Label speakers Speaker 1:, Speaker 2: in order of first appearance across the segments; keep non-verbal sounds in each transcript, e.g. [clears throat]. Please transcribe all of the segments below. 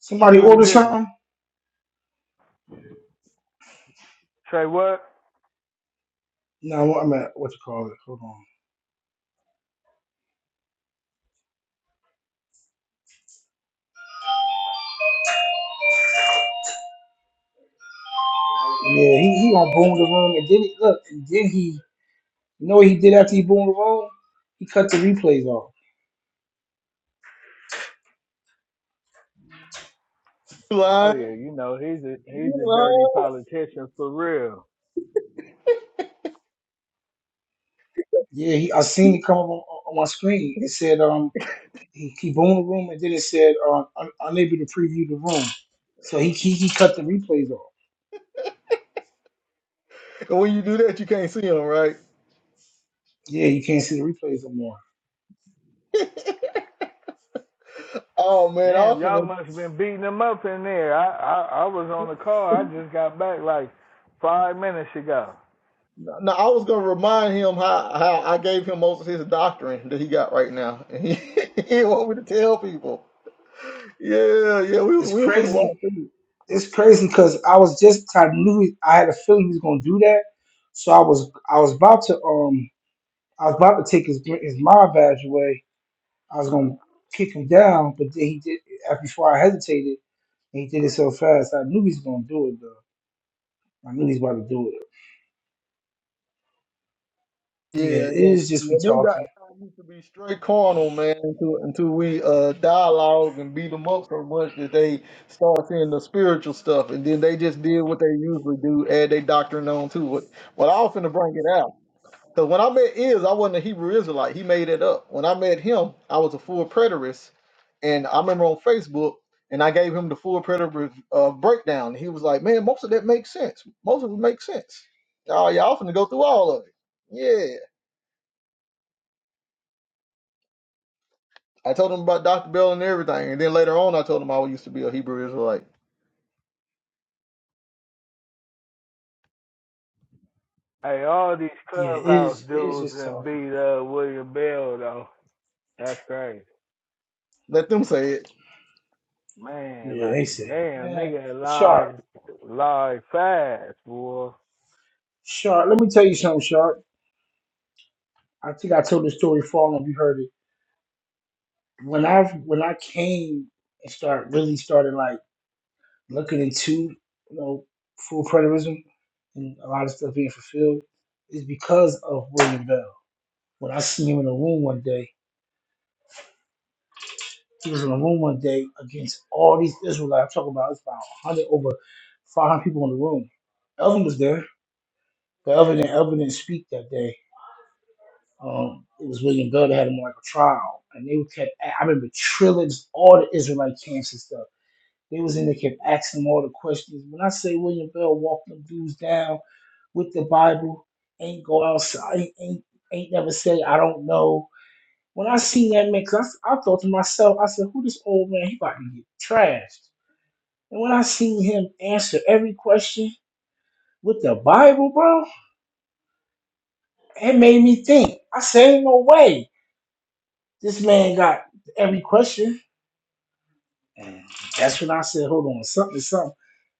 Speaker 1: Somebody
Speaker 2: What
Speaker 1: order
Speaker 2: it is?
Speaker 1: something?
Speaker 2: Say what?
Speaker 1: No, I'm at what you call it. Hold on. Yeah, he he on boom the room, and then he look, and then he you know what he did after he boomed the room? He cut the replays off.
Speaker 3: You
Speaker 2: Oh
Speaker 3: lying?
Speaker 2: yeah, you know he's a
Speaker 3: You
Speaker 2: he's a dirty
Speaker 3: lying?
Speaker 2: politician for real.
Speaker 1: Yeah, he I seen it come up on, on my screen. It said um he, he boomed the room, and then it said um un, unable to preview the room. So he, he he cut the replays off.
Speaker 3: And when you do that, you can't see him, right?
Speaker 1: Yeah, you can't see the replays no more.
Speaker 3: Oh man, I was
Speaker 2: Damn,
Speaker 3: finna.
Speaker 2: y'all must have been beating him up in there. I, I I was on the call. I just got back like five minutes ago.
Speaker 3: Now I was gonna remind him how how I gave him most of his doctrine that he got right now, and he, [laughs] he didn't want me to tell people. Yeah, yeah, we was
Speaker 1: It's
Speaker 3: we was finna walk
Speaker 1: crazy.
Speaker 3: through. it.
Speaker 1: It's crazy because I was just I knew he- I had a feeling he was gonna do that. So I was I was about to um. I was about to take his his mind badge away. I was gonna kick him down, but then he did. uh, Before I hesitated, and he did it so fast. I knew he was gonna do it though. I knew he was about to do it. Yeah,
Speaker 3: Yeah,
Speaker 1: it
Speaker 3: yeah,
Speaker 1: is just
Speaker 3: yeah.
Speaker 1: we
Speaker 3: Them guys
Speaker 1: talking.
Speaker 3: used to be straight carnal, man, until until we uh dialogue and beat them up so much that they start seeing the spiritual stuff, and then they just did what they usually do, add their doctrine on to it. But I was finna bring it out. Because when I met Iz, I wasn't a Hebrew Israelite. He made it up. When I met him, I was a full preterist. And I remember on Facebook, and I gave him the full preterist uh, breakdown. He was like, man, most of that makes sense. Most of it makes sense. Oh, y'all finna go through all of it. Yeah. I told him about Dr. Bell and everything. And then later on, I told him I used to be a Hebrew Israelite.
Speaker 2: Hey, all these
Speaker 1: Yeah, it
Speaker 2: clubhouse
Speaker 1: is. It is
Speaker 2: dudes
Speaker 1: just
Speaker 2: and
Speaker 1: talking.
Speaker 2: beat up William Bell though. That's crazy,
Speaker 3: Let them say it.
Speaker 2: man.
Speaker 1: Yeah,
Speaker 2: Like
Speaker 1: they say,
Speaker 2: damn,
Speaker 1: man,
Speaker 2: nigga
Speaker 1: sharp,
Speaker 2: lied lied fast, boy.
Speaker 1: sharp. Let me tell you something, sharp. I think I told the story far enough. You heard it. When I when I came and start really started like. looking into you know full preterism and a lot of stuff being fulfilled is because of William Bell. When I seen him in the room one day, he was in the room one day against all these Israelites. I'm talking about it's about 100 over 500 people in the room. Elvin was there, but Elvin didn't, Elvin didn't speak that day. Um, it was William Bell that had him on like a trial, and they kept. I remember Trillings, all the Israelite camps and stuff. They was in there kept asking them all the questions. When I say William Bell walked them dudes down with the Bible, ain't go outside, ain't, ain't, ain't never say I don't know. When I seen that man, cause I, I thought to myself, I said, who this old man? He about to get trashed. And when I seen him answer every question with the Bible, bro, it made me think. I said, ain't no way this man got every question. And that's when I said, hold on, something, something,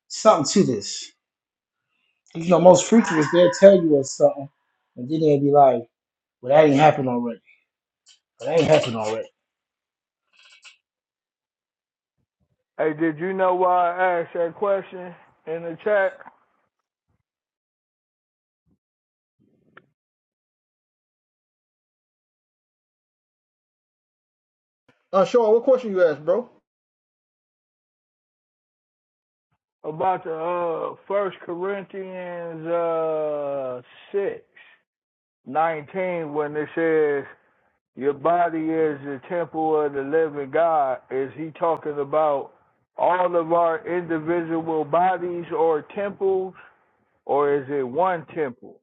Speaker 1: something to this. You know, most preachers they'll tell you it's something, and then they'll be like, well, that ain't happened already. Well, that ain't happened already.
Speaker 2: Hey, did you know why I asked that question in the chat?
Speaker 3: Uh, Sean, what question you asked, bro?
Speaker 2: about the uh first corinthians uh six nineteen when it says your body is the temple of the living god is he talking about all of our individual bodies or temples or is it one temple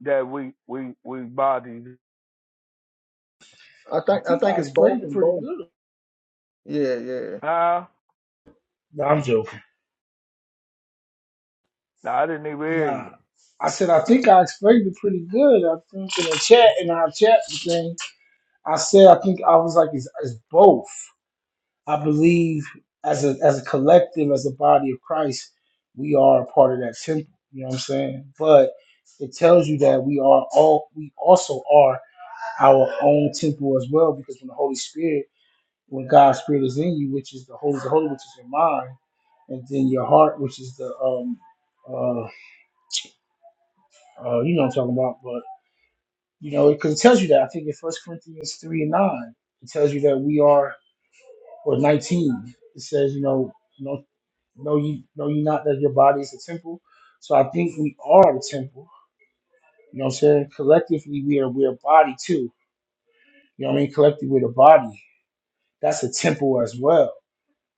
Speaker 2: that we we we bodies
Speaker 3: I
Speaker 1: I
Speaker 3: think I
Speaker 1: think
Speaker 3: think
Speaker 1: I
Speaker 3: it's
Speaker 1: explained
Speaker 3: both
Speaker 1: it
Speaker 3: and
Speaker 1: pretty
Speaker 3: both.
Speaker 1: good.
Speaker 3: Yeah, yeah.
Speaker 2: huh
Speaker 1: No, I'm joking.
Speaker 2: nah, i didn't even hear
Speaker 1: Nah.
Speaker 2: you
Speaker 1: I said, I think I explained it pretty good. I think in the chat, in our chat thing, I said, I think I was like, it's, it's both. I believe as a, as a collective, as a body of Christ, we are a part of that temple. You know what I'm saying? But it tells you that we are all, we also are our own temple as well, because when the Holy Spirit, when God's Spirit is in you, which is the Holy, the Holy, which is your mind, and then your heart, which is the um, uh, uh you know what I'm talking about, but you know, because it tells you that I think in First Corinthians three and nine, it tells you that we are or 19. It says, you know, no, no, you know, you not that your body is a temple. So I think we are a temple. You know what I'm saying? Collectively, we are we're a body too. You know what I mean? Collectively, we're the body. That's a temple as well.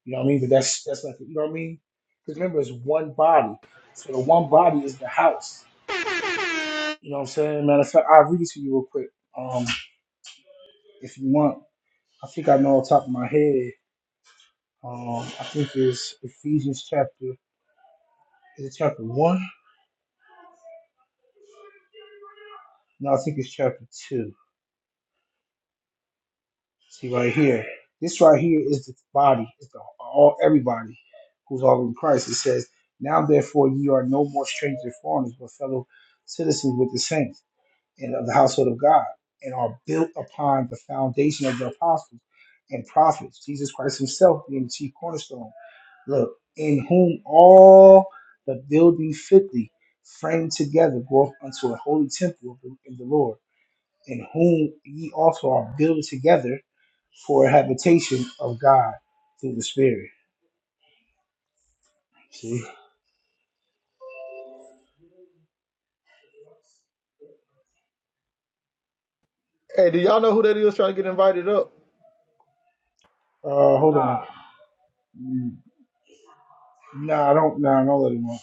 Speaker 1: You know what I mean? But that's that's like you know what I mean? Because remember, it's one body. So the one body is the house. You know what I'm saying? Matter of fact, I'll read it to you real quick. Um, if you want. I think I know off the top of my head. Um, I think it's Ephesians chapter is it chapter one? No, I think it's chapter two. See right here. This right here is the body, it's the all everybody who's all in Christ. It says, Now therefore ye are no more strangers and foreigners, but fellow citizens with the saints and of the household of God, and are built upon the foundation of the apostles and prophets, Jesus Christ Himself being the chief cornerstone. Look, in whom all the building fitly framed together groweth unto a holy temple of the- in the Lord, in whom ye also are built together for a habitation of God through the Spirit. See?
Speaker 3: Hey, do y'all know who that is trying to get invited up?
Speaker 1: Uh, hold
Speaker 2: nah
Speaker 1: on. Mm, Nah, I don't. Nah, I don't let him on.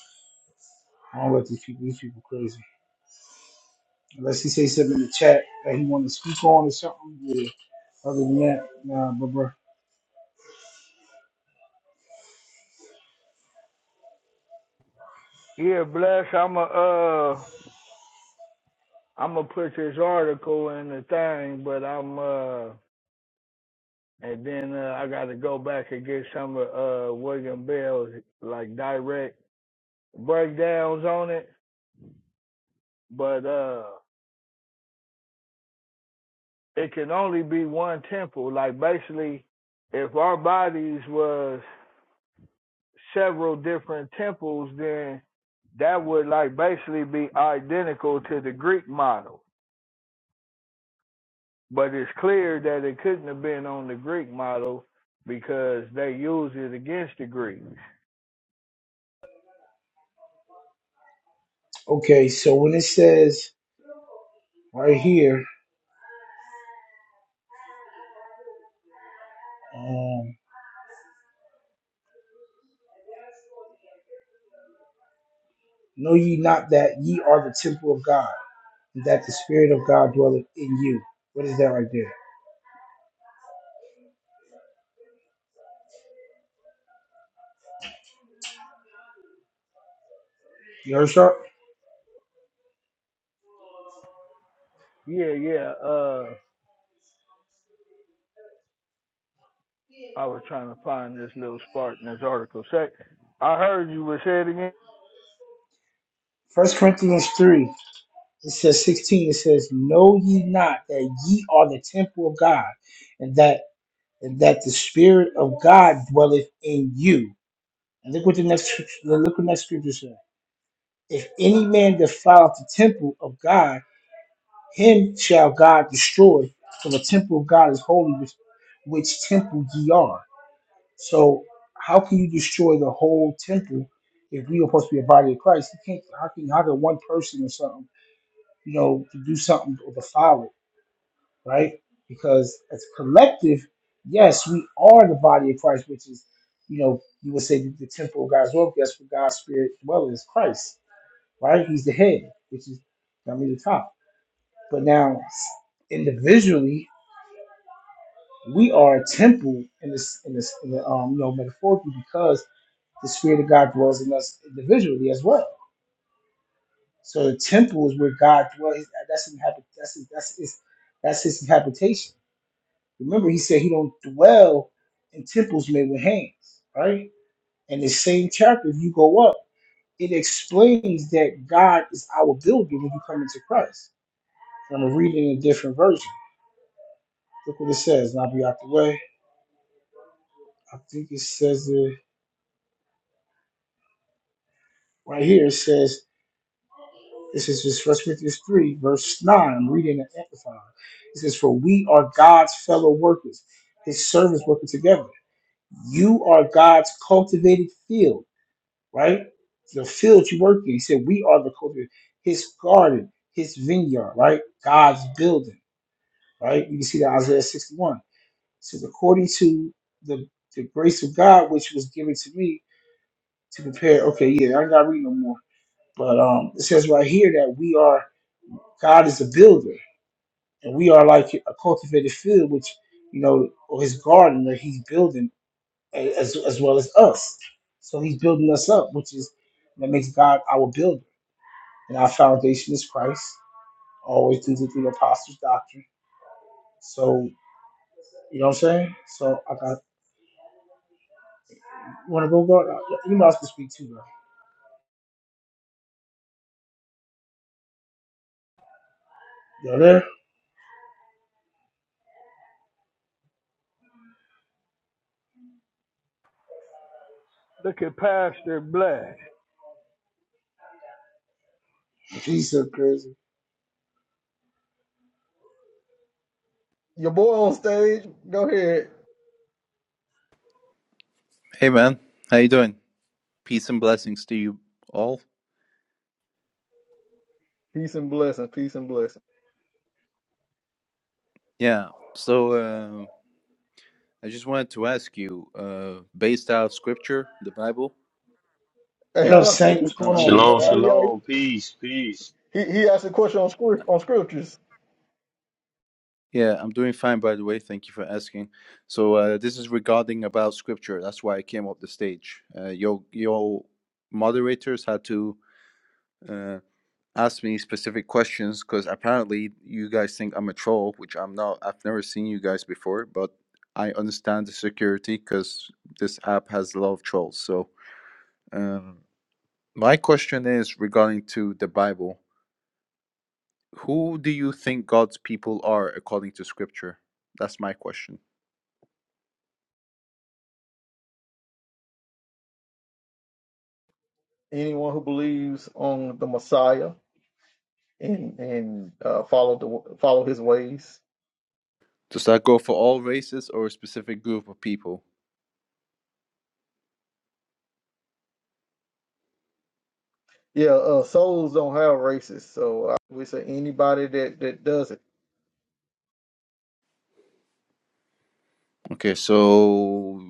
Speaker 1: I don't let these people. These people crazy. Unless he say something in the chat that he want to speak on or something. Yeah. Other than that, nah, but bro.
Speaker 2: yeah bless i'm a uh i'm gonna put this article in the thing but i'm uh And then uh, I got to go back and get some of uh, William Bell's like direct breakdowns on it, but uh, it can only be one temple. Like basically, if our bodies was several different temples, then that would like basically be identical to the Greek model. But it's clear that it couldn't have been on the Greek model because they used it against the Greeks.
Speaker 1: Okay, so when it says right here, um, know ye not that ye are the temple of God, and that the Spirit of God dwelleth in you. What is that right there? You heard sharp?
Speaker 2: Yeah, yeah. Uh, I was trying to find this little spark in this article. Say, I heard you were saying again.
Speaker 1: First Corinthians three, it says sixteen. It says, "Know ye not that ye are the temple of God, and that and that the Spirit of God dwelleth in you." And look what the next look what the next scripture says. If any man defile the temple of God, him shall God destroy. For the temple of God is holy, which, which temple ye are. So, how can you destroy the whole temple if we are supposed to be a body of Christ? You can't. How can how can one person or something, you know, to do something or defile it, right? Because as a collective, yes, we are the body of Christ, which is, you know, you would say the temple of God's well. That's where God's spirit dwells, is Christ right? He's the head, which is I mean the top. But now individually, we are a temple in this in this in the um you know metaphorically because the spirit of God dwells in us individually as well. So the temple is where God dwells. That's his habit. That's his, that's his that's his habitation. Remember, he said he don't dwell in temples made with hands, right? And the same chapter, if you go up, it explains that God is our builder when you come into Christ. I'm reading a different version. Look what it says, and I'll be out the way. I think it says it right here. It says, this is just 1 Corinthians 3, verse 9. I'm reading and amplifying. It says, For we are God's fellow workers, his servants working together. You are God's cultivated field, right? The field you work in. He said, We are the cultivated, his garden, his vineyard, right? God's building, right? You can see that Isaiah 61. It says, According to the, the grace of God, which was given to me, to compare. Okay, yeah, I ain't gotta read no more. But um, it says right here that we are God is a builder, and we are like a cultivated field, which you know, or His garden that He's building a- as as well as us. So He's building us up, which is that makes God our builder, and our foundation is Christ, always through the, through the apostles' doctrine. So you know what I'm saying? So I got want to go guard. You know I was gonna speak too, bro. You there?
Speaker 2: Look at Pastor Bless.
Speaker 1: He's so crazy.
Speaker 3: Your boy on stage. Go ahead.
Speaker 4: Hey man, how you doing? Peace and blessings to you all.
Speaker 3: Peace and blessing. Peace and blessing. [laughs]
Speaker 4: Yeah. So uh, I just wanted to ask you, uh, based out of Scripture, the Bible.
Speaker 3: Hey,
Speaker 1: What up,
Speaker 3: hello.
Speaker 1: Saint? What's
Speaker 4: I'm,
Speaker 1: going
Speaker 4: I'm
Speaker 1: on,
Speaker 4: doing.
Speaker 1: big
Speaker 5: Shalom,
Speaker 3: Hey,
Speaker 1: guy?
Speaker 4: fine.
Speaker 3: y'all.
Speaker 5: shalom, peace, peace.
Speaker 3: He, he asked a question on script, on scriptures.
Speaker 4: Yeah, I'm doing fine. By the way, thank you for asking. So uh, this is regarding about Scripture. That's why I came up the stage. Uh, your your moderators had to. uh, ask me specific questions because apparently you guys think I'm a troll, which I'm not. I've never seen you guys before, but I understand the security because this app has a lot of trolls. So, um, my question is regarding to the Bible. Who do you think God's people are according to Scripture? That's my question.
Speaker 3: Anyone who believes on the Messiah and and uh, follow the follow his ways.
Speaker 4: Does that go for all races or a specific group of people?
Speaker 3: Yeah, uh, souls don't have races, so I would say anybody that that does it.
Speaker 4: Okay, so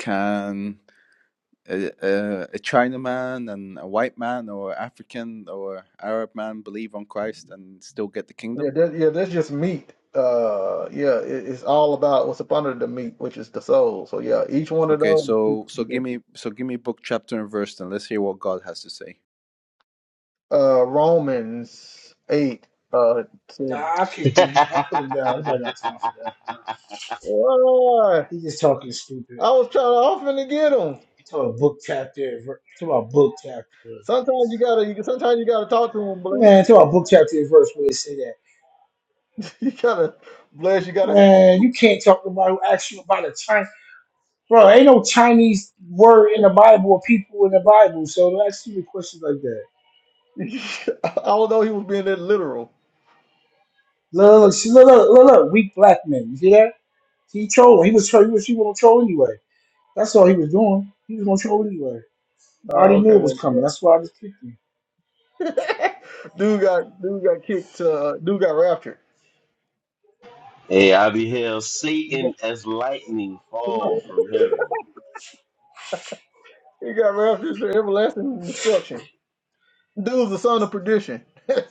Speaker 4: can a, a, a China man and a white man or African or Arab man believe on Christ and still get the
Speaker 3: Yeah,
Speaker 4: kingdom?
Speaker 3: that, yeah, that's just meat. Uh, yeah, it, it's all about what's up under the meat, which is the soul. So yeah, each one of
Speaker 4: Okay,
Speaker 3: those.
Speaker 4: so so give me so give me book chapter and verse and let's hear what God has to say.
Speaker 3: Uh, Romans eight. Uh, said,
Speaker 1: Nah, I
Speaker 5: [laughs] hey,
Speaker 1: kicked him. I put him down. Nobody got time for that, bro.
Speaker 3: "Why?"
Speaker 1: He just talking stupid.
Speaker 3: I was trying to often to get them.
Speaker 1: Talk about book chapter. and ver- Talk about book chapter.
Speaker 3: Sometimes you gotta, you, sometimes you gotta talk to him,
Speaker 1: Man,
Speaker 3: Bless.
Speaker 1: talk about book chapter and verse where they say that.
Speaker 3: [laughs] You gotta, Bless. You gotta have
Speaker 1: Man,
Speaker 3: him.
Speaker 1: you can't talk about who asked you about a Chinese. Bro, ain't no Chinese word in the Bible or people in the Bible. So don't ask me questions like that.
Speaker 3: [laughs] I don't know. He was being that literal.
Speaker 1: Look, look, see, look, look, look, look, weak black men. You see that? He trolling. He was trolling. He was, he was gonna troll anyway. That's all he was doing. He was gonna troll anyway. I
Speaker 3: Uh,
Speaker 1: already
Speaker 3: okay,
Speaker 1: knew it
Speaker 3: wait
Speaker 1: was
Speaker 3: a
Speaker 1: coming.
Speaker 3: minute.
Speaker 1: That's why I just kicked him.
Speaker 3: [laughs] dude got, dude got kicked. Uh, dude got raptured.
Speaker 5: I beheld
Speaker 3: He got,
Speaker 5: Satan as lightning fall
Speaker 3: [laughs]
Speaker 5: from heaven.
Speaker 3: he got raptured to everlasting destruction. Dude's the son of perdition. [laughs]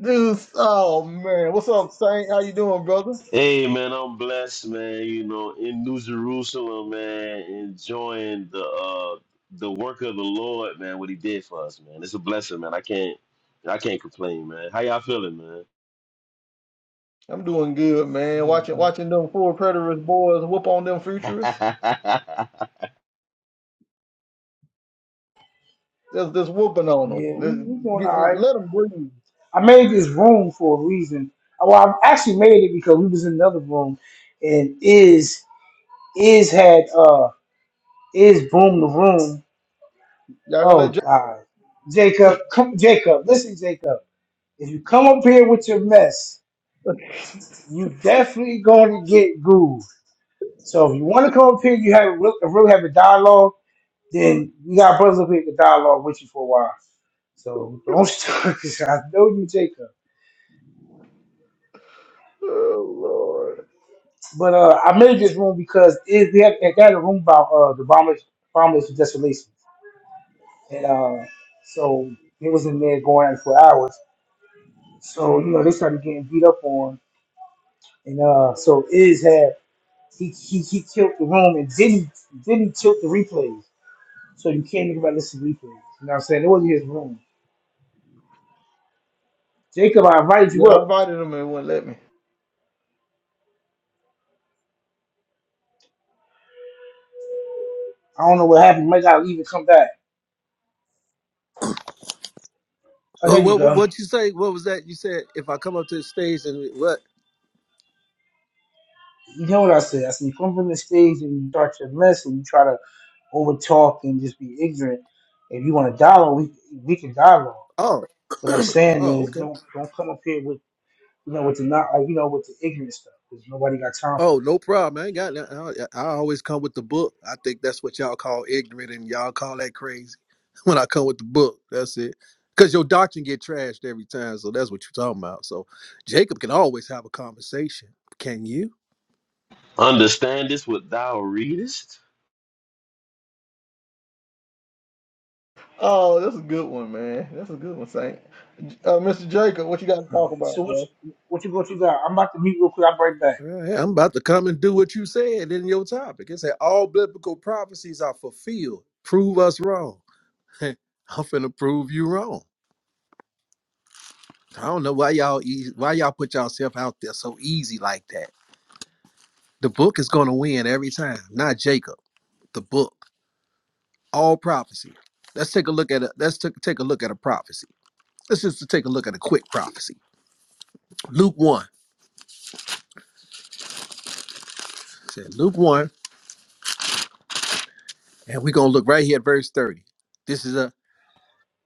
Speaker 3: Dude's, oh man, what's up, Saint? How you doing, brother?
Speaker 5: Hey, man, I'm blessed, man. You know, in New Jerusalem, man, enjoying the uh the work of the Lord, man. What He did for us, man. It's a blessing, man. I can't, I can't complain, man. How y'all feeling,
Speaker 3: I'm doing good, man. Watching, watching them four predators boys whoop on them
Speaker 5: man?
Speaker 3: futurists. Just, just whooping on them.
Speaker 1: Yeah, we we
Speaker 3: Just
Speaker 1: doing
Speaker 3: get,
Speaker 1: all right.
Speaker 3: let them breathe.
Speaker 1: I made this room for a reason. Uh, Well, I actually made it because we was in another room, and is is had uh is boom the room.
Speaker 3: Y'all gonna
Speaker 1: Oh
Speaker 3: let? J-
Speaker 1: God, Jacob, come, Jacob, listen, Jacob. If you come up here with your mess, you definitely going to get goo. So if you want to come up here, you have a real, really have a dialogue. Then we got brothers up here to dialogue with you for a while. So don't [laughs] start. start. I know you, Jacob.
Speaker 3: oh Lord.
Speaker 1: But uh, I made this room because it, we had, it had a room about uh, the bombers bombers who just released, me. and uh, so it was in there going on for hours. So you know they started getting beat up on, and uh, so Iz had he he he killed the room and didn't didn't tilt the replays, so you can't even listen to replays. You know what I'm saying? It wasn't his room. Jacob, I invited you
Speaker 3: Yeah, I
Speaker 1: up.
Speaker 3: invited him and wouldn't let me.
Speaker 1: I don't know what happened. You might gotta leave and come back. Oh,
Speaker 6: Uh,
Speaker 1: there you
Speaker 6: What, what
Speaker 1: go.
Speaker 6: what you say? What was that? You said if I come up to the stage and what?
Speaker 1: You know what I said? I said you come from the stage and you start your mess and you try to over talk and just be ignorant. If you want to dialogue, we we can dialogue.
Speaker 6: Oh, [clears throat]
Speaker 1: What I'm
Speaker 6: oh,
Speaker 1: saying is,
Speaker 6: okay.
Speaker 1: don't don't come up here with you know with the not like, you know with the ignorant stuff because nobody got time for
Speaker 6: Oh,
Speaker 1: that.
Speaker 6: no problem. I ain't got nothing. I, I always come with the book. I think that's what y'all call ignorant, and y'all call that crazy. [laughs] When I come with the book, that's it. Cause your doctrine get trashed every time, so that's what you're talking about. So Jacob can always have a conversation. Can you?
Speaker 5: [laughs] Understand this what thou readest.
Speaker 3: Oh, that's a good one, man. That's a good one, Saint. Uh, Mr. Jacob, what you got to
Speaker 1: All
Speaker 3: talk
Speaker 1: right. So
Speaker 3: about,
Speaker 1: what
Speaker 3: man?
Speaker 1: you, what you what you got? I'm about to mute real quick. I'll be right back.
Speaker 6: Uh, yeah, I'm about to come and do what you said in your topic. It said all biblical prophecies are fulfilled. Prove us wrong. [laughs] I'm finna prove you wrong. I don't know why y'all ea- why y'all put yourself out there so easy like that. The book is gonna win every time, not Jacob. The book, all prophecy. Let's take a look at a let's take take a look at a prophecy. Let's just take a look at a quick prophecy. Luke one It said Luke one, and we're gonna look right here at verse thirty. This is a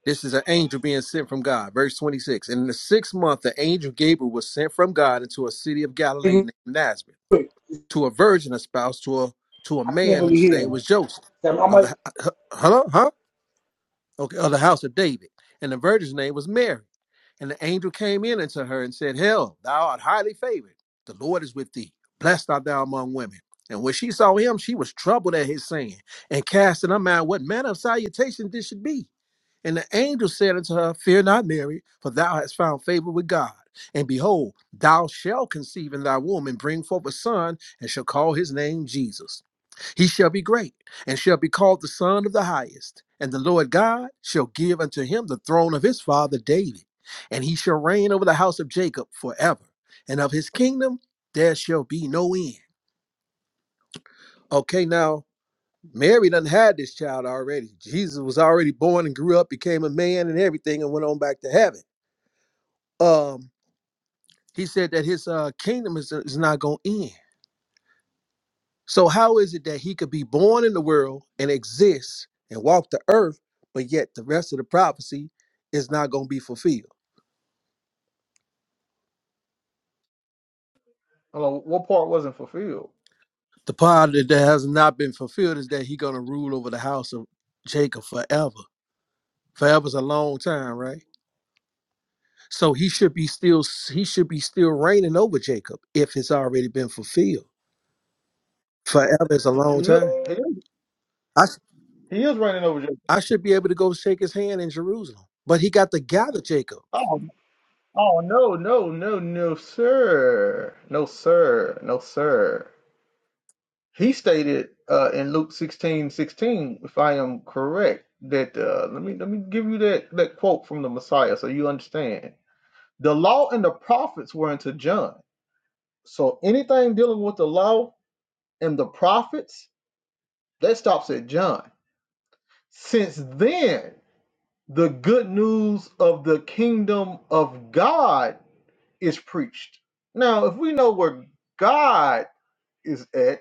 Speaker 6: this is an angel being sent from God. Verse twenty six. And in the sixth month, the angel Gabriel was sent from God into a city of
Speaker 1: Hey,
Speaker 6: Galilee
Speaker 1: Real
Speaker 6: named Nazareth
Speaker 1: quick.
Speaker 6: to a virgin espoused to a to a
Speaker 1: I can't
Speaker 6: man
Speaker 1: really
Speaker 6: whose
Speaker 1: hear
Speaker 6: name
Speaker 1: him.
Speaker 6: was Joseph
Speaker 1: Damn, I
Speaker 6: of
Speaker 1: might.
Speaker 6: the huh huh huh? okay of the house of David, and the virgin's name was Mary. And the angel came in unto her and said, "Hail, thou art highly favored. The Lord is with thee. Blessed art thou among women." And when she saw him, she was troubled at his saying, and cast in her mind what manner of salutation this should be. And the angel said unto her, Fear not, Mary, for thou hast found favor with God. And behold, thou shalt conceive in thy womb and bring forth a son, and shall call his name Jesus. He shall be great, and shall be called the Son of the Highest. And the Lord God shall give unto him the throne of his father David. And he shall reign over the house of Jacob forever. And of his kingdom there shall be no end. Okay, now Mary done had this child already. Jesus was already born and grew up, became a man and everything, and went on back to heaven. Um, he said that his uh, kingdom is, is not going to end. So how is it that he could be born in the world and exist and walk the earth, but yet the rest of the prophecy is not going to be fulfilled?
Speaker 3: Hold on, what part wasn't fulfilled?
Speaker 6: The part that that has not been fulfilled is that he's going to rule over the house of Jacob forever. Forever's a long time, right? So he should be still he should be still reigning over Jacob if it's already been fulfilled. Forever is a
Speaker 3: He
Speaker 6: long
Speaker 3: is,
Speaker 6: time.
Speaker 3: he is,
Speaker 6: I sh-
Speaker 3: he is running over Jacob.
Speaker 6: I should be able to go shake his hand in Jerusalem, but he got to gather Jacob.
Speaker 3: Oh, oh no, no, no, no, sir. No, sir. No, sir. He stated uh, in Luke 16 16, if I am correct, that uh, let me let me give you that, that quote from the Messiah so you understand. The law and the prophets were unto John. So anything dealing with the law and the prophets, that stops at John. Since then, the good news of the kingdom of God is preached. Now, if we know where God is at,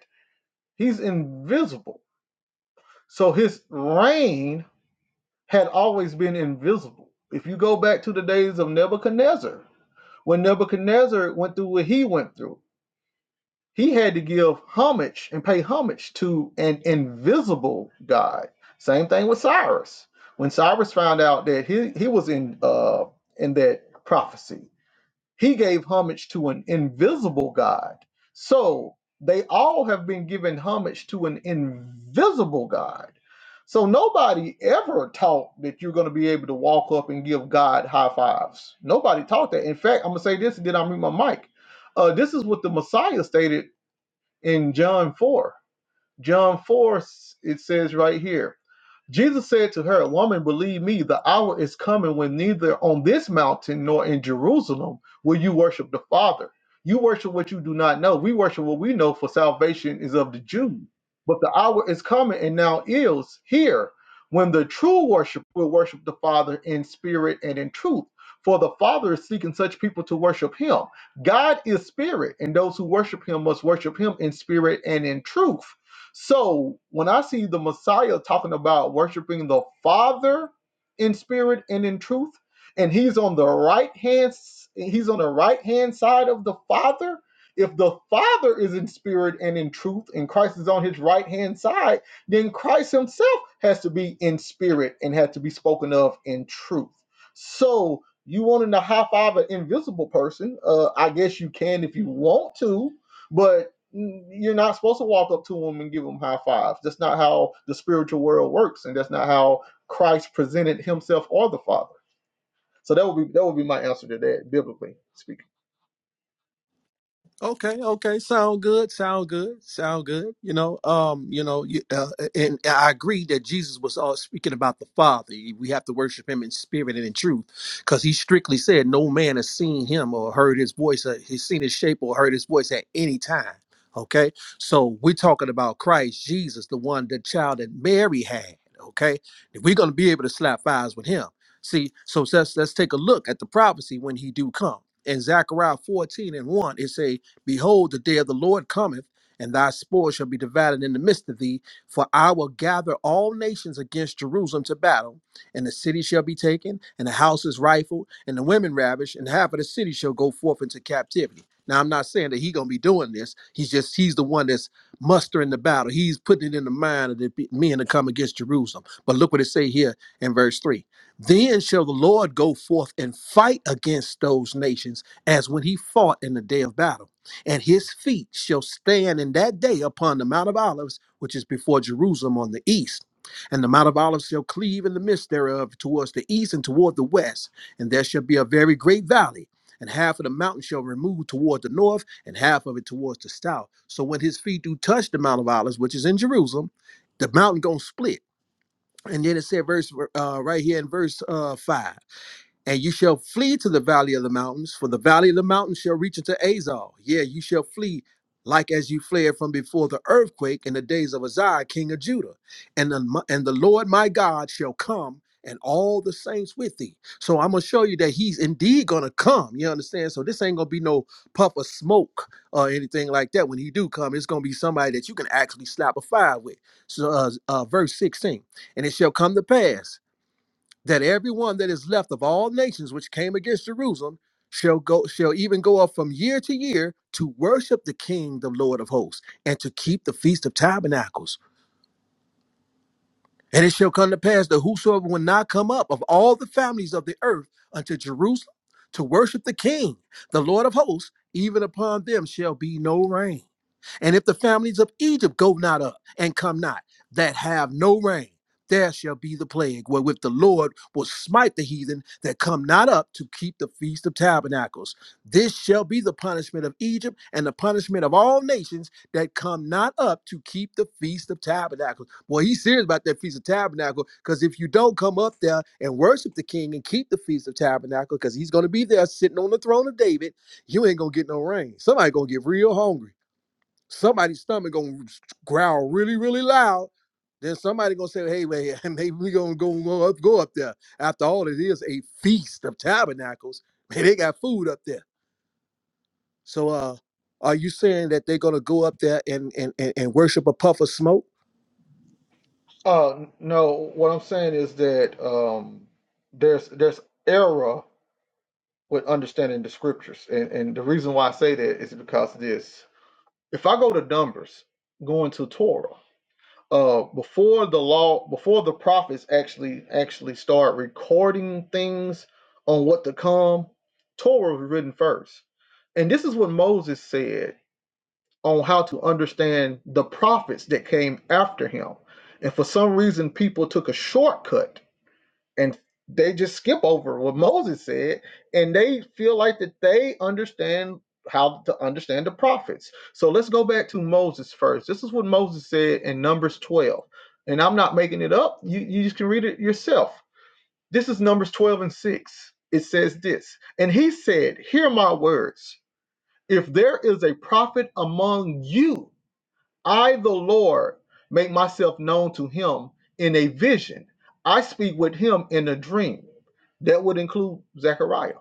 Speaker 3: he's invisible. So his reign had always been invisible. If you go back to the days of Nebuchadnezzar, when Nebuchadnezzar went through what he went through, he had to give homage and pay homage to an invisible God. Same thing with Cyrus. When Cyrus found out that he, he was in uh, in that prophecy, he gave homage to an invisible God. So they all have been given homage to an invisible God. So nobody ever taught that you're going to be able to walk up and give God high fives. Nobody taught that. In fact, I'm going to say this and then I'll mute my mic. Uh, this is what the Messiah stated in John 4. John 4, it says right here. Jesus said to her, Woman, believe me, the hour is coming when neither on this mountain nor in Jerusalem will you worship the Father. You worship what you do not know. We worship what we know, for salvation is of the Jews. But the hour is coming, and now is here, when the true worship will worship the Father in spirit and in truth. For the Father is seeking such people to worship Him. God is spirit, and those who worship Him must worship Him in spirit and in truth. So when I see the Messiah talking about worshiping the Father in spirit and in truth, and he's on the right hand, he's on the right hand side of the Father. If the Father is in spirit and in truth, and Christ is on his right hand side, then Christ himself has to be in spirit and had to be spoken of in truth. So you wanting to high five an invisible person? Uh, I guess you can if you want to, but you're not supposed to walk up to them and give them high fives. That's not how the spiritual world works, and that's not how Christ presented Himself or the Father. So that would be that would be my answer to that, biblically speaking.
Speaker 6: Okay, okay, sound good, sound good, sound good. You know, um, you know, you- uh, and I agree that Jesus was all speaking about the Father. We have to worship Him in spirit and in truth, because He strictly said, "No man has seen Him or heard His voice, or he's seen His shape or heard His voice at any time." Okay, so we're talking about Christ Jesus, the one, the child that Mary had. Okay, if we're gonna be able to slap eyes with Him, see, so let's let's take a look at the prophecy when He do come. In Zechariah 14 and 1, it say Behold, the day of the Lord cometh, and thy spoil shall be divided in the midst of thee. For I will gather all nations against Jerusalem to battle, and the city shall be taken, and the houses rifled, and the women ravished, and half of the city shall go forth into captivity. Now I'm not saying that he's gonna be doing this. He's just he's the one that's mustering the battle. He's putting it in the mind of the pe- men to come against Jerusalem. But look what it say here in verse three. Then shall the Lord go forth and fight against those nations as when he fought in the day of battle and his feet shall stand in that day upon the Mount of Olives, which is before Jerusalem on the east. And the Mount of Olives shall cleave in the midst thereof towards the east and toward the west. And there shall be a very great valley, and half of the mountain shall remove toward the north, and half of it towards the south. So when his feet do touch the Mount of Olives, which is in Jerusalem, the mountain gonna split. And then it said, verse uh, right here in verse uh, five. And you shall flee to the valley of the mountains, for the valley of the mountains shall reach into Azal. Yeah, you shall flee like as you fled from before the earthquake in the days of Uzziah, king of Judah. And the, and the Lord my God shall come and all the saints with thee. So I'm going to show you that he's indeed going to come. You understand? So this ain't going to be no puff of smoke or anything like that. When he do come, it's going to be somebody that you can actually slap a fire with. So uh, uh, verse 16, and it shall come to pass that every one that is left of all nations which came against Jerusalem shall go shall even go up from year to year to worship the King, the Lord of hosts, and to keep the feast of tabernacles. And it shall come to pass that whosoever will not come up of all the families of the earth unto Jerusalem to worship the King, the Lord of hosts, even upon them shall be no rain. And if the families of Egypt go not up and come not, that have no rain, there shall be the plague wherewith the Lord will smite the heathen that come not up to keep the feast of tabernacles. This shall be the punishment of Egypt and the punishment of all nations that come not up to keep the feast of tabernacles. Boy, he's serious about that feast of tabernacle because if you don't come up there and worship the king and keep the feast of tabernacle, because he's going to be there sitting on the throne of David, you ain't going to get no rain. Somebody going to get real hungry somebody's stomach gonna growl really, really loud. Then somebody gonna say, "Hey man, [laughs] maybe we gonna go, go up, go up there." After all, it is a feast of tabernacles. Man, they got food up there. So, uh, are you saying that they're gonna go up there and and and, and worship a puff of smoke?
Speaker 3: Uh, no, what I'm saying is that um, there's there's error with understanding the scriptures, and and the reason why I say that is because of this: if I go to Numbers, going to Torah. uh before the law before the prophets actually actually start recording things on what to come torah was written first and this is what moses said on how to understand the prophets that came after him and for some reason people took a shortcut and they just skip over what [laughs] Moses said, and they feel like that they understand how to understand the prophets. So let's go back to Moses first. This is what Moses said in Numbers 12, and I'm not making it up. You you just can read it yourself. This is Numbers 12 and 6. It says this, and he said, "Hear my words. If there is a prophet among you." I, the Lord, make myself known to him in a vision. I speak with him in a dream. That would include Zechariah.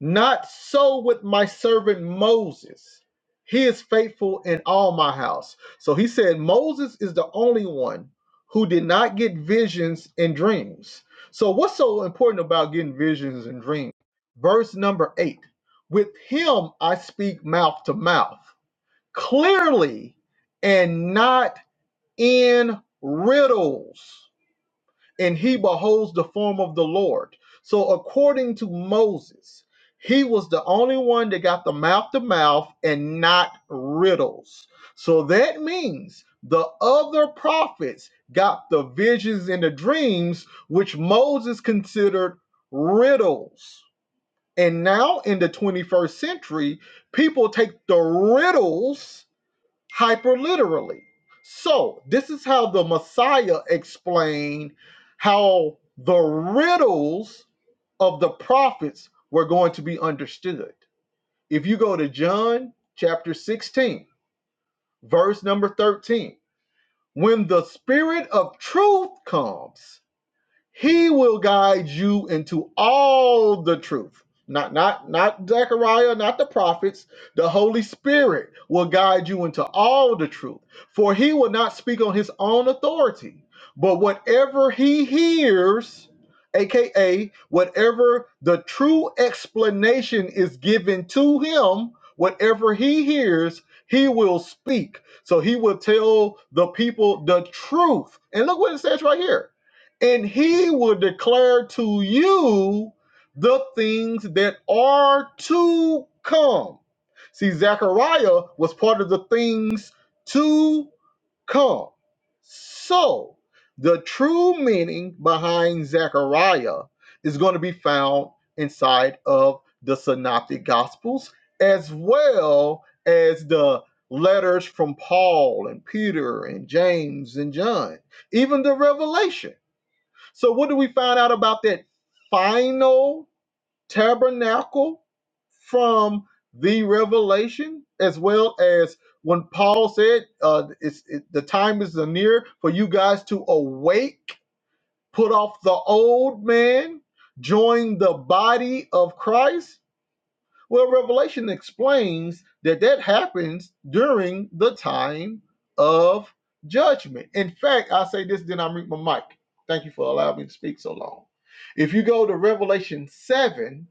Speaker 3: Not so with my servant Moses. He is faithful in all my house. So he said, Moses is the only one who did not get visions and dreams. So, what's so important about getting visions and dreams? Verse number eight With him I speak mouth to mouth clearly and not in riddles. And he beholds the form of the Lord. So, according to Moses, he was the only one that got the mouth to mouth and not riddles. So that means the other prophets got the visions and the dreams, which Moses considered riddles. And now in the 21st century, people take the riddles hyperliterally. So, this is how the Messiah explained how the riddles of the prophets were going to be understood. If you go to John chapter 16, verse number 13, when the Spirit of truth comes, he will guide you into all the truth. Not not not Zechariah, not the prophets. The Holy Spirit will guide you into all the truth. For he will not speak on his own authority, but whatever he hears, aka whatever the true explanation is given to him, whatever he hears, he will speak. So he will tell the people the truth. And look what it says right here and he will declare to you the things that are to come. See, Zechariah was part of the things to come. So, the true meaning behind Zechariah is going to be found inside of the Synoptic Gospels as well as the letters from Paul and Peter and James and John, even the Revelation so what do we find out about that final tabernacle from the revelation, as well as when Paul said, uh, it's, it, "The time is near for you guys to awake, put off the old man, join the body of Christ." Well, Revelation explains that that happens during the time of judgment. In fact, I say this, then I mute my mic. Thank you for allowing me to speak so long. If you go to Revelation 7,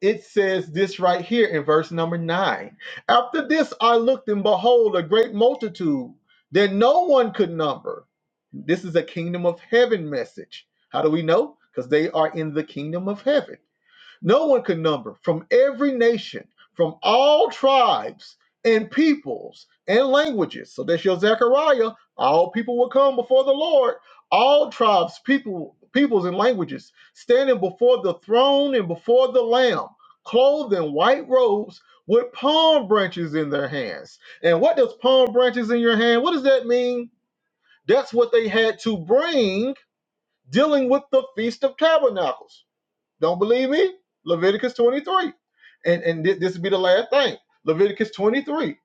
Speaker 3: it says this right here in verse number 9. After this, I looked and behold, a great multitude that no one could number. This is a kingdom of heaven message. How do we know? Because they are in the kingdom of heaven no one could number from every nation, from all tribes and peoples and languages. So that's your Zechariah. All people will come before the Lord. All tribes, people, peoples, and languages standing before the throne and before the Lamb, clothed in white robes with palm branches in their hands. And what does palm branches in your hand? What does that mean? That's what they had to bring dealing with the Feast of Tabernacles don't believe me? Leviticus 23. And and thi- this will be the last thing. Leviticus 23,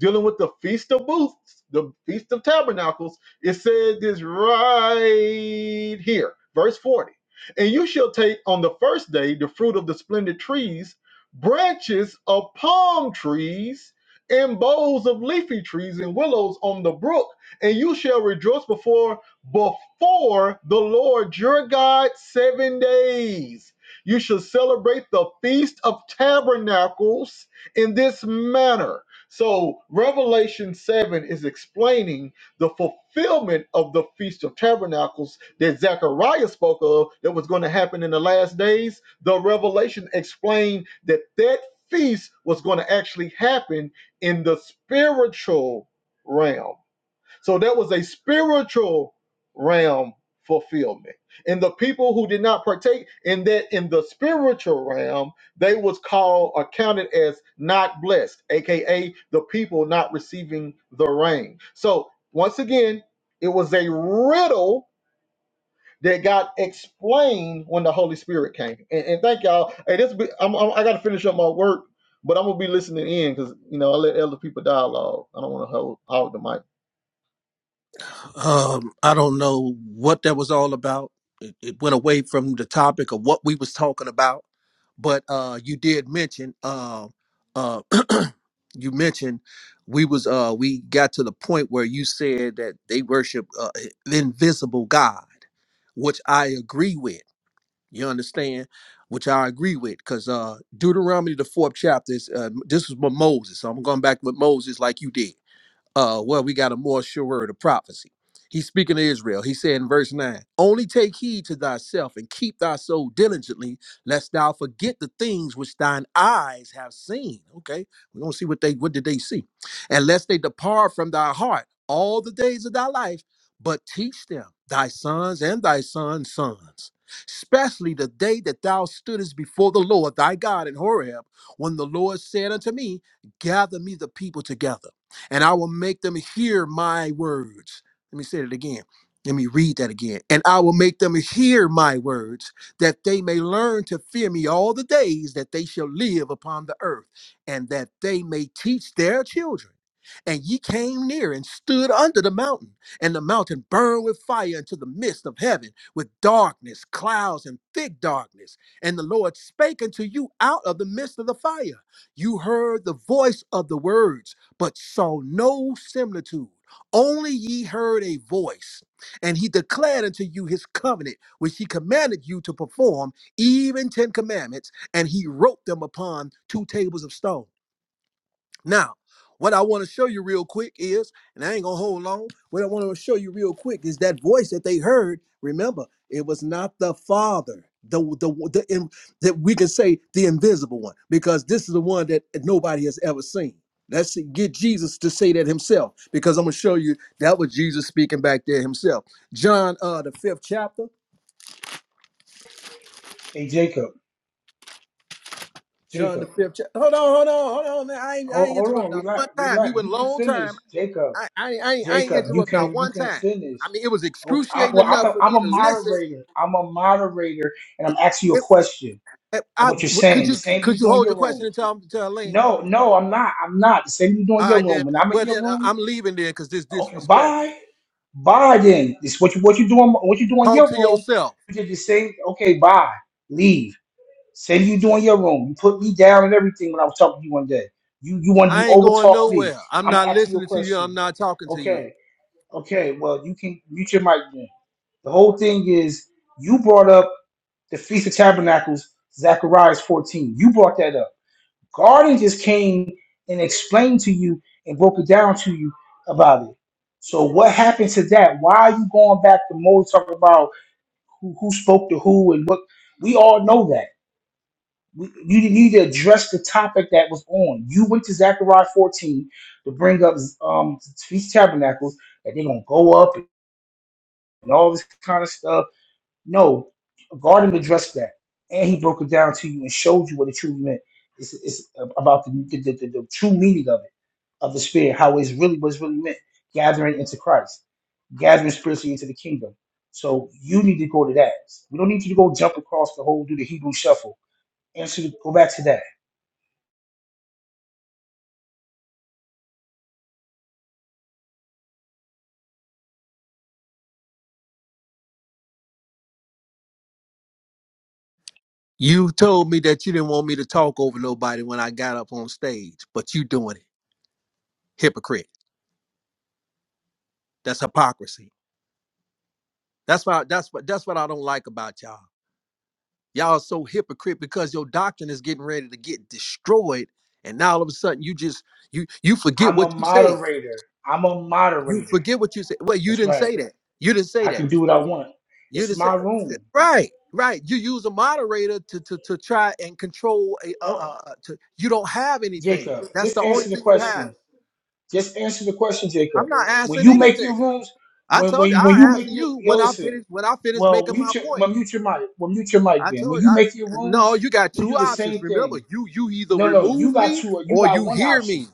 Speaker 3: dealing with the Feast of Booths, the Feast of Tabernacles, it said this right here, verse 40. And you shall take on the first day the fruit of the splendid trees, branches of palm trees, and boughs of leafy trees and willows on the brook, and you shall rejoice before before the Lord your God seven days. You shall celebrate the Feast of Tabernacles in this manner. So, Revelation 7 is explaining the fulfillment of the Feast of Tabernacles that Zechariah spoke of that was going to happen in the last days. The Revelation explained that that feast was going to actually happen in the spiritual realm. So there was a spiritual realm fulfillment. And the people who did not partake in that in the spiritual realm, they was called or counted as not blessed, aka the people not receiving the rain. So once again, it was a riddle that got explained when the Holy Spirit came. And, and thank y'all. Hey, this be, I'm, I'm, I got to finish up my work, but I'm gonna be listening in because you know I let other people dialogue. I don't want to hold hog the mic.
Speaker 6: Um, I don't know what that was all about. It, it went away from the topic of what we was talking about. but uh you did mention uh uh [clears throat] you mentioned we was uh we got to the point where you said that they worship uh, the invisible god which i agree with you understand which i agree with because uh deuteronomy the fourth chapter is uh, this was with moses so i'm going back with moses like you did uh, well, we got a more sure word of prophecy. He's speaking to Israel. He said in verse 9, Only take heed to thyself and keep thy soul diligently, lest thou forget the things which thine eyes have seen. Okay, we're gonna see what they what did they see. And lest they depart from thy heart all the days of thy life, but teach them thy sons and thy sons' sons, especially the day that thou stoodest before the Lord thy God in Horeb, when the Lord said unto me, Gather me the people together and I will make them hear my words. Let me say that again. Let me read that again. And I will make them hear my words, that they may learn to fear me all the days that they shall live upon the earth, and that they may teach their children. And ye came near and stood under the mountain, and the mountain burned with fire into the midst of heaven, with darkness, clouds, and thick darkness. And the Lord spake unto you out of the midst of the fire. You heard the voice of the words but saw no similitude. Only ye heard a voice, and he declared unto you his covenant, which he commanded you to perform, even ten commandments, and he wrote them upon two tables of stone. Now, what I want to show you real quick is, and I ain't gonna hold long. What I want to show you real quick is that voice that they heard. Remember, it was not the Father, the the, the in, that we can say the invisible one, because this is the one that nobody has ever seen. Let's see, get Jesus to say that himself, because I'm gonna show you that was Jesus speaking back there himself. John, uh, the fifth chapter.
Speaker 1: Hey Jacob,
Speaker 6: John, the
Speaker 1: Jacob,
Speaker 6: fifth chapter. Hold on, hold on, hold on. Man. I ain't, I
Speaker 1: hold,
Speaker 6: ain't
Speaker 1: hold
Speaker 6: interrupted.
Speaker 1: on,
Speaker 6: Not
Speaker 1: relax,
Speaker 6: one time. He
Speaker 1: relax.
Speaker 6: went
Speaker 1: You
Speaker 6: a
Speaker 1: can
Speaker 6: long
Speaker 1: finish,
Speaker 6: time.
Speaker 1: Jacob,
Speaker 6: I, I, ain't- I, ain't- I ain't
Speaker 1: Jacob. You
Speaker 6: interrupt not
Speaker 1: can you
Speaker 6: one
Speaker 1: can
Speaker 6: time.
Speaker 1: finish.
Speaker 6: I mean, it was
Speaker 1: Okay. I,
Speaker 6: excruciating
Speaker 1: well, I'm
Speaker 6: enough
Speaker 1: a,
Speaker 6: for
Speaker 1: I'm
Speaker 6: me
Speaker 1: a
Speaker 6: to listen.
Speaker 1: moderator. I'm a moderator, and I'm asking you a
Speaker 6: If,
Speaker 1: question.
Speaker 6: if
Speaker 1: or
Speaker 6: I
Speaker 1: what you're
Speaker 6: w- could
Speaker 1: saying. The
Speaker 6: you
Speaker 1: same
Speaker 6: could
Speaker 1: you
Speaker 6: you
Speaker 1: do in
Speaker 6: hold
Speaker 1: your
Speaker 6: your question
Speaker 1: room.
Speaker 6: until I'm until I land?
Speaker 1: No, no, I'm not. I'm not. The same you do in
Speaker 6: All
Speaker 1: your
Speaker 6: right, then.
Speaker 1: room. When I'm in
Speaker 6: Well,
Speaker 1: your
Speaker 6: then I,
Speaker 1: room,
Speaker 6: I'm leaving then because this
Speaker 1: okay,
Speaker 6: disrespectful.
Speaker 1: bye, bye. Then this what you what you doing what you do in
Speaker 6: Talk
Speaker 1: your
Speaker 6: to
Speaker 1: room.
Speaker 6: yourself.
Speaker 1: You did the same. Okay, bye, leave. Same you do in your room. You put me down and everything when I was talking to you one day. You you want you
Speaker 6: I ain't
Speaker 1: over
Speaker 6: going
Speaker 1: talk me.
Speaker 6: nowhere. I'm
Speaker 1: I'm
Speaker 6: not
Speaker 1: asking you a
Speaker 6: listening to you. I'm
Speaker 1: question.
Speaker 6: not talking to you.
Speaker 1: Okay, okay. Well, you can mute your mic then. The whole thing is you brought up the Feast of Tabernacles, Zechariah 14. You brought that up. Guardian just came and explained to you and broke it down to you about it. So what happened to that? Why are you going back to Mo talking about who, who spoke to who and what? We all know that. We, you need to address the topic that was on. You went to Zechariah 14 to bring up um, Feast of Tabernacles, that they're going to go up and all this kind of stuff no, Gardner addressed that, and he broke it down to you and showed you what it truly meant. It's, it's about the, the, the, the true meaning of it, of the spirit, how it's really what's really meant, gathering into Christ, gathering spiritually into the kingdom. So you need to go to that. We don't need you to go jump across the whole do the Hebrew shuffle. And so go back to that.
Speaker 6: You told me that you didn't want me to talk over nobody when I got up on stage, but you doing it. Hypocrite. That's hypocrisy. That's what that's what that's what I don't like about y'all. Y'all are so hypocrite because your doctrine is getting ready to get destroyed, and now all of a sudden you just you you forget
Speaker 1: I'm a
Speaker 6: what you said.
Speaker 1: moderator. I'm a
Speaker 6: You
Speaker 1: moderator.
Speaker 6: forget what you said. Well, you
Speaker 1: That's
Speaker 6: didn't
Speaker 1: right.
Speaker 6: say that. You didn't say
Speaker 1: I
Speaker 6: that.
Speaker 1: can do what I want.
Speaker 6: You
Speaker 1: It's
Speaker 6: didn't say
Speaker 1: my
Speaker 6: uh,
Speaker 1: room.
Speaker 6: right, right. You use a moderator to to to try and control a uh,
Speaker 1: Oh,
Speaker 6: uh to you don't have anything.
Speaker 1: Jacob,
Speaker 6: That's
Speaker 1: just
Speaker 6: the only
Speaker 1: answer the
Speaker 6: thing you
Speaker 1: question.
Speaker 6: have.
Speaker 1: Just answer the question, Jacob.
Speaker 6: I'm not
Speaker 1: When
Speaker 6: asking
Speaker 1: you make your
Speaker 6: anything.
Speaker 1: rooms,
Speaker 6: I
Speaker 1: when
Speaker 6: told you
Speaker 1: when when you
Speaker 6: I answer
Speaker 1: make your
Speaker 6: you
Speaker 1: yo
Speaker 6: when I
Speaker 1: listen,
Speaker 6: finish when I finish
Speaker 1: well
Speaker 6: making
Speaker 1: mute
Speaker 6: my
Speaker 1: your
Speaker 6: point.
Speaker 1: well, mute your mic. Well mute your mic
Speaker 6: I
Speaker 1: then. When
Speaker 6: told you,
Speaker 1: you make your
Speaker 6: I, no,
Speaker 1: rooms,
Speaker 6: you got
Speaker 1: you
Speaker 6: two
Speaker 1: do the
Speaker 6: options.
Speaker 1: same
Speaker 6: Remember,
Speaker 1: thing.
Speaker 6: you you either
Speaker 1: No, no, you
Speaker 6: remove
Speaker 1: got
Speaker 6: me
Speaker 1: two you
Speaker 6: or
Speaker 1: got
Speaker 6: you
Speaker 1: one
Speaker 6: hear me.
Speaker 1: option.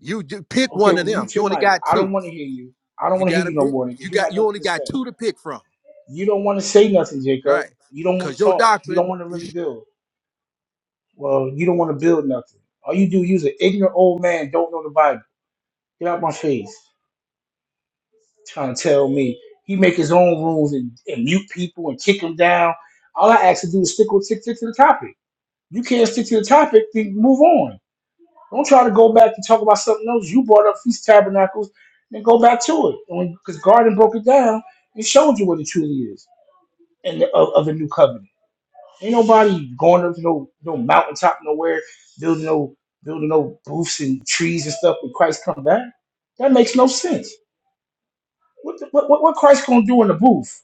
Speaker 6: You d- pick
Speaker 1: Okay,
Speaker 6: one
Speaker 1: well
Speaker 6: of them.
Speaker 1: mute
Speaker 6: You
Speaker 1: your
Speaker 6: only
Speaker 1: mic.
Speaker 6: got
Speaker 1: I don't
Speaker 6: two.
Speaker 1: want to hear you. I don't
Speaker 6: You
Speaker 1: want to
Speaker 6: got
Speaker 1: hear
Speaker 6: to
Speaker 1: you no
Speaker 6: pick.
Speaker 1: more
Speaker 6: You
Speaker 1: because you
Speaker 6: got
Speaker 1: got
Speaker 6: you
Speaker 1: nothing
Speaker 6: only
Speaker 1: to
Speaker 6: got
Speaker 1: say.
Speaker 6: two to pick from.
Speaker 1: You don't want to say nothing, Jacob.
Speaker 6: Right?
Speaker 1: You don't want
Speaker 6: Because
Speaker 1: to
Speaker 6: your
Speaker 1: talk. You
Speaker 6: doctrine
Speaker 1: don't want to really build. Well, you don't want to build nothing. All you do, you's an ignorant old man, don't know the Bible. Get out my face. trying to tell me he make his own rules and, and mute people and kick them down. All I ask to do is stick with stick, stick to the topic. You can't stick to the topic, then move on. Don't try to go back and talk about something else. You brought up Feast of Tabernacles, then go back to it. Because Garden broke it down and showed you what it truly is and the, of, of the new covenant. Ain't nobody going up to no no mountaintop nowhere, building no building no booths and trees and stuff when Christ come back. That makes no sense. What the, what what what Christ gonna do in the booth?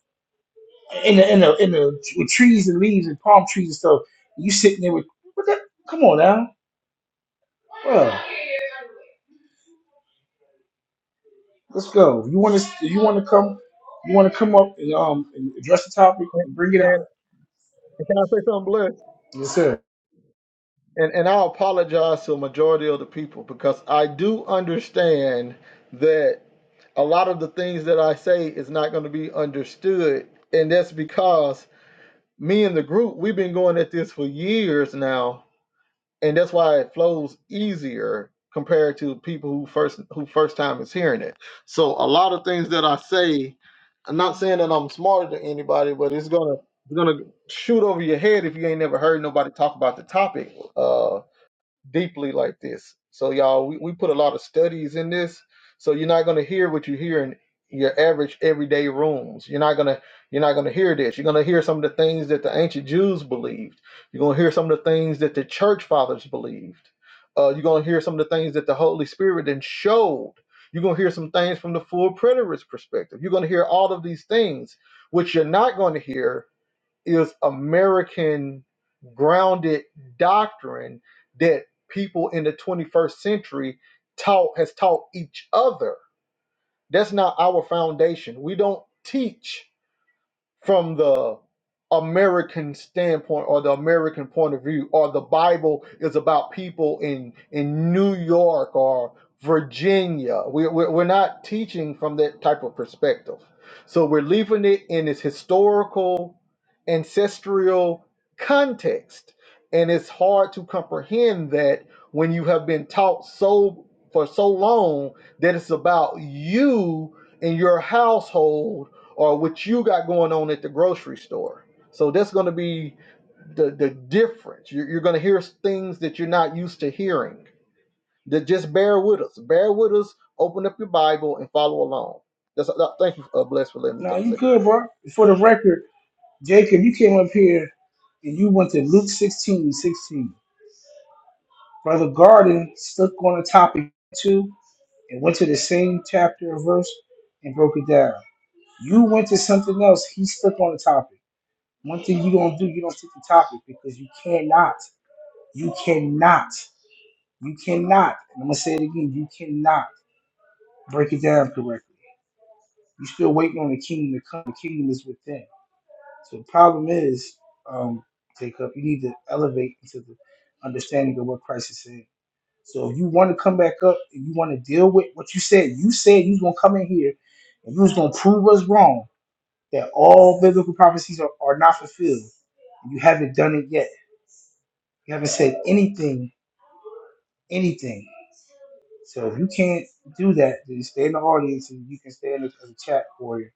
Speaker 1: in the in the in the with trees and leaves and palm trees and stuff. You sitting there with what that? Come on now, bro. Let's go. You want to? You want to come? You want to come up and um and address the topic and bring it out?
Speaker 3: And Can I say something, Bliss?
Speaker 1: Yes, sir.
Speaker 3: And and I apologize to a majority of the people because I do understand that a lot of the things that I say is not going to be understood, and that's because me and the group we've been going at this for years now, and that's why it flows easier compared to people who first who first time is hearing it. So a lot of things that I say, I'm not saying that I'm smarter than anybody, but it's gonna it's gonna shoot over your head if you ain't never heard nobody talk about the topic. Uh, deeply like this. So y'all, we, we put a lot of studies in this. So you're not gonna hear what you hear in your average everyday rooms. You're not gonna you're not gonna hear this. You're gonna hear some of the things that the ancient Jews believed. You're gonna hear some of the things that the church fathers believed. Uh, you're gonna hear some of the things that the Holy Spirit then showed. You're gonna hear some things from the full preterist perspective. You're gonna hear all of these things, which you're not gonna hear is American grounded doctrine that people in the 21st century taught has taught each other. That's not our foundation. We don't teach from the American standpoint or the American point of view, or the Bible is about people in in New York or Virginia. we we we're not teaching from that type of perspective, so we're leaving it in its historical, ancestral context, and it's hard to comprehend that when you have been taught so for so long that it's about you and your household or what you got going on at the grocery store. So that's going to be the the difference. You're, you're going to hear things that you're not used to hearing. That just bear with us. Bear with us. Open up your Bible and follow along. That's uh, thank you, uh, bless for letting me
Speaker 1: Now
Speaker 3: talk.
Speaker 1: you
Speaker 3: Say,
Speaker 1: good, bro. For the record, Jacob, you came up here and you went to Luke 16, 16. Brother Garden stuck on a topic too and went to the same chapter or verse and broke it down. You went to something else. He stuck on the topic. One thing you gonna do, you don't take the topic because you cannot, you cannot, you cannot. And I'm gonna say it again, you cannot break it down correctly. You're still waiting on the kingdom to come. The kingdom is within. So the problem is, um, take up. You need to elevate into the understanding of what Christ is saying. So if you want to come back up and you want to deal with what you said, you said you was gonna come in here and you was gonna prove us wrong that all biblical prophecies are, are not fulfilled. You haven't done it yet You haven't said anything, anything. So if you can't do that, then stay in the audience and you can stay in the, as a chat for you.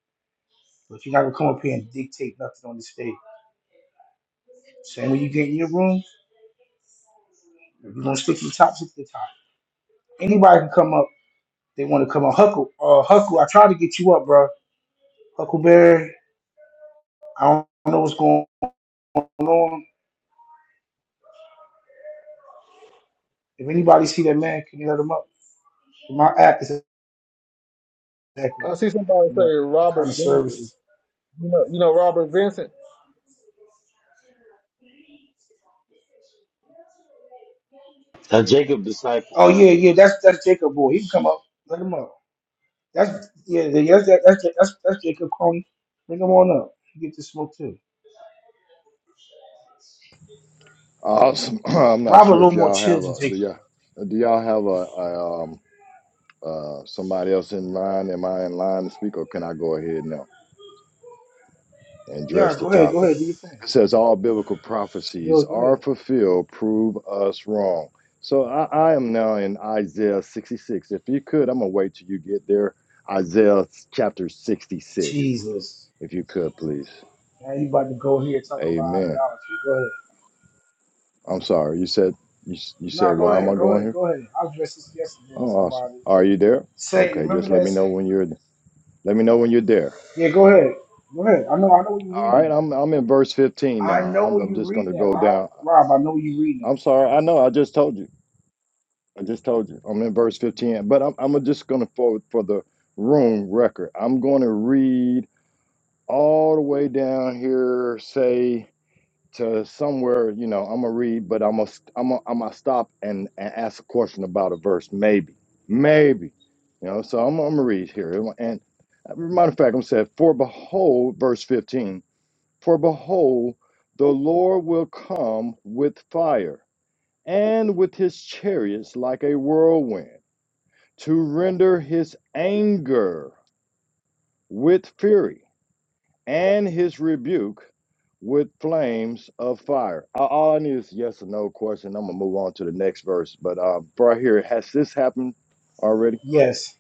Speaker 1: But you're not gonna come up here and dictate nothing on the stage. Same when you get in your room, if you're gonna stick to the top, stick to the top. Anybody can come up. They want to come up. Huckle, uh, Huckle, I tried to get you up, bro. Huckleberry, I don't know what's going on. If anybody see that man, can you let him up? My app is acting
Speaker 3: I see somebody say
Speaker 1: up. My kind
Speaker 3: Robert
Speaker 1: of
Speaker 3: Vincent.
Speaker 1: services.
Speaker 3: You know, you know Robert Vincent.
Speaker 5: A Jacob disciple.
Speaker 1: Oh yeah, yeah, that's that's Jacob boy. He can come up. Let him up. That's yeah, that's that's that's, that, that's, that's Jacob Crony. Bring him on up. You get to smoke too.
Speaker 7: Awesome. [clears throat] I'm not
Speaker 1: Rob a
Speaker 7: sure
Speaker 1: little
Speaker 7: if
Speaker 1: more
Speaker 7: y'all
Speaker 1: chill
Speaker 7: have
Speaker 1: than
Speaker 7: a do
Speaker 1: Jacob
Speaker 7: y'all
Speaker 1: though.
Speaker 7: do y'all have a, a um uh somebody else in line? Am I in line to speak, or can I go ahead now and address
Speaker 1: Yeah,
Speaker 7: the
Speaker 1: go ahead, go
Speaker 7: topic?
Speaker 1: ahead, do your thing.
Speaker 7: It says all biblical
Speaker 1: Bill,
Speaker 7: prophecies
Speaker 1: go
Speaker 7: are
Speaker 1: ahead.
Speaker 7: fulfilled. Prove us wrong. So I, I am now in Isaiah 66. If you could, I'm gonna wait till you get there. Isaiah chapter 66,
Speaker 1: Jesus.
Speaker 7: if you could, please.
Speaker 1: Now you about to go here and talk about
Speaker 7: Amen.
Speaker 1: idolatry. Go ahead.
Speaker 7: I'm sorry. You said you s- you said
Speaker 1: Nah, go
Speaker 7: why am
Speaker 1: ahead,
Speaker 7: I
Speaker 1: go
Speaker 7: going
Speaker 1: ahead,
Speaker 7: here?
Speaker 1: go ahead. I addressed this yesterday to
Speaker 7: Oh, awesome.
Speaker 1: somebody.
Speaker 7: Are you there?
Speaker 1: Saint,
Speaker 7: Okay,
Speaker 1: remember
Speaker 7: just let
Speaker 1: that
Speaker 7: me know
Speaker 1: Saint?
Speaker 7: when you're let me know when you're there.
Speaker 1: Yeah, go ahead. Go ahead. I know I know what you're
Speaker 7: All
Speaker 1: reading
Speaker 7: right,
Speaker 1: at.
Speaker 7: I'm I'm in verse 15
Speaker 1: I
Speaker 7: now.
Speaker 1: know
Speaker 7: I'm
Speaker 1: what
Speaker 7: I'm
Speaker 1: you're
Speaker 7: just going to
Speaker 1: reading at,
Speaker 7: go
Speaker 1: Rob.
Speaker 7: down.
Speaker 1: Rob, I know what you're reading
Speaker 7: I'm sorry. I know I just told you. I just told you. I'm in verse 15, but I'm I'm just going to forward for the room record. I'm going to read all the way down here say to somewhere, you know, I'm going to read, but I'm going to I'm going I'm going to stop and, and ask a question about a verse maybe. Maybe. You know, so I'm I'm going to read here. and. Matter of fact, I'm saying, for behold, verse 15, for behold, the Lord will come with fire and with his chariots like a whirlwind to render his anger with fury and his rebuke with flames of fire. A- All I need is yes or no question. I'm going to move on to the next verse. But uh, right here, has this happened already?
Speaker 1: at. Yes.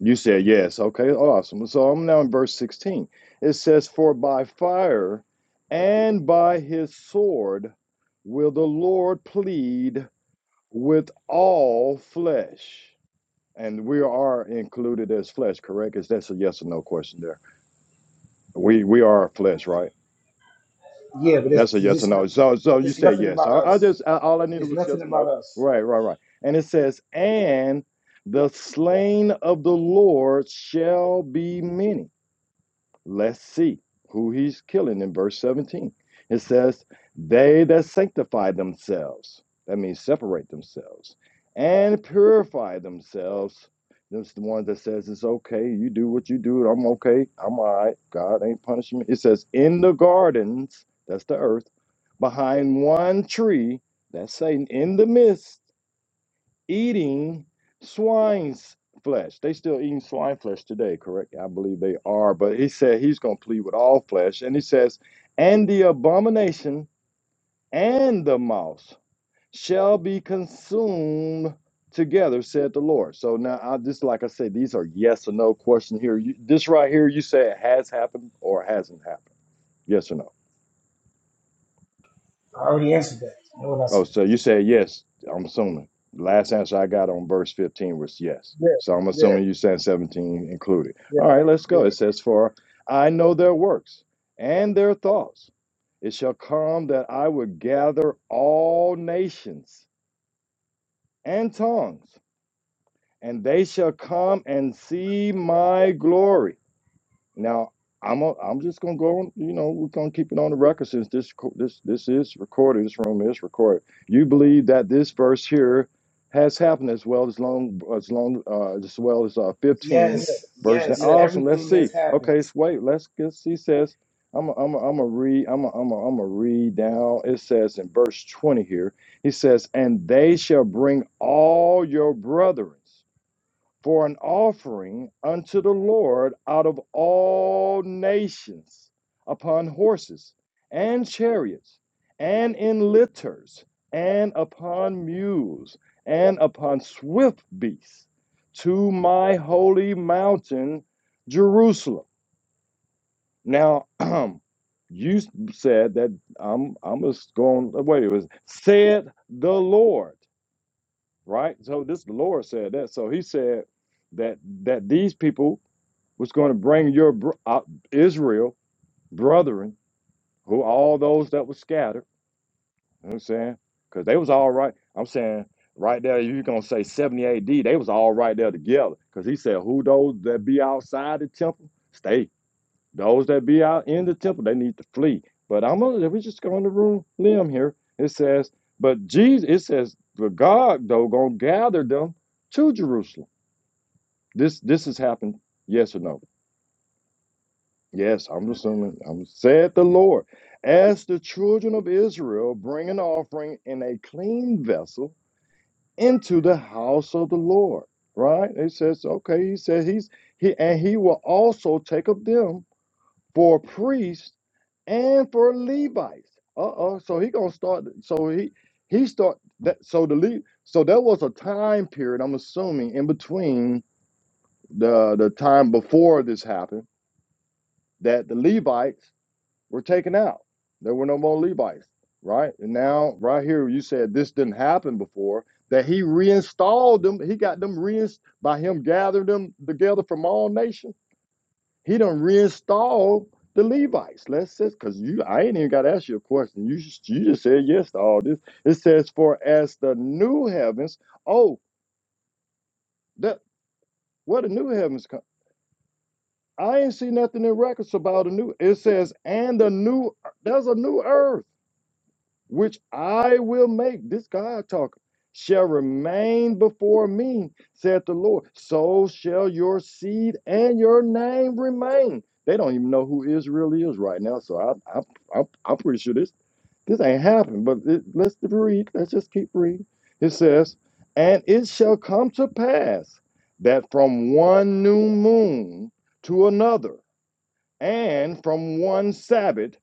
Speaker 7: You said yes. Okay, awesome. So I'm now in verse 16. It says, For by fire and by his sword will the Lord plead with all flesh. And we are included as flesh, correct? Is that's a yes or no question there? We we are flesh, right?
Speaker 1: Yeah, but
Speaker 7: That's
Speaker 1: it's,
Speaker 7: a
Speaker 1: it's
Speaker 7: yes or
Speaker 1: just
Speaker 7: no.
Speaker 1: nothing
Speaker 7: So so you
Speaker 1: it's
Speaker 7: said
Speaker 1: nothing
Speaker 7: yes.
Speaker 1: about
Speaker 7: I, I
Speaker 1: us.
Speaker 7: just I, all I needed
Speaker 1: It's
Speaker 7: was
Speaker 1: nothing
Speaker 7: yes or
Speaker 1: about
Speaker 7: no.
Speaker 1: us.
Speaker 7: Right, right, right. And it says, and the slain of the Lord shall be many Let's see who he's killing in verse 17. It says, They that sanctify themselves, that means separate themselves, and purify themselves. That's the one that says it's okay, you do what you do, I'm okay, I'm all right, God ain't punishing me. It says, In the gardens, that's the earth, behind one tree, that's Satan, in the midst eating swine's flesh. They still eating swine flesh today, correct? I believe they are. But he said he's going to plead with all flesh. And he says, and the abomination and the mouse shall be consumed together, said the Lord. So now, I, just like I said, these are yes or no question here. You, this right here, you say it has happened or hasn't happened. Yes or no?
Speaker 1: I already answered that. You Know what I
Speaker 7: Oh,
Speaker 1: said?
Speaker 7: so you said yes, I'm assuming. Last answer I got on verse 15 was yes.
Speaker 3: Yeah,
Speaker 7: So I'm
Speaker 3: yeah,
Speaker 7: assuming you said 17 included.
Speaker 3: yeah,
Speaker 7: All right, let's
Speaker 3: yeah,
Speaker 7: go. It says, For I know their works and their thoughts. It shall come that I will gather all nations and tongues, and they shall come and see my glory. Now, I'm a, I'm just gonna go on. You know, we're gonna keep it on the record since this co- this this is recorded. This room is recorded. You believe that this verse here has happened as well as long as long uh, as well as uh, 15
Speaker 3: yeah,
Speaker 1: Yes,
Speaker 7: verse. Now,
Speaker 1: yes.
Speaker 3: yeah.
Speaker 7: awesome. Let's
Speaker 1: Everything
Speaker 7: see.
Speaker 1: has happened.
Speaker 7: Okay, so wait. Let's get. He says, I'm a, I'm a, I'm a read. I'm a, I'm a, I'm a read down. It says in verse 20 here. He says, and they shall bring all your brethren for an offering unto the Lord out of all nations upon horses and chariots and in litters and upon mules and upon swift beasts to my holy mountain Jerusalem. Now, [clears throat] you said that I'm I'm just going wait, it was said the Lord right? So this the Lord said that. So He said that that these people was going to bring your br- uh, Israel brethren, who all those that were scattered. You know what I'm saying because they was all right. I'm saying right there, you're gonna say 70 A.D. They was all right there together. Because He said, "Who those that be outside the temple, stay." Those that be out in the temple, they need to flee. But I'm gonna if we just go in the room limb here. It says, but Jesus, it says, but God though gonna gather them to Jerusalem. This this has happened, yes or no? Yes, I'm assuming. I'm said the Lord, as the children of Israel bring an offering in a clean vessel into the house of the Lord. Right? It says, okay. He said he's he and he will also take of them for priests and for Levites. Uh-oh. So he gonna start. So he he start that. So the Le, so there was a time period. I'm assuming in between the the time before this happened that the Levites were taken out. There were no more Levites, right? And now right here you said this didn't happen before. That he reinstalled them. He got them reinst by him gathering them together from all nations. He done reinstalled the Levites. Let's just because you, I ain't even got to ask you a question. You just, you just said yes to all this. It says, "For as the new heavens, oh, that where the new heavens come." I ain't see nothing in records about a new. It says, "And the new, there's a new earth." which I will make, this God talking, shall remain before me, saith the Lord. So shall your seed and your name remain. They don't even know who Israel is right now, so I, I, I, am I'm pretty sure this this ain't happened. But it, let's read. Let's just keep reading. It says, "And it shall come to pass that from one new moon to another." and from one Sabbath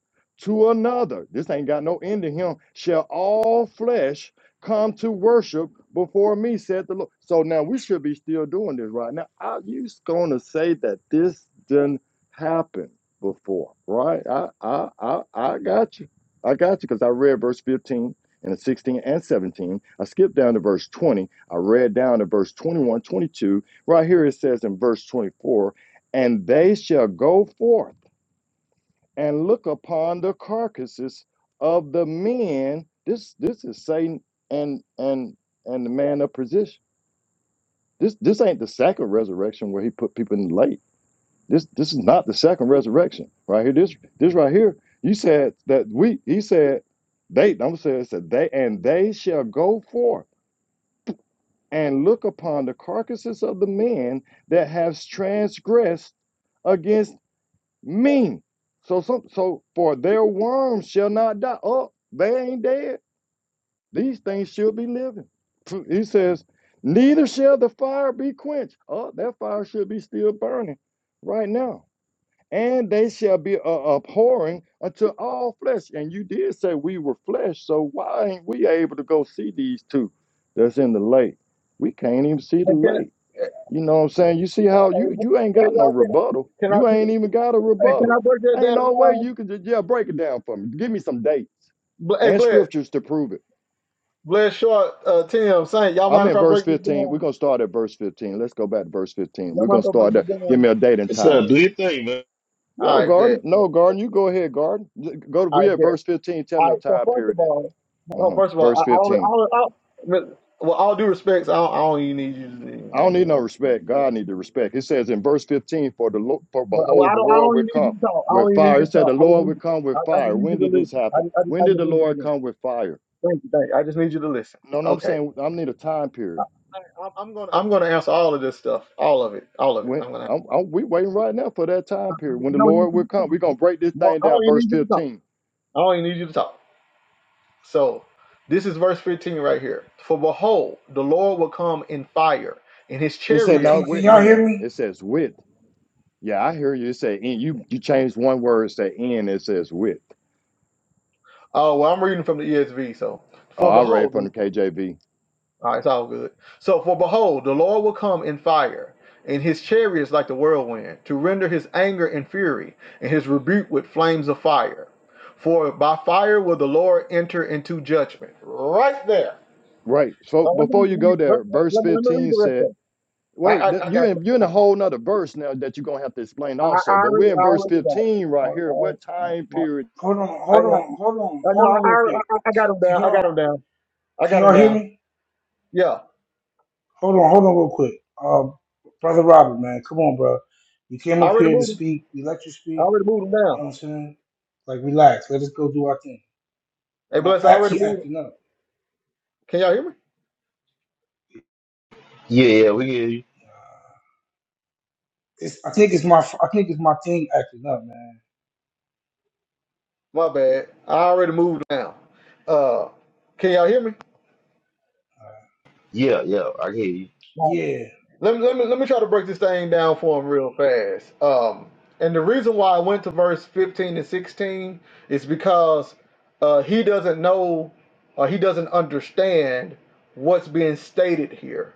Speaker 7: to another. This ain't got no end to him. Shall all flesh come to worship before me, said the Lord. So now we should be still doing this right now. Are you going to say that this didn't happen before? Right? I, I, I, I got you. I got you because I read verse 15 and 16 and 17. I skipped down to verse 20. I read down to verse 21, 22. Right here it says in verse 24, and they shall go forth and look upon the carcasses of the men. This this is Satan and and and the man of position. This this ain't the second resurrection where he put people in the lake. This this is not the second resurrection right here. This this right here. You said that we. He said they. I'm going saying it said they and they shall go forth and look upon the carcasses of the men that have transgressed against mean. So some so for their worms shall not die. Oh, they ain't dead. These things should be living. He says, neither shall the fire be quenched. Oh, that fire should be still burning right now. And they shall be a- abhorring unto all flesh. And you did say we were flesh, so why ain't we able to go see these two that's in the lake? We can't even see
Speaker 3: Hey,
Speaker 7: the
Speaker 3: can
Speaker 7: lake.
Speaker 3: I, hey,
Speaker 7: You know what I'm saying? You see how you you ain't
Speaker 3: hey,
Speaker 7: got no
Speaker 3: y'all, can,
Speaker 7: rebuttal.
Speaker 3: can I
Speaker 7: You ain't even got a
Speaker 3: hey, can I
Speaker 7: rebuttal.
Speaker 3: break that
Speaker 7: Ain't
Speaker 3: down?
Speaker 7: no way you can just yeah, break it down for me. Give me some dates
Speaker 3: Bl- Hey,
Speaker 7: and
Speaker 3: bless.
Speaker 7: scriptures to prove it.
Speaker 3: Bless Short, uh, Tim, Saint, y'all
Speaker 7: I'm
Speaker 3: mind if
Speaker 7: in
Speaker 3: I
Speaker 7: verse
Speaker 3: break this
Speaker 7: 15. We're
Speaker 3: down?
Speaker 7: gonna start at verse 15. Let's go back to verse 15.
Speaker 3: Y'all
Speaker 7: We're
Speaker 3: mind
Speaker 7: gonna
Speaker 3: if I break
Speaker 7: start
Speaker 3: this
Speaker 7: there. Give
Speaker 3: down?
Speaker 7: me a date and
Speaker 5: What's
Speaker 7: time.
Speaker 5: up? Do your thing, man.
Speaker 3: All
Speaker 7: No,
Speaker 3: right, bet.
Speaker 7: Garden. No, Garden. You go ahead, Garden. Go to
Speaker 3: All
Speaker 7: we
Speaker 3: right,
Speaker 7: at
Speaker 3: bet.
Speaker 7: verse 15. Tell
Speaker 3: All
Speaker 7: me a
Speaker 3: right. So
Speaker 7: time
Speaker 3: first of
Speaker 7: period in
Speaker 3: all, well,
Speaker 7: uh-huh.
Speaker 3: first of all, I,
Speaker 7: verse
Speaker 3: I don't,
Speaker 7: 15.
Speaker 3: I don't, I don't, well, all due respects, I don't, I don't even need you to.
Speaker 7: I don't
Speaker 3: You
Speaker 7: need no
Speaker 3: know,
Speaker 7: respect. God need the respect. It says in verse 15, for the Lo- for
Speaker 3: well, well,
Speaker 7: behold,
Speaker 3: I
Speaker 7: the
Speaker 3: don't, I
Speaker 7: Lord
Speaker 3: don't
Speaker 7: will
Speaker 3: even need
Speaker 7: come
Speaker 3: you to talk. I don't
Speaker 7: with
Speaker 3: even need
Speaker 7: fire.
Speaker 3: you
Speaker 7: It
Speaker 3: to
Speaker 7: said
Speaker 3: talk.
Speaker 7: the
Speaker 3: I just
Speaker 7: Lord will
Speaker 3: need,
Speaker 7: come
Speaker 3: I,
Speaker 7: with
Speaker 3: I just
Speaker 7: fire.
Speaker 3: need you
Speaker 7: When
Speaker 3: to
Speaker 7: did this
Speaker 3: listen. I
Speaker 7: happen?
Speaker 3: just, I just,
Speaker 7: When
Speaker 3: I
Speaker 7: did
Speaker 3: just
Speaker 7: the
Speaker 3: need you to
Speaker 7: Lord
Speaker 3: listen.
Speaker 7: come with fire?
Speaker 3: Thank you, thank you. I just need you to listen.
Speaker 7: No, no, I'm
Speaker 3: Okay.
Speaker 7: saying I need a time period.
Speaker 3: All right, I'm, I'm gonna, I'm gonna answer all of this stuff, all of it, all of it.
Speaker 7: When
Speaker 3: I'm gonna.
Speaker 7: I'm, I'm, we waiting right now for that time
Speaker 3: I
Speaker 7: period when the
Speaker 3: don't even
Speaker 7: Lord
Speaker 3: need
Speaker 7: will
Speaker 3: you to
Speaker 7: come. We're
Speaker 3: talk.
Speaker 7: gonna break this thing
Speaker 3: I
Speaker 7: down.
Speaker 3: don't even
Speaker 7: Verse
Speaker 3: need you to talk.
Speaker 7: 15.
Speaker 3: I don't even need you to talk. So this is verse 15 right here. For behold, the Lord will come in fire, and his
Speaker 7: It
Speaker 1: Yo,
Speaker 7: said,
Speaker 3: chariots.
Speaker 7: "No,
Speaker 1: can,
Speaker 3: like-
Speaker 7: we're
Speaker 1: can y'all
Speaker 7: in."
Speaker 1: hear
Speaker 7: It
Speaker 1: me?
Speaker 7: says, "With." Yeah, I hear you. It say, "In." You you changed one word. It say, "In." It says, "With."
Speaker 3: Oh, well, I'm reading from the ESV. So,
Speaker 7: Oh,
Speaker 3: for
Speaker 7: I read
Speaker 3: behold,
Speaker 7: from the KJV.
Speaker 3: all right, it's all good. So, for behold, the Lord will come in fire, and his chariots like the whirlwind, to render his anger and fury, and his rebuke with flames of fire. For by fire will the Lord enter into judgment. Right there.
Speaker 7: Right. So
Speaker 3: Oh, let, me
Speaker 7: before you
Speaker 3: read,
Speaker 7: go
Speaker 3: let,
Speaker 7: there, verse
Speaker 3: let- let me read
Speaker 7: 15
Speaker 3: the rest
Speaker 7: said.
Speaker 3: of it. I,
Speaker 7: Wait,
Speaker 3: I,
Speaker 7: th-
Speaker 3: I
Speaker 7: you
Speaker 3: got
Speaker 7: in you are in a whole nother verse now that you're gonna have to explain
Speaker 3: I, I
Speaker 7: also. But
Speaker 3: already,
Speaker 7: we're in
Speaker 3: I
Speaker 7: verse
Speaker 3: already got it.
Speaker 7: 15
Speaker 3: I,
Speaker 7: right here. What
Speaker 3: I,
Speaker 7: time
Speaker 3: I,
Speaker 7: period?
Speaker 1: Hold on,
Speaker 3: I,
Speaker 1: hold on, hold on,
Speaker 3: I know.
Speaker 1: hold on,
Speaker 3: I,
Speaker 1: real
Speaker 3: already-
Speaker 1: quick.
Speaker 3: I, I I got him
Speaker 1: Can
Speaker 3: down. I
Speaker 1: y'all
Speaker 3: got him down. I
Speaker 1: can
Speaker 3: got him
Speaker 1: y'all hear
Speaker 3: down.
Speaker 1: me?
Speaker 3: Yeah,
Speaker 1: Hold on, hold on, real quick. Um, brother Robert, man, come on, bro. You came
Speaker 3: I
Speaker 1: up
Speaker 3: already
Speaker 1: here to
Speaker 3: moved him.
Speaker 1: speak. We let you
Speaker 3: I
Speaker 1: speak.
Speaker 3: already moved him
Speaker 1: You
Speaker 3: down.
Speaker 1: know what I'm saying? Like, relax. Let us go do our thing.
Speaker 3: Hey,
Speaker 1: My
Speaker 3: bless. I
Speaker 1: act
Speaker 3: already
Speaker 1: keep
Speaker 3: moved. Him.
Speaker 1: acting up.
Speaker 3: Can y'all hear me?
Speaker 5: Yeah, yeah, we can. hear you.
Speaker 1: It's, I think it's my I think it's my thing acting up, man.
Speaker 3: My bad. I already moved him down. Uh, can y'all hear me?
Speaker 1: Uh,
Speaker 5: Yeah, yeah, I hear you.
Speaker 1: Yeah.
Speaker 3: Let me, let me let me try to break this thing down for him real fast. Um, and the reason why I went to verse fifteen and sixteen is because uh, he doesn't know, uh, he doesn't understand what's being stated here.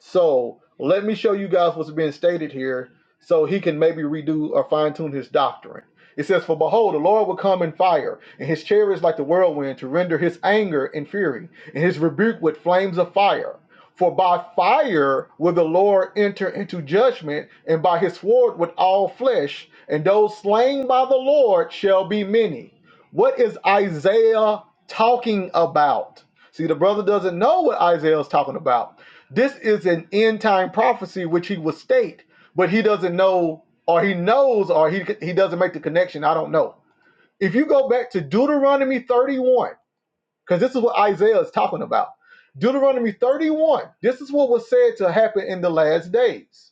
Speaker 3: So let me show you guys what's being stated here so he can maybe redo or fine tune his doctrine. It says, For behold, the Lord will come in fire, and his chariots like the whirlwind to render his anger and fury, and his rebuke with flames of fire. For by fire will the Lord enter into judgment, and by his sword with all flesh, and those slain by the Lord shall be many. What is Isaiah talking about? See, the brother doesn't know what Isaiah is talking about. This is an end time prophecy which he would state, but he doesn't know, or he knows, or he he doesn't make the connection. I don't know. If you go back to Deuteronomy 31, because this is what Isaiah is talking about. Deuteronomy 31, this is what was said to happen in the last days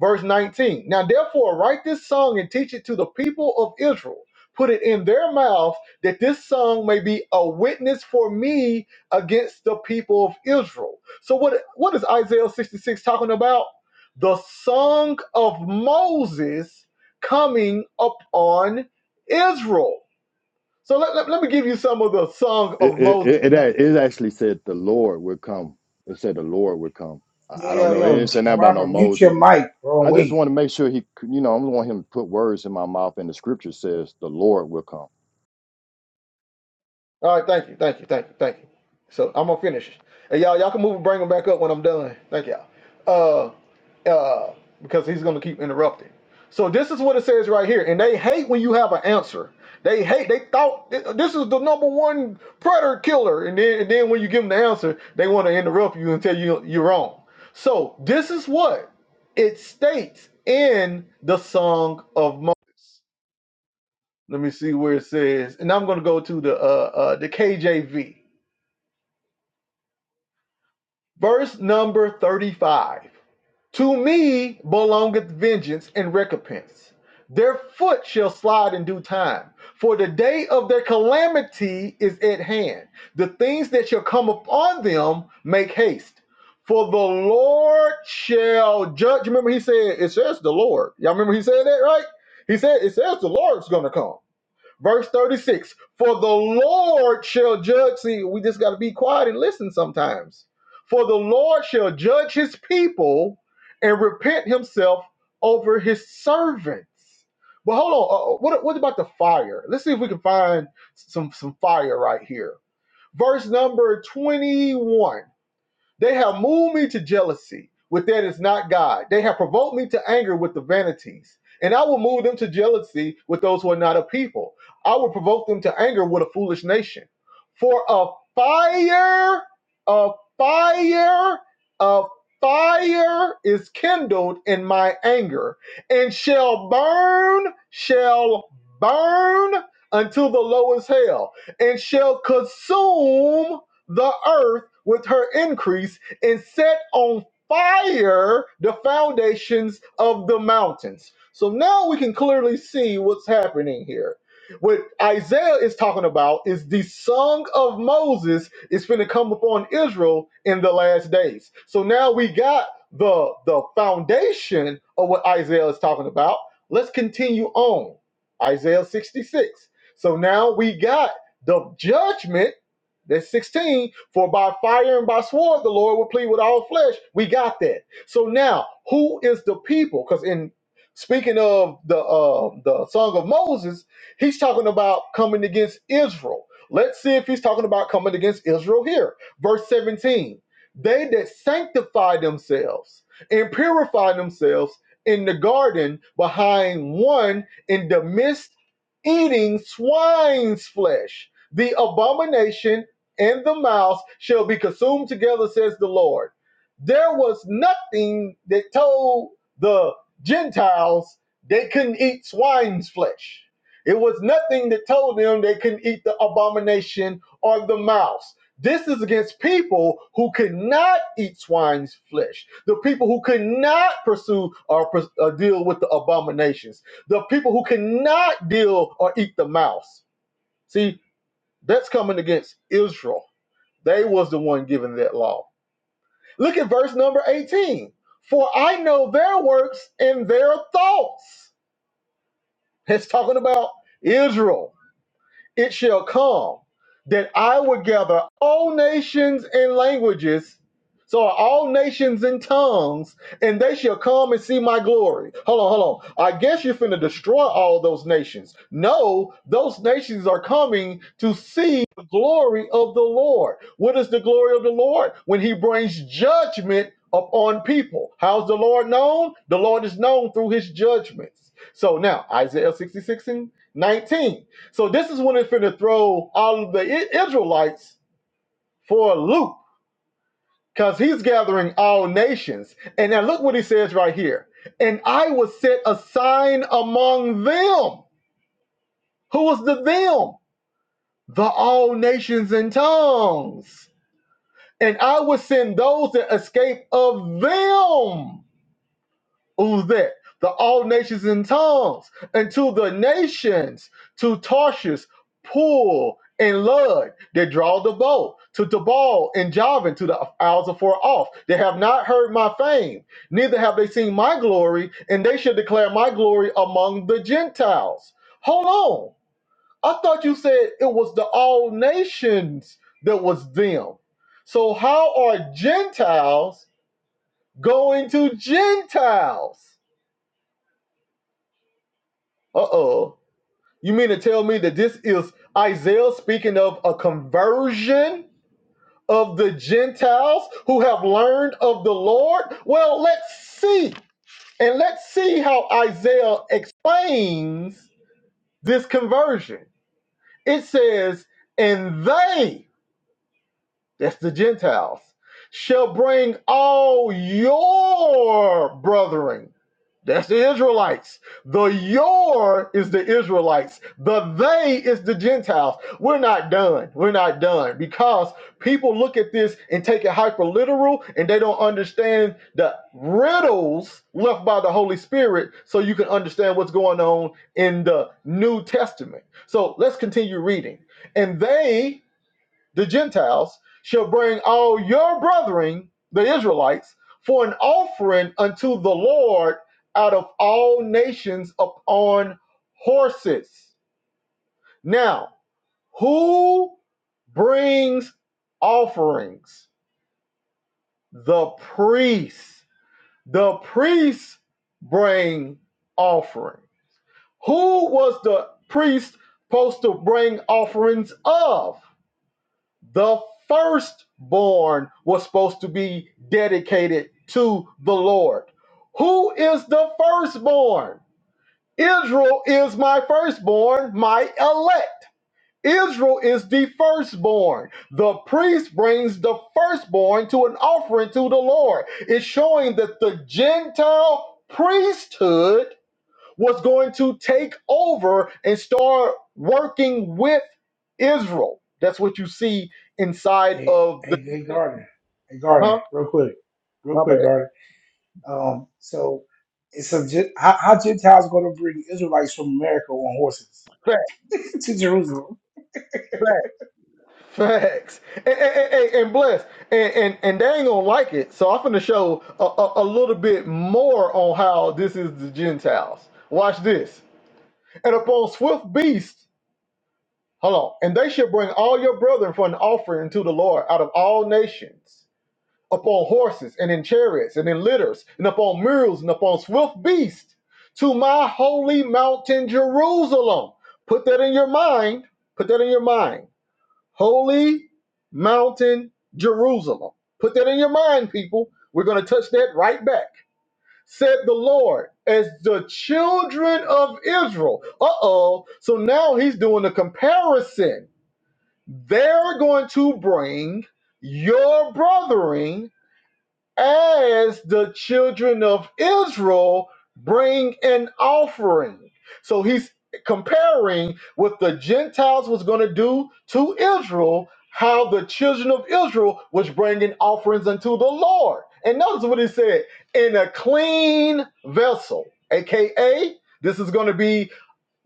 Speaker 3: verse 19 now therefore write this song and teach it to the people of israel put it in their mouth that this song may be a witness for me against the people of israel so what what is isaiah 66 talking about the song of moses coming upon israel so let, let, let me give you some of the song
Speaker 7: It
Speaker 3: of
Speaker 7: it,
Speaker 3: moses
Speaker 7: it, it a- it actually said the Lord would come. It said the Lord would come.
Speaker 1: Yo,
Speaker 7: I, I don't
Speaker 1: yo,
Speaker 7: know. It didn't
Speaker 1: yo,
Speaker 7: say nothing about no
Speaker 1: Robert, mute your
Speaker 7: Moses.
Speaker 1: mic, bro, and
Speaker 7: I just
Speaker 1: wait.
Speaker 7: want to make sure he, you know, I don't want him to put words in my mouth. And the scripture says the Lord will come.
Speaker 3: All right, thank you, thank you, thank you, thank you. So I'm gonna finish. Hey, y'all, y'all can move and bring him back up when I'm done. Thank y'all. Uh, uh, because he's gonna keep interrupting. So this is what it says right here, and they hate when you have an answer. They hate. They thought this is the number one predator killer, and then and then when you give them the answer, they want to interrupt you and tell you you're wrong. So this is what it states in the Song of Moses. Let me see where it says, and I'm going to go to the uh, uh, the KJV, verse number thirty-five. To me belongeth vengeance and recompense. Their foot shall slide in due time, for the day of their calamity is at hand. The things that shall come upon them make haste. For the Lord shall judge. Remember, he said, It says the Lord. Y'all remember he said that, right? He said, It says the Lord's going to come. Verse 36 For the Lord shall judge. See, we just got to be quiet and listen sometimes. For the Lord shall judge his people and repent himself over his servants. But hold on, uh, uh, what, what about the fire? Let's see if we can find some, some fire right here. Verse number 21. They have moved me to jealousy with that is not God. They have provoked me to anger with the vanities. And I will move them to jealousy with those who are not a people. I will provoke them to anger with a foolish nation. For a fire, a fire, a fire is kindled in my anger and shall burn, shall burn until the lowest hell and shall consume the earth with her increase and set on fire the foundations of the mountains. So now we can clearly see what's happening here. What Isaiah is talking about is the song of Moses is going to come upon Israel in the last days. So now we got the the foundation of what Isaiah is talking about. Let's continue on. Isaiah 66. So now we got the judgment that's 16. For by fire and by sword the Lord will plead with all flesh. We got that. So now, who is the people? Because in speaking of the uh, the Song of Moses, he's talking about coming against Israel. Let's see if he's talking about coming against Israel here. Verse 17. They that sanctify themselves and purify themselves in the garden behind one in the midst eating swine's flesh, the abomination and the mouse shall be consumed together, says the Lord. There was nothing that told the Gentiles they couldn't eat swine's flesh. It was nothing that told them they couldn't eat the abomination or the mouse. This is against people who could not eat swine's flesh, the people who could not pursue or, or deal with the abominations, the people who could not deal or eat the mouse. See, that's coming against Israel. They was the one giving that law. Look at verse number 18. For I know their works and their thoughts. It's talking about Israel it shall come that I will gather all nations and languages, so are all nations and tongues, and they shall come and see my glory. Hold on, hold on. I guess you're finna destroy all those nations. No, those nations are coming to see the glory of the Lord. What is the glory of the Lord? When he brings judgment upon people. How's the Lord known? The Lord is known through his judgments. So now, Isaiah 66 and 19. So this is when it's finna throw all of the Israelites for a loop because he's gathering all nations. And now look what he says right here. And I will set a sign among them. Who was the them? The all nations and tongues. And I will send those that escape of them. Who's that? The all nations in tongues, and to the nations, to Tarshish, Pool, and Lud, they draw the bow, to Tabal and Javan, to the isles afar off. They have not heard my fame, neither have they seen my glory, and they should declare my glory among the Gentiles. Hold on. I thought you said it was the all nations that was them. So how are Gentiles going to Gentiles? Uh-oh. You mean to tell me that this is Isaiah speaking of a conversion of the Gentiles who have learned of the Lord? Well, let's see. And let's see how Isaiah explains this conversion. It says, and they that's the Gentiles, shall bring all your brethren. That's the Israelites. The your is the Israelites. The they is the Gentiles. We're not done. We're not done because people look at this and take it hyper literal and they don't understand the riddles left by the Holy Spirit so you can understand what's going on in the New Testament. So let's continue reading. And they the Gentiles, shall bring all your brethren, the Israelites, for an offering unto the Lord out of all nations upon horses. Now, who brings offerings? The priests. The priests bring offering. Who was the priest supposed to bring offerings of? the firstborn was supposed to be dedicated to the Lord. Who is the firstborn? Israel is my firstborn, my elect. Israel is the firstborn. The priest brings the firstborn to an offering to the Lord. It's showing that the Gentile priesthood was going to take over and start working with Israel. That's what you see inside
Speaker 1: Hey,
Speaker 3: of the
Speaker 1: hey,
Speaker 3: New
Speaker 1: hey,
Speaker 3: Testament.
Speaker 1: Gardner. Hey, Gardner,
Speaker 3: Huh?
Speaker 1: real quick, real
Speaker 3: My
Speaker 1: quick,
Speaker 3: bad.
Speaker 1: Gardner. Um, so it's a Gen- how, how Gentiles going to bring Israelites from America on horses
Speaker 3: Facts,
Speaker 1: [laughs] to Jerusalem?
Speaker 3: facts, facts. And, and, and, and bless. And, and, and they ain't going to like it. So I'm going to show a, a, a little bit more on how this is the Gentiles. Watch this. And upon swift beasts, hold on, and they shall bring all your brethren for an offering to the Lord out of all nations. upon horses and in chariots and in litters and upon mules and upon swift beasts to my holy mountain Jerusalem. Put that in your mind. Put that in your mind. Holy mountain Jerusalem. Put that in your mind, people. We're going to touch that right back. Said the Lord, as the children of Israel. Uh oh. So now he's doing a comparison. They're going to bring your brethren as the children of Israel bring an offering. So he's comparing what the Gentiles was going to do to Israel, how the children of Israel was bringing offerings unto the Lord. And notice what he said in a clean vessel, aka, this is going to be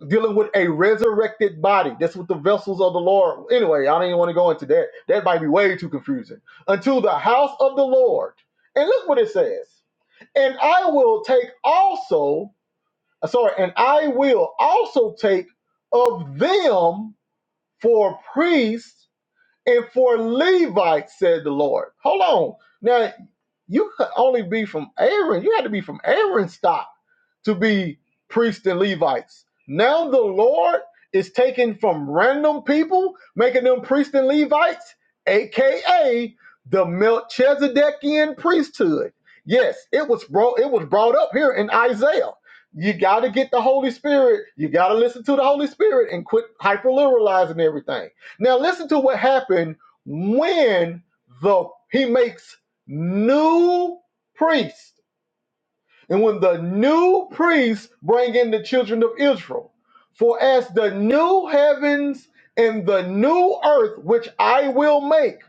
Speaker 3: dealing with a resurrected body. That's what the vessels of the Lord. Anyway, I don't even want to go into that. That might be way too confusing. Until the house of the Lord. And look what it says. And I will take also, uh, sorry, and I will also take of them for priests and for Levites, said the Lord. Hold on. Now, you could only be from Aaron. You had to be from Aaron's stock to be priests and Levites. Now the Lord is taking from random people, making them priests and Levites, aka the Melchizedekian priesthood. Yes, it was brought it was brought up here in Isaiah. You got to get the Holy Spirit. You got to listen to the Holy Spirit and quit hyperliteralizing everything. Now listen to what happened when the he makes new priests and when the new priests bring in the children of Israel. For as the new heavens and the new earth, which I will make,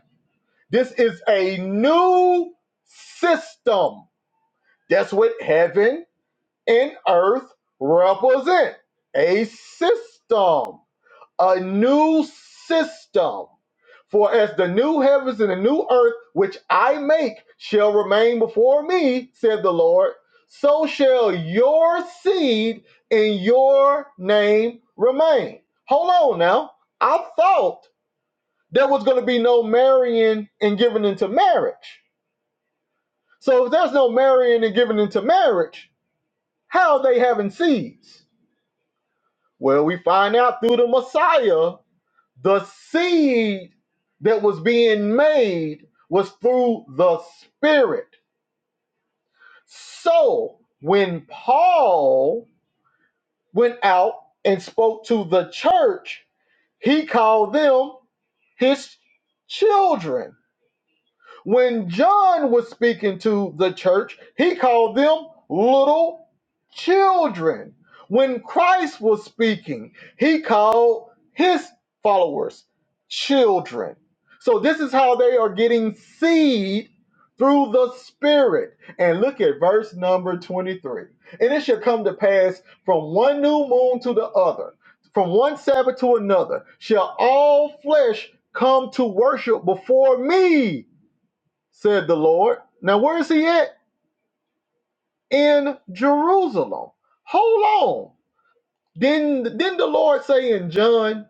Speaker 3: this is a new system. That's what heaven and earth represent a system a new system. For as the new heavens and the new earth which I make shall remain before me, said the Lord, so shall your seed and your name remain. Hold on now. I thought there was going to be no marrying and giving into marriage. So if there's no marrying and giving into marriage, how are they having seeds? Well, we find out through the Messiah The seed that was being made was through the Spirit. So when Paul went out and spoke to the church, he called them his children. When John was speaking to the church, he called them little children. When Christ was speaking, he called his followers children. So this is how they are getting seed through the Spirit. And look at verse number 23. And it shall come to pass from one new moon to the other, from one Sabbath to another, shall all flesh come to worship before me said the Lord. Now, where is he at? In Jerusalem. Hold on. Didn't, didn't the Lord say in John,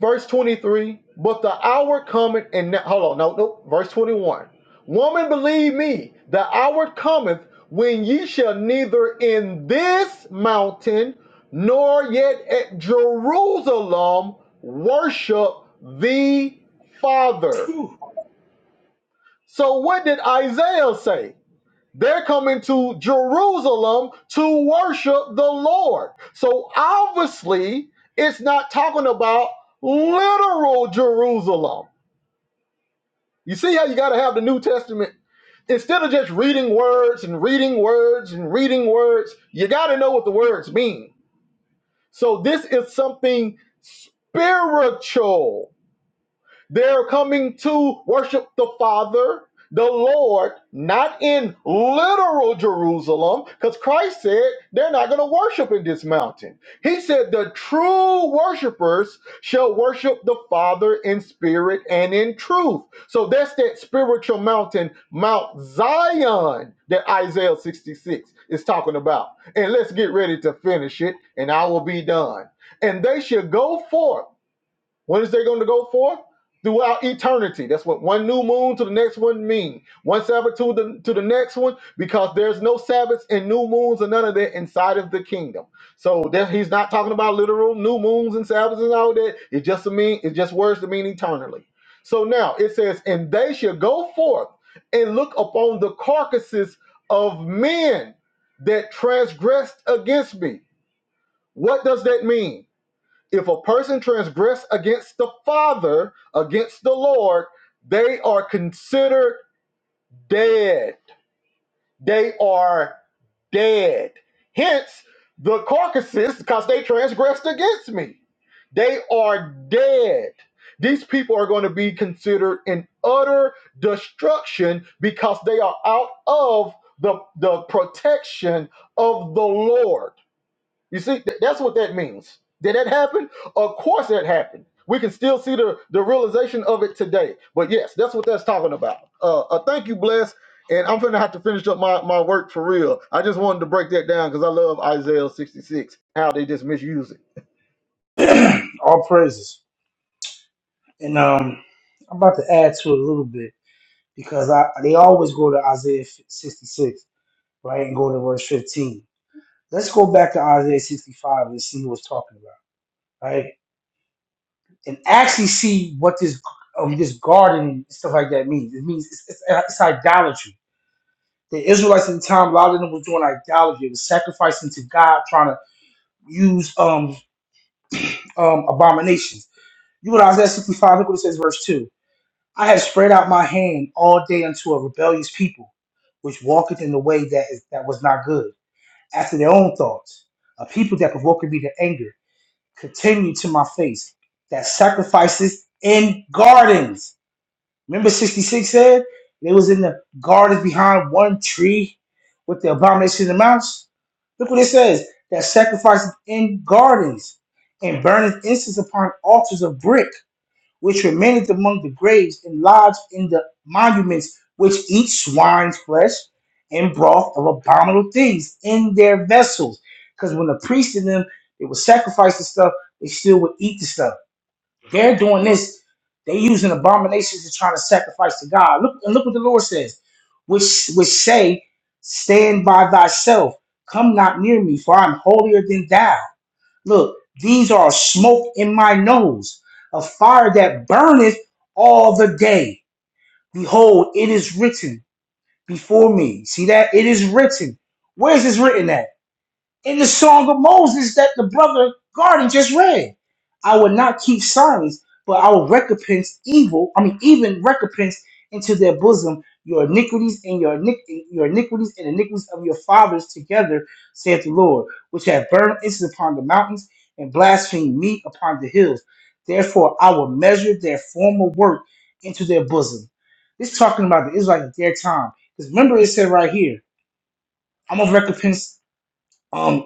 Speaker 3: verse 23, but the hour cometh and now, hold on, no, no, verse 21. Woman, believe me, the hour cometh when ye shall neither in this mountain nor yet at Jerusalem worship the Father.
Speaker 1: Phew.
Speaker 3: So, what did Isaiah say? They're coming to Jerusalem to worship the Lord. So obviously, it's not talking about literal Jerusalem. You see how you got to have the New Testament? Instead of just reading words and reading words and reading words, you got to know what the words mean. So this is something spiritual they're coming to worship the Father, the Lord, not in literal Jerusalem, because Christ said they're not going to worship in this mountain. He said the true worshipers shall worship the Father in spirit and in truth. So that's that spiritual mountain, Mount Zion, that Isaiah 66 is talking about. And let's get ready to finish it, and I will be done. And they shall go forth. When is they going to go forth? Throughout eternity. That's what one new moon to the next one mean. One Sabbath to the to the next one, because there's no Sabbaths and new moons and none of that inside of the kingdom. So that he's not talking about literal new moons and Sabbaths and all that. It just mean it just words to mean eternally. So now it says, and they shall go forth and look upon the carcasses of men that transgressed against me. What does that mean? if a person transgress against the father against the lord they are considered dead they are dead hence the carcasses because they transgressed against me they are dead these people are going to be considered in utter destruction because they are out of the, the protection of the lord you see, th- that's what that means. Did that happen? Of course that happened. We can still see the, the realization of it today. But yes, that's what that's talking about. Uh, uh thank you, Bless. And I'm gonna have to finish up my, my work for real. I just wanted to break that down because I love Isaiah 66, how they just misuse it.
Speaker 1: [clears throat] All praises. And um, I'm about to add to it a little bit because I they always go to Isaiah 66, right, and go to verse 15. Let's go back to Isaiah 65 and see what's talking about, right? and actually see what this um, this garden and stuff like that means. It means it's, it's, it's idolatry. The Israelites at the time, a lot of them were doing idolatry. It was sacrificing to God, trying to use um [clears throat] um abominations. You go to Isaiah 65, look what it says, verse 2. I have spread out my hand all day unto a rebellious people, which walketh in the way that is that was not good, after their own thoughts, a people that provoked me to anger, continue to my face, that sacrifices in gardens Remember 66 said they was in the garden behind one tree with the abomination of the mouse? Look what it says that sacrifices in gardens and burning incense upon altars of brick, which remaineth among the graves and lodged in the monuments, which eat swine's flesh and broth of abominable things in their vessels. Because when the priests in them, they would sacrifice the stuff, they still would eat the stuff. They're doing this. They using abominations to try to sacrifice to God. Look and look what the Lord says, which which say, Stand by thyself, come not near me, for I'm holier than thou. Look, these are smoke in my nose, a fire that burneth all the day. Behold, it is written before me. See that? It is written. Where is this written at? in the song of Moses that the brother Garden just read. I will not keep silence, but I will recompense evil, I mean, even recompense into their bosom your iniquities and your, iniqu- your iniquities and iniquities of your fathers together, saith the Lord, which have burned incense upon the mountains and blasphemed me upon the hills. Therefore, I will measure their former work into their bosom. This talking about the Israelites at their time. Because remember, it said right here, I'm going to recompense. Um,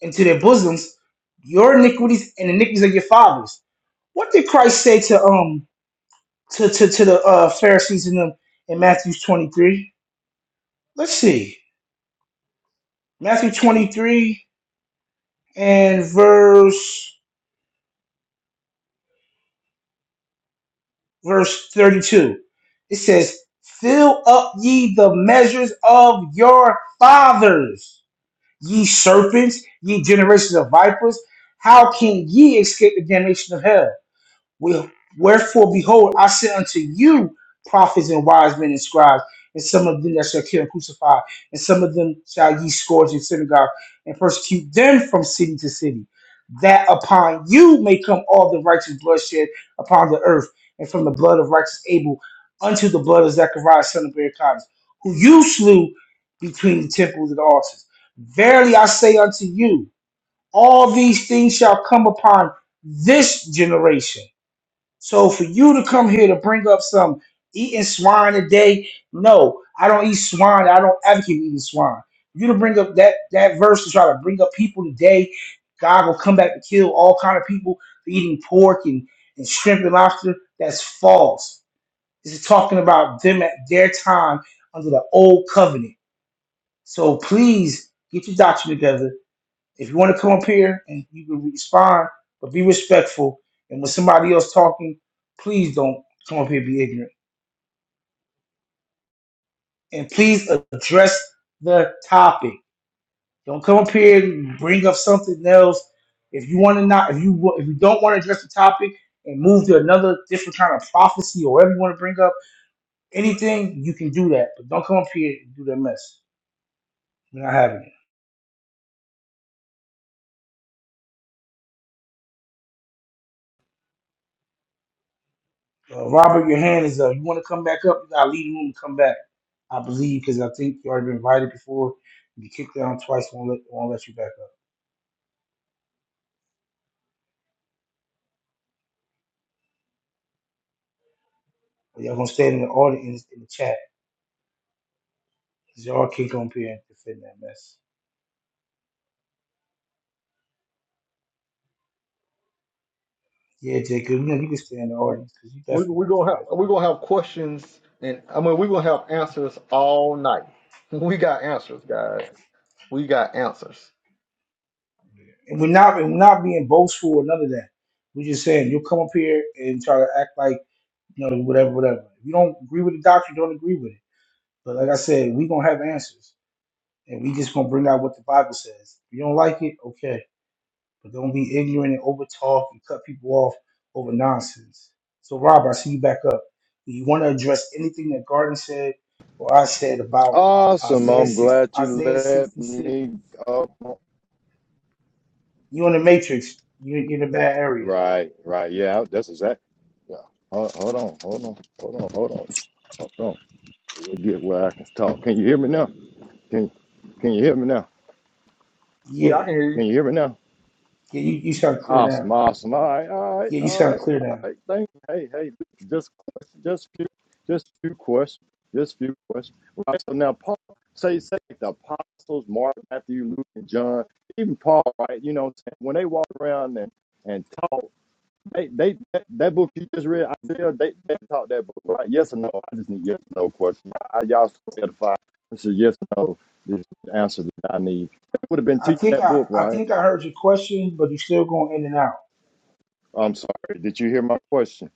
Speaker 1: into their bosoms your iniquities and the iniquities of your fathers. What did Christ say to um to to, to the uh, Pharisees in them in Matthew twenty three? Let's see, Matthew twenty three and verse verse thirty two. It says, "Fill up ye the measures of your fathers, ye serpents, ye generations of vipers. How can ye escape the damnation of hell?" Well, wherefore, behold, I send unto you prophets and wise men and scribes, and some of them that shall kill and crucify, and some of them shall ye scourge in synagogue, and persecute them from city to city, that upon you may come all the righteous bloodshed upon the earth, and from the blood of righteous Abel unto the blood of Zechariah son of Berechiah, who you slew between the temples and the altars. Verily I say unto you, all these things shall come upon this generation so for you to come here to bring up some eating swine today, no, I don't eat swine. I don't advocate eating swine. You to bring up that that verse to try to bring up people today, God will come back to kill all kind of people for eating pork and, and shrimp and lobster. That's false. This is talking about them at their time under the old covenant. So please get your doctrine together if you want to come up here and you can respond, but be respectful. And when somebody else talking, please don't come up here and be ignorant. And please address the topic. Don't come up here and bring up something else. If you want to not, if you if you don't want to address the topic and move to another different kind of prophecy or whatever you want to bring up, anything you can do that. But don't come up here and do that mess. We're not having it. Uh, Robert, your hand is up. You want to come back up? You gotta leave the room and come back. I believe because I think you already been invited before. You kicked down twice. Won't let won't let you back up. But y'all gonna stay in the audience in the chat. Cause y'all can't come up here and defend that mess. Yeah, Jacob, you know you can stay in the
Speaker 3: Yeah.
Speaker 1: audience because you
Speaker 3: We
Speaker 1: definitely
Speaker 3: we
Speaker 1: got
Speaker 3: gonna
Speaker 1: trash
Speaker 3: have we
Speaker 1: talking.
Speaker 3: gonna have questions and I mean we're gonna have answers all night. [laughs] We got answers, guys. We got answers.
Speaker 1: And we're not and we're not being boastful or none of that. We're just saying you'll come up here and try to act like you know whatever, whatever. If you don't agree with the doctrine, don't agree with it. But like I said, we gonna have answers. and we just gonna bring out what the Bible says. If you don't like it, okay, but don't be ignorant and over talk and cut people off over nonsense. So, Rob, I see you back up. Do you want to address anything that Garden said or I said about
Speaker 7: Awesome.
Speaker 1: Isaiah
Speaker 7: I'm
Speaker 1: six,
Speaker 7: glad you
Speaker 1: Isaiah
Speaker 7: let
Speaker 1: sixty six?
Speaker 7: me up.
Speaker 1: You in the matrix? You you in a bad area?
Speaker 7: Right, right. Yeah, that's exact. Yeah. Hold, hold on. hold on, hold on, hold on, hold on. get where I can talk. Can you hear me now? Can Can you hear me now?
Speaker 3: Yeah,
Speaker 1: Yeah,
Speaker 3: I can hear
Speaker 7: Can you hear me now?
Speaker 1: yeah. You, you sound clear now.
Speaker 7: Awesome, awesome. All right, all right,
Speaker 1: Yeah, you
Speaker 7: all
Speaker 1: sound
Speaker 7: right,
Speaker 1: clear
Speaker 7: all
Speaker 1: now.
Speaker 7: right. Thank. Hey, hey. Just just few, just few questions. Just few questions. Right. So now Paul say say the apostles Mark, Matthew, Luke, and John, even Paul. Right. You know, when they walked around and and taught. They, they that, that book you just read, Isaiah, they, they taught that book, right? Yes or no? I just need yes or no question. I, y'all so This is yes or no. This is the answer that I need. They would have been
Speaker 1: I
Speaker 7: teaching
Speaker 1: think
Speaker 7: that
Speaker 1: I
Speaker 7: book,
Speaker 1: I
Speaker 7: right?
Speaker 1: think I heard your question, but you are still going in and out.
Speaker 7: I'm sorry. Did you hear my question?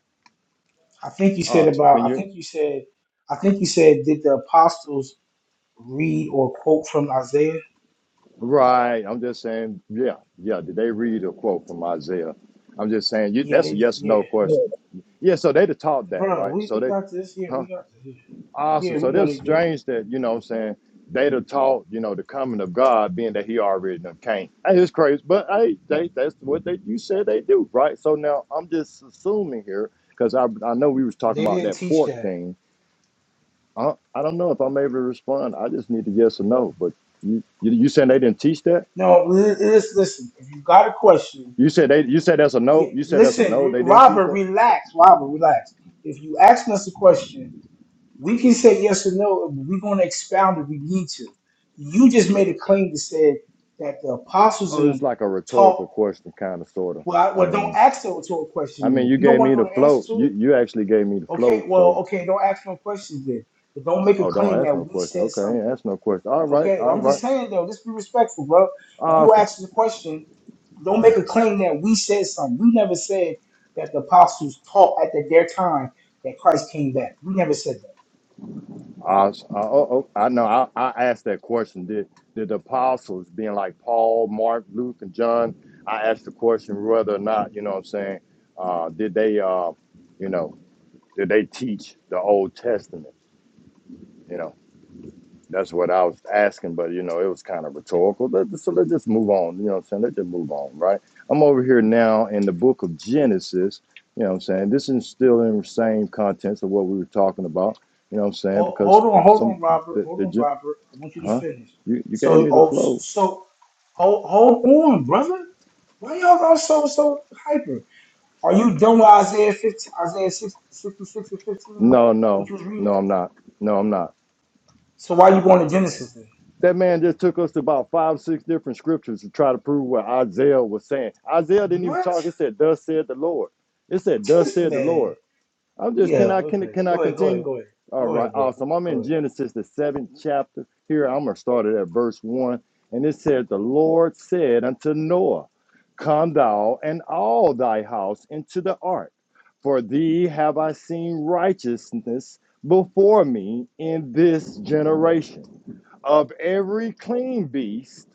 Speaker 1: I think you said
Speaker 7: Uh, so
Speaker 1: about
Speaker 7: can
Speaker 1: I
Speaker 7: you?
Speaker 1: think you said I think you said did the apostles read or quote from Isaiah.
Speaker 7: Right. I'm just saying, yeah, yeah. Did they read a quote from Isaiah? I'm just saying, you.
Speaker 1: Yeah,
Speaker 7: That's a
Speaker 1: they
Speaker 7: yes or no
Speaker 1: yeah,
Speaker 3: you.
Speaker 7: question. Yeah. So they'd have taught that,
Speaker 1: bro.
Speaker 7: right?
Speaker 1: We,
Speaker 7: So
Speaker 1: we
Speaker 7: they,
Speaker 1: got this. Yeah,
Speaker 7: huh?
Speaker 1: we got this.
Speaker 7: Awesome.
Speaker 1: Yeah, we
Speaker 7: So
Speaker 1: know
Speaker 7: this
Speaker 1: they did.
Speaker 7: strange that, you know what I'm saying, they done taught, you know, the coming of God being that he already done came. Hey, it's crazy. But hey, they that's what they you said they do, right? So now I'm just assuming here, because I I know we was talking
Speaker 1: They
Speaker 7: about
Speaker 1: didn't
Speaker 7: that
Speaker 1: teach
Speaker 7: pork
Speaker 1: that.
Speaker 7: thing. I, I don't know if I'm able to respond. I just need a yes or no. But you you, you saying they didn't teach that?
Speaker 1: No, li- lis- listen. If you got a question,
Speaker 7: You said they you said that's a
Speaker 1: yeah,
Speaker 7: no. You said that's a
Speaker 1: listen,
Speaker 7: no, they
Speaker 1: R-
Speaker 7: didn't teach
Speaker 1: Robert,
Speaker 7: that?
Speaker 1: relax. Robert, relax. If you ask us a question, we can say yes or no. and We're gonna expound if we need to. You just made a claim that said that the apostles in
Speaker 7: Oh, it's
Speaker 1: them
Speaker 7: like a
Speaker 1: taught.
Speaker 7: rhetorical question, kind of sorta.
Speaker 1: Well, I,
Speaker 7: I
Speaker 1: well, don't
Speaker 7: mean
Speaker 1: ask them to a
Speaker 7: I
Speaker 1: question.
Speaker 7: mean
Speaker 1: Then
Speaker 7: you
Speaker 1: you don't
Speaker 7: gave
Speaker 1: want
Speaker 7: me
Speaker 1: to
Speaker 7: the
Speaker 1: know the answer
Speaker 7: float.
Speaker 1: to it
Speaker 7: You you actually gave me the
Speaker 1: Okay,
Speaker 7: float,
Speaker 1: well,
Speaker 7: so
Speaker 1: okay, don't ask no questions then. But don't make a
Speaker 7: Oh, don't
Speaker 1: claim
Speaker 7: ask
Speaker 1: that
Speaker 7: no
Speaker 1: we
Speaker 7: question.
Speaker 1: said
Speaker 7: Okay, ain't
Speaker 1: something.
Speaker 7: ask no question. All right,
Speaker 1: Okay,
Speaker 7: all
Speaker 1: I'm
Speaker 7: right,
Speaker 1: just saying though, just be respectful, bro. If you
Speaker 7: awesome,
Speaker 1: ask the question, don't make a claim that we said something. We never said that the apostles taught at the- their time that Christ came back. We never said that.
Speaker 7: awesome. Uh, oh, oh, I know. I, I asked that question. Did did the apostles, being like Paul, Mark, Luke, and John, I asked the question whether or not you know what I'm saying. Uh, did they, uh, you know, did they teach the Old Testament? You know. That's what I was asking, but you know, it was kind of rhetorical. Let- So let's just move on. You know what I'm saying? Let's just move on, right? I'm over here now in the book of Genesis. You know what I'm saying? This is still in the same contents of what we were talking about. You know what I'm saying?
Speaker 1: Hold, hold
Speaker 7: Because
Speaker 1: on, hold
Speaker 7: some
Speaker 1: on, Robert.
Speaker 7: the,
Speaker 1: Hold
Speaker 7: the
Speaker 1: on,
Speaker 7: gen-
Speaker 1: Robert. I want you to
Speaker 7: huh?
Speaker 1: finish.
Speaker 7: You you gave
Speaker 1: So,
Speaker 7: me the
Speaker 1: oh, so,
Speaker 7: flow.
Speaker 1: so hold, hold on, brother. Why y'all are so so hyper? Are you done with Isaiah 15, Isaiah 6, 66 and 15,
Speaker 7: No,
Speaker 1: which
Speaker 7: no,
Speaker 1: you was reading?
Speaker 7: no, I'm not. No, I'm not.
Speaker 1: So why you going to Genesis then?
Speaker 7: That man just took us to about five, six different scriptures to try to prove what Isaiah was saying. Isaiah didn't even
Speaker 1: What? [laughs]
Speaker 7: talk. It said, "Thus said the Lord." It said, "Thus
Speaker 1: This
Speaker 7: said the Lord."
Speaker 1: man.
Speaker 7: I'm just
Speaker 1: Yeah,
Speaker 7: can I can
Speaker 1: okay.
Speaker 7: can I
Speaker 1: Go ahead, go ahead,
Speaker 7: continue?
Speaker 1: go ahead.
Speaker 7: All
Speaker 1: Go ahead,
Speaker 7: right,
Speaker 1: bro.
Speaker 7: awesome. I'm
Speaker 1: Go
Speaker 7: in
Speaker 1: ahead.
Speaker 7: Genesis the seventh chapter. Here I'm gonna start it at verse one, and it says, "The Lord said unto Noah, Come thou and all thy house into the ark, for thee have I seen righteousness before me in this generation." Of every clean beast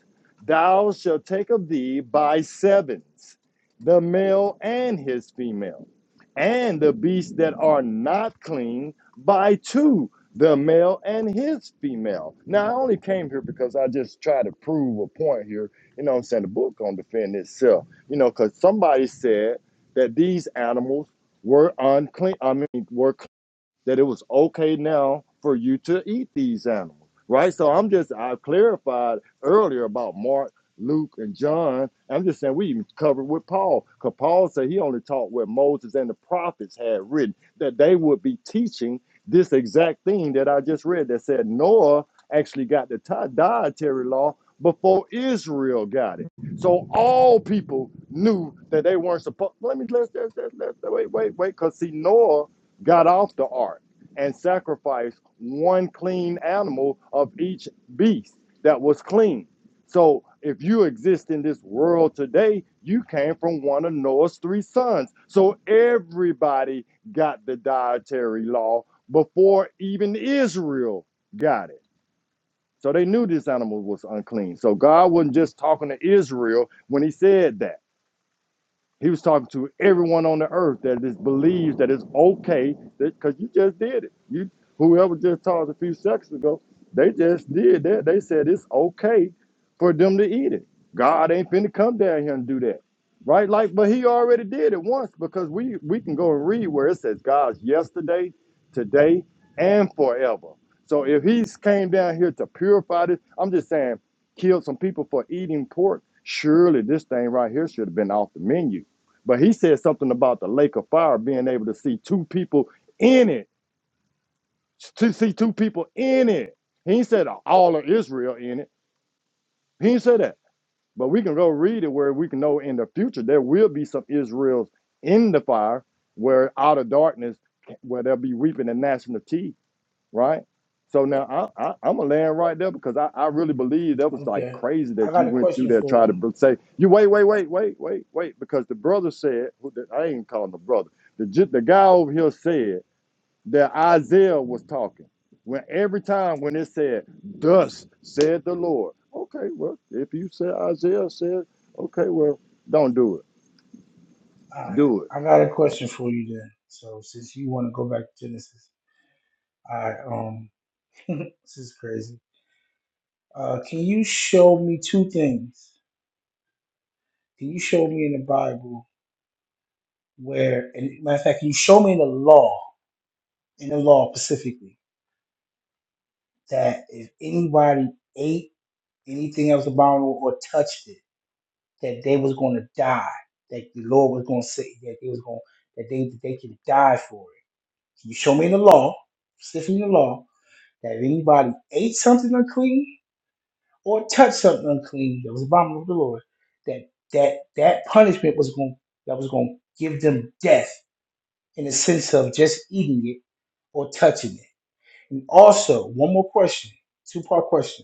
Speaker 7: thou shalt take of thee by sevens, the male and his female, and the beasts that are not clean by two, the male and his female. Now I only came here because I just try to prove a point here. You know what I'm saying? The book gonna defend itself. You know, cause somebody said that these animals were unclean. I mean, were that it was okay now for you to eat these animals, right? So I'm just, I clarified earlier about Mark, Luke, and John. I'm just saying we even covered with Paul, because Paul said he only taught what Moses and the prophets had written, that they would be teaching this exact thing that I just read that said Noah actually got the ti- dietary law before Israel got it. So all people knew that they weren't supposed, let me, let's, let's, let's, let's, wait, wait, wait, because see, Noah got off the ark and sacrificed one clean animal of each beast that was clean. So if you exist in this world today, you came from one of Noah's three sons. So everybody got the dietary law before even Israel got it. So they knew this animal was unclean. So God wasn't just talking to Israel when he said that. He was talking to everyone on the earth that is believes that it's okay because you just did it. You whoever just talked a few seconds ago, they just did that. They said it's okay for them to eat it. God ain't finna come down here and do that. Right? Like, but he already did it once because we we can go and read where it says God's yesterday, today, and forever. So if he's came down here to purify this, I'm just saying killed some people for eating pork. Surely this thing right here should have been off the menu but he said something about the lake of fire being able to see two people in it, to see two people in it. He ain't said all of Israel in it. He ain't said that. But we can go read it where we can know in the future there will be some Israels in the fire, where out of darkness, where there'll be weeping and gnashing of teeth right? So now I, I, I'm gonna land right there because I, I really believe that was like
Speaker 1: Okay.
Speaker 7: crazy
Speaker 1: I
Speaker 7: that
Speaker 1: got
Speaker 7: you
Speaker 1: a
Speaker 7: went through
Speaker 1: question
Speaker 7: there
Speaker 1: for
Speaker 7: trying to
Speaker 1: you.
Speaker 7: br- say you wait wait wait wait wait wait because the brother said who the, I ain't calling the brother the ju- the guy over here said that Isaiah was talking when every time when it said thus said the Lord okay well if you said Isaiah said okay well don't do
Speaker 1: All right.
Speaker 7: it
Speaker 1: I got a question for you then. So since you want to go back to Genesis, all right, um, [laughs] this is crazy. Uh, can you show me two things? Can you show me in the Bible where, and matter of fact, can you show me in the law, in the law specifically? that if anybody ate anything else about it or touched it, that they was going to die. That the Lord was going to say that they was going that they that they can die for it. Can you show me in the law, specifically in the law, that if anybody ate something unclean or touched something unclean that was abominable to the Lord, that that that punishment was going that was going to give them death in the sense of just eating it or touching it. And also, one more question, two part question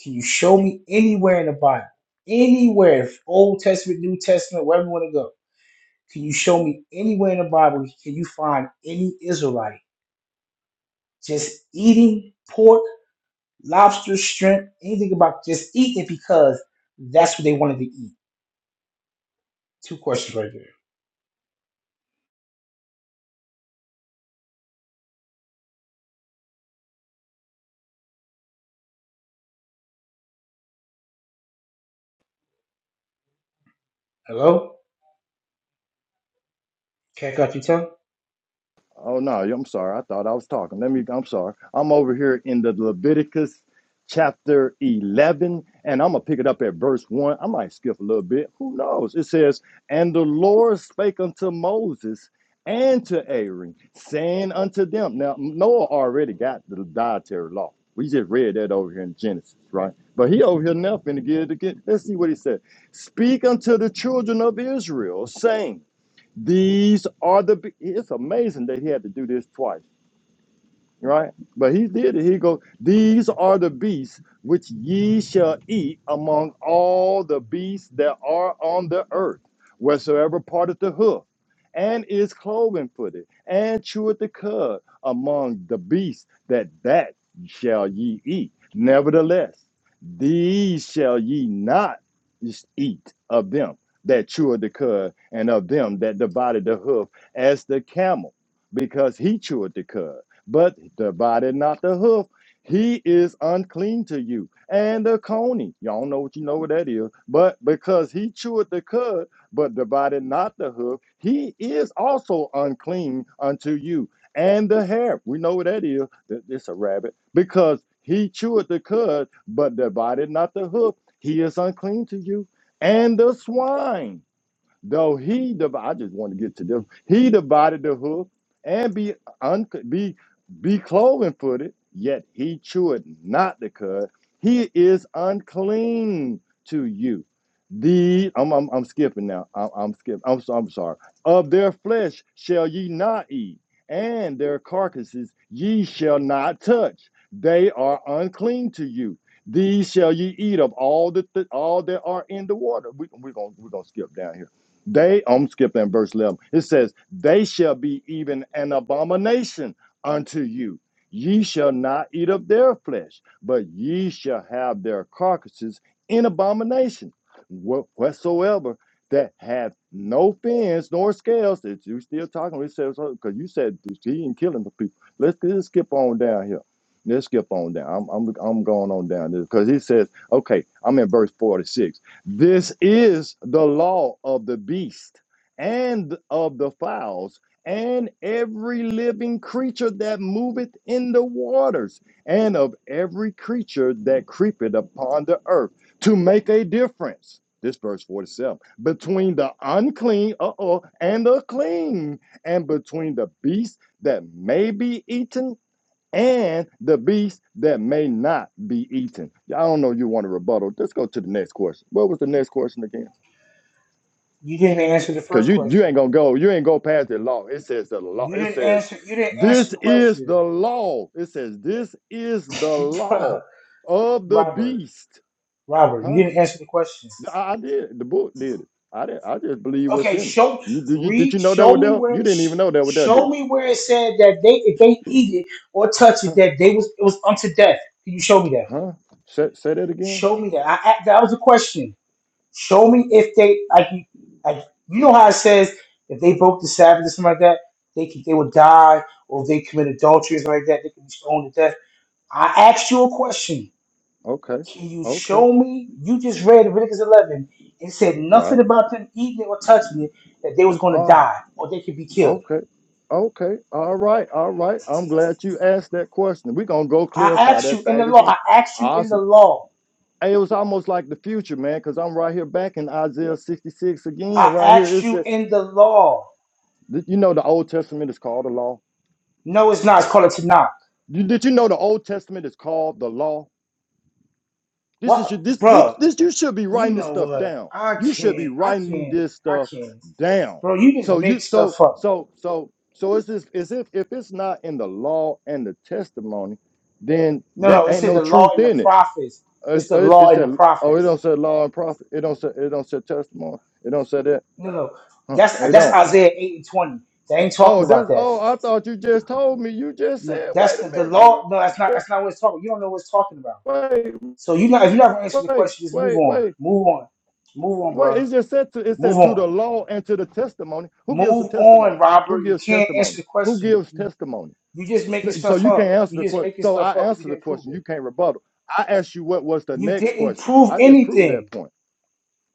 Speaker 1: Can you show me anywhere in the Bible, anywhere, Old Testament, New Testament, wherever you want to go? Can you show me anywhere in the Bible? Can you find any Israelite just eating pork, lobster, shrimp, anything about just eating because that's what they wanted to eat? Two questions right there. Hello? Can't cut your tongue?
Speaker 7: Oh no, I'm sorry. I thought I was talking. Let me. I'm sorry. I'm over here in the Leviticus chapter 11, and I'm gonna pick it up at verse one. I might skip a little bit. Who knows? It says, "And the Lord spake unto Moses and to Aaron, saying unto them." Now Noah already got the dietary law. We just read that over here in Genesis, right? But he over here now finna get it again. Let's see what he said. Speak unto the children of Israel, saying. These are the. It's amazing that he had to do this twice right? But he did it. He goes, These are the beasts which ye shall eat among all the beasts that are on the earth, wheresoever parteth the hoof, and is cloven footed, and cheweth the cud among the beasts that that shall ye eat. Nevertheless, these shall ye not eat of them that cheweth the cud and of them that divided the hoof as the camel, because he cheweth the cud but the body, not the hoof. He is unclean to you. And the coney, y'all know what you know what that is. But because he chewed the cud, but the body, not the hoof, he is also unclean unto you. And the hare, we know what that is. It's a rabbit. Because he chewed the cud, but the body, not the hoof, he is unclean to you. And the swine. Though he div- I just want to get to this. He divided the hoof and be un- be be cloven footed, yet he cheweth not the cud. He is unclean to you. The I'm I'm, I'm skipping now. I'm, I'm skipping. I'm so, I'm sorry. Of their flesh shall ye not eat, and their carcasses ye shall not touch. They are unclean to you. These shall ye eat of all the th- all that are in the water. We, we're gonna we're gonna skip down here they, I'm skipping at verse 11. It says, They shall be even an abomination unto you. Ye shall not eat of their flesh, but ye shall have their carcasses in abomination. Wh- Whatsoever that hath no fins nor scales, that you still talking, it says, because you said he ain't killing the people. Let's just skip on down here. Let's skip on down. I'm, I'm, I'm going on down there because he says, okay, I'm in verse 46 this is the law of the beast and of the fowls and every living creature that moveth in the waters and of every creature that creepeth upon the earth to make a difference. This verse 47 between the unclean uh-oh, and the clean, and between the beast that may be eaten and the beast that may not be eaten. I don't know. You want a rebuttal? Let's go to the next question. What was the next question again?
Speaker 1: You didn't answer the
Speaker 7: Because
Speaker 1: first
Speaker 7: you you ain't
Speaker 1: question.
Speaker 7: gonna go. You ain't go past the law. It says the law.
Speaker 1: You
Speaker 7: It
Speaker 1: didn't
Speaker 7: says
Speaker 1: answer. You didn't answer
Speaker 7: this
Speaker 1: the
Speaker 7: is
Speaker 1: question,
Speaker 7: the law. It says this is the law
Speaker 1: [laughs]
Speaker 7: of the
Speaker 1: Robert.
Speaker 7: beast.
Speaker 1: Robert, you
Speaker 7: Huh?
Speaker 1: didn't answer the question.
Speaker 7: I, I did. The book did it. I did. I just believe what's
Speaker 1: Okay,
Speaker 7: in it.
Speaker 1: show,
Speaker 7: You did. You, did
Speaker 1: read,
Speaker 7: you know that
Speaker 1: show
Speaker 7: was
Speaker 1: me
Speaker 7: there?
Speaker 1: where,
Speaker 7: You didn't
Speaker 1: sh-
Speaker 7: even know that was there,
Speaker 1: show
Speaker 7: did
Speaker 1: me where it said that they, if they
Speaker 7: you? Yeah.
Speaker 1: eat it or touch it,
Speaker 7: Huh?
Speaker 1: that they was it was unto death. Can you show me that?
Speaker 7: Huh? Say say that again.
Speaker 1: Show me that. I, I that was a question. Show me if they, like, you- like you know how it says if they broke the Sabbath or something like that, they could, they would die, or if they commit adultery or something like that, they could be stoned to death. I asked you a question.
Speaker 7: Okay.
Speaker 1: Can you
Speaker 7: Okay.
Speaker 1: show me? You just read Leviticus 11. and said
Speaker 7: Right.
Speaker 1: nothing about them eating it or touching it that they was going to
Speaker 7: Oh,
Speaker 1: die or they could be killed.
Speaker 7: Okay. Okay. All right. All right. I'm glad you asked that question. We're gonna go
Speaker 1: I
Speaker 7: clarify
Speaker 1: asked you
Speaker 7: that
Speaker 1: in the
Speaker 7: thing
Speaker 1: law.
Speaker 7: again.
Speaker 1: I asked you in the
Speaker 7: Awesome.
Speaker 1: law.
Speaker 7: Hey, it was almost like the future, man, because I'm right here back in Isaiah 66 again,
Speaker 1: I
Speaker 7: right here.
Speaker 1: asked
Speaker 7: It
Speaker 1: you
Speaker 7: said,
Speaker 1: in the law.
Speaker 7: th- you know, the Old Testament is called the law.
Speaker 1: No, it's not. It's called a Tanakh.
Speaker 7: You, did you know the Old Testament is called the law? This is
Speaker 1: What,
Speaker 7: your, this this
Speaker 1: bro?
Speaker 7: this you should be
Speaker 1: You
Speaker 7: writing this
Speaker 1: know
Speaker 7: stuff
Speaker 1: what?
Speaker 7: down.
Speaker 1: I
Speaker 7: You should be
Speaker 1: can't. I
Speaker 7: writing
Speaker 1: can't.
Speaker 7: this
Speaker 1: I
Speaker 7: stuff
Speaker 1: can't.
Speaker 7: down.
Speaker 1: Bro, you just
Speaker 7: So you
Speaker 1: make
Speaker 7: so
Speaker 1: stuff up.
Speaker 7: so so so it's just as if if it's not in the law and the testimony, then
Speaker 1: No,
Speaker 7: there
Speaker 1: no. It
Speaker 7: ain't
Speaker 1: said
Speaker 7: no
Speaker 1: the law
Speaker 7: truth
Speaker 1: and the
Speaker 7: in it.
Speaker 1: prophets. It's
Speaker 7: It's,
Speaker 1: the law
Speaker 7: it's
Speaker 1: and the
Speaker 7: that oh it
Speaker 1: prophets.
Speaker 7: don't say law and prophet. It don't say it don't say testimony. It don't say that.
Speaker 1: No, no.
Speaker 7: Huh,
Speaker 1: That's
Speaker 7: it
Speaker 1: that's
Speaker 7: don't.
Speaker 1: Isaiah eight and twenty. They ain't
Speaker 7: Oh
Speaker 1: talking about
Speaker 7: that's
Speaker 1: that.
Speaker 7: oh I thought you just told me. You just
Speaker 1: No,
Speaker 7: said
Speaker 1: that's
Speaker 7: wait a
Speaker 1: the, the
Speaker 7: minute. You
Speaker 1: law. No, that's not
Speaker 7: just
Speaker 1: that's not what it's talking. You don't know what it's talking about.
Speaker 7: wait
Speaker 1: So you not if you never answer the
Speaker 7: wait
Speaker 1: question, just move
Speaker 7: wait
Speaker 1: on.
Speaker 7: wait.
Speaker 1: Move on. Move on,
Speaker 7: Well,
Speaker 1: bro.
Speaker 7: it just said to, it
Speaker 1: Move
Speaker 7: said to
Speaker 1: on.
Speaker 7: the law and to the testimony. Who gives the
Speaker 1: Move on,
Speaker 7: testimony? Who
Speaker 1: Robert. You
Speaker 7: gives
Speaker 1: can't answer
Speaker 7: testimony?
Speaker 1: the
Speaker 7: Who
Speaker 1: question.
Speaker 7: gives
Speaker 1: You
Speaker 7: testimony?
Speaker 1: you just making
Speaker 7: So
Speaker 1: stuff
Speaker 7: you can't
Speaker 1: up.
Speaker 7: answer the
Speaker 1: You just
Speaker 7: question.
Speaker 1: making
Speaker 7: So
Speaker 1: stuff
Speaker 7: I
Speaker 1: up. You
Speaker 7: answer the
Speaker 1: didn't prove
Speaker 7: question.
Speaker 1: it.
Speaker 7: You can't rebuttal. I asked you what was the
Speaker 1: You
Speaker 7: next
Speaker 1: didn't
Speaker 7: question.
Speaker 1: prove
Speaker 7: I just proved
Speaker 1: anything.
Speaker 7: that point.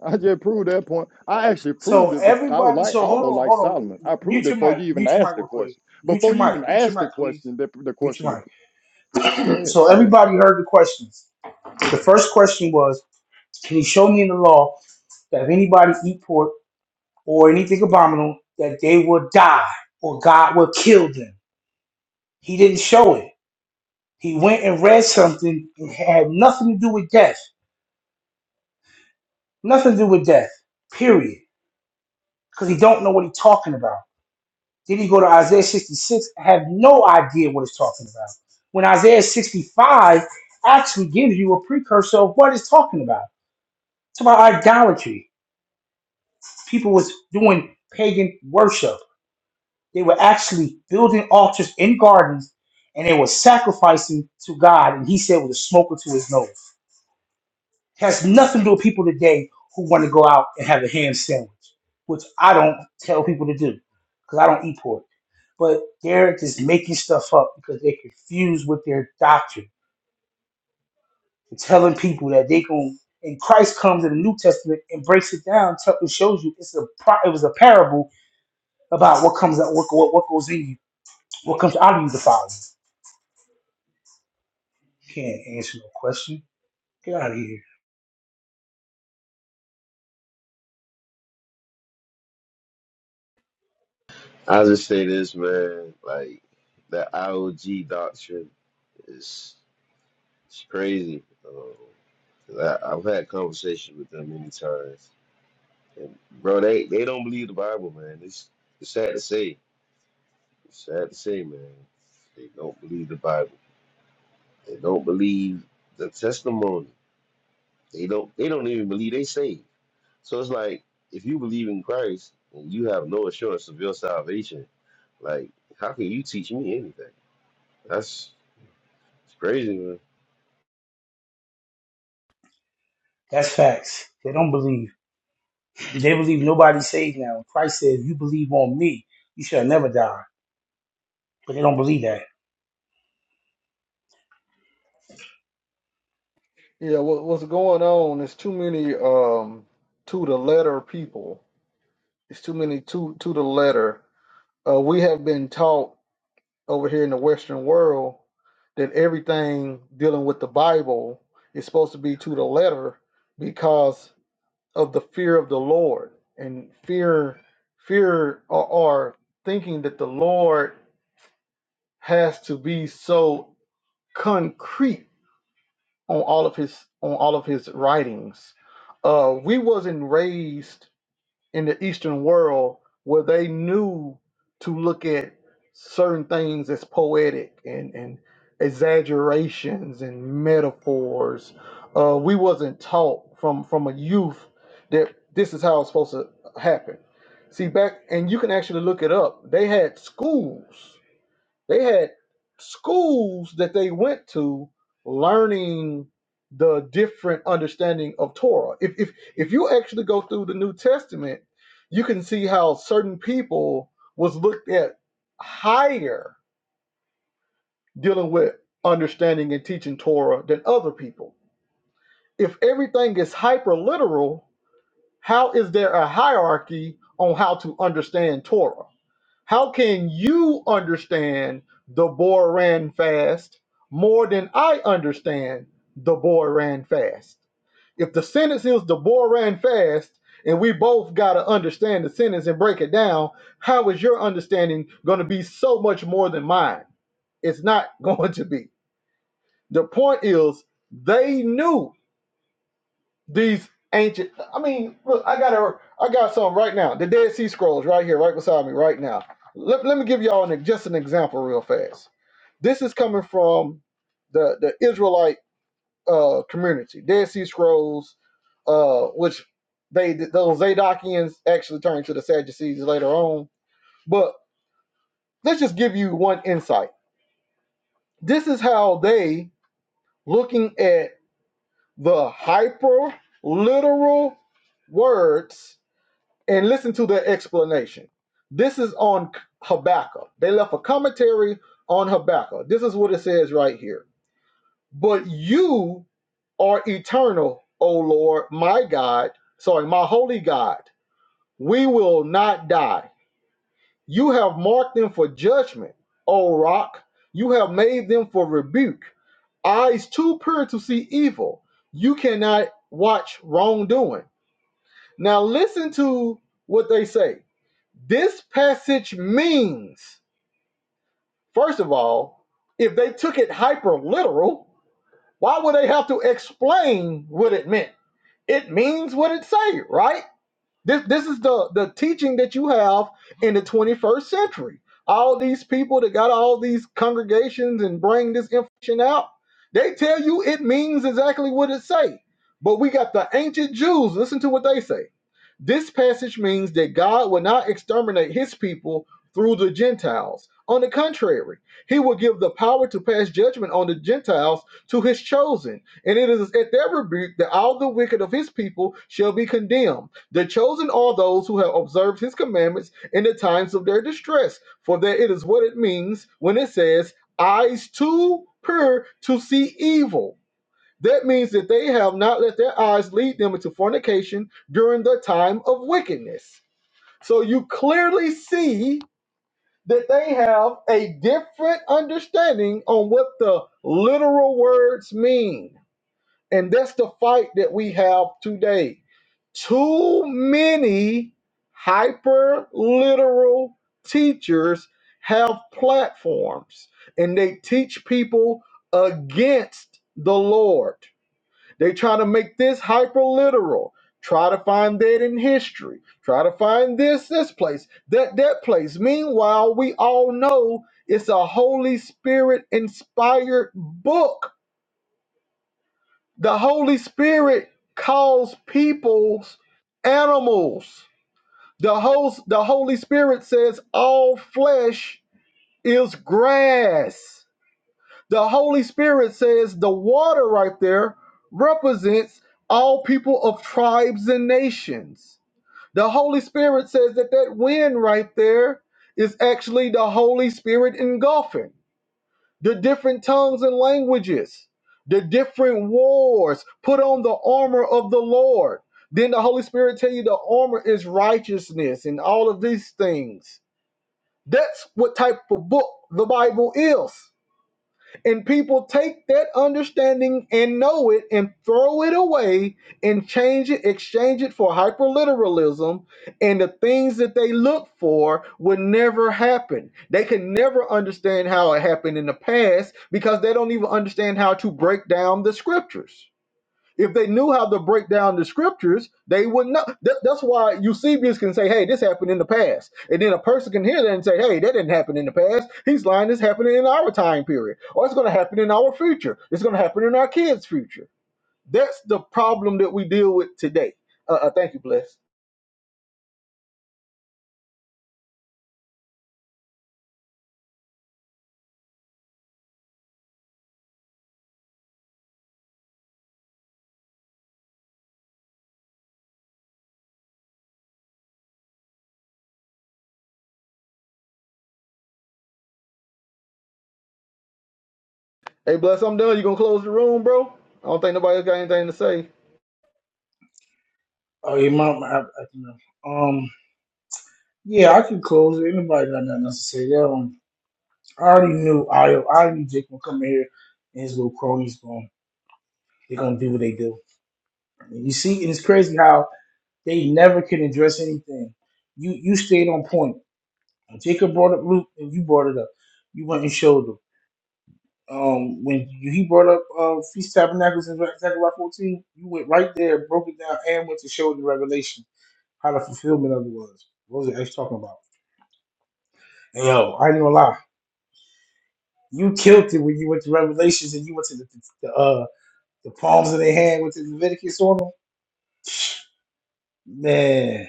Speaker 7: I just proved that point. I actually
Speaker 1: So
Speaker 7: proved it. Before, I was
Speaker 1: everybody,
Speaker 7: like
Speaker 1: so hold
Speaker 7: almost
Speaker 1: on,
Speaker 7: like
Speaker 1: hold on.
Speaker 7: Solomon. I proved
Speaker 1: Mute
Speaker 7: it
Speaker 1: your
Speaker 7: before you
Speaker 1: mic.
Speaker 7: even
Speaker 1: Mute your
Speaker 7: asked
Speaker 1: mic
Speaker 7: the
Speaker 1: real quick.
Speaker 7: question.
Speaker 1: Mute
Speaker 7: Before
Speaker 1: your
Speaker 7: you even
Speaker 1: mic. Mute your
Speaker 7: asked the
Speaker 1: mic, please.
Speaker 7: question, the, the
Speaker 1: Mute
Speaker 7: question
Speaker 1: your
Speaker 7: was. Go
Speaker 1: mic.
Speaker 7: ahead.
Speaker 1: So
Speaker 7: Go ahead.
Speaker 1: everybody heard the questions. The first question was, can you show me in the law that if anybody eat pork or anything abominable, that they will die or God will kill them. He didn't show it. He went and read something and had nothing to do with death. Nothing to do with death. Period. Because he don't know what he's talking about. Then he go to Isaiah 66? have no idea what it's talking about. When Isaiah 65 actually gives you a precursor of what it's talking about. It's about idolatry. People was doing pagan worship They were actually building altars in gardens and they were sacrificing to God. And he said with a smoker to his nose. It has nothing to do with people today who want to go out and have a ham sandwich, which I don't tell people to do because I don't eat pork. But they're just making stuff up because they're confused with their doctrine and telling people that they can. And Christ comes in the New Testament and breaks it down, tell- and shows you it's a pro- it was a parable about what comes out, what, what what goes in you, what comes out of you, the Father. You Can't answer no question. Get out of here.
Speaker 5: I'll just say this, man. Like that IOG doctrine is it's crazy. Um, 'cause I, I've had conversations with them many times, and bro, they they don't believe the Bible, man. It's it's sad to say. It's sad to say, man. They don't believe the Bible. They don't believe the testimony. They don't. They don't even believe they saved. So it's like if you believe in Christ and you have no assurance of your salvation, like how can you teach me anything? That's it's crazy,
Speaker 1: That's facts. They don't believe. They believe nobody saved now. Christ said, if "You believe on me, you shall never die." But they don't believe that.
Speaker 3: Yeah, what, what's going on? There's too many um to the letter people. It's too many to to the letter. Uh, we have been taught over here in the Western world that everything dealing with the Bible is supposed to be to the letter because of the fear of the Lord and fear fear or, or thinking that the Lord has to be so concrete on all of his on all of his writings. Uh, we wasn't raised in the Eastern world where they knew to look at certain things as poetic and, and exaggerations and metaphors. Uh, we wasn't taught from from a youth that this is how it's supposed to happen. See back, and you can actually look it up. They had schools they had schools that they went to learning the different understanding of Torah. If if if you actually go through the New Testament, you can see how certain people was looked at higher dealing with understanding and teaching Torah than other people. If everything is hyper literal, how is there a hierarchy on how to understand Torah? How can you understand the boy ran fast more than I understand the boy ran fast? If the sentence is the boy ran fast, and we both got to understand the sentence and break it down, how is your understanding going to be so much more than mine? It's not [laughs] going to be. The point is, they knew these ancient. I mean, look, I got a, I got some right now. The Dead Sea Scrolls right here, right beside me, right now. Let, let me give y'all an, just an example real fast. This is coming from the the Israelite uh, community. Dead Sea Scrolls, uh, which they those Zadokians actually turned to the Sadducees later on. But let's just give you one insight. This is how they looking at the hyper literal words and listen to their explanation. This is on Habakkuk. They left a commentary on Habakkuk. This is what it says right here. But you are eternal, O Lord, my God, sorry, my holy God. We will not die. You have marked them for judgment, O rock. You have made them for rebuke. Eyes too pure to see evil. You cannot watch wrongdoing. Now listen to what they say This passage means, first of all, if they took it hyper literal, why would they have to explain what it meant? It means what it says, right? This this is the the teaching that you have in the 21st century. All these people that got all these congregations and bring this information out, they tell you it means exactly what it say. But we got the ancient Jews. Listen to what they say. This passage means that God will not exterminate his people through the Gentiles. On the contrary, he will give the power to pass judgment on the Gentiles to his chosen. And it is at their rebuke that all the wicked of his people shall be condemned the chosen are those who have observed his commandments in the times of their distress, for that it is what it means when it says, eyes too pure to see evil. That means that they have not let their eyes lead them into fornication during the time of wickedness. So you clearly see that they have a different understanding on what the literal words mean. And that's the fight that we have today too many hyper literal teachers have platforms and they teach people against the Lord. They try to make this hyper literal. Try to find that in history. Try to find this, this place, that, that place. Meanwhile, we all know it's a Holy Spirit inspired book. The Holy Spirit calls people's animals the whole the Holy Spirit says all flesh is grass. The Holy Spirit says the water right there represents all people of tribes and nations. The Holy Spirit says that that wind right there is actually the Holy Spirit engulfing the different tongues and languages, the different wars. Put on the armor of the Lord. Then the Holy Spirit tell you the armor is righteousness and all of these things. That's what type of book the Bible is. And people take that understanding and know it and throw it away and change it, exchange it for hyperliteralism, and the things that they look for would never happen. They can never understand how it happened in the past because they don't even understand how to break down the scriptures. If they knew how to break down the scriptures, they would not That, that's why Eusebius can say, hey, this happened in the past. And then a person can hear that and say, hey, that didn't happen in the past. He's lying, it's happening in our time period. Or it's going to happen in our future. It's going to happen in our kids' future. That's the problem that we deal with today. Uh, uh, thank you, Bless. Hey, Bless, I'm done. You going to close the room, bro? I don't think nobody else got anything to say.
Speaker 1: Oh, yeah, my, my, I, I, do know. um, yeah, I can close it. Anybody got nothing else to say? Um, I already knew. I, I already knew Jake gonna come in here and his little cronies going. They're gonna do what they do. And You see, and it's crazy how they never can address anything. You you stayed on point. Jacob brought up Luke, and you brought it up. You went and showed them. um, when you, he brought up uh, Feast Tabernacles in Zechariah 14, you went right there, broke it down, and went to show the revelation, how the fulfillment of it was. What was the X talking about? And yo, I ain't gonna lie. You killed it when you went to Revelations and you went to the, the, uh, the palms of their hand with the Leviticus on them. Man.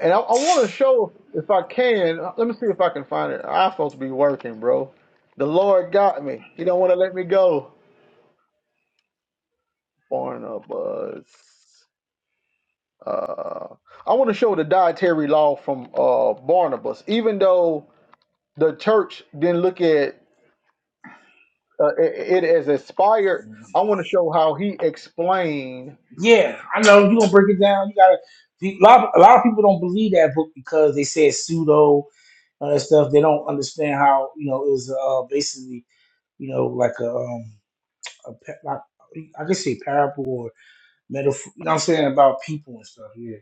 Speaker 3: And I, I want to show, if I can, uh, let me see if I can find it. I'm supposed to be working, bro. The Lord got me. He don't want to let me go. Barnabas. Uh, I want to show the dietary law from uh, Barnabas. Even though the church didn't look at uh, i- i- it as inspired, I want to show how he explained.
Speaker 1: Yeah, I know. you gonna break it down. You gotta. A lot, a lot of people don't believe that book because they said pseudo and that stuff. They don't understand how, you know, it was uh, basically, you know, like a. um, a pa- like I could say parable or metaphor. You know what I'm saying about people and stuff. Yeah,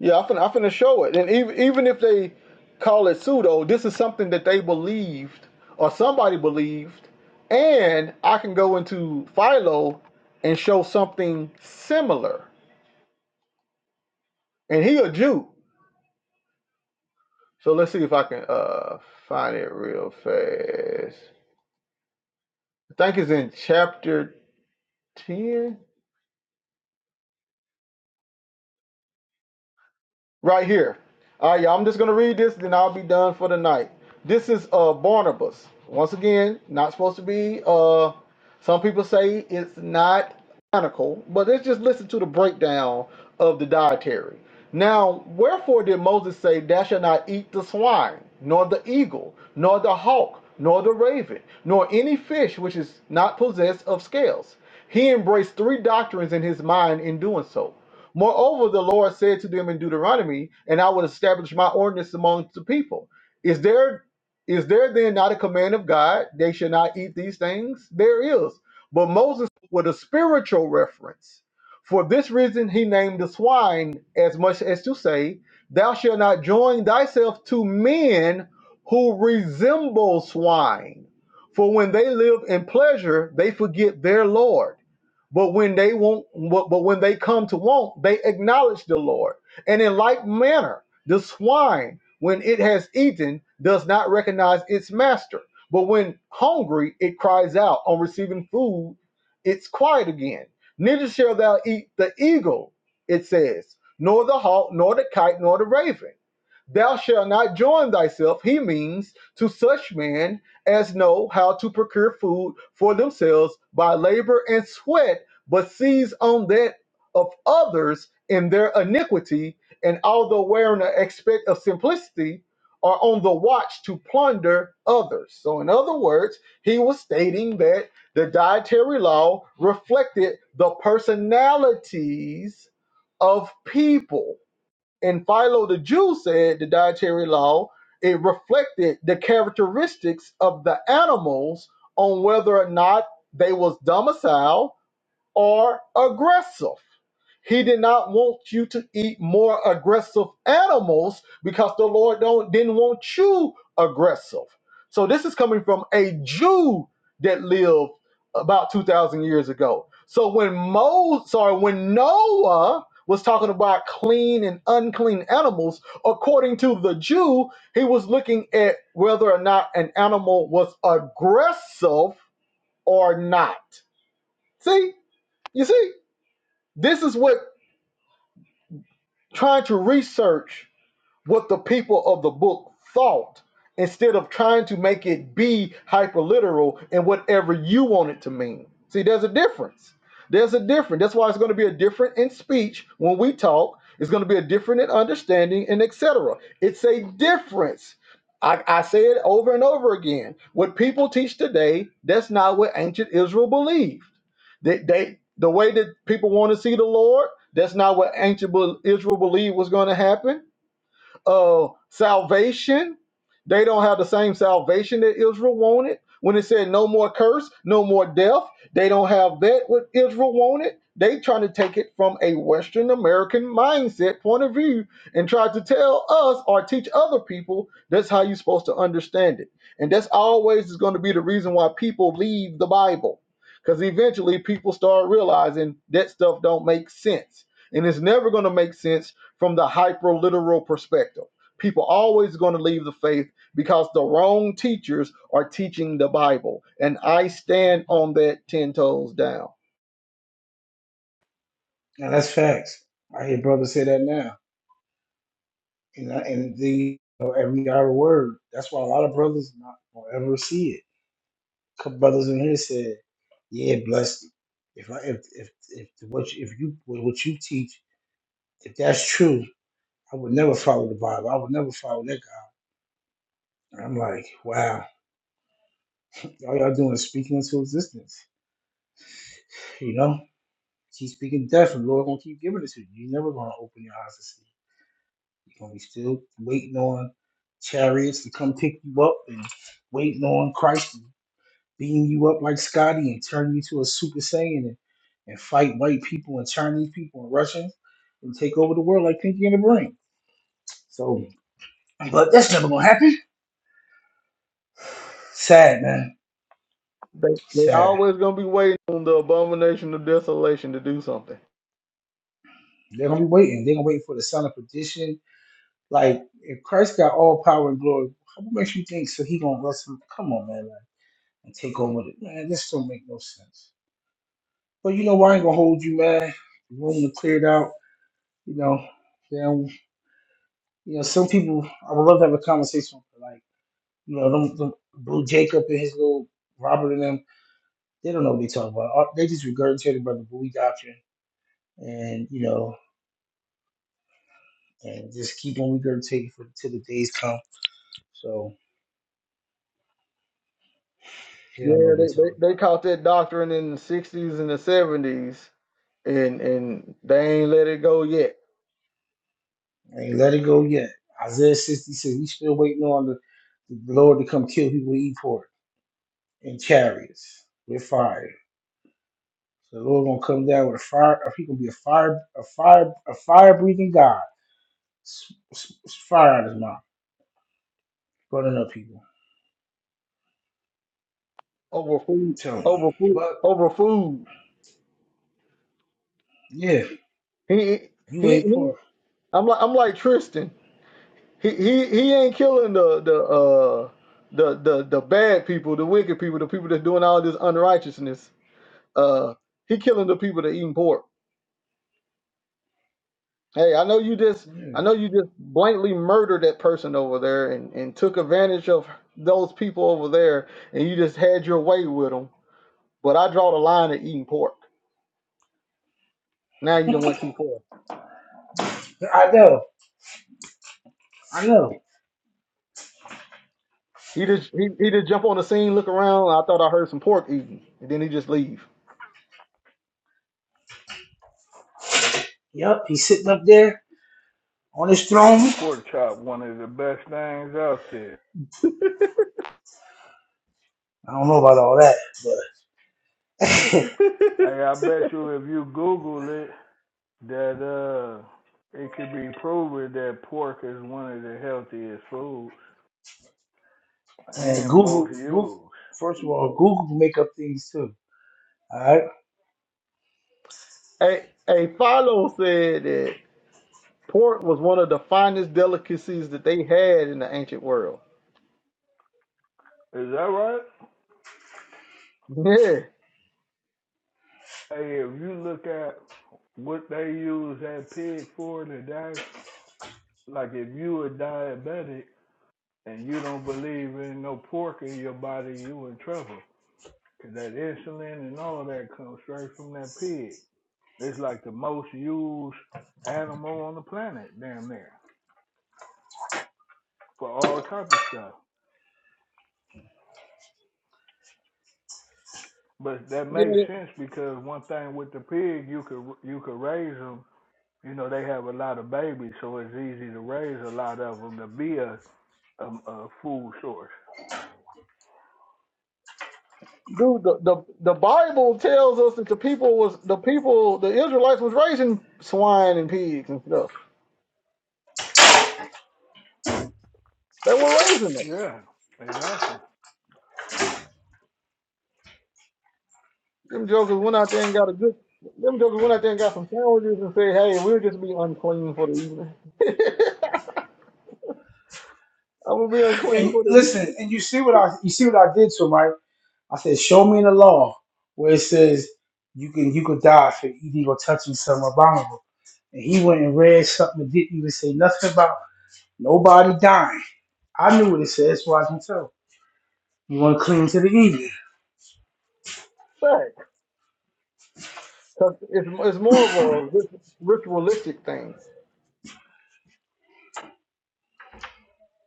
Speaker 3: Yeah, I'm finna, I'm finna show it. And even, even if they call it pseudo, this is something that they believed or somebody believed. And I can go into Philo and show something similar. And he a Jew. So let's see if I can uh find it real fast. I think it's in chapter ten. right here. All right, y'all. I'm just gonna read this, then I'll be done for the night. This is uh Barnabas. Once again, not supposed to be. Uh, some people say it's not canonical, but let's just listen to the breakdown of the dietary. Now, wherefore did Moses say, "Thou shalt not eat the swine, nor the eagle, nor the hawk, nor the raven, nor any fish which is not possessed of scales"? He embraced three doctrines in his mind in doing so. Moreover, the Lord said to them in Deuteronomy, and I will establish my ordinance among the people. Is there is there then not a command of God they shall not eat these things? There is. But Moses with a spiritual reference. For this reason he named the swine as much as to say, Thou shalt not join thyself to men who resemble swine. For when they live in pleasure, they forget their Lord. But when they want, but, but when they come to want, they acknowledge the Lord. And in like manner, the swine, when it has eaten, does not recognize its master. But when hungry, it cries out. On receiving food, it's quiet again. Neither shall thou eat the eagle, it says, nor the hawk, nor the kite, nor the raven. Thou shalt not join thyself, he means, to such men as know how to procure food for themselves by labor and sweat but seize on that of others in their iniquity, and although wearing an aspect of simplicity, are on the watch to plunder others. So, in other words, he was stating that the dietary law reflected the personalities of people. And Philo the Jew said the dietary law it reflected the characteristics of the animals on whether or not they was domiciled are aggressive. He did not want you to eat more aggressive animals because the Lord don't didn't want you aggressive. So this is coming from a Jew that lived about 2000 years ago. So when Moses, sorry, when Noah was talking about clean and unclean animals, according to the Jew, he was looking at whether or not an animal was aggressive or not. See? You see? This is what trying to research what the people of the book thought instead of trying to make it be hyperliteral and whatever you want it to mean. See, there's a difference. There's a difference. That's why it's going to be a different in speech when we talk. It's going to be a different in understanding and etc. It's a difference. I, I say it over and over again. What people teach today, that's not what ancient Israel believed. They, they the way that people want to see the Lord, that's not what ancient Be- Israel believed was going to happen uh, salvation. They don't have the same salvation that Israel wanted. When it said no more curse, no more death, they don't have that what Israel wanted. They trying to take it from a Western American mindset point of view and try to tell us or teach other people that's how you're supposed to understand it. And that's always is going to be the reason why people leave the Bible. Because eventually people start realizing that stuff don't make sense. And it's never going to make sense from the hyperliteral perspective. People always going to leave the faith because the wrong teachers are teaching the Bible, and I stand on that ten toes down.
Speaker 1: now that's facts. I hear brothers say that now, and I, and the you know, every other word. That's why a lot of brothers not gonna ever see it. Couple brothers in here said, "Yeah, blessed. If I if if if what you, if you what you teach, if that's true." I would never follow the Bible. I would never follow that guy. And I'm like, wow, all y'all doing is speaking into existence, you know? She's speaking death, and the Lord gonna keep giving it to you. you never gonna open your eyes to see. You're gonna be still waiting on chariots to come pick you up and waiting on Christ to beam you up like Scotty and turn you to a super saiyan and, and fight white people and Chinese people and Russians and take over the world like Pinky and the Brain. So but that's never gonna happen. Sad man.
Speaker 3: They they
Speaker 1: Sad.
Speaker 3: always going to be waiting on the abomination of desolation to do something.
Speaker 1: They're gonna be waiting. They're gonna wait for the son of perdition. Like if Christ got all power and glory, what makes you think so he gonna wrestle? Come on, man. and take over. The, man, this don't make no sense. But you know, what, I ain't gonna hold you, man. The room was cleared out. You know, then you know some people. I would love to have a conversation with like you know them, them Blue Jacob and his little Robert and them. They don't know what they talking about. Uh, They just regurgitated by the Bowie doctrine, and you know, and just keep on regurgitating for till the days come. So they don't know
Speaker 3: Yeah,
Speaker 1: what they
Speaker 3: they, they,
Speaker 1: talking
Speaker 3: they
Speaker 1: about.
Speaker 3: caught that doctrine in the sixties and the seventies, and and they ain't let it go yet.
Speaker 1: I Ain't let it go yet. Isaiah 66. We still waiting on the, the Lord to come kill people, who eat pork. and chariots with fire. So the Lord gonna come down with a fire. He gonna be a fire, a fire, a fire breathing God. S- s- s- Fire out his mouth, burning up people.
Speaker 3: Over food,
Speaker 1: Tell me,
Speaker 3: over food,
Speaker 1: but
Speaker 3: over food.
Speaker 1: yeah,
Speaker 3: He
Speaker 1: you
Speaker 3: he.
Speaker 1: ain't
Speaker 3: he
Speaker 1: poor.
Speaker 3: I'm like I'm like Tristan. He he he ain't killing the the uh the the the bad people, the wicked people, the people that's doing all this unrighteousness. Uh, he killing the people that eating pork. Hey, I know you just
Speaker 1: Yeah,
Speaker 3: I know you just blankly murdered that person over there and and took advantage of those people over there, and you just had your way with them. But I draw the line at eating pork. Now you done went too far.
Speaker 1: I know, I know.
Speaker 3: He just he, he just jump on the scene, look around. I thought I heard some pork eating, and then he just leave.
Speaker 1: Yep, he's sitting up there on his throne.
Speaker 2: Pork chop, one of the best things out there.
Speaker 1: I don't know about all that, but
Speaker 2: Hey, I bet you if you Google it, that uh, it could be proven that pork is one of the healthiest foods
Speaker 1: man,
Speaker 2: and
Speaker 1: Google,
Speaker 2: most used.
Speaker 1: Google. First of all, Google can make up things too. All right,
Speaker 3: Hey, hey, Philo said that Pork was one of the finest delicacies that they had in the ancient world.
Speaker 2: Is that right?
Speaker 3: Yeah.
Speaker 2: Hey, if you look at what they use that pig for today, like if you a diabetic and you don't believe in no pork in your body, you in trouble. Cause that insulin and all that comes straight from that pig. It's like the most used animal on the planet, damn near, for all type of stuff. But that makes
Speaker 3: Yeah.
Speaker 2: sense because one thing with the pig, you could you could raise them. You know they have a lot of babies, so it's easy to raise a lot of them to be a, a, a food source.
Speaker 3: Dude, the, the, the Bible tells us that the people was the people the Israelites was raising swine and pigs and stuff. They were raising them.
Speaker 2: Yeah, exactly.
Speaker 3: Them jokers went out there and got a good them jokers went out there and got some sandwiches and said, Hey, we'll just be unclean for the evening. [laughs] I'm gonna be unclean
Speaker 1: and
Speaker 3: for the
Speaker 1: listen,
Speaker 3: evening.
Speaker 1: and you see what I, you see what I did to him, right? I said, show me in the law where it says you can you could die for illegal touching something abominable. And he went and read something that didn't even say nothing about nobody dying. I knew what it said, that's why I can tell. You want to cling to the evil?
Speaker 3: Right. 'Cause it's it's more of a rit- ritualistic thing.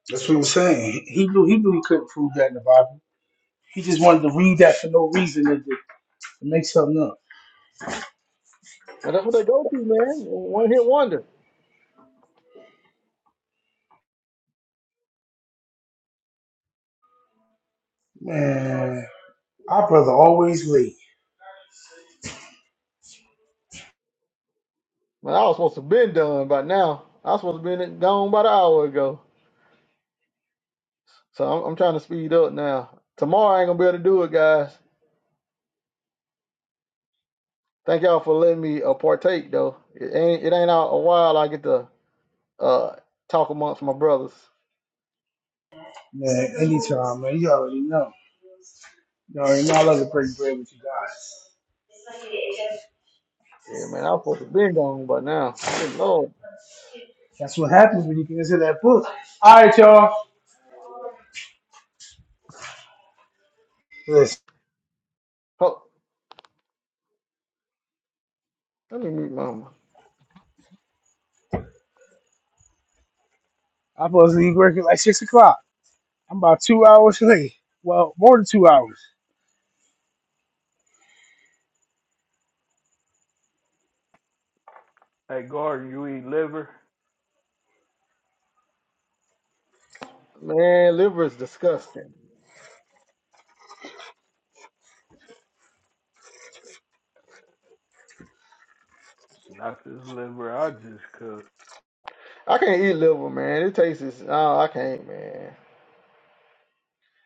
Speaker 1: That's what he was saying. He knew he knew he couldn't prove that in the Bible. He just wanted to read that for no reason and to, to make something up.
Speaker 3: And that's what they go to, man. One hit wonder.
Speaker 1: Man, our brother always late.
Speaker 3: But I was supposed to have been done by now. I was supposed to have been gone about an hour ago. So I'm, I'm trying to speed up now. Tomorrow I ain't gonna be able to do it, guys. Thank y'all for letting me uh, partake though. It ain't it ain't out a while I get to uh talk amongst my brothers.
Speaker 1: Man, anytime, man. You already know. You already know I love to break bread with you guys.
Speaker 3: Yeah, man, I was supposed to have been gone by now. Good lord.
Speaker 1: That's what happens when you can just hit that book. All right, y'all. Listen,
Speaker 3: Oh, let me meet mama.
Speaker 1: I'm supposed to be working like six o'clock. I'm about two hours late. Well, more than two hours.
Speaker 2: Hey, Gordon, you eat liver?
Speaker 3: Man, liver is disgusting.
Speaker 2: Not this liver I just cooked.
Speaker 3: I can't eat liver, man. It tastes is oh, I can't, man.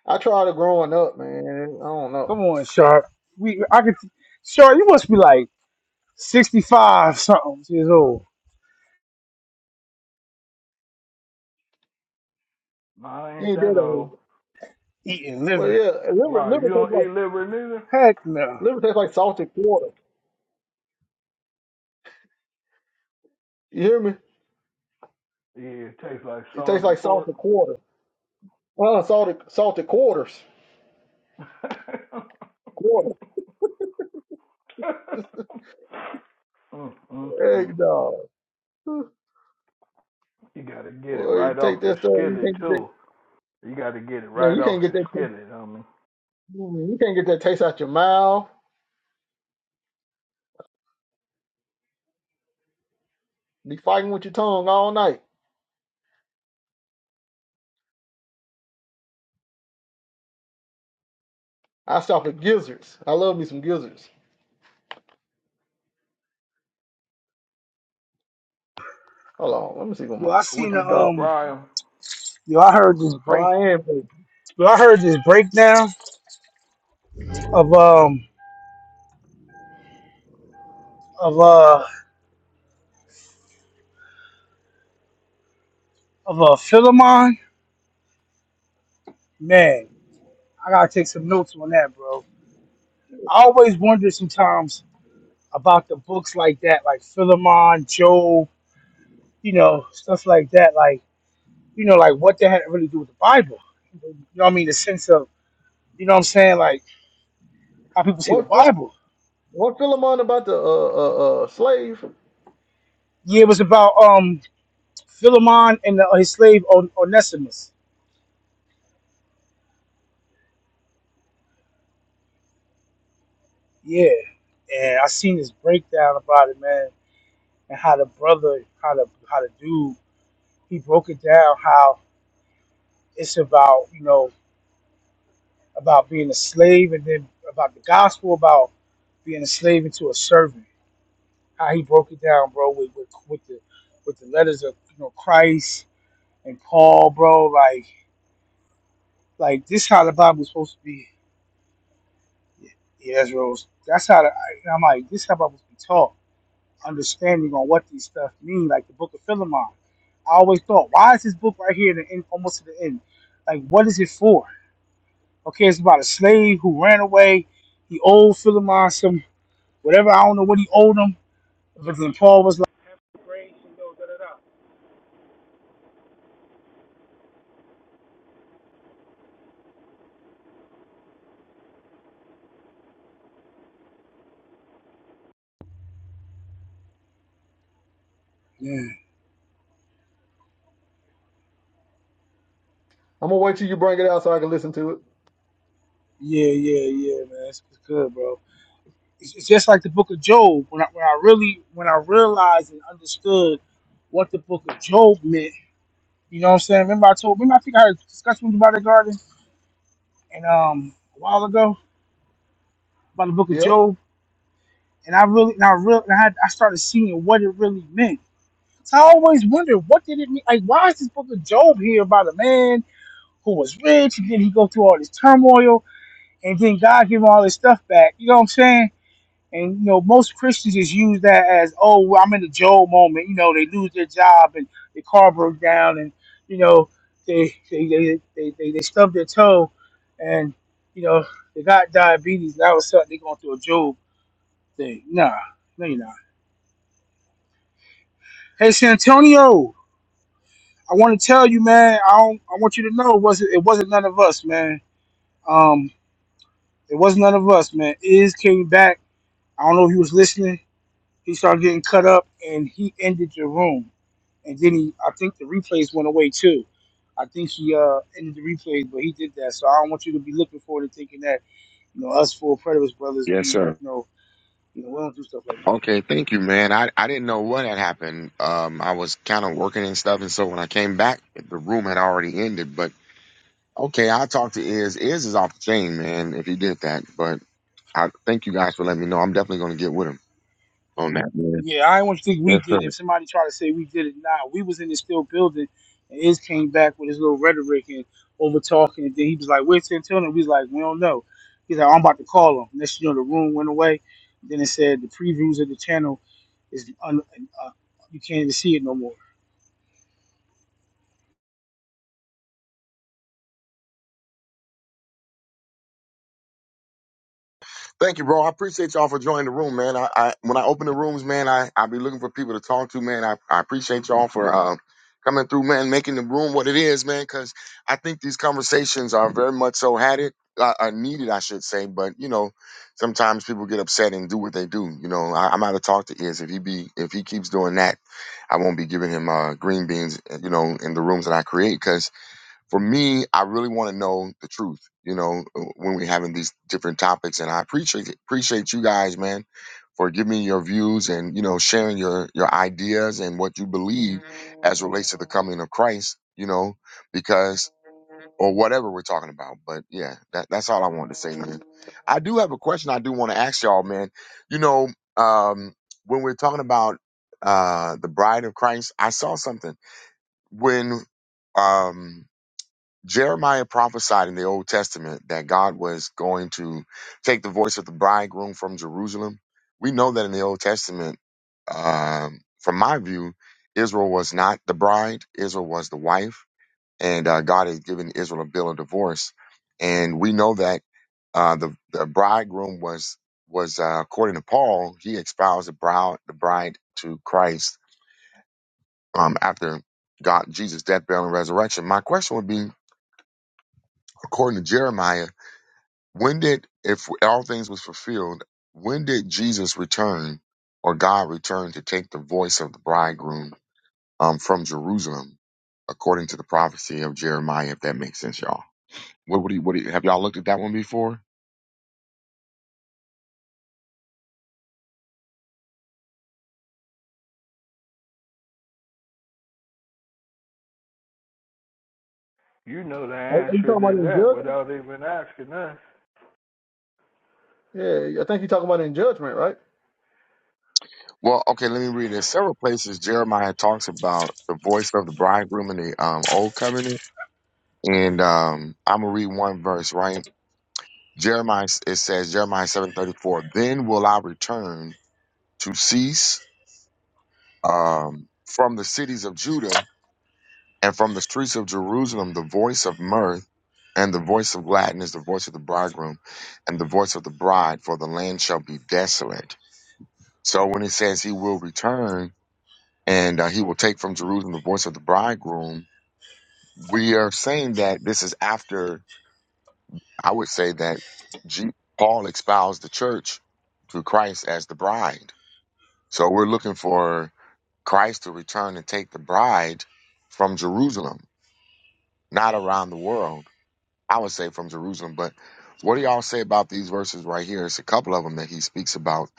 Speaker 3: I tried it growing up, man. I don't know.
Speaker 1: Come on, Sharp. We, I could. Sharp, you must be like sixty-five something years old,
Speaker 2: No, I
Speaker 3: It
Speaker 2: ain't
Speaker 3: ain't
Speaker 2: that
Speaker 3: that
Speaker 2: old.
Speaker 3: old.
Speaker 1: eating
Speaker 3: Well,
Speaker 1: liver.
Speaker 3: yeah, liver
Speaker 2: Why,
Speaker 3: liver
Speaker 2: you
Speaker 3: tastes
Speaker 2: don't
Speaker 3: like
Speaker 2: eat liver neither?
Speaker 1: Heck no.
Speaker 3: Liver tastes like salted quarter. You hear me?
Speaker 2: Yeah, it tastes like
Speaker 3: It tastes
Speaker 2: salted
Speaker 3: like
Speaker 2: pork.
Speaker 3: salted quarter. Uh, salted salted quarters.
Speaker 2: [laughs] mm,
Speaker 3: Quarter.
Speaker 2: mm, mm.
Speaker 3: Egg dog.
Speaker 2: You gotta get it
Speaker 3: Boy, you
Speaker 2: right
Speaker 3: take
Speaker 2: off the
Speaker 3: this thing, you can't
Speaker 2: skillet
Speaker 3: get that
Speaker 2: too. You gotta get it
Speaker 3: man,
Speaker 2: right
Speaker 3: you
Speaker 2: off
Speaker 3: can't
Speaker 2: the
Speaker 3: get that taste.
Speaker 2: skillet, homie.
Speaker 3: You can't get that taste out your mouth. Be fighting with your tongue all night. I stop at gizzards. I love me some gizzards. Hold on, let me see what my,
Speaker 1: Yo, I seen
Speaker 2: What
Speaker 3: my
Speaker 2: you
Speaker 1: the
Speaker 2: do,
Speaker 3: dog
Speaker 1: um.
Speaker 2: fry 'em?
Speaker 1: Yo, I heard this break.
Speaker 3: Brian. baby.
Speaker 1: Yo, I heard this breakdown of um of uh of uh Philemon. Man, I gotta take some notes on that, bro. I always wonder sometimes about the books like that, like Philemon, Job, you know, stuff like that. Like, you know, like what that had to really do with the Bible. You know what I mean? The sense of, you know what I'm saying? Like how people see the
Speaker 3: What what
Speaker 1: Bible.
Speaker 3: what Philemon about the uh, uh uh slave?
Speaker 1: Yeah, it was about um Philemon and the, his slave On- Onesimus. Yeah. And I seen this breakdown about it, man, and how the brother, how the how the dude, he broke it down how it's about, you know, about being a slave and then about the gospel, about being a slave into a servant how he broke it down, bro, with with, with the with the letters of you know Christ and Paul, bro. Like like this how the Bible's supposed to be. Yeah, yeah, that's Rose. That's how the, I, I'm like this how the Bible's be taught. Understanding on what these stuff mean, like the Book of Philemon. I always thought, why is this book right here at the end, almost to the end? Like, what is it for? Okay, it's about a slave who ran away. He owed Philemon some whatever. I don't know what he owed him. But then Paul was like, "Have grace and da da da.
Speaker 3: I'm gonna wait till you bring it out so I can listen to it.
Speaker 1: Yeah, yeah, yeah, man. It's, it's good, bro. It's, it's just like the Book of Job. When I when I really when I realized and understood what the Book of Job meant, you know what I'm saying. Remember I told remember I think I had a discussion with you about the garden and um a while ago about the Book of
Speaker 3: Yep.
Speaker 1: Job, and I really and I real and I, had- I started seeing what it really meant. So I always wondered what did it mean? Like why is this Book of Job here about a man who was rich and then he go through all this turmoil and then God give him all this stuff back? You know what I'm saying? And you know, most Christians just use that as, oh, well, I'm in the Job moment. You know, they lose their job and their car broke down, and you know, they they they they, they, they stubbed their toe, and you know, they got diabetes. And all of a sudden, they're going through a Job thing. Nah, no, you're not. Hey, Santonio, I want to tell you, man. I don't, I want you to know, it wasn't it wasn't none of us, man. Um, it wasn't none of us, man. Iz came back. I don't know if he was listening. He started getting cut up, and he ended the room and then he, I think the replays went away too. I think he uh ended the replays, but he did that. So I don't want you to be looking forward to thinking that you know us four predators brothers, we
Speaker 8: Yes,
Speaker 1: you
Speaker 8: sir.
Speaker 1: know you know we don't do stuff like that.
Speaker 8: Okay, thank you, man. I, I didn't know what had happened. Um, I was kind of working and stuff, and so when I came back, the room had already ended. But okay, I'll talk to Iz. Iz is off the chain, man, if he did that. But I thank you guys for letting me know. I'm definitely going to get with him on that, man.
Speaker 1: Yeah, I don't want you to think we
Speaker 8: Yes, sir.
Speaker 1: did. it. If somebody tried to say we did it, nah, we was in the still building, and his came back with his little rhetoric and over talking, and then he was like, "Where's Santana?" We was like, "We don't know." He's like, "I'm about to call him." Next, thing you know, the room went away. Then it said the previews of the channel is un- uh, you can't even see it no more.
Speaker 8: Thank you, bro. I appreciate y'all for joining the room, man. I, I when I open the rooms, man, I I be looking for people to talk to, man. I, I appreciate y'all for uh, coming through, man, making the room what it is, man. Because I think these conversations are very much so had it uh, are needed, I should say. But you know, sometimes people get upset and do what they do. You know, I, I'm out of talk to is if he be if he keeps doing that, I won't be giving him uh, green beans, you know, in the rooms that I create because for me, I really want to know the truth, you know, uh, when we're having these different topics. And I appreciate appreciate you guys, man, for giving me your views and, you know, sharing your your ideas and what you believe as relates to the coming of Christ, you know, because or whatever we're talking about. But yeah, that, that's all I wanted to say, man. I do have a question I do want to ask y'all, man. You know, um, when we're talking about uh the bride of Christ, I saw something when um Jeremiah prophesied in the Old Testament that God was going to take the voice of the bridegroom from Jerusalem. We know that in the Old Testament, um, from my view, Israel was not the bride, Israel was the wife, and uh, God had given Israel a bill of divorce. And we know that uh, the, the bridegroom was, was uh, according to Paul, he espoused the bride, the bride to Christ um, after God, Jesus' death, burial, and resurrection. My question would be, according to Jeremiah, When did, if all things was fulfilled, when did Jesus return or God return to take the voice of the bridegroom um, from Jerusalem, according to the prophecy of Jeremiah, if that makes sense, y'all? What, what, do you, what do you, have y'all looked at that one before?
Speaker 2: You know the
Speaker 3: Are, are you talking
Speaker 2: answer
Speaker 3: about
Speaker 2: to
Speaker 3: in
Speaker 2: that
Speaker 3: judges?
Speaker 2: without even asking us.
Speaker 3: Yeah, I think you're talking about in judgment, right?
Speaker 8: Well, okay, let me read. There's several places Jeremiah talks about the voice of the bridegroom in the um, Old Covenant. And um, I'm going to read one verse, right? Jeremiah, it says, Jeremiah 7.34, Then will I return to cease um, from the cities of Judah and from the streets of Jerusalem, the voice of mirth and the voice of Latin is the voice of the bridegroom and the voice of the bride, for the land shall be desolate. So when it says he will return and uh, he will take from Jerusalem the voice of the bridegroom, we are saying that this is after, I would say that G- Paul espoused the church to Christ as the bride. So we're looking for Christ to return and take the bride from Jerusalem not around the world. I would say from Jerusalem. But what do y'all say about these verses right here? It's a couple of them that he speaks about.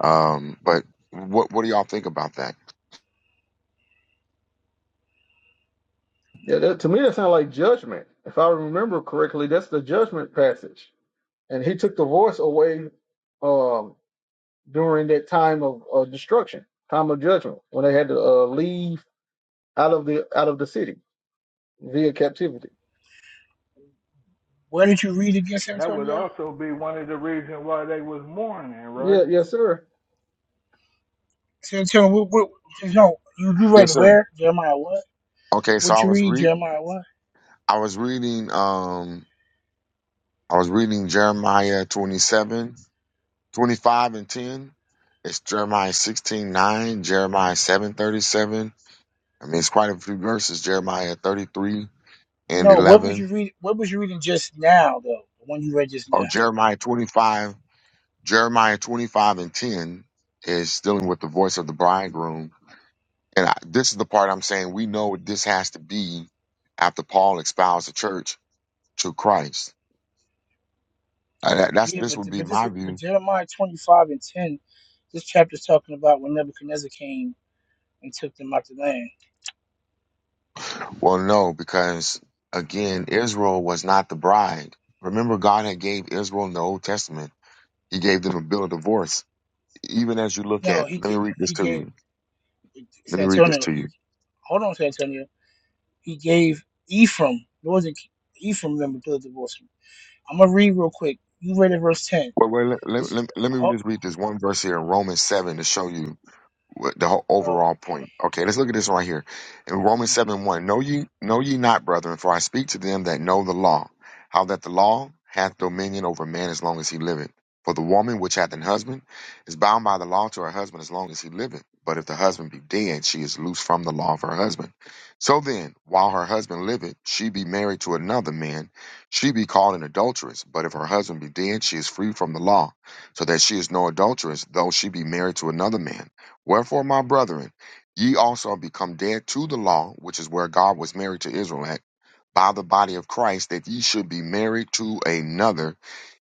Speaker 8: Um, but what what do y'all think about that?
Speaker 3: Yeah, that, to me that sounds like judgment. If I remember correctly, that's the judgment passage. And he took the voice away um, during that time of, of destruction, time of judgment, when they had to uh, leave out of the out of the city via captivity.
Speaker 1: Where did you read against
Speaker 2: That would
Speaker 1: Antonio?
Speaker 2: also be one of the reasons why they was mourning, right?
Speaker 3: Yeah, yes, sir.
Speaker 1: San Antonio, what, what, no, you, you
Speaker 8: Yes,
Speaker 1: read
Speaker 8: sir.
Speaker 1: where? Jeremiah what?
Speaker 8: Okay, so
Speaker 1: What
Speaker 8: I
Speaker 1: you
Speaker 8: was
Speaker 1: read?
Speaker 8: read
Speaker 1: Jeremiah what?
Speaker 8: I was reading um I was reading Jeremiah 27 25 and 10. It's Jeremiah 16 9, Jeremiah 7 37. I mean, it's quite a few verses. Jeremiah 33 and
Speaker 1: No, what was
Speaker 8: 11.
Speaker 1: you read? What was you reading just now though? The one you read just now.
Speaker 8: Oh, Jeremiah 25. Jeremiah 25 and 10 is dealing with the voice of the bridegroom. And I, this is the part I'm saying we know this has to be after Paul expels the church to Christ. Uh, that- that's
Speaker 1: Yeah,
Speaker 8: this
Speaker 1: but
Speaker 8: would be
Speaker 1: but this
Speaker 8: my
Speaker 1: is but
Speaker 8: view.
Speaker 1: Jeremiah twenty five and ten. This chapter's talking about when Nebuchadnezzar came and took them out the land.
Speaker 8: Well, no, because again, Israel was not the bride. Remember, God had gave Israel in the Old Testament. He gave them a bill of divorce. Even as you look
Speaker 1: No,
Speaker 8: at,
Speaker 1: he
Speaker 8: let me
Speaker 1: ga-
Speaker 8: read this
Speaker 1: he
Speaker 8: to
Speaker 1: gave
Speaker 8: you. Let
Speaker 1: San
Speaker 8: me read this
Speaker 1: Antonio.
Speaker 8: to you.
Speaker 1: He hold on, San Antonio. He gave Ephraim. It wasn't Ephraim them to the divorce. I'm gonna read real quick. You read it verse ten.
Speaker 8: Well, well let, let,
Speaker 1: This.
Speaker 8: let, let me just read this one verse here in Romans 7 to show you What- The whole
Speaker 1: Oh,
Speaker 8: overall point. Okay, let's look at this right here. In Romans
Speaker 1: mhm.
Speaker 8: 7 1, know ye, know ye not, brethren, for I speak to them that know the law, how that the law hath dominion over man as long as he liveth. For the woman which hath an husband is bound by the law to her husband as long as he liveth. But if the husband be dead, she is loose from the law of her husband. So then, while her husband liveth, she be married to another man, she be called an adulteress. But if her husband be dead, she is free from the law, so that she is no adulteress, though she be married to another man. Wherefore, my brethren, ye also are become dead to the law, which is where God was married to Israel at, by the body of Christ, that ye should be married to another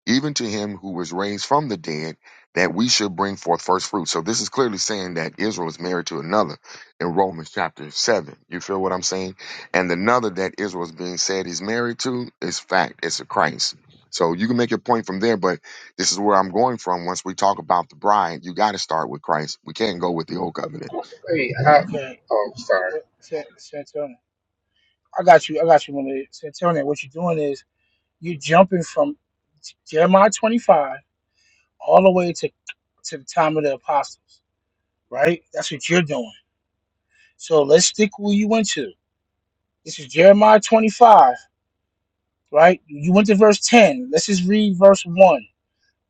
Speaker 8: even to him who was raised from the dead, that we should bring forth first fruits. So this is clearly saying that Israel is married to another in Romans chapter seven. You feel what I'm saying? And the another that Israel is being said he's married to is fact. It's a Christ. So you can make your point from there, but this is where I'm going from. Once we talk about the bride, you got to start with Christ. We can't go with the old covenant.
Speaker 9: Hey, I,
Speaker 1: okay.
Speaker 9: oh, sorry.
Speaker 1: What, San- Santonio, I got you. I got you, Malay. Santonio, what you're doing is you're jumping from Jeremiah 25 all the way to to the time of the apostles, right? That's what you're doing. So let's stick where you went to. This is Jeremiah 25, right? You went to verse 10. Let's just read verse 1.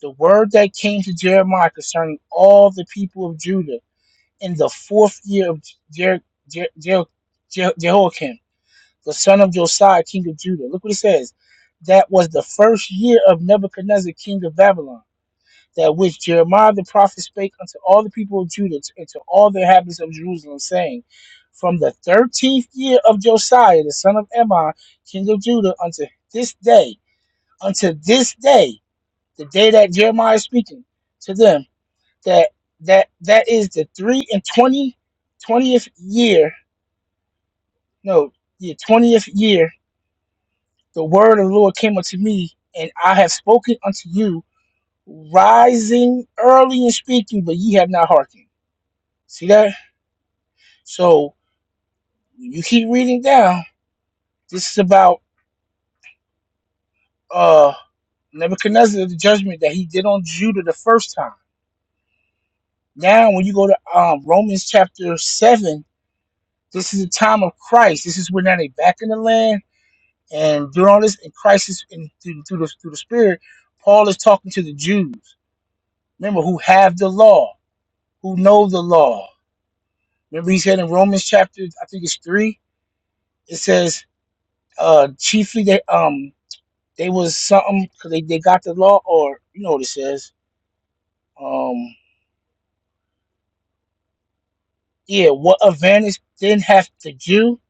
Speaker 1: The word that came to Jeremiah concerning all the people of Judah in the fourth year of Jer- Jer- Jer- Jer- Jehoiakim the son of Josiah, king of Judah. Look what it says. That was the first year of Nebuchadnezzar, king of Babylon, that which Jeremiah the prophet spake unto all the people of Judah and to all the inhabitants of Jerusalem, saying, From the thirteenth year of Josiah, the son of Ammon, king of Judah, unto this day, unto this day, the day that Jeremiah is speaking to them, that that that is the three and twenty twentieth year, no, the twentieth year the word of the Lord came unto me, and I have spoken unto you, rising early and speaking, but ye have not hearkened. See that? So you keep reading down. This is about uh Nebuchadnezzar, the judgment that he did on Judah the first time. Now, when you go to um, Romans chapter seven, this is the time of Christ. This is when now they back in the land and doing all this in crisis and Christ is in, through, through the through the Spirit, Paul is talking to the Jews. Remember who have the law. who know the law. Remember, he said in Romans chapter, I think it's three, it says, uh, chiefly they um they was something because they, they got the law, or you know what it says. Um, yeah, what advantage then hath the Jew,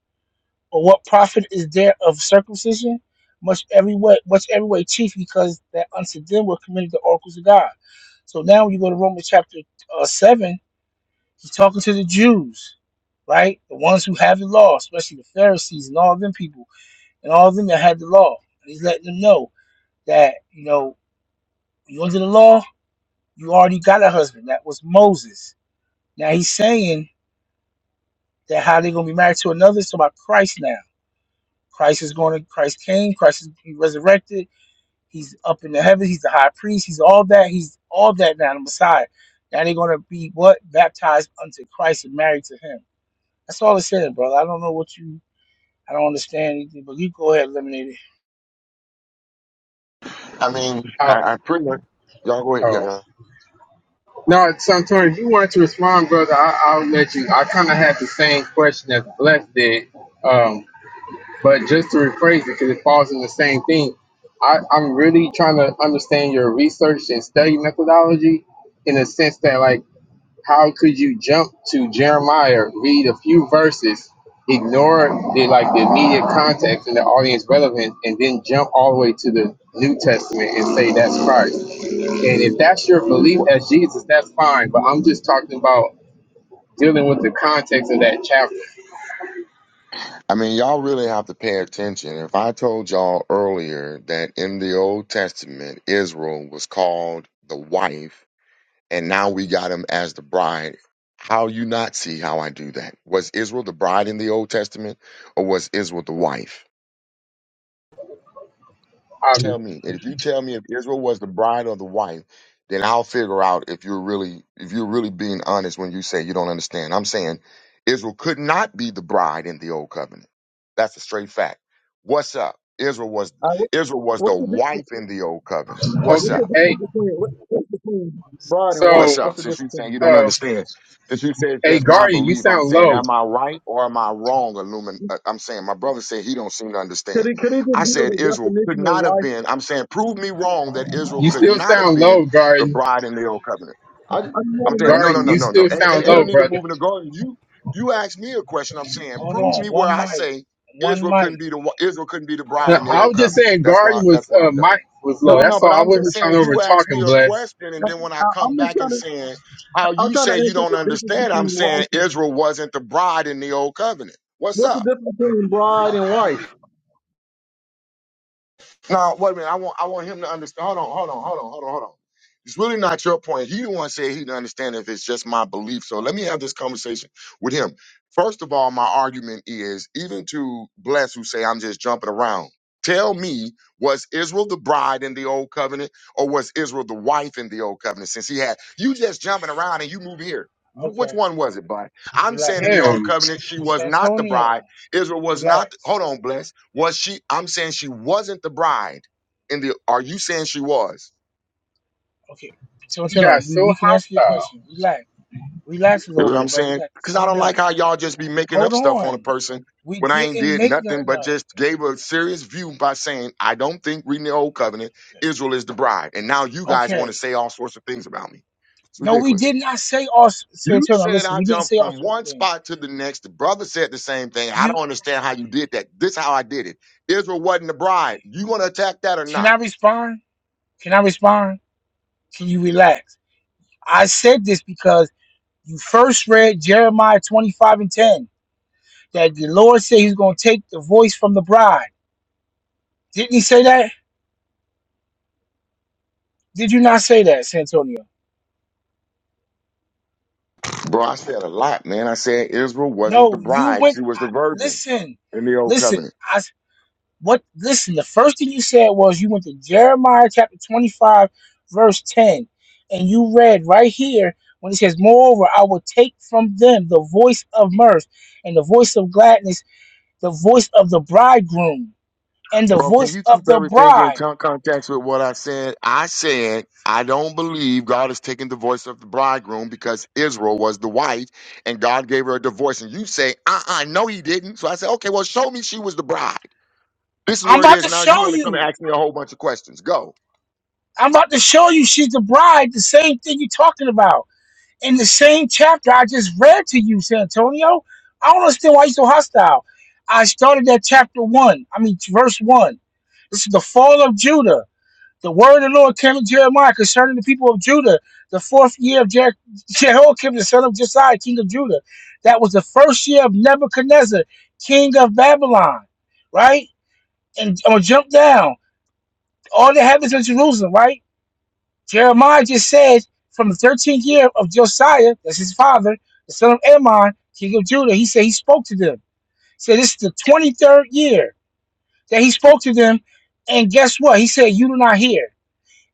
Speaker 1: or what profit is there of circumcision? Much every way, much every way chief, because that unto them were committed the oracles of God. So now when you go to Romans chapter uh, seven, he's talking to the Jews, right? The ones who have the law, especially the Pharisees and all of them people and all of them that had the law. And he's letting them know that, you know, you under the law, you already got a husband. That was Moses. Now he's saying that how they're gonna be married to another, it's about Christ now. Christ is going to Christ came, Christ is he resurrected, he's up in the heavens, he's the high priest, he's all that, he's all that now, the Messiah. Now they're gonna be what? Baptized unto Christ and married to him. That's all it's saying, brother. I don't know what you I don't understand anything, but you go ahead, and eliminate it.
Speaker 8: I mean,
Speaker 9: Oh,
Speaker 8: I, I pretty much y'all go ahead. Yeah,
Speaker 9: oh.
Speaker 8: yeah.
Speaker 9: No, Santori, if you want to respond, brother, I, I'll let you. I kind of had the same question as Bless did, um, but just to rephrase it, because it falls in the same thing. I, I'm really trying to understand your research and study methodology in a sense that, like, How could you jump to Jeremiah, read a few verses, ignore the like the immediate context and the audience relevance, and then jump all the way to the New Testament and say that's Christ? And if that's your belief as Jesus, that's fine. But I'm just talking about dealing with the context of that chapter.
Speaker 8: I mean, y'all really have to pay attention. If I told y'all earlier that in the Old Testament, Israel was called the wife, and now we got him as the bride, how you not see how I do that? Was Israel the bride in the Old Testament, or was Israel the wife? tell
Speaker 9: Um,
Speaker 8: me, and if you tell me if Israel was the bride or the wife, then I'll figure out if you're really if you're really being honest when you say you don't understand. I'm saying Israel could not be the bride in the old covenant. That's a straight fact. What's up? Israel was
Speaker 3: I,
Speaker 8: Israel was the
Speaker 3: what's the
Speaker 8: wife
Speaker 3: difference?
Speaker 8: in the old covenant. What's
Speaker 3: What's
Speaker 9: okay.
Speaker 3: the
Speaker 8: up?
Speaker 9: Hey,
Speaker 3: difference between what, what's between bride and
Speaker 9: so,
Speaker 8: What's
Speaker 3: wife?
Speaker 8: up?
Speaker 3: What's the
Speaker 8: Since you
Speaker 3: difference?
Speaker 8: saying you don't
Speaker 9: uh,
Speaker 8: understand, since you say it's
Speaker 9: hey,
Speaker 8: just my
Speaker 9: Guardian, you
Speaker 8: belief, I'm
Speaker 9: sound
Speaker 8: saying,
Speaker 9: low.
Speaker 8: am I right or am I wrong? Illumin, uh, I'm saying my brother said he don't seem to
Speaker 3: Could
Speaker 8: understand.
Speaker 3: it could it just
Speaker 8: I
Speaker 3: be
Speaker 8: said
Speaker 3: the
Speaker 8: Israel could
Speaker 3: definition of
Speaker 8: not have
Speaker 3: wife?
Speaker 8: been. I'm saying prove me wrong that Israel
Speaker 9: You
Speaker 8: could
Speaker 9: still
Speaker 8: not have
Speaker 9: sound
Speaker 8: been
Speaker 9: low,
Speaker 8: the
Speaker 9: Guardian.
Speaker 8: bride in the old covenant.
Speaker 3: I I just
Speaker 8: I'm
Speaker 3: want to
Speaker 8: saying
Speaker 3: know
Speaker 8: no, no,
Speaker 9: Guardian,
Speaker 8: no,
Speaker 9: you
Speaker 8: no, no.
Speaker 9: still
Speaker 8: And, and,
Speaker 9: sound
Speaker 8: and don't
Speaker 9: low,
Speaker 3: what's.
Speaker 8: need to
Speaker 9: brother.
Speaker 8: move in the garden. You you asked me a question. I'm saying
Speaker 1: Hold
Speaker 8: prove
Speaker 1: on,
Speaker 8: me where
Speaker 1: one
Speaker 8: I
Speaker 1: mic.
Speaker 8: say
Speaker 1: One
Speaker 8: Israel couldn't
Speaker 1: mic.
Speaker 8: be the wa- Israel couldn't be the
Speaker 9: No,
Speaker 8: bride in the
Speaker 9: I
Speaker 8: old
Speaker 9: was just
Speaker 8: covenant.
Speaker 9: saying
Speaker 8: That's why
Speaker 9: Guardian
Speaker 8: that's
Speaker 9: was
Speaker 8: where
Speaker 9: uh
Speaker 8: I'm done.
Speaker 9: Mike was
Speaker 3: yeah,
Speaker 9: low.
Speaker 8: No, no,
Speaker 9: That's all.
Speaker 8: but
Speaker 9: I
Speaker 8: I'm just
Speaker 9: wasn't trying
Speaker 8: saying
Speaker 9: to over
Speaker 8: you
Speaker 9: talk
Speaker 8: asked me
Speaker 9: him,
Speaker 8: a
Speaker 9: Bless.
Speaker 8: question, and then when I
Speaker 3: I,
Speaker 8: come
Speaker 3: I'm just
Speaker 8: back
Speaker 3: trying
Speaker 8: and
Speaker 3: to
Speaker 8: saying how
Speaker 3: I'm
Speaker 8: you
Speaker 3: trying to
Speaker 8: say you
Speaker 3: answer
Speaker 8: don't
Speaker 3: the difference
Speaker 8: understand, I'm
Speaker 3: between wife
Speaker 8: saying
Speaker 3: and
Speaker 8: Israel wasn't the bride in the old covenant. What's
Speaker 3: what's the
Speaker 8: up?
Speaker 3: difference between bride and wife?
Speaker 8: No, wait a minute. I want I want him to understand. Hold on, hold on, hold on, hold on, hold on. It's really not your point. He the one said he didn't understand if it's just my belief. So let me have this conversation with him. First of all, my argument is even to bless who say I'm just jumping around. Tell me, was Israel the bride in the old covenant, or was Israel the wife in the old covenant? Since he had you just jumping around and you move here. Wh- Which
Speaker 1: Okay.
Speaker 8: one was it, bud? I'm
Speaker 1: Relax,
Speaker 8: saying in the
Speaker 1: relax.
Speaker 8: old
Speaker 9: Damn,
Speaker 8: covenant, she was not the bride
Speaker 1: Santonio,
Speaker 8: Israel was not,
Speaker 1: relax.
Speaker 8: hold on, bless. Was she, I'm saying she wasn't the bride. In the, are you saying she was?
Speaker 1: Okay,
Speaker 9: he
Speaker 1: Santonio,
Speaker 9: got
Speaker 1: we,
Speaker 9: so
Speaker 1: we can answer your
Speaker 9: hostile.
Speaker 1: question. Relax, relax a
Speaker 8: You
Speaker 1: little
Speaker 8: know what I'm
Speaker 1: bit, but
Speaker 8: saying?
Speaker 1: relax.
Speaker 8: Because I
Speaker 1: Calm
Speaker 8: don't like
Speaker 1: down.
Speaker 8: how y'all just be making up
Speaker 1: Hold
Speaker 8: stuff on a
Speaker 1: on.
Speaker 8: person
Speaker 1: We
Speaker 8: when I ain't
Speaker 1: didn't
Speaker 8: did
Speaker 1: make
Speaker 8: nothing
Speaker 1: nothing
Speaker 8: but
Speaker 1: up.
Speaker 8: just gave a serious view by saying, I don't think reading the old covenant,
Speaker 1: Okay.
Speaker 8: Israel is the bride. And now you guys want to
Speaker 1: okay.
Speaker 8: say all sorts of things about me. It's
Speaker 1: No, we
Speaker 8: ridiculous.
Speaker 1: did not say all s-
Speaker 8: You
Speaker 1: Santonio.
Speaker 8: said
Speaker 1: Listen,
Speaker 8: I
Speaker 1: we didn't
Speaker 8: jumped
Speaker 1: say all
Speaker 8: from
Speaker 1: sorts of
Speaker 8: one
Speaker 1: things.
Speaker 8: spot to the next. The brother said the same thing. I
Speaker 1: You
Speaker 8: don't understand how you did that. This is how I did it. Israel wasn't the bride. You want to attack that or
Speaker 1: can
Speaker 8: not?
Speaker 1: I respond? Can I respond? Can you relax? I said this because you first read Jeremiah 25 and 10 that the Lord said he's going to take the voice from the bride. Didn't he say that? Did you not say that, Santonio?
Speaker 8: Bro, I said a lot, man. I said Israel wasn't
Speaker 1: No,
Speaker 8: the
Speaker 1: you
Speaker 8: bride, she
Speaker 1: went.
Speaker 8: was the
Speaker 1: I,
Speaker 8: virgin
Speaker 1: listen,
Speaker 8: in the old
Speaker 1: listen.
Speaker 8: covenant.
Speaker 1: I s- what? Listen. The first thing you said was you went to Jeremiah chapter twenty-five, verse ten, and you read right here when it says, "Moreover, I will take from them the voice of mirth, and the voice of gladness, the voice of the bridegroom, and the
Speaker 8: Bro, can
Speaker 1: voice
Speaker 8: you
Speaker 1: of
Speaker 8: keep
Speaker 1: the
Speaker 8: everything in
Speaker 1: bride."
Speaker 8: con- context with what I said? I said, I don't believe God is taking the voice of the bridegroom because Israel was the wife and God gave her a divorce. And you say, uh uh no, he didn't. So I said, okay, well, show me she was the bride. This is
Speaker 1: I'm
Speaker 8: where it
Speaker 1: about
Speaker 8: is
Speaker 1: to
Speaker 8: now. You
Speaker 1: show
Speaker 8: want to come and
Speaker 1: you.
Speaker 8: ask me a whole bunch of questions. Go.
Speaker 1: I'm about to show you. She's the bride. The same thing you're talking about. in the same chapter I just read to you, Santonio. I don't understand why you're so hostile. I started at chapter one. I mean, verse one. This is the fall of Judah. The word of the Lord came to Jeremiah concerning the people of Judah, the fourth year of Je- Jehoiakim, the son of Josiah, king of Judah. That was the first year of Nebuchadnezzar, king of Babylon, right? And I'm gonna jump down. All the habits of Jerusalem, right? Jeremiah just said from the 13th year of Josiah, that's his father, the son of Ammon, king of Judah, he said he spoke to them. He said this is the 23rd year that he spoke to them. And guess what? He said, You do not hear.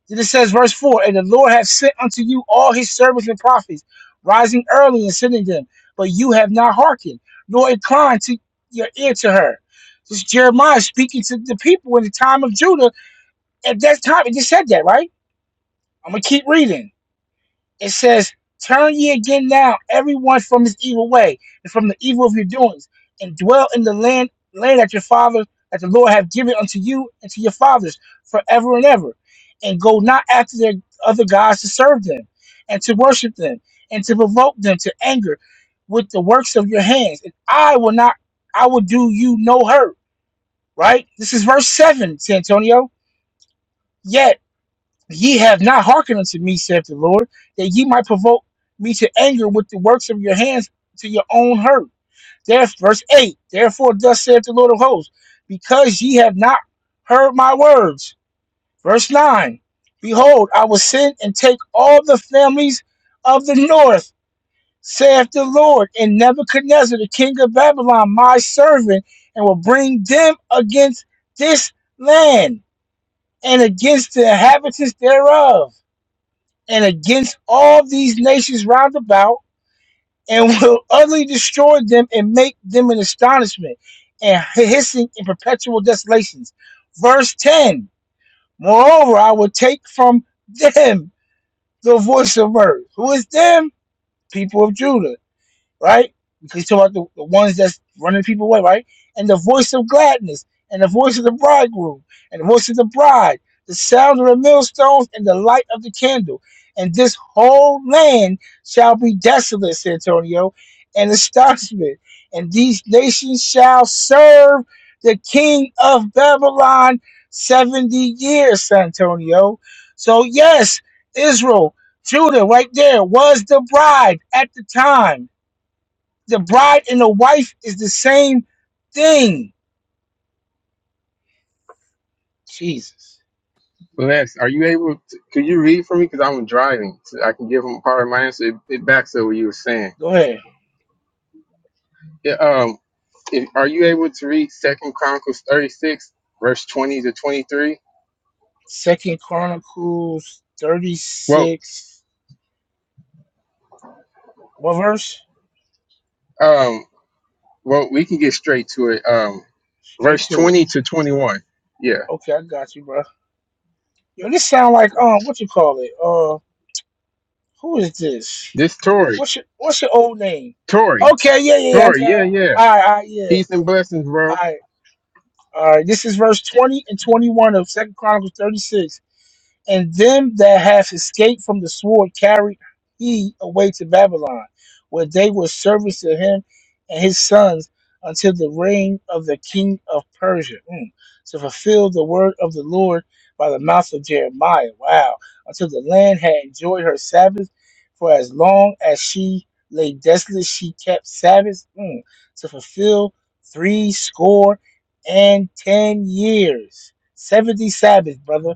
Speaker 1: Then it says, verse 4 And the Lord hath sent unto you all his servants and prophets, rising early and sending them. But you have not hearkened, nor inclined to your ear to her. This is Jeremiah speaking to the people in the time of Judah. At that time, it just said that, right? I'm going to keep reading. It says, Turn ye again now, everyone from his evil way, and from the evil of your doings, and dwell in the land, land that your fathers, that the Lord have given unto you and to your fathers forever and ever. And go not after their other gods to serve them, and to worship them, and to provoke them to anger with the works of your hands. And I will not, I will do you no hurt. Right? This is verse 7, Santonio. Yet Ye have not hearkened unto me, saith the Lord, that ye might provoke me to anger with the works of your hands to your own hurt. There, verse 8 Therefore, thus saith the Lord of hosts, because ye have not heard my words. Verse 9 Behold, I will send and take all the families of the north, saith the Lord, and Nebuchadnezzar, the king of Babylon, my servant, and will bring them against this land and against the inhabitants thereof and against all these nations round about, and will utterly destroy them and make them an astonishment and hissing in perpetual desolations. Verse 10 Moreover, I will take from them the voice of mirth. Who is them? People of Judah right? Because you talk about the, the ones that's running people away, right? And the voice of gladness, and the voice of the bridegroom, and the voice of the bride, the sound of the millstones, and the light of the candle. And this whole land shall be desolate, San Antonio, and astonishment. And these nations shall serve the king of Babylon 70 years, San Antonio. So, yes, Israel, Judah, right there, was the bride at the time the bride and the wife is the same thing. Jesus.
Speaker 9: Bless, are you able? To, could you read for me? Because I'm driving. So I can give him part of my answer. It, it backs up what you were saying.
Speaker 1: Go ahead.
Speaker 9: Yeah. Um. If, are you able to read Second Chronicles 36, verse 20 to 23?
Speaker 1: Second Chronicles
Speaker 9: Well,
Speaker 1: 36. What verse?
Speaker 9: um, well, we can get straight to it. Um,
Speaker 1: Straight
Speaker 9: verse
Speaker 1: to it.
Speaker 9: 20 to 21. Yeah.
Speaker 1: Okay, I got you, bro. Yo, this sound like um, what you call it? Uh, who is this?
Speaker 9: This Tory,
Speaker 1: What's your What's your old name?
Speaker 9: Tory,
Speaker 1: Okay, yeah, yeah, yeah,
Speaker 9: Tory.
Speaker 1: okay.
Speaker 9: Yeah, yeah.
Speaker 1: All right, all right, yeah,
Speaker 9: Peace and blessings,
Speaker 1: all
Speaker 9: bro.
Speaker 1: right, all right. This is verse twenty and twenty-one of Second Chronicles thirty-six. and them that have escaped from the sword carried he away to Babylon, where they were servants to him and his sons until the reign of the king of Persia, Mm. to fulfill the word of the Lord by the mouth of Jeremiah. Wow. Until the land had enjoyed her Sabbath, for as long as she lay desolate, she kept Sabbath mm, to fulfill three score and ten years. Seventy Sabbaths, brother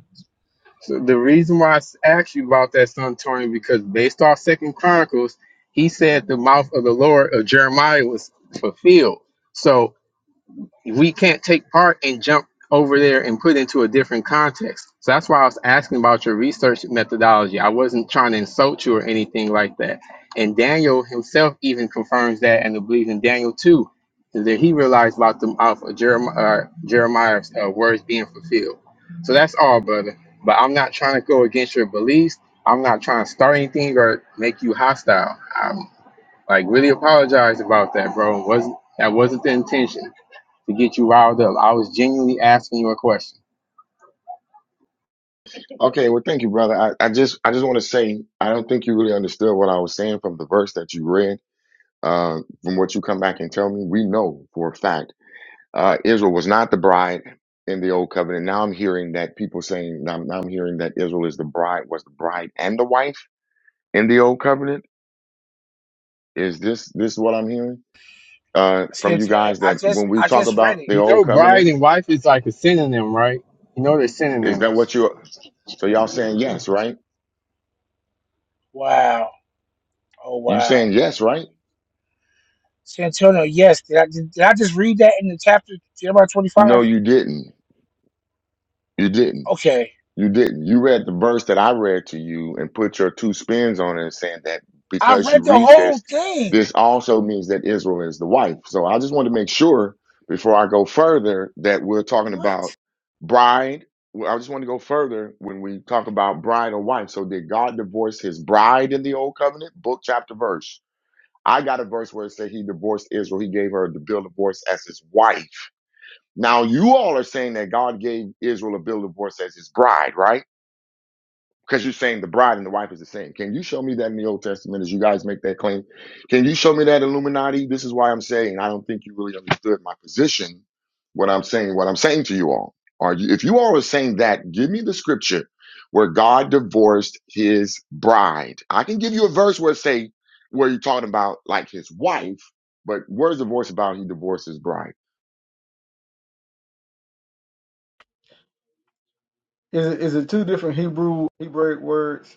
Speaker 9: So the reason why I s- asked you about that, son Tony, because based off Second Chronicles, he said the mouth of the Lord of Jeremiah was fulfilled. So we can't take part and jump over there and put into a different context. So that's why I was asking about your research methodology. I wasn't trying to insult you or anything like that. And Daniel himself even confirms that and the belief in Daniel too, that he realized about the mouth of Jeremiah, uh, Jeremiah's uh, words being fulfilled. So that's all, brother. But I'm not trying to go against your beliefs. I'm not trying to start anything or make you hostile. I'm like really apologize about that, bro. Wasn't that wasn't the intention? to get you riled up. I was genuinely asking you a question.
Speaker 8: Okay, well, thank you, brother. I, I just I just want to say I don't think you really understood what I was saying from the verse that you read Uh, from what you come back and tell me, we know for a fact uh, Israel was not the bride in the old covenant. Now I'm hearing that people saying now, now I'm hearing that Israel is the bride was the bride and the wife in the old covenant. Is this this what I'm hearing uh, from you
Speaker 1: Santonio,
Speaker 8: guys
Speaker 1: I
Speaker 8: that when
Speaker 1: just
Speaker 8: we
Speaker 1: I
Speaker 8: talk
Speaker 1: just read
Speaker 8: about
Speaker 1: it.
Speaker 8: the
Speaker 9: You know,
Speaker 8: old covenant,
Speaker 9: bride and wife is like a synonym, right? You know, they're
Speaker 8: is that
Speaker 9: synonyms.
Speaker 8: what you? So y'all saying yes, right?
Speaker 1: Wow. Oh
Speaker 8: You
Speaker 1: wow.
Speaker 8: saying yes, right?
Speaker 1: Santonio, yes. Did I did, did I just read that in the chapter Jeremiah twenty
Speaker 8: No,
Speaker 1: five?
Speaker 8: you didn't. You didn't.
Speaker 1: Okay.
Speaker 8: You didn't. You read the verse that I read to you and put your two spins on it, saying that
Speaker 1: I
Speaker 8: because you
Speaker 1: read the
Speaker 8: read
Speaker 1: whole
Speaker 8: this,
Speaker 1: thing.
Speaker 8: this also means that Israel is the wife. So I just want to make sure before I go further that we're talking
Speaker 1: What?
Speaker 8: about bride. Well, I just want to go further when we talk about bride or wife. So did God divorce his bride in the old covenant? Book, chapter, verse. I got a verse where it said he divorced Israel. He gave her the bill of divorce as his wife. Now you all are saying that God gave Israel a bill of divorce as his bride, right? because you're saying the bride and the wife is the same. Can you show me that in the Old Testament as you guys make that claim? Can you show me that Illuminati? This is why I'm saying I don't think you really understood my position. What I'm saying, what I'm saying to you all, are you, if you all are saying that, give me the scripture where God divorced His bride. I can give you a verse where it say where you're talking about like His wife, but where's the verse about He divorced His bride?
Speaker 3: Is it, is it two different Hebrew Hebraic words?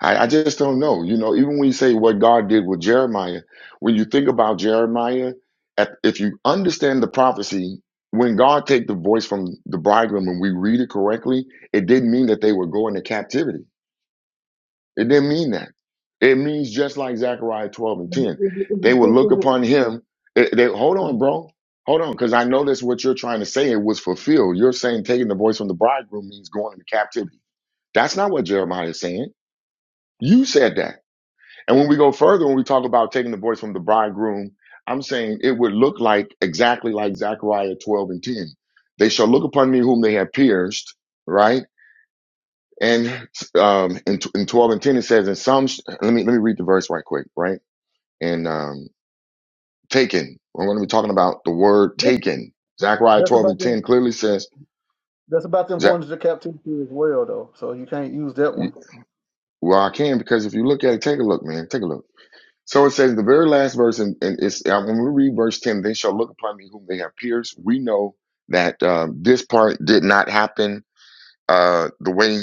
Speaker 8: I, I just don't know. You know, even when you say what God did with Jeremiah, when you think about Jeremiah, at, if you understand the prophecy, when God take the voice from the bridegroom and we read it correctly, it didn't mean that they were going to captivity. It didn't mean that. It means just like Zechariah 12 and
Speaker 3: Is it,
Speaker 8: 10,
Speaker 3: is it, is it,
Speaker 8: they will
Speaker 3: two-
Speaker 8: look
Speaker 3: is it,
Speaker 8: upon him. It- they, hold on, bro. Hold on, because I know that's what you're trying to say. It was fulfilled. You're saying taking the voice from the bridegroom means going into captivity. That's not what Jeremiah is saying. You said that. And when we go further, when we talk about taking the voice from the bridegroom, I'm saying it would look like exactly like Zechariah 12 and 10. They shall look upon me whom they have pierced, right? And um, in, t- in 12 and 10 it says, and some. sh- Let me let me read the verse right quick, right? And um, taken. We're going to be talking about the word
Speaker 3: this-
Speaker 8: taken. Zechariah
Speaker 3: That's
Speaker 8: 12
Speaker 3: about
Speaker 8: and
Speaker 3: them.
Speaker 8: 10 clearly says,
Speaker 3: That's about them
Speaker 8: Ze-
Speaker 3: going to the captivity as well, though. So you can't use that one.
Speaker 8: well, I can because if you look at it, take a look, man, take a look. So it says the very last verse, and, and it's I'm going to read verse ten. They shall look upon me whom they have pierced. We know that um, this part did not happen uh, the way.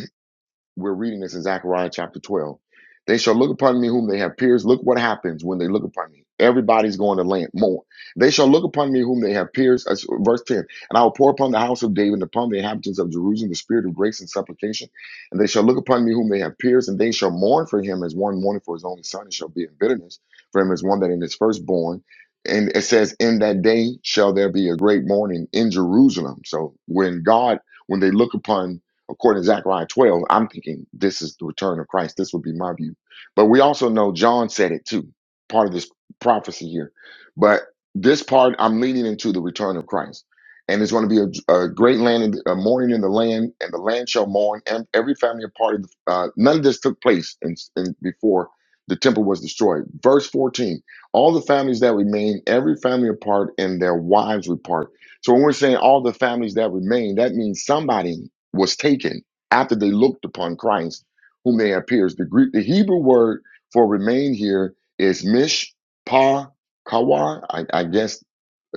Speaker 8: We're reading this in Zechariah chapter 12. They shall look upon me whom they have pierced. Look what happens when they look upon me. Everybody's going to land more. They shall look upon me whom they have pierced. That's verse 10. And I will pour upon the house of David and upon the inhabitants of Jerusalem the spirit of grace and supplication. And they shall look upon me whom they have pierced, and they shall mourn for him as one mourning for his only son, and shall be in bitterness for him as one that in his firstborn. And it says, In that day shall there be a great mourning in Jerusalem. So when God, when they look upon according to Zechariah 12, I'm thinking this is the return of Christ. This would be my view. But we also know John said it too, part of this prophecy here. But this part, I'm leading into the return of Christ. And it's going to be a, a great land, in, a mourning in the land, and the land shall mourn. And every family and part of the, uh, none of this took place in, in, before the temple was destroyed. Verse 14 all the families that remain, every family apart, and their wives repart. So when we're saying all the families that remain, that means somebody was taken after they looked upon Christ, whom they had pierced. The Greek, the Hebrew word for remain here is mishpah kawa. I, I guess.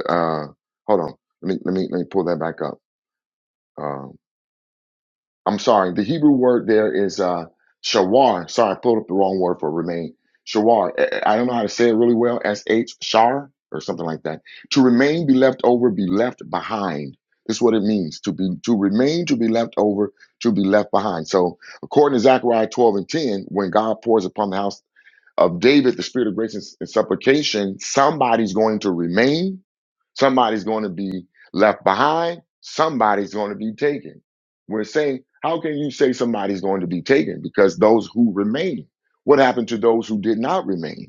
Speaker 8: Uh, hold on. Let me let me let me pull that back up. Uh, I'm sorry, the Hebrew word there is uh, shawar. Sorry, I pulled up the wrong word for remain. Shawar. I I don't know how to say it really well. S H shar or something like that. To remain, be left over, be left behind. This is what it means to be to remain, to be left over, to be left behind. So, according to Zechariah 12 and 10, when God pours upon the house of David, the spirit of grace and, and supplication, somebody's going to remain, somebody's going to be left behind, somebody's going to be taken. We're saying, how can you say somebody's going to be taken? Because those who remain, what happened to those who did not remain?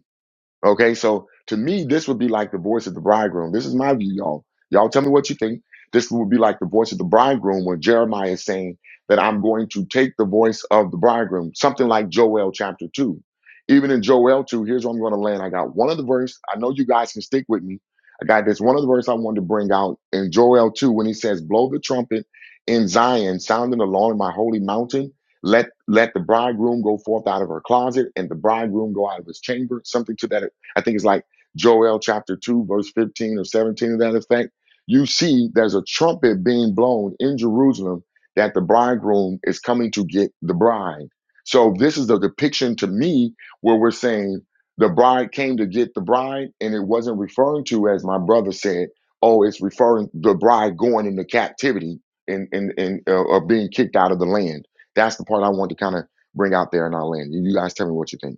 Speaker 8: Okay, so to me, this would be like the voice of the bridegroom. This is my view, y'all. Y'all tell me what you think. This would be like the voice of the bridegroom when Jeremiah is saying that I'm going to take the voice of the bridegroom, something like Joel chapter 2. Even in Joel 2, here's where I'm going to land. I got one of the verse. I know you guys can stick with me. I got this one of the verse I wanted to bring out in Joel 2 when he says, Blow the trumpet in Zion, sounding alarm in my holy mountain let let the bridegroom go forth out of her closet and the bridegroom go out of his chamber something to that I think it's like Joel chapter 2, verse 15 or 17 of that effect. You see, there's a trumpet being blown in Jerusalem that the bridegroom is coming to get the bride. So, this is the depiction to me where we're saying the bride came to get the bride, and it wasn't referring to, as my brother said, oh, it's referring the bride going into captivity and, and, and uh, or being kicked out of the land. That's the part I want to kind of bring out there in our land. You guys tell me what you think.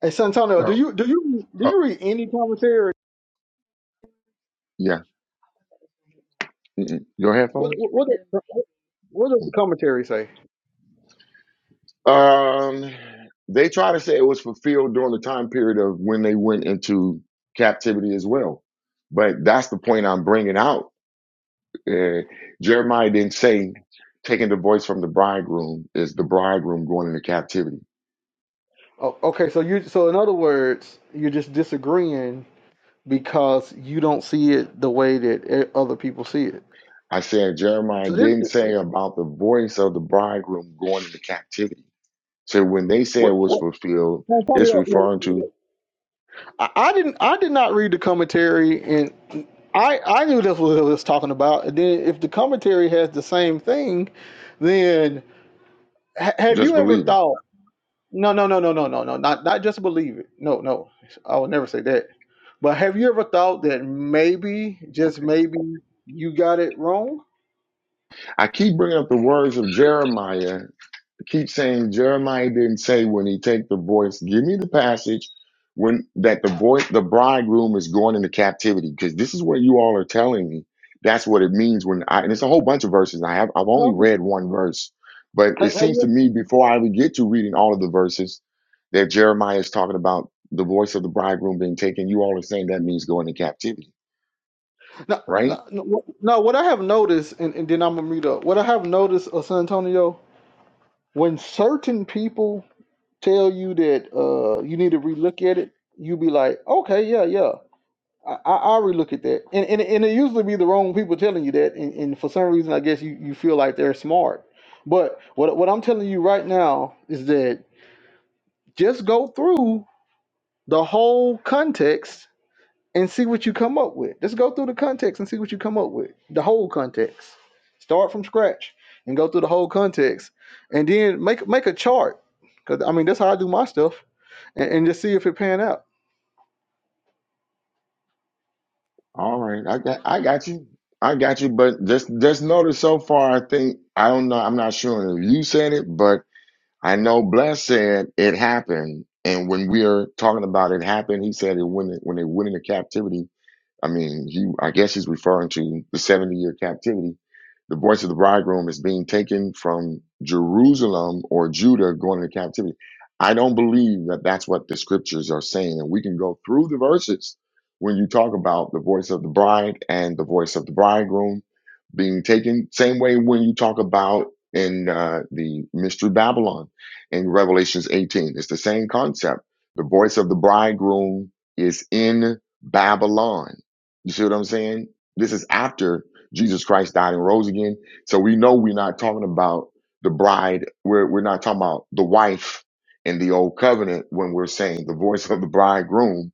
Speaker 3: Hey, Santonio, do
Speaker 9: So,
Speaker 3: you do you do
Speaker 9: uh,
Speaker 3: you read any commentary?
Speaker 8: Yeah. Mm-mm. Your
Speaker 3: What
Speaker 8: headphones?
Speaker 3: what what, does, what does the commentary say?
Speaker 8: Um, they try to say it was fulfilled during the time period of when they went into captivity as well. But that's the point I'm bringing out. Uh, Jeremiah didn't say taking the voice from the bridegroom is the bridegroom going into captivity.
Speaker 3: Oh, okay, so you so in other words, you're just disagreeing because you don't see it the way that e- other people see it.
Speaker 8: I said Jeremiah
Speaker 3: So this
Speaker 8: didn't say about the voice of the bridegroom going into captivity. So when they say it
Speaker 3: what,
Speaker 8: was
Speaker 3: what
Speaker 8: fulfilled,
Speaker 3: No, tell me
Speaker 8: it's referring to
Speaker 3: what- I, I didn't. I did not read the commentary, and I I knew that's what it was talking about. And then if the commentary has the same thing, then ha- have
Speaker 8: just
Speaker 3: you ever
Speaker 8: believing.
Speaker 3: thought? No, no, no, no, no, no, no. Not not just believe it. No, no. I would never say that. But have you ever thought that maybe, just
Speaker 8: Okay.
Speaker 3: maybe, you got it wrong?
Speaker 8: I keep bringing up the words of Jeremiah keep saying Jeremiah didn't say when he take the voice. Give me the passage when that the voice the bridegroom is going into captivity because this is what you all are telling me. That's what it means when I and it's a whole bunch of verses. I have I've
Speaker 3: No,
Speaker 8: only
Speaker 3: I'm just-
Speaker 8: read one verse, but it
Speaker 3: Hey, hey,
Speaker 8: seems to
Speaker 3: you-
Speaker 8: me before I even get to reading all of the verses that Jeremiah is talking about the voice of the bridegroom being taken. You all are saying that means going to captivity,
Speaker 3: no,
Speaker 8: right?
Speaker 3: no, no, what no, what I have noticed, and, and then I'm gonna mute up. What I have noticed of San Antonio, when certain people tell you that uh you need to relook at it, you be like, okay, yeah, yeah. I, I I'll relook at that. And, and and it usually be the wrong people telling you that. And, and for some reason I guess you, you feel like they're smart. But what what I'm telling you right now is that just go through the whole context and see what you come up with. Just go through the context and see what you come up with. The whole context. Start from scratch and go through the whole context. And then make make a chart. Cause I mean that's how I do my stuff and, and just see if it pan out.
Speaker 8: All right, I got, I got you, I got you. But just, just notice so far. I think I don't know. I'm not sure if you said it, but I know Bless said it happened. And when we are talking about it happened, he said it when it when they went into captivity. I mean, he I guess he's referring to the 70 year captivity. The voice of the bridegroom is being taken from Jerusalem or Judah going into captivity. I don't believe that that's what the scriptures are saying. And we can go through the verses when you talk about the voice of the bride and the voice of the bridegroom being taken. Same way when you talk about in uh, the mystery Babylon in Revelations 18, it's the same concept. The voice of the bridegroom is in Babylon you see what I'm saying? This is after Jesus Christ died and rose again. So we know we're not talking about the bride. We're, we're not talking about the wife in the old covenant when we're saying the voice of the bridegroom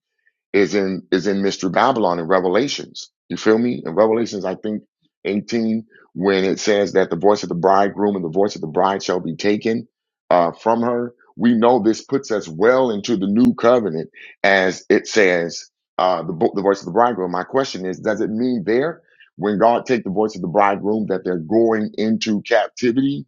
Speaker 8: is in is in Mystery Babylon in Revelations. You feel me? In Revelations, I think 18, when it says that the voice of the bridegroom and the voice of the bride shall be taken uh, from her. We know this puts us well into the new covenant, as it says uh, the bo- the voice of the bridegroom. My question is, does it mean there when God take the voice of the bridegroom that they're going into captivity?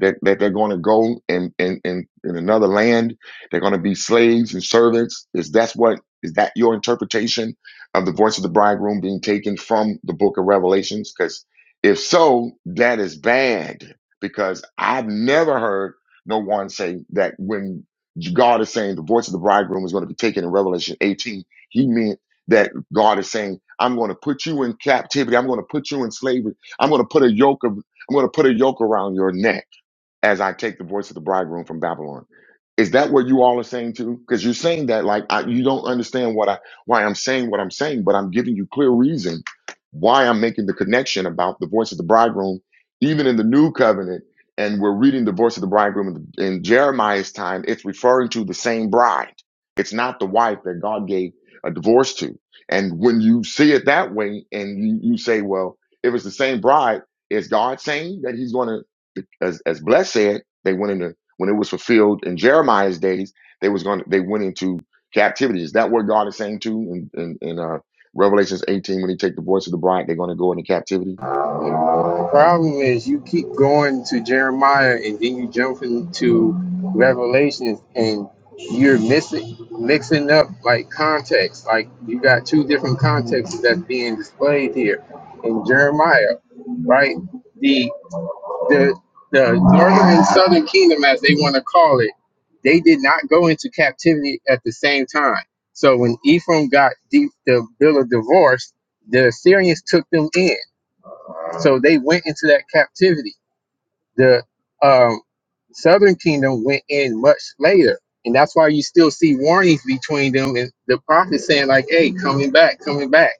Speaker 8: That, that they're going to go in, in, in, in another land. They're going to be slaves and servants. Is that's what is that your interpretation of the voice of the bridegroom being taken from the book of Revelations? Because if so, that is bad because I've never heard no one say that when God is saying the voice of the bridegroom is going to be taken in Revelation 18, he meant that God is saying, I'm going to put you in captivity. I'm going to put you in slavery. I'm going to put a yoke of, I'm going to put a yoke around your neck as I take the voice of the bridegroom from Babylon. Is that what you all are saying too? Because you're saying that like I, you don't understand what I why I'm saying what I'm saying, but I'm giving you clear reason why I'm making the connection about the voice of the bridegroom, even in the new covenant. And we're reading the voice of the bridegroom in, in Jeremiah's time. It's referring to the same bride. It's not the wife that God gave a divorce to. And when you see it that way, and you, you say, well, if it's the same bride, is God saying that He's going to? as as Bless said, they went into when it was fulfilled in Jeremiah's days, they was going to they went into captivity. Is that what God is saying too in, in, in uh Revelations 18 when he take the voice of the bride, they're gonna go into captivity?
Speaker 9: the problem is you keep going to Jeremiah and then you jump into Revelations and you're missing, mixing up like context. Like you got two different contexts that's being displayed here in Jeremiah, right? The the the northern and southern kingdom, as they want to call it, they did not go into captivity at the same time. So when Ephraim got deep, the bill of divorce, the Assyrians took them in. So they went into that captivity. The um, southern kingdom went in much later. And that's why you still see warnings between them and the prophet saying, like, hey, coming back, coming back.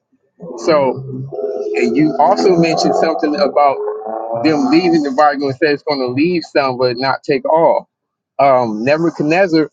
Speaker 9: So, and you also mentioned something about them leaving the Bible says it's going to leave some, but not take all. Um, Nebuchadnezzar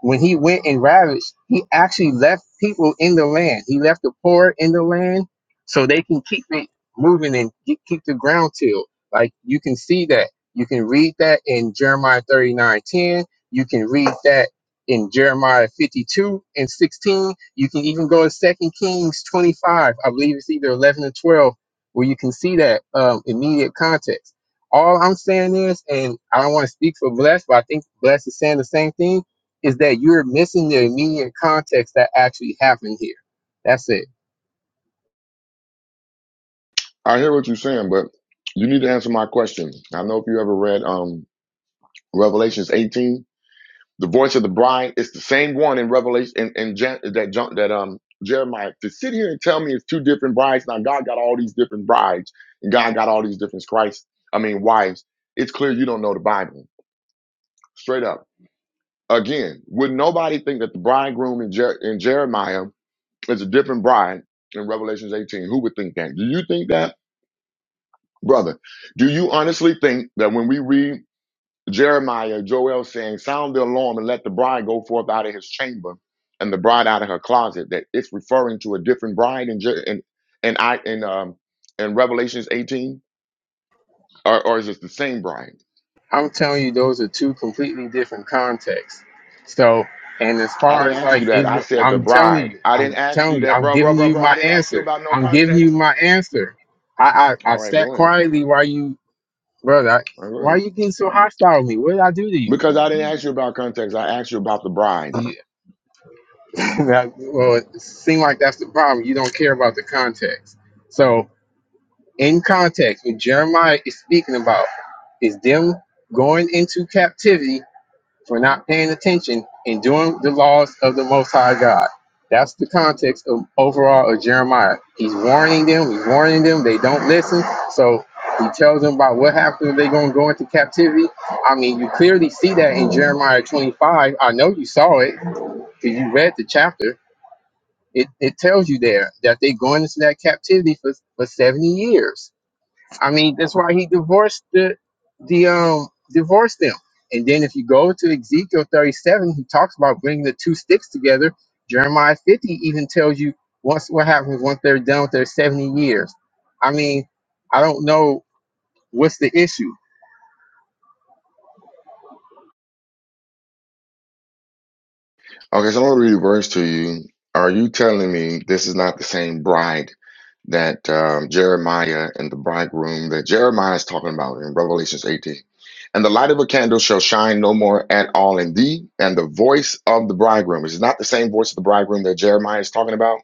Speaker 9: when he went and ravaged, he actually left people in the land. He left the poor in the land so they can keep it moving and ke- keep the ground tilled. Like you can see that. You can read that in Jeremiah 39, 10. You can read that in Jeremiah 52 and 16. You can even go to Second Kings 25. I believe it's either 11 or 12, where you can see that um, immediate context. All I'm saying is, and I don't want to speak for Bless, but I think Bless is saying the same thing is that you're missing the immediate context that actually happened here. That's it.
Speaker 8: I hear what you're saying, but you need to answer my question. I know if you ever read um Revelations 18, The voice of the bride is the same one in Revelation and in, in Jan- that John, that um Jeremiah. To sit here and tell me it's two different brides. Now God got all these different brides, and God got all these different Christ. I mean wives. It's clear you don't know the Bible. Straight up. Again, would nobody think that the bridegroom in, Jer- in Jeremiah is a different bride in Revelations 18? Who would think that? Do you think that, brother? Do you honestly think that when we read Jeremiah, Joel saying, Sound the alarm and let the bride go forth out of his chamber and the bride out of her closet. That it's referring to a different bride in, Je- in, in, I, in, um, in Revelations 18, or, or is it the same bride?
Speaker 9: I'm telling you, those are two completely different contexts. So, and as
Speaker 8: I
Speaker 9: far
Speaker 8: didn't
Speaker 9: as
Speaker 8: ask
Speaker 9: like
Speaker 8: you that. I
Speaker 9: Israel,
Speaker 8: said the
Speaker 9: I'm telling
Speaker 8: bride.
Speaker 9: you,
Speaker 8: I didn't
Speaker 9: I'm
Speaker 8: ask you
Speaker 9: telling you,
Speaker 8: that,
Speaker 9: I'm
Speaker 8: bro, bro,
Speaker 9: giving
Speaker 8: bro,
Speaker 9: you
Speaker 8: bro. I
Speaker 9: my
Speaker 8: didn't ask you
Speaker 9: answer.
Speaker 8: about no
Speaker 9: I'm giving you
Speaker 8: context.
Speaker 9: my answer. I I, I
Speaker 8: All right,
Speaker 9: sat
Speaker 8: go ahead.
Speaker 9: quietly while you, brother. I,
Speaker 8: All
Speaker 9: why are
Speaker 8: right.
Speaker 9: you getting so hostile with me? What did I do to you?
Speaker 8: Because I didn't ask you about context. I asked you about the bride.
Speaker 9: Yeah. [laughs] that, well, it seems like that's the problem. You don't care about the context. So in context, what Jeremiah is speaking about is them going into captivity for not paying attention and doing the laws of the Most High God. That's the context of overall of Jeremiah. He's warning them, he's warning them, they don't listen. So he tells them about what happens if they're going to go into captivity. I mean, you clearly see that in Jeremiah 25. I know you saw it because you read the chapter. It, it tells you there that they're going into that captivity for, for 70 years I mean, that's why he divorced the the um divorced them. And then if you go to Ezekiel 37, he talks about bringing the two sticks together. Jeremiah 50 even tells you once what happens once they're done with their 70 years. I mean, I don't know what's the issue.
Speaker 8: Okay, so I'm gonna read a verse to you. Are you telling me this is not the same bride that um, Jeremiah and the bridegroom that Jeremiah is talking about in Revelations 18? And the light of a candle shall shine no more at all in thee, and the voice of the bridegroom. Is it not the same voice of the bridegroom that Jeremiah is talking about?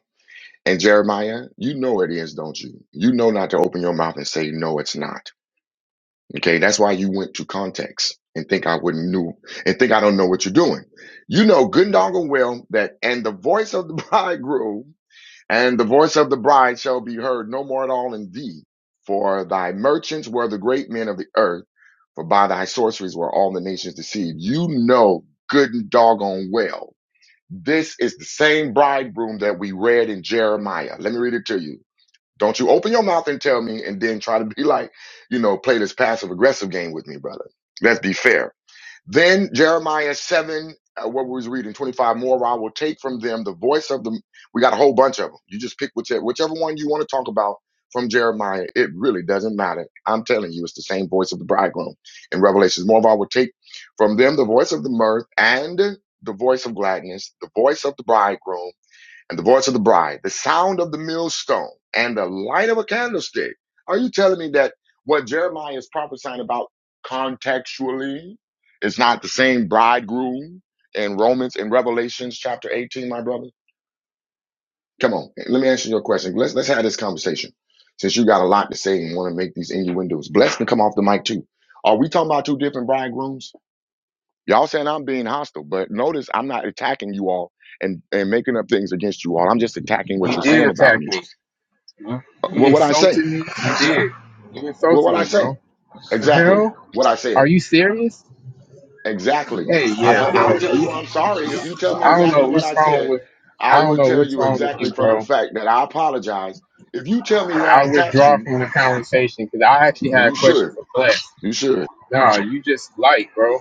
Speaker 8: And Jeremiah, you know it is, don't you? You know not to open your mouth and say, No, it's not. Okay, that's why you went to context and think I wouldn't knew and think I don't know what you're doing. You know good and doggone well that and the voice of the [laughs] bridegroom and the voice of the bride shall be heard no more at all in thee. For thy merchants were the great men of the earth, for by thy sorceries were all the nations deceived. You know good and doggone well. This is the same bridegroom that we read in Jeremiah. Let me read it to you. Don't you open your mouth and tell me and then try to be [laughs] like, you know, play this passive aggressive game with me, brother. Let's be fair. Then Jeremiah 7, uh, what we was reading, 25 more, I will take from them the voice of the. We got a whole bunch of them. You just pick whichever, whichever one you want to talk about from Jeremiah. It really doesn't matter. I'm telling you, it's the same voice of the bridegroom in Revelations. More I will take from them the voice of the mirth and the voice of gladness, the voice of the bridegroom and the voice of the bride, the sound of the millstone, and the light of a candlestick. Are you telling me that what Jeremiah is prophesying about contextually is not the same bridegroom in Romans in Revelations chapter 18, my brother? Come on, let me answer your question. Let's let's have this conversation. Since you got a lot to say and want to make these innuendos. Bless can come off the mic too. Are we talking about two different bridegrooms? Y'all saying I'm being hostile, but notice I'm not attacking you all and, and making up things against you all. I'm just attacking what
Speaker 9: You
Speaker 8: you're
Speaker 9: did
Speaker 8: saying about
Speaker 9: attack
Speaker 8: me.
Speaker 9: me.
Speaker 8: Uh,
Speaker 9: You
Speaker 8: Well, what I say?
Speaker 9: insulted me. You did. You
Speaker 8: Well,
Speaker 9: insulted
Speaker 8: what I
Speaker 9: me,
Speaker 8: say?
Speaker 9: bro. The
Speaker 8: Exactly
Speaker 9: hell?
Speaker 8: what I said.
Speaker 9: Are you serious?
Speaker 8: Exactly.
Speaker 9: Hey,
Speaker 8: I,
Speaker 9: yeah,
Speaker 8: I- I'll
Speaker 9: bro.
Speaker 8: tell you I'm sorry if you tell me
Speaker 9: I don't
Speaker 8: exactly
Speaker 9: know
Speaker 8: what
Speaker 9: what's
Speaker 8: I
Speaker 9: wrong
Speaker 8: said.
Speaker 9: with
Speaker 8: I
Speaker 9: I don't
Speaker 8: will
Speaker 9: know
Speaker 8: tell
Speaker 9: what's
Speaker 8: you
Speaker 9: wrong with
Speaker 8: exactly
Speaker 9: you,
Speaker 8: from a
Speaker 9: bro.
Speaker 8: fact that I apologize. If you tell me why I
Speaker 9: I'll
Speaker 8: attacked
Speaker 9: withdraw
Speaker 8: you,
Speaker 9: from the conversation because I actually
Speaker 8: well,
Speaker 9: had a
Speaker 8: you
Speaker 9: question
Speaker 8: should.
Speaker 9: for class.
Speaker 8: You should.
Speaker 9: Nah, you just light, bro,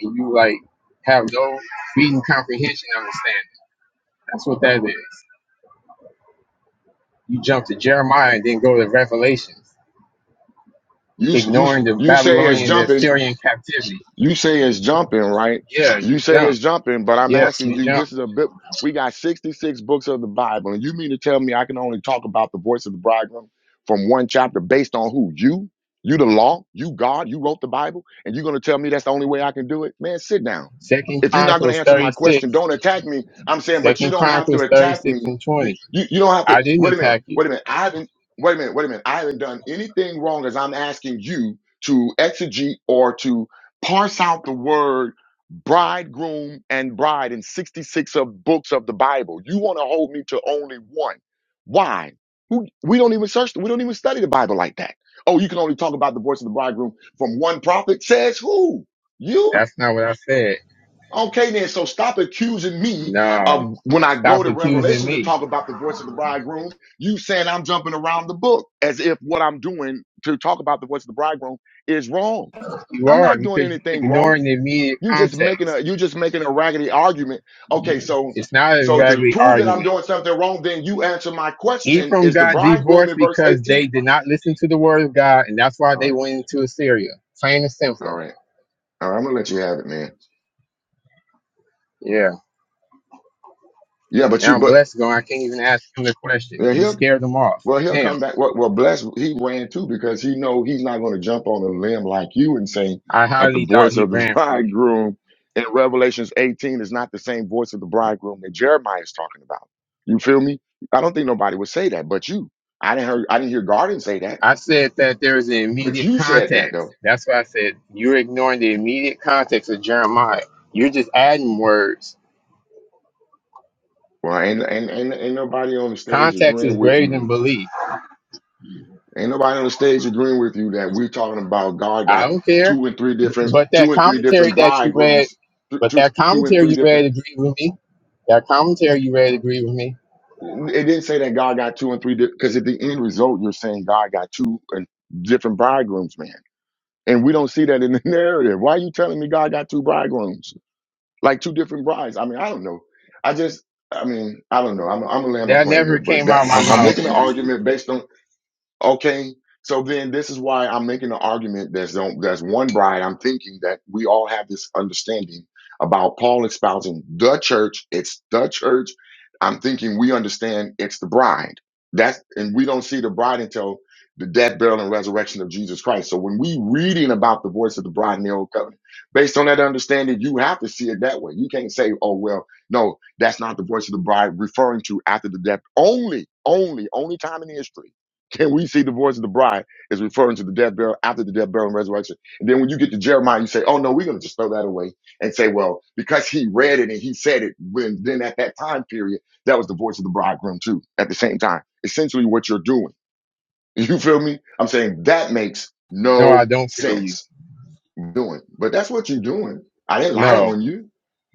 Speaker 9: and you like have no reading comprehension understanding. That's what that is. You jump to Jeremiah and then go to Revelations,
Speaker 8: You you
Speaker 9: ignoring the
Speaker 8: you say it's
Speaker 9: Babylonian and
Speaker 8: jumping.
Speaker 9: Assyrian captivity.
Speaker 8: You say it's jumping, right?
Speaker 9: Yeah,
Speaker 8: You
Speaker 9: you
Speaker 8: say
Speaker 9: jump.
Speaker 8: it's jumping, but I'm
Speaker 9: Yes,
Speaker 8: asking
Speaker 9: you
Speaker 8: you,
Speaker 9: jump.
Speaker 8: this is a bit, we got 66 books of the Bible, and you mean to tell me I can only talk about the voice of the bridegroom from one chapter based on who? You? You the law? You God? You wrote the Bible? And you're going to tell me that's the only way I can do it? Man, sit down.
Speaker 9: Second
Speaker 8: If you're not going to
Speaker 9: Chronicles
Speaker 8: answer my
Speaker 9: 36.
Speaker 8: question, don't attack me. I'm saying, but you
Speaker 9: Second
Speaker 8: don't have to
Speaker 9: Chronicles
Speaker 8: attack
Speaker 9: 36
Speaker 8: me.
Speaker 9: and
Speaker 8: You,
Speaker 9: 20.
Speaker 8: you, you don't have to,
Speaker 9: I didn't
Speaker 8: wait a minute,
Speaker 9: attack you.
Speaker 8: wait a minute. I haven't, wait a minute, wait a minute. I haven't done anything wrong as I'm asking you to exegete or to parse out the word bridegroom and bride in 66 of books of the Bible. You want to hold me to only one. Why? Who, we don't even search, we don't even study the Bible like that. Oh, you can only talk about the voice of the bridegroom from one prophet. Says who? You?
Speaker 9: That's not what I said.
Speaker 8: Okay then, so stop accusing me
Speaker 9: Nah,
Speaker 8: of when I go
Speaker 9: stop
Speaker 8: to
Speaker 9: accusing
Speaker 8: Revelation to
Speaker 9: me.
Speaker 8: talk about the voice of the bridegroom, you saying I'm jumping around the book as if what I'm doing to talk about the voice of the bridegroom is wrong.
Speaker 9: You
Speaker 8: I'm
Speaker 9: are
Speaker 8: not doing
Speaker 9: because you're
Speaker 8: anything wrong.
Speaker 9: ignoring the immediate
Speaker 8: You just making
Speaker 9: context.
Speaker 8: a you just making a raggedy argument. Okay, so
Speaker 9: It's not a
Speaker 8: so to
Speaker 9: raggedy
Speaker 8: prove that I'm
Speaker 9: argument.
Speaker 8: doing something wrong, then you answer my question
Speaker 9: Ephraim
Speaker 8: is the
Speaker 9: got
Speaker 8: bridegroom
Speaker 9: divorced
Speaker 8: in verse
Speaker 9: because
Speaker 8: 18.
Speaker 9: they did not listen to the word of God, and that's why
Speaker 8: All
Speaker 9: they
Speaker 8: right,
Speaker 9: went into Assyria. Plain and
Speaker 8: all
Speaker 9: simple.
Speaker 8: right, all right. I'm gonna let you have it, man.
Speaker 9: Yeah.
Speaker 8: Yeah, but
Speaker 9: Now
Speaker 8: you
Speaker 9: I'm
Speaker 8: but
Speaker 9: blessed going. I can't even ask him the question.
Speaker 8: yeah,
Speaker 9: You
Speaker 8: he'll.
Speaker 9: scared them off.
Speaker 8: Well, he'll
Speaker 9: Damn.
Speaker 8: come back. Well, well, bless. He ran too because he know he's not going to jump on a limb like you and say
Speaker 9: I
Speaker 8: that the
Speaker 9: highly doubt
Speaker 8: voice
Speaker 9: he
Speaker 8: of the [laughs]
Speaker 9: ran from you.
Speaker 8: bridegroom in Revelations 18 is not the same voice of the bridegroom that Jeremiah is talking about. You feel me? I don't think nobody would say that, but you. I didn't hear. I didn't hear Garden say that,
Speaker 9: I said that there is an
Speaker 8: but
Speaker 9: immediate
Speaker 8: you said that though.
Speaker 9: context. That's why I said you're ignoring the immediate context of Jeremiah. You're just adding words.
Speaker 8: Well, ain't ain't ain't, ain't nobody on the stage
Speaker 9: Context is
Speaker 8: agreeing with
Speaker 9: greater than
Speaker 8: you.
Speaker 9: belief.
Speaker 8: Ain't nobody on the stage agreeing with you that we're talking about God
Speaker 9: I
Speaker 8: got
Speaker 9: don't care.
Speaker 8: two and three different
Speaker 9: But
Speaker 8: two
Speaker 9: that
Speaker 8: and three
Speaker 9: commentary
Speaker 8: different
Speaker 9: that you read,
Speaker 8: bridegrooms, th-
Speaker 9: but
Speaker 8: two
Speaker 9: that
Speaker 8: two and
Speaker 9: commentary
Speaker 8: three
Speaker 9: you
Speaker 8: different
Speaker 9: read agreed with me. That commentary you read agreed with me.
Speaker 8: It didn't say that God got two and three because at the end result, you're saying God got two and different bridegrooms, man. And we don't see that in the [laughs] narrative. Why are you telling me God got two bridegrooms, like two different brides? I mean, I don't know. I just, I mean, I don't know. I'm, I'm gonna land my
Speaker 9: That
Speaker 8: plane here,
Speaker 9: never
Speaker 8: but
Speaker 9: came
Speaker 8: that
Speaker 9: out of my
Speaker 8: I'm, I'm making an
Speaker 9: mouth.
Speaker 8: argument based on. Okay, so then this is why I'm making an argument that's don't that's one bride. I'm thinking that we all have this understanding about Paul espousing the church. It's the church. I'm thinking we understand it's the bride. That's and we don't see the bride until the death, burial, and resurrection of Jesus Christ. So when we reading about the voice of the bride in the old covenant, based on that understanding, you have to see it that way. You can't say, oh well, no, that's not the voice of the bride referring to after the death. Only, only, only time in history can we see the voice of the bride is referring to the death, burial, after the death, burial, and resurrection? And then when you get to Jeremiah, you say, oh no, we're going to just throw that away and say, well, because he read it and he said it, when, then at that time period, that was the voice of the bridegroom too, at the same time. Essentially what you're doing. [laughs] You feel me? I'm saying that makes
Speaker 9: No, I
Speaker 8: no
Speaker 9: don't feel you.
Speaker 8: sense doing, but that's what you're doing. I didn't lie
Speaker 9: No,
Speaker 8: on you.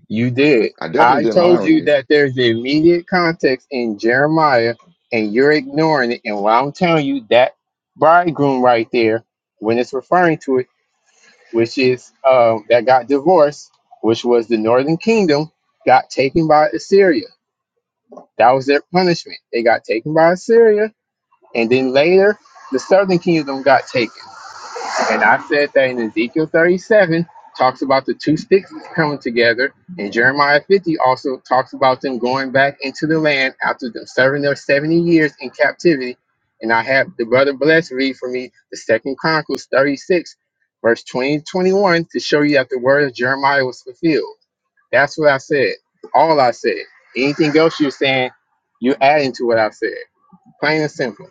Speaker 9: you did.
Speaker 8: I definitely
Speaker 9: I
Speaker 8: didn't lie
Speaker 9: told
Speaker 8: on
Speaker 9: you
Speaker 8: you.
Speaker 9: that there's the immediate context in Jeremiah, and you're ignoring it. And what I'm telling you, that bridegroom right there, when it's referring to it, which is um, that got divorced, which was the northern kingdom, got taken by Assyria. That was their punishment. They got taken by Assyria, and then later the southern kingdom got taken. And I said that in Ezekiel 37 talks about the two sticks coming together, and Jeremiah 50 also talks about them going back into the land after them serving their 70 years in captivity. And I have the brother Bless read for me the second Chronicles 36, verse 20 to 21, to show you that the word of Jeremiah was fulfilled. That's what I said. All I said. Anything else you're saying, you're adding to what I said. Plain and simple.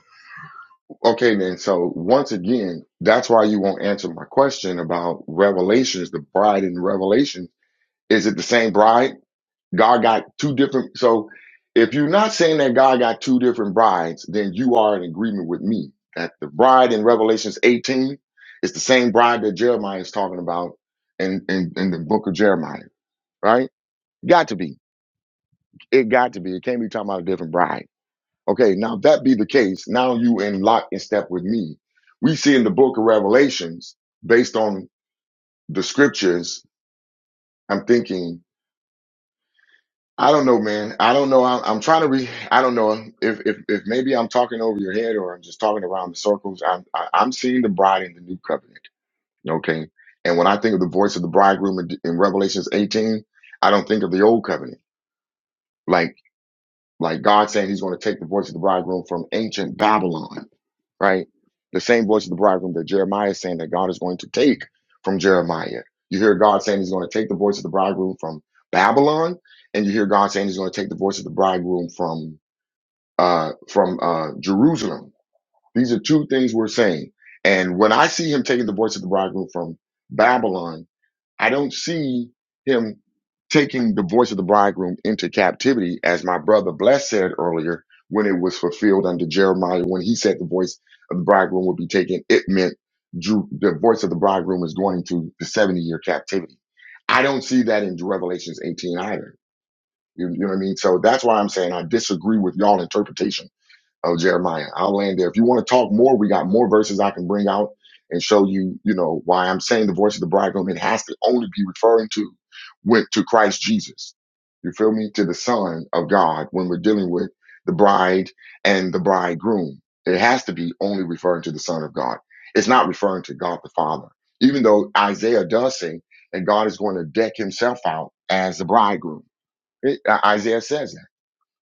Speaker 8: Okay, then. So once again, that's why you won't answer my question about revelations, the bride in Revelation Is it the same bride? God got two different. So if you're not saying that God got two different brides, then you are in agreement with me that the bride in Revelations 18 is the same bride that Jeremiah is talking about in, in, in the book of Jeremiah, right? Got to be. It got to be. It can't be talking about a different bride. Okay, now if that be the case, now you in lock and step with me. We see in the book of Revelations, based on the scriptures, I'm thinking I don't know, man. I don't know. I'm, I'm trying to re. I don't know if, if if maybe I'm talking over your head or I'm just talking around the circles. I'm I, I'm seeing the bride in the new covenant. Okay, and when I think of the voice of the bridegroom in, in Revelations 18, I don't think of the old covenant. Like like God saying He's going to take the voice of the bridegroom from ancient Babylon right? The same voice of the bridegroom that Jeremiah is saying that God is going to take from Jeremiah. You hear God saying he's going to take the voice of the bridegroom from Babylon, and you hear God saying he's going to take the voice of the bridegroom from uh from uh Jerusalem. These are two things we're saying. And when I see him taking the voice of the bridegroom from Babylon, I don't see him taking the voice of the bridegroom into captivity, as my brother Bless said earlier, when it was fulfilled under Jeremiah, when he said the voice of the bridegroom would be taken, it meant Ju- the voice of the bridegroom is going into the 70 year captivity. I don't see that in Revelations 18 either. You, you know what I mean? So that's why I'm saying I disagree with y'all interpretation of Jeremiah. I'll land there. If you want to talk more, we got more verses I can bring out and show you, you know, why I'm saying the voice of the bridegroom. It has to only be referring to with to Christ Jesus. You feel me? To the Son of God when we're dealing with the bride and the bridegroom. It has to be only referring to the Son of God. It's not referring to God the Father. Even though Isaiah does say that God is going to deck himself out as the bridegroom. It- uh, Isaiah says that.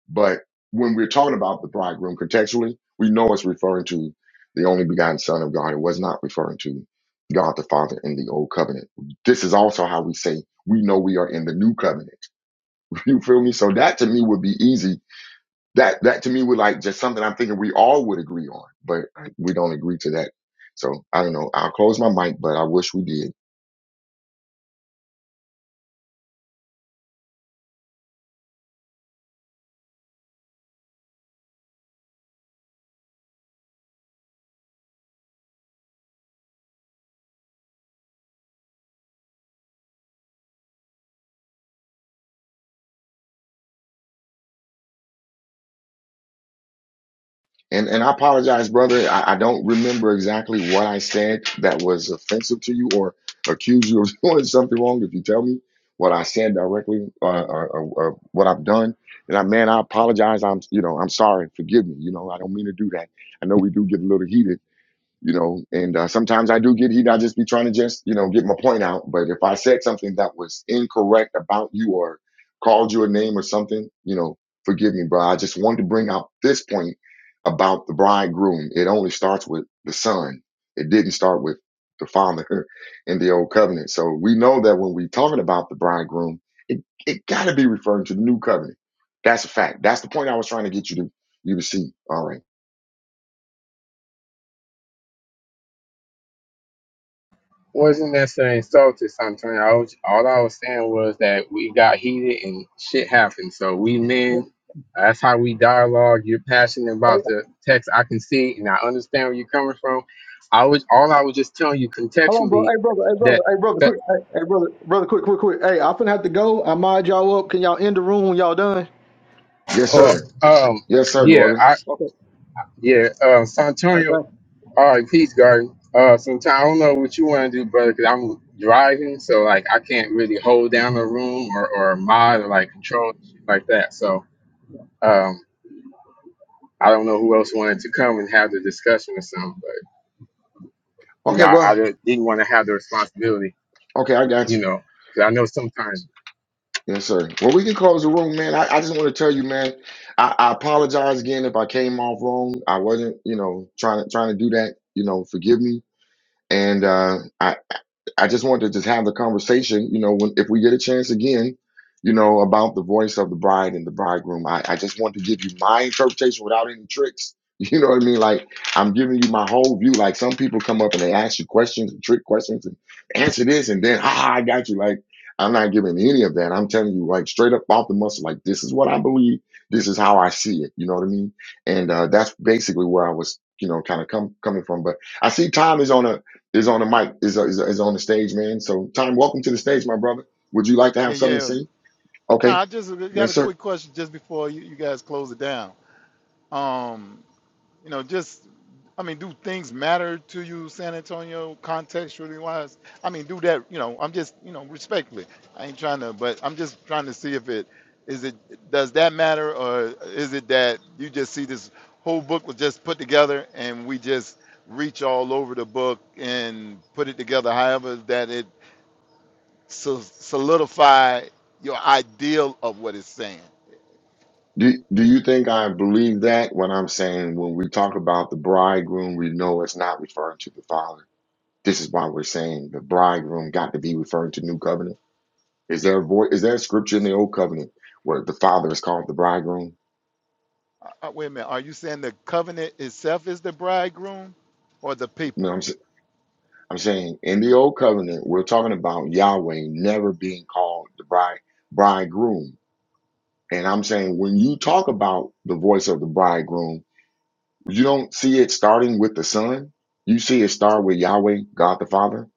Speaker 8: But when we're talking about the bridegroom contextually, we know it's referring to the only begotten Son of God. It was not referring to God the Father in the old covenant. This is also how we say we know we are in the new covenant. [laughs] You feel me? So that to me would be easy. That that to me would like just something I'm thinking we all would agree on, but we don't agree to that. So I don't know. I'll close my mic, but I wish we did. And and I apologize, brother. I, I don't remember exactly what I said that was offensive to you or accused you of [laughs] doing something wrong. If you tell me what I said directly uh, or, or, or what I've done, and I man, I apologize. I'm you know I'm sorry. Forgive me. You know I don't mean to do that. I know we do get a little heated you know and uh, sometimes i do get heat i just be trying to just you know get my point out but if i said something that was incorrect about you or called you a name or something you know forgive me bro i just wanted to bring out this point about the bridegroom it only starts with the son it didn't start with the father [laughs] in the old covenant so we know that when we're talking about the bridegroom it, it got to be referring to the new covenant that's a fact that's the point i was trying to get you to you to see all right
Speaker 9: Wasn't necessarily insulted, Santonio. I was, all I was saying was that we got heated and shit happened. So we men, that's how we dialogue. You're passionate
Speaker 3: Hey,
Speaker 9: about the text. I can see and I understand where you're coming from. I was all I was just telling you
Speaker 3: hold on, bro.
Speaker 9: contextually
Speaker 3: Hey, brother. Hey, brother.
Speaker 9: that
Speaker 3: Hey, brother.
Speaker 9: that
Speaker 3: Quick. Hey, hey, brother. Brother. Quick. Quick. Quick. Hey, I'm finna have to go. I mod y'all up. Can y'all end the room when y'all done?
Speaker 8: yes
Speaker 9: or
Speaker 8: sir
Speaker 9: um
Speaker 8: yes sir
Speaker 9: yeah
Speaker 8: gordon
Speaker 9: I
Speaker 3: Okay.
Speaker 9: yeah um
Speaker 3: All right.
Speaker 9: Santonio
Speaker 3: Thanks.
Speaker 9: All right, peace, Garden. Uh, sometime I don't know what you want to do, brother, because I'm driving, so like I can't really hold down a room or, or mod or like control shit like that. So um, I don't know who else wanted to come and have the discussion or something, but you know,
Speaker 8: Okay,
Speaker 9: I,
Speaker 8: well,
Speaker 9: I didn't didn't want to have the responsibility,
Speaker 8: Okay, I got
Speaker 9: you
Speaker 8: you.
Speaker 9: know, because I know sometimes.
Speaker 8: Yes, sir. Well, we can close the room, man. I, I just want to tell you, man. I, I apologize again if I came off wrong. I wasn't, you know, trying to trying to do that. You know, forgive me. And uh, I I just wanted to just have the conversation, you know, when if we get a chance again, you know, about the voice of the bride and the bridegroom. I, I just want to give you my interpretation without any tricks. [laughs] You know what I mean? Like I'm giving you my whole view. Like some people come up and they ask you questions and trick questions and answer this and then ah I got you. Like I'm not giving any of that. I'm telling you like straight up off the muscle, like this is what I believe, this is how I see it. You know what I mean? And uh that's basically where I was, you know, kind of come coming from. But I see Tom is on a is on the mic, is, is, is on the stage, man. So, time, welcome to the stage, my brother. Would you like to
Speaker 10: Yeah,
Speaker 8: have something to
Speaker 10: yeah.
Speaker 8: say? Okay,
Speaker 10: Now I just got
Speaker 8: yes,
Speaker 10: a
Speaker 8: sir.
Speaker 10: quick question just before you, you guys close it down. Um, you know, just I mean, do things matter to you, San Antonio, contextually wise? I mean, do that, you know, I'm just, you know, respectfully. I ain't trying to, but I'm just trying to see if it is it does that matter or is it that you just see this whole book was just put together and we just reach all over the book and put it together however that it so solidify your ideal of what it's saying.
Speaker 8: Do, do you think I believe that when I'm saying when we talk about the bridegroom, we know it's not referring to the father? This is why we're saying the bridegroom got to be referring to new covenant. Is there a voice, is there a scripture in the old covenant where the father is called the bridegroom?
Speaker 10: Uh, uh, wait a minute, are you saying the covenant itself is the bridegroom, or the
Speaker 8: You know,
Speaker 10: people?
Speaker 8: I'm, s- I'm saying in the old covenant, we're talking about Yahweh never being called the bride, bridegroom And I'm saying when you talk about the voice of the bridegroom, you don't see it starting with the son. You see it start with Yahweh, God the Father.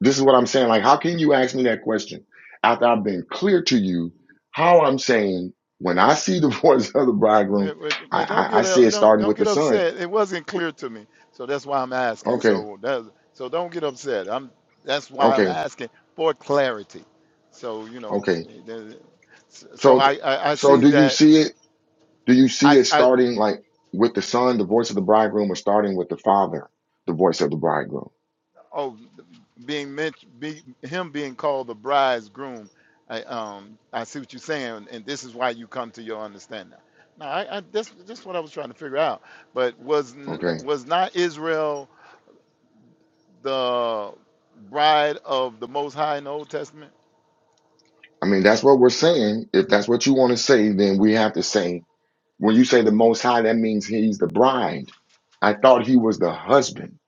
Speaker 8: This is what I'm saying. Like, how can you ask me that question after I've been clear to you how I'm saying when I see the [laughs] voice of the bridegroom,
Speaker 10: Wait, wait,
Speaker 8: I,
Speaker 10: wait, don't
Speaker 8: I, I
Speaker 10: get
Speaker 8: see
Speaker 10: up,
Speaker 8: it
Speaker 10: don't
Speaker 8: starting
Speaker 10: don't
Speaker 8: with the
Speaker 10: get
Speaker 8: son.
Speaker 10: upset. It wasn't clear to me, so that's why I'm asking.
Speaker 8: Okay.
Speaker 10: So that so don't get upset. I'm that's why I'm
Speaker 8: Okay.
Speaker 10: asking for clarity. So you know,
Speaker 8: Okay.
Speaker 10: the- so so
Speaker 8: So,
Speaker 10: I I, I
Speaker 8: so
Speaker 10: see
Speaker 8: do you
Speaker 10: that.
Speaker 8: see it? Do you see
Speaker 10: I,
Speaker 8: it
Speaker 10: I
Speaker 8: starting like with the son, the voice of the bridegroom or starting with the father, the voice of the bridegroom?
Speaker 10: Oh, being mentioned, be, him being called the bridegroom. I um I see what you're saying, and this is why you come to your understanding. Now, I, I this this is what I was trying to figure out. But was n-
Speaker 8: Okay.
Speaker 10: was not Israel the bride of the Most High in the Old Testament?
Speaker 8: I mean, that's what we're saying. If that's what you want to say, then we have to say, when you say the Most High, that means he's the bride. I thought he was the husband.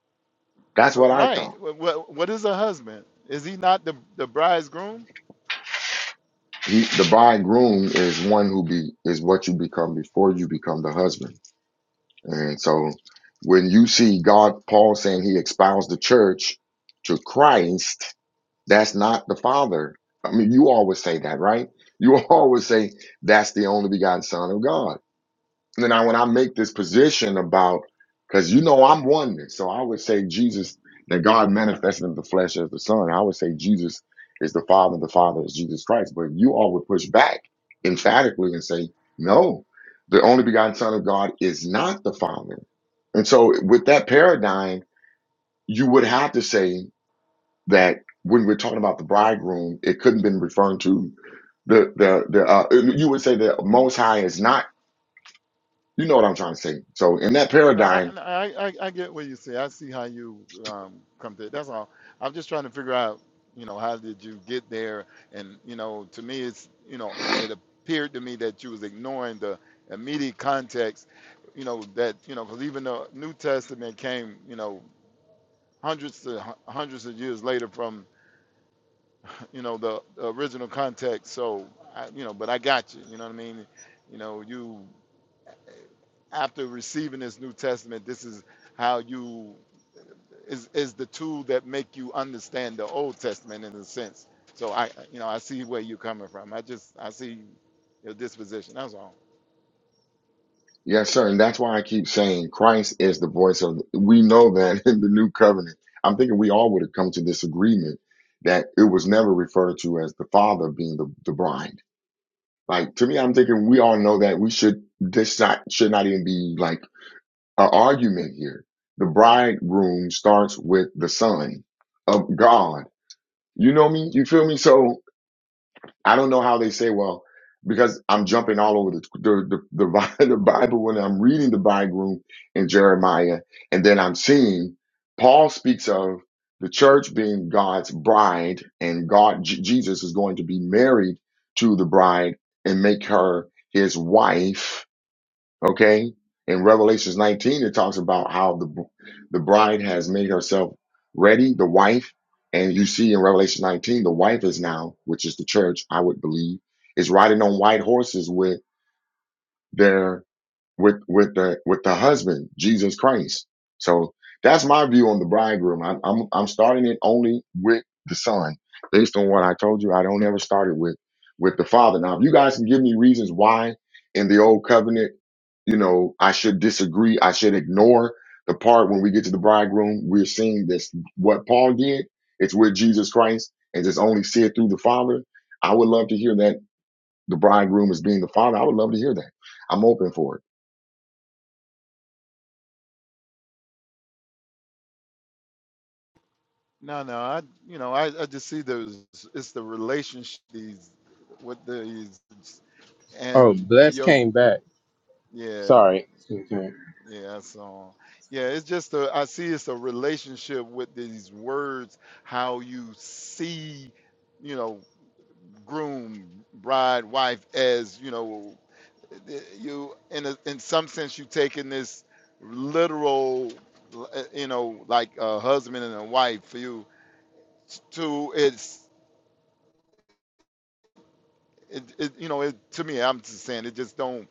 Speaker 8: That's
Speaker 10: Uh,
Speaker 8: what I
Speaker 10: Right.
Speaker 8: thought.
Speaker 10: What what what is a husband? Is he not the the bridegroom?
Speaker 8: He, the bridegroom is one who be, is what you become before you become the husband. And so when you see God, Paul saying he espoused the church to Christ, that's not the father. I mean, you always say that, right? You [laughs] always say that's the only begotten son of God. And now when I make this position about, because you know I'm oneness, so I would say Jesus, that God manifested in the flesh as the Son. I would say Jesus is the Father, the Father is Jesus Christ. But you all would push back emphatically and say, no, the only begotten Son of God is not the Father. And so with that paradigm, you would have to say that when we're talking about the bridegroom, it couldn't have been referring to the the the uh, you would say the most high is not. You know what I'm trying to say. So in that
Speaker 10: No, I,
Speaker 8: paradigm,
Speaker 10: no, I, I I get what you say. I see how you um, come to it. That's all. I'm just trying to figure out, you know, how did you get there? And you know, to me, it's you know, it appeared to me that you was ignoring the immediate context. You know that you know because even the New Testament came, you know, hundreds to hun- hundreds of years later from you know the, the original context. So I, you know, but I got you. You know what I mean? You know, you after receiving this New Testament, this is how you is is the tool that make you understand the Old Testament in a sense. So I, you know, I see where you're coming from. I just I see your disposition. That's all.
Speaker 8: yes, sir. And that's why I keep saying Christ is the voice of, we know that [laughs] in the new covenant. I'm thinking we all would have come to this agreement that it was never referred to as the father being the, the bride. Like to me, I'm thinking we all know that we should, this not, should not even be like an argument here. The bridegroom starts with the son of God. You know me? You feel me? So I don't know how they say, well, because I'm jumping all over the the, the, the, Bi- [laughs] the Bible when I'm reading the bridegroom in Jeremiah, and then I'm seeing Paul speaks of the church being God's bride, and God J- Jesus is going to be married to the bride and make her his wife Okay. In Revelations 19, it talks about how the, the bride has made herself ready, the wife. And you see in Revelation 19, the wife is now, which is the church, I would believe, is riding on white horses with their, with, with the, with the husband, Jesus Christ. So that's my view on the bridegroom. I'm, I'm, I'm starting it only with the son based on what I told you. I don't ever start it with, with the father. Now, if you guys can give me reasons why in the old covenant, you know, I should disagree. I should ignore the part when we get to the bridegroom. We're seeing this, what Paul did, it's with Jesus Christ and just only see it through the Father. I would love to hear that the bridegroom is being the Father. I would love to hear that. I'm open for it.
Speaker 10: No, no, I, you know, I, I just see those. It's the relationship these with these
Speaker 9: Oh,
Speaker 10: and
Speaker 9: bless
Speaker 10: your
Speaker 9: came back.
Speaker 10: yeah
Speaker 9: Sorry. Okay.
Speaker 10: yeah so yeah it's just a i see it's a relationship with these words how you see you know groom, bride, wife as you know eh, you in a, in some sense you taking this literal uh, you know like a husband and a wife for you to it's it, it you know it to me I'm just saying it just don't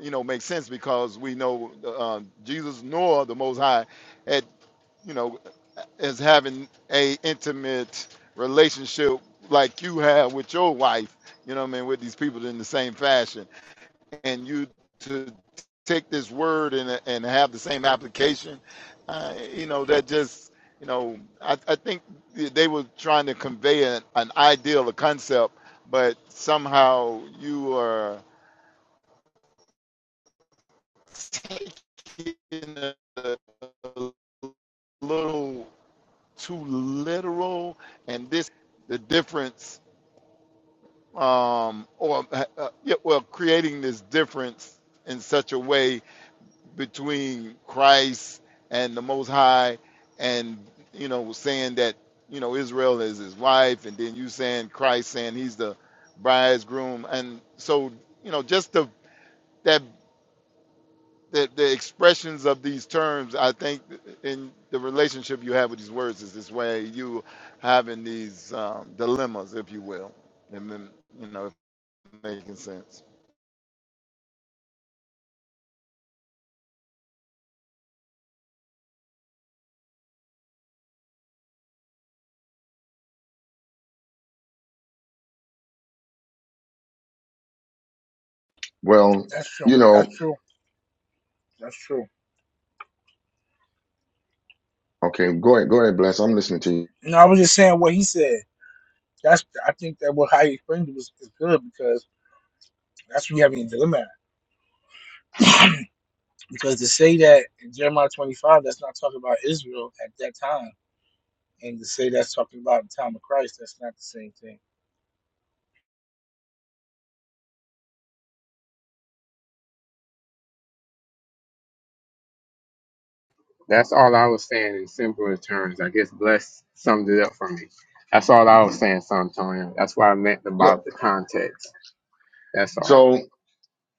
Speaker 10: you know make sense because we know uh, Jesus nor the Most High had you know as having a intimate relationship like you have with your wife you know what I mean with these people in the same fashion and you to take this word and and have the same application, uh, you know that just you know I, I think they were trying to convey an, an ideal, a concept, but somehow you are taking a little too literal, and this the difference um, or uh, yeah, well creating this difference in such a way between Christ and the Most High, and you know, saying that you know Israel is his wife, and then you saying Christ saying he's the bridegroom, and so you know, just the that the, the expressions of these terms, I think, in the relationship you have with these words is this way you having these um, dilemmas, if you will, and then you know, if making sense.
Speaker 8: Well,
Speaker 1: That's true.
Speaker 8: you know,
Speaker 1: That's true. That's true.
Speaker 8: okay, go ahead, go ahead, bless. I'm listening to you.
Speaker 1: No, I was just saying what he said. That's I think that what how he explained it was is good because that's what you have in the dilemma. Because to say that in Jeremiah twenty five that's not talking about Israel at that time. And to say that's talking about the time of Christ, that's not the same thing.
Speaker 9: That's all I was saying in simpler terms. I guess bless summed it up for me. That's all I was saying, Santonio. That's what I meant
Speaker 8: Yep.
Speaker 9: about the context. That's all.
Speaker 8: So,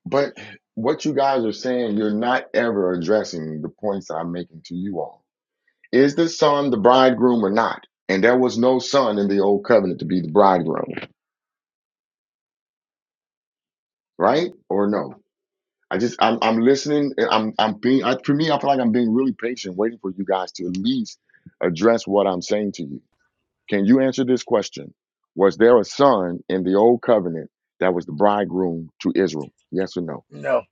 Speaker 8: but what you guys are saying, you're not ever addressing the points that I'm making to you all Is the son the bridegroom or not? And there was no son in the old covenant to be the bridegroom, right? Or no? I just I'm I'm listening. and I'm I'm being I, for me. I feel like I'm being really patient, waiting for you guys to at least address what I'm saying to you. Can you answer this question? Was there a son in the old covenant that was the bridegroom to Israel? Yes or no?
Speaker 1: No,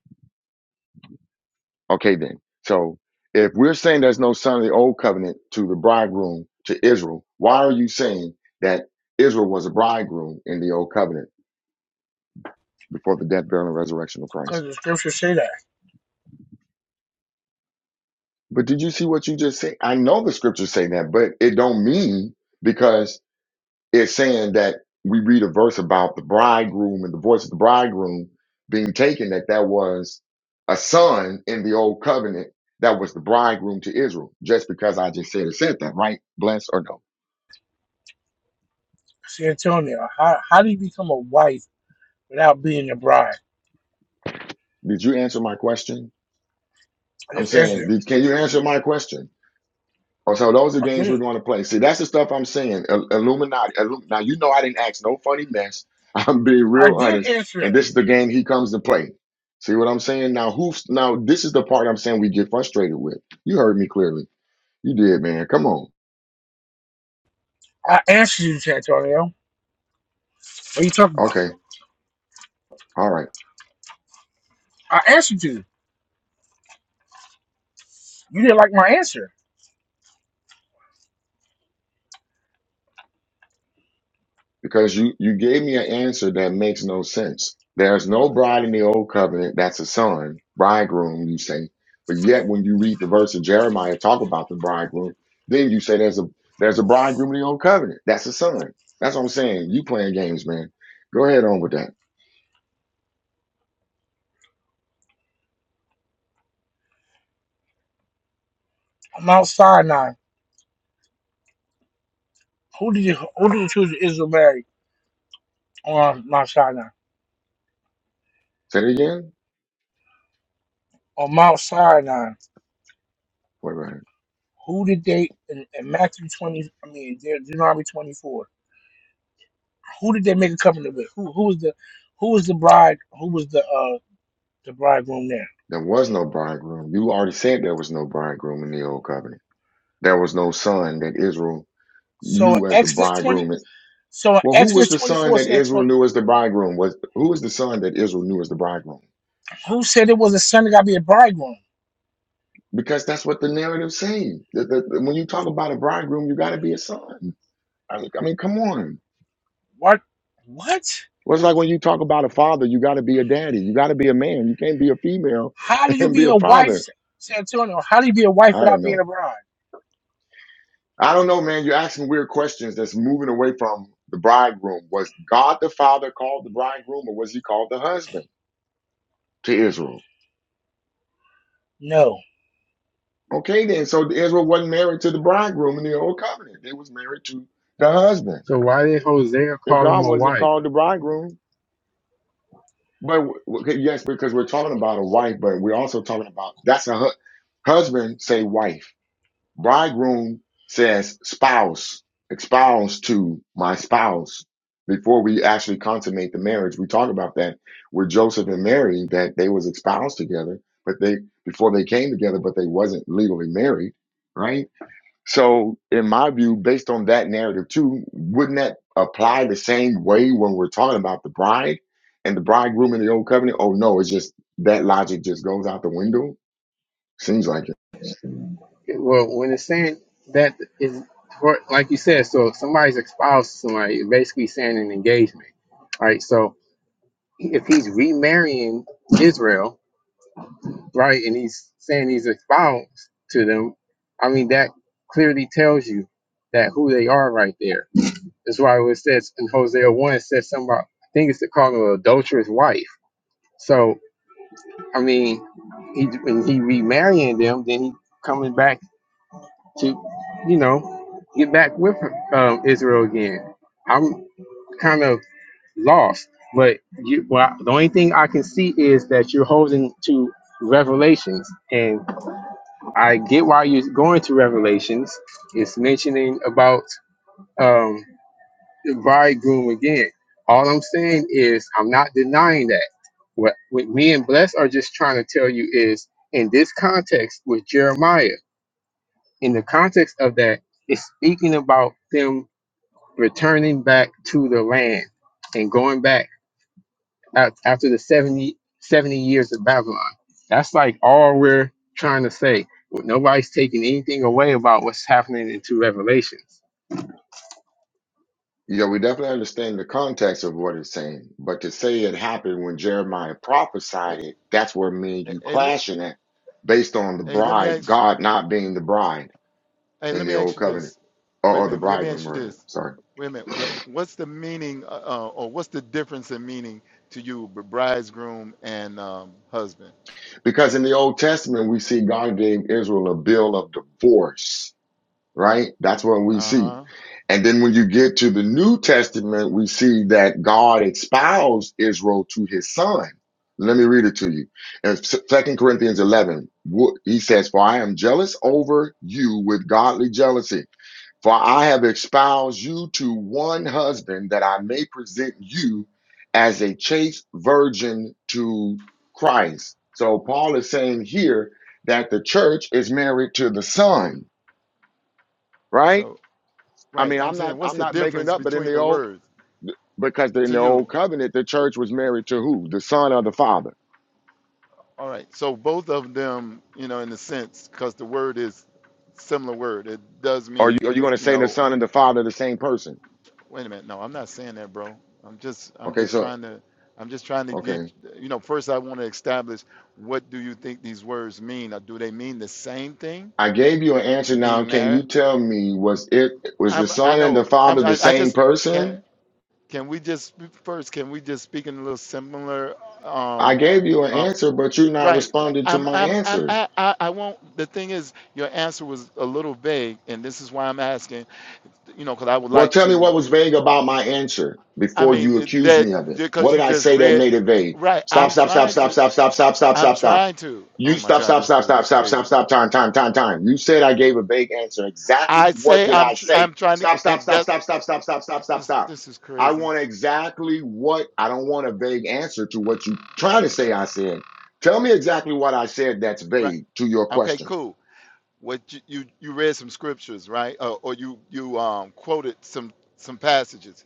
Speaker 8: Okay, then. So if we're saying there's no son of the old covenant to the bridegroom to Israel, why are you saying that Israel was a bridegroom in the old covenant before the death, burial, and resurrection of Christ?
Speaker 1: because the scriptures say that.
Speaker 8: But did you see what you just said? I know the scriptures say that, but it don't mean because it's saying that we read a verse about the bridegroom and the voice of the bridegroom being taken that that was a son in the old covenant that was the bridegroom to Israel. Just because I just said it said that, right? Bless or no?
Speaker 1: San Antonio, how how do you become a wife without being a bride?
Speaker 8: Did you answer my question?
Speaker 1: I
Speaker 8: I'm
Speaker 1: just answered
Speaker 8: saying,
Speaker 1: it.
Speaker 8: did, can you answer my question? Or so those are
Speaker 1: I
Speaker 8: games
Speaker 1: did.
Speaker 8: we're going to play. See, that's the stuff I'm saying. Il- Illuminati. Illum- now you know I didn't ask no funny mess. [laughs] I'm being
Speaker 1: I
Speaker 8: real
Speaker 1: did
Speaker 8: honest,
Speaker 1: answer
Speaker 8: and
Speaker 1: it.
Speaker 8: this is the game he comes to play. See what I'm saying? Now who's now? This is the part I'm saying we get frustrated with. You heard me clearly. You did, man. Come on.
Speaker 1: I answered you, Santonio. What are you talking about?
Speaker 8: Okay. All right.
Speaker 1: I answered you. You didn't like my answer.
Speaker 8: because you you gave me an answer that makes no sense. There's no bride in the old covenant that's a son, bridegroom, you say. But yet when you read the verse of Jeremiah talk about the bridegroom, then you say there's a there's a bridegroom in the old covenant. That's a son. That's what I'm saying. You playing games, man. Go ahead on with that.
Speaker 1: On Mount Sinai, who did you, who did the children of Israel marry on Mount Sinai?
Speaker 8: Say it again.
Speaker 1: On Mount Sinai,
Speaker 8: Wait, a minute.
Speaker 1: who did they in, in Matthew twenty? I mean, De- Deuteronomy twenty four. Who did they make a covenant with? Who who was the who was the bride? Who was the uh the bridegroom there?
Speaker 8: There was no bridegroom. You already said there was no bridegroom in the old covenant. There was no son that Israel
Speaker 1: So
Speaker 8: knew as the
Speaker 1: Exodus 20,
Speaker 8: bridegroom
Speaker 1: So in
Speaker 8: Well, who was
Speaker 1: Exodus
Speaker 8: the son
Speaker 1: 24
Speaker 8: that
Speaker 1: says,
Speaker 8: Israel knew as the bridegroom? Was who was the son that Israel knew as the bridegroom?
Speaker 1: Who said it was a son that got to be a bridegroom?
Speaker 8: Because that's what the narrative saying. That- that- when you talk about a bridegroom, you got to be a son. I mean, I mean, come on.
Speaker 1: What? What?
Speaker 8: Well, it's like when you talk about a father, you got to be a daddy. You got to be a man. You can't be a female
Speaker 1: How do
Speaker 8: [laughs]
Speaker 1: you
Speaker 8: and be
Speaker 1: be
Speaker 8: a
Speaker 1: a wife,
Speaker 8: father.
Speaker 1: San Antonio? How do you be a wife
Speaker 8: I don't
Speaker 1: without being a
Speaker 8: know.
Speaker 1: bride?
Speaker 8: I don't know, man. You're asking weird questions. That's moving away from the bridegroom. Was God the father called the bridegroom, or was he called the husband to Israel?
Speaker 1: No.
Speaker 8: Okay, then. So Israel wasn't married to the bridegroom in the old covenant. They was married to the husband.
Speaker 9: So why did Hosea
Speaker 8: If
Speaker 9: call
Speaker 8: God
Speaker 9: him a
Speaker 8: wasn't
Speaker 9: wife?
Speaker 8: called the bridegroom, but w- okay, yes, because we're talking about a wife, but we're also talking about that's a hu- husband say wife. Bridegroom says spouse, espouse to my spouse. Before we actually consummate the marriage, we talk about that with Joseph and Mary that they was espoused together, but they before they came together, but they wasn't legally married, right? So, in my view, based on that narrative too, wouldn't that apply the same way when we're talking about the bride and the bridegroom in the old covenant? Oh no, it's just that logic just goes out the window. Seems like it.
Speaker 9: Well, when it's saying that is for, like you said, so if somebody's espoused to somebody, it's basically saying an engagement, right? So if he's remarrying Israel, right, and he's saying he's espoused to them, I mean that clearly tells you that who they are right there. That's why it says in Hosea one, it says something about I think it's called an adulterous wife. So I mean, he when he remarrying them, then he coming back. to, you know, get back with um, Israel again. I'm kind of lost, but you, well, the only thing I can see is that you're holding to Revelations, and I get why you're going to Revelations. It's mentioning about um, the bridegroom again. All I'm saying is I'm not denying that. What, what me and Bless are just trying to tell you is in this context with Jeremiah in the context of that, it's speaking about them returning back to the land and going back out after the 70 70 years of Babylon. That's like all we're trying to say. Nobody's taking anything away about what's happening in two Revelations.
Speaker 8: Yeah, we definitely understand the context of what it's saying, but to say it happened when Jeremiah
Speaker 10: Hey,
Speaker 8: prophesied it, that's where me and
Speaker 10: hey,
Speaker 8: you
Speaker 10: hey, le-
Speaker 8: clashing at, based on the
Speaker 10: hey, let me
Speaker 8: bride,
Speaker 10: ask.
Speaker 8: God not being the bride
Speaker 10: Hey,
Speaker 8: in
Speaker 10: let
Speaker 8: the
Speaker 10: me ask
Speaker 8: old
Speaker 10: you
Speaker 8: covenant,
Speaker 10: this.
Speaker 8: or,
Speaker 10: Wait a
Speaker 8: or the
Speaker 10: minute. Let me
Speaker 8: bridegroom,
Speaker 10: ask you
Speaker 8: rather.
Speaker 10: this.
Speaker 8: Sorry.
Speaker 10: Wait a minute. Well, uh, What's the meaning, uh, uh, or what's the difference in meaning to you, b- bridegroom and um, husband?
Speaker 8: Because in the Old Testament, we see God gave Israel a bill of divorce right? That's what we
Speaker 10: Uh
Speaker 8: see.
Speaker 10: huh.
Speaker 8: And then when you get to the New Testament, we see that God espoused Israel to his son. Let me read it to you. In Second Corinthians 11, wo- he says, For I am jealous over you with godly jealousy. For I have espoused you to one husband that I may present you as a chaste virgin to Christ. So Paul is saying here that the church is married to the son, right?
Speaker 10: So,
Speaker 8: I
Speaker 10: right.
Speaker 8: mean,
Speaker 10: I'm
Speaker 8: I'm not
Speaker 10: saying, what's
Speaker 8: I'm
Speaker 10: the
Speaker 8: not making it
Speaker 10: difference
Speaker 8: up, but in
Speaker 10: between
Speaker 8: the
Speaker 10: the
Speaker 8: old
Speaker 10: words
Speaker 8: because in
Speaker 10: to
Speaker 8: the
Speaker 10: you?
Speaker 8: old covenant, the church was married to who? The son or the father?
Speaker 10: All right. So both of them, you know, in a sense, because the word is similar word. It does
Speaker 8: Are you
Speaker 10: mean,
Speaker 8: are you going to
Speaker 10: you
Speaker 8: say the
Speaker 10: know,
Speaker 8: son and the father are the same person?
Speaker 10: Wait a minute. No, I'm not saying that, bro. I'm just I'm
Speaker 8: Okay,
Speaker 10: just
Speaker 8: so
Speaker 10: trying to I'm just trying to get
Speaker 8: okay,
Speaker 10: you know, first I want to establish what do you think these words mean? Or do they mean the same thing?
Speaker 8: I gave you an answer. Now,
Speaker 10: Being
Speaker 8: can
Speaker 10: married?
Speaker 8: you tell me was it was the
Speaker 10: I'm I
Speaker 8: son and the
Speaker 10: know
Speaker 8: father
Speaker 10: I'm
Speaker 8: the
Speaker 10: I, I
Speaker 8: same
Speaker 10: just can
Speaker 8: person?
Speaker 10: can we just first can we just speak in a little similar um
Speaker 8: I gave you an
Speaker 10: uh,
Speaker 8: answer, but you're not
Speaker 10: right.
Speaker 8: responding to
Speaker 10: I'm
Speaker 8: my
Speaker 10: I'm I'm
Speaker 8: answer.
Speaker 10: I, I I won't the thing is your answer was a little vague and this is why I'm asking, you know, cuz I would
Speaker 8: Well,
Speaker 10: like
Speaker 8: tell me what
Speaker 10: to
Speaker 8: was vague about my answer
Speaker 10: I
Speaker 8: before
Speaker 10: mean
Speaker 8: you
Speaker 10: it-
Speaker 8: accuse
Speaker 10: that
Speaker 8: me of it. What
Speaker 10: because
Speaker 8: did
Speaker 10: you
Speaker 8: I
Speaker 10: just
Speaker 8: say that
Speaker 10: read
Speaker 8: made it vague?
Speaker 10: right.
Speaker 8: Stop,
Speaker 10: I'm
Speaker 8: stop, stop,
Speaker 10: trying
Speaker 8: stop,
Speaker 10: to.
Speaker 8: stop, stop, stop, stop,
Speaker 10: I'm
Speaker 8: stop, stop.
Speaker 10: trying to.
Speaker 8: You
Speaker 10: Oh my
Speaker 8: stop,
Speaker 10: God,
Speaker 8: stop,
Speaker 10: this
Speaker 8: stop,
Speaker 10: dude
Speaker 8: stop,
Speaker 10: is
Speaker 8: stop, stop,
Speaker 10: crazy.
Speaker 8: stop, time, time, time, time. You said I gave a vague answer. Exactly
Speaker 10: I
Speaker 8: what
Speaker 10: say
Speaker 8: did
Speaker 10: I'm.
Speaker 8: I
Speaker 10: Tr-
Speaker 8: say?
Speaker 10: I'm trying to,
Speaker 8: Stop, stop,
Speaker 10: and
Speaker 8: stop,
Speaker 10: that
Speaker 8: stop, stop, stop, stop,
Speaker 10: uh,
Speaker 8: stop, stop,
Speaker 10: this
Speaker 8: stop.
Speaker 10: this is
Speaker 8: I
Speaker 10: crazy.
Speaker 8: want exactly what I don't want a vague answer to what you trying to say I said. Tell me exactly what I said that's
Speaker 10: Right.
Speaker 8: vague to your
Speaker 10: Okay.
Speaker 8: question.
Speaker 10: Cool. What you you, you read some scriptures, right? Uh, or you you um quoted some some passages.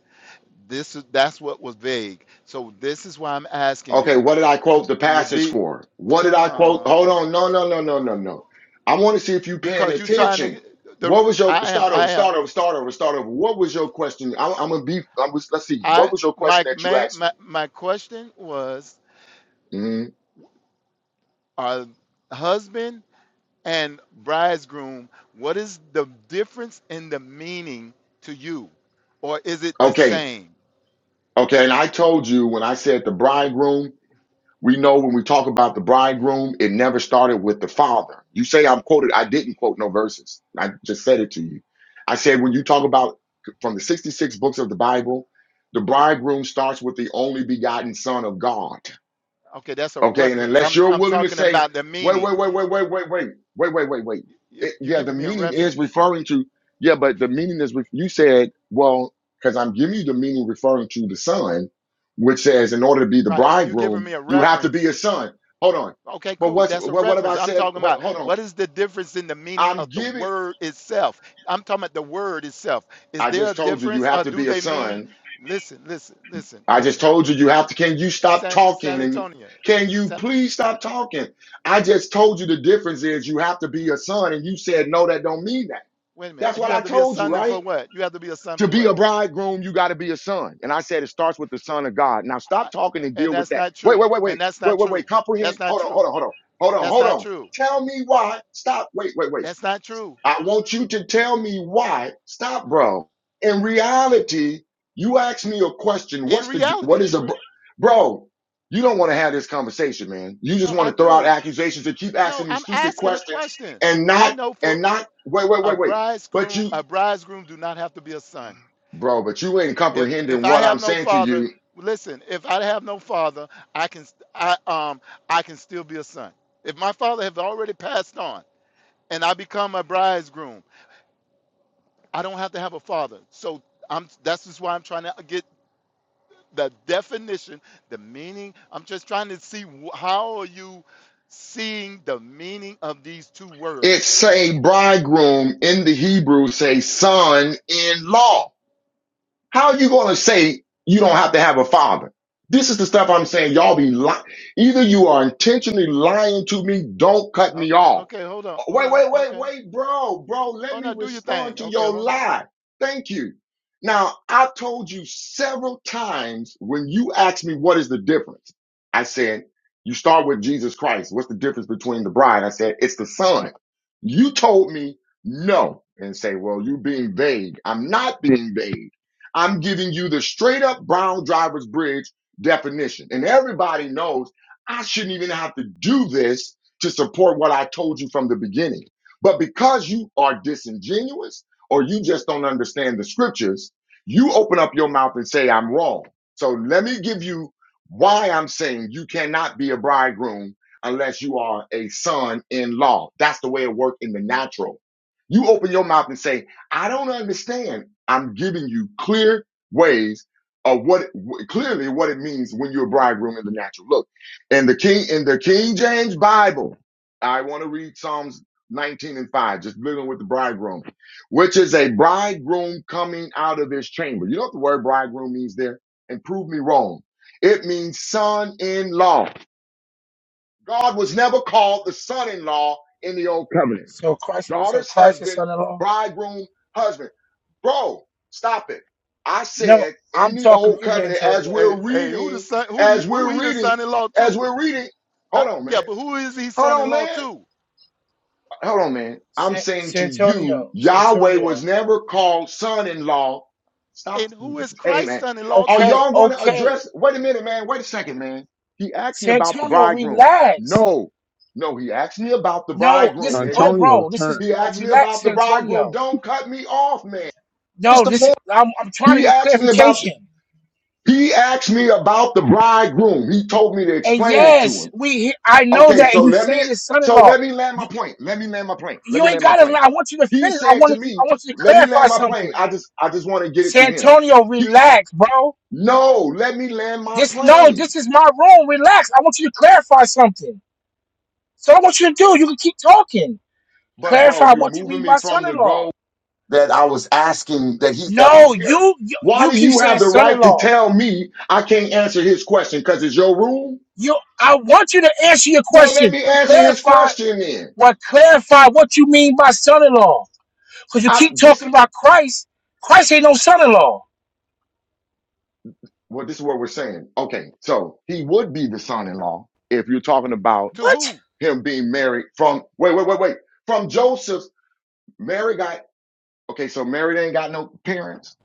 Speaker 10: This is that's what was vague. So this is why I'm asking
Speaker 8: Okay,
Speaker 10: you.
Speaker 8: what did I
Speaker 10: uh,
Speaker 8: quote
Speaker 10: Could
Speaker 8: the
Speaker 10: you
Speaker 8: passage
Speaker 10: be
Speaker 8: for? What did I quote? Hold
Speaker 10: um
Speaker 8: on, no, no, no, no, no, no. I want to see if you're paying
Speaker 10: because you trying
Speaker 8: attention.
Speaker 10: to the
Speaker 8: What was your
Speaker 10: I am
Speaker 8: start over,
Speaker 10: I am
Speaker 8: start over, start over, start over? What was your question? I'm, I'm gonna be. I'm, just- let's see. What
Speaker 10: I
Speaker 8: was your question
Speaker 10: my
Speaker 8: that you
Speaker 10: man
Speaker 8: asked
Speaker 10: my,
Speaker 8: me?
Speaker 10: my question was
Speaker 8: Mhm.
Speaker 10: are husband and bridegroom what is the difference in the meaning to you or is it the
Speaker 8: Okay,
Speaker 10: same?
Speaker 8: okay. And I told you when I said the bridegroom. We know when we talk about the bridegroom, it never started with the father. You say I'm quoted. I didn't quote no verses. I just said it to you. I said when you talk about from the 66 books of the Bible, the bridegroom starts with the only begotten son of God.
Speaker 10: Okay, that's a
Speaker 8: Okay, and
Speaker 10: reference.
Speaker 8: unless
Speaker 10: I'm
Speaker 8: you're
Speaker 10: I'm
Speaker 8: willing to
Speaker 10: talking
Speaker 8: say,
Speaker 10: about the
Speaker 8: wait, wait,
Speaker 10: meaning.
Speaker 8: wait, wait, wait, wait, wait, wait, wait, wait, wait.
Speaker 10: You
Speaker 8: It,
Speaker 10: you
Speaker 8: yeah, the
Speaker 10: giving me a
Speaker 8: meaning is
Speaker 10: reference.
Speaker 8: referring to, yeah, but the meaning is, ref- you said, well, because I'm giving you the meaning referring to the son, which says, in order to be the
Speaker 10: Right. You giving
Speaker 8: bridegroom,
Speaker 10: me a
Speaker 8: you have to be
Speaker 10: reference.
Speaker 8: a son. Hold on.
Speaker 10: Okay,
Speaker 8: But
Speaker 10: cool.
Speaker 8: what's,
Speaker 10: That's a
Speaker 8: what, what have I
Speaker 10: reference. I'm
Speaker 8: said?
Speaker 10: talking
Speaker 8: But
Speaker 10: about
Speaker 8: hold on.
Speaker 10: what is the difference in the meaning
Speaker 8: I'm
Speaker 10: of the
Speaker 8: giving,
Speaker 10: word itself? I'm talking about the word itself. Is
Speaker 8: I
Speaker 10: there a
Speaker 8: just told you, you
Speaker 10: difference
Speaker 8: have
Speaker 10: or
Speaker 8: to
Speaker 10: do
Speaker 8: be a
Speaker 10: they mean,
Speaker 8: son
Speaker 10: listen, listen, listen,
Speaker 8: I just
Speaker 10: listen.
Speaker 8: told you you have to. Can you stop
Speaker 10: San, San
Speaker 8: talking? And
Speaker 10: Antonio.
Speaker 8: can you
Speaker 10: San,
Speaker 8: please stop talking? I just told you the difference is you have to be a son, and you said no. That don't mean that.
Speaker 10: wait a
Speaker 8: That's
Speaker 10: minute.
Speaker 8: what
Speaker 10: You
Speaker 8: I
Speaker 10: have to be a
Speaker 8: told you,
Speaker 10: son
Speaker 8: right?
Speaker 10: for what? You have to be a son
Speaker 8: To
Speaker 10: for
Speaker 8: be a
Speaker 10: what?
Speaker 8: bridegroom, you got to be a son. And I said it starts with the son of God. Now stop
Speaker 10: I-
Speaker 8: talking and
Speaker 10: And
Speaker 8: deal with
Speaker 10: that's
Speaker 8: that.
Speaker 10: not
Speaker 8: Wait,
Speaker 10: true.
Speaker 8: wait, wait, wait,
Speaker 10: And that's
Speaker 8: wait,
Speaker 10: not
Speaker 8: wait,
Speaker 10: true.
Speaker 8: wait. Comprehend.
Speaker 10: That's not
Speaker 8: Hold on,
Speaker 10: true.
Speaker 8: hold on, hold on, hold on,
Speaker 10: That's
Speaker 8: hold
Speaker 10: not
Speaker 8: on.
Speaker 10: true.
Speaker 8: Tell me why. Stop. Wait, wait, wait.
Speaker 10: That's not true.
Speaker 8: I want you to tell me why. Stop, bro. In reality, you asked me a question.
Speaker 10: In
Speaker 8: What's the what
Speaker 10: reality,
Speaker 8: is a bro? bro, You don't want to have this conversation, man. You just
Speaker 10: no,
Speaker 8: want
Speaker 10: I
Speaker 8: to throw out
Speaker 10: do.
Speaker 8: accusations and keep
Speaker 10: No,
Speaker 8: asking me
Speaker 10: I'm
Speaker 8: stupid
Speaker 10: asking a
Speaker 8: questions
Speaker 10: question.
Speaker 8: and
Speaker 10: I
Speaker 8: not
Speaker 10: know for
Speaker 8: and not wait, wait,
Speaker 10: A
Speaker 8: wait, wait. But
Speaker 10: bridegroom,
Speaker 8: you,
Speaker 10: a bridegroom do not have to be a son.
Speaker 8: bro, but you ain't
Speaker 10: If if
Speaker 8: comprehending
Speaker 10: I
Speaker 8: what I'm
Speaker 10: have no
Speaker 8: saying to
Speaker 10: father,
Speaker 8: you.
Speaker 10: listen. If I have no father, I can st- I um I can still be a son. If my father have already passed on and I become a bridegroom, I don't have to have a father. So I'm that's just why I'm trying to get the definition, the meaning. I'm just trying to see wh- how are you seeing the meaning of these two
Speaker 8: It's
Speaker 10: words.
Speaker 8: say bridegroom in the Hebrew, say son in law. How are you going to say you don't have to have a father? This is the stuff I'm saying. Y'all be lying. Either you are intentionally lying to me. Don't cut
Speaker 10: Uh,
Speaker 8: me
Speaker 10: uh,
Speaker 8: off.
Speaker 10: okay, hold on,
Speaker 8: Oh,
Speaker 10: hold
Speaker 8: Wait,
Speaker 10: on.
Speaker 8: wait, wait,
Speaker 10: Okay,
Speaker 8: wait, bro, bro, let
Speaker 10: oh
Speaker 8: me
Speaker 10: no, do your
Speaker 8: respond
Speaker 10: thing.
Speaker 8: to
Speaker 10: Okay,
Speaker 8: your
Speaker 10: hold on.
Speaker 8: lie. Thank you. Now, I told you several times when you asked me what is the difference. I said, you start with Jesus Christ. What's the difference between the bride? I said, it's the son. You told me no and say, well, you are being vague. I'm not being vague. I'm giving you the straight up Brown driver's bridge definition. And everybody knows I shouldn't even have to do this to support what I told you from the beginning. But because you are disingenuous or you just don't understand the scriptures, you open up your mouth and say, I'm wrong. So let me give you why I'm saying you cannot be a bridegroom unless you are a son in law. That's the way it works in the natural. You open your mouth and say, I don't understand. I'm giving you clear ways of what clearly what it means when you're a bridegroom in the natural. Look in the King in the King James Bible, I want to read Psalms 19 and 5, just living with the bridegroom, which is a bridegroom coming out of his chamber. You know what the word bridegroom means there? And prove me wrong. It means son-in-law. God was never called the son-in-law in the old covenant
Speaker 1: So Christ, so
Speaker 8: daughter's
Speaker 1: Christ is
Speaker 8: husband,
Speaker 1: son-in-law?
Speaker 8: bridegroom, husband. Bro, stop it. I
Speaker 1: No,
Speaker 8: said in
Speaker 1: I'm
Speaker 8: the
Speaker 1: talking to
Speaker 8: old
Speaker 1: you, San
Speaker 8: covenant, as
Speaker 1: Antonio.
Speaker 10: Hey,
Speaker 8: we're
Speaker 10: hey, who the
Speaker 8: reading,
Speaker 10: son? Who the
Speaker 8: as
Speaker 10: who
Speaker 8: we're
Speaker 10: he the
Speaker 8: reading,
Speaker 10: son-in-law
Speaker 8: as
Speaker 10: to?
Speaker 8: we're reading,
Speaker 10: I,
Speaker 8: hold on, man.
Speaker 10: yeah, but who is he
Speaker 8: Hold on,
Speaker 10: son-in-law
Speaker 8: man.
Speaker 10: to?
Speaker 8: Hold on, man. I'm
Speaker 1: San,
Speaker 8: saying
Speaker 1: San
Speaker 8: to you,
Speaker 1: Antonio, San
Speaker 8: Yahweh
Speaker 1: Antonio.
Speaker 8: was never called son in law. Stop.
Speaker 10: And who is
Speaker 8: Hey, hey,
Speaker 10: Christ's
Speaker 8: man.
Speaker 10: son-in-law
Speaker 8: Are
Speaker 1: Okay,
Speaker 10: to?
Speaker 8: y'all going to
Speaker 1: okay.
Speaker 8: address? Wait a minute, man. Wait a second, man. He asked me
Speaker 1: San
Speaker 8: about the
Speaker 1: Antonio,
Speaker 8: bridegroom.
Speaker 1: relax.
Speaker 8: No, no, he asked me about the
Speaker 1: No,
Speaker 9: So
Speaker 8: bridegroom,
Speaker 1: this, oh,
Speaker 8: nigga.
Speaker 9: Antonio
Speaker 1: bro, this is,
Speaker 9: turns.
Speaker 8: He
Speaker 1: oh,
Speaker 8: asked me
Speaker 1: relax,
Speaker 8: about the
Speaker 1: San
Speaker 8: bridegroom.
Speaker 1: Antonio.
Speaker 8: Don't cut me off, man. It's
Speaker 1: No,
Speaker 8: the
Speaker 1: this,
Speaker 8: point.
Speaker 1: I'm, I'm trying to
Speaker 8: He
Speaker 1: get
Speaker 8: asked me about the,
Speaker 1: clarification.
Speaker 8: he asked me about the bridegroom. He told me to
Speaker 1: And
Speaker 8: explain it to
Speaker 1: yes,
Speaker 8: him.
Speaker 1: we. he- I know
Speaker 8: Okay,
Speaker 1: that,
Speaker 8: so
Speaker 1: and you
Speaker 8: let me
Speaker 1: saying this,
Speaker 8: so
Speaker 1: son-in-law.
Speaker 8: let me land my
Speaker 1: You
Speaker 8: plane. Let me land my plane. Let
Speaker 1: you
Speaker 8: me
Speaker 1: ain't
Speaker 8: land my
Speaker 1: got to.
Speaker 8: plane.
Speaker 1: I want you to
Speaker 8: He
Speaker 1: finish. I
Speaker 8: said to
Speaker 1: wanted you.
Speaker 8: me,
Speaker 1: I want you to
Speaker 8: "Let me
Speaker 1: clarify
Speaker 8: land my plane."
Speaker 1: something.
Speaker 8: I just I just want to get it to him.
Speaker 1: Santonio,
Speaker 8: He
Speaker 1: relax, bro.
Speaker 8: no, let me land my
Speaker 1: This no,
Speaker 8: plane.
Speaker 1: this is my room. Relax. I want you to clarify something. So I want you to do. You can keep talking.
Speaker 8: But bro,
Speaker 1: Clarify
Speaker 8: you're
Speaker 1: what you
Speaker 8: moving
Speaker 1: mean
Speaker 8: me
Speaker 1: by
Speaker 8: from the goal.
Speaker 1: son-in-law.
Speaker 8: that I was asking that he that you
Speaker 1: No,
Speaker 8: hear.
Speaker 1: you you,
Speaker 8: Why
Speaker 1: you
Speaker 8: do
Speaker 1: keep
Speaker 8: you
Speaker 1: saying
Speaker 8: have the right to
Speaker 1: son-in-law.
Speaker 8: tell me I can't answer his question? Because it's your rule?
Speaker 1: You. I want you to answer your
Speaker 8: Well, let
Speaker 1: question.
Speaker 8: me answer his
Speaker 1: Clarify.
Speaker 8: question then.
Speaker 1: What clarify what you mean by son-in-law? Because you
Speaker 8: I
Speaker 1: keep
Speaker 8: this
Speaker 1: talking about Christ. Christ ain't no son in law.
Speaker 8: well, this is what we're saying. Okay, so he would be the son-in-law if you're talking about
Speaker 10: To
Speaker 1: What?
Speaker 10: who?
Speaker 8: him being married from wait, wait, wait, wait. From Joseph, Mary got okay, so Mary ain't got no parents.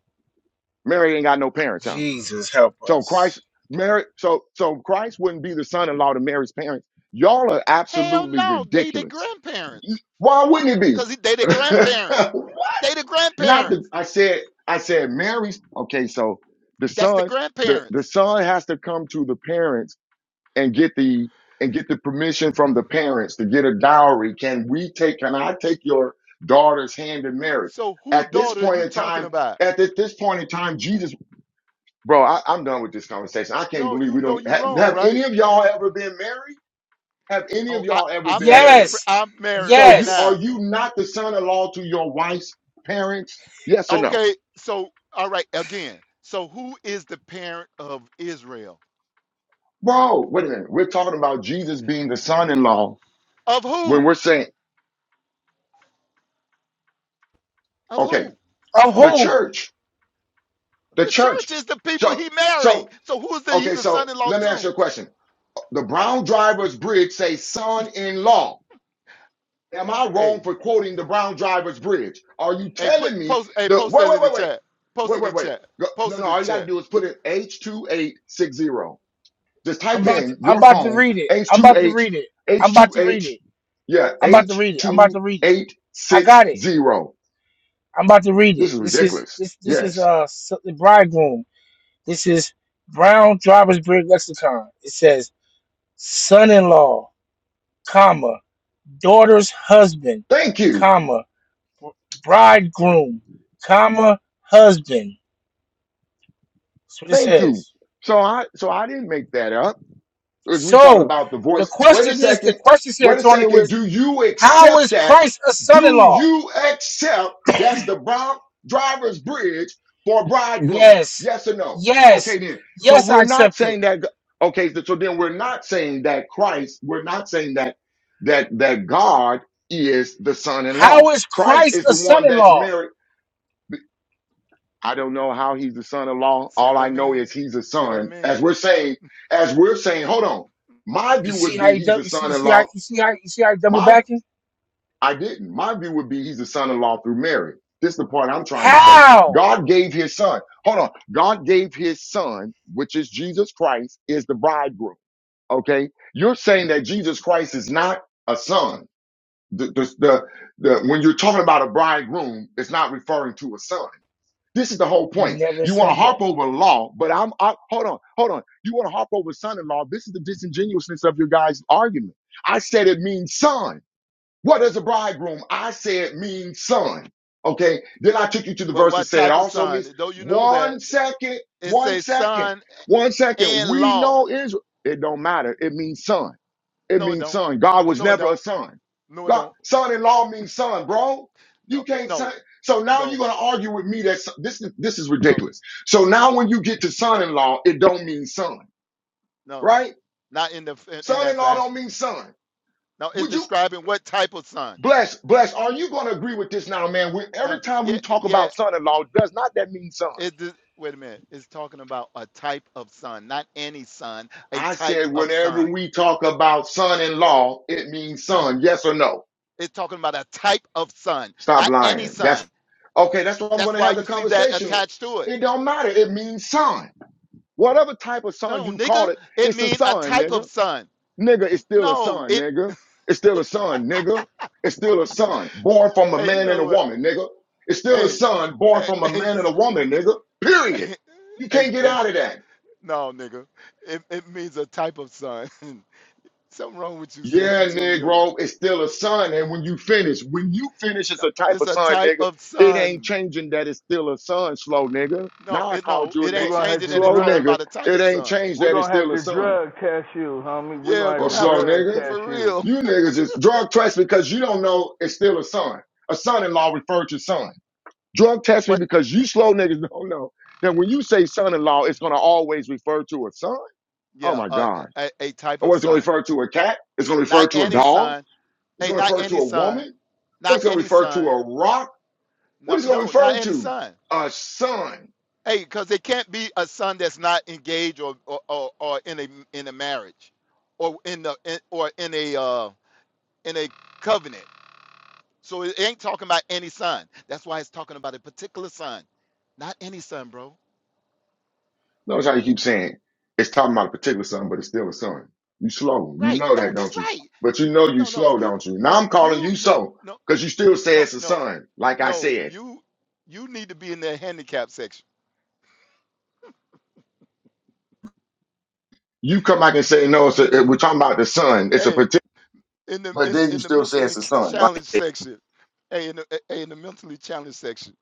Speaker 8: Mary ain't got no parents, huh?
Speaker 1: Jesus help
Speaker 8: So Christ,
Speaker 1: us.
Speaker 8: Mary, so so Christ wouldn't be the son-in-law to Mary's parents. Y'all are
Speaker 10: Hell
Speaker 8: absolutely
Speaker 10: no, they the
Speaker 8: ridiculous.
Speaker 10: grandparents.
Speaker 8: Why wouldn't he be?
Speaker 10: Cause they the
Speaker 8: [laughs]
Speaker 10: grandparents.
Speaker 8: what?
Speaker 10: They the
Speaker 8: Not the
Speaker 10: grandparents.
Speaker 8: I said I said Mary's okay, so the
Speaker 10: That's the
Speaker 8: son, the, the
Speaker 10: grandparents.
Speaker 8: son has to come to the parents and get the and get the permission from the parents to get a dowry. Can we take can I take your daughter's hand in marriage?
Speaker 10: So who
Speaker 8: At this
Speaker 10: daughter are
Speaker 8: point
Speaker 10: you
Speaker 8: in
Speaker 10: talking
Speaker 8: time,
Speaker 10: about?
Speaker 8: at this this point in time, Jesus Bro, I, I'm done with this conversation. I can't
Speaker 10: No,
Speaker 8: believe
Speaker 10: you
Speaker 8: we
Speaker 10: know
Speaker 8: don't
Speaker 10: you
Speaker 8: have,
Speaker 10: wrong,
Speaker 8: have
Speaker 10: right?
Speaker 8: any of y'all ever been married? Have any
Speaker 10: Oh,
Speaker 8: of
Speaker 10: I
Speaker 8: y'all ever
Speaker 10: I'm
Speaker 8: been
Speaker 10: married.
Speaker 8: married?
Speaker 10: pre-
Speaker 1: Yes.
Speaker 10: I'm married
Speaker 8: So
Speaker 10: right
Speaker 8: you are
Speaker 1: Yes.
Speaker 10: now.
Speaker 8: you not the son-in-law to your wife's parents? Yes or no?
Speaker 10: Okay, so all right again. So who is the parent of Israel?
Speaker 8: Bro, wait a minute. We're talking about Jesus being the son-in-law
Speaker 10: Of who?
Speaker 8: when we're saying,
Speaker 10: Of
Speaker 8: okay,
Speaker 10: who?
Speaker 1: Of
Speaker 8: the
Speaker 1: who?
Speaker 8: church, the
Speaker 10: The
Speaker 8: church.
Speaker 10: church is the people
Speaker 8: So,
Speaker 10: he marrying.
Speaker 8: so,
Speaker 10: So who is the he
Speaker 8: okay,
Speaker 10: the
Speaker 8: so
Speaker 10: son-in-law
Speaker 8: let me ask
Speaker 10: to?
Speaker 8: you a question. The Brown Drivers Bridge says son-in-law. Am I wrong
Speaker 10: Hey,
Speaker 8: for quoting the Brown Drivers Bridge? Are you
Speaker 10: hey, put
Speaker 8: telling me
Speaker 10: post hey,
Speaker 8: the
Speaker 10: post
Speaker 8: wait,
Speaker 10: that
Speaker 8: wait,
Speaker 10: in the
Speaker 8: wait, wait?
Speaker 10: chat. Post
Speaker 8: Wait,
Speaker 10: it in
Speaker 8: wait,
Speaker 10: the
Speaker 8: wait.
Speaker 10: chat.
Speaker 8: Go- No,
Speaker 10: Post
Speaker 8: no,
Speaker 10: it in
Speaker 8: all
Speaker 10: the
Speaker 8: you gotta
Speaker 10: chat.
Speaker 8: do is put in H2860. Just
Speaker 1: I'm
Speaker 8: type
Speaker 1: about to,
Speaker 8: in
Speaker 1: I'm
Speaker 8: your
Speaker 1: about to
Speaker 8: phone,
Speaker 1: read it. I'm about to
Speaker 8: H2H,
Speaker 1: read it. I'm about to read
Speaker 8: H2H,
Speaker 1: it.
Speaker 8: yeah,
Speaker 1: I'm about to read it. I'm about to read it. I got it.
Speaker 8: H2860.
Speaker 1: I'm about to read
Speaker 8: This
Speaker 1: it.
Speaker 8: is
Speaker 1: This is
Speaker 8: ridiculous.
Speaker 1: this this is
Speaker 8: Yes.
Speaker 1: uh so- the bridegroom. This is Brown Driver's Bridge Lexicon. It says son-in-law, comma, daughter's husband,
Speaker 8: Thank you.
Speaker 1: comma. bridegroom, comma, husband. That's what it
Speaker 8: Thank you.
Speaker 1: says.
Speaker 8: So I, so I didn't make that up. as we talk
Speaker 1: So
Speaker 8: about the
Speaker 1: the
Speaker 8: voice. Wait a
Speaker 1: question is, the
Speaker 8: second.
Speaker 1: question, San
Speaker 8: Wait a
Speaker 1: Antonio,
Speaker 8: second.
Speaker 1: is
Speaker 8: Do you
Speaker 1: how
Speaker 8: accept
Speaker 1: is
Speaker 8: that?
Speaker 1: Christ a
Speaker 8: Do
Speaker 1: son-in-law?
Speaker 8: you accept that's the brown driver's bridge for bridegroom?
Speaker 1: Yes,
Speaker 8: Yes or no? Okay,
Speaker 1: yes,
Speaker 8: then. So
Speaker 1: yes, I
Speaker 8: we're not
Speaker 1: accept it.
Speaker 8: saying that. Okay, so then we're not saying that Christ. We're not saying that that that God is the
Speaker 1: How
Speaker 8: son-in-law.
Speaker 1: is
Speaker 8: Christ
Speaker 1: Christ
Speaker 8: is
Speaker 1: a
Speaker 8: the one that's
Speaker 1: son-in-law?
Speaker 8: married I don't know how he's the son-in-law.
Speaker 10: See
Speaker 8: All
Speaker 10: what I
Speaker 8: I know
Speaker 10: mean?
Speaker 8: is he's a
Speaker 10: See what I
Speaker 8: son. As
Speaker 10: mean?
Speaker 8: we're saying, as we're saying, hold on. My
Speaker 1: You
Speaker 8: view
Speaker 1: see
Speaker 8: would
Speaker 1: how
Speaker 8: be
Speaker 1: you,
Speaker 8: he's
Speaker 1: dou-
Speaker 8: a
Speaker 1: you see, you see how
Speaker 8: son-in-law.
Speaker 1: you see how you see how you double
Speaker 8: My,
Speaker 1: backing?
Speaker 8: I didn't. My view would be he's a son-in-law through Mary. This is the part I'm trying to say.
Speaker 1: How?
Speaker 8: God gave his son. Hold on. God gave his son, which is Jesus Christ, is the bridegroom. Okay. You're saying that Jesus Christ is not a son. The, the, the, the, when you're talking about a bridegroom, it's not referring to a son. This is the whole
Speaker 1: We
Speaker 8: point.
Speaker 1: never
Speaker 8: You want to
Speaker 1: said
Speaker 8: harp
Speaker 1: that.
Speaker 8: over law, but I'm I, hold on, hold on. You want to harp over son-in-law. This is the disingenuousness of your guys' argument. I said it means son. What does a bridegroom? I said means son. Okay. Then I took you to the
Speaker 10: But
Speaker 8: verse that
Speaker 10: what
Speaker 8: said it
Speaker 10: type of
Speaker 8: also
Speaker 10: son?
Speaker 8: means
Speaker 10: Though you know that
Speaker 8: one second,
Speaker 10: it
Speaker 8: one
Speaker 10: says
Speaker 8: second,
Speaker 10: son
Speaker 8: one second.
Speaker 10: in
Speaker 8: We
Speaker 10: law.
Speaker 8: know Israel. It don't matter. It means son. It
Speaker 10: No, it
Speaker 8: means
Speaker 10: don't.
Speaker 8: son. God was
Speaker 10: No, it
Speaker 8: never a
Speaker 10: don't.
Speaker 8: son.
Speaker 10: No, it
Speaker 8: God,
Speaker 10: don't.
Speaker 8: son-in-law means son, bro. You
Speaker 10: No, it-
Speaker 8: can't say.
Speaker 10: no,
Speaker 8: So now you're
Speaker 10: no,
Speaker 8: gonna argue with me that son- this is this is
Speaker 10: no,
Speaker 8: ridiculous. So now when you get to son-in-law, it don't mean son,
Speaker 10: no.
Speaker 8: right?
Speaker 10: Not in the in, in that
Speaker 8: Son-in-law don't
Speaker 10: fashion.
Speaker 8: mean son.
Speaker 10: No, it's
Speaker 8: Would you
Speaker 10: describing what type of son.
Speaker 8: bless bless? Are you gonna agree with this now, man? We,
Speaker 10: Uh,
Speaker 8: every time
Speaker 10: yeah,
Speaker 8: we talk
Speaker 10: yeah.
Speaker 8: about son-in-law, does not that mean son?
Speaker 10: It d- wait a minute. It's talking about a type of sun, not any sun. A
Speaker 8: I
Speaker 10: type
Speaker 8: said
Speaker 10: of
Speaker 8: whenever
Speaker 10: sun.
Speaker 8: we talk about son-in-law, it means son. Yes or no?
Speaker 10: It's talking about a type of sun,
Speaker 8: Stop
Speaker 10: not any
Speaker 8: lying. That's
Speaker 10: sun.
Speaker 8: okay. That's what I'm going
Speaker 10: That's
Speaker 8: to
Speaker 10: why
Speaker 8: have the
Speaker 10: you see that
Speaker 8: conversation with.
Speaker 10: attached to it.
Speaker 8: It don't matter. It means son. Whatever type of son
Speaker 10: No,
Speaker 8: you call
Speaker 10: nigga,
Speaker 8: it,
Speaker 10: it
Speaker 8: it's a
Speaker 10: mean a
Speaker 8: son,
Speaker 10: type of
Speaker 8: nigga.
Speaker 10: sun.
Speaker 8: Nigga is still a
Speaker 10: No,
Speaker 8: son,
Speaker 10: it.
Speaker 8: nigga. It's still a son, nigga. It's still a son born from a
Speaker 10: Hey, you
Speaker 8: man and
Speaker 10: know
Speaker 8: a
Speaker 10: what?
Speaker 8: woman, nigga. It's still a
Speaker 10: Hey,
Speaker 8: son born from
Speaker 10: hey,
Speaker 8: a
Speaker 10: hey,
Speaker 8: man and
Speaker 10: s-
Speaker 8: a woman, nigga.
Speaker 10: [laughs]
Speaker 8: Period.
Speaker 10: hey,
Speaker 8: You
Speaker 10: hey,
Speaker 8: can't get
Speaker 10: hey,
Speaker 8: out of that.
Speaker 10: no, nigga. It it means a type of sun. [laughs] Something wrong with you, San
Speaker 8: Yeah,
Speaker 10: Antonio.
Speaker 8: Negro, it's still a sun. And when you finish, when you finish, it's
Speaker 10: No,
Speaker 8: a type
Speaker 10: it's
Speaker 8: of
Speaker 10: a
Speaker 8: sun,
Speaker 10: type
Speaker 8: nigga.
Speaker 10: of
Speaker 8: It ain't
Speaker 10: sun.
Speaker 8: changing that it's still a sun, slow nigga.
Speaker 10: No,
Speaker 8: Now I
Speaker 10: it
Speaker 8: called
Speaker 10: no,
Speaker 8: you a
Speaker 10: it
Speaker 2: We're
Speaker 10: ain't
Speaker 8: name.
Speaker 2: gonna have
Speaker 10: changing
Speaker 2: to
Speaker 10: that it's
Speaker 8: Slow
Speaker 10: talking
Speaker 2: drug.
Speaker 8: nigga.
Speaker 10: about a type
Speaker 8: It
Speaker 10: of
Speaker 8: ain't
Speaker 10: sun.
Speaker 8: changed
Speaker 2: We're
Speaker 8: that it's
Speaker 2: gonna have
Speaker 8: still a
Speaker 2: to
Speaker 8: sun.
Speaker 2: drug test you, homie. We're
Speaker 10: Yeah,
Speaker 2: gonna have
Speaker 8: Or
Speaker 10: gonna
Speaker 2: to
Speaker 10: have
Speaker 8: slow
Speaker 10: to
Speaker 2: drug
Speaker 8: nigga.
Speaker 2: test
Speaker 10: for
Speaker 2: you.
Speaker 10: real.
Speaker 8: You niggas is drug test me because you don't know it's still a son. A son-in-law referred to son. Drug test me
Speaker 10: What?
Speaker 8: because you slow niggas [laughs] don't know that when you say son-in-law, it's gonna always refer to a son. Oh
Speaker 10: Yeah,
Speaker 8: my
Speaker 10: uh,
Speaker 8: God.
Speaker 10: a, a type
Speaker 8: Or
Speaker 10: of
Speaker 8: it's gonna
Speaker 10: sun.
Speaker 8: refer to a cat, it's gonna
Speaker 10: Not
Speaker 8: refer to a
Speaker 10: any
Speaker 8: dog,
Speaker 10: sun.
Speaker 8: it's
Speaker 10: Hey,
Speaker 8: going to
Speaker 10: not
Speaker 8: refer to
Speaker 10: any
Speaker 8: a
Speaker 10: sun.
Speaker 8: woman. What
Speaker 10: Not
Speaker 8: it's going to
Speaker 10: any
Speaker 8: refer to
Speaker 10: sun.
Speaker 8: a rock. What
Speaker 10: No,
Speaker 8: it's going to
Speaker 10: no, not
Speaker 8: refer
Speaker 10: any
Speaker 8: to
Speaker 10: sun.
Speaker 8: a son.
Speaker 10: Hey, because it can't be a son that's not engaged or or, or, or in a in a marriage, or in the in, or in a uh, in a covenant. So it ain't talking about any son. That's why it's talking about a particular son, not any son, bro.
Speaker 8: Notice how you keep saying it's talking about a particular son, but it's still a son. You slow. You
Speaker 10: Right?
Speaker 8: know
Speaker 10: No,
Speaker 8: that, don't
Speaker 10: that's
Speaker 8: you?
Speaker 10: right.
Speaker 8: But you know you
Speaker 10: No, no,
Speaker 8: slow,
Speaker 10: you,
Speaker 8: don't you? Now
Speaker 10: no,
Speaker 8: I'm calling you
Speaker 10: you, no,
Speaker 8: so
Speaker 10: no,
Speaker 8: because you still say
Speaker 10: no,
Speaker 8: it's a
Speaker 10: no,
Speaker 8: son. Like I
Speaker 10: no.
Speaker 8: said,
Speaker 10: You, you need to be in the handicap section.
Speaker 8: you come back and say no. It's a,
Speaker 10: Mental,
Speaker 8: we're talking about the son. It's a
Speaker 10: hey,
Speaker 8: particular,
Speaker 10: in the
Speaker 8: but
Speaker 10: in,
Speaker 8: then you
Speaker 10: in the
Speaker 8: still say
Speaker 10: mentally
Speaker 8: it's a son. Like
Speaker 10: challenged section. Hey, in the eh, hey, in the mentally challenged section.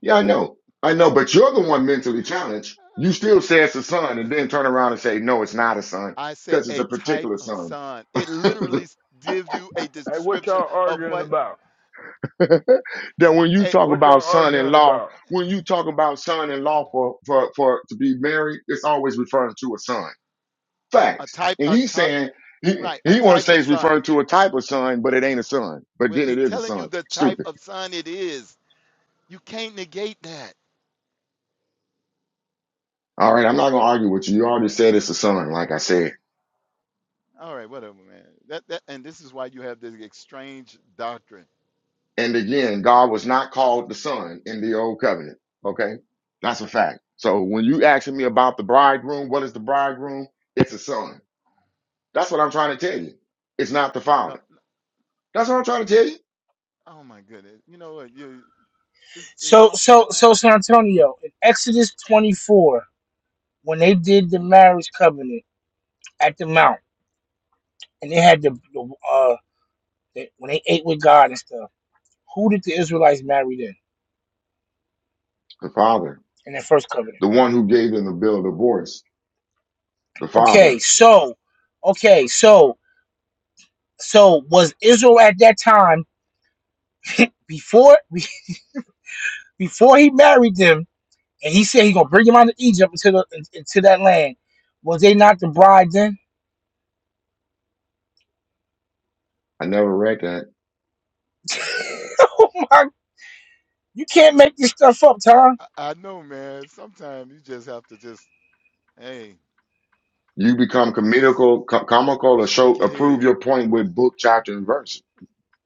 Speaker 8: yeah, I know, I know. But you're the one mentally challenged. You still say it's a son, and
Speaker 10: [clears throat]
Speaker 8: then turn around and say no, it's not a son
Speaker 10: I said
Speaker 8: because it's
Speaker 10: a
Speaker 8: a
Speaker 10: type
Speaker 8: particular
Speaker 10: of
Speaker 8: son.
Speaker 10: sun. It literally
Speaker 8: [laughs]
Speaker 10: s- gives you a
Speaker 2: Hey, what
Speaker 10: description
Speaker 2: y'all
Speaker 10: of
Speaker 2: arguing
Speaker 10: what
Speaker 2: about?
Speaker 8: that when you
Speaker 10: a
Speaker 8: talk
Speaker 2: What
Speaker 8: about
Speaker 2: y'all arguing
Speaker 8: son-in-law,
Speaker 2: about?
Speaker 8: when you talk about son-in-law for for for to be married, it's always referring to a son.
Speaker 10: a
Speaker 8: Facts.
Speaker 10: type
Speaker 8: And
Speaker 10: a
Speaker 8: he's
Speaker 10: type
Speaker 8: saying he
Speaker 10: right a
Speaker 8: he want to
Speaker 10: type
Speaker 8: say
Speaker 10: of
Speaker 8: it's
Speaker 10: sun.
Speaker 8: referring to a type of son, but it ain't a son. But
Speaker 10: Well,
Speaker 8: then it
Speaker 10: it's
Speaker 8: is a
Speaker 10: telling you
Speaker 8: son.
Speaker 10: the type
Speaker 8: Stupid.
Speaker 10: of sun it is. You can't negate that.
Speaker 8: All right, I'm not gonna argue with you. You already said it's a son, like I said.
Speaker 10: All right, whatever, man. That that and this is why you have this strange doctrine.
Speaker 8: And again, God was not called the son in the old covenant. Okay, that's a fact. So when you asking me about the bridegroom, what is the bridegroom? It's a son. That's what I'm trying to tell you. It's not the father.
Speaker 10: No,
Speaker 8: That's what I'm trying to tell you.
Speaker 10: oh my goodness. You know what? You it's it,
Speaker 1: So so
Speaker 10: I,
Speaker 1: so San Antonio in Exodus 24, when they did the marriage covenant at the mount. and they had the, the uh the, when they ate with God and stuff. Who did the Israelites marry then
Speaker 8: The Father,
Speaker 1: in their first covenant?
Speaker 8: the one who gave them the bill of divorce, the Father.
Speaker 1: Okay, so okay, so so was Israel at that time before [laughs] before he married them and he said he gonna bring them out of Egypt into the into that land? Was they not the bride then?
Speaker 8: I never read that.
Speaker 1: [laughs] Oh my, you can't make this stuff up, Tom.
Speaker 10: I I know, man. Sometimes you just have to just hey,
Speaker 8: You become
Speaker 10: just
Speaker 8: comical, co- comical to show,
Speaker 10: shake your
Speaker 8: approve
Speaker 10: head.
Speaker 8: your point with book, chapter, and verse.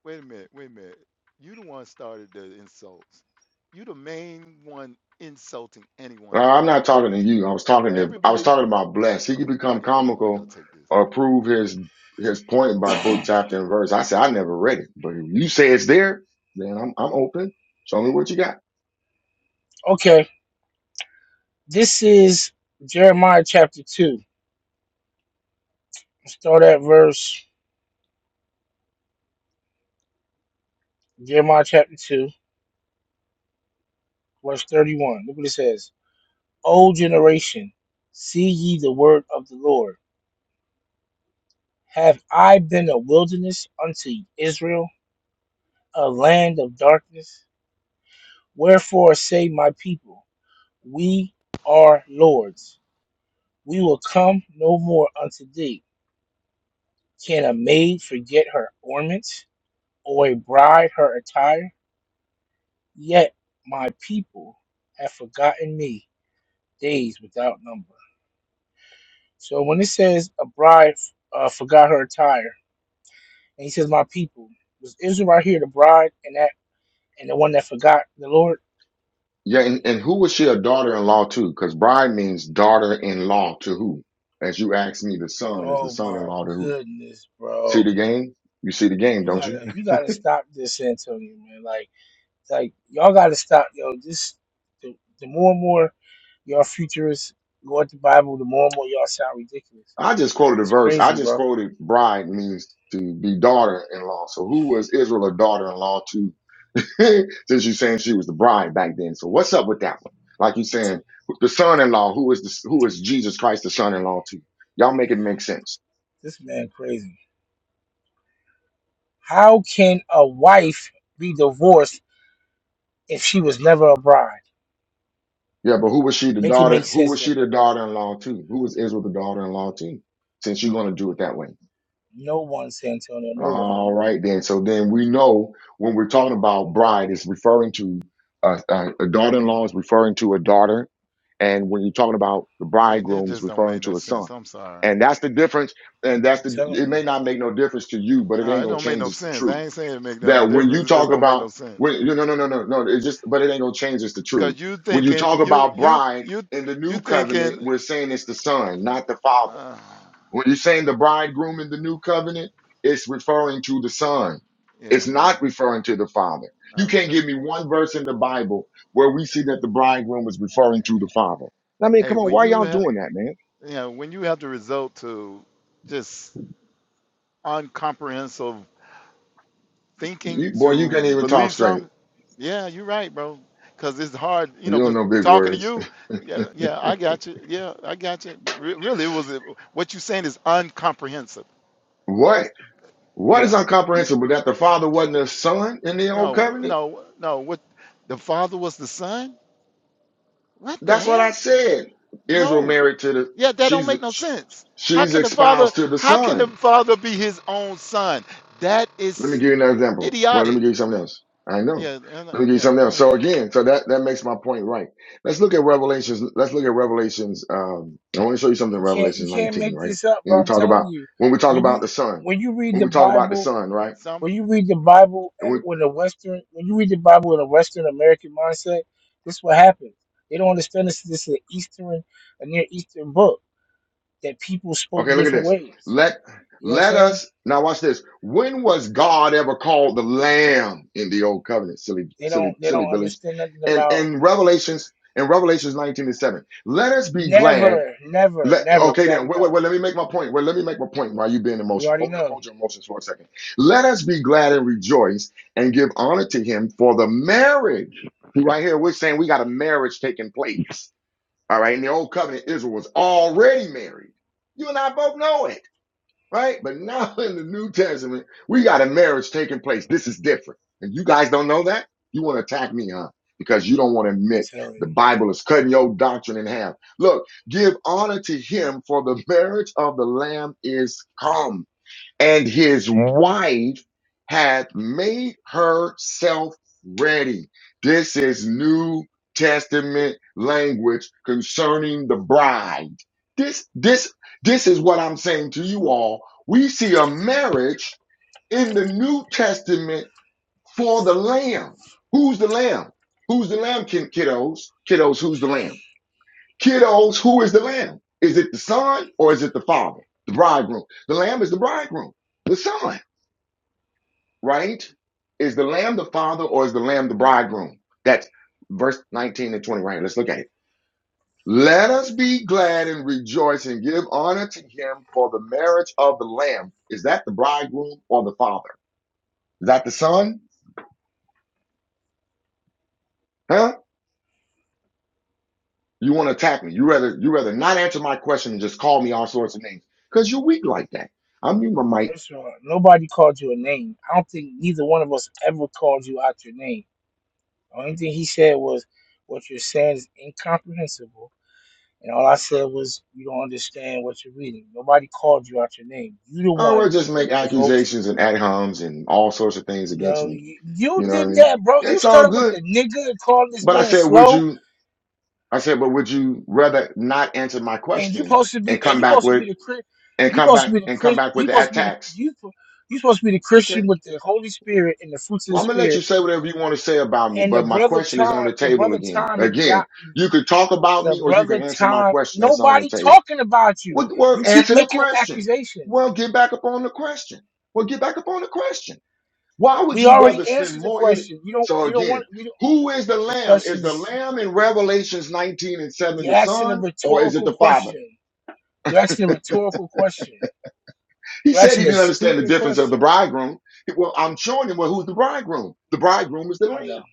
Speaker 10: Wait a minute. Wait a minute. You the one started the insults. You the main one insulting anyone up
Speaker 8: Now, I'm
Speaker 10: here.
Speaker 8: not talking to you. I was talking to, I was
Speaker 10: Everybody.
Speaker 8: talking about bless. He could
Speaker 10: Oh, I
Speaker 8: become
Speaker 10: got. Hold on. I got
Speaker 8: comical
Speaker 10: to take this.
Speaker 8: or prove his, his point by book, chapter, and verse. I said, I never read it, but if you say it's there, then I'm, I'm open. Show me what you got.
Speaker 1: Okay, this is Jeremiah chapter two. Start at verse Jeremiah chapter two, verse thirty-one. Look what it says. O generation, see ye the word of the Lord. Have I been a wilderness unto Israel, a land of darkness? Wherefore say my people, We are Lord's. We will come no more unto thee. Can a maid forget her ornaments, or a bride her attire? Yet my people have forgotten me days without number. So when it says a bride uh, forgot her attire, And he says, My people, was Israel right here the bride and that and the one that forgot the Lord?
Speaker 8: Yeah, and, and who was she a daughter-in-law to? Because bride means daughter-in-law to who? As you asked me, the son is the
Speaker 1: Oh my
Speaker 8: son-in-law to who?
Speaker 1: goodness,
Speaker 8: See
Speaker 1: bro.
Speaker 8: the game? You see the game,
Speaker 1: You
Speaker 8: don't you?
Speaker 1: gotta you gotta stop this, Antonio, man. Like like y'all gotta stop, yo. This the, the more and more y'all futurists go at the Bible, the more and more y'all sound ridiculous.
Speaker 8: [laughs] I just quoted a
Speaker 1: It's
Speaker 8: verse. I
Speaker 1: crazy,
Speaker 8: just
Speaker 1: bro.
Speaker 8: quoted bride means to be daughter-in-law. So who was Israel a daughter-in-law to? [laughs] Since you're saying she was the bride back then. So what's up with that one? Like you saying, the son-in-law, who is the, who is Jesus Christ the son-in-law to? Y'all make it make sense.
Speaker 1: This man crazy. How can a wife be divorced if she was never a bride?
Speaker 8: Yeah, but who was she the
Speaker 1: Make it
Speaker 8: daughter?
Speaker 1: make
Speaker 8: Who was
Speaker 1: sense,
Speaker 8: she the
Speaker 1: Antonio.
Speaker 8: daughter-in-law to? Who was Israel the daughter-in-law to? Since you're going to do it that way.
Speaker 1: No one, San Antonio, no one.
Speaker 8: All right, then. So then we know when we're talking about bride, it's referring to uh, uh, a
Speaker 1: Mm,
Speaker 8: daughter-in-law is referring to a daughter, and when you're talking about the
Speaker 10: And that
Speaker 8: bridegroom, is
Speaker 10: just don't
Speaker 8: referring
Speaker 10: make no
Speaker 8: to a son.
Speaker 10: sense. I'm sorry.
Speaker 8: And that's the difference. And that's the.
Speaker 1: telling
Speaker 8: It
Speaker 1: you.
Speaker 8: may not make no difference to you, but it
Speaker 10: No,
Speaker 8: ain't
Speaker 10: it
Speaker 8: gonna
Speaker 10: don't make
Speaker 8: change.
Speaker 10: no
Speaker 8: us the
Speaker 10: sense.
Speaker 8: truth
Speaker 10: I ain't saying it make no
Speaker 8: that when you
Speaker 10: difference. It just
Speaker 8: talk
Speaker 10: don't make
Speaker 8: about
Speaker 10: no sense.
Speaker 8: when no no no no no no it's just but it ain't gonna change it's the truth
Speaker 10: Cause you
Speaker 8: when you
Speaker 10: thinking
Speaker 8: talk
Speaker 10: you
Speaker 8: about
Speaker 10: you
Speaker 8: bride
Speaker 10: you
Speaker 8: in the
Speaker 10: you
Speaker 8: new covenant
Speaker 10: thinking,
Speaker 8: we're saying it's the son not the father
Speaker 10: uh,
Speaker 8: when you're saying the bridegroom in the new covenant it's referring to the son
Speaker 10: yeah,
Speaker 8: it's not
Speaker 10: man.
Speaker 8: referring to the father
Speaker 10: I
Speaker 8: you
Speaker 10: was
Speaker 8: can't
Speaker 10: just,
Speaker 8: give me one verse in the bible where we see that the bridegroom is referring to the father i mean
Speaker 10: hey,
Speaker 8: come on
Speaker 10: when
Speaker 8: why
Speaker 10: you
Speaker 8: y'all
Speaker 10: have
Speaker 8: doing that man
Speaker 10: you know when you have to result to just uncomprehensive thinking
Speaker 8: you, boy you
Speaker 10: to
Speaker 8: can't even talk
Speaker 10: believe
Speaker 8: straight
Speaker 10: something, yeah, you're right, bro. Cause it's hard, you
Speaker 8: you
Speaker 10: know.
Speaker 8: don't
Speaker 10: Cause
Speaker 8: know big
Speaker 10: talking to
Speaker 8: words
Speaker 10: you, yeah, yeah, I got you. Yeah, I got you. But re- really, it was what you saying is uncomprehensive.
Speaker 8: [laughs] what What is
Speaker 10: Yeah.
Speaker 8: incomprehensible? That the father wasn't a son in the old
Speaker 10: No,
Speaker 8: covenant?
Speaker 10: no, no. What the father was the son? What the
Speaker 8: That's what I
Speaker 10: hell?
Speaker 8: said. Israel
Speaker 10: No.
Speaker 8: married to the,
Speaker 10: Yeah, that don't make no
Speaker 8: she's,
Speaker 10: sense. How
Speaker 8: she's
Speaker 10: can the father
Speaker 8: espoused to the
Speaker 10: how can the
Speaker 8: son.
Speaker 10: father be his own son? That
Speaker 8: Let me
Speaker 10: is
Speaker 8: give you another example. Well, let me
Speaker 10: idiotic.
Speaker 8: give you something else. I know.
Speaker 10: Yeah, and, uh,
Speaker 8: Let me give you
Speaker 10: yeah,
Speaker 8: something
Speaker 10: go
Speaker 8: else. So
Speaker 10: ahead.
Speaker 8: again, so that, that makes my point right. Let's look at Revelations. Let's look at Revelations. Um, I want to show you something in
Speaker 1: You can't you
Speaker 8: Revelation
Speaker 1: can't
Speaker 8: 19,
Speaker 1: make
Speaker 8: right?
Speaker 1: this up,
Speaker 8: When
Speaker 1: bro.
Speaker 8: we
Speaker 1: I'm
Speaker 8: talk
Speaker 1: telling
Speaker 8: about,
Speaker 1: you.
Speaker 8: when we talk
Speaker 1: When
Speaker 8: about
Speaker 1: you
Speaker 8: the son,
Speaker 1: when you read
Speaker 8: when
Speaker 1: the
Speaker 8: we talk about the
Speaker 1: Bible,
Speaker 8: son, right?
Speaker 10: Some
Speaker 1: when you read the Bible with a Western, when you read the Bible with a Western American mindset, this is what happens. They don't understand this. This is an Eastern, a Near Eastern book that people spoke
Speaker 8: Okay, look at
Speaker 1: different
Speaker 8: this.
Speaker 1: ways.
Speaker 8: Let
Speaker 1: You know what I'm
Speaker 8: let
Speaker 1: saying?
Speaker 8: us now watch this. When was God ever called the Lamb in the old covenant? Silly,
Speaker 1: They
Speaker 8: silly,
Speaker 1: don't they
Speaker 8: silly
Speaker 1: don't
Speaker 8: billies.
Speaker 1: understand nothing
Speaker 8: And
Speaker 1: about
Speaker 8: in Revelations, in Revelations 19 and 7. Let us be glad.
Speaker 1: never, never,
Speaker 8: Let
Speaker 1: never. We
Speaker 8: okay then.
Speaker 1: already
Speaker 8: Wait, wait,
Speaker 1: know.
Speaker 8: wait. Let me make my point. Wait, let me make my point while you being
Speaker 1: We
Speaker 8: emotional.
Speaker 1: already
Speaker 8: Hold
Speaker 1: know.
Speaker 8: hold your emotions for a second. Let us be glad and rejoice and give honor to him for the marriage. See, Right here, we're saying we got a marriage taking place. All right. In the old covenant, Israel was already married. You and I both know it, right? But now [laughs] in the New Testament, we got a marriage taking place. This is different. And you guys don't know that? You want to attack me, huh? Because you don't want to admit
Speaker 1: So
Speaker 8: the Bible is cutting your doctrine in half. Look, give honor to him for the [laughs] marriage of the lamb is come and his wife had made herself ready. This is New Testament language concerning the bride. This, this, this is what I'm saying to you all. We see a marriage in the New Testament for the lamb. Who's the lamb? Who's the lamb, kid- kiddos? Kiddos, who's the lamb? Kiddos, who is the lamb? Is it the son or is it the father? The bridegroom. The lamb is the bridegroom, the son right? Is the lamb the father or is the lamb the bridegroom? That's verse 19 and 20 right here. Let's look at it. Let us be glad and rejoice and give honor to him for the marriage of the lamb. Is that the bridegroom or the father? Is that the son? Huh? You want to attack me. You rather you rather not answer my question and just call me all sorts of names. Because you're weak like that. I'm you my mic.
Speaker 1: first of all, nobody called you a name. I don't think neither one of us ever called you out your name The Only thing he said was, "What you're saying is incomprehensible," and all I said was, "You don't understand what you're reading." Nobody called you out your name. You the
Speaker 8: Oh, we well,
Speaker 1: one
Speaker 8: just make
Speaker 1: revolted.
Speaker 8: accusations and ad homs and all sorts of things against
Speaker 1: No,
Speaker 8: me.
Speaker 1: you, you
Speaker 8: You know what I
Speaker 1: did
Speaker 8: mean?
Speaker 1: that, bro. You
Speaker 8: It's all
Speaker 1: started with
Speaker 8: good.
Speaker 1: the nigga and calling this
Speaker 8: But I
Speaker 1: man
Speaker 8: said, would
Speaker 1: slow,
Speaker 8: you? I said, but would you rather not answer my
Speaker 1: and you
Speaker 8: question
Speaker 1: supposed to
Speaker 8: and
Speaker 1: be, and
Speaker 8: come
Speaker 1: you
Speaker 8: back
Speaker 1: supposed to
Speaker 8: with
Speaker 1: be the Chri-
Speaker 8: and
Speaker 1: you
Speaker 8: come
Speaker 1: supposed to
Speaker 8: back
Speaker 1: be the
Speaker 8: and come
Speaker 1: Chris,
Speaker 8: back
Speaker 1: you
Speaker 8: with the
Speaker 1: supposed to be the
Speaker 8: attacks?
Speaker 1: you. You supposed to be the
Speaker 8: Okay.
Speaker 1: Christian with the Holy Spirit and the fruits of
Speaker 8: Well,
Speaker 1: the
Speaker 8: I'm gonna let you
Speaker 1: Spirit,
Speaker 8: say whatever you want to say about me,
Speaker 1: and the
Speaker 8: but my
Speaker 1: brother
Speaker 8: question is on
Speaker 1: time,
Speaker 8: the
Speaker 1: the
Speaker 8: table
Speaker 1: brother
Speaker 8: again.
Speaker 1: time had
Speaker 8: Again,
Speaker 1: not.
Speaker 8: you could talk about
Speaker 1: The
Speaker 8: me or you can
Speaker 1: brother
Speaker 8: answer my
Speaker 1: Tom,
Speaker 8: question that's on the
Speaker 1: nobody
Speaker 8: table.
Speaker 1: talking about you.
Speaker 8: Well, well
Speaker 1: You keep
Speaker 8: answer the
Speaker 1: making them
Speaker 8: question.
Speaker 1: accusations.
Speaker 8: Well, get back up on the question. Well, get back up on the question. Why would
Speaker 1: We
Speaker 8: you rather
Speaker 1: already
Speaker 8: spend
Speaker 1: answered the
Speaker 8: more in
Speaker 1: question. You don't.
Speaker 8: So
Speaker 1: We don't want.
Speaker 8: again,
Speaker 1: We don't.
Speaker 8: who is the
Speaker 1: The
Speaker 8: lamb? Is
Speaker 1: question
Speaker 8: the
Speaker 1: is.
Speaker 8: lamb in Revelations 19 and 7
Speaker 1: You're
Speaker 8: the
Speaker 1: asking a
Speaker 8: son or is it
Speaker 1: rhetorical
Speaker 8: the father?
Speaker 1: question. You're asking a rhetorical question.
Speaker 8: He
Speaker 1: You're
Speaker 8: said he
Speaker 1: asking a
Speaker 8: didn't understand the
Speaker 1: stupid
Speaker 8: difference of the
Speaker 1: question.
Speaker 8: bridegroom. Well, I'm showing him well, who's the bridegroom. The bridegroom is the
Speaker 1: I know.
Speaker 8: lamb.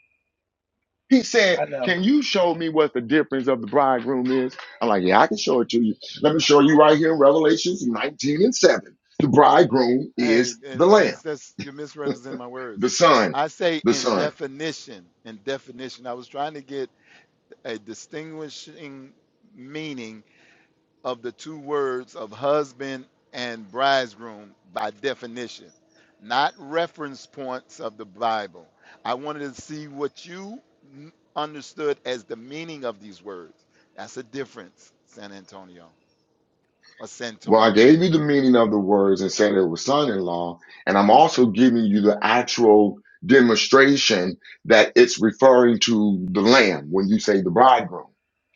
Speaker 8: He said,
Speaker 1: I know.
Speaker 8: Can you show me what the difference of the bridegroom is? I'm like, Yeah, I can show it to you. Let me show you right here in Revelations 19 and 7. The bridegroom
Speaker 10: hey,
Speaker 8: is
Speaker 10: uh,
Speaker 8: the lamb,
Speaker 10: as that's you're misrepresenting my
Speaker 8: the
Speaker 10: words.
Speaker 8: son,
Speaker 10: I say
Speaker 8: the
Speaker 10: in
Speaker 8: son.
Speaker 10: definition, in definition. I was trying to get a distinguishing meaning of the two words of husband and bridegroom by definition, not reference points of the Bible. I wanted to see what you n- understood as the meaning of these words. That's a difference, San Antonio or
Speaker 8: Well, I
Speaker 10: Santonio.
Speaker 8: gave you the meaning of the words and said it was son in law. And I'm also giving you the actual demonstration that it's referring to the lamb when you say the bridegroom.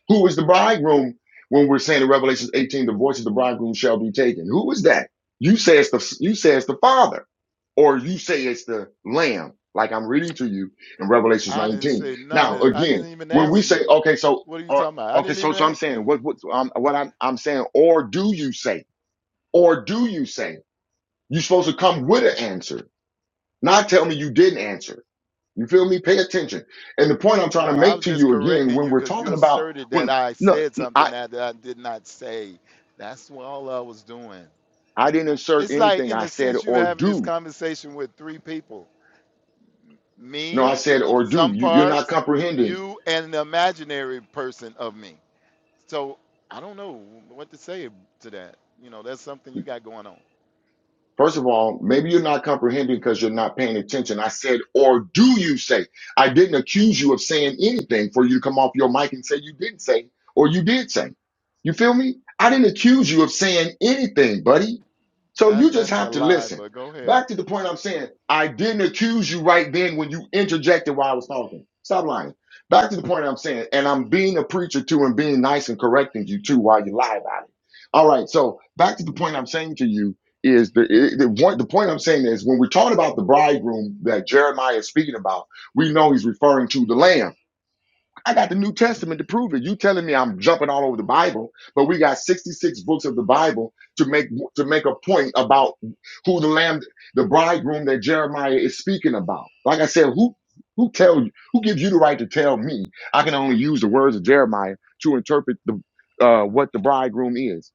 Speaker 8: Who is the bridegroom when we're saying in Revelation 18, the voice of the bridegroom shall be taken? Who is that? You say it's the, you say it's the father or you say it's the lamb, like I'm reading to you in Revelation
Speaker 10: I didn't
Speaker 8: 19.
Speaker 10: say none
Speaker 8: Now,
Speaker 10: of I
Speaker 8: again,
Speaker 10: didn't even
Speaker 8: when we
Speaker 10: answer
Speaker 8: say,
Speaker 10: you.
Speaker 8: okay, so,
Speaker 10: What are you
Speaker 8: uh,
Speaker 10: talking about? I
Speaker 8: okay,
Speaker 10: didn't
Speaker 8: so,
Speaker 10: even
Speaker 8: so I'm
Speaker 10: answer
Speaker 8: saying
Speaker 10: you.
Speaker 8: what, what, um, what I'm, I'm saying, or do you say? Or do you say it? you're supposed to come with an answer, not tell me you didn't answer? You feel me? Pay attention. And the point I'm trying
Speaker 10: No,
Speaker 8: to
Speaker 10: I
Speaker 8: make
Speaker 10: was
Speaker 8: to
Speaker 10: just
Speaker 8: you again,
Speaker 10: correcting
Speaker 8: when
Speaker 10: you
Speaker 8: we're
Speaker 10: because you
Speaker 8: talking about
Speaker 10: asserted that
Speaker 8: when
Speaker 10: I
Speaker 8: no,
Speaker 10: said something
Speaker 8: I
Speaker 10: that, that I did not say. That's what all I was doing.
Speaker 8: I didn't insert
Speaker 10: It's like,
Speaker 8: anything.
Speaker 10: in
Speaker 8: I
Speaker 10: a
Speaker 8: said
Speaker 10: sense, you
Speaker 8: or
Speaker 10: having this
Speaker 8: do.
Speaker 10: conversation with three people
Speaker 8: No, I
Speaker 10: me,
Speaker 8: said or do.
Speaker 10: some
Speaker 8: You, you're not
Speaker 10: parts,
Speaker 8: comprehending.
Speaker 10: you, and the imaginary person of me. So I don't know what to say to that. You know, that's something you got going on.
Speaker 8: First of all, maybe you're not comprehending because you're not paying attention. I said or do you say? I didn't accuse you of saying anything for you to come off your mic and say you didn't say or you did say. You feel me? I didn't accuse you of saying anything, buddy. So
Speaker 10: That
Speaker 8: you just
Speaker 10: That's a
Speaker 8: have to
Speaker 10: lie,
Speaker 8: listen.
Speaker 10: but go ahead.
Speaker 8: Back to the point I'm saying, I didn't accuse you right then when you interjected while I was talking. Stop lying. Back to the point I'm saying, and I'm being a preacher too and being nice and correcting you too while you lie about it. All right. So back to the point I'm saying to you is the, it- the, one, the point I'm saying is when we're talking about the bridegroom that Jeremiah is speaking about, we know he's referring to the lamb. I got the New Testament to prove it. You telling me I'm jumping all over the Bible, but we got 66 books of the Bible to make to make a point about who the lamb, the bridegroom that Jeremiah is speaking about. Like I said, who who tell you who gives you the right to tell me I can only use the words of Jeremiah to interpret the uh, what the bridegroom is?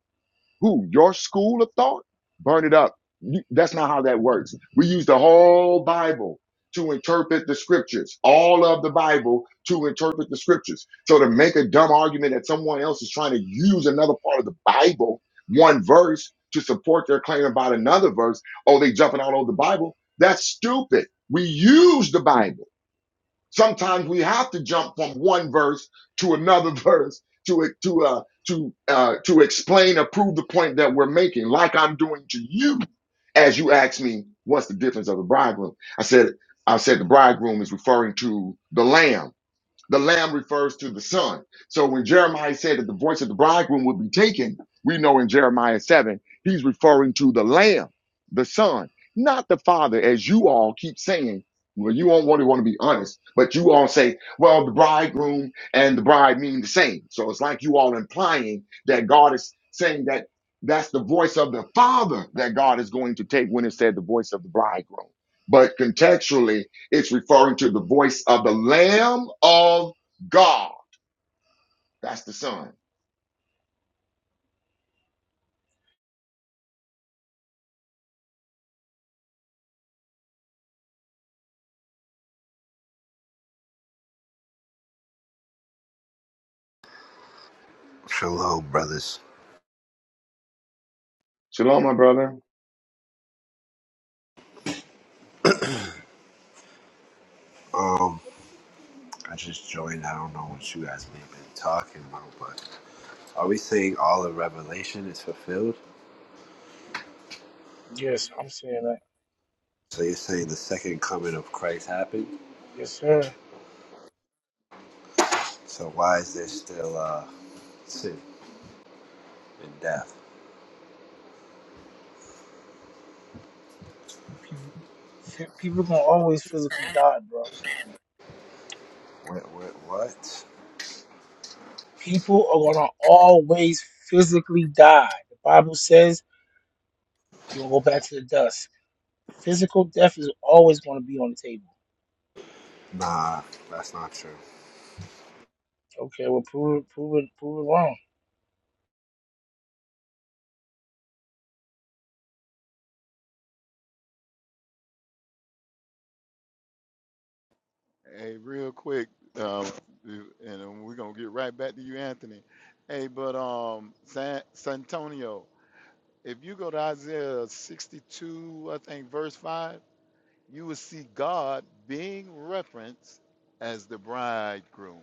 Speaker 8: Who? Your school of thought? Burn it up. You, that's not how that works. We use the whole Bible to interpret the scriptures, all of the Bible to interpret the scriptures. So to make a dumb argument that someone else is trying to use another part of the Bible, one verse, to support their claim about another verse, oh, they jumping all over the Bible. That's stupid. We use the Bible. Sometimes we have to jump from one verse to another [laughs] verse to to uh, to uh, to explain or prove the point that we're making, like I'm doing to you, as you asked me, what's the difference of the bridegroom? I said I said the bridegroom is referring to the lamb the lamb refers to the son. So when Jeremiah said that the voice of the bridegroom would be taken, we know in Jeremiah 7, he's referring to the lamb, the son, not the father, as you all keep saying. Well, you all want to want to be honest, but you all say, well, the bridegroom and the bride mean the same. So it's like you all implying that God is saying that that's the voice of the father that God is going to take when it said the voice of the bridegroom. But contextually, it's referring to the voice of the Lamb of God. That's the Son.
Speaker 11: Shalom, brothers.
Speaker 8: Shalom, my brother.
Speaker 11: Um, I just joined. I don't know what you guys may have been talking about, but are we saying all of Revelation is fulfilled?
Speaker 1: Yes, I'm saying that.
Speaker 11: So you're saying the second coming of Christ happened?
Speaker 1: Yes, sir.
Speaker 11: So why is there still uh, sin and death?
Speaker 1: People, people gonna always physically die, bro.
Speaker 11: What? What? What?
Speaker 1: People are gonna always physically die. The Bible says you will go back to the dust. Physical death is always going to be on the table.
Speaker 11: Nah, that's not true.
Speaker 1: Okay, well, prove it, prove it, prove it wrong.
Speaker 10: Hey, real quick, um, you- and then we're going to get right back to you, Anthony. Hey, but um, San, Santonio, if you go to Isaiah 62, I think, verse 5 you will see God being referenced as the bridegroom.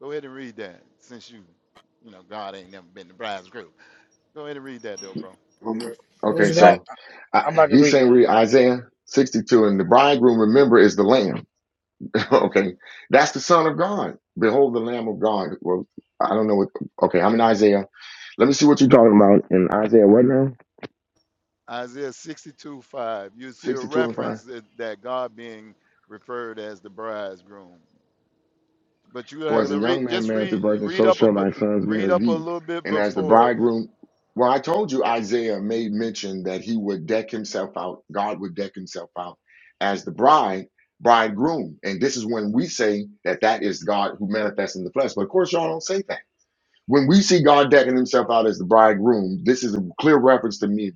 Speaker 10: Go ahead and read that since you, you know, God ain't never been the bridegroom. Go ahead and read that though, bro.
Speaker 11: Mhm.
Speaker 1: What
Speaker 8: Okay,
Speaker 1: is
Speaker 8: so
Speaker 1: that? I- I'm
Speaker 8: I,
Speaker 1: about to
Speaker 8: he's
Speaker 1: read
Speaker 8: saying
Speaker 1: it,
Speaker 8: read Isaiah 62, and the bridegroom, remember, is the Lamb. [laughs] okay, that's the Son of God. Behold, the Lamb of God. Well, I don't know what. Okay, I'm in Isaiah. Let me see what you're talking about in Isaiah. What now?
Speaker 10: Isaiah 62 5. You see a
Speaker 8: 62 and 5.
Speaker 10: reference that, that God being referred as the bridegroom. But you
Speaker 8: For
Speaker 10: have
Speaker 8: as a
Speaker 10: to read,
Speaker 8: young man
Speaker 10: just
Speaker 8: married the
Speaker 10: read
Speaker 8: virgin,
Speaker 10: read
Speaker 8: so
Speaker 10: up a
Speaker 8: shall
Speaker 10: bu-
Speaker 8: thy sons
Speaker 10: read
Speaker 8: marry
Speaker 10: up a
Speaker 8: thee.
Speaker 10: little bit
Speaker 8: And as the
Speaker 10: before it.
Speaker 8: bridegroom, well, I told you Isaiah made mention that he would deck himself out, God would deck himself out as the bride, bridegroom. And this is when we say that that is God who manifests in the flesh. But of course, y'all don't say that. When we see God decking himself out as the bridegroom, this is a clear reference to me,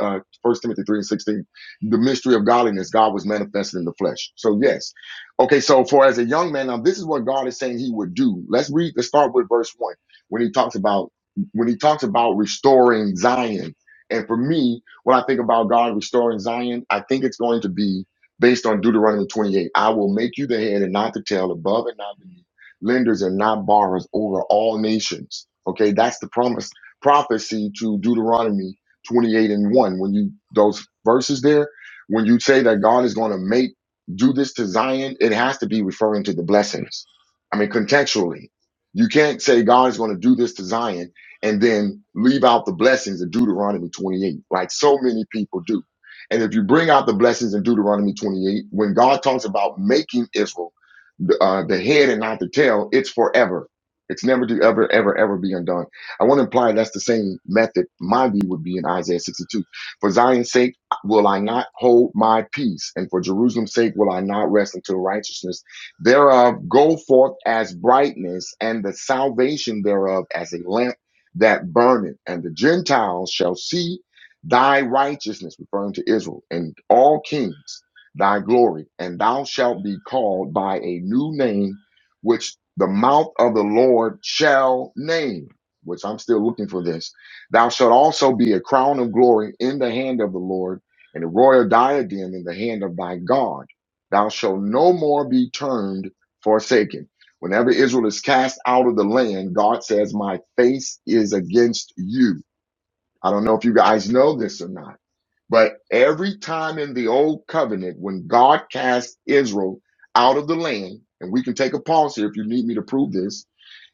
Speaker 8: uh, 1 Timothy 3 and 16, the mystery of godliness. God was manifested in the flesh. So, yes. Okay, so for as a young man, now this is what God is saying he would do. Let's read, let's start with verse 1 when he talks about when he talks about restoring Zion. And for me, when I think about God restoring Zion, I think it's going to be based on Deuteronomy 28. I will make you the head and not the tail, above and not beneath lenders and not borrowers over all nations. Okay, that's the promise prophecy to Deuteronomy 28 and 1. When you those verses there, when you say that God is going to make do this to Zion, it has to be referring to the blessings. I mean, contextually, you can't say God is going to do this to Zion and then leave out the blessings of Deuteronomy 28, like so many people do. And if you bring out the blessings in Deuteronomy 28, when God talks about making Israel, the, uh, the head and not the tail, it's forever. It's never to ever, ever, ever be undone. I want to imply that's the same method my view would be in Isaiah 62. For Zion's sake will I not hold my peace, and for Jerusalem's sake will I not rest until righteousness thereof go forth as brightness, and the salvation thereof as a lamp that burneth. And the Gentiles shall see thy righteousness, referring to Israel, and all kings thy glory, and thou shalt be called by a new name which the mouth of the Lord shall name, which I'm still looking for this. Thou shalt also be a crown of glory in the hand of the Lord, and a royal diadem in the hand of thy God. Thou shalt no more be termed forsaken. Whenever Israel is cast out of the land, God says, My face is against you. I don't know if you guys know this or not but every time in the old covenant, when God cast Israel out of the land, and we can take a pause here if you need me to prove this,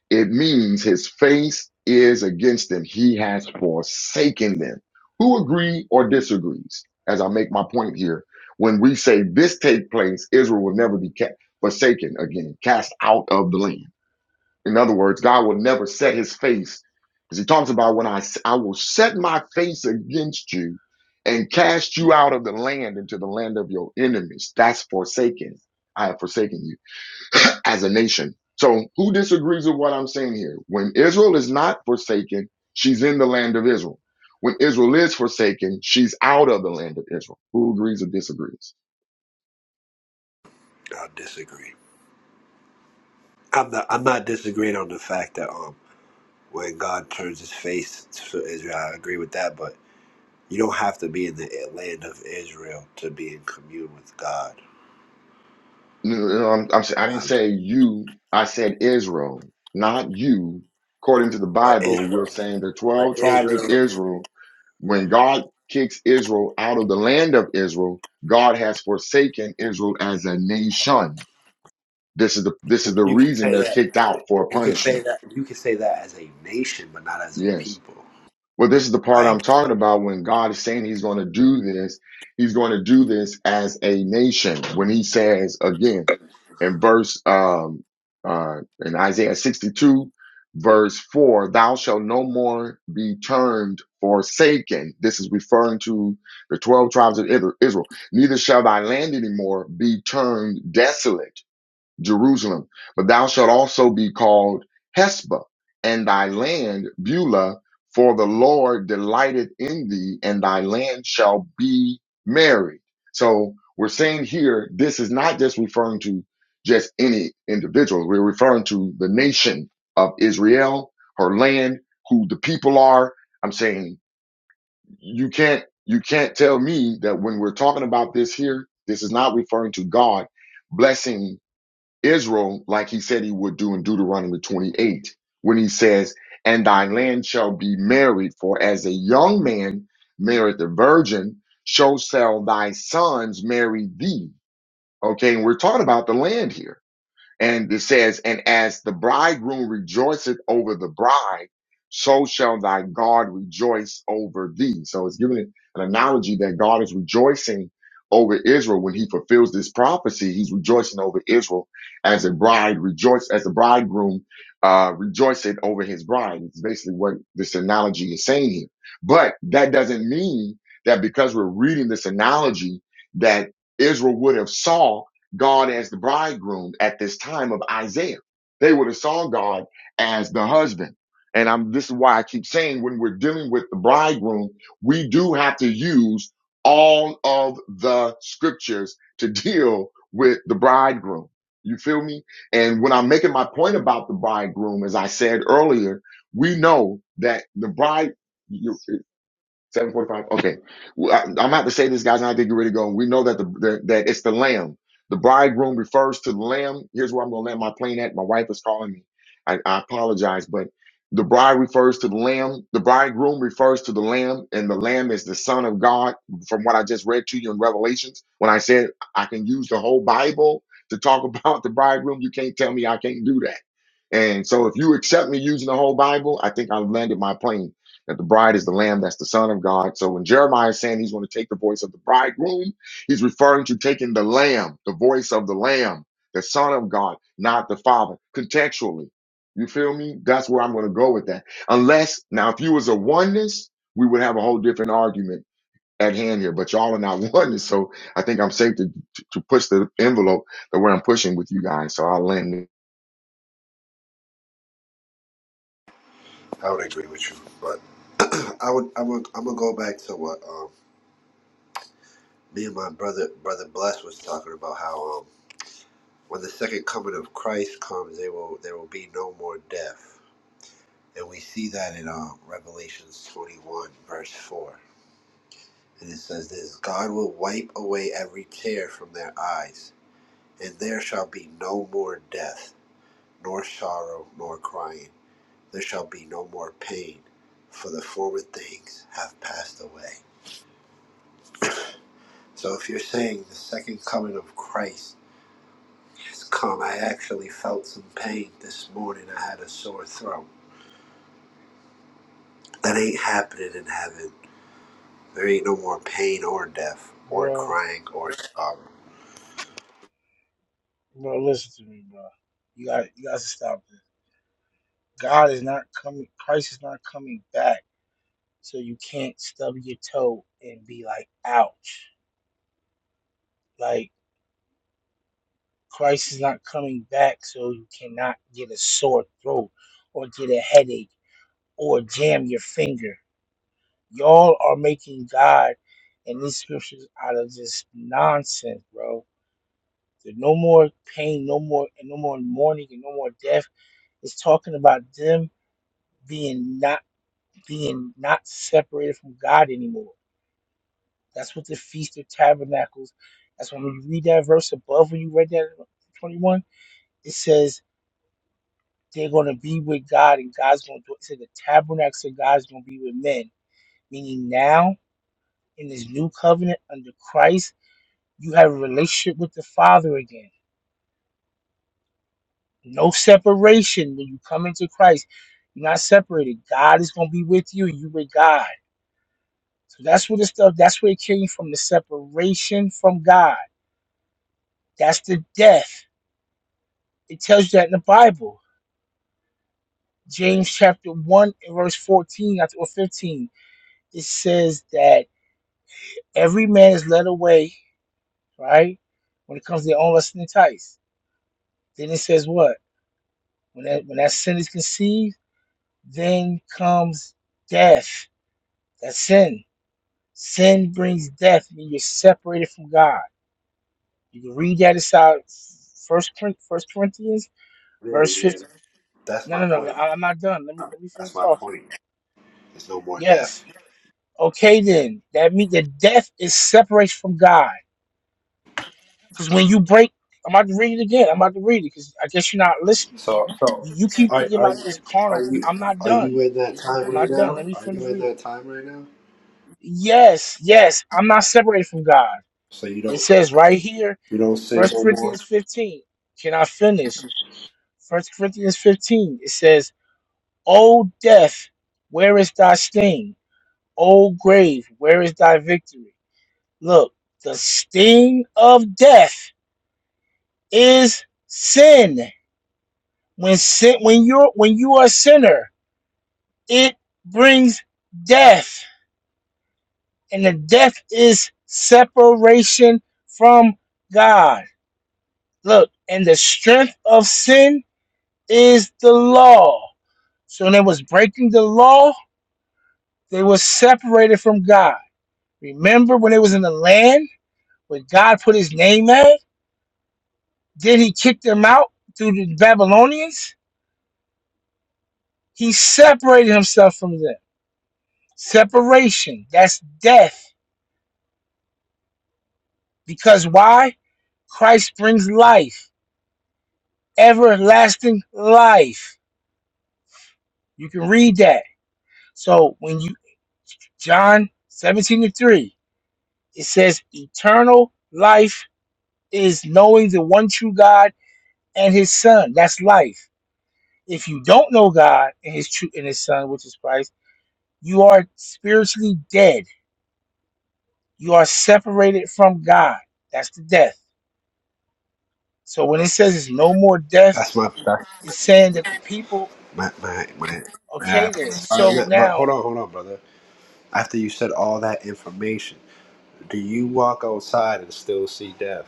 Speaker 8: it means his face is against them. He has forsaken them. Who agree or disagrees? As I make my point here, when we say this take place, Israel will never be ca- forsaken again, cast out of the land. In other words, God will never set his face. Because he talks about when I, s- I will set my face against you and cast you out of the land into the land of your enemies. That's forsaken. I have forsaken you [clears throat] as a nation. So who disagrees with what I'm saying here? When Israel is not forsaken, she's in the land of Israel. When Israel is forsaken, she's out of the land of Israel. Who agrees or disagrees?
Speaker 11: I disagree. I'm not. I'm not disagreeing on the fact that um, when God turns His face to Israel, I agree with that. But You don't have to be in the land of Israel to be in commune with God.
Speaker 8: No, no, no, I'm, I'm, si didn't
Speaker 11: Um,
Speaker 8: say you. I said Israel, not you. According to the
Speaker 11: but
Speaker 8: Bible,
Speaker 11: Israel,
Speaker 8: we're saying the
Speaker 11: but
Speaker 8: 12 tribes of
Speaker 11: Israel,
Speaker 8: Israel. When God kicks Israel out of the land of Israel, God has forsaken Israel as a nation. This is the this is the
Speaker 11: you can
Speaker 8: reason
Speaker 11: say
Speaker 8: they're
Speaker 11: that.
Speaker 8: kicked out for
Speaker 11: You can say
Speaker 8: punishment.
Speaker 11: that. You can say that as a nation, but not as a
Speaker 8: Yes.
Speaker 11: people.
Speaker 8: Well, this is the part
Speaker 11: I
Speaker 8: I'm talking about when God is saying he's going to do this. He's going to do this as a nation. When he says again in verse, um, uh, in Isaiah 62, verse 4, thou shalt no more be termed forsaken. This is referring to the 12 tribes of Ith- Israel. Neither shall thy land anymore be termed desolate Jerusalem. But thou shalt also be called Hesba, and thy land Beulah, for the Lord delighted in thee, and thy land shall be married. So we're saying here, this is not just referring to just any individual. We're referring to the nation of Israel, her land, who the people are. I'm saying you can't you can't tell me that when we're talking about this here, this is not referring to God blessing Israel, like he said he would do in Deuteronomy 28, when he says, And thy land shall be married, for as a young man married the virgin, so shall thy sons marry thee. Okay, and we're talking about the land here. And it says, and as the bridegroom rejoiceth over the bride, so shall thy God rejoice over thee. So it's giving an analogy that God is rejoicing over Israel when he fulfills this prophecy. He's rejoicing over Israel as a bride rejoice, as the bridegroom, uh, rejoiceth over his bride. It's basically what this analogy is saying here. But that doesn't mean that because we're reading this analogy that Israel would have saw God as the bridegroom at this time of Isaiah. They would have saw God as the husband. And I'm, this is why I keep saying when we're dealing with the bridegroom, we do have to use all of the scriptures to [laughs] deal with the bridegroom. You feel me? And when I'm making my point about the bridegroom, as I said earlier, we know that the bride, Seven forty-five. Okay, Well, I, I'm about to say this, guys, and I think you're ready to go. We know that the, the that it's the lamb. The bridegroom refers to the lamb. Here's where I'm going to land my plane at. My wife is calling me. I, I apologize, but the bride refers to the lamb. The bridegroom refers to the lamb, and the lamb is the Son of God. From what I just read to you in Revelations, when I said I can use the whole Bible to talk [laughs] about the bridegroom, you can't tell me I can't do that. And so, if you accept me using the whole Bible, I think I've landed my plane that the bride is the lamb that's the son of god so when jeremiah is saying he's going to take the voice of the bridegroom he's referring to taking the lamb the voice of the lamb the son of god not the father contextually you feel me that's where i'm going to go with that unless now if you was a oneness we would have a whole different argument at hand here but y'all are not [laughs] oneness so i think i'm safe to to to push the envelope the way i'm pushing with you guys so i'll land
Speaker 11: I would agree with you, but [clears throat] I would I'm gonna, I'm gonna go back to what um me and my brother brother Bless was talking about how um when the second coming of Christ comes, there will there will be no more death, and we see that in um Revelations 21 verse 4 And it says this God will wipe away every tear from their eyes, and there shall be no more death, nor sorrow, nor crying. There shall be no more pain, for the former things have passed away. So if you're saying the second coming of Christ has come, I actually felt some pain this morning. I had a sore throat. That ain't happening in heaven. There ain't no more pain or death or
Speaker 1: bro.
Speaker 11: crying or sorrow.
Speaker 1: Bro, listen to me, bro. You got, you got to stop this. God is not coming. Christ is not coming back. So you can't stub your toe and be like, ouch. Like Christ is not coming back, so you cannot get a sore throat or get a headache or jam your finger Y'all are making God and these scriptures out of just nonsense, bro. There's no more pain, no more and no more mourning and no more death. It's talking about them being not being not separated from God anymore. That's what the Feast of Tabernacles. That's when you read that verse above when you read that 21, it says they're gonna be with God and God's gonna do it. said the tabernacles of God's gonna be with men. Meaning now in this new covenant under Christ You have a relationship with the Father again. No separation when you come into Christ. You're not separated. God is going to be with you. You with God. So that's where the stuff. That's where it came from. The separation from God. That's the death. It tells you that in the Bible. James chapter one and verse fourteen or fifteen. It says that every man is led away. Right when it comes to their own lust and entice. Then it says what? When that when that sin is conceived Then comes death. That's sin. Sin brings death and you're separated from God. You can read that aside. First, First Corinthians,
Speaker 11: Yeah,
Speaker 1: verse
Speaker 11: yeah.
Speaker 1: 50.
Speaker 11: That's
Speaker 1: No,
Speaker 11: my
Speaker 1: no, no.
Speaker 11: point.
Speaker 1: I- I'm not done. Let me let me
Speaker 11: That's
Speaker 1: finish
Speaker 11: my
Speaker 1: talking.
Speaker 11: point. There's no more death.
Speaker 1: Yes. Okay, then. That means that death is separation from God. Because when you break, I'm about to read it again. I'm about to read it because I guess you're not listening.
Speaker 11: So, so
Speaker 1: You, you keep
Speaker 11: are,
Speaker 1: thinking
Speaker 11: are,
Speaker 1: about this
Speaker 11: are
Speaker 1: carnal.
Speaker 11: you
Speaker 1: I'm not
Speaker 11: are
Speaker 1: done.
Speaker 11: you in that
Speaker 1: I'm
Speaker 11: time right
Speaker 1: not done.
Speaker 11: now?
Speaker 1: Let me
Speaker 11: Are you
Speaker 1: finish
Speaker 11: in
Speaker 1: reading.
Speaker 11: that time right now?
Speaker 1: Yes, yes. I'm not separated from God.
Speaker 11: So you
Speaker 1: It
Speaker 11: don't
Speaker 1: says right here,
Speaker 11: you don't sin
Speaker 1: First
Speaker 11: no more.
Speaker 1: Corinthians 15. Can I finish? First Corinthians 15. It says, O death, where is thy sting? O grave, where is thy victory? Look, the sting of death is sin. When sin, when you're when you are a sinner, it brings death. And the death is separation from God. Look, and the strength of sin is the law. So when they was breaking the law, they were separated from God. Remember when they was in the land where God put his name at? Then he kicked them out through the Babylonians. He separated himself from them. Separation, that's death. Because why? Christ brings life, everlasting life. You can read that. So when you John 17 to 3, it says eternal life is knowing the one true God and his son. That's life. If you don't know God and his true and his son, which is Christ, you are spiritually dead. You are separated from God. That's the death. So when it says it's no more death,
Speaker 11: That's my that's
Speaker 1: it's saying that the people,
Speaker 11: my my my. my all
Speaker 1: okay then.
Speaker 11: right,
Speaker 1: So
Speaker 11: yeah, but
Speaker 1: now
Speaker 11: hold on, hold on, brother. After you said all that information, do you walk outside and still see death?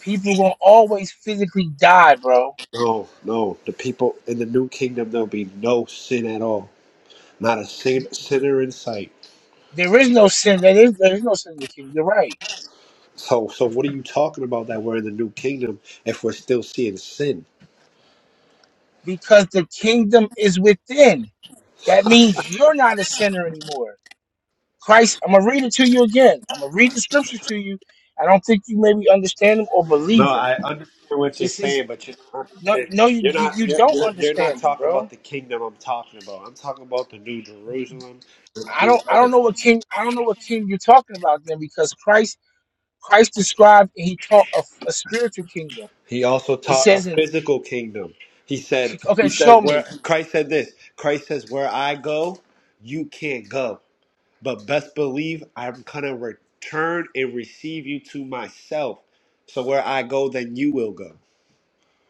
Speaker 1: people gonna always physically die, bro.
Speaker 11: No, no. The people in the new kingdom there'll be no sin at all. Not a sin, sinner in sight.
Speaker 1: There is no sin. There is there is no sin in the kingdom. You're right.
Speaker 11: So, so what are you talking about that we're in the new kingdom if we're still seeing sin?
Speaker 1: Because the kingdom is within. That means you're not a sinner anymore Christ, I'm gonna read it to you again. I'm gonna read the scriptures to you. I don't think you maybe understand them or
Speaker 11: No,
Speaker 1: believe them.
Speaker 11: I understand what you're
Speaker 1: This is
Speaker 11: saying, but you're not
Speaker 1: no, no, you
Speaker 11: you're
Speaker 1: you,
Speaker 11: not
Speaker 1: you
Speaker 11: you're,
Speaker 1: don't
Speaker 11: you're, you're not
Speaker 1: understand them,
Speaker 11: talking
Speaker 1: bro.
Speaker 11: about the kingdom I'm talking about. I'm talking about the new Jerusalem, the
Speaker 1: I
Speaker 11: new
Speaker 1: don't I don't
Speaker 11: earth.
Speaker 1: know what king I don't know what king you're talking about then because Christ Christ described and he taught a, a spiritual kingdom.
Speaker 11: He also
Speaker 1: It
Speaker 11: taught a
Speaker 1: says in
Speaker 11: physical kingdom. He said
Speaker 1: okay,
Speaker 11: he said
Speaker 1: show
Speaker 11: where
Speaker 1: me.
Speaker 11: Christ said this. Christ says where I go, you can't go. But best believe I'm gonna return and receive you to myself. So where I go, then you will go.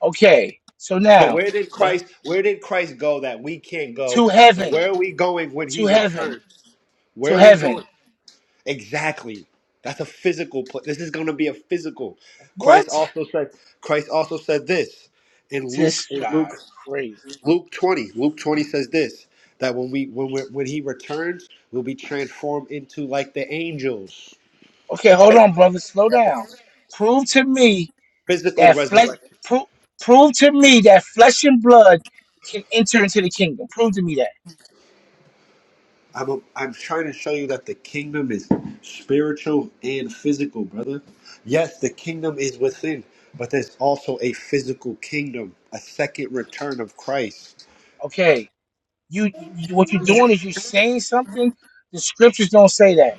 Speaker 1: Okay, so
Speaker 11: So
Speaker 1: now
Speaker 11: where did
Speaker 1: when
Speaker 11: Christ where did Christ go that we can't go?
Speaker 1: to
Speaker 11: And
Speaker 1: heaven,
Speaker 11: Where are we going when
Speaker 1: to
Speaker 11: he
Speaker 1: heaven,
Speaker 11: returns?
Speaker 1: to
Speaker 11: Where are we
Speaker 1: heaven.
Speaker 11: going? Exactly. That's a physical place. This is gonna be a physical. Christ
Speaker 1: What?
Speaker 11: also said Christ also said this in Luke
Speaker 1: This
Speaker 11: in
Speaker 1: guy
Speaker 11: Luke
Speaker 1: crazy.
Speaker 11: Luke 20. Luke 20 says this that when we when we when he returns, we'll be transformed into like the angels.
Speaker 1: Okay, hold on, brother. Slow down. Prove to me
Speaker 11: Physical
Speaker 1: That flesh
Speaker 11: resurrection.
Speaker 1: pro- prove to me that flesh and blood can enter into the kingdom. Prove to me that.
Speaker 11: I'm a, I'm trying to show you that the kingdom is spiritual and physical, brother. Yes, the kingdom is within, but there's also a physical kingdom, a second return of Christ.
Speaker 1: Okay. You, you what you're doing is you're saying something. The scriptures don't say that.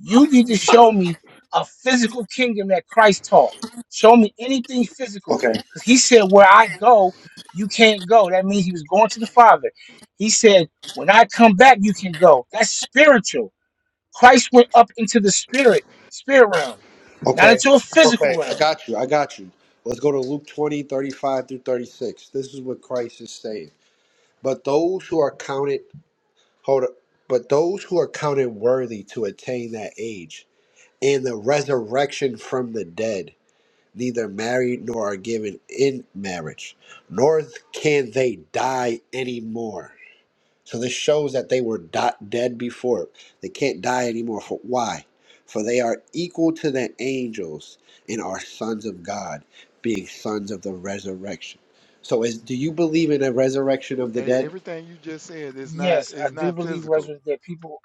Speaker 1: You need to show me a physical kingdom that Christ taught. Show me anything physical.
Speaker 11: Okay.
Speaker 1: Because he said, Where I go, you can't go. That means he was going to the Father. He said, When I come back, you can go. That's spiritual. Christ went up into the spirit, spirit realm, not
Speaker 11: Okay.
Speaker 1: into a physical
Speaker 11: Okay. I
Speaker 1: realm.
Speaker 11: got you. I got you. Let's go to Luke 20 35 through 36. This is what Christ is saying. But those who are counted hold up. But those who are counted worthy to attain that age and the resurrection from the dead. neither marry nor are given in marriage, nor can they die anymore. So this shows that they were di- dead before. They can't die anymore. For why? For they are equal to the angels and are sons of God, being sons of the resurrection. So, is do you believe in a resurrection of the
Speaker 10: Hey,
Speaker 11: dead?
Speaker 10: everything you just said is not
Speaker 1: Yes, I
Speaker 10: is
Speaker 1: do
Speaker 10: not
Speaker 1: believe
Speaker 10: physical.
Speaker 1: resurrected dead people.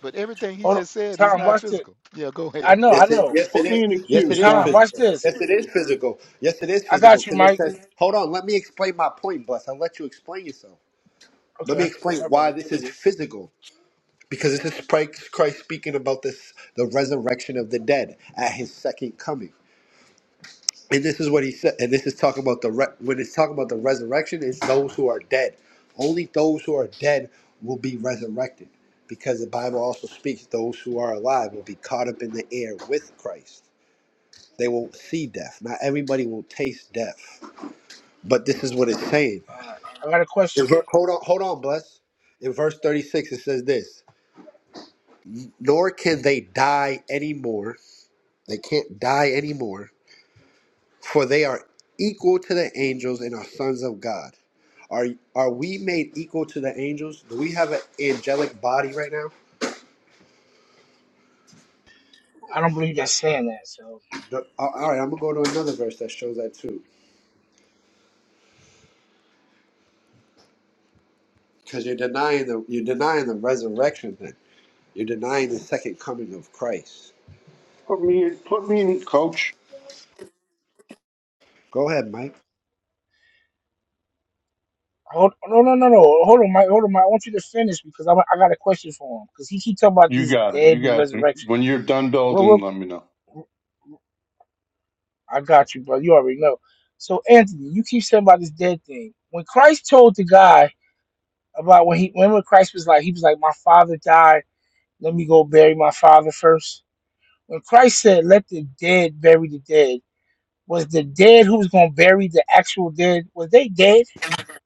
Speaker 10: But everything he
Speaker 1: oh,
Speaker 10: just said is
Speaker 1: Tom,
Speaker 10: not
Speaker 1: watch this.
Speaker 10: physical. Yeah, go
Speaker 1: I
Speaker 10: ahead.
Speaker 1: know, I
Speaker 11: Yes, it,
Speaker 1: know.
Speaker 11: yes, it
Speaker 12: Put me
Speaker 11: is.
Speaker 12: in the
Speaker 11: Yes,
Speaker 12: queue,
Speaker 11: it is
Speaker 1: Tom,
Speaker 12: son.
Speaker 1: watch
Speaker 11: physical.
Speaker 1: this.
Speaker 11: Yes, it is physical. Yes, it is
Speaker 1: I
Speaker 11: physical.
Speaker 1: got you,
Speaker 11: Because it
Speaker 1: Mike.
Speaker 11: says, hold on, let me explain my point, Bus. I'll let you explain yourself. Let me
Speaker 1: Okay,
Speaker 11: explain
Speaker 1: sorry about
Speaker 11: why
Speaker 1: that.
Speaker 11: this is physical. Because this is Christ Christ speaking about this, the resurrection of the dead at his second coming. And this is what he said. And this is talking about the re- when it's talking about the resurrection, it's those who are dead. Only those who are dead will be resurrected. Because the Bible also speaks those who are alive will be caught up in the air with Christ. They won't see death. Not everybody will taste death. But this is what it's saying.
Speaker 1: Uh, I got a
Speaker 11: In
Speaker 1: question.
Speaker 11: ver- hold on, hold on, bless. In verse 36, it says this. nor can they die anymore. They can't die anymore, for they are equal to the angels and are sons of God. Are are we made equal to the angels? Do we have an angelic body right now?
Speaker 1: I don't believe that's saying that. So
Speaker 11: No- all all right, I'm gonna go to another verse that shows that too, because you're denying the you're denying the resurrection. thing. you're denying the second coming of Christ.
Speaker 12: Put me in, put me in, coach.
Speaker 11: Go ahead, Mike.
Speaker 1: hold, no, no, no, no. Hold on, Mike. Hold on, Mike. I want you to finish because I, I got a question for him because he keep talking about
Speaker 12: You
Speaker 1: this
Speaker 12: got it. You
Speaker 1: dead and
Speaker 12: guys, can-
Speaker 1: resurrection.
Speaker 12: when you're done building,
Speaker 1: Well,
Speaker 12: let me know.
Speaker 1: well, I got you, bro. You already know. So Anthony, you keep saying about this dead thing. When Christ told the guy about when he, when Christ was like, he was like, my father died Let me go bury my father first. When Christ said, Let the dead bury the dead, was the dead who was going to bury the actual dead, was they dead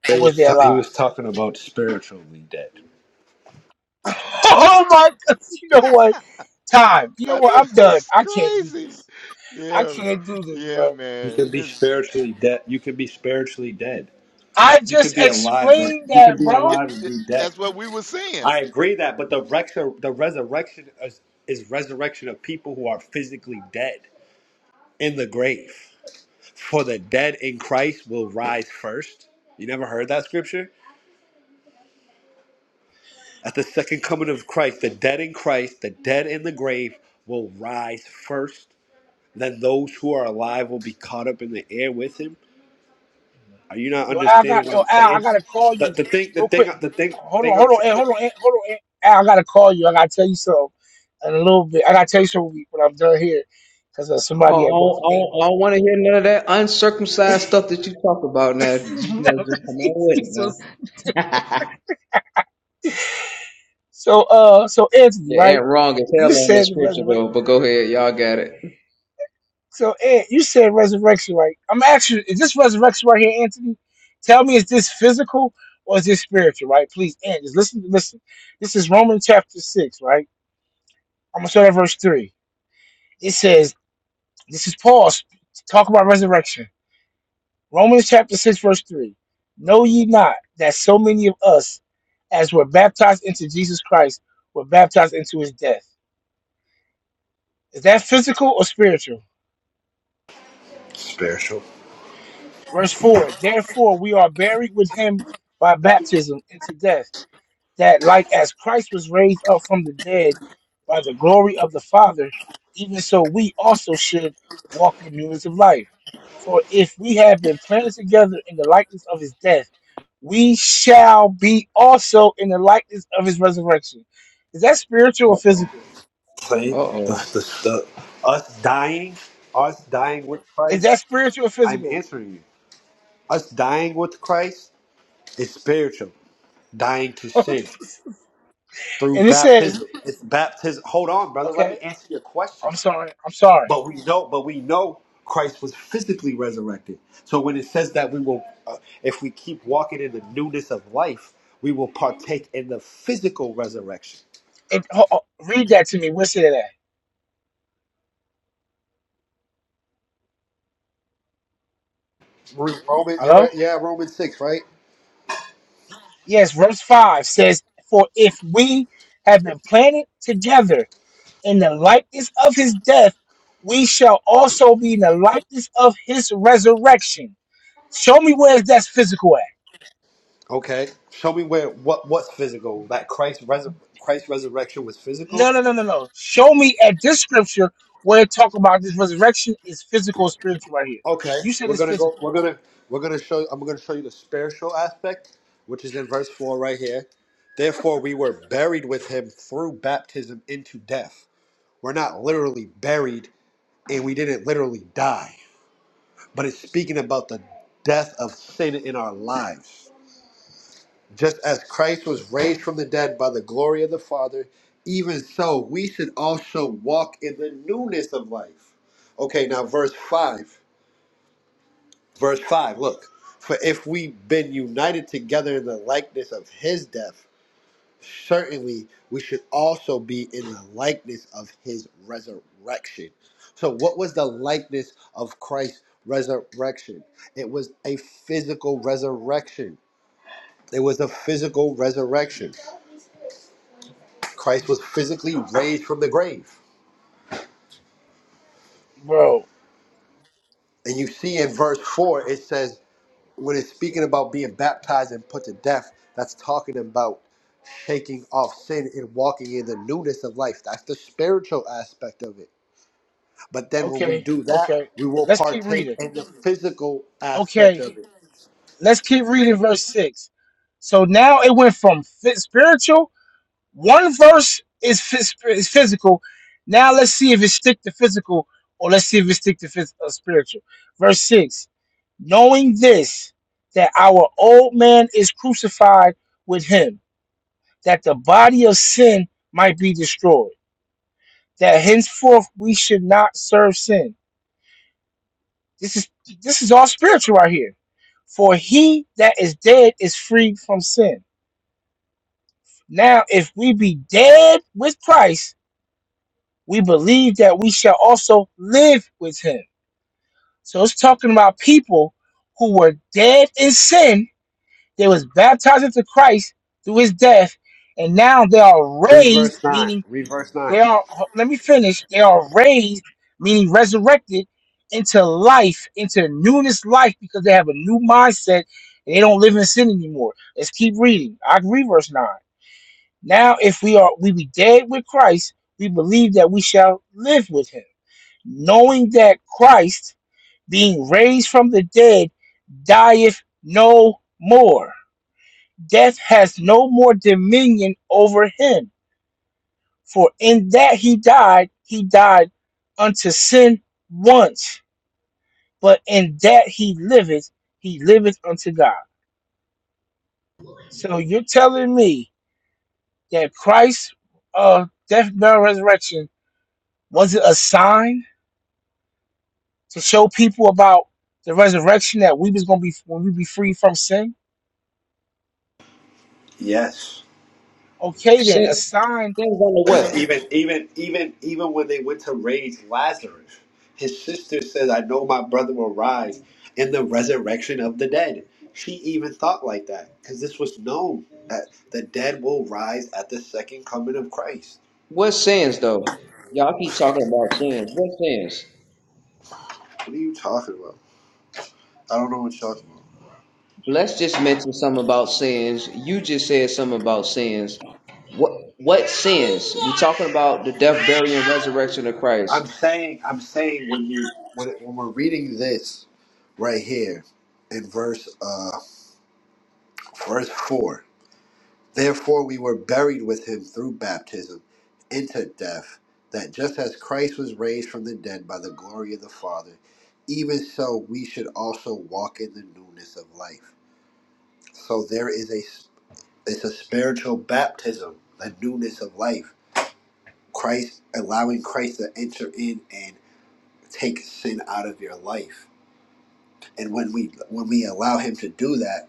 Speaker 11: They
Speaker 1: or was
Speaker 11: was
Speaker 1: they
Speaker 11: ta- he
Speaker 1: alive?
Speaker 11: was talking about spiritually dead.
Speaker 1: [laughs] oh my God. [laughs] You know what? Time. You know
Speaker 10: I
Speaker 1: what?
Speaker 10: knew
Speaker 1: I'm
Speaker 10: [laughs]
Speaker 1: done.
Speaker 10: it's
Speaker 1: I can't do
Speaker 10: crazy.
Speaker 1: this. I
Speaker 10: Yeah,
Speaker 1: can't do this,
Speaker 10: yeah,
Speaker 1: bro.
Speaker 11: You
Speaker 10: man.
Speaker 11: can be
Speaker 10: It's
Speaker 11: spiritually dead. You can be spiritually dead.
Speaker 1: I
Speaker 11: You could
Speaker 1: just
Speaker 11: be alive, but
Speaker 1: explained
Speaker 11: you could
Speaker 1: that,
Speaker 11: be
Speaker 10: yeah,
Speaker 1: bro.
Speaker 11: alive and
Speaker 10: th-
Speaker 11: be dead.
Speaker 10: that's what we were saying.
Speaker 11: I agree that, but the rex- the resurrection is, is resurrection of people who are physically dead in the grave. For the dead in Christ will rise first. You never heard that scripture? At the second coming of Christ, the dead in Christ, the dead in the grave will rise first. Then those who are alive will be caught up in the air with him. Are you not
Speaker 1: Yo, Al, I got
Speaker 11: understanding what
Speaker 1: yo,
Speaker 11: I'm
Speaker 1: Al, I
Speaker 11: saying?
Speaker 1: gotta call
Speaker 11: The,
Speaker 1: you
Speaker 11: the thing, the
Speaker 1: real quick.
Speaker 11: thing, the thing,
Speaker 1: Hold on,
Speaker 11: thing I'm
Speaker 1: hold on,
Speaker 11: trying.
Speaker 1: Al,
Speaker 11: to
Speaker 1: hold on, Al, hold on, Al, I gotta call you. I gotta tell you something in a little bit. I gotta tell you something when I'm done here because uh,
Speaker 13: I don't,
Speaker 1: somebody had brought
Speaker 13: I
Speaker 1: your
Speaker 13: don't,
Speaker 1: name
Speaker 13: I
Speaker 1: up.
Speaker 13: don't want to hear none of that uncircumcised stuff that you talk about now. You know, just come on with
Speaker 1: [laughs]
Speaker 13: it,
Speaker 1: so,
Speaker 13: man. [laughs]
Speaker 1: so, uh, so Anthony,
Speaker 13: Your
Speaker 1: right?
Speaker 13: aunt wrong as hell
Speaker 1: You
Speaker 13: on
Speaker 1: said
Speaker 13: this
Speaker 1: the
Speaker 13: scripture,
Speaker 1: resurrection.
Speaker 13: though, but go ahead. Y'all got it.
Speaker 1: So, Ant, you said resurrection, right? I'm actually, is this resurrection right here, Anthony? Tell me, is this physical or is this spiritual, right? Please, Ant, just listen, listen. This is Romans chapter six, right? I'm gonna start at verse three. It says, this is Paul talk about resurrection. Romans chapter 6, verse 3. Know ye not that so many of us as were baptized into Jesus Christ were baptized into his death? Is that physical or spiritual?
Speaker 11: Spiritual.
Speaker 1: Verse 4. Therefore we are buried with him by baptism into death that like as Christ was raised up from the dead by the glory of the Father, even so we also should walk in newness of life. For if we have been planted together in the likeness of his death, we shall be also in the likeness of his resurrection. Is that spiritual or
Speaker 13: Uh-oh.
Speaker 1: physical?
Speaker 11: See, the,
Speaker 13: Uh-oh.
Speaker 11: the, the, us dying, us dying with
Speaker 1: Is
Speaker 11: Christ,
Speaker 1: that spiritual or
Speaker 11: I'm
Speaker 1: physical?
Speaker 11: answering you. Us dying with Christ is spiritual, dying to
Speaker 1: [laughs] and
Speaker 11: sin through
Speaker 1: it says,
Speaker 11: baptism. It's baptism. Hold on, brother. Let
Speaker 1: okay,
Speaker 11: me answer your question.
Speaker 1: I'm sorry, I'm sorry.
Speaker 11: But we know, but we know Christ was physically resurrected. So when it says that we will, uh, if we keep walking in the newness of life, we will partake in the physical resurrection.
Speaker 1: It, ho- ho- read that to me. What's it at?
Speaker 11: Roman, you're
Speaker 1: Hello."
Speaker 11: right, yeah, Romans six, right?
Speaker 1: Yes, verse 5 says, For if we have been planted together in the likeness of his death, we shall also be in the likeness of his resurrection. Show me where that's physical at.
Speaker 11: Okay, show me where what what's physical. That Christ res Christ's resurrection was physical.
Speaker 1: No, no, no, no, no. Show me at this scripture where it talk about this resurrection is physical, spiritual right here.
Speaker 11: Okay,
Speaker 1: You said
Speaker 11: we're
Speaker 1: it's
Speaker 11: gonna go.
Speaker 1: physical.
Speaker 11: We're gonna we're gonna show. I'm gonna show you the spiritual aspect, which is in verse four right here. Therefore, we were buried with him through baptism into death. We're not literally buried, and we didn't literally die, but it's speaking about the death of sin in our lives. Just as Christ was raised from the dead by the glory of the Father, even so we should also walk in the newness of life. Okay, now verse 5. Verse 5, look. For if we've been united together in the likeness of his death, certainly we should also be in the likeness of his resurrection. So, what was the likeness of Christ's resurrection? It was a physical resurrection. It was a physical resurrection. Christ was physically raised from the grave.
Speaker 1: Bro,
Speaker 11: And you see in verse 4, it says, when it's speaking about being baptized and put to death, that's talking about shaking off sin and walking in the newness of life. That's the spiritual aspect of it. But then when we
Speaker 1: okay,
Speaker 11: do that,
Speaker 1: okay.
Speaker 11: we will
Speaker 1: Let's keep
Speaker 11: partake
Speaker 1: reading.
Speaker 11: in the physical aspect
Speaker 1: Okay,
Speaker 11: of it.
Speaker 1: let's keep reading verse 6. So now it went from fi- spiritual One verse is, phys- is physical. Now let's see if it stick to physical or let's see if it stick to phys- uh, spiritual. Verse 6 Knowing this, that our old man is crucified with him, that the body of sin might be destroyed, that henceforth we should not serve sin. This is this is all spiritual right here. For he that is dead is freed from sin. Now, if we be dead with Christ, we believe that we shall also live with him. So it's talking about people who were dead in sin. They was baptized into Christ through his death, and now they are
Speaker 11: Read verse
Speaker 1: raised,
Speaker 11: 9.
Speaker 1: meaning
Speaker 11: Read verse
Speaker 1: they
Speaker 11: 9.
Speaker 1: are let me finish. They are raised, meaning resurrected into life, into newness life, because they have a new mindset and they don't live in sin anymore. Let's keep reading. I agree verse 9. Now if we are we be dead with Christ, we believe that we shall live with him knowing that Christ, being raised from the dead, dieth no more. Death has no more dominion over him. For in that he died, he died unto sin once, but in that he liveth, he liveth unto God. So you're telling me that Christ's uh, death, burial, resurrection was it a sign to show people about the resurrection that we was gonna be when we be free from sin?
Speaker 11: Yes.
Speaker 1: Okay, then a
Speaker 13: Sin,
Speaker 1: sign.
Speaker 13: sins under
Speaker 11: [laughs]
Speaker 1: Oh, look,
Speaker 11: Because
Speaker 13: what?
Speaker 11: even even even even when they went to raise Lazarus, his sister says, "I know my brother will rise in the resurrection of the dead." She even thought like that because this was known that the dead will rise at the second coming of Christ.
Speaker 13: What sins, though? Y'all keep talking about sins. What sins?
Speaker 11: What are you talking about? I don't know what you're talking about.
Speaker 13: Bless just mentioned something about sins. You just said something about sins. What what sins? We're talking about the death, burial, and resurrection of Christ.
Speaker 11: I'm saying I'm saying when you when, when we're reading this right here in verse uh verse four Therefore, we were buried with him through baptism into death, that just as Christ was raised from the dead by the glory of the Father, even so we should also walk in the newness of life. So there is a it's a spiritual baptism, the newness of life. Christ allowing Christ to enter in and take sin out of your life. And when we when we allow him to do that,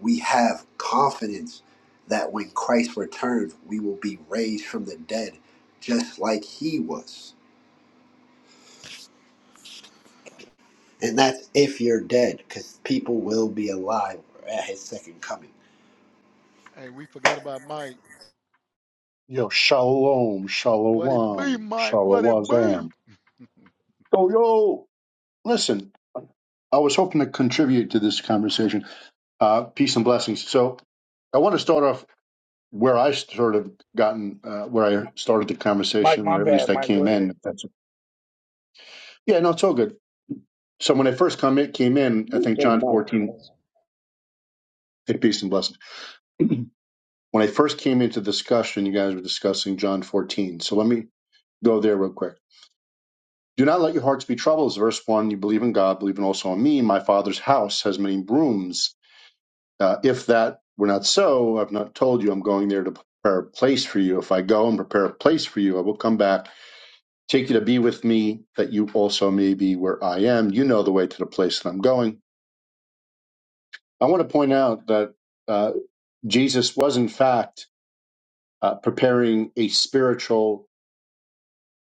Speaker 11: we have confidence that when Christ returns, we will be raised from the dead just like he was. And that's if you're dead, because people will be alive at his second coming.
Speaker 10: Hey, we forgot about Mike.
Speaker 12: Yo, shalom,
Speaker 10: What it be,
Speaker 12: shalom,
Speaker 10: Mike? What it be?
Speaker 12: shalawazam. Yo, yo, listen, I was hoping to contribute to this conversation. Uh, peace and blessings. So I want to start off where I sort of gotten, uh, where I started the
Speaker 1: Mike,
Speaker 12: conversation,
Speaker 1: my
Speaker 12: or at least
Speaker 1: bad,
Speaker 12: I
Speaker 1: Mike. Go
Speaker 12: came in.
Speaker 1: ahead.
Speaker 12: If that's yeah, no, it's all good. So when I first come in, came in, I think
Speaker 13: So
Speaker 12: John
Speaker 13: much,
Speaker 12: 14,
Speaker 13: bro.
Speaker 12: hey, peace and blessings. when I first came into discussion, you guys were discussing John 14. So let me go there real quick. Do not let your hearts be troubled. Is verse one. You believe in God, believe in also in me. My Father's house has many rooms. Uh, if that were not so, I've not told you. I'm going there to prepare a place for you. If I go and prepare a place for you, I will come back, take you to be with me, that you also may be where I am. You know the way to the place that I'm going. I want to point out that uh, Jesus was in fact uh, preparing a spiritual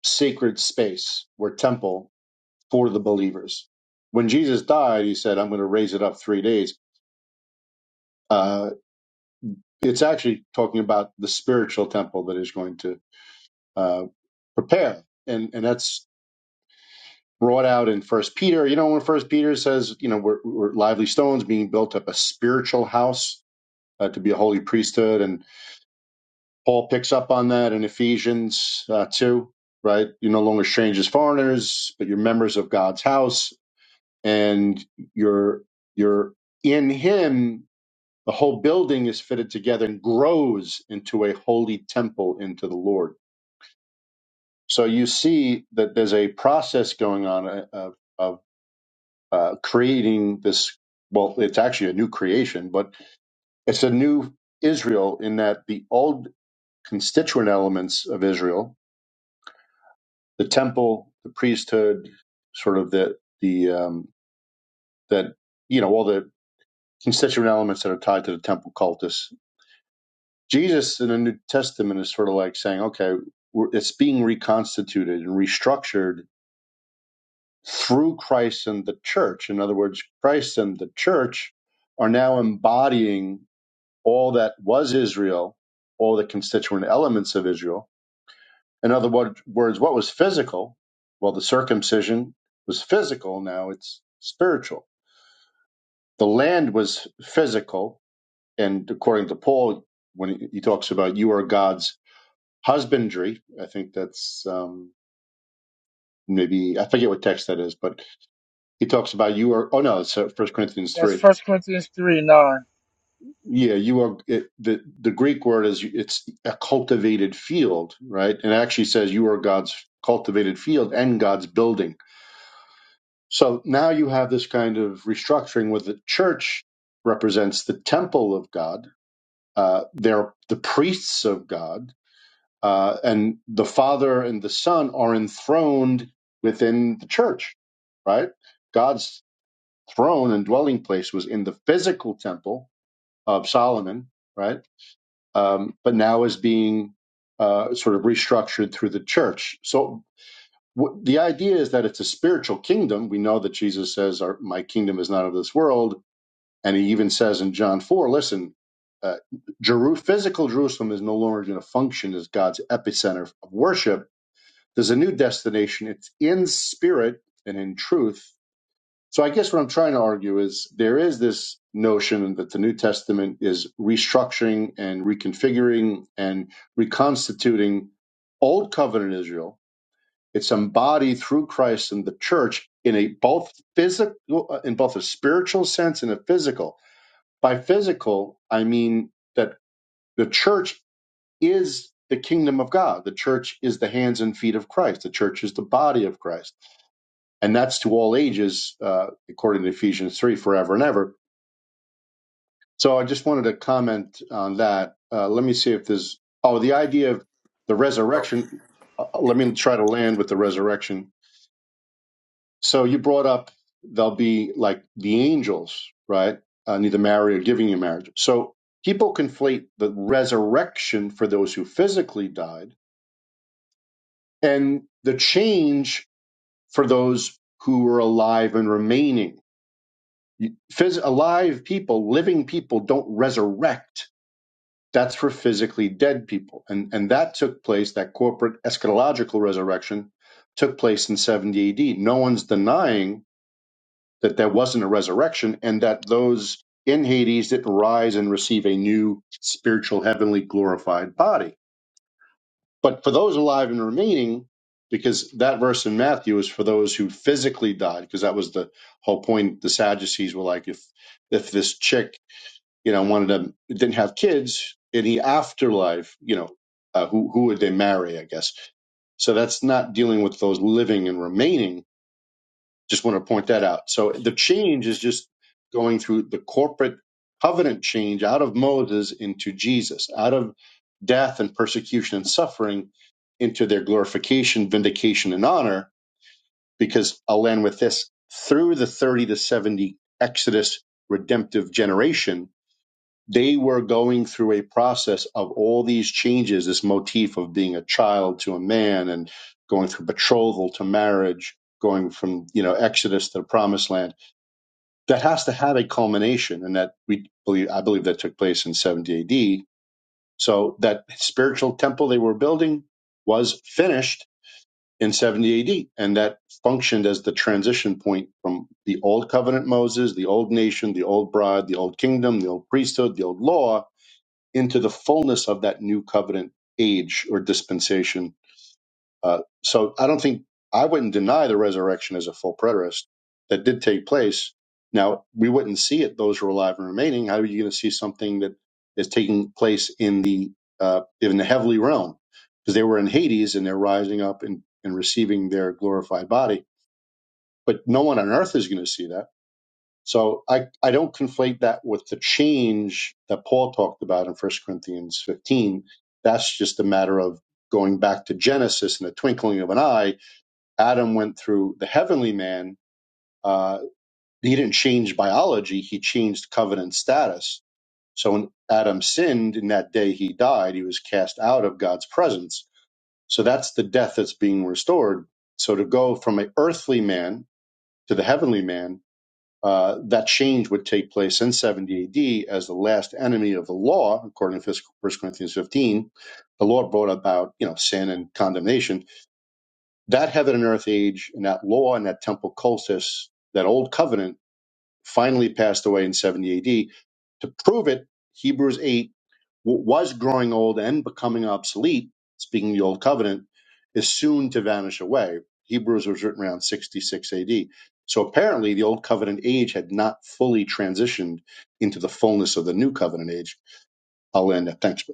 Speaker 12: sacred space or temple for the believers. When Jesus died, he said, I'm going to raise it up three days. Uh, it's actually talking about the spiritual temple that is going to uh, prepare. And, and that's brought out in First Peter. You know, when First Peter says, you know, we're, we're lively stones being built up a spiritual house uh, to be a holy priesthood. And Paul picks up on that in Ephesians uh, 2, right? You're no longer strangers, foreigners, but you're members of God's house and you're you're in him the whole building is fitted together and grows into a holy temple into the lord so you see that there's a process going on uh, of, of uh, creating this well it's actually a new creation but it's a new israel in that the old constituent elements of israel the temple the priesthood sort of the the um, that you know all the constituent elements that are tied to the temple cultus Jesus in the New Testament is sort of like saying, okay, we're, it's being reconstituted and restructured through Christ and the church. In other words, Christ and the church are now embodying all that was Israel, all the constituent elements of Israel. In other word- words, what was physical? Well, the circumcision was physical, now it's spiritual. The land was physical, and according to Paul, when he he talks about you are God's husbandry. I think that's um, maybe I forget what text that is, but he talks about you are. Oh no, it's uh, First Corinthians
Speaker 1: That's
Speaker 12: three.
Speaker 1: First Corinthians three nine.
Speaker 12: Yeah, you are. It, the the Greek word is it's a cultivated field, right? And it actually says you are God's cultivated field and God's building. So now you have this kind of restructuring where the church represents the temple of God. Uh, they're the priests of God uh, and the Father and the Son are enthroned within the church, right? God's throne and dwelling place was in the physical temple of Solomon, right? Um, but now is being uh, sort of restructured through the church. So w- the idea is that it's a spiritual kingdom. We know that Jesus says, Our, "My kingdom is not of this world," and he even says in John four, "Listen." Uh, Jeru- physical Jerusalem is no longer going to function as God's epicenter of worship there's a new destination. It's in spirit and in truth. So I guess what I'm trying to argue is there is this notion that the New Testament is restructuring and reconfiguring and reconstituting old covenant Israel. It's embodied through Christ and the church in a both physical in both a spiritual sense and a physical. By physical, I mean that the church is the kingdom of God. The church is the hands and feet of Christ. The church is the body of Christ and that's to all ages, uh, according to Ephesians 3, forever and ever. So I just wanted to comment on that. Uh, let me see if there's, oh, the idea of the
Speaker 11: Oh,
Speaker 12: resurrection. Uh, let me try to land with the resurrection. So you brought up they'll be like the angels, right? Uh, neither marry or giving you marriage. So people conflate the resurrection for those who physically died and the change for those who were alive and remaining Phys- alive people, living people don't resurrect. That's for physically dead people. And, and that took place, that corporate eschatological resurrection took place in 70 AD. No one's denying that there wasn't a resurrection and that those in Hades didn't rise and receive a new spiritual, heavenly, glorified body. But for those alive and remaining, because that verse in Matthew is for those who physically died, because that was the whole point. The Sadducees were like, if if this chick you know, wanted to didn't have kids in the afterlife, you know, uh, who who would they marry? I guess. So that's not dealing with those living and remaining. Just want to point that out. So the change is just going through the corporate covenant change out of Moses into Jesus, out of death and persecution and suffering into their glorification, vindication, and honor. Because I'll end with this through the 30 to 70 Exodus redemptive generation, they were going through a process of all these changes, this motif of being a child to a man and going through betrothal to marriage, going from, you know, Exodus to the promised land. That has to have a culmination. And that we believe, I believe that took place in 70 AD. So that spiritual temple they were building was finished in 70 AD. And that functioned as the transition point from the old covenant Moses, the old nation, the old bride, the old kingdom, the old priesthood, the old law into the fullness of that new covenant age or dispensation. Uh, so I don't think I wouldn't deny the resurrection as a full preterist that did take place. Now we wouldn't see it; those who are alive and remaining. How are you going to see something that is taking place in the uh, in the heavenly realm because they were in Hades and they're rising up and, and receiving their glorified body? But no one on earth is going to see that so I, I don't conflate that with the change that Paul talked about in First Corinthians 15. That's just a matter of going back to Genesis in the twinkling of an eye. Adam went through the heavenly man. Uh, he didn't change biology, he changed covenant status. So when Adam sinned, in that day he died, he was cast out of God's presence. So that's the death that's being restored. So to go from an earthly man to the heavenly man uh, that change would take place in 70 AD as the last enemy of the law, according to First Corinthians 15. The law brought about, you know, sin and condemnation. That heaven and earth age and that law and that temple cultus, that old covenant, finally passed away in 70 AD. To prove it, Hebrews 8 what was growing old and becoming obsolete, speaking of the Old Covenant, is soon to vanish away. Hebrews was written around 66 AD. So apparently, the Old Covenant age had not fully transitioned into the fullness of the New Covenant age. I'll end at thanks.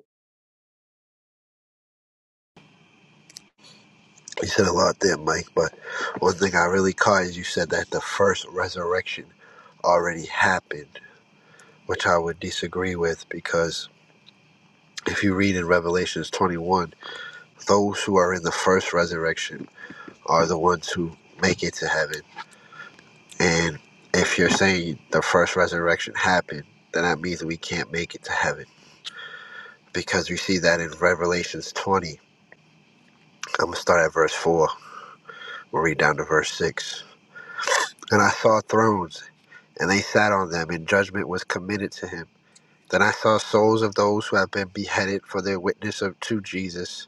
Speaker 11: You said a lot there, Mike, but one thing I really caught is you said that the first resurrection already happened, which I would disagree with because if you read in Revelations 21, those who are in the first resurrection are the ones who make it to heaven And if you're saying the first resurrection happened, then that means we can't make it to heaven. Because we see that in Revelations 20. I'm going to start at verse 4. We'll read down to verse 6. And I saw thrones, and they sat on them, and judgment was committed to him. Then I saw souls of those who have been beheaded for their witness of, to Jesus,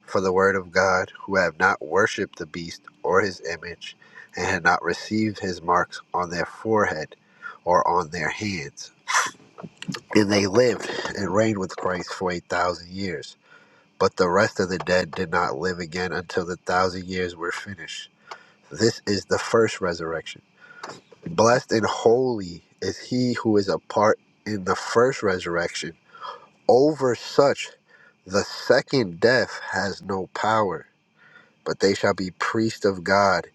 Speaker 11: for the word of God, who have not worshipped the beast or his image, and had not received his marks on their forehead or on their hands And they lived and reigned with Christ for a thousand years. But the rest of the dead did not live again until the thousand years were finished. This is the first resurrection. Blessed and holy is he who is a part in the first resurrection. Over such, the second death has no power, but they shall be priests of God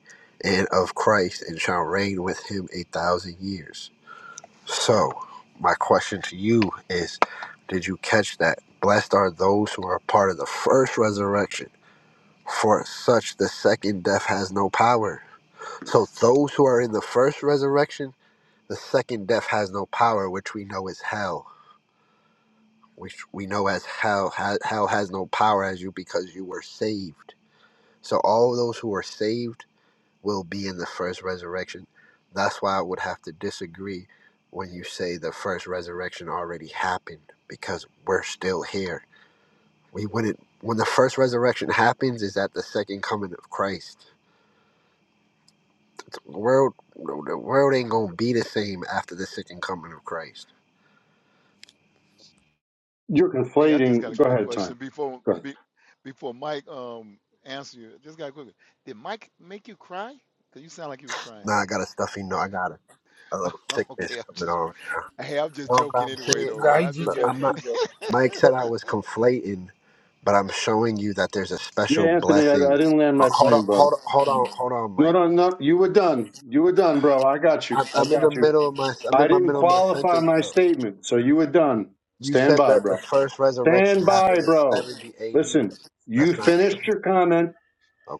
Speaker 11: and of Christ and shall reign with him a thousand years. So, my question to you is Did you catch that? Blessed are those who are part of the first resurrection, for such the second death has no power. So, those who are in the first resurrection, the second death has no power, which we know is hell, which we know as hell. Ha- Hell has no power as you because you were saved. So, all those who are saved will be in the first resurrection. That's why I would have to disagree when you say the first resurrection already happened because we're still here. We wouldn't when the first resurrection happens is at the second coming of Christ. The world the world ain't gonna be the same after the second coming of Christ.
Speaker 12: You're
Speaker 10: Hey, I just got
Speaker 12: conflating.
Speaker 10: a
Speaker 12: Go
Speaker 10: quick
Speaker 12: ahead,
Speaker 10: question
Speaker 12: time.
Speaker 10: before
Speaker 12: Go ahead.
Speaker 10: be, before Mike um answer you. Just got a quick. Did Mike make you cry? Cause you sound like you was crying.
Speaker 11: Nah, I got a stuffy no, I got a, a little
Speaker 10: [laughs]
Speaker 11: sickness
Speaker 10: okay, I'm
Speaker 11: coming
Speaker 10: just
Speaker 11: on.
Speaker 10: hey, I'm just
Speaker 11: No, but
Speaker 10: joking
Speaker 11: I'm
Speaker 10: anyway
Speaker 11: saying
Speaker 10: though,
Speaker 1: Nah,
Speaker 10: man.
Speaker 1: he,
Speaker 10: I'm
Speaker 1: he
Speaker 10: just [laughs]
Speaker 11: I'm, I'm
Speaker 1: joking.
Speaker 10: hey,
Speaker 11: not
Speaker 1: He joking.
Speaker 10: let
Speaker 11: Mike said
Speaker 1: But
Speaker 11: I
Speaker 10: him
Speaker 11: was conflating, but I'm showing you that there's a
Speaker 12: Yeah,
Speaker 11: special
Speaker 12: Anthony, I,
Speaker 11: blessing.
Speaker 12: I
Speaker 11: Uh,
Speaker 12: didn't land my
Speaker 11: Hold on,
Speaker 12: plane, brother.
Speaker 11: hold on, hold on, hold on,
Speaker 12: No,
Speaker 11: Mike.
Speaker 12: no, no. You were done. You were done, bro. I got you.
Speaker 11: I'm,
Speaker 12: I
Speaker 11: I'm in the
Speaker 12: got you.
Speaker 11: middle of my I'm
Speaker 12: I
Speaker 11: in my
Speaker 12: didn't
Speaker 11: middle of my
Speaker 12: qualify
Speaker 11: sentence,
Speaker 12: my
Speaker 11: bro.
Speaker 12: statement, so you were done.
Speaker 11: You
Speaker 12: Stand
Speaker 11: said
Speaker 12: by,
Speaker 11: that the
Speaker 12: bro.
Speaker 11: first resurrection
Speaker 12: Stand
Speaker 11: happened
Speaker 12: by,
Speaker 11: in
Speaker 12: bro.
Speaker 11: 70 AD, but
Speaker 12: Listen, you
Speaker 11: that's not true.
Speaker 12: finished your comment.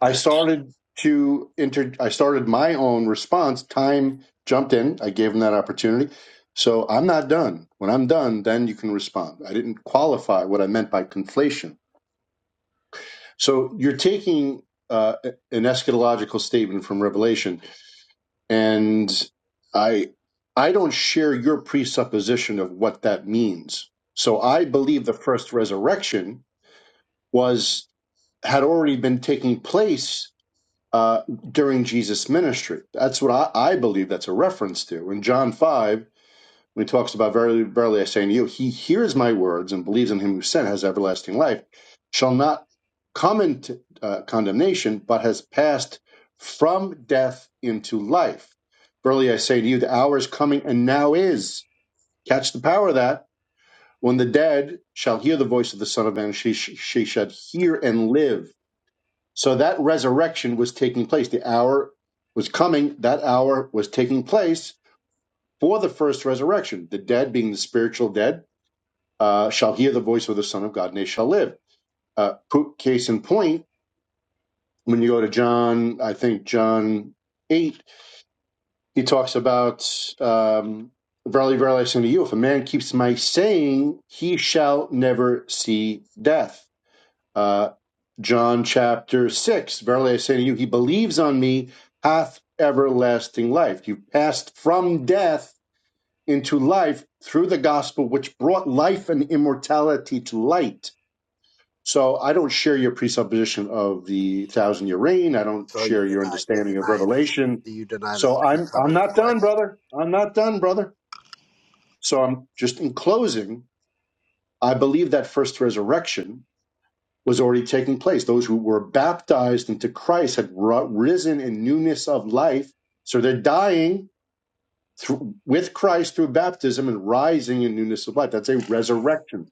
Speaker 12: I started to inter. I started my own response. Time jumped in. I gave him that opportunity. So I'm not done. When I'm done, then you can respond. I didn't qualify what I meant by conflation. So you're taking uh, an eschatological statement from Revelation, and I I don't share your presupposition of what that means. So I believe the first resurrection was had already been taking place uh, during Jesus' ministry. That's what I, I believe that's a reference to. In John 5, when he talks about verily, verily I say unto you, he hears my words and believes in him who sent has everlasting life, shall not come into uh, condemnation, but has passed from death into life. Verily I say to you, the hour is coming and now is. Catch the power of that. When the dead shall hear the voice of the Son of Man, she, she shall hear and live so that resurrection was taking place. The hour was coming. That hour was taking place for the first resurrection. The dead, being the spiritual dead, uh, shall hear the voice of the Son of God, and they shall live. Uh, proof- case in point, when you go to John, I think John eight, he talks about um, verily, verily, I say to you, if a man keeps my saying, he shall never see death. Uh, John chapter 6. Verily I say to you, he believes on me hath everlasting life. You passed from death into life through the gospel, which brought life and immortality to light. So I don't share your presupposition of the thousand year reign. I don't
Speaker 11: so you
Speaker 12: share your
Speaker 11: deny you're
Speaker 12: understanding of
Speaker 11: denying this.
Speaker 12: Revelation.
Speaker 11: Do you deny the
Speaker 12: So
Speaker 11: second
Speaker 12: I'm
Speaker 11: coming
Speaker 12: I'm
Speaker 11: of
Speaker 12: not done,
Speaker 11: Christ?
Speaker 12: brother. I'm not done, brother. So I'm just in closing, I believe that first resurrection was already taking place. Those who were baptized into Christ had risen in newness of life. So they're dying through, with Christ through baptism and rising in newness of life. That's a resurrection.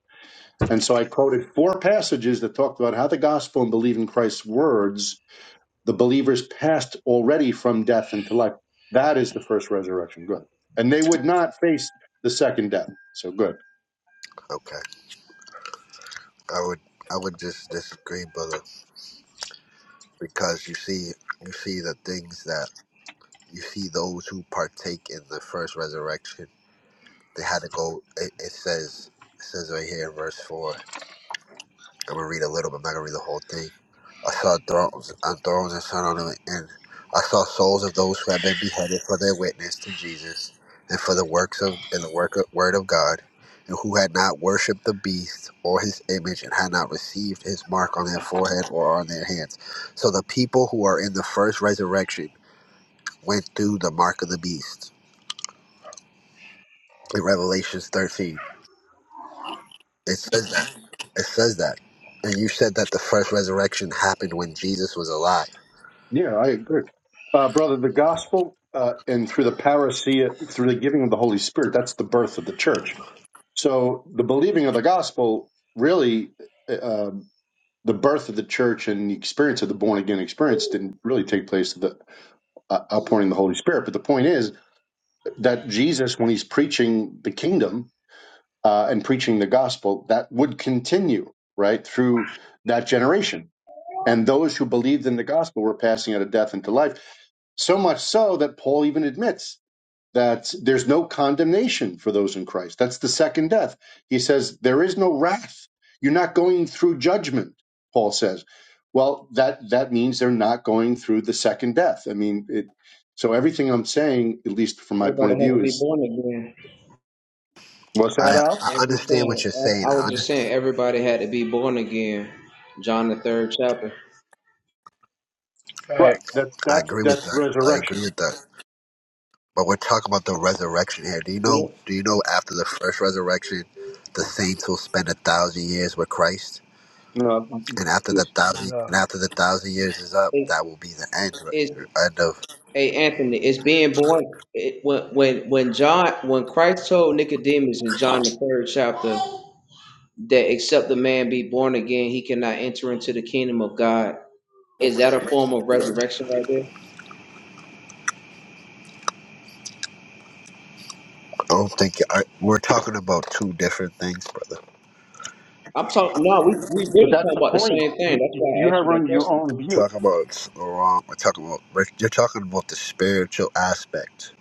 Speaker 12: And so I quoted four passages that talked about how the gospel and believe in Christ's words, the believers passed already from death into life. That is the first resurrection. Good. And they would not face the second death. So good.
Speaker 11: Okay, I would I would just disagree, brother, because you see you see the things that you see those who partake in the first resurrection. They had to go. It, it says it says right here in verse four. I'm gonna read a little, but I'm not gonna read the whole thing. I saw thrones and thrones and sun on them, and I saw souls of those who had been beheaded for their witness to Jesus and for the works of and the work of, word of God, and who had not worshipped the beast or his image and had not received his mark on their forehead or on their hands. So the people who are in the first resurrection went through the mark of the beast in Revelations 13 It says that. It says that. And you said that the first resurrection happened when Jesus was alive.
Speaker 12: Yeah, I agree. Uh, brother, the gospel uh, and through the parousia, through the giving of the Holy Spirit, that's the birth of the church. So the believing of the gospel, really, uh, um, the birth of the church and the experience of the born again experience didn't really take place at the uh, outpouring of the Holy Spirit. But the point is that Jesus, when he's preaching the kingdom uh, and preaching the gospel, that would continue, right, through that generation. And those who believed in the gospel were passing out of death into life so much so that Paul even admits that there's no condemnation for those in Christ. That's the second death. He says, There is no wrath. You're not going through judgment, Paul says. Well, that, that means they're not going through the second death. I mean, it, so everything I'm saying, at least from my point
Speaker 13: Everybody
Speaker 12: of
Speaker 13: had to
Speaker 12: view,
Speaker 13: be
Speaker 12: is
Speaker 13: born again.
Speaker 12: what's that
Speaker 11: I
Speaker 13: I
Speaker 12: out?
Speaker 11: I
Speaker 13: was just
Speaker 11: understand what
Speaker 13: saying.
Speaker 11: you're
Speaker 13: I,
Speaker 11: saying.
Speaker 13: I
Speaker 11: I
Speaker 13: was
Speaker 11: under,
Speaker 13: just saying. Everybody had to be born again. John the third chapter.
Speaker 12: Right.
Speaker 1: facts.
Speaker 12: That's
Speaker 11: I
Speaker 12: that's
Speaker 11: agree with
Speaker 12: that's
Speaker 11: that. I
Speaker 12: resurrection.
Speaker 11: agree with that. But we're talking about the resurrection here. Do you
Speaker 13: Be-
Speaker 11: know? Do you know after the first resurrection, the saints will spend a thousand years with Christ,
Speaker 12: No,
Speaker 11: and after
Speaker 12: yeah.
Speaker 11: the thousand
Speaker 1: Nah.
Speaker 11: and after the thousand years is up,
Speaker 13: It,
Speaker 11: that will be the end.
Speaker 13: it's
Speaker 11: right? End of.
Speaker 13: hey Anthony. It's being born. It, when when when John when Christ told Nicodemus in John the third chapter that except the man be born again, he cannot enter into the kingdom of God. Is that a form of resurrection right there?
Speaker 11: I don't think I, we're talking about two different things, brother.
Speaker 13: I'm talking. No, we we
Speaker 12: but
Speaker 13: really
Speaker 12: that's
Speaker 13: talking
Speaker 12: the
Speaker 13: about the
Speaker 12: point.
Speaker 13: same thing.
Speaker 12: You
Speaker 13: That's why I
Speaker 12: you
Speaker 13: asked
Speaker 12: have
Speaker 13: you that
Speaker 12: run your
Speaker 13: question.
Speaker 12: own view,
Speaker 11: talking about wrong. We're talking about like, you're talking about the spiritual aspect.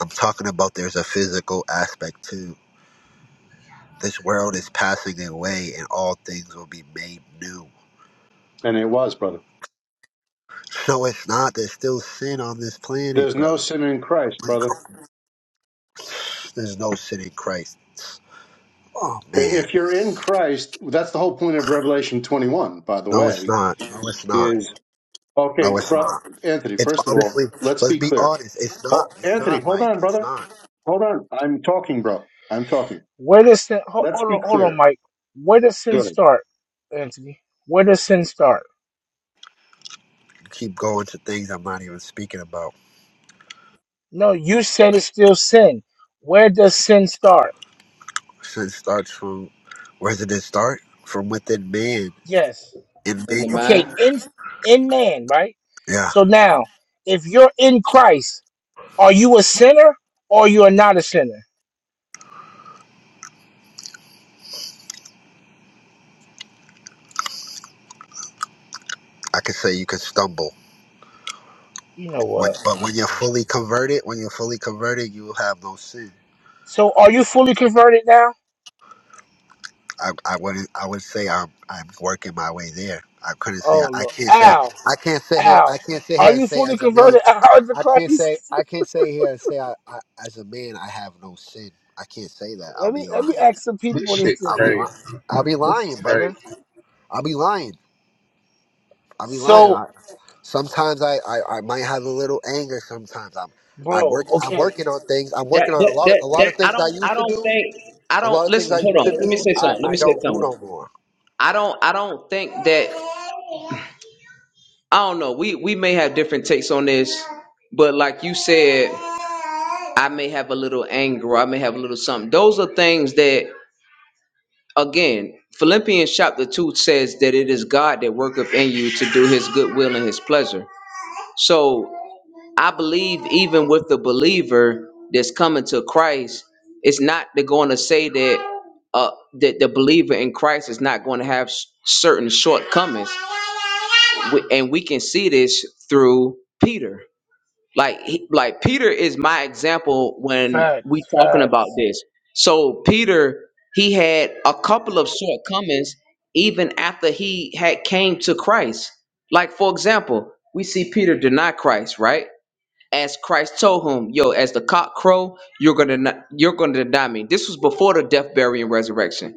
Speaker 11: I'm talking about there's a physical aspect too. This world is passing away, and all things will be made new.
Speaker 12: and it was, brother.
Speaker 11: No, it's not. There's still sin on this planet,
Speaker 12: There's no
Speaker 11: brother.
Speaker 12: sin in Christ, brother.
Speaker 11: There's no sin in Christ. Oh man,
Speaker 12: If you're in Christ, that's the whole point of Revelation 21, by the
Speaker 11: no, it's
Speaker 12: way,
Speaker 11: not. No, it's not.
Speaker 12: is okay,
Speaker 11: No, it's
Speaker 12: bro,
Speaker 11: not.
Speaker 12: Anthony,
Speaker 11: It's
Speaker 12: first of all,
Speaker 11: honestly,
Speaker 12: let's
Speaker 11: let's
Speaker 12: be
Speaker 11: be
Speaker 12: clear.
Speaker 11: honest. It's not.
Speaker 12: Ho-
Speaker 11: It's
Speaker 12: Anthony,
Speaker 11: not,
Speaker 12: hold
Speaker 11: Mike.
Speaker 12: on,
Speaker 11: It's
Speaker 12: brother.
Speaker 11: not.
Speaker 12: Hold on. I'm talking, bro. I'm talking.
Speaker 1: Where does sin? Hold,
Speaker 12: Let's
Speaker 1: hold on,
Speaker 12: be
Speaker 1: hold on,
Speaker 12: clear.
Speaker 1: Mike. Where does sin
Speaker 12: Good.
Speaker 1: start, Anthony? Where does sin start?
Speaker 11: You keep going to things I'm not even speaking about.
Speaker 1: No, you said it's still sin. Where does sin start?
Speaker 11: Sin starts from where did it start? From within man.
Speaker 1: Yes.
Speaker 11: In
Speaker 13: In
Speaker 11: man.
Speaker 13: the
Speaker 1: Okay.
Speaker 13: mind.
Speaker 1: In in man, right?
Speaker 11: Yeah.
Speaker 1: So now, if you're in Christ, are you a sinner or you are not a sinner?
Speaker 11: I could say you could stumble.
Speaker 1: You know
Speaker 11: When,
Speaker 1: what?
Speaker 11: but
Speaker 1: I
Speaker 11: when you're
Speaker 1: can't.
Speaker 11: fully
Speaker 1: do
Speaker 11: converted, when you're fully converted, you will have no sin.
Speaker 1: So are you fully converted now?
Speaker 11: I, I wouldn't I would say I'm I'm working my way there. I couldn't say
Speaker 1: Oh
Speaker 11: I, I
Speaker 1: look,
Speaker 11: can't say
Speaker 1: Al,
Speaker 11: I can't sit here I
Speaker 1: Al,
Speaker 11: can't sit here
Speaker 1: are
Speaker 11: and
Speaker 1: you
Speaker 11: say
Speaker 1: fully
Speaker 11: as a man
Speaker 1: converted [laughs] out to
Speaker 11: I can't say
Speaker 1: Christ?
Speaker 11: I can't say here and say I, I as a man I have no sin. I can't say that.
Speaker 1: [laughs]
Speaker 11: I'll
Speaker 1: let me
Speaker 11: be
Speaker 1: let me
Speaker 11: lying.
Speaker 1: ask some
Speaker 9: This
Speaker 1: people this
Speaker 9: shit's
Speaker 11: I'll
Speaker 1: thing.
Speaker 11: be
Speaker 9: crazy.
Speaker 11: lying. I'll be
Speaker 9: This
Speaker 11: lying,
Speaker 9: is
Speaker 11: brother.
Speaker 9: crazy.
Speaker 11: I'll be lying. I'll be lying.
Speaker 1: So,
Speaker 11: I, sometimes I, I, I might have a little anger. Sometimes I'm I
Speaker 1: bro,
Speaker 11: work I'm
Speaker 1: okay,
Speaker 11: working on things. I'm
Speaker 13: That,
Speaker 11: working on
Speaker 13: but
Speaker 11: a lot of
Speaker 13: that,
Speaker 11: a lot
Speaker 13: that,
Speaker 11: of
Speaker 13: I
Speaker 11: things I
Speaker 13: don't,
Speaker 11: used
Speaker 13: I
Speaker 11: to
Speaker 13: don't
Speaker 11: do.
Speaker 13: think, I
Speaker 11: A lot
Speaker 13: don't,
Speaker 11: of things
Speaker 13: listen,
Speaker 11: I
Speaker 13: hold
Speaker 11: used
Speaker 13: on.
Speaker 11: to
Speaker 13: Let me
Speaker 11: do.
Speaker 13: say
Speaker 11: I,
Speaker 13: something. Let
Speaker 11: I
Speaker 13: me say
Speaker 11: don't do
Speaker 13: something.
Speaker 11: no more.
Speaker 13: I don't, I don't think that, I don't know. We, we may have different takes on this, but like you said, I may have a little anger. I may have a little something. Those are things that, again, Philippians chapter 2 says that it is God that worketh in you to do his good will and his pleasure. So I believe even with the believer that's coming to Christ, it's not they're going to say that uh, that the believer in Christ is not going to have s- certain shortcomings, we, and we can see this through Peter. Like he, like Peter is my example when we
Speaker 1: facts,
Speaker 13: talking about
Speaker 1: facts,
Speaker 13: this. So Peter he had a couple of shortcomings even after he had came to Christ. Like for example, we see Peter deny Christ, right? as Christ told him, "Yo, as the cock crow, you're gonna not, you're gonna deny me." This was before the death, burial, and resurrection.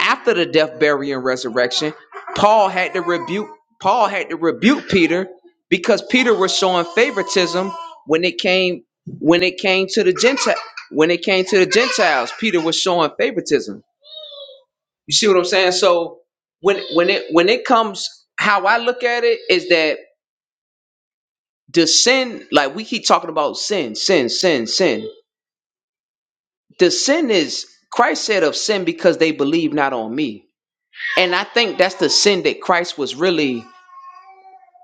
Speaker 13: After the death, burial, and resurrection, Paul had to rebuke Paul had to rebuke Peter because Peter was showing favoritism when it came when it came to the Gentile when it came to the Gentiles. Peter was showing favoritism. You see what I'm saying? So when when it when it comes, how I look at it is that the sin, like we keep talking about sin, sin, sin, sin The sin is Christ said of sin because they believe not on me. And I think that's the sin that Christ was really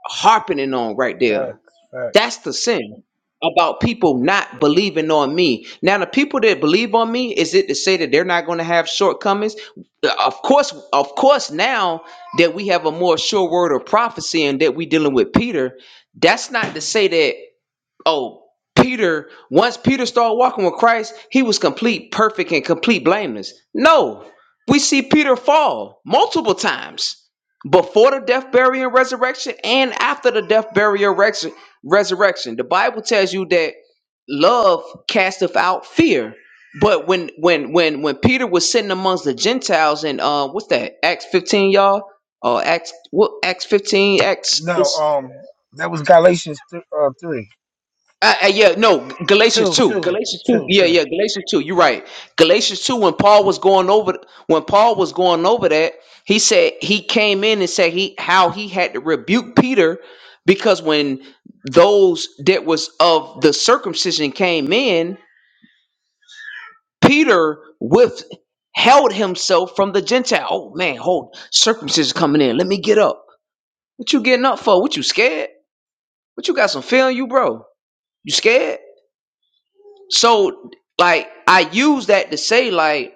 Speaker 13: harping on right there.
Speaker 1: facts, facts.
Speaker 13: That's the sin about people not believing on me. Now, the people that believe on me, is it to say that they're not going to have shortcomings? Of course, of course, now that we have a more sure word of prophecy and that we're dealing with Peter, that's not to say that oh peter once peter started walking with christ he was complete perfect and complete blameless no we see peter fall multiple times before the death burial and resurrection and after the death burial rex- resurrection the bible tells you that love casteth out fear but when when when when peter was sitting amongst the gentiles in uh what's that acts 15 y'all or acts what acts 15 acts
Speaker 1: No,
Speaker 13: it's
Speaker 1: um, that was Galatians th- uh, three,
Speaker 13: Uh, uh, yeah, no, Galatians
Speaker 1: two,
Speaker 13: 2.
Speaker 1: two,
Speaker 13: Galatians 2.
Speaker 1: two,
Speaker 13: Yeah,
Speaker 1: two.
Speaker 13: yeah, Galatians 2. You're right. Galatians 2 when Paul was going over when Paul was going over that, he said he came in and said he how he had to rebuke Peter because when those that was of the circumcision came in, Peter withheld himself from the Gentile. Oh man, hold circumcision coming in. Let me get up. What you getting up for? What you scared? What you got some feeling you, bro? You scared? So, like, I use that to say, like,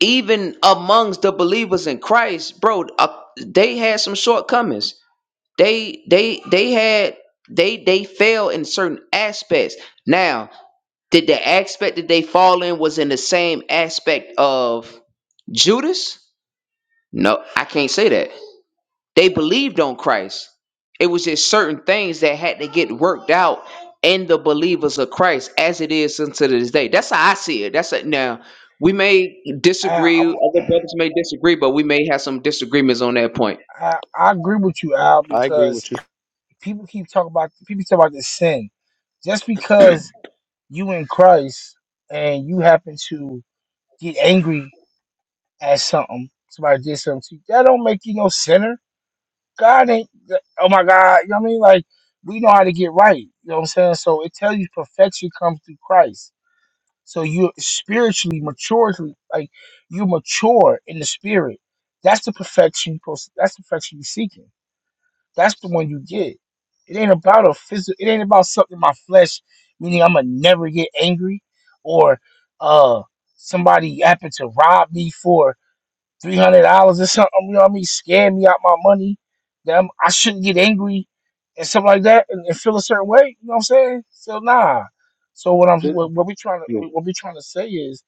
Speaker 13: even amongst the believers in Christ, bro, uh, they had some shortcomings. They, they, they had, they, they fell in certain aspects. Now, did the aspect that they fall in was in the same aspect of Judas? No, I can't say that. They believed on Christ. It was just certain things that had to get worked out in the believers of Christ as it is unto this day. That's how I see it. That's it. Now, we may disagree,
Speaker 1: Al,
Speaker 13: other
Speaker 1: I'm,
Speaker 13: brothers may disagree, but we may have some disagreements on that point.
Speaker 1: [clears throat] I I agree with you, Al,
Speaker 11: I agree
Speaker 1: because
Speaker 11: with you.
Speaker 1: people keep talking about people talk about this sin. Just because you in Christ and you happen to get angry at something. Somebody did something to you. That don't make you no sinner. God ain't. Oh my God. You know what I mean? Like we know how to get right. You know what I'm saying? So it tells you perfection comes through Christ. So you spiritually mature, like you mature in the spirit. That's the perfection. you supposed- That's the perfection you're seeking. That's the one you get. It ain't about a physical. It ain't about something in my flesh. Meaning I'ma never get angry, or uh somebody happened to rob me for three hundred dollars or something. You know what I mean? Scare me out my money. That I'm, I shouldn't get angry and something like that and, and feel a certain way. You know what I'm saying? So nah. So what I'm
Speaker 12: That,
Speaker 1: what, what we trying to
Speaker 12: you
Speaker 1: what what we trying to say is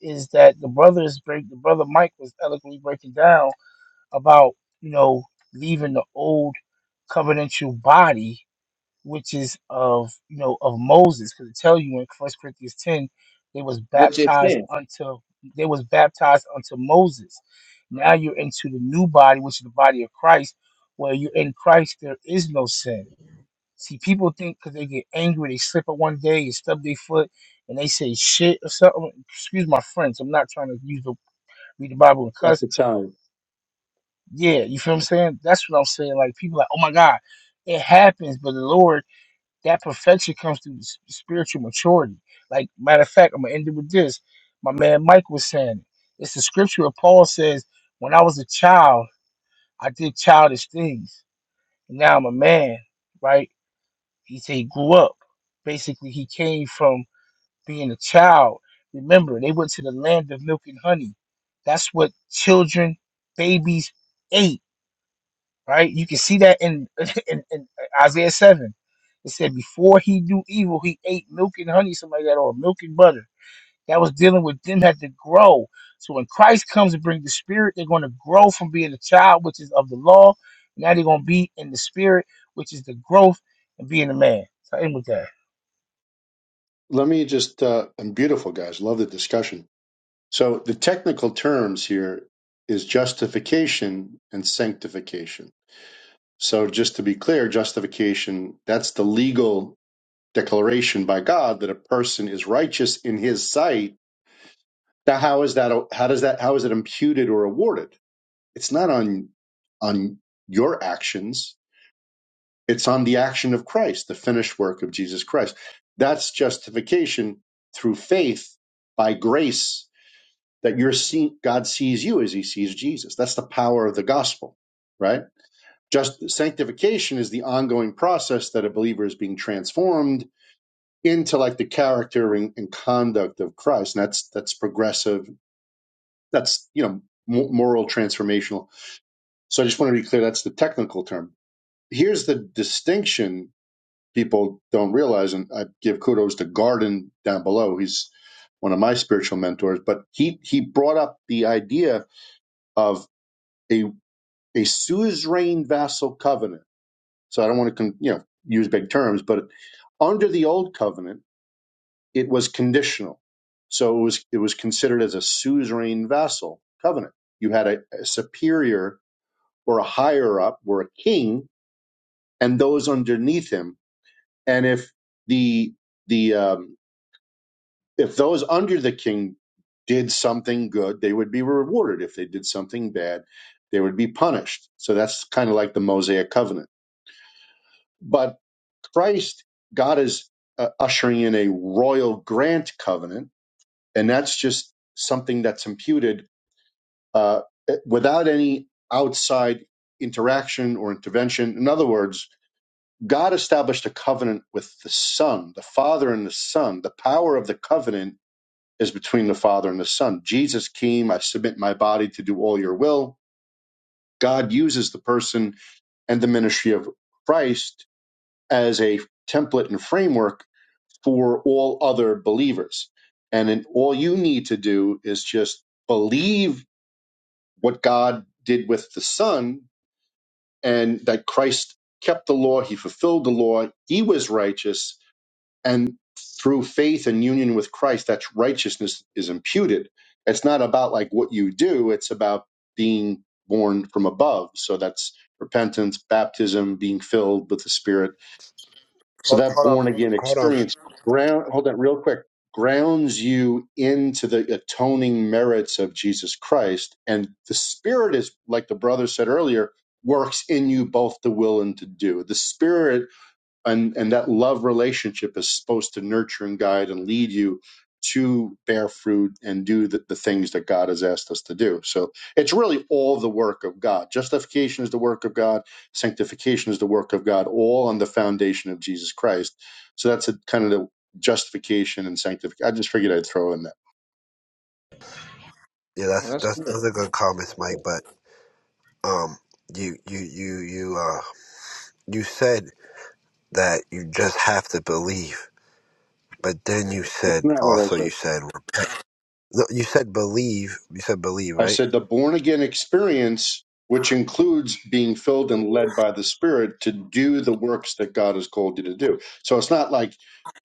Speaker 1: is that the brothers break the brother Mike was eloquently breaking down about you know leaving the old covenantal body which is of you know of Moses, because it tells you in First Corinthians ten, they was
Speaker 13: Which is
Speaker 1: baptized
Speaker 13: sin.
Speaker 1: unto they was baptized unto Moses. Now you're into the new body, which is the body of Christ, where you're in Christ, there is no sin. See, people think because they get angry, they slip up one day, they stub their foot, and they say shit or something. Excuse my friends, I'm not trying to use the read the Bible and
Speaker 12: know, at
Speaker 1: cuss.
Speaker 12: the time.
Speaker 1: Yeah, you feel what I'm saying? That's what I'm saying. Like people like, oh my God, it happens, but the Lord that perfection comes through s- spiritual maturity. Like matter of fact, I'm gonna end it with this. My man Mike was saying it's the scripture where Paul says, "When I was a child, I did childish things. Now I'm a man." Right? He said he grew up. Basically, he came from being a child. Remember, they went to the land of milk and honey. That's what children, babies ate right? You can see that in, [laughs] in, in Isaiah 7. It said, Before he knew evil, he ate milk and honey, something like that, or milk and butter. That was dealing with them had to grow. So when Christ comes and brings the spirit, they're going to grow from being a child, which is of the law. Now they're going to be in the spirit, which is the growth and being a man. So I end with that.
Speaker 12: Let me just, uh, I'm beautiful, guys. Love the discussion. So the technical terms here is justification and sanctification. So just to be clear, justification, that's the legal declaration by God that a person is righteous in his sight, now how is that how does that how is it imputed or awarded? It's not on on your actions, it's on the action of Christ, the finished work of Jesus Christ. That's justification through faith by grace that you're seeing God sees you as he sees Jesus. That's the power of the gospel, right? Just sanctification is the ongoing process that a believer is being transformed into like the character and, and conduct of Christ, and that's that's progressive. That's you know moral transformational. So I just want to be clear. That's the technical term. Here's the distinction people don't realize, and I give kudos to Garden down below. He's one of my spiritual mentors, but he he brought up the idea of a a suzerain vassal covenant. So I don't want to you know use big terms, but under the old covenant it was conditional. So it was it was considered as a suzerain vassal covenant. You had a, a superior or a higher up were a king and those underneath him. And if the the um, if those under the king did something good, they would be rewarded. If they did something bad, they would be punished. So that's kind of like the Mosaic covenant. But Christ, God is uh, ushering in a royal grant covenant and that's just something that's imputed uh, without any outside interaction or intervention. In other words, God established a covenant with the Son, the Father and the Son. The power of the covenant is between the Father and the Son. Jesus came, I submit my body to do all your will. God uses the person and the ministry of Christ as a template and framework for all other believers. And then all you need to do is just believe what God did with the Son, and that Christ kept the law, he fulfilled the law, he was righteous, and through faith and union with Christ, that righteousness is imputed. It's not about like what you do, it's about being born from above. So that's repentance, baptism, being filled with the Spirit so
Speaker 11: Hold,
Speaker 12: that
Speaker 11: hold
Speaker 12: born
Speaker 11: on,
Speaker 12: again
Speaker 11: hold on.
Speaker 12: experience ground hold that real quick grounds you into the atoning merits of Jesus Christ and the spirit is like the brother said earlier works in you both to will and to do. The spirit and and that love relationship is supposed to nurture and guide and lead you to bear fruit and do the, the things that God has asked us to do. So it's really all the work of God. Justification is the work of God. Sanctification is the work of God, all on the foundation of Jesus Christ. So that's a, kind of the justification and sanctification. I just figured I'd throw in that.
Speaker 11: Yeah,
Speaker 13: Oh,
Speaker 11: that's
Speaker 13: that's
Speaker 11: that's
Speaker 13: good.
Speaker 11: those are good comments, Mike.
Speaker 13: Good.
Speaker 11: But um, you you you you uh you said that you just have to believe. But then you
Speaker 12: That's
Speaker 11: said
Speaker 12: not what I
Speaker 11: also
Speaker 12: said.
Speaker 11: you said no, you said believe you said believe
Speaker 12: I
Speaker 11: right?
Speaker 12: said the born again experience, which includes being filled and led by the Spirit to do the works that God has called you to do. So it's not like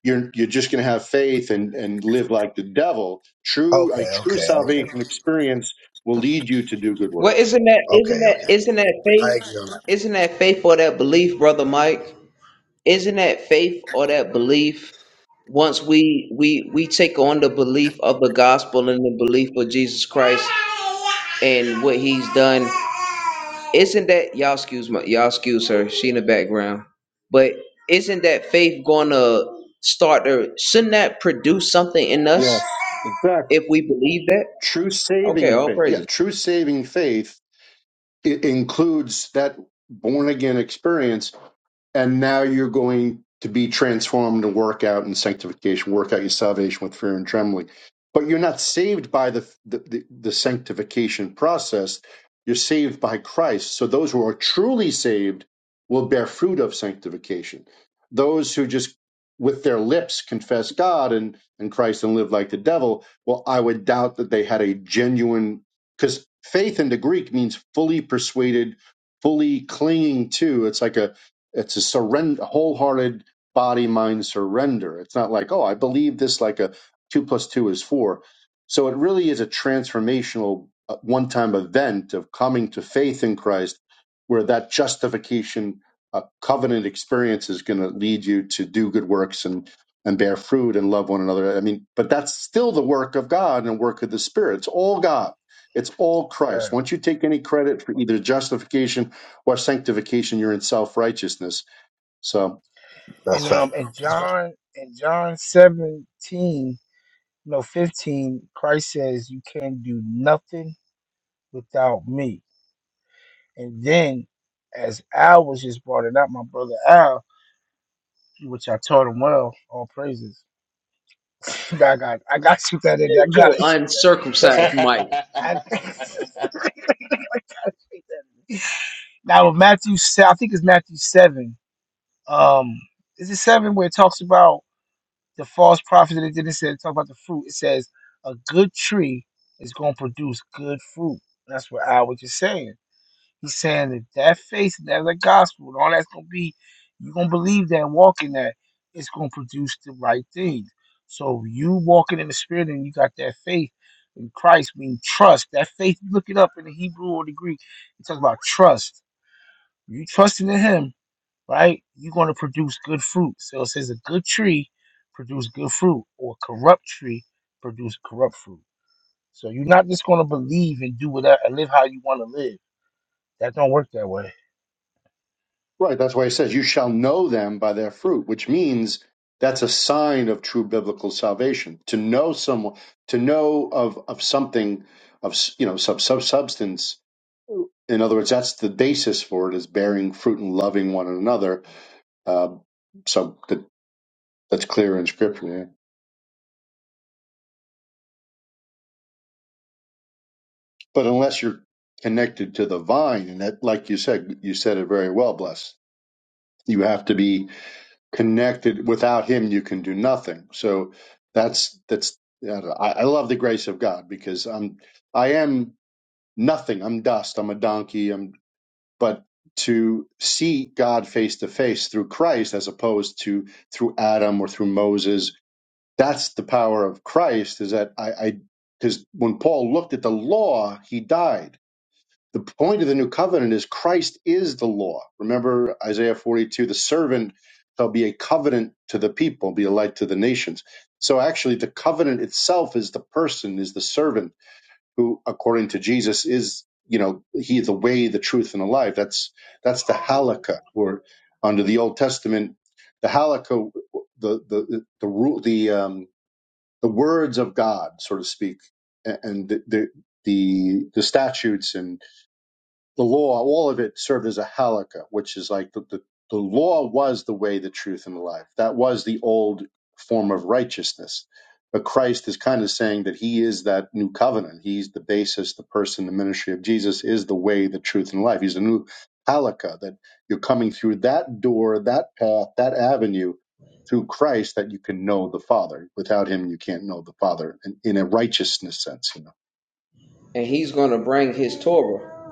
Speaker 12: you're you're just going to have faith and and live like the devil. True, a
Speaker 11: Okay,
Speaker 12: true
Speaker 11: okay, okay,
Speaker 12: salvation experience will lead you to do good
Speaker 13: Well,
Speaker 12: works.
Speaker 13: isn't that isn't
Speaker 11: okay,
Speaker 13: that
Speaker 11: okay.
Speaker 13: isn't that
Speaker 11: I
Speaker 13: faith?
Speaker 11: agree
Speaker 13: Isn't that faith or that belief, brother Mike? Isn't that faith or that belief? Once we we we take on the belief of the gospel and the belief of Jesus Christ, and what he's done. Isn't that y'all excuse my y'all excuse her? She in the background, but isn't that faith gonna start to shouldn't that produce something in us
Speaker 12: Yes, exactly.
Speaker 13: if we believe that?
Speaker 12: True
Speaker 13: Okay,
Speaker 12: saving
Speaker 13: all
Speaker 12: faith. Yeah,
Speaker 13: praises.
Speaker 12: true saving faith it includes that born again experience and now you're going to be transformed and work out in sanctification, work out your salvation with fear and trembling. But you're not saved by the the, the, the sanctification process. You're saved by Christ. So those who are truly saved will bear fruit of sanctification. Those who just with their lips confess God and, and Christ and live like the devil, well, I would doubt that they had a genuine because faith in the Greek means fully persuaded, fully clinging to. It's like a it's a surrender, wholehearted body mind surrender. It's not like, oh, I believe this like a two plus two is four. So it really is a transformational one time event of coming to faith in Christ where that justification uh, covenant experience is going to lead you to do good works and and bear fruit and love one another. I mean, but that's still the work of God and work of the Spirit. It's all God. It's all Christ.
Speaker 1: Fair.
Speaker 12: Once you take any credit for either justification or sanctification, you're in self righteousness. So,
Speaker 11: That's
Speaker 1: And
Speaker 11: fact.
Speaker 1: um in
Speaker 11: That's fact.
Speaker 1: John in John 17, no 15, Christ says, You can't do nothing without me. And then, as Al was just brought it up, my brother Al, which I taught him well, all praises. [laughs] I got, I got to shoot that in. there. I got
Speaker 13: So
Speaker 1: to shoot. that.
Speaker 13: uncircumcised Mike.
Speaker 1: I, [laughs] I
Speaker 5: man. [laughs]
Speaker 1: gotta shoot that in. Now with Matthew, se- I think it's Matthew seven. Um, is it seven where it talks about the false prophets and it didn't say talk about the fruit? It says a good tree is going to produce good fruit. That's what Al was just saying. He's saying if that faith, that the gospel, and all that's gonna be, you're gonna believe that and walk in that, it's gonna produce the right things. So you walking in the spirit and you got that faith in Christ, mean trust. That faith, look it up in the Hebrew or the Greek, it talks about trust. You trusting in him, right? You're gonna produce good fruit. So it says a good tree produce good fruit, or a corrupt tree produce corrupt fruit. So you're not just gonna believe and do whatever live how you wanna live. That don't work that way.
Speaker 12: right, that's why it says, You shall know them by their fruit, which means that's a sign of true biblical salvation. To know someone, to know of, of something, of, you know, sub, sub substance. In other words, that's the basis for it is bearing fruit and loving one another. Uh, so that, that's clear in scripture. yeah. But unless you're connected to the vine, and that, like you said, you said it very well, bless. You have to be connected. Without Him, you can do nothing. So that's that's. I, I love the grace of God because I'm I am nothing. I'm dust. I'm a donkey. I'm but to see God face to face through Christ as opposed to through Adam or through Moses. That's the power of Christ. Is that I because when Paul looked at the law, he died the point of the new covenant is Christ is the law. Remember Isaiah 42 the servant shall be a covenant to the people, be a light to the nations. So actually, the covenant itself is the person, is the servant who, according to Jesus, is you know he is the way, the truth, and the life. That's that's the halakha, or under the Old Testament, the halakha, the the the the rule, the um, the words of God, so to speak, a- and the the the, the statutes and the law, all of it served as a halakha, which is like the, the, the law was the way, the truth, and the life. That was the old form of righteousness. But Christ is kind of saying that he is that new covenant. He's the basis, the person, the ministry of Jesus is the way, the truth, and life. He's a new halakha that you're coming through that door, that path, that avenue through Christ that you can know the Father. Without him, you can't know the Father in, in a righteousness sense. You know?
Speaker 13: And he's gonna bring his Torah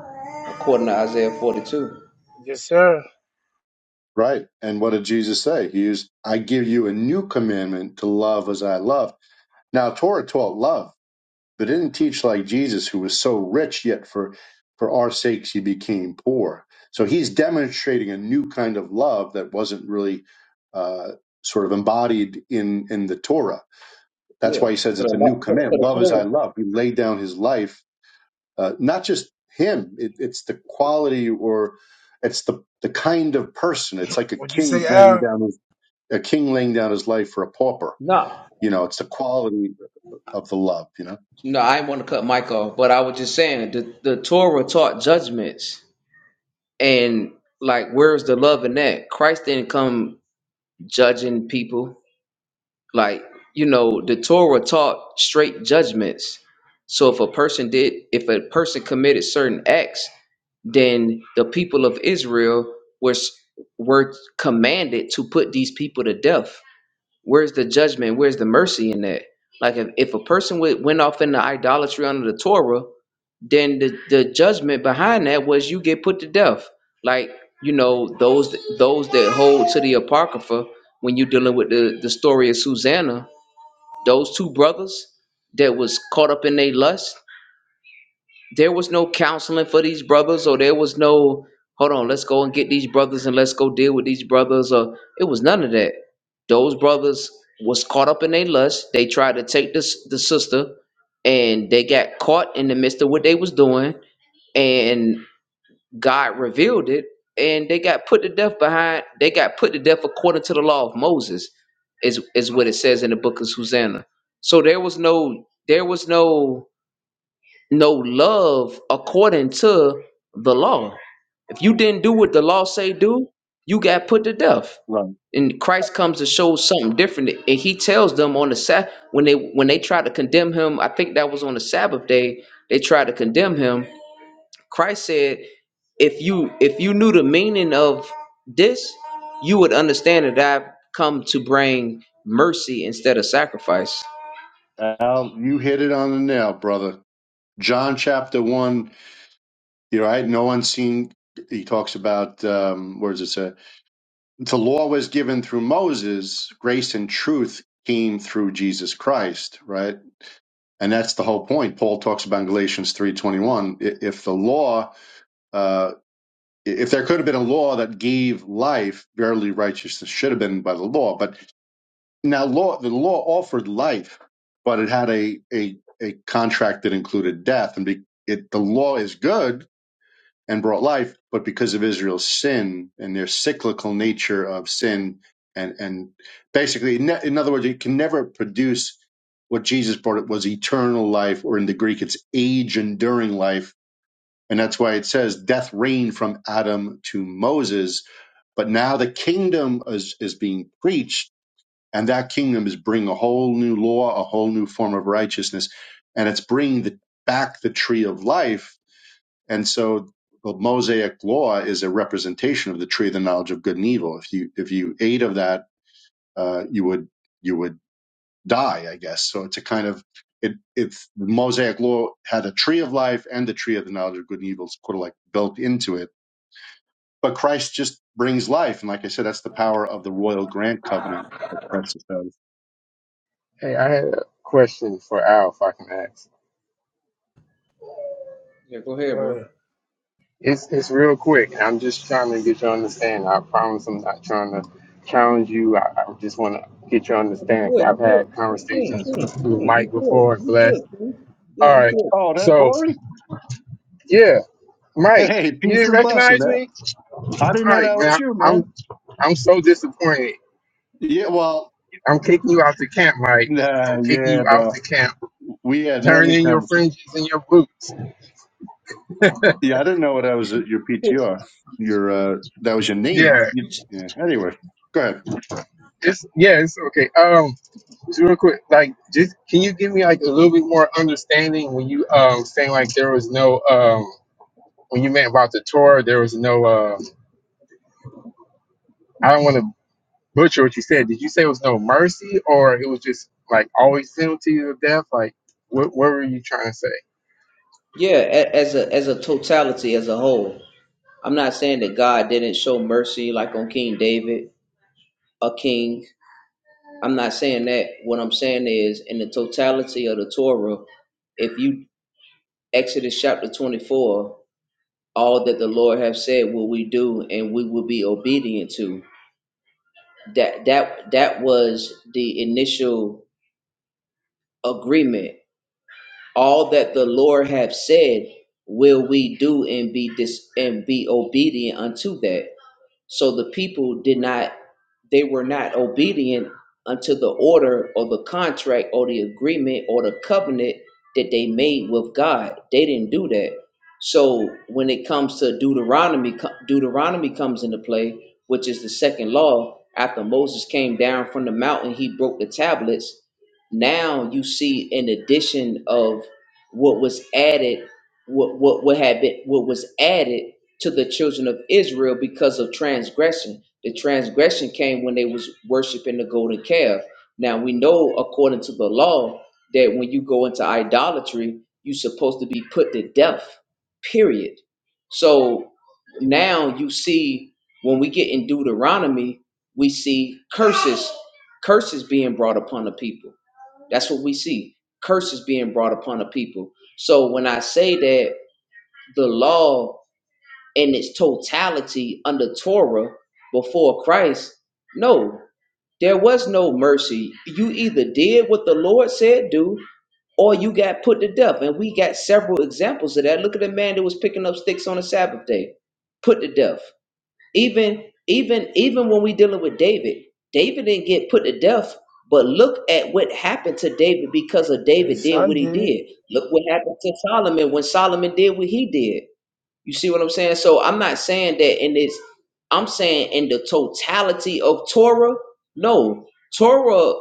Speaker 13: according to Isaiah forty-two.
Speaker 1: Yes, sir.
Speaker 12: Right. And what did Jesus say? He used, I give you a new commandment to love as I love. Now, Torah taught love, but it didn't teach like Jesus, who was so rich, yet for, for our sakes he became poor. So he's demonstrating a new kind of love that wasn't really uh, sort of embodied in, in the Torah. That's
Speaker 13: Yeah,
Speaker 12: why he says
Speaker 13: to the
Speaker 12: it's a new
Speaker 13: law- to
Speaker 12: command.
Speaker 13: the
Speaker 12: Love as I
Speaker 13: Torah.
Speaker 12: love. He laid down his life, uh, not just him, it, it's the quality or it's the, the kind of person. It's like a
Speaker 1: What'd you
Speaker 12: king
Speaker 1: say,
Speaker 12: laying
Speaker 1: Al?
Speaker 12: down his a king laying down his life for a pauper.
Speaker 13: No.
Speaker 12: You know, it's the quality of the love, you know?
Speaker 13: No, I didn't want to cut Mike off, but I was just saying the the Torah taught judgments. And like, where's the love in that? Christ didn't come judging people. Like, you know, the Torah taught straight judgments. So if a person did, if a person committed certain acts, then the people of Israel was were commanded to put these people to death where's the judgment? Where's the mercy in that? Like if, if a person would, went off into idolatry under the Torah, then the, the judgment behind that was you get put to death. Like, you know, those those that hold to the Apocrypha when you're dealing with the, the story of Susanna, those two brothers that was caught up in their lust, there was no counseling for these brothers or there was no hold on let's go and get these brothers and let's go deal with these brothers or it was none of that those brothers was caught up in their lust they tried to take this the sister and they got caught in the midst of what they was doing and god revealed it and they got put to death behind they got put to death according to the law of moses is is what it says in the book of susanna so there was no there was no no love according to the law. If you didn't do what the law say do, you got put to death.
Speaker 12: Right.
Speaker 13: And Christ comes to show something different, and He tells them on the Sabbath when they when they try to condemn Him. I think that was on the Sabbath day they tried to condemn Him. Christ said, "If you if you knew the meaning of this, you would understand that I've come to bring mercy instead of sacrifice."
Speaker 12: Al, you hit it on the nail, brother. John chapter one, you know, I had no unseen. He talks about, um, where does it say? The law was given through Moses, grace and truth came through Jesus Christ, right? And that's the whole point. Paul talks about in Galatians 3.21, i- if the law, uh, if there could have been a law that gave life, barely righteousness should have been by the law. But Now, law the law offered life, but it had a a, a contract that included death, and be, it the law is good and brought life, but because of Israel's sin and their cyclical nature of sin, and and basically, in in other words, it can never produce what Jesus brought. It was eternal life, or in the Greek, it's age enduring life, and that's why it says death reigned from Adam to Moses. But now the kingdom is is being preached and that kingdom is bringing a whole new law, a whole new form of righteousness, and it's bringing the, back the tree of life. And so the Mosaic law is a representation of the tree of the knowledge of good and evil. If you if you ate of that, uh, you would you would die, I guess. So it's a kind of it. It's the Mosaic law had a tree of life and the tree of the knowledge of good and evil. It's sort of like built into it. But Christ just brings life, and like I said, that's the power of the royal grant covenant that Christ does.
Speaker 9: Hey, I had a question for Al, if I can ask.
Speaker 13: Yeah, go
Speaker 1: Go
Speaker 13: ahead, bro.
Speaker 1: ahead.
Speaker 9: It's it's real quick. I'm just trying to get you to understand. I promise I'm not trying to challenge you. I, I just want to get you to
Speaker 13: Yeah, you
Speaker 9: understand. 'cause
Speaker 13: good, you
Speaker 9: I've
Speaker 13: good.
Speaker 9: had
Speaker 13: Yeah, King,
Speaker 9: conversations
Speaker 13: King,
Speaker 9: with
Speaker 13: King,
Speaker 9: Mike
Speaker 13: you
Speaker 9: before
Speaker 13: good,
Speaker 9: and
Speaker 13: you
Speaker 9: blessed.
Speaker 13: good, King.
Speaker 9: All
Speaker 13: Yeah, you
Speaker 9: right.
Speaker 13: good.
Speaker 12: Oh, that
Speaker 9: So
Speaker 12: boring.
Speaker 9: yeah, Mike,
Speaker 12: Hey,
Speaker 9: you
Speaker 12: peace
Speaker 9: didn't
Speaker 12: and blessings.
Speaker 9: recognize
Speaker 12: man.
Speaker 9: me.
Speaker 12: I
Speaker 9: All
Speaker 12: didn't know
Speaker 9: right,
Speaker 12: that was
Speaker 9: man.
Speaker 12: you, man.
Speaker 9: I'm I'm so disappointed.
Speaker 12: Yeah, well,
Speaker 9: I'm kicking you out the camp, Mike. I'm
Speaker 12: nah,
Speaker 9: kicking
Speaker 12: yeah,
Speaker 9: you out
Speaker 12: bro.
Speaker 9: the camp.
Speaker 12: We had
Speaker 9: Turn
Speaker 12: many
Speaker 9: in your
Speaker 12: conversations.
Speaker 9: fringes and your boots.
Speaker 12: Yeah, I didn't know that was your
Speaker 13: Good.
Speaker 12: PTR. Your uh, that was your name.
Speaker 9: Yeah.
Speaker 13: You
Speaker 12: You-
Speaker 13: s-
Speaker 12: yeah. Anyway, go ahead.
Speaker 9: It's yeah. It's okay. Um, Just real quick, like, just can you give me like a little bit more understanding when you um saying like there was no um when you meant about the Torah there was no um I don't want to butcher what you said. Did you say it was no mercy or it was just like always penalty of death? Like, what what were you trying to say?
Speaker 13: yeah, a- as a as a totality, as a whole. I'm not saying that God didn't show mercy like on King David, a king. I'm not saying that. What I'm saying is in the totality of the Torah, if you Exodus chapter 24, all that the Lord have said will we do and we will be obedient to. That that that was the initial agreement all that the Lord hath said will we do and be dis- and be obedient unto that. So the people did not, they were not obedient unto the order or the contract or the agreement or the covenant that they made with God. They didn't do that. So when it comes to Deuteronomy, co- Deuteronomy comes into play, which is the second law. After Moses came down from the mountain, he broke the tablets. Now you see an addition of what was added, what what what had been what was added to the children of Israel because of transgression. The transgression came when they was worshiping the golden calf. Now we know according to the law that when you go into idolatry, you're supposed to be put to death. Period. So now you see when we get in Deuteronomy, we see curses, curses being brought upon the people. That's what we see. Curses being brought upon the people. So when I say that the law in its totality under Torah before Christ, no, there was no mercy. You either did what the Lord said do, or you got put to death. And we got several examples of that. Look at the man that was picking up sticks on the Sabbath day, put to death. Even even even when we dealing with David, David didn't get put to death. But look at what happened to David because of
Speaker 1: His
Speaker 13: David did
Speaker 1: son
Speaker 13: what he
Speaker 1: did it.
Speaker 13: did. Look what happened to Solomon when Solomon did what he did you see what I'm saying? So I'm not saying that in this, I'm saying in the totality of Torah. No, Torah.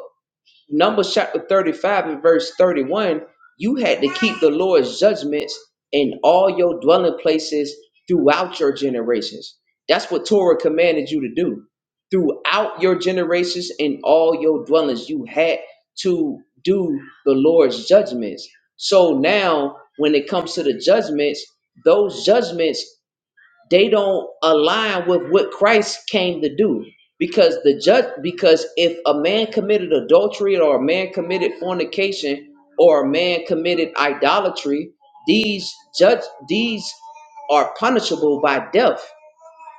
Speaker 13: Numbers chapter 35 and verse 31, you had to keep the Lord's judgments in all your dwelling places throughout your generations. That's what Torah commanded you to do. Throughout your generations and all your dwellings, you had to do the Lord's judgments. So now, when it comes to the judgments, those judgments they don't align with what Christ came to do. Because the judge, because if a man committed adultery or a man committed fornication or a man committed idolatry, these judge these are punishable by death.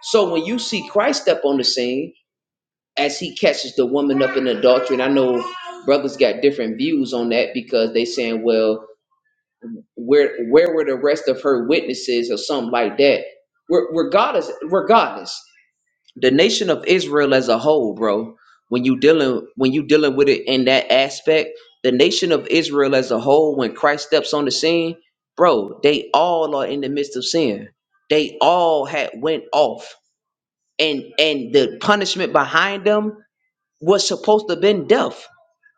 Speaker 13: So when you see Christ step on the scene as he catches the woman up in adultery, and I know brothers got different views on that because they saying, well, where where were the rest of her witnesses or something like that? Re- Regardless, regardless the nation of Israel as a whole, bro. When you dealing when you dealing with it in that aspect, the nation of Israel as a whole, when Christ steps on the scene, bro, they all are in the midst of sin. They all had went off, and and the punishment behind them was supposed to have been death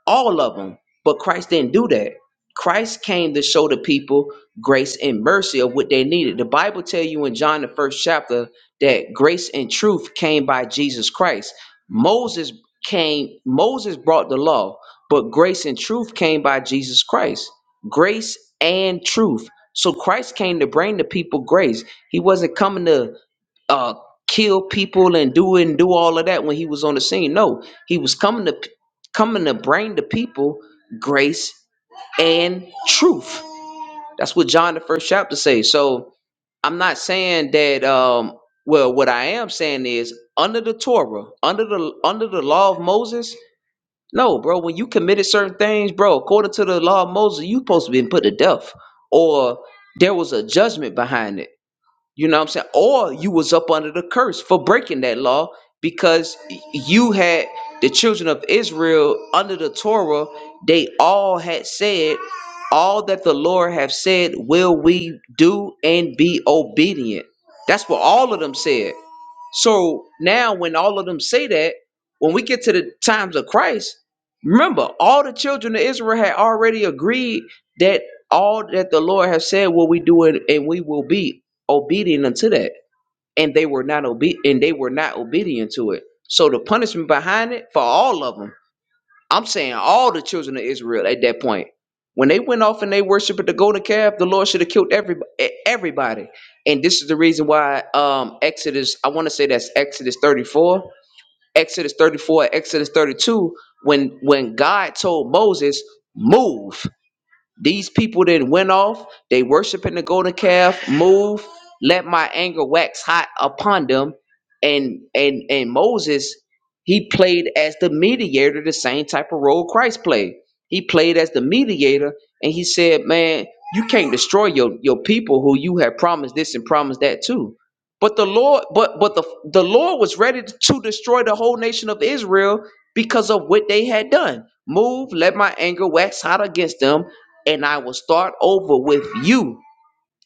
Speaker 13: all of them. But Christ didn't do that. Christ came to show the people grace and mercy of what they needed. The Bible tell you in John the first chapter that grace and truth came by Jesus Christ. Moses came, Moses brought the law, but grace and truth came by Jesus Christ. Grace and truth. So Christ came to bring the people grace. He wasn't coming to uh, kill people and do and do all of that when he was on the scene. No, he was coming to p- coming to bring the people grace and truth. That's what John the first chapter says. So I'm not saying that. Um, well, what I am saying is under the Torah, under the under the law of Moses. No, bro. When you committed certain things, bro, according to the law of Moses, you supposed to be put to death, or there was a judgment behind it you know what I'm saying? Or you was up under the curse for breaking that law because you had the children of Israel under the Torah, they all had said, All that the Lord have said will we do and be obedient. That's what all of them said. So now, when all of them say that, when we get to the times of Christ, remember, all the children of Israel had already agreed that all that the Lord has said will we do it, and we will be obedient unto that. And they were not obe- and they were not obedient to it. So the punishment behind it for all of them I'm saying all the children of Israel at that point. When they went off and they worshiped the golden calf, the Lord should have killed everybody, everybody. And this is the reason why um, Exodus, I want to say that's Exodus 34, Exodus 34, Exodus 32, when when God told Moses, move. These people that went off, they worshiping the golden calf, move, let my anger wax hot upon them. And and and Moses, he played as the mediator, the same type of role Christ played. He played as the mediator, and he said, Man, you can't destroy your, your people who you have promised this and promised that too. But the Lord, but but the the Lord was ready to destroy the whole nation of Israel because of what they had done. Move, let my anger wax hot against them and I will start over with you.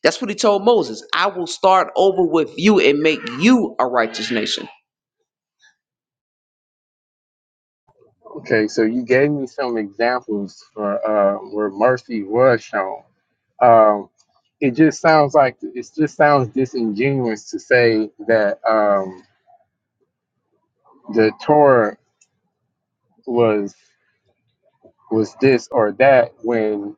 Speaker 13: That's what he told Moses. I will start over with you and make you a righteous nation.
Speaker 9: Okay, so you gave me some examples for uh where mercy was shown. Um, it just sounds like it just sounds disingenuous to say that um the Torah was. was this or that when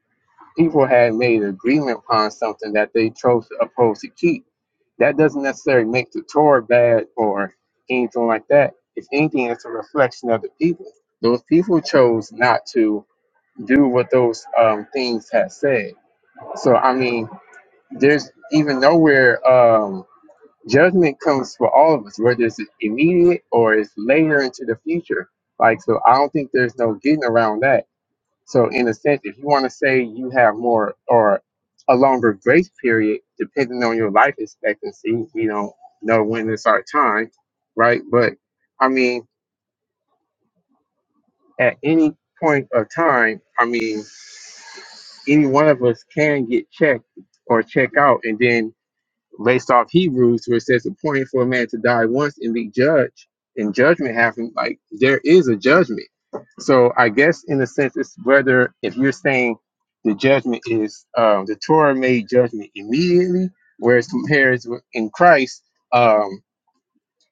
Speaker 9: people had made an agreement upon something that they chose to oppose to keep. That doesn't necessarily make the Torah bad or anything like that. If anything, it's a reflection of the people. Those people chose not to do what those um, things had said. So, I mean, there's even nowhere um, judgment comes for all of us, whether it's immediate or it's later into the future. Like, so I don't think there's no getting around that so, in a sense, if you want to say you have more or a longer grace period, depending on your life expectancy, we don't know when it's our time, right? But I mean, at any point of time, I mean, any one of us can get checked or check out, and then based off Hebrews, where it says the point for a man to die once and be judged, and judgment happen. Like there is a judgment. So I guess in a sense, it's whether if you're saying the judgment is um, the Torah made judgment immediately, whereas compared with in Christ, um,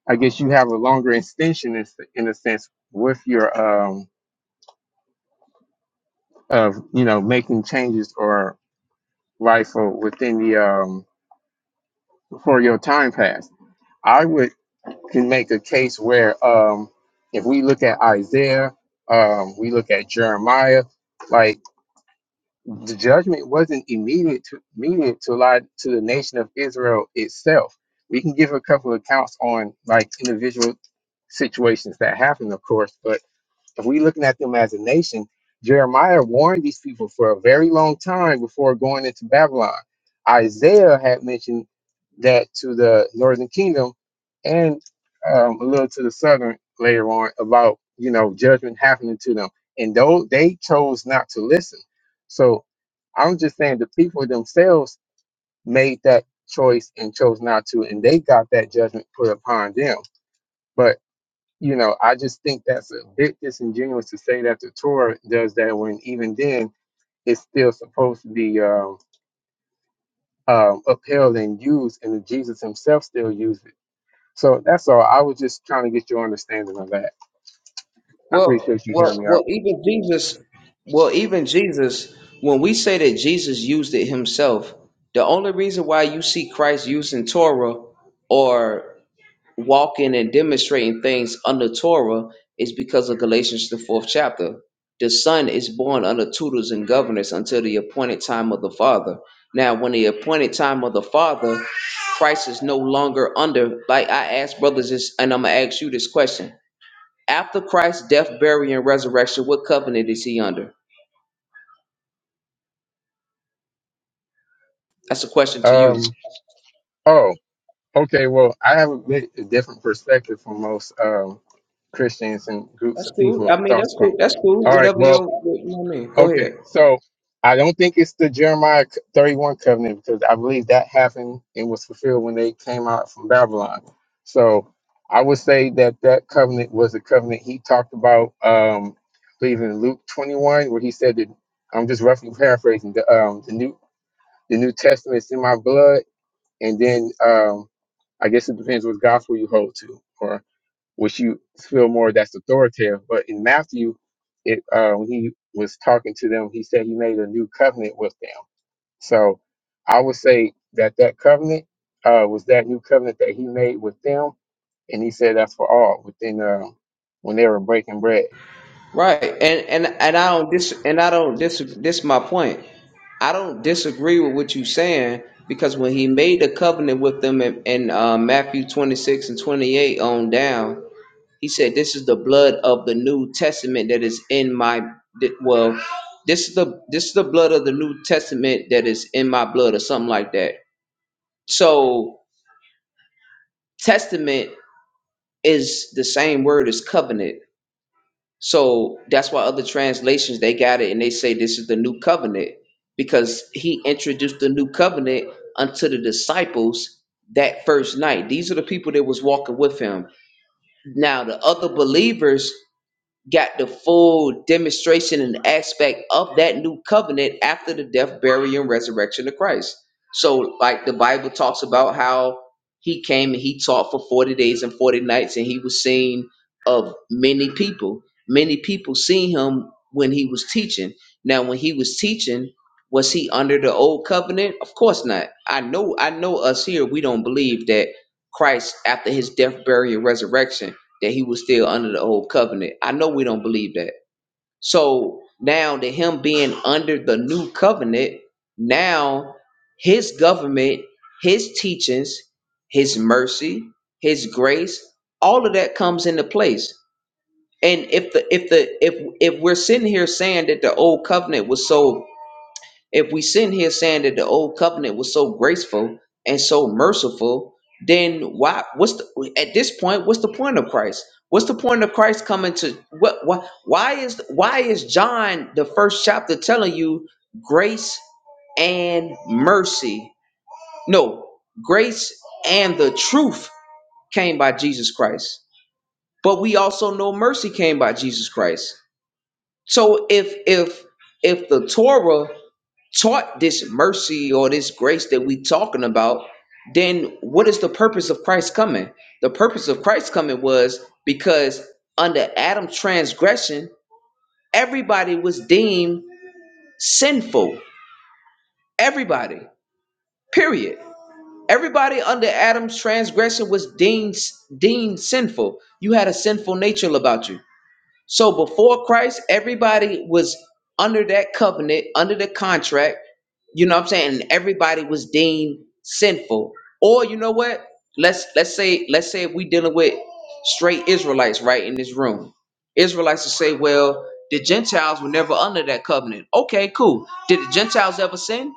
Speaker 9: I guess you have a longer extension in, in a sense with your um, of you know making changes or life or within the um, before your time passed. I would can make a case where um, if we look at Isaiah, um, we look at Jeremiah, like the judgment wasn't immediate to immediate to lie to the nation of Israel itself. We can give a couple of accounts on like individual situations that happened, of course, but if we're looking at them as a nation, Jeremiah warned these people for a very long time before going into Babylon. Isaiah had mentioned that to the northern kingdom and um, a little to the southern later on about you know judgment happening to them and though they chose not to listen so i'm just saying the people themselves made that choice and chose not to and they got that judgment put upon them But you know, I just think that's a bit disingenuous to say that the Torah does that when even then it's still supposed to be um, um, upheld and used, and that Jesus himself still used it. So that's all. I was just trying to get your understanding of that. I
Speaker 13: Well,
Speaker 9: appreciate you
Speaker 13: well,
Speaker 9: hearing me
Speaker 13: well.
Speaker 9: out.
Speaker 13: Even Jesus, well, even Jesus. When we say that Jesus used it himself, the only reason why you see Christ using Torah, or walking and demonstrating things under Torah is because of Galatians the fourth chapter. The son is born under tutors and governors until the appointed time of the father. Now, when the appointed time of the father, Christ is no longer under. Like I asked brothers this, and I'm gonna ask you this question: After Christ's death, burial, and resurrection, what covenant is he under? That's a question to
Speaker 9: Um,
Speaker 13: you.
Speaker 9: oh, okay. Well, I have a bit a different perspective from most um, Christians and groups
Speaker 13: That's
Speaker 9: of
Speaker 13: cool.
Speaker 9: people.
Speaker 13: I mean, that's
Speaker 9: Thoughts from.
Speaker 13: cool. That's cool.
Speaker 9: All right.
Speaker 13: Whatever
Speaker 9: Well,
Speaker 13: you, you know what I mean. Go
Speaker 9: Okay,
Speaker 13: ahead.
Speaker 9: so I don't think it's the Jeremiah c- 31 covenant because I believe that happened and was fulfilled when they came out from Babylon. So I would say that that covenant was a covenant he talked about, um, I believe in Luke 21, where he said that I'm just roughly paraphrasing the um, the new the New Testament is in my blood, and then um, I guess it depends what gospel you hold to which you feel more that's authoritative. But in Matthew, it uh, when he was talking to them, he said he made a new covenant with them. So I would say that that covenant uh, was that new covenant that he made with them, and he said that's for all within um, when they were breaking bread.
Speaker 13: Right, and and and I don't dis and I don't dis. This my point. I don't disagree with what you're saying because when he made the covenant with them in, in uh, Matthew 26 and 28 on down, he said, "This is the blood of the New Testament that is in my that- well. This is the this is the blood of the New Testament that is in my blood, or something like that." So, testament is the same word as covenant. So that's why other translations they got it and they say this is the new covenant because he introduced the new covenant unto the disciples that first night. These are the people that was walking with him. Now the other believers got the full demonstration and aspect of that new covenant after the death, burial, and resurrection of Christ. So, like the Bible talks about how he came and he taught for 40 days and 40 nights, and he was seen of many people. Many people seen him when he was teaching. Now, when he was teaching, was he under the old covenant? Of course not. I know, I know us here, we don't believe that Christ, after his death, burial, and resurrection, that he was still under the old covenant. I know we don't believe that. So now that him being under the new covenant, now his government, his teachings, his mercy, his grace, all of that comes into place. And if the if the if if we're sitting here saying that the old covenant was so if we sit here saying that the old covenant was so graceful and so merciful, then why? What's the, at this point? What's the point of Christ? What's the point of Christ coming to what? Why, why is why is John the first chapter telling you grace and mercy? No, grace and the truth came by Jesus Christ. But we also know mercy came by Jesus Christ. So if if if the Torah taught this mercy or this grace that we talking about, then what is the purpose of Christ coming? The purpose of Christ coming was because under Adam's transgression, everybody was deemed sinful. Everybody. Period. Everybody under Adam's transgression was deemed deemed sinful. You had a sinful nature about you So before Christ, everybody was under that covenant, under the contract, you know what I'm saying? And everybody was deemed sinful. Or you know what? Let's let's say let's say if we dealing with straight Israelites right in this room. Israelites will say, well, the Gentiles were never under that covenant. Okay, cool. Did the Gentiles ever sin?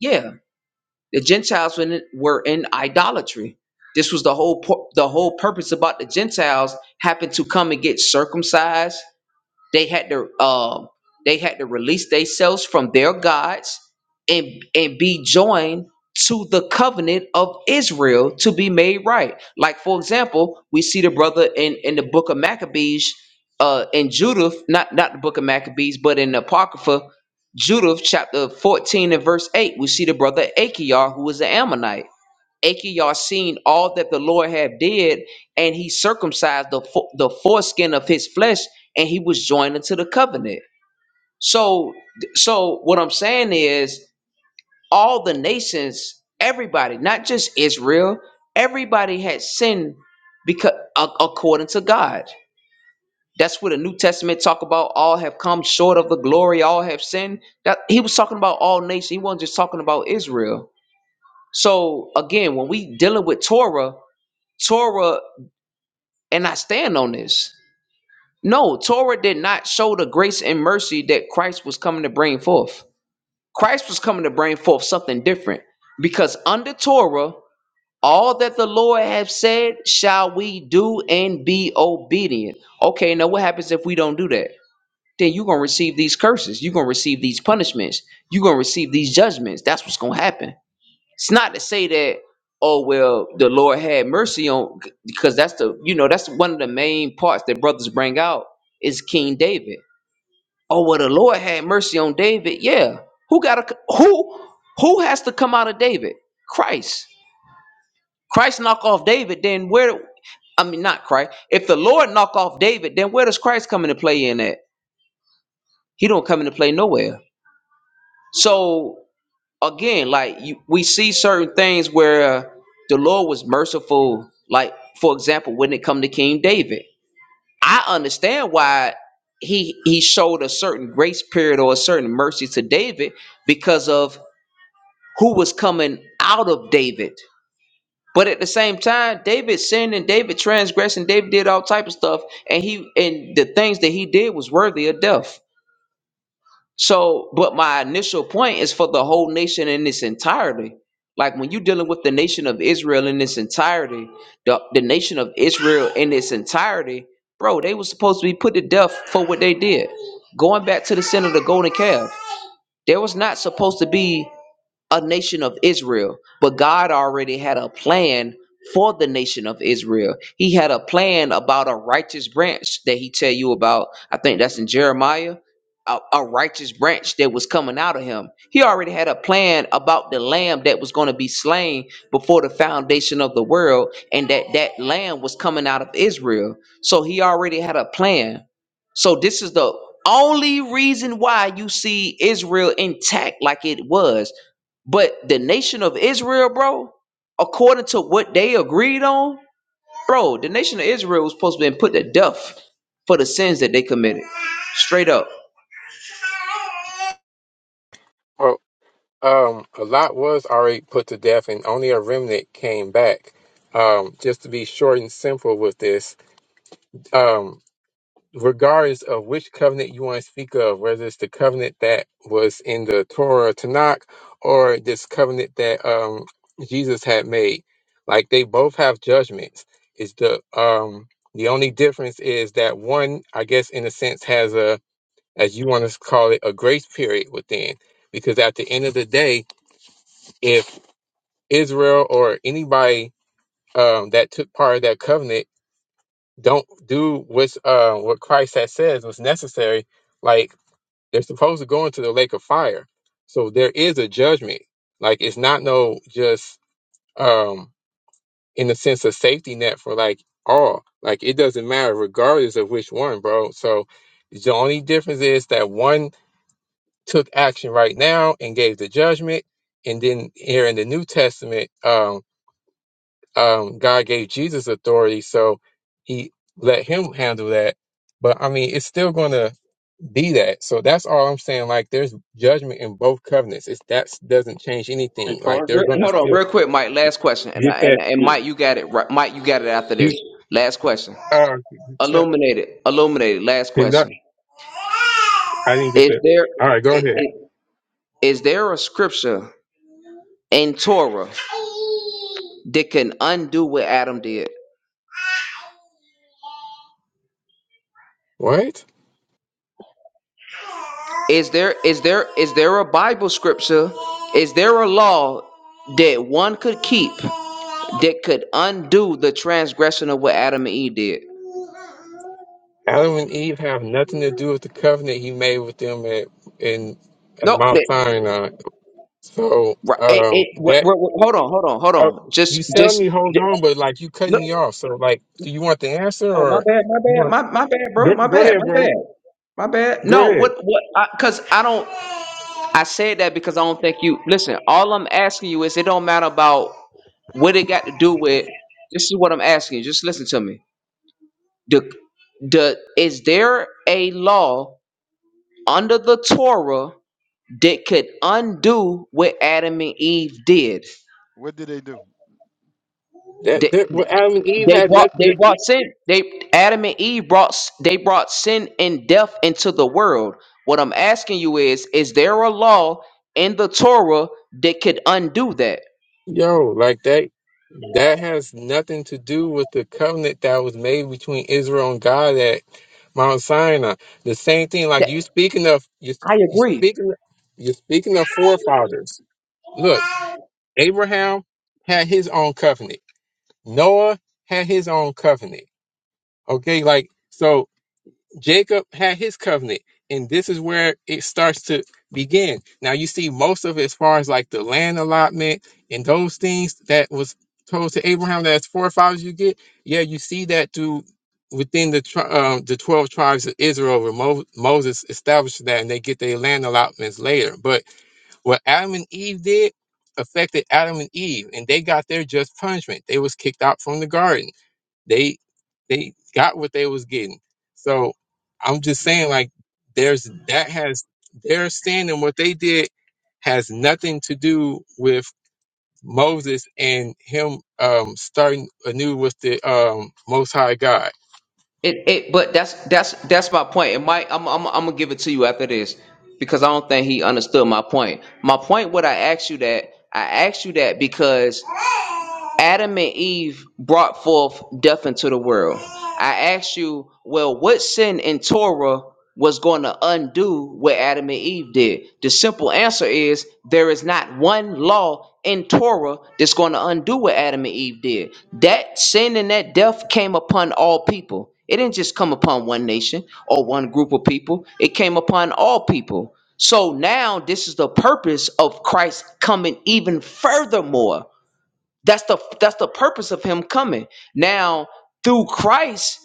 Speaker 13: Yeah. The Gentiles were in, were in idolatry. This was the whole pu- the whole purpose about the Gentiles happened to come and get circumcised they had to um they had to release themselves from their gods and and be joined to the covenant of Israel to be made right. Like for example, we see the brother in in the book of Maccabees uh in Judith, not not the book of Maccabees, but in the Apocrypha Judith chapter 14 and verse 8, we see the brother Achior, who was an Ammonite. Achior seen all that the Lord had did, and he circumcised the fo- the foreskin of his flesh, and he was joined unto the covenant. So, so what I'm saying is, all the nations, everybody, not just Israel, everybody had sinned because according to God. That's what the New Testament talk about. All have come short of the glory. All have sinned. That he was talking about all nations. He wasn't just talking about Israel. So again, when we dealing with Torah. Torah, and I stand on this. No, Torah did not show the grace and mercy that Christ was coming to bring forth. Christ was coming to bring forth something different because under Torah, all that the Lord have said shall we do and be obedient. Okay, now what happens if we don't do that? Then you're gonna receive these curses. You're gonna receive these punishments. You're gonna receive these judgments. That's what's gonna happen. It's not to say that oh well the Lord had mercy on because that's the you know that's one of the main parts that brothers bring out is King David. Oh well the Lord had mercy on David. Yeah. Who got to who who has to come out of David? Christ. Christ knock off David then where I mean not Christ. If the Lord knock off David then where does Christ come into play in at? He don't come into play nowhere. So again, like you, we see certain things where uh, the Lord was merciful. Like for example, when it come to King David, I understand why he he showed a certain grace period or a certain mercy to David because of who was coming out of David. But at the same time, David sinned and David transgressed and David did all type of stuff, and he and the things that he did was worthy of death. So, but my initial point is for the whole nation in its entirety. Like when you're dealing with the nation of Israel in its entirety, the, the nation of Israel in its entirety, bro, they were supposed to be put to death for what they did. Going back to the sin of the golden calf, there was not supposed to be a nation of Israel, but God already had a plan for the nation of Israel. He had a plan about a righteous branch that he tell you about. I think that's in Jeremiah. A, a righteous branch that was coming out of him. He already had a plan about the lamb that was going to be slain before the foundation of the world, and that that lamb was coming out of Israel. So he already had a plan. So this is the only reason why you see Israel intact like it was but the nation of Israel, bro, according to what they agreed on, bro, the nation of Israel was supposed to be put to death for the sins that they committed. Straight up.
Speaker 9: Well, um, a lot was already put to death, and only a remnant came back. Um, just to be short and simple with this, um, regardless of which covenant you want to speak of, whether it's the covenant that was in the Torah Tanakh or this covenant that um, Jesus had made, like they both have judgments. It's the um, the only difference is that one, I guess, in a sense, has a as you want to call it a grace period within, because at the end of the day, if Israel or anybody um, that took part of that covenant don't do what's uh, what Christ has says was necessary, like They're supposed to go into the lake of fire. So there is a judgment. Like it's not no just um in the sense of safety net for like all. Like it doesn't matter regardless of which one, bro. So the only difference is that one took action right now and gave the judgment, and then here in the New Testament, um, um, God gave Jesus authority, so he let him handle that. But I mean, it's still gonna be that. So that's all I'm saying. Like there's judgment in both covenants. It's that doesn't change
Speaker 12: Hey,
Speaker 9: anything. Like
Speaker 12: Tori.
Speaker 9: they're
Speaker 13: Re-
Speaker 9: gonna
Speaker 13: hold on,
Speaker 9: still
Speaker 13: real quick, Mike. Last question, and
Speaker 9: get
Speaker 13: I,
Speaker 9: that.
Speaker 13: and and
Speaker 12: Yeah,
Speaker 13: Mike, you got it. Right. Mike, you got it after this.
Speaker 9: You
Speaker 13: Last question.
Speaker 9: uh, except-
Speaker 13: Illuminated. Illuminated. Last
Speaker 9: conduct-
Speaker 13: question.
Speaker 9: I didn't get
Speaker 13: Is
Speaker 9: that.
Speaker 13: there
Speaker 9: All right, go
Speaker 13: i-
Speaker 9: ahead.
Speaker 13: i- is there a scripture in Torah that can undo what Adam did?
Speaker 9: What?
Speaker 13: Is there is there is there a Bible scripture? Is there a law that one could keep that could undo the transgression of what Adam and Eve did?
Speaker 9: Adam and Eve have nothing to do with the covenant he made with them at in at
Speaker 13: No,
Speaker 9: Mount
Speaker 13: that,
Speaker 9: Sinai. So
Speaker 13: right, it,
Speaker 9: um,
Speaker 13: it, wh-
Speaker 9: that
Speaker 13: wh- wh- hold on, hold on, hold
Speaker 9: uh,
Speaker 13: on. Just
Speaker 9: you tell
Speaker 13: just
Speaker 9: me, hold
Speaker 13: j-
Speaker 9: on, but like you cutting
Speaker 13: look.
Speaker 9: me off. So like, do you want the answer
Speaker 13: Oh my
Speaker 9: or
Speaker 13: bad, my
Speaker 9: you
Speaker 13: bad,
Speaker 9: want?
Speaker 13: my my bad, bro,
Speaker 9: Go,
Speaker 13: my
Speaker 9: go
Speaker 13: bad,
Speaker 9: ahead,
Speaker 13: my
Speaker 9: bro.
Speaker 13: bad. My bad.
Speaker 9: Go
Speaker 13: No,
Speaker 9: ahead.
Speaker 13: what what Because I cuz I don't
Speaker 10: finish
Speaker 13: I
Speaker 10: his answer
Speaker 13: said that
Speaker 10: though
Speaker 13: because I
Speaker 10: first,
Speaker 13: don't think you
Speaker 10: Al.
Speaker 13: listen, all I'm asking you is it don't matter about what it got to do with this is what I'm asking you. Just listen to me. The, the, is there a law under the Torah that could undo what Adam and Eve did?
Speaker 10: What did they do?
Speaker 9: That
Speaker 13: They,
Speaker 9: that what Adam and Eve
Speaker 13: they
Speaker 9: had
Speaker 13: brought
Speaker 9: nothing
Speaker 13: they
Speaker 9: to
Speaker 13: brought sin. They Adam and Eve brought s- they brought sin and death into the world. What I'm asking you is, is there a law in the Torah that could undo that?
Speaker 9: Yo, like that that has nothing to do with the covenant that was made between Israel and God at Mount Sinai. The same thing, like
Speaker 13: That
Speaker 9: you speaking of you
Speaker 13: I
Speaker 9: you
Speaker 13: agree.
Speaker 9: speaking you're speaking of forefathers. Look, Abraham had his own covenant. Noah had his own covenant. Okay, like so Jacob had his covenant, and this is where it starts to begin. Now you see most of it as far as like the land allotment and those things that was told to Abraham that his forefathers you get. Yeah, you see that through within the tri- um, the twelve tribes of Israel, where Mo- Moses established that, and they get their land allotments later. But what Adam and Eve did affected Adam and Eve, and they got their just punishment. They was kicked out from the garden they they got what they was getting. So I'm just saying, like, there's that has their standing. What they did has nothing to do with Moses and him um starting anew with the um Most High God.
Speaker 13: It, it, but that's that's that's my point. It might. I'm, I'm I'm gonna give it to you after this because I don't think he understood my point. My point, what I asked you that, I asked you that because Adam and Eve brought forth death into the world. I asked you, well, what sin in Torah was going to undo what Adam and Eve did? The simple answer is there is not one law in Torah that's going to undo what Adam and Eve did. That sin and that death came upon all people. It didn't just come upon one nation or one group of people, it came upon all people. So now this is the purpose of Christ coming even furthermore that's the that's the purpose of him coming. Now, through Christ,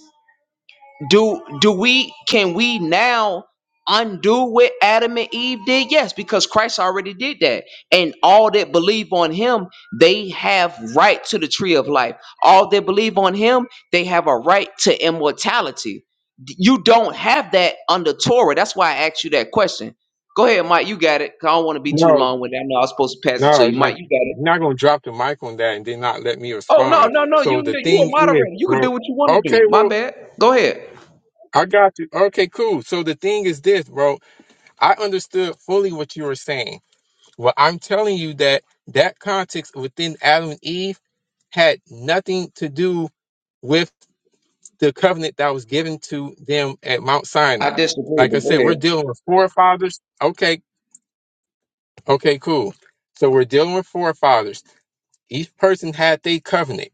Speaker 13: do do we can we now undo what Adam and Eve did? Yes, because Christ already did that. And all that believe on him, they have right to the tree of life. All that believe on him, they have a right to immortality. D- You don't have that under Torah. That's why I asked you that question. Go ahead, Mike. You got it. 'cause I don't want to be too
Speaker 9: No,
Speaker 13: long with that. I know I was supposed to pass it to
Speaker 9: no,
Speaker 13: you,
Speaker 9: like
Speaker 13: Mike. You got it.
Speaker 9: you're not gonna drop the mic on that and then not let me
Speaker 13: Oh no,
Speaker 9: respond.
Speaker 13: no, no!
Speaker 9: So
Speaker 13: You
Speaker 9: the
Speaker 13: you a
Speaker 9: thing is,
Speaker 13: moderator. You can
Speaker 9: bro.
Speaker 13: do what you want to
Speaker 9: Okay,
Speaker 13: do. My
Speaker 9: well,
Speaker 13: bad. Go ahead.
Speaker 9: I got you. Okay, cool. So the thing is this, bro. I understood fully what you were saying. Well, I'm telling you that that context within Adam and Eve had nothing to do with the covenant that was given to them at Mount
Speaker 13: I
Speaker 9: Sinai.
Speaker 13: disagree,
Speaker 9: Like I
Speaker 13: but go
Speaker 9: said, we're
Speaker 13: ahead.
Speaker 9: dealing with forefathers. Okay, okay, cool. So we're dealing with forefathers. Each person had their covenant,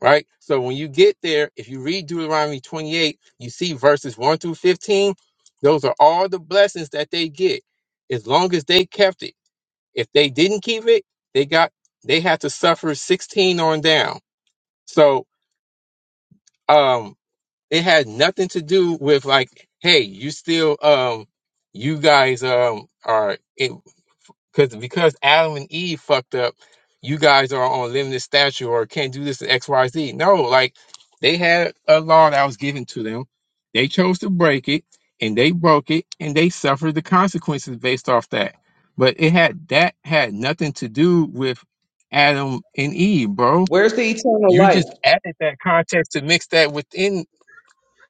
Speaker 9: right? So when you get there, if you read Deuteronomy 28, you see verses 1 through 15. Those are all the blessings that they get as long as they kept it. If they didn't keep it, they got they had to suffer 16 on down. So um it had nothing to do with like, hey, you still um you guys um are because because Adam and Eve fucked up, you guys are on limited stature or can't do this to X Y Z. No, like they had a law that was given to them. They chose to break it, and they broke it, and they suffered the consequences based off that. But it had that had nothing to do with Adam and Eve, bro.
Speaker 13: Where's the eternal
Speaker 9: You
Speaker 13: life?
Speaker 9: just added that context to mix that within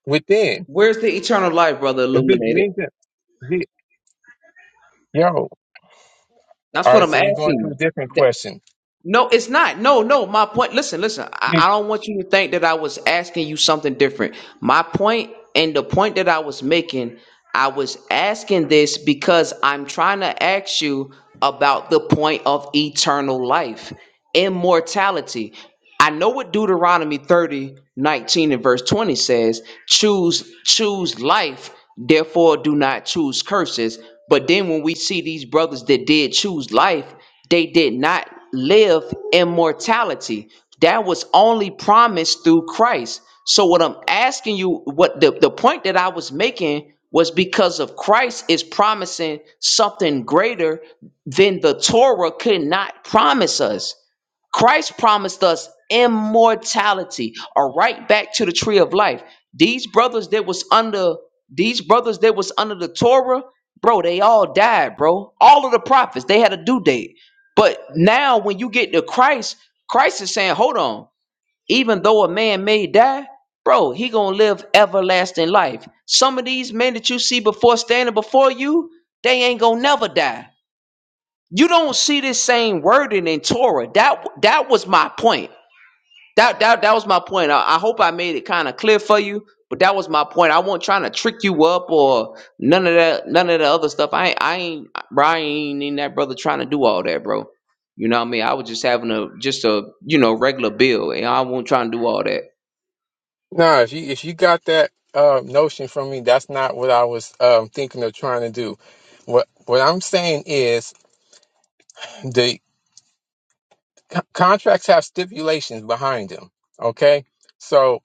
Speaker 9: within.
Speaker 13: Where's the eternal life, brother?
Speaker 9: If it
Speaker 13: Illuminated.
Speaker 9: means that, yo, all
Speaker 13: That's what
Speaker 9: right.
Speaker 13: I'm
Speaker 9: So
Speaker 13: asking
Speaker 9: we're going to a
Speaker 13: you.
Speaker 9: different
Speaker 13: Th-
Speaker 9: question.
Speaker 13: No, it's not. No, no. My point. Listen, listen. I, I don't want you to think that I was asking you something different. My point and the point that I was making, I was asking this because I'm trying to ask you about the point of eternal life immortality. I know what Deuteronomy 30 19 and verse 20 says, choose, choose life, therefore do not choose curses. But then when we see these brothers that did choose life, they did not live immortality. That was only promised through Christ. So what I'm asking you, what the, the point that I was making was because of Christ is promising something greater than the Torah could not promise us. Christ promised us immortality, a right back to the tree of life. These brothers that was under these brothers that was under the Torah, bro, they all died, bro. All of the prophets, they had a due date. But now when you get to Christ, Christ is saying, hold on, even though a man may die, bro, he gonna live everlasting life. Some of these men that you see before standing before you, they ain't gonna never die you don't see this same wording in Torah. That that was my point. That that that was my point. I, I hope I made it kind of clear for you, but that was my point. I wasn't trying to trick you up or none of that, none of the other stuff. I ain't- I ain't bro, I ain't in that brother trying to do all that, bro. You know what I mean? I was just having a just a you know regular bill, and I wasn't trying to do all that.
Speaker 9: Nah, if you if you got that uh, notion from me, that's not what I was um, thinking of trying to do. What what I'm saying is the c- contracts have stipulations behind them. Okay, so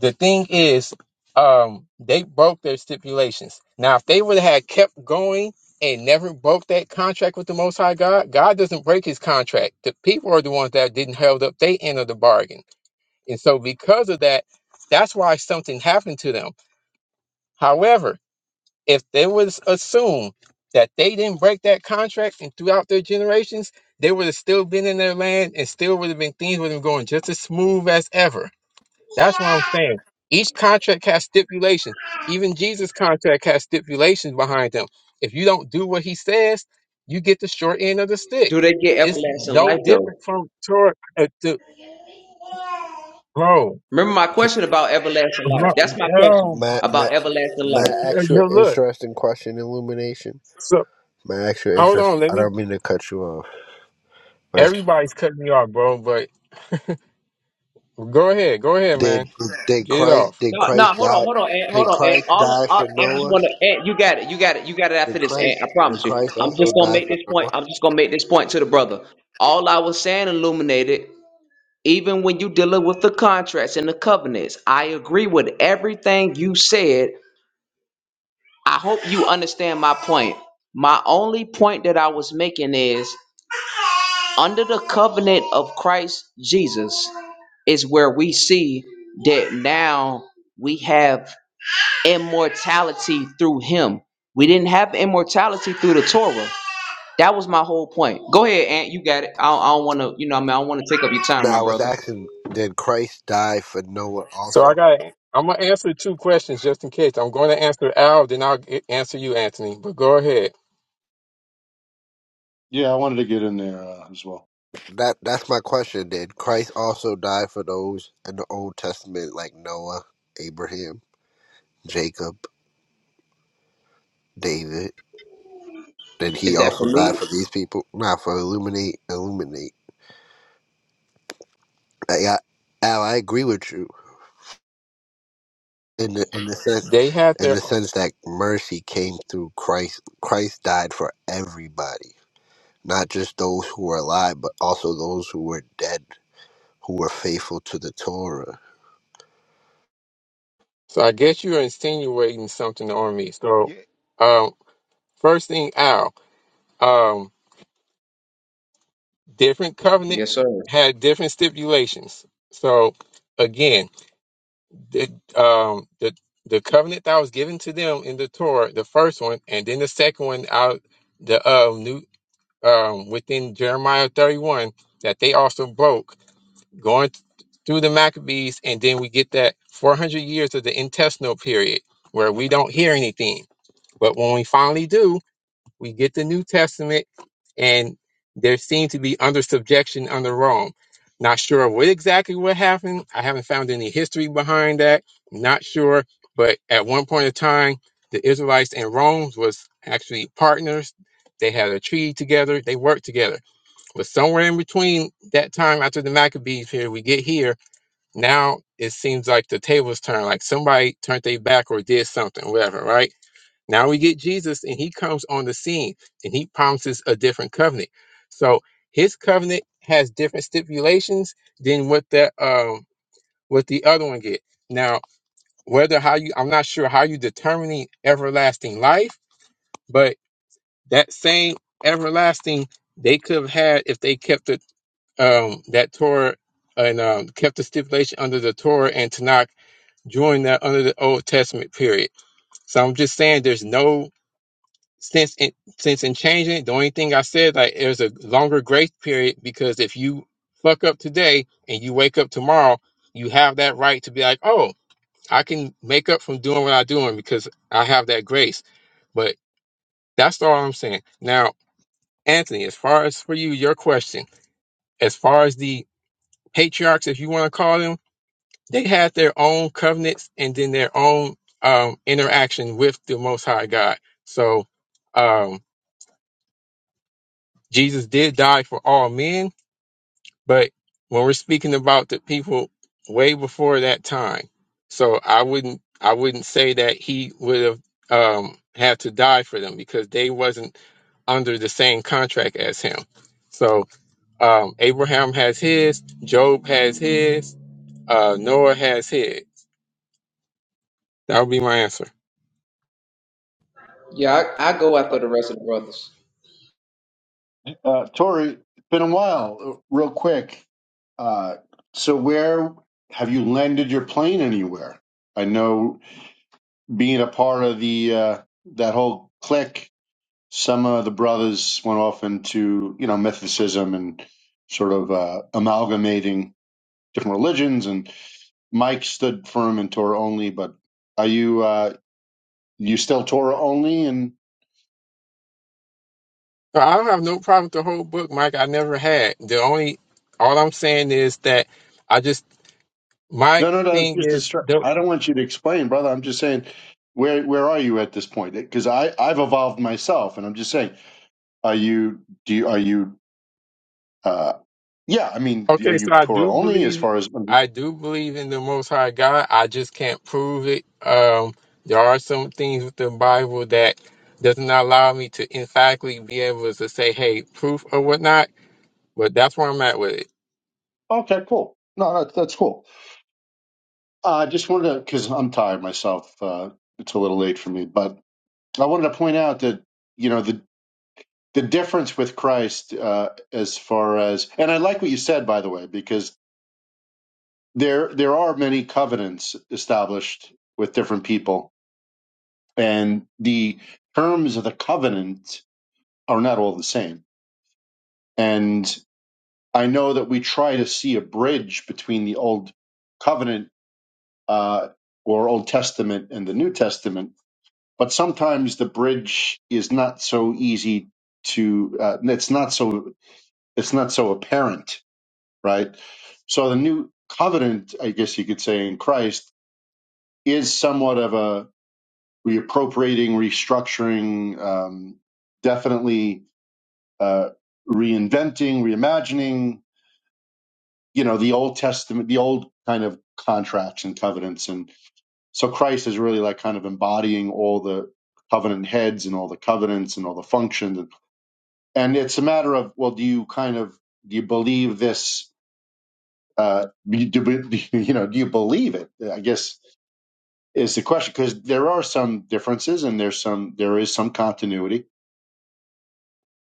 Speaker 9: the thing is, um, they broke their stipulations. Now, if they would have had kept going and never broke that contract with the Most High God, God doesn't break His contract. The people are the ones that didn't held up their end of the bargain, and so because of that, that's why something happened to them. However, if they was assumed that they didn't break that contract and throughout their generations, they would have still been in their land and still would have been things would have been going just as smooth as ever. That's what I'm saying. Each contract has stipulations. Even Jesus' contract has stipulations behind them. If you don't do what he says, you get the short end of the stick.
Speaker 13: Do they get
Speaker 9: It's
Speaker 13: everlasting
Speaker 9: no
Speaker 13: life though?
Speaker 9: different from Torah. Uh, to, bro,
Speaker 13: Remember my
Speaker 11: K-
Speaker 13: question about everlasting life.
Speaker 9: bro,
Speaker 13: That's my question
Speaker 11: My my
Speaker 13: about everlasting
Speaker 11: my
Speaker 13: life.
Speaker 11: actual
Speaker 9: bro, look.
Speaker 11: interesting question, Illumination.
Speaker 9: So
Speaker 11: My actual
Speaker 9: hold
Speaker 11: interest.
Speaker 9: on, let
Speaker 11: I
Speaker 9: me.
Speaker 11: don't mean to cut you off, but it's
Speaker 9: Everybody's cutting me off, bro. But Go ahead, go ahead,
Speaker 11: did
Speaker 9: man.
Speaker 11: did
Speaker 9: Get it
Speaker 11: Christ
Speaker 9: off.
Speaker 11: did
Speaker 13: No, no,
Speaker 11: Christ
Speaker 13: hold on,
Speaker 11: die
Speaker 13: hold on, Aunt, hold
Speaker 11: did
Speaker 13: on, Aunt.
Speaker 11: Christ
Speaker 13: All,
Speaker 11: die for
Speaker 13: all I just
Speaker 11: Noah?
Speaker 13: want to, Aunt, you got it, you got it, you got it
Speaker 11: Did
Speaker 13: after this, Aunt. I
Speaker 11: Christ did
Speaker 13: promise you.
Speaker 11: Christ
Speaker 13: I'm
Speaker 11: also
Speaker 13: just gonna
Speaker 11: die
Speaker 13: make
Speaker 11: for
Speaker 13: this point.
Speaker 11: Noah?
Speaker 13: I'm just gonna make this point to the brother. All I was saying, illuminated. Even when you dealing with the contracts and the covenants, I agree with everything you said. I hope you understand my point. My only point that I was making is under the covenant of Christ Jesus. is where we see that now we have immortality through him. We didn't have immortality through the Torah. That was my whole point. Go ahead, Aunt. You got it. I don't, I don't want to, you know, what I mean, I don't want to take up your
Speaker 11: No,
Speaker 13: time,
Speaker 11: I
Speaker 13: my
Speaker 11: was
Speaker 13: brother.
Speaker 11: asking, did Christ die for Noah
Speaker 9: So I
Speaker 11: also?
Speaker 9: got. I'm gonna answer two questions just in case. I'm going to answer Al, then I'll get, answer you, Anthony. But go ahead.
Speaker 12: yeah. I wanted to get in there uh, as well.
Speaker 11: That that's my question. Did Christ also die for those in the Old Testament, like Noah, Abraham, Jacob, David? Then he
Speaker 13: Is that
Speaker 11: also
Speaker 13: for
Speaker 11: died
Speaker 13: me?
Speaker 11: for these people, not for illuminate, illuminate. I, I, Al, I agree with you in the in the sense
Speaker 9: They had
Speaker 11: in
Speaker 9: their.
Speaker 11: the sense that mercy came through Christ. Christ died for everybody, not just those who were alive, but also those who were dead, who were faithful to the Torah.
Speaker 9: So I guess you're insinuating something on me. So,
Speaker 10: Yeah.
Speaker 9: um, first thing, Al. Um, different
Speaker 13: Yes,
Speaker 9: covenants
Speaker 13: sir.
Speaker 9: had different stipulations. So again, the um the the covenant that was given to them in the Torah, the first one, and then the second one out the um new um, within Jeremiah 31 that they also broke going th- through the Maccabees, and then we get that 400 years of the intestinal period where we don't hear anything. But when we finally do, we get the New Testament, and there seem to be under subjection under Rome. Not sure what exactly what happened. I haven't found any history behind that. Not sure, but at one point in time, the Israelites and Rome was actually partners. They had a treaty together. They worked together but somewhere in between that time after the Maccabees period, we get here. Now it seems like the tables turn, like somebody turned their back or did something, whatever, right? Now we get Jesus and he comes on the scene and he promises a different covenant. So his covenant has different stipulations than what that um what the other one get. Now, whether how you I'm not sure how you determining everlasting life, but that same everlasting they could have had if they kept it um, that Torah and um, kept the stipulation under the Torah and Tanakh during that under the Old Testament period. So I'm just saying there's no sense in sense in changing it. The only thing I said like there's a longer grace period because if you fuck up today and you wake up tomorrow, you have that right to be like, oh, I can make up from doing what I'm doing because I have that grace. But that's all I'm saying. Now, Anthony, as far as for you, your question, as far as the patriarchs, if you want to call them they had their own covenants and then their own um, interaction with the Most High God. So um, Jesus did die for all men, but when we're speaking about the people way before that time, so I wouldn't I wouldn't say that he would have um, had to die for them because they wasn't under the same contract as him. So um, Abraham has his, Job has his, uh, Noah has his. That would be my answer.
Speaker 13: Yeah, I, I go after the rest of the brothers.
Speaker 12: Uh, Tori, it's been a while. Uh, Real quick. Uh, so where have you landed your plane anywhere? I know being a part of the uh, that whole clique Some of the brothers went off into, you know, mythicism and sort of uh, amalgamating different religions. And Mike stood firm in Torah only. But are you uh, you still Torah only? And
Speaker 9: No, I don't have no problem with the whole book, Mike. I never had. The only, all I'm saying is that I just, my
Speaker 12: no, no, no. It's
Speaker 9: thing
Speaker 12: just a
Speaker 9: is,
Speaker 12: str-
Speaker 9: the,
Speaker 12: I don't want you to explain, brother. I'm just saying, where where are you at this point? Because I I've evolved myself, and I'm just saying, are you do you, are you uh, yeah? I mean, are
Speaker 9: okay,
Speaker 12: you
Speaker 9: so I
Speaker 12: Torah
Speaker 9: do
Speaker 12: only as
Speaker 9: believe,
Speaker 12: far as
Speaker 9: I do believe in the Most High God. I just can't prove it. Um, there are some things with the Bible that does not allow me to emphatically be able to say, hey, proof or whatnot. But that's where I'm at with it.
Speaker 12: okay, cool. No, that's that's cool. I just wanted to, because I'm tired myself. Uh, it's a little late for me, but I wanted to point out that you know the the difference with Christ uh, as far as, and I like what you said by the way, because there there are many covenants established with different people, and the terms of the covenant are not all the same. And I know that we try to see a bridge between the old covenant uh, or Old Testament and the New Testament but sometimes the bridge is not so easy to uh, it's not so it's not so apparent right so the new covenant i guess you could say in christ is somewhat of a reappropriating restructuring um, definitely uh, reinventing reimagining you know the old testament the old kind of contracts and covenants and so christ is really like kind of embodying all the covenant heads and all the covenants and all the functions and it's a matter of well do you kind of do you believe this uh do, do- do- you [laughs] know do you believe it i guess is the question because there are some differences and there's some there is some continuity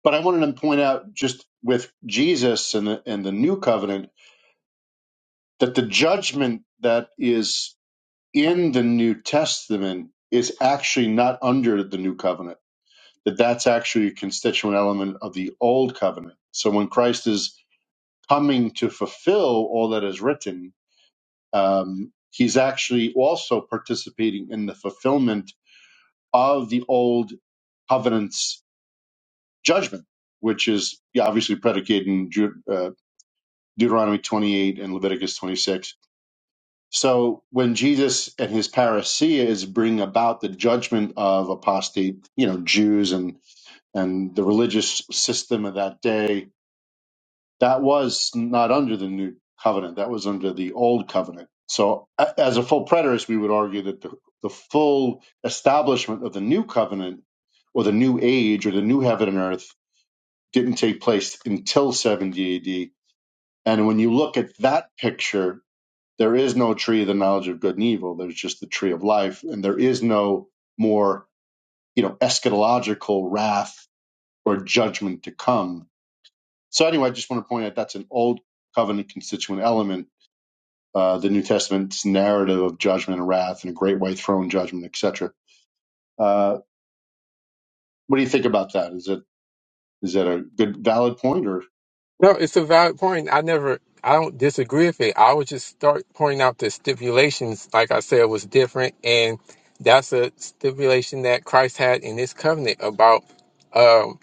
Speaker 12: but i wanted to point out just with jesus and the, and the new covenant that the judgment that is in the new testament is actually not under the new covenant that that's actually a constituent element of the old covenant so when christ is coming to fulfill all that is written, um, he's actually also participating in the fulfillment of the old covenant's judgment, which is yeah, obviously predicated in Deut- uh, Deuteronomy 28 and Leviticus 26. So when Jesus and his parousia is bring about the judgment of apostate, you know, Jews and and the religious system of that day, That was not under the new covenant. That was under the old covenant. So, a- as a full preterist, we would argue that the, the full establishment of the new covenant or the new age or the new heaven and earth didn't take place until 70 AD. And when you look at that picture, there is no tree of the knowledge of good and evil. There's just the tree of life. And there is no more, you know, eschatological wrath or judgment to come so anyway, I just want to point out that's an old covenant constituent element, uh, the New Testament's narrative of judgment and wrath and a great white throne judgment, etc. Uh, what do you think about that? Is it is that a good valid point or
Speaker 9: No, it's a valid point. I never, I don't disagree with it. I would just start pointing out the stipulations, like I said, was different. And that's a stipulation that Christ had in this covenant about um,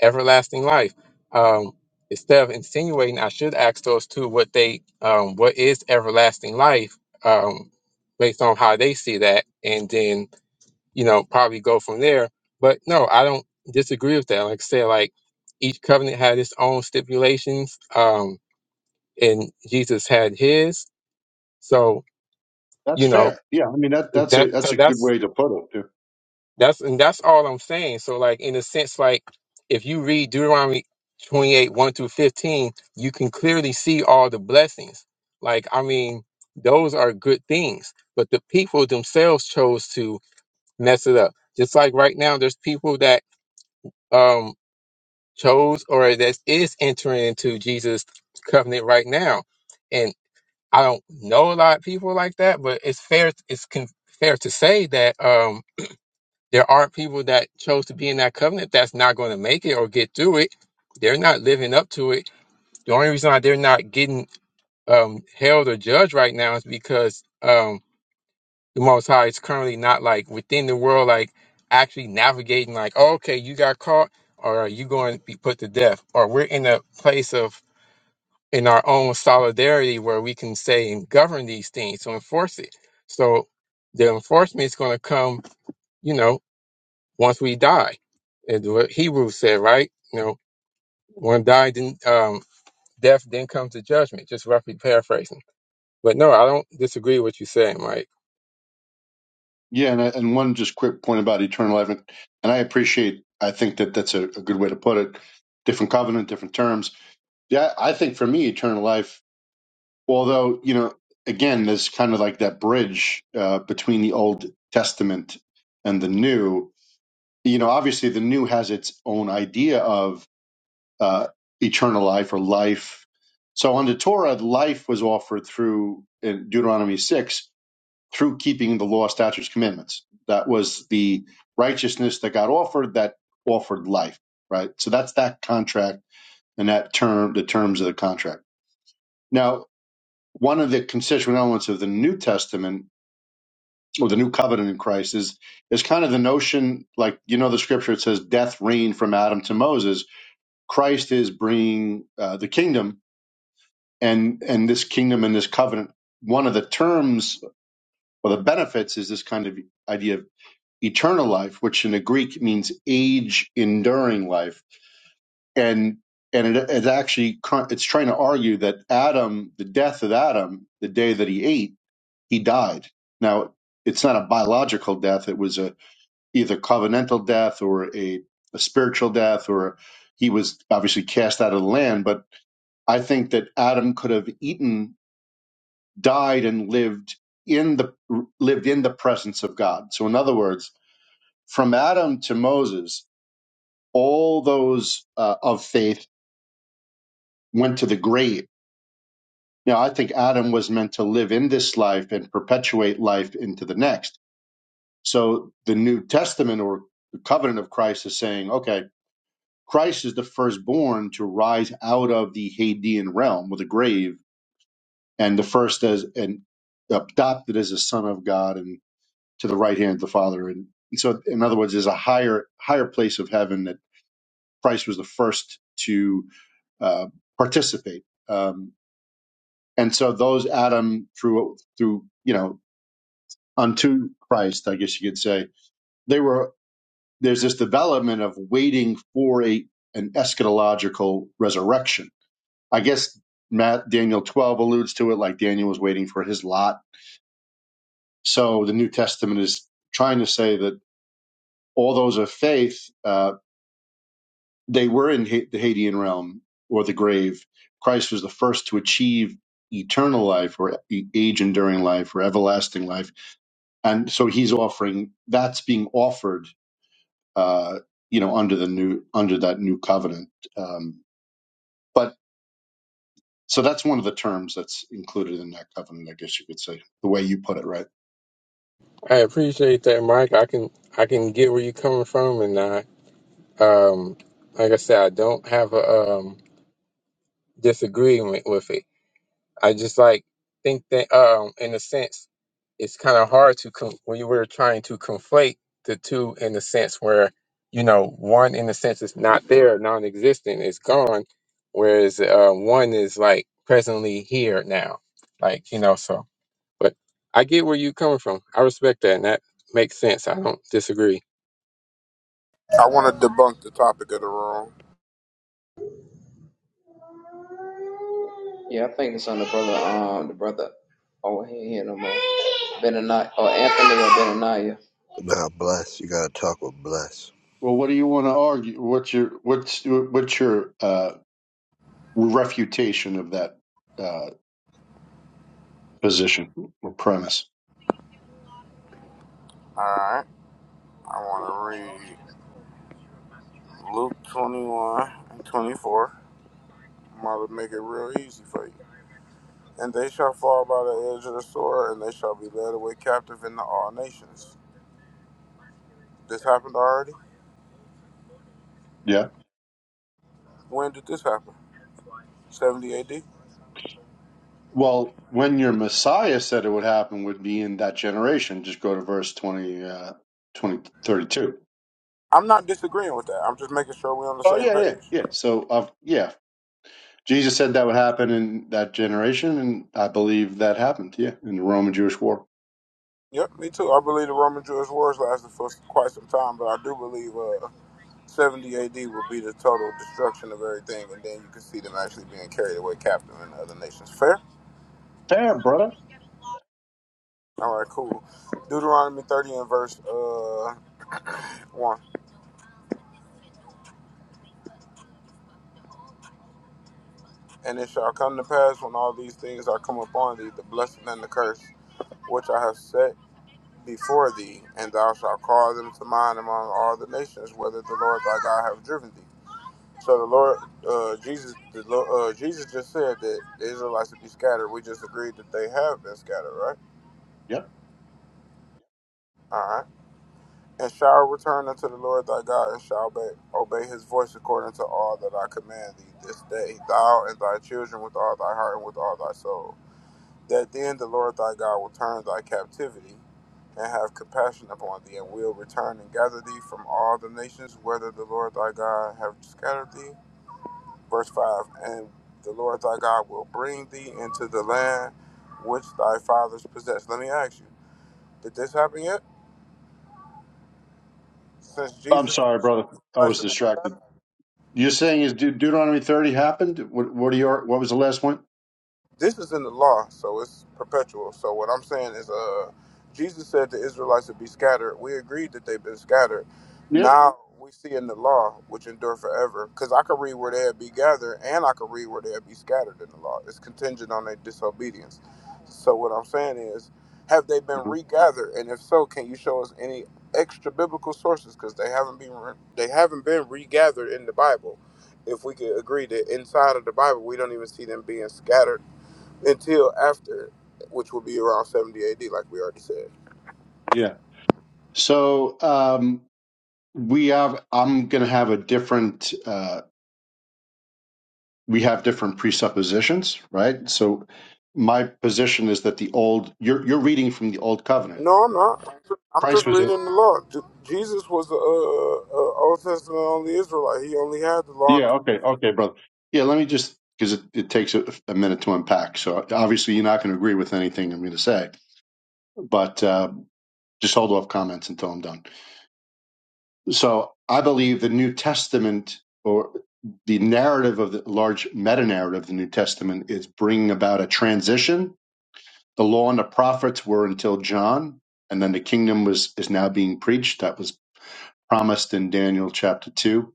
Speaker 9: everlasting life. Um, instead of insinuating, I should ask those two what they, um, what is everlasting life um, based on how they see that. And then you know, probably go from there. But no, I don't disagree with that. Like I said, like each covenant had its own stipulations, um, and Jesus had his. So,
Speaker 12: that's
Speaker 9: you know,
Speaker 12: fair? Yeah, I mean that that's
Speaker 9: that
Speaker 12: a that's
Speaker 9: so
Speaker 12: a good
Speaker 9: that's
Speaker 12: way to put it. too.
Speaker 9: that's and that's all I'm saying. So like in a sense, like if you read Deuteronomy 28, 1 through 15, you can clearly see all the blessings. Like, I mean, those are good things. But the people themselves chose to mess it up. Just like right now, there's people that um chose or that is entering into Jesus' covenant right now. And I don't know a lot of people like that, but it's fair. It's con- fair to say that um, there are people that chose to be in that covenant that's not going to make it or get through it. They're not living up to it. The only reason why they're not getting um, held or judged right now is because um, the Most High is currently not like within the world, like actually navigating, like, oh, okay, you got caught, or you going to be put to death, or we're in a place of in our own solidarity where we can say and govern these things to enforce it. So the enforcement is going to come, you know, once we die, is what Hebrews said, right? You know, when die, then um, death, then comes the judgment. Just roughly paraphrasing. But no, I don't disagree with what you're saying, Mike.
Speaker 12: Yeah, and I, and one just quick point about eternal life, and, and I appreciate. I think that that's a, a good way to put it. Different covenant, different terms. Yeah, I think for me, eternal life although you know again there's kind of like that bridge uh, between the old testament and the new you know obviously the new has its own idea of uh, eternal life or life so under torah life was offered through in deuteronomy 6 through keeping the law statutes commandments that was the righteousness that got offered that offered life right so that's that contract and that term the terms of the contract now one of the constituent elements of the New Testament or the New Covenant in Christ is is kind of the notion, like you know, the Scripture it says, "Death reigned from Adam to Moses." Christ is bringing uh, the kingdom, and and this kingdom and this covenant. One of the terms or the benefits is this kind of idea of eternal life, which in the Greek means age enduring life, and and it, it actually it's trying to argue that Adam, the death of Adam, the day that he ate he died. Now, it's not a biological death. It was a either covenantal death or a, a spiritual death, or he was obviously cast out of the land. But I think that Adam could have eaten, died, and lived in the lived in the presence of God. So, in other words, from Adam to Moses, all those uh, of faith went to the grave. Now, I think Adam was meant to live in this life and perpetuate life into the next So the New Testament or the covenant of Christ is saying, okay, Christ is the firstborn to rise out of the Hadean realm with a grave, and the first as and adopted as a son of God and to the right hand of the Father. And so, in other words, there's a higher higher place of heaven that Christ was the first to uh, participate. Um, and so those Adam through through you know unto Christ, I guess you could say, they were there's this development of waiting for a an eschatological resurrection. I guess Matt Daniel 12 alludes to it like Daniel was waiting for his lot. So the New Testament is trying to say that all those of faith uh, they were in ha- the Hadean realm or the grave. Christ was the first to achieve eternal life or e- age enduring life or everlasting life, and so he's offering that's being offered, uh, you know, under the new under that new covenant. Um, But so that's one of the terms that's included in that covenant, I guess you could say, the way you put it, right?
Speaker 9: I appreciate that, Mike. I can I can get where you're coming from, and I um like I said, I don't have a um disagreement with it. I just like think that um in a sense, it's kind of hard to con- when you were trying to conflate the two in the sense where you know one in the sense is not there, non-existent, it's gone, whereas uh, one is like presently here now, like you know so. But I get where you're coming from. I respect that, and that makes sense. I don't disagree.
Speaker 14: I want to debunk the topic of the room.
Speaker 13: Yeah, I think it's on the brother, um, the brother over here, here no more. Benani or Anthony or Benaniah.
Speaker 11: Now, bless you. Gotta talk with bless.
Speaker 12: Well, what do you want to argue? What's your what's what's your uh, refutation of that uh, position or premise?
Speaker 14: Alright. I want to read Luke 21 and 24. I'm going to make it real easy for you. And they shall fall by the edge of the sword, and they shall be led away captive into all nations. This happened already?
Speaker 12: Yeah.
Speaker 14: When did this happen? 70 AD?
Speaker 12: Well, when your Messiah said it would happen, would be in that generation. Just go to verse 20, uh, 20 thirty-two.
Speaker 14: I'm not disagreeing with that. I'm just making sure we're on the
Speaker 12: Oh
Speaker 14: same
Speaker 12: yeah, yeah,
Speaker 14: page.
Speaker 12: yeah. So, uh, yeah, Jesus said that would happen in that generation, and I believe that happened. Yeah, in the Roman Jewish War.
Speaker 14: Yep, me too. I believe the Roman Jewish wars lasted for quite some time, but I do believe uh, 70 AD will be the total destruction of everything, and then you can see them actually being carried away captive in other nations. Fair?
Speaker 12: Fair, brother.
Speaker 14: All right, cool. Deuteronomy 30 and verse uh, 1. And it shall come to pass when all these things are come upon thee, the blessing and the curse, which I have set before thee, and thou shalt call them to mind among all the nations, whether the Lord thy God have driven thee. So the Lord, uh, Jesus, the, Lo- uh, Jesus just said that the Israelites would be scattered. We just agreed that they have been scattered, right?
Speaker 12: Yep.
Speaker 14: All right. and shall return unto the Lord thy God, and shall obey, obey his voice according to all that I command thee this day, thou and thy children with all thy heart and with all thy soul. That then the Lord thy God will turn thy captivity and have compassion upon thee, and will return and gather thee from all the nations whether the Lord thy God have scattered thee. Verse 5 And the Lord thy God will bring thee into the land which thy fathers possessed. Let me ask you, did this happen yet? Since
Speaker 12: I'm
Speaker 14: Jesus
Speaker 12: sorry, brother. I was distracted. You're saying is De- Deuteronomy 30 happened? What, what are your What was the last one?
Speaker 14: this is in the law, so it's perpetual. So what I'm saying is, uh, Jesus said the Israelites would be scattered. We agreed that they've been scattered.
Speaker 12: Yeah.
Speaker 14: Now we see in the law, which endure forever, because I could read where they'd be gathered, and I could read where they'd be scattered in the law. It's contingent on their disobedience. So what I'm saying is, have they been
Speaker 12: Uh-huh.
Speaker 14: regathered? And if so, can you show us any extra biblical sources? Because they haven't been re- they haven't been regathered in the Bible if we could agree that inside of the Bible we don't even see them being scattered until after, which will be around 70 AD, like we already said.
Speaker 12: Yeah. So um, we have. I'm going to have a different. Uh, we have different presuppositions, right? So my position is that the old. You're you're reading from the old covenant.
Speaker 14: No, I'm not. I'm
Speaker 12: Christ
Speaker 14: just
Speaker 12: was it.
Speaker 14: reading the law. J- Jesus was the uh, uh, Old Testament only Israelite. He only had the law and
Speaker 12: Yeah.
Speaker 14: the
Speaker 12: Okay. Okay, brother. Yeah. Let me just because it, it takes a, a minute to unpack. So obviously you're not going to agree with anything I'm going to say, but uh, just hold off comments until I'm done. So I believe the New Testament or the narrative of the large meta narrative of the New Testament is bringing about a transition. The law and the prophets were until John, and then the kingdom was is now being preached. That was promised in Daniel chapter two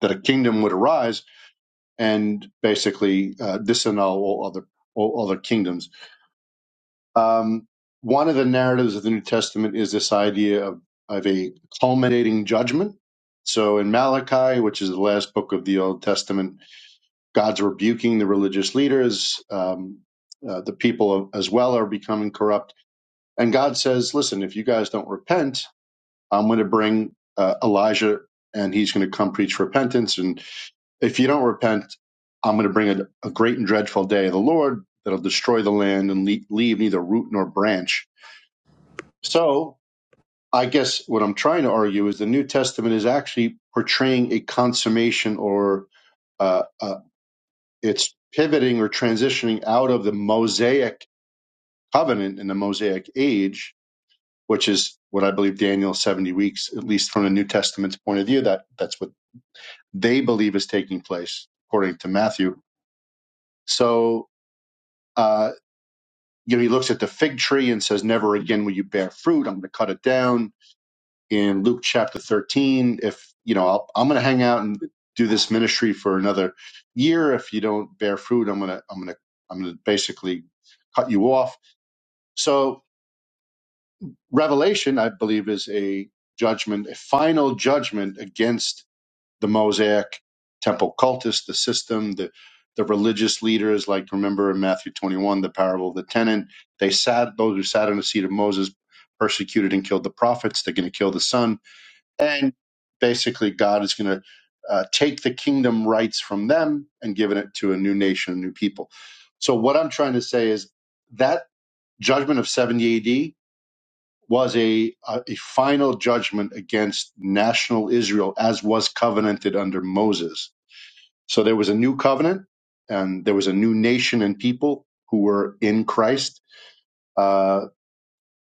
Speaker 12: that a kingdom would arise and basically uh, disannul all other all other kingdoms Um, one of the narratives of the New Testament is this idea of, of a culminating judgment. So in Malachi, which is the last book of the Old Testament, God's rebuking the religious leaders. Um, uh, the people as well are becoming corrupt. And God says, listen, if you guys don't repent, I'm going to bring uh, Elijah and he's going to come preach repentance. And if you don't repent, I'm going to bring a, a great and dreadful day of the Lord that'll destroy the land and le- leave neither root nor branch so I guess what I'm trying to argue is the New Testament is actually portraying a consummation or uh, uh, it's pivoting or transitioning out of the Mosaic covenant and the Mosaic age, which is what I believe Daniel 70 weeks, at least from the New Testament's point of view, that that's what they believe is taking place according to Matthew. So, uh, you know, he looks at the fig tree and says, never again will you bear fruit. I'm going to cut it down in Luke chapter 13. If, you know, I'll, I'm going to hang out and do this ministry for another year. If you don't bear fruit, I'm going to, I'm going to, I'm going to basically cut you off. So Revelation, I believe, is a judgment, a final judgment against the Mosaic temple cultists, the system, the, the religious leaders, like remember in Matthew 21, the parable of the tenant, they sat, those who sat on the seat of Moses persecuted and killed the prophets. They're going to kill the son and basically god is going to uh, take the kingdom rights from them and giving it to a new nation a new people so what i'm trying to say is that judgment of 70 ad was a, a, a final judgment against national israel as was covenanted under moses so there was a new covenant and there was a new nation and people who were in christ uh,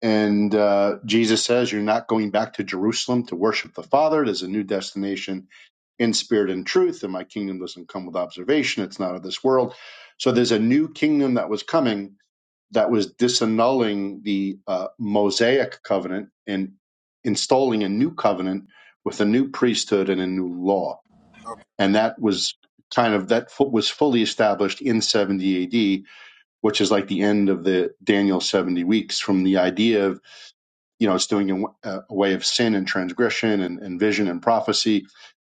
Speaker 12: and uh, jesus says you're not going back to jerusalem to worship the father there's a new destination in spirit and truth, and my kingdom doesn't come with observation. It's not of this world. So there's a new kingdom that was coming that was disannulling the uh, Mosaic covenant and installing a new covenant with a new priesthood and a new law.
Speaker 14: uh,
Speaker 12: And that was kind of that fu- was fully established in 70 AD, which is like the end of the Daniel 70 weeks from the idea of you know, it's doing a, a way of sin and transgression and, and vision and prophecy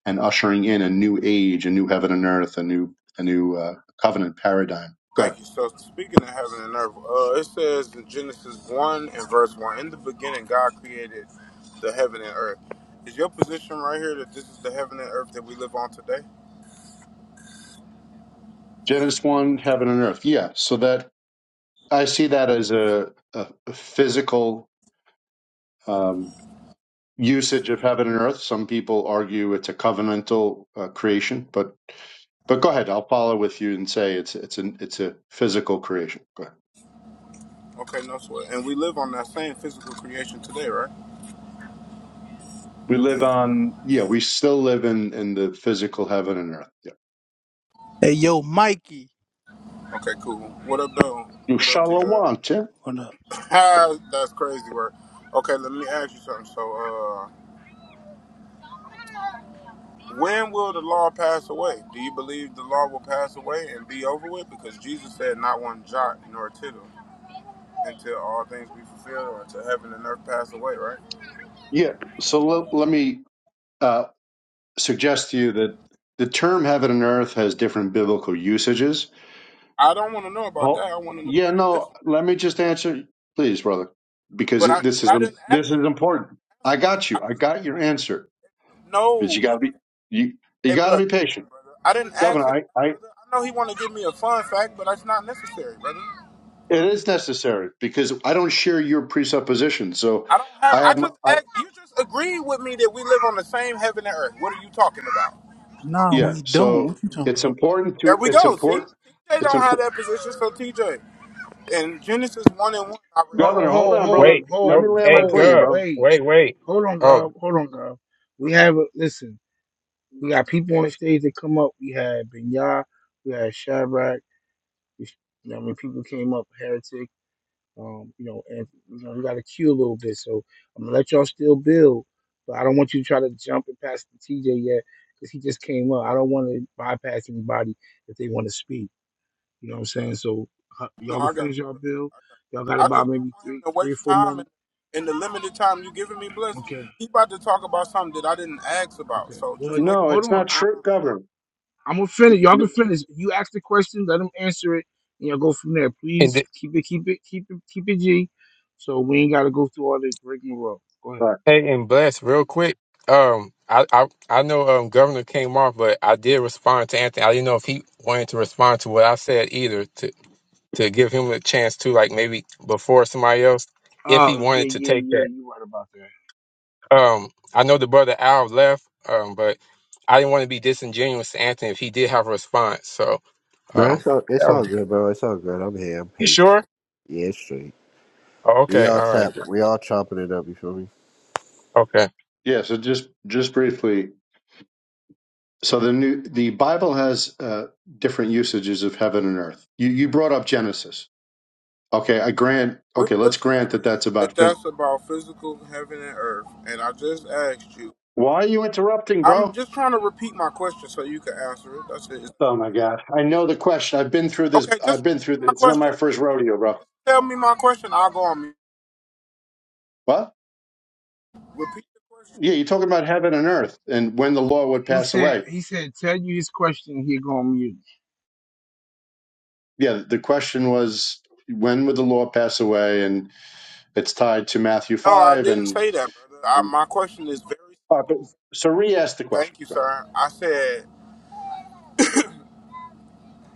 Speaker 12: and ushering in a new age, a new heaven and earth, a new a new uh, covenant paradigm. Good.
Speaker 14: Thank you. So, speaking of heaven and earth, uh, it says in Genesis 1 and verse 1 In the beginning, God created the heaven and earth. Is your position right here that this is the heaven and earth that we live on today?
Speaker 12: Genesis one, heaven and earth. Yeah. So that I see that as a, a a physical um, usage of heaven and earth. Some people argue it's a covenantal uh, creation, but but go ahead. I'll follow with you and say it's it's an it's a physical creation. Go ahead.
Speaker 14: Okay, no sweat. And we live on that same physical creation today, right?
Speaker 12: We live on Yeah, we still live in in the physical heaven and earth. Yeah.
Speaker 15: Hey, yo, Mikey.
Speaker 14: Okay, cool. What up, though?
Speaker 12: You
Speaker 14: What up,
Speaker 12: shall
Speaker 14: TJ?
Speaker 12: want it.
Speaker 15: What up?
Speaker 14: [laughs] That's crazy work. Okay, let me ask you something. So, uh, when will the law pass away? Do you believe the law will pass away and be over with? Because Jesus said, "Not one jot nor tittle until all things be fulfilled, or until heaven and earth pass away." Right?
Speaker 12: Yeah. So let, let me uh, suggest to you that the term heaven and earth has different biblical usages.
Speaker 14: I don't want to know about that.
Speaker 12: Oh,
Speaker 14: I want to know
Speaker 12: Yeah.
Speaker 14: about this
Speaker 12: No.
Speaker 14: one.
Speaker 12: Let me just answer, please, brother, because
Speaker 14: But
Speaker 12: it-
Speaker 14: I,
Speaker 12: this is
Speaker 14: but I didn't
Speaker 12: this is
Speaker 14: ask you to
Speaker 12: important. I
Speaker 14: answer that.
Speaker 12: got
Speaker 14: I,
Speaker 12: you. I got your answer, but
Speaker 14: no,
Speaker 12: you got
Speaker 14: you
Speaker 12: to
Speaker 14: have.
Speaker 12: be you you
Speaker 14: Hey,
Speaker 12: got to
Speaker 14: blood.
Speaker 12: be
Speaker 14: Come
Speaker 12: patient,
Speaker 14: on, brother. I didn't ask
Speaker 12: Governor.
Speaker 14: him,
Speaker 12: I I
Speaker 14: brother. I know he want to give me a fun fact, but that's not necessary, brother.
Speaker 12: it is necessary because I don't share your presuppositions. So
Speaker 14: I don't have.
Speaker 12: I
Speaker 14: I
Speaker 12: have.
Speaker 14: just
Speaker 12: my-
Speaker 14: act, you just agreed with me that we live on the same heaven and earth. What are you talking about?
Speaker 15: Nah,
Speaker 12: Yeah.
Speaker 15: we don't.
Speaker 12: So
Speaker 15: What you talking
Speaker 12: it's
Speaker 15: about?
Speaker 12: important
Speaker 14: There
Speaker 12: to
Speaker 14: we
Speaker 12: it's
Speaker 14: go. See,
Speaker 12: important
Speaker 14: TJ
Speaker 12: it's
Speaker 14: don't have
Speaker 12: important.
Speaker 14: that position. So TJ in Genesis one and one, I
Speaker 1: Ho,
Speaker 12: Governor,
Speaker 14: read.
Speaker 12: hold
Speaker 1: ho,
Speaker 12: on, brother.
Speaker 1: ho,
Speaker 9: Wait,
Speaker 12: Let
Speaker 9: oh,
Speaker 12: me
Speaker 1: ho,
Speaker 12: land my
Speaker 9: hey,
Speaker 1: ho.
Speaker 12: plane,
Speaker 9: Gov,
Speaker 12: bro.
Speaker 1: Wait.
Speaker 9: wait, wait.
Speaker 1: Hold on,
Speaker 9: Oh,
Speaker 1: Gov. Hold on, Gov. We have, a, listen, we got people on stage that come up. We had Benya. We had Shadrach. We, you know, what I mean, people came up, Heretic. Um, you know, and you know, you got to queue a little bit. So I'm gonna let y'all still build, but I don't want you to try to jump and pass the TJ yet because he just came up. I don't want to bypass anybody if they want to speak. You know what I'm saying? So uh,
Speaker 14: No,
Speaker 1: y'all can
Speaker 14: I got. You,
Speaker 1: finish y'all
Speaker 14: bro.
Speaker 1: build. Y'all got
Speaker 14: I just
Speaker 1: about
Speaker 14: don't
Speaker 1: maybe
Speaker 14: want him
Speaker 1: three,
Speaker 14: to
Speaker 1: three or
Speaker 14: waste
Speaker 1: four more.
Speaker 14: time in in the limited time you giving me, bless.
Speaker 1: Okay,
Speaker 14: He about to talk about something that I didn't ask about.
Speaker 1: okay.
Speaker 14: So
Speaker 1: Well,
Speaker 14: just make.
Speaker 12: No,
Speaker 1: hold
Speaker 12: it's
Speaker 1: on.
Speaker 12: not
Speaker 1: I,
Speaker 12: true, Governor.
Speaker 1: I'm gonna finish. Y'all can
Speaker 12: N-
Speaker 1: finish. You ask the question, let them answer it, and y'all go from there.
Speaker 9: And
Speaker 1: Please
Speaker 9: th-
Speaker 1: keep it, keep it, keep it, keep it G. So we ain't gotta go through all the rigmarole. Go ahead.
Speaker 12: all right.
Speaker 9: hey, and bless real quick. Um, I, I, I know um Governor came off, but I did respond to Anthony. I didn't know if he wanted to respond to what I said either to to give him a chance to like maybe before somebody else if he
Speaker 1: Oh yeah,
Speaker 9: wanted to
Speaker 1: yeah,
Speaker 9: take
Speaker 1: yeah.
Speaker 9: that.
Speaker 1: You right about that.
Speaker 9: Um, I know the brother Al left. Um, but I didn't want to be disingenuous to Anthony if he did have a response. So
Speaker 11: No,
Speaker 9: um,
Speaker 11: it's all it's all good, bro. It's all good. I'm here. I'm
Speaker 9: You
Speaker 11: patient.
Speaker 9: sure?
Speaker 11: Yeah, it's straight.
Speaker 9: Oh,
Speaker 11: We
Speaker 9: okay.
Speaker 11: all
Speaker 9: All right.
Speaker 11: tapping. We all chopping it up. You feel me?
Speaker 9: Okay.
Speaker 12: Yeah. So just just briefly. So the new the Bible has uh, different usages of heaven and earth. You you brought up Genesis. Okay, I grant.
Speaker 14: We
Speaker 12: Okay, let's
Speaker 14: just
Speaker 12: grant that
Speaker 14: agreed
Speaker 12: that's about
Speaker 14: that
Speaker 12: phys-
Speaker 14: that's about physical heaven and earth, and I just asked you.
Speaker 12: Why are you interrupting,
Speaker 14: I'm
Speaker 12: bro?
Speaker 14: just trying to repeat my question so you can answer it. That's it.
Speaker 12: Oh my God! I know the question. I've been through this.
Speaker 14: Okay,
Speaker 12: I've
Speaker 14: just repeat
Speaker 12: been through. This.
Speaker 14: my
Speaker 12: It's not my
Speaker 14: question.
Speaker 12: first
Speaker 14: Basically.
Speaker 12: rodeo, bro.
Speaker 14: Just tell me my question. I'll go on mute.
Speaker 12: What?
Speaker 14: Repeat the question.
Speaker 12: Yeah, you're talking about heaven and earth and when the law would
Speaker 1: He
Speaker 12: pass
Speaker 1: said
Speaker 12: away.
Speaker 1: he said tell you his question. He gonna mute.
Speaker 12: Yeah, the question was when would the law pass away? And it's tied to Matthew
Speaker 14: No, I
Speaker 12: 5.
Speaker 14: didn't
Speaker 12: And,
Speaker 14: say that, brother. I,
Speaker 12: and
Speaker 14: my question is very
Speaker 12: uh, but,
Speaker 14: simple.
Speaker 12: so re ask the question.
Speaker 14: Thank you,
Speaker 12: Go ahead.
Speaker 14: sir. I said,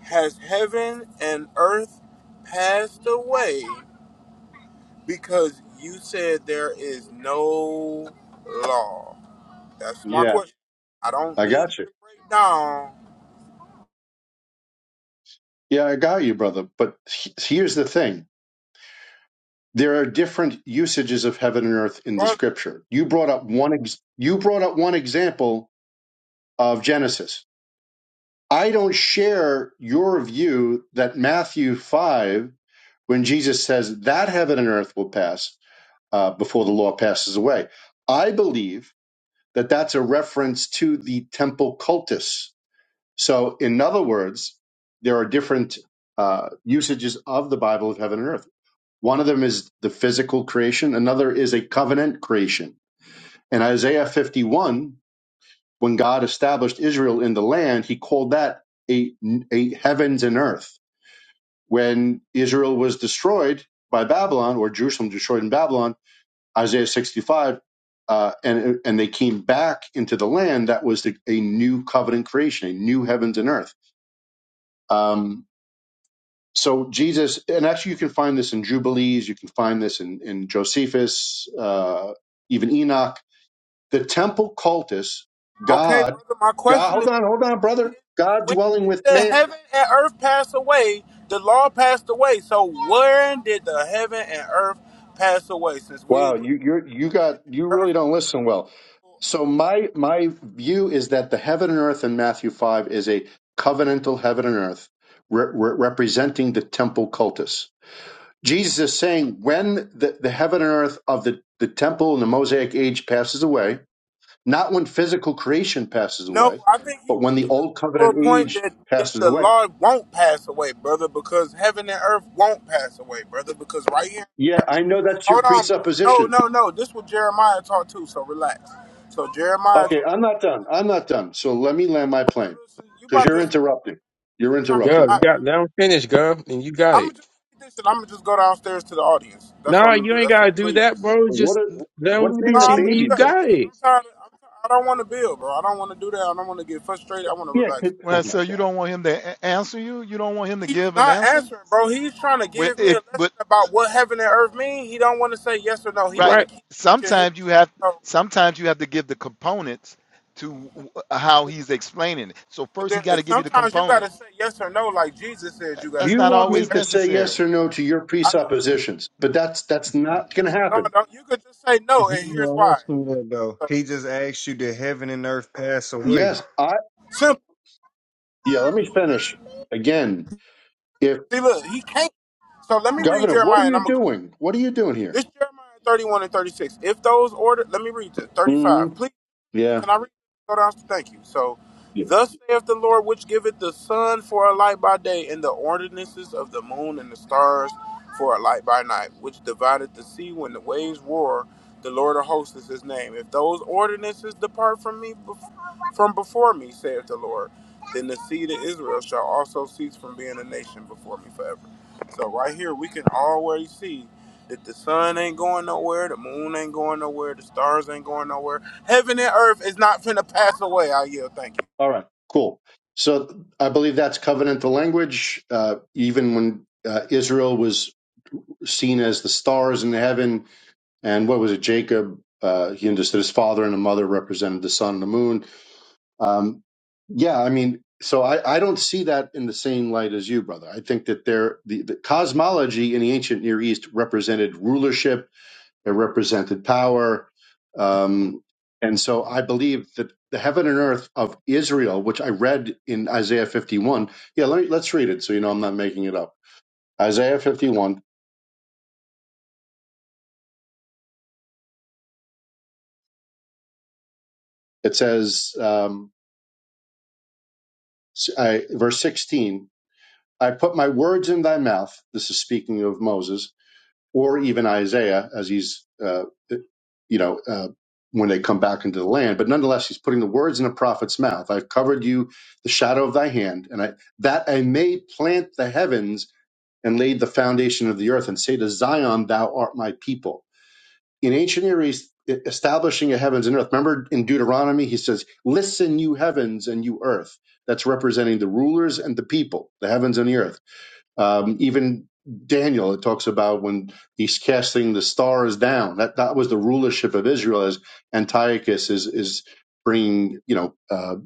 Speaker 14: has heaven and earth passed away because you said there is no law? That's my
Speaker 12: Yeah,
Speaker 14: question. I don't
Speaker 12: I
Speaker 14: need you
Speaker 12: got you.
Speaker 14: to break down.
Speaker 12: Yeah, I got you, brother. But he- here's the thing there are different usages of heaven and earth in the
Speaker 14: brother.
Speaker 12: scripture. You brought up one, ex- you brought up one example of Genesis. I don't share your view that Matthew 5 when Jesus says that heaven and earth will pass uh, before the law passes away. I believe that that's a reference to the temple cultus. So, in other words, there are different uh, usages of the Bible of heaven and earth. One of them is the physical creation, another is a covenant creation. In Isaiah 51, when God established Israel in the land, he called that a, a heavens and earth when Israel was destroyed by Babylon or Jerusalem destroyed in Babylon, Isaiah 65, uh, and, and they came back into the land that was the, a new covenant creation, a new heavens and earth. Um, so Jesus, and actually you can find this in Jubilees, you can find this in, in Josephus, uh, even Enoch. The temple cultus,
Speaker 14: Okay,
Speaker 12: God,
Speaker 14: brother. My
Speaker 12: God,
Speaker 14: question is,
Speaker 12: hold on, hold on, brother, God
Speaker 14: when
Speaker 12: dwelling
Speaker 14: did
Speaker 12: with
Speaker 14: the
Speaker 12: man
Speaker 14: heaven and earth pass away? The law passed away. So when did the heaven and earth pass away? Since we
Speaker 12: Wow,
Speaker 14: agree,
Speaker 12: you you're, you
Speaker 14: heaven
Speaker 12: got you
Speaker 14: and
Speaker 12: really
Speaker 14: earth.
Speaker 12: don't listen well. So my my view is that the heaven and earth in Matthew five is a covenantal heaven and earth re- re- representing the temple cultus. Jesus is saying when the, the heaven and earth of the, the temple and the Mosaic age passes away, not when physical creation passes
Speaker 14: No,
Speaker 12: away,
Speaker 14: I think he
Speaker 12: but when the
Speaker 14: making a
Speaker 12: old covenant
Speaker 14: literal point
Speaker 12: age
Speaker 14: that, that
Speaker 12: passes
Speaker 14: the
Speaker 12: away.
Speaker 14: law won't pass away, brother, because heaven and earth won't pass away, brother, because right here,
Speaker 12: Yeah,
Speaker 14: Jeremiah,
Speaker 12: I know that's your
Speaker 14: hold on, bro.
Speaker 12: presupposition
Speaker 14: no, no, no, this was Jeremiah taught too, so relax. So Jeremiah
Speaker 12: Okay,
Speaker 14: taught.
Speaker 12: I'm not done. I'm not done. So let me
Speaker 14: Hold
Speaker 12: land my
Speaker 14: on, brother.
Speaker 12: plane
Speaker 14: So you
Speaker 12: because
Speaker 14: about
Speaker 12: you're
Speaker 14: to say
Speaker 12: interrupting. You're interrupting,
Speaker 9: Gov,
Speaker 14: I,
Speaker 9: you
Speaker 12: bro.
Speaker 9: got let him finish, Gov, and you got
Speaker 14: I'm gonna
Speaker 9: it.
Speaker 14: just read this and I'm gonna just go downstairs to the audience. That's what
Speaker 9: No,
Speaker 14: I'm gonna
Speaker 9: you
Speaker 14: do.
Speaker 9: ain't
Speaker 14: That's
Speaker 9: gotta
Speaker 14: it.
Speaker 9: do
Speaker 14: Please.
Speaker 9: that, bro.
Speaker 12: What
Speaker 9: Just
Speaker 12: are,
Speaker 9: let
Speaker 12: what
Speaker 9: him
Speaker 12: are you
Speaker 14: No,
Speaker 12: being
Speaker 9: finish,
Speaker 12: a
Speaker 14: I'm
Speaker 9: and
Speaker 14: gonna
Speaker 9: then
Speaker 14: do
Speaker 9: you
Speaker 12: baby
Speaker 14: that,
Speaker 12: for?
Speaker 14: bro.
Speaker 9: got
Speaker 14: Cause
Speaker 9: it.
Speaker 14: I'm tired. Of, I'm, ti- I don't want to build, bro. I don't want to do that. I don't want to get frustrated. I want to
Speaker 12: Yeah, 'cause-
Speaker 14: relax.
Speaker 12: oh
Speaker 10: Well,
Speaker 12: my
Speaker 10: so you
Speaker 12: God.
Speaker 10: don't want him to a- answer you? You don't want him to
Speaker 14: He's
Speaker 10: give an
Speaker 14: not
Speaker 10: answer?
Speaker 14: answering, bro. He's trying to
Speaker 10: With
Speaker 14: give me
Speaker 10: if
Speaker 14: a lesson
Speaker 10: but
Speaker 14: about what heaven and earth mean. He don't want to say yes or no. He
Speaker 10: right.
Speaker 14: want
Speaker 9: Right.
Speaker 14: to keep teaching his
Speaker 10: Sometimes you
Speaker 14: point.
Speaker 10: have
Speaker 14: So
Speaker 10: sometimes you have to give the components to w- how he's explaining it. So
Speaker 14: so
Speaker 10: first he
Speaker 14: there
Speaker 10: got to
Speaker 14: is.
Speaker 10: give you the
Speaker 14: Sometimes you gotta
Speaker 10: components.
Speaker 14: say yes or no, like Jesus said
Speaker 10: That-
Speaker 14: you gotta
Speaker 10: That's
Speaker 12: You
Speaker 14: do.
Speaker 10: not
Speaker 12: want
Speaker 14: Cause
Speaker 12: me
Speaker 10: always
Speaker 12: to
Speaker 14: everything
Speaker 12: say
Speaker 10: necessary.
Speaker 12: yes
Speaker 14: else,
Speaker 12: or no to your
Speaker 14: I know.
Speaker 12: presuppositions, but that's that's not going to
Speaker 14: No,
Speaker 12: happen.
Speaker 14: no. You could just say no, and here's why.
Speaker 16: that's cool though.
Speaker 14: So,
Speaker 16: And there-
Speaker 12: Yes, I
Speaker 14: Simple.
Speaker 12: yeah. Let me finish again. If
Speaker 14: See, look, he can't. So let me read
Speaker 12: Governor, what are
Speaker 14: Jeremiah, and
Speaker 12: you
Speaker 14: I'm gonna go.
Speaker 12: doing? What are you doing here?
Speaker 14: This Jeremiah 31 and 36. If those order, let me read this.
Speaker 12: hmm
Speaker 14: 35. Please,
Speaker 12: Yeah.
Speaker 14: can I read this? Go down. Thank you. So,
Speaker 12: Yeah.
Speaker 14: thus saith the Lord, which giveth the sun for a light by day, and the ordinances of the moon and the stars for a light by night, which divideth the sea when the waves roar. The Lord of hosts is his name. If those ordinances depart from me, bef- from before me, saith the Lord, then the seed of Israel shall also cease from being a nation before me forever. So, right here, we can already see that the sun ain't going nowhere, the moon ain't going nowhere, the stars ain't going nowhere. Heaven and earth is not finna pass away. I yield. Thank you.
Speaker 12: All right. Cool. So I believe that's covenantal language. Uh, even when uh, Israel was seen as the stars in heaven. And what was it, Jacob? Uh, he understood his father and the mother represented the sun and the moon. Um, yeah, I mean, so I, I don't see that in the same light as you, brother. I think that there the, the cosmology in the ancient Near East represented rulership, it represented power, um, and so I believe that the heaven and earth of Israel, which I read in Isaiah 51. Yeah, let me, let's read it so you know I'm not making it up. Isaiah 51. It says. Um, S- I, verse 16, I put my words in thy mouth. This is speaking of Moses or even Isaiah as he's, uh, uh, you know, uh, when they come back into the land. But nonetheless, he's putting the words in a prophet's mouth. I've covered you the shadow of thy hand, and I, that I may plant the heavens and laid the foundation of the earth and say to Zion, thou art my people in ancient Near East, e-, establishing a heavens and earth. Remember in Deuteronomy, he says, "Listen, you heavens and you earth." That's representing the rulers and the people, the heavens and the earth. Um, even Daniel, it talks about when he's casting the stars down. That that was the rulership of Israel as Antiochus is is bringing you know uh,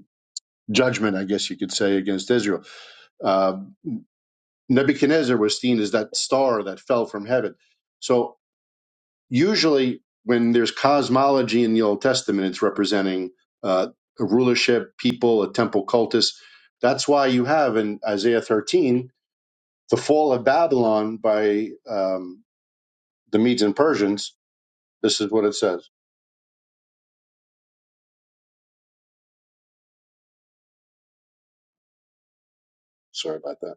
Speaker 12: judgment, I guess you could say, against Israel. Uh, Nebuchadnezzar was seen as that star that fell from heaven. So usually when there's cosmology in the Old Testament, it's representing uh, a rulership, people, a temple cultus. That's why you have in Isaiah 13 the fall of Babylon by um, the Medes and Persians. This is what it says. Sorry about that.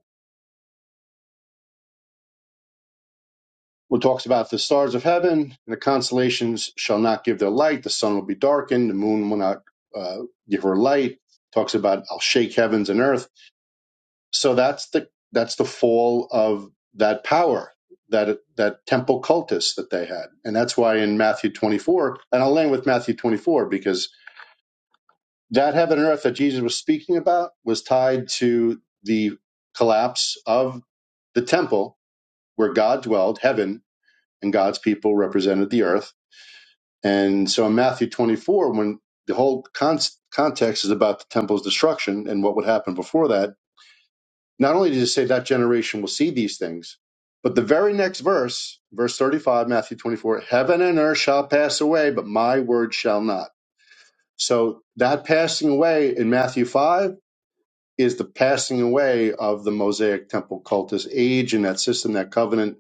Speaker 12: Well, it talks about the stars of heaven and the constellations shall not give their light. The sun will be darkened. The moon will not uh, give her light. Talks about I'll shake heavens and earth So that's the that's the fall of that power, that that temple cultus that they had, and that's why in Matthew 24, and I'll land with Matthew 24 because that heaven and earth that Jesus was speaking about was tied to the collapse of the temple where God dwelled, heaven, and God's people represented the earth. And so in Matthew 24, when the whole con- context is about the temple's destruction and what would happen before that Not only did he say that generation will see these things, but the very next verse, verse 35, Matthew 24, heaven and earth shall pass away, but my word shall not. So that passing away in Matthew 5 is the passing away of the Mosaic temple cultist age and that system, that covenant,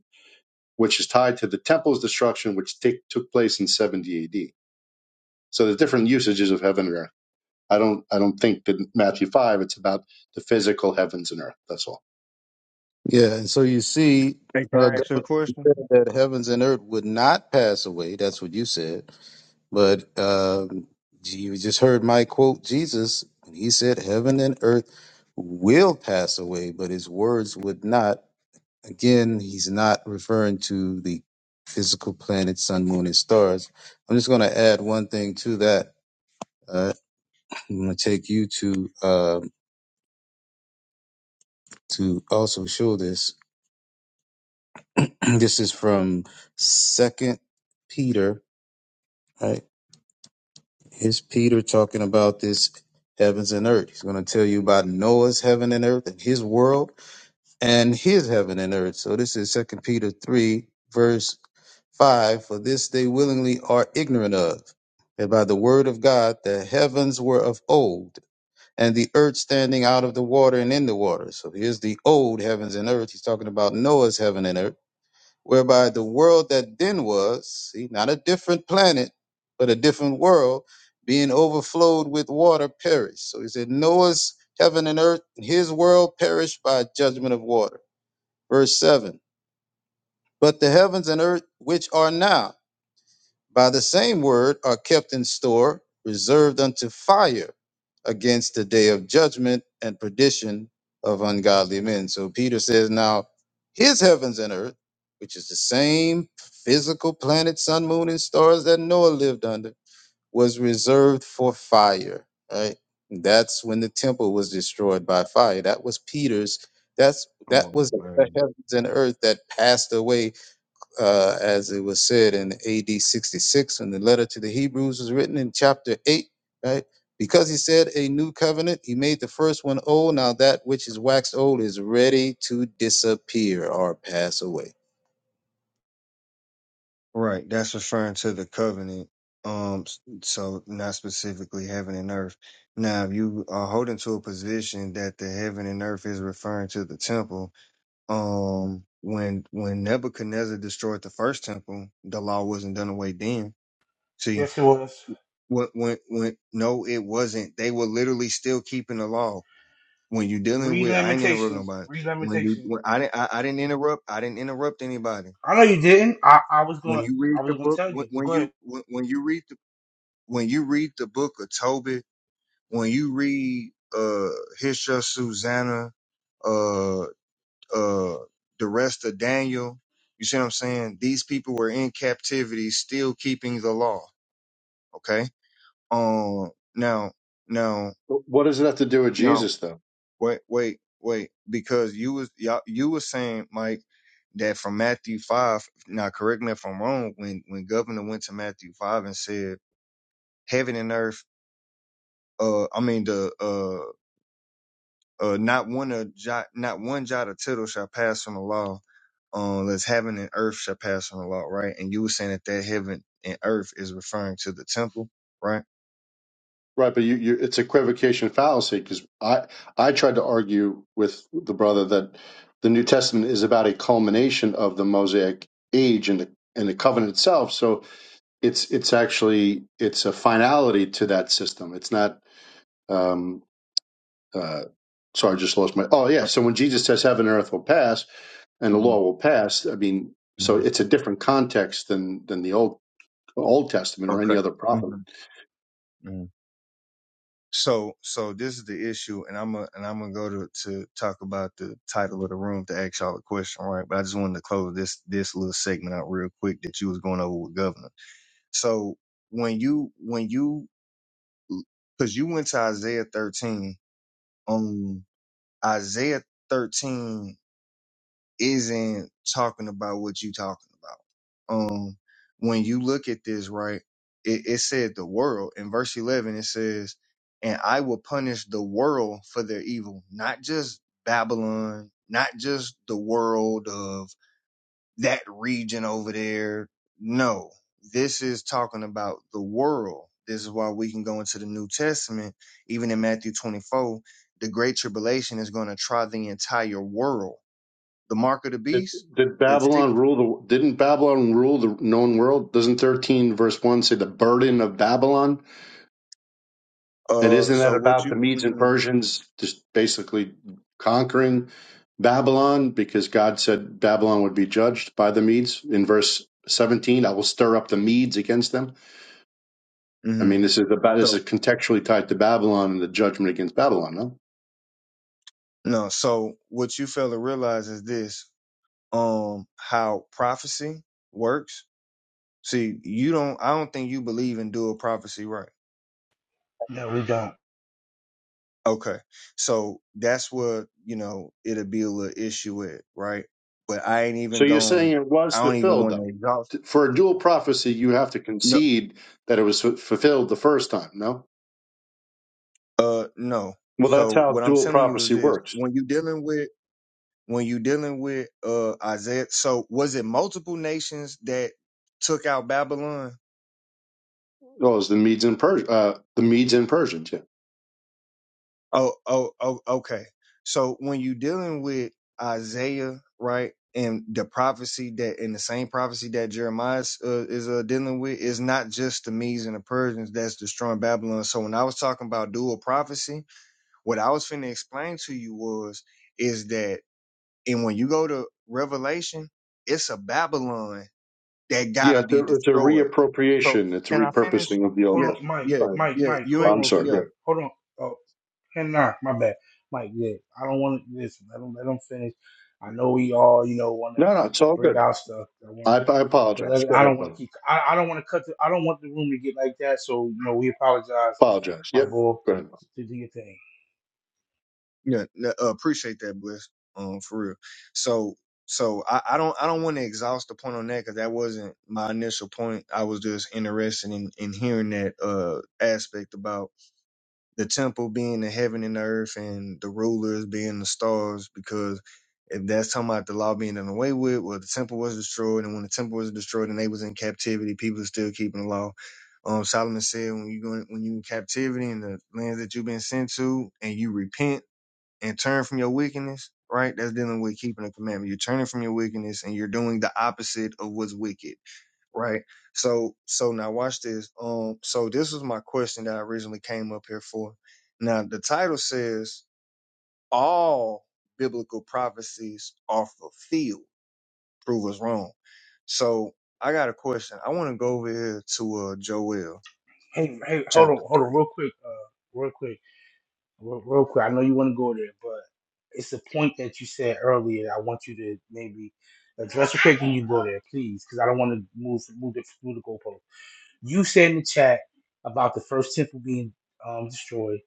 Speaker 12: which is tied to the temple's destruction, which take, took place in 70 AD. So the different usages of heaven and earth. I don't, I don't think that in Matthew 5, it's about the physical heavens and earth. That's all.
Speaker 17: Yeah, and so you see,
Speaker 16: hey, can
Speaker 17: uh,
Speaker 16: I
Speaker 17: God
Speaker 16: ask you a question?
Speaker 17: said that heavens and earth would not pass away. That's what you said. But um, you just heard my quote, Jesus, when he said, Heaven and earth will pass away, but his words would not. Again, he's not referring to the physical planets, sun, moon, and stars. I'm just going to add one thing to that. Uh, [clears throat] I'm going to take you to uh, to also show this. [clears throat] this is from Second Peter Right? Here's Peter talking about this heavens and earth. He's going to tell you about Noah's heaven and earth and his world and his heaven and earth. So this is Second Peter three verse five. For this they willingly are ignorant of, that by the word of God the heavens were of old, and the earth standing out of the water and in the water. So here's the old heavens and earth. He's talking about Noah's heaven and earth whereby the world that then was, see, not a different planet, but a different world, being overflowed with water perished. So he said, Noah's heaven and earth, and his world perished by judgment of water. Verse 7 But the heavens and earth, which are now, by the same word are kept in store, reserved unto fire against the day of judgment and perdition of ungodly men. So Peter says, Now his heavens and earth, which is the same physical planet, sun, moon, and stars that Noah lived under, was reserved for fire, right? And That's when the temple was destroyed by fire. That was Peter's. That's
Speaker 16: Come
Speaker 17: that was
Speaker 16: on,
Speaker 17: the
Speaker 16: man.
Speaker 17: heavens and earth that passed away uh, as it was said in AD 66 when the letter to the Hebrews was written in chapter 8, right? Because he said a new covenant, he made the first one old. Now that which is waxed old is ready to disappear or pass away.
Speaker 16: Right, that's referring to the covenant. Um, s- so not specifically heaven and earth. Now, if you are holding to a position that the heaven and earth is referring to the temple, um, when when Nebuchadnezzar destroyed the first temple, the law wasn't done away then. See,
Speaker 1: Yes, it was.
Speaker 16: when when when no, it wasn't. They were literally still keeping the law. when you dealing
Speaker 1: Read
Speaker 16: with I ain't interrupt
Speaker 1: limitations.
Speaker 16: nobody.
Speaker 1: Read
Speaker 16: When you
Speaker 1: limitations.
Speaker 16: when I didn't I, I didn't interrupt I didn't interrupt anybody.
Speaker 1: I know you didn't. I, I was
Speaker 16: When
Speaker 1: going.
Speaker 16: you
Speaker 1: I
Speaker 16: read the
Speaker 1: was gonna
Speaker 16: book
Speaker 1: tell
Speaker 16: when,
Speaker 1: you. But
Speaker 16: when
Speaker 1: go ahead.
Speaker 16: you when, when you read the when you read the book of Tobit, when you read uh Hisha Susanna, uh uh the rest of Daniel, you see what I'm saying? These people were in captivity still keeping the law. Okay. Um now now
Speaker 12: What does it have to do with
Speaker 16: now
Speaker 12: Jesus, though?
Speaker 16: wait, wait, wait, because you was y'all, you was saying, Mike, that from Matthew five. Now, correct me if I'm wrong. When when Governor went to Matthew five and said, "Heaven and earth," uh, I mean the uh, uh, not one of jot, not one jot or tittle shall pass from the law, um, as heaven and earth shall pass from the law, right? And you were saying that that heaven and earth is referring to the temple, right?
Speaker 12: Right, but you, you it's equivocation fallacy because I I tried to argue with the brother that the New Testament is about a culmination of the Mosaic age and the and the covenant itself. So it's it's actually it's a finality to that system. It's not um uh sorry, I just lost my oh yeah.
Speaker 16: Oh,
Speaker 12: So when Jesus says heaven and earth will pass and the
Speaker 16: mhm,
Speaker 12: law will pass, I mean so
Speaker 16: mhm.
Speaker 12: it's a different context than than the old Old Testament or any other prophet.
Speaker 16: Okay. So, so this is the issue, and I'm gonna and I'm gonna go to to talk about the title of the room to ask y'all a question, right? But I just wanted to close this this little segment out real quick that you was going over with Governor. So when you when you because you went to Isaiah 13 on Isaiah 13 isn't talking about what you talking about. Um, when you look at this, right, it, it said the world in verse 11, it says, and I will punish the world for their evil, not just Babylon, not just the world of that region over there. No, this is talking about the world. This is why we can go into the New Testament, even in Matthew 24. The Great Tribulation is going to try the entire world the mark of the
Speaker 12: Did,
Speaker 16: beast.
Speaker 12: did
Speaker 16: It's
Speaker 12: Babylon rule the? Didn't Babylon rule the known world? Doesn't thirteen verse one say the burden of Babylon? And
Speaker 16: uh.
Speaker 12: isn't that
Speaker 16: So what
Speaker 12: about
Speaker 16: you?
Speaker 12: the Medes and
Speaker 16: hmm
Speaker 12: Persians just basically conquering Babylon because God said Babylon would be judged by the Medes in verse seventeen? I will stir up the Medes against them. I
Speaker 16: hmm
Speaker 12: mean, this is about this
Speaker 16: So
Speaker 12: is contextually tied to Babylon and the judgment against Babylon. No.
Speaker 16: no. So what you fail to realize is this: um, how prophecy works. See, you don't. I don't think you believe in dual prophecy, right?
Speaker 1: No, we don't.
Speaker 16: Okay. So that's what you know. It'll be a little issue with, right? But I ain't
Speaker 12: So
Speaker 16: even
Speaker 12: you're saying
Speaker 16: going.
Speaker 12: it was
Speaker 16: I don't even
Speaker 12: fulfilled,
Speaker 16: want to
Speaker 12: though.
Speaker 16: exhaust.
Speaker 12: T- For a dual prophecy, you have to
Speaker 16: No.
Speaker 12: concede that it was fu- fulfilled the first time. No.
Speaker 16: Uh. No.
Speaker 12: Well, that's
Speaker 16: So
Speaker 12: how
Speaker 16: what I'm
Speaker 12: dual
Speaker 16: telling you is
Speaker 12: prophecy
Speaker 16: this:
Speaker 12: works.
Speaker 16: when you dealing with when you dealing with uh Isaiah. So was it multiple nations that took out Babylon?
Speaker 12: Oh, it's the Medes and Pers- uh, the Medes and Persians. Yeah.
Speaker 16: Oh, oh, oh, okay. So when you dealing with Isaiah, right, and the prophecy that and the same prophecy that Jeremiah uh, is uh, dealing with is not just the Medes and the Persians that's destroying Babylon. So when I was talking about dual prophecy, what I was finna explain to you was is that and when you go to Revelation, it's a Babylon that
Speaker 12: Yeah.
Speaker 16: gotta
Speaker 12: It's
Speaker 16: be
Speaker 12: a, it's a
Speaker 16: destroyed So
Speaker 12: reappropriation. It's a
Speaker 16: can I finish?
Speaker 12: repurposing of the Old
Speaker 1: Hold
Speaker 16: Yeah,
Speaker 1: on,
Speaker 12: Testament.
Speaker 1: Mike.
Speaker 16: yeah,
Speaker 12: Right.
Speaker 1: Mike.
Speaker 16: yeah.
Speaker 1: Mike.
Speaker 16: You
Speaker 1: Hold
Speaker 16: ain't
Speaker 1: on
Speaker 12: I'm
Speaker 1: real
Speaker 12: sorry.
Speaker 1: quick,
Speaker 12: Go
Speaker 16: yeah,
Speaker 12: ahead.
Speaker 1: Mike. Hold on. Oh, and nah, my bad, Mike. Yeah, I don't want to listen. Let him let him finish. I know we all you know want to
Speaker 12: No, no, it's all
Speaker 1: bring
Speaker 12: good.
Speaker 1: out stuff.
Speaker 12: I, I
Speaker 1: But
Speaker 12: apologize.
Speaker 1: let,
Speaker 12: Go
Speaker 1: I don't
Speaker 12: ahead,
Speaker 1: want
Speaker 12: brother.
Speaker 1: to keep. I, I don't want to cut. The, I don't want the room to get like that. So you know, we apologize,
Speaker 12: Apologize.
Speaker 1: my
Speaker 12: Yep.
Speaker 1: boy.
Speaker 12: Go ahead.
Speaker 1: To do your thing.
Speaker 16: yeah. n- uh, appreciate that, Bliss. Um, for real. So so I, I don't I don't want to exhaust the point on that because that wasn't my initial point. I was just interested in in hearing that uh aspect about the temple being the heaven and the earth and the rulers being the stars because if that's talking about the law being done away with, well, the temple was destroyed, and when the temple was destroyed and they was in captivity, people are still keeping the law. Um, Solomon said, when you go in, when you in captivity in the lands that you've been sent to, and you repent and turn from your wickedness, right? That's dealing with keeping the commandment. You're turning from your wickedness, and you're doing the opposite of what's wicked right? So so now watch this. Um so this was my question that I originally came up here for. Now the title says all biblical prophecies are fulfilled. Prove us wrong. So I got a question. I want to go over here to uh Joel
Speaker 1: Hey, hey, hold on,
Speaker 16: chapter
Speaker 1: hold on,
Speaker 16: 3
Speaker 1: real quick, uh, real quick, real, real quick. I know you want to go there, but it's a point that you said earlier. I want you to maybe address real quick, and you go there, please, because I don't want to move move the move the goalpost. You said in the chat about the first temple being um, destroyed.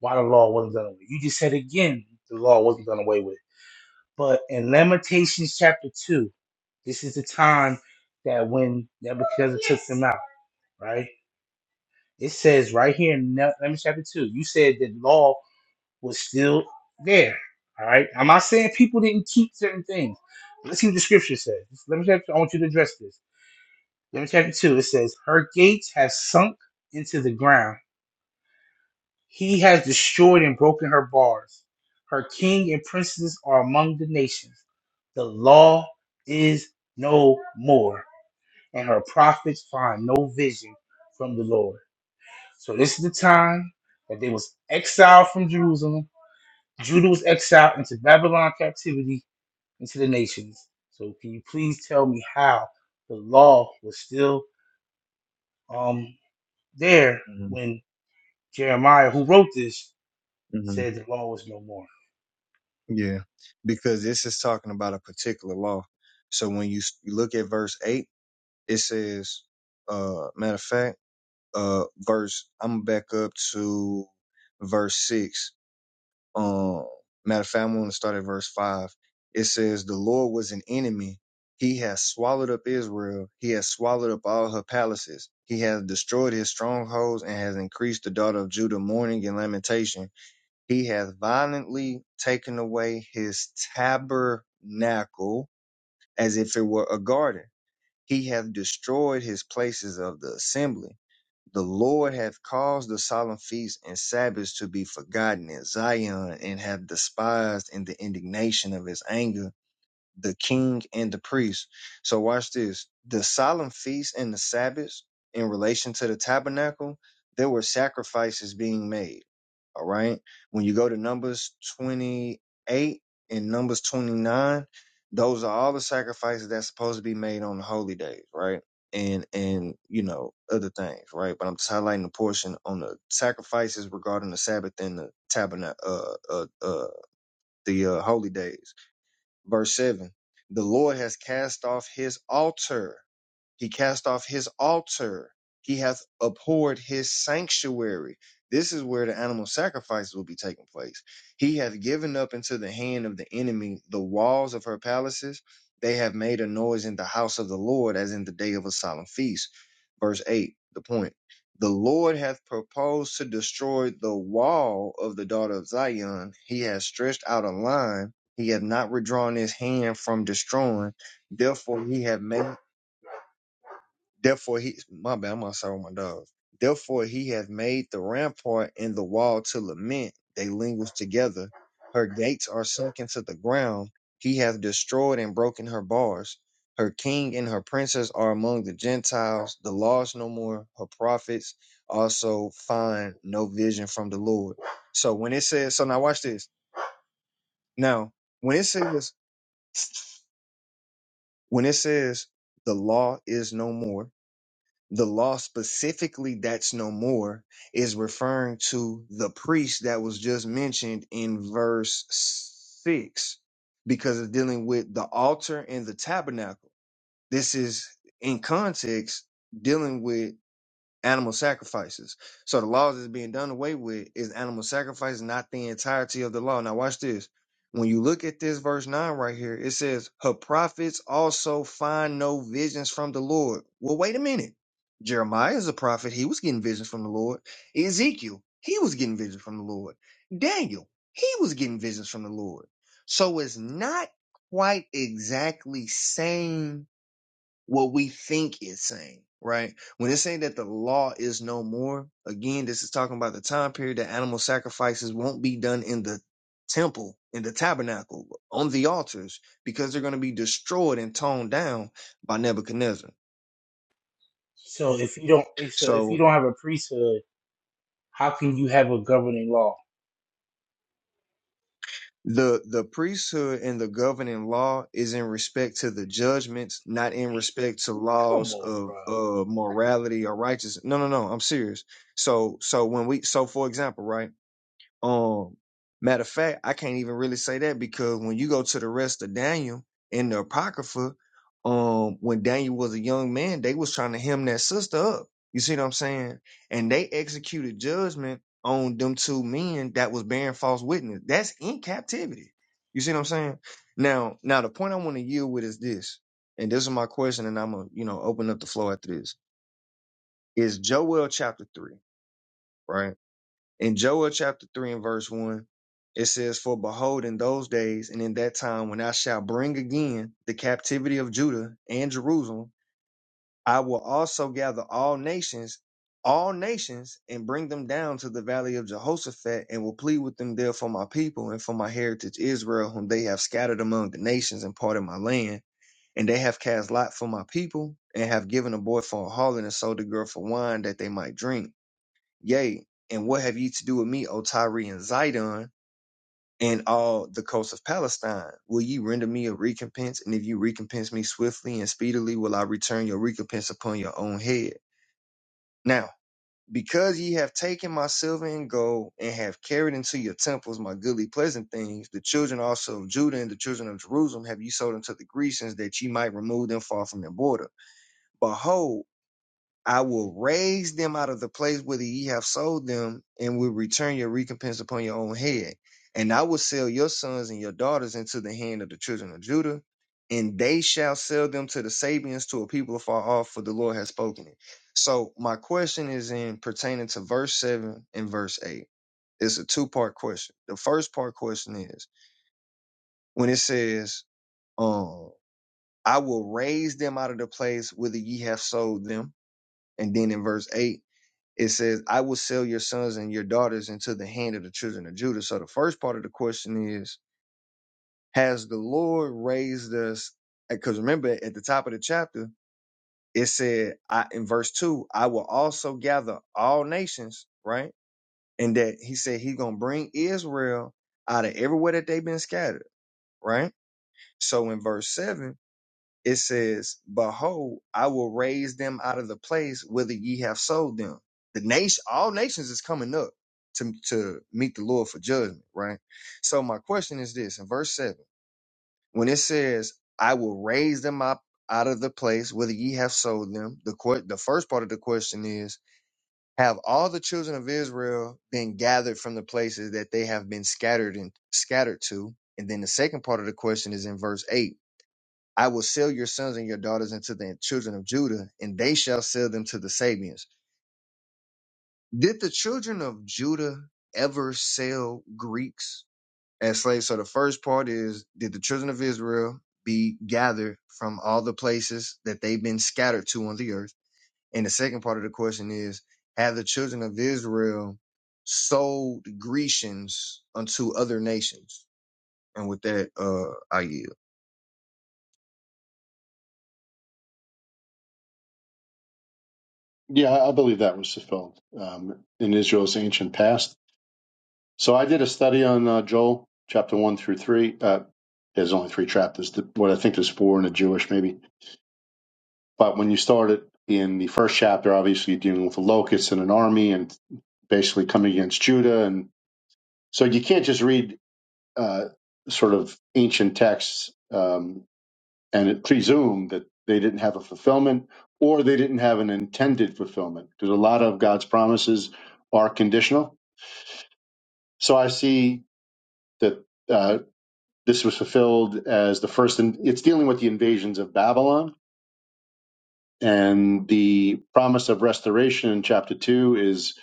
Speaker 1: Why the law wasn't done away? You just said again the law wasn't done away with. But in Lamentations chapter 2, this is the time that when Nebuchadnezzar took them out, right? It says right here in Ne- Lamentations chapter 2, you said that law was still there, all right? I'm not saying people didn't keep certain things. Let's see what the scripture says. Let me chapter, I want you to address this. Lamentations chapter 2, it says, Her gates have sunk into the ground He has destroyed and broken her bars. Her king and princes are among the nations. The law is no more, and her prophets find no vision from the Lord. So this is the time that they was exiled from Jerusalem. Judah was exiled into Babylon captivity into the nations. So can you please tell me how the law was still um there
Speaker 16: hmm
Speaker 1: when Jeremiah, who wrote this,
Speaker 16: hmm
Speaker 1: said the law was no more?
Speaker 16: Yeah. Because this is talking about a particular law. So when you s- you look at verse eight, it says, uh matter of fact, uh verse I'm back up to verse six. Um matter of fact, I'm gonna start at verse five. It says, The Lord was an enemy. He has swallowed up Israel, he has swallowed up all her palaces, he has destroyed his strongholds and has increased the daughter of Judah mourning and lamentation. He hath violently taken away his tabernacle as if it were a garden. He hath destroyed his places of the assembly the Lord hath caused the solemn feasts and Sabbaths to be forgotten in Zion, and hath despised in the indignation of his anger the king and the priest. So watch this. The solemn feasts and the Sabbaths in relation to the tabernacle, there were sacrifices being made. All right. When you go to Numbers 28 and Numbers 29, those are all the sacrifices that's supposed to be made on the holy days, right? And and you know, other things, right? But I'm just highlighting the portion on the sacrifices regarding the Sabbath and the tabernacle uh uh uh the uh holy days Verse 7 The Lord has cast off his altar. He cast off his altar. He hath abhorred his sanctuary. This is where the animal sacrifices will be taking place. He hath given up into the hand of the enemy the walls of her palaces. They have made a noise in the house of the Lord as in the day of a solemn feast. Verse 8, the point. The Lord hath proposed to destroy the wall of the daughter of Zion. He hath stretched out a line. He hath not withdrawn his hand from destroying. Therefore, he hath made Therefore, he my bad, I'm outside with my dog. Therefore, he hath made the rampart and the wall to lament. They linguish together. Her gates are sunk into the ground. He hath destroyed and broken her bars. Her king and her princes are among the Gentiles. The law is no more. Her prophets also find no vision from the Lord. So when it says, so now watch this. Now when it says, when it says the law is no more, the law specifically that's no more is referring to the priest that was just mentioned in verse 6 because it's dealing with the altar and the tabernacle this is in context dealing with animal sacrifices. So the laws that's being done away with is animal sacrifice, not the entirety of the law. Now watch this. When you look at this verse 9 right here, it says, Her prophets also find no visions from the Lord. Well, wait a minute. Jeremiah is a prophet. He was getting visions from the Lord. Ezekiel, he was getting visions from the Lord. Daniel, he was getting visions from the Lord. So it's not quite exactly same what we think it's saying, right? When it's saying that the law is no more, again, this is talking about the time period that animal sacrifices won't be done in the temple, in the tabernacle, on the altars, because they're going to be destroyed and toned down by Nebuchadnezzar.
Speaker 1: So if you don't, if- so if you
Speaker 16: So
Speaker 1: don't have a priesthood, how can you have a governing law?
Speaker 16: the the priesthood and the governing law is in respect to the judgments, not in respect to
Speaker 1: Come
Speaker 16: laws
Speaker 1: on,
Speaker 16: of
Speaker 1: bro.
Speaker 16: uh morality or righteousness. No, no, no. I'm serious. So so when we so for example, right? Um, matter of fact, I can't even really say that because when you go to the rest of Daniel in the Apocrypha, um, when Daniel was a young man, they was trying to hem that sister up. You see what I'm saying? And they executed judgment on them two men that was bearing false witness. That's in captivity. You see what I'm saying? Now, now the point I want to yield with is this, and this is my question, and I'm gonna, you know, open up the floor after this. Is Joel chapter three, right? In Joel chapter 3 and verse 1, it says, For behold, in those days and in that time when I shall bring again the captivity of Judah and Jerusalem, I will also gather all nations, all nations, and bring them down to the valley of Jehoshaphat, and will plead with them there for my people and for my heritage Israel, whom they have scattered among the nations and parted my land. And they have cast lot for my people, and have given a boy for a harlot, and sold a girl for wine that they might drink Yea, and what have ye to do with me, O Tyre and Zidon, and all the coast of Palestine? Will ye render me a recompense? And if you recompense me swiftly and speedily, will I return your recompense upon your own head? Now, because ye have taken my silver and gold, and have carried into your temples my goodly pleasant things, the children also of Judah and the children of Jerusalem have ye sold unto the Grecians, that ye might remove them far from their border. Behold, I will raise them out of the place whither ye have sold them, and will return your recompense upon your own head. And I will sell your sons and your daughters into the hand of the children of Judah, and they shall sell them to the Sabians, to a people afar off, for the Lord has spoken it. So my question is in pertaining to verse seven and verse eight. It's a two part question. The first part question is when it says, um, I will raise them out of the place whither ye have sold them. And then in verse 8, it says, I will sell your sons and your daughters into the hand of the children of Judah. So the first part of the question is, has the Lord raised us? Because remember, at the top of the chapter, it said, I, in verse two, I will also gather all nations, right? And that he said he's going to bring Israel out of everywhere that they've been scattered, right? So in verse seven, It says, Behold, I will raise them out of the place whither ye have sold them. The nation, all nations is coming up to, to meet the Lord for judgment, right? So my question is this in verse seven, when it says, I will raise them up out of the place whither ye have sold them, the que- the first part of the question is, have all the children of Israel been gathered from the places that they have been scattered and scattered to? And then the second part of the question is in verse 8 I will sell your sons and your daughters into the children of Judah, and they shall sell them to the Sabians. Did the children of Judah ever sell Greeks as slaves? So the first part is Did the children of Israel be gathered from all the places that they've been scattered to on the earth? And the second part of the question is Have the children of Israel sold Grecians unto other nations? And with that, uh, I yield.
Speaker 12: Yeah, I I believe that was fulfilled um, in Israel's ancient past. So I did a study on uh, Joel chapter one through three. Uh, there's only three chapters. The- What I think there's four in the Jewish maybe. But when you start it in the first chapter, obviously you're dealing with the locusts and an army and basically coming against Judah, and so you can't just read uh, sort of ancient texts um, and it presume that they didn't have a fulfillment or they didn't have an intended fulfillment because a lot of God's promises are conditional. So I see that. uh, This was fulfilled as the first, and it's dealing with the invasions of Babylon. And the promise of restoration in chapter two is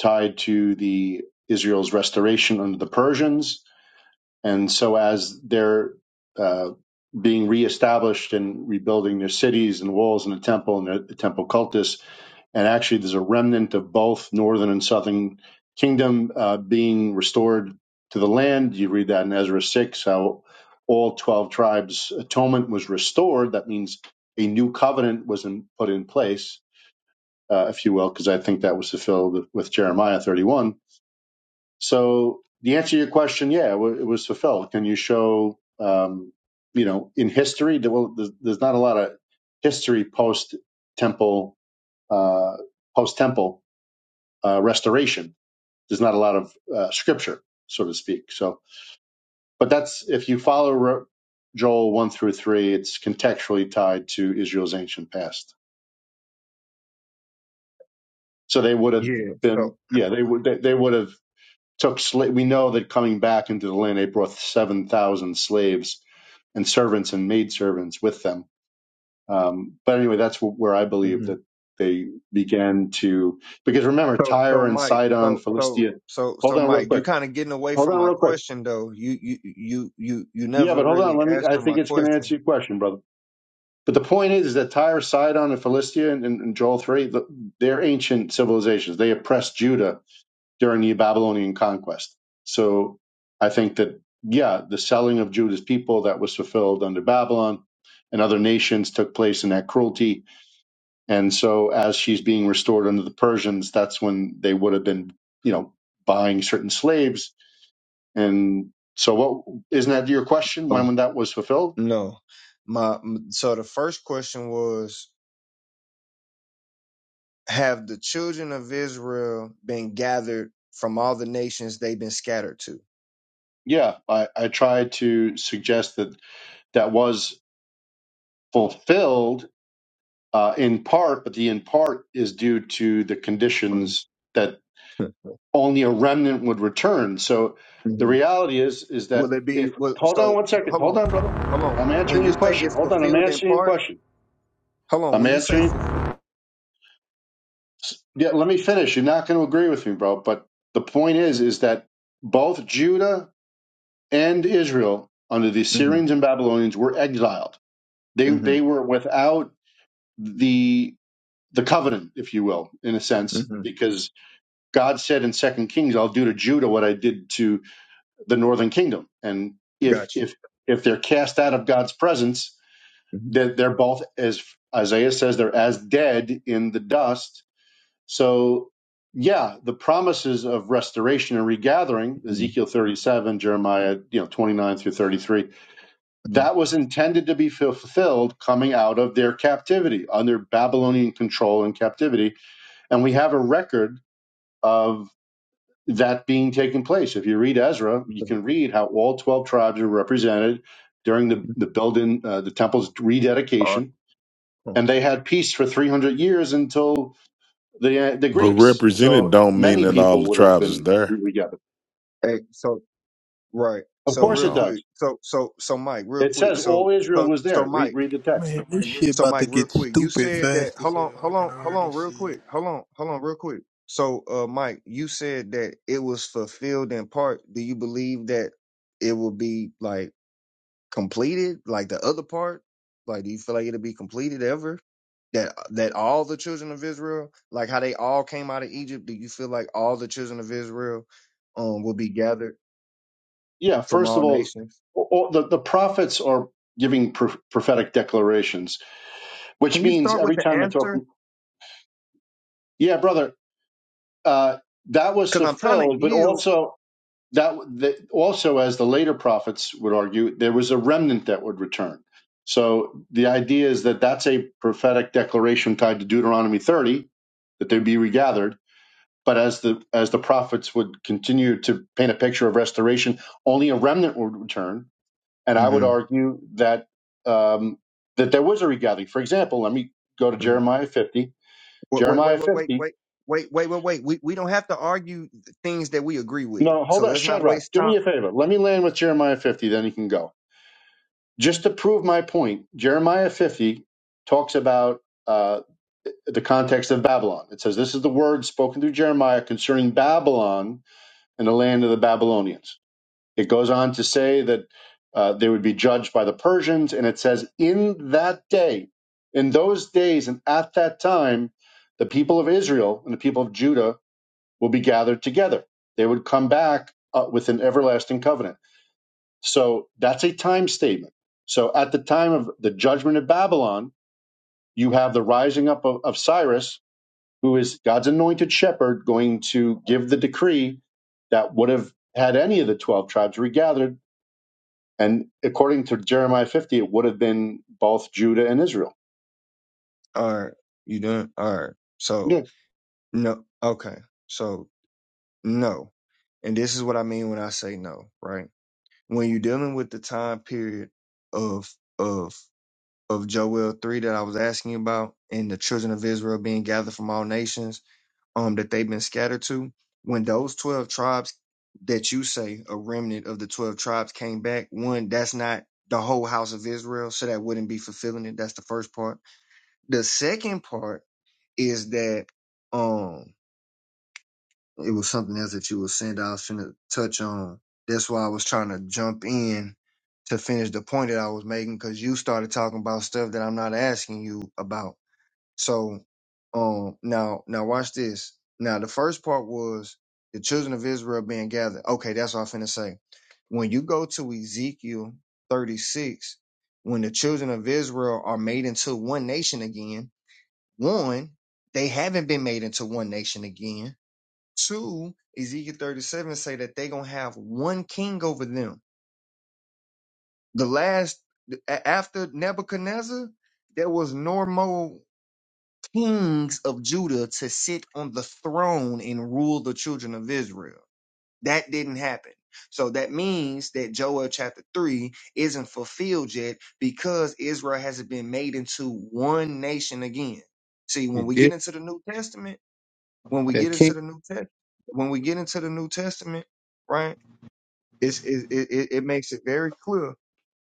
Speaker 12: tied to the Israel's restoration under the Persians and so as they're uh, being reestablished and rebuilding their cities and walls and the temple and the, the temple cultus, and actually there's a remnant of both northern and southern kingdom uh, being restored to the land. You read that in Ezra six how all twelve tribes' atonement was restored. That means a new covenant was in, put in place, uh, if you will, because I think that was fulfilled with Jeremiah 31 so the answer to your question, yeah, it, was fulfilled. Can you show, um, you know, in history? there- Well, there's, not a lot of history post temple, uh, post temple uh, restoration. There's not a lot of uh, scripture, so to speak. So, but that's if you follow Ro- Joel one through three, it's contextually tied to Israel's ancient past. So they would have
Speaker 16: Yeah.
Speaker 12: been,
Speaker 16: So,
Speaker 12: yeah, they would they, they would have took sla- we know that coming back into the land they brought 7,000 slaves and servants and maidservants with them. Um, but anyway, that's wh- where I believe that they began to, because remember,
Speaker 16: So so
Speaker 12: Tyre and
Speaker 16: Mike,
Speaker 12: Sidon,
Speaker 16: so so
Speaker 12: Philistia.
Speaker 16: so
Speaker 12: Hold
Speaker 16: so
Speaker 12: on real
Speaker 16: Mike, you
Speaker 12: quick.
Speaker 16: kind of getting away
Speaker 12: Hold
Speaker 16: from
Speaker 12: on
Speaker 16: my
Speaker 12: real quick.
Speaker 16: question though. You you you you you
Speaker 12: Yeah,
Speaker 16: never
Speaker 12: but hold on.
Speaker 16: really
Speaker 12: Let me, I
Speaker 16: answered
Speaker 12: think
Speaker 16: my
Speaker 12: it's going to answer
Speaker 16: question.
Speaker 12: your question, brother. But the point is, is that Tyre, Sidon, and Philistia and, and, and Joel 3, the, they're ancient civilizations. They oppressed Judah during the Babylonian conquest. So I think that, yeah, the selling of Judah's people that was fulfilled under Babylon and other nations took place in that cruelty. And so as she's being restored under the Persians, that's when they would have been, you know, buying certain slaves. And so what isn't that your question when,
Speaker 16: Oh
Speaker 12: when that was fulfilled?
Speaker 16: no, my m- so the first question was: Have the children of Israel been gathered from all the nations they've been scattered to?
Speaker 12: Yeah, I, I tried to suggest that that was fulfilled uh, in part, but the in part is due to the
Speaker 16: Mm.
Speaker 12: conditions that.
Speaker 16: [laughs]
Speaker 12: only a remnant would return. So the
Speaker 16: Mhm.
Speaker 12: reality is is
Speaker 16: Will
Speaker 12: that
Speaker 16: it be?
Speaker 12: if
Speaker 16: Will,
Speaker 12: hold on
Speaker 16: so
Speaker 12: one second,
Speaker 16: hold
Speaker 12: hold
Speaker 16: on,
Speaker 12: on, brother.
Speaker 16: hold on.
Speaker 12: I'm
Speaker 16: When
Speaker 12: answering
Speaker 16: you
Speaker 12: your
Speaker 16: say
Speaker 12: question.
Speaker 16: it's
Speaker 12: Hold on, I'm
Speaker 16: fulfilled in
Speaker 12: answering your
Speaker 16: part,
Speaker 12: question.
Speaker 16: hold on.
Speaker 12: I'm
Speaker 16: When you say
Speaker 12: answering.
Speaker 16: fulfilled,
Speaker 12: Yeah, let me finish. You're not going to agree with me, bro. But the point is, is that both Judah and Israel under the
Speaker 16: mm-hmm,
Speaker 12: Assyrians and Babylonians were exiled. They they
Speaker 16: mm-hmm,
Speaker 12: were without the the covenant, if you will, in a sense,
Speaker 16: mm-hmm.
Speaker 12: because God said in Second Kings, "I'll do to Judah what I did to." the northern kingdom and if
Speaker 16: gotcha.
Speaker 12: if if they're cast out of god's presence that they're, both as isaiah says they're as dead in the dust so yeah the promises of restoration and regathering
Speaker 16: hmm
Speaker 12: ezekiel 37 jeremiah you know 29 through 33 that was intended to be fulfilled coming out of their captivity under babylonian control and captivity and we have a record of that being taken place. If you read Ezra, you can read how all 12 tribes are represented during the, the building, uh, the temple's
Speaker 16: Awesome.
Speaker 12: rededication.
Speaker 16: Hmm.
Speaker 12: And they had peace for 300 years until the, uh, the
Speaker 18: But
Speaker 12: Greeks.
Speaker 18: represented
Speaker 12: So
Speaker 18: don't mean
Speaker 12: many
Speaker 18: that
Speaker 16: hmm.
Speaker 18: all the
Speaker 12: people would have
Speaker 18: tribes is
Speaker 12: been
Speaker 18: there.
Speaker 12: re- regathered.
Speaker 16: Hey, so right.
Speaker 12: Of
Speaker 16: So
Speaker 18: No, it
Speaker 12: course
Speaker 16: real
Speaker 12: it
Speaker 18: don't.
Speaker 12: does.
Speaker 16: quick. So so so Mike, real
Speaker 12: It says
Speaker 16: quick.
Speaker 12: all
Speaker 16: So
Speaker 12: Israel
Speaker 16: so
Speaker 12: was
Speaker 16: so
Speaker 12: there. Read,
Speaker 16: Mike.
Speaker 12: read the text.
Speaker 15: Man, this shit
Speaker 16: So
Speaker 15: about to
Speaker 16: Mike, real
Speaker 15: get
Speaker 16: quick. You
Speaker 15: stupid
Speaker 16: said that.
Speaker 15: fast as
Speaker 16: Hold on.
Speaker 15: hell. I
Speaker 16: Hold
Speaker 15: can
Speaker 16: on. Hold
Speaker 15: already
Speaker 16: on.
Speaker 15: see
Speaker 16: Real
Speaker 15: it.
Speaker 16: quick. Hold on. Hold on. Real quick. So uh, Mike, you said that it was fulfilled in part. Do you believe that it will be like completed, like the other part? Like, do you feel like it'll be completed ever? That that all the children of Israel, like how they all came out of Egypt, do you feel like all the children of Israel um will be gathered?
Speaker 12: Yeah,
Speaker 16: from
Speaker 12: first of
Speaker 16: all
Speaker 12: all,
Speaker 16: nations.
Speaker 12: all the, the prophets are giving pro- prophetic declarations, which
Speaker 16: Can you
Speaker 12: means
Speaker 16: start with
Speaker 12: every
Speaker 16: the
Speaker 12: time they're
Speaker 16: answer?
Speaker 12: talking, yeah, brother, uh, that was
Speaker 16: Because I'm trying to
Speaker 12: fulfilled, but
Speaker 16: yield.
Speaker 12: also that, that also, as the later prophets would argue, there was a remnant that would return. So the idea is that that's a prophetic declaration tied to Deuteronomy 30 that they'd be regathered. But as the as the prophets would continue to paint a picture of restoration, only a remnant would return. And I would
Speaker 16: hmm
Speaker 12: argue that um, that there was a regathering. For example, let me go to
Speaker 16: hmm
Speaker 12: Jeremiah 50.
Speaker 16: Wait, wait,
Speaker 12: Jeremiah
Speaker 16: wait, wait, wait,
Speaker 12: 50.
Speaker 16: wait, wait, wait, wait, wait. We we don't have to argue things that we agree with.
Speaker 12: No,
Speaker 16: So
Speaker 12: hold on,
Speaker 16: let's not
Speaker 12: Shadrach.
Speaker 16: waste
Speaker 12: Do
Speaker 16: time.
Speaker 12: me a favor. Let me land with Jeremiah 50, then you can go just to prove my point, Jeremiah 50 talks about uh, the context of Babylon. It says, This is the word spoken through Jeremiah concerning Babylon and the land of the Babylonians. It goes on to say that uh, they would be judged by the Persians. And it says, In that day, in those days, and at that time, the people of Israel and the people of Judah will be gathered together. They would come back uh, with an everlasting covenant. So that's a time statement. So at the time of the judgment of Babylon, you have the rising up of, of Cyrus, who is God's anointed shepherd, going to give the decree that would have had any of the 12 tribes regathered. And according to Jeremiah 50, it would have been both Judah and Israel.
Speaker 16: All right, you done? All right. So
Speaker 12: Yeah.
Speaker 16: no. Okay. So no. And this is what I mean when I say no. Right. When you're dealing with the time period of of of Joel three that I was asking about, and the children of Israel being gathered from all nations um, that they've been scattered to, when those 12 tribes that you say a remnant of the 12 tribes came back, one, that's not the whole house of Israel, so that wouldn't be fulfilling it. That's the first part. The second part is that um it was something else that you were saying that I was finna touch on. That's why I was trying to jump in to finish the point that I was making because you started talking about stuff that I'm not asking you about so um now now watch this. Now the first part was the children of Israel being gathered. Okay, that's what I'm finna say. When you go to Ezekiel 36, when the children of Israel are made into one nation again, one, they haven't been made into one nation again. Two, Ezekiel 37 say that they gonna have one king over them. The last a- after Nebuchadnezzar, there was no more. kings of Judah to sit on the throne and rule the children of Israel. That didn't happen. So that means that Joel chapter 3 isn't fulfilled yet because Israel hasn't been made into one nation again. See,
Speaker 17: You
Speaker 16: when we get
Speaker 17: did
Speaker 16: into the New Testament, when we
Speaker 17: that
Speaker 16: get into
Speaker 17: king?
Speaker 16: the New Testament, when we get into the New Testament, right? It's, it, it, it it makes it very clear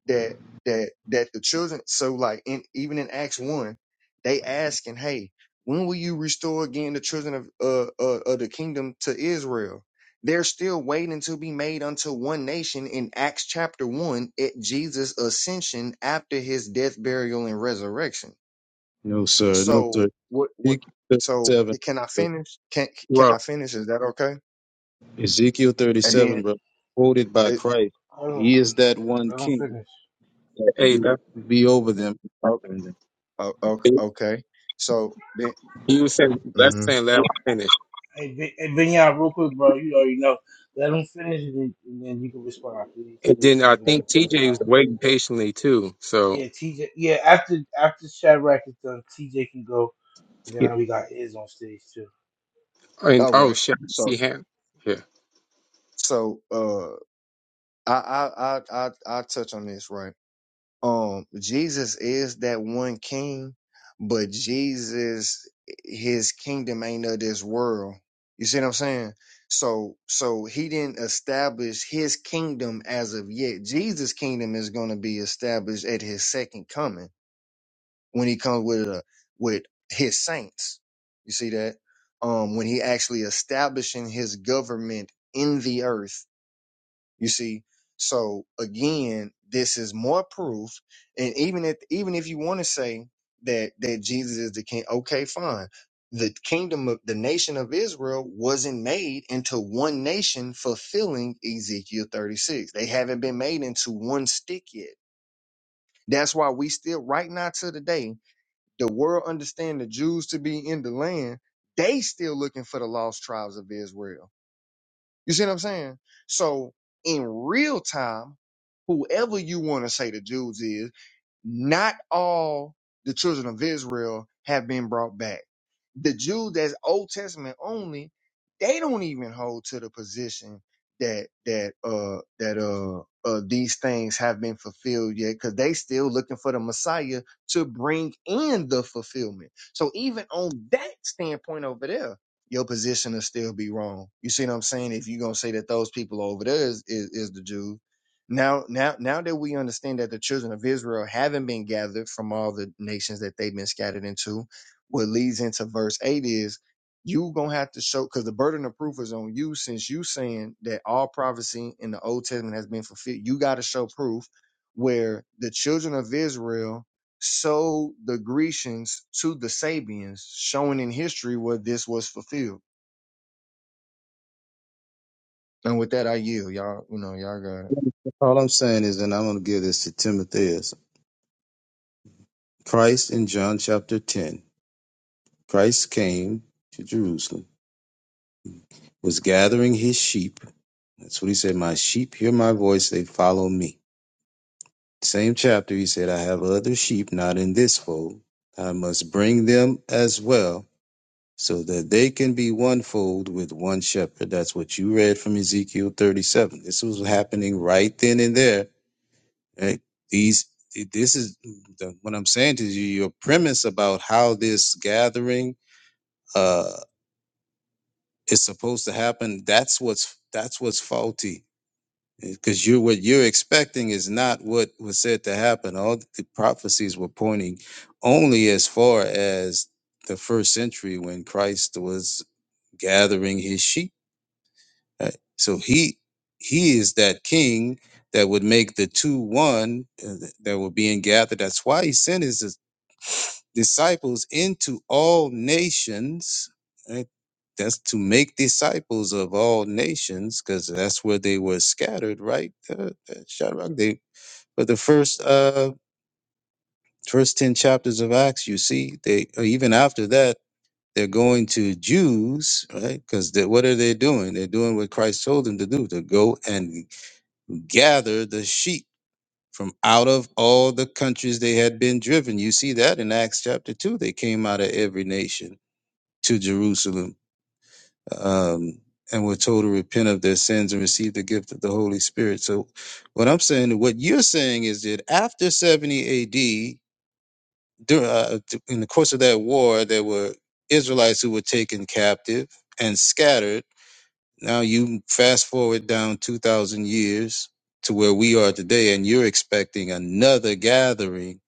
Speaker 16: that that that the children so like in even in acts 1 they asking hey when will you restore again the children of uh, uh of the kingdom to israel they're still waiting to be made unto one nation in acts chapter 1 at jesus ascension after his death burial and resurrection
Speaker 17: No, sir. No,
Speaker 16: so
Speaker 17: sir.
Speaker 16: what what
Speaker 17: Ezekiel
Speaker 16: so
Speaker 17: 37.
Speaker 16: can i finish can can
Speaker 9: Well,
Speaker 16: i finish is that okay
Speaker 17: Ezekiel
Speaker 16: and
Speaker 17: 37,
Speaker 16: then
Speaker 17: bro, quoted by
Speaker 16: it,
Speaker 17: Christ,
Speaker 1: Hold
Speaker 17: he
Speaker 1: on.
Speaker 17: is that one
Speaker 1: Let him
Speaker 17: king
Speaker 1: finish.
Speaker 17: that will
Speaker 9: hey,
Speaker 17: be,
Speaker 9: that,
Speaker 17: be over them. and
Speaker 16: oh,
Speaker 17: govern them."
Speaker 16: oh, oh, okay so then
Speaker 9: you was saying
Speaker 1: Hey,
Speaker 9: that's
Speaker 16: mhm.
Speaker 9: saying let him finish,
Speaker 1: hey, Ben- hey Benya, real quick, bro. You already know. Let him finish, and then, and then you can respond, please.
Speaker 9: and
Speaker 1: I don't
Speaker 9: then I
Speaker 1: want to
Speaker 9: think
Speaker 1: go go
Speaker 9: TJ was
Speaker 1: sideways.
Speaker 9: waiting patiently too. So,
Speaker 1: Yeah, TJ. Yeah, after after Shadrack is done, TJ can go, and
Speaker 9: yeah,
Speaker 1: then we got Iz on stage too.
Speaker 9: and
Speaker 16: all
Speaker 9: oh
Speaker 16: right
Speaker 9: shit, I
Speaker 16: So
Speaker 9: see him. Yeah,
Speaker 16: So uh I I I I I touch on this right. Um Jesus is that one king, but Jesus his kingdom ain't of this world. You see what I'm saying? So so he didn't establish his kingdom as of yet. Jesus' kingdom is gonna be established at his second coming when he comes with a with his saints. You see that? Um when he actually establishing his government in the earth you see, so again, this is more proof. And even if even if you want to say that that Jesus is the king, okay, fine. The kingdom of the nation of Israel wasn't made into one nation, fulfilling Ezekiel 36. They haven't been made into one stick yet. That's why we still, right now to the day, the world understand the Jews to be in the land. They still looking for the lost tribes of Israel you see what I'm saying? So in real time, whoever you want to say the Jews is. Not all the children of Israel have been brought back. The Jews that's Old Testament only, they don't even hold to the position that that uh that uh uh these things have been fulfilled yet because they still looking for the Messiah to bring in the fulfillment. So even on that standpoint over there, your position will still be wrong. You see what I'm saying? If you're gonna say that those people over there is is, is the Jews now, now, now that we understand that the children of Israel haven't been gathered from all the nations that they've been scattered into, what leads into verse eight is you gonna have to show because the burden of proof is on you since you saying that all prophecy in the Old Testament has been fulfilled. You got to show proof where the children of Israel sold the Grecians to the Sabians, showing in history where this was fulfilled. And with that, I yield, y'all. You know, y'all got it.
Speaker 17: All I'm saying is, and I'm going to give this to Timothy, is Christ in John chapter 10, Christ came to Jerusalem, was gathering his sheep. That's what he said, my sheep hear my voice, they follow me. Same chapter, he said, I have other sheep not in this fold. I must bring them as well so that they can be one fold with one shepherd. That's what you read from Ezekiel 37. This was happening right then and there. right? These, this is the, what I'm saying to you. Your premise about how this gathering uh, is supposed to happen. That's what's that's what's faulty because you're what you're expecting is not what was said to happen. All the prophecies were pointing only as far as the first century when Christ was gathering his sheep Uh, so he he is that king that would make the two one uh, th- that were being gathered. That's why he sent his dis- disciples into all nations. right? That's to make disciples of all nations, because that's where they were scattered, right? Uh, uh, Shadrach. They but the first uh first ten chapters of Acts, you see, they or even after that, they're going to Jews, right? Because what are they doing? They're doing what Christ told them to do: to go and gather the sheep from out of all the countries they had been driven. You see that in Acts chapter 2. They came out of every nation to Jerusalem um, and were told to repent of their sins and receive the gift of the Holy Spirit. So, what I'm saying, what you're saying is that after 70 AD, dur- uh, in the course of that war, there were Israelites who were taken captive and scattered now you fast forward down 2,000 years to where we are today, and you're expecting another gathering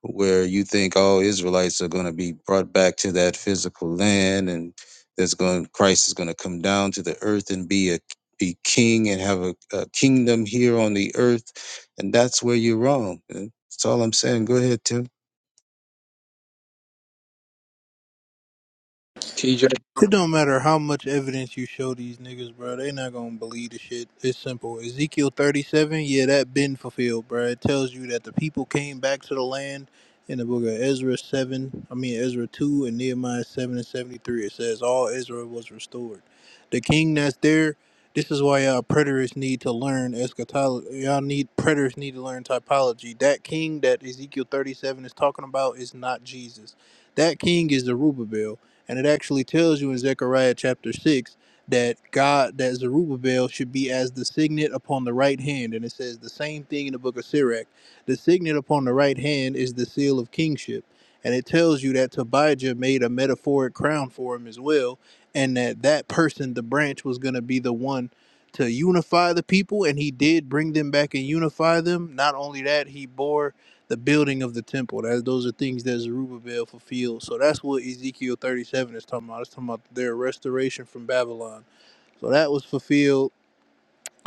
Speaker 17: where you think all Israelites are going to be brought back to that physical land, and there's going Christ is going to come down to the earth and be a be king and have a, a kingdom here on the earth, and that's where you're wrong. man. That's all I'm saying. Go ahead, Tim.
Speaker 9: TJ
Speaker 15: It don't matter how much evidence you show these niggas, bro. They not gonna believe the shit. It's simple. Ezekiel thirty-seven, yeah, that been fulfilled, bro. It tells you that the people came back to the land in the book of Ezra seven. I mean Ezra two and Nehemiah seven and seventy-three. It says all Israel was restored. The king that's there. This is why y'all preterists need to learn eschatology. Y'all need preterists need to learn typology. That king that Ezekiel thirty-seven is talking about is not Jesus. That king is the Rubabel. And it actually tells you in Zechariah chapter 6 that God, that Zerubbabel should be as the signet upon the right hand. And it says the same thing in the book of Sirach. The signet upon the right hand is the seal of kingship. And it tells you that Tobijah made a metaphoric crown for him as well. And that that person, the branch, was going to be the one to unify the people. And he did bring them back and unify them. Not only that, he bore the building of the temple. That those are things that Zerubbabel fulfilled. So that's what Ezekiel 37 is talking about. It's talking about their restoration from Babylon. So that was fulfilled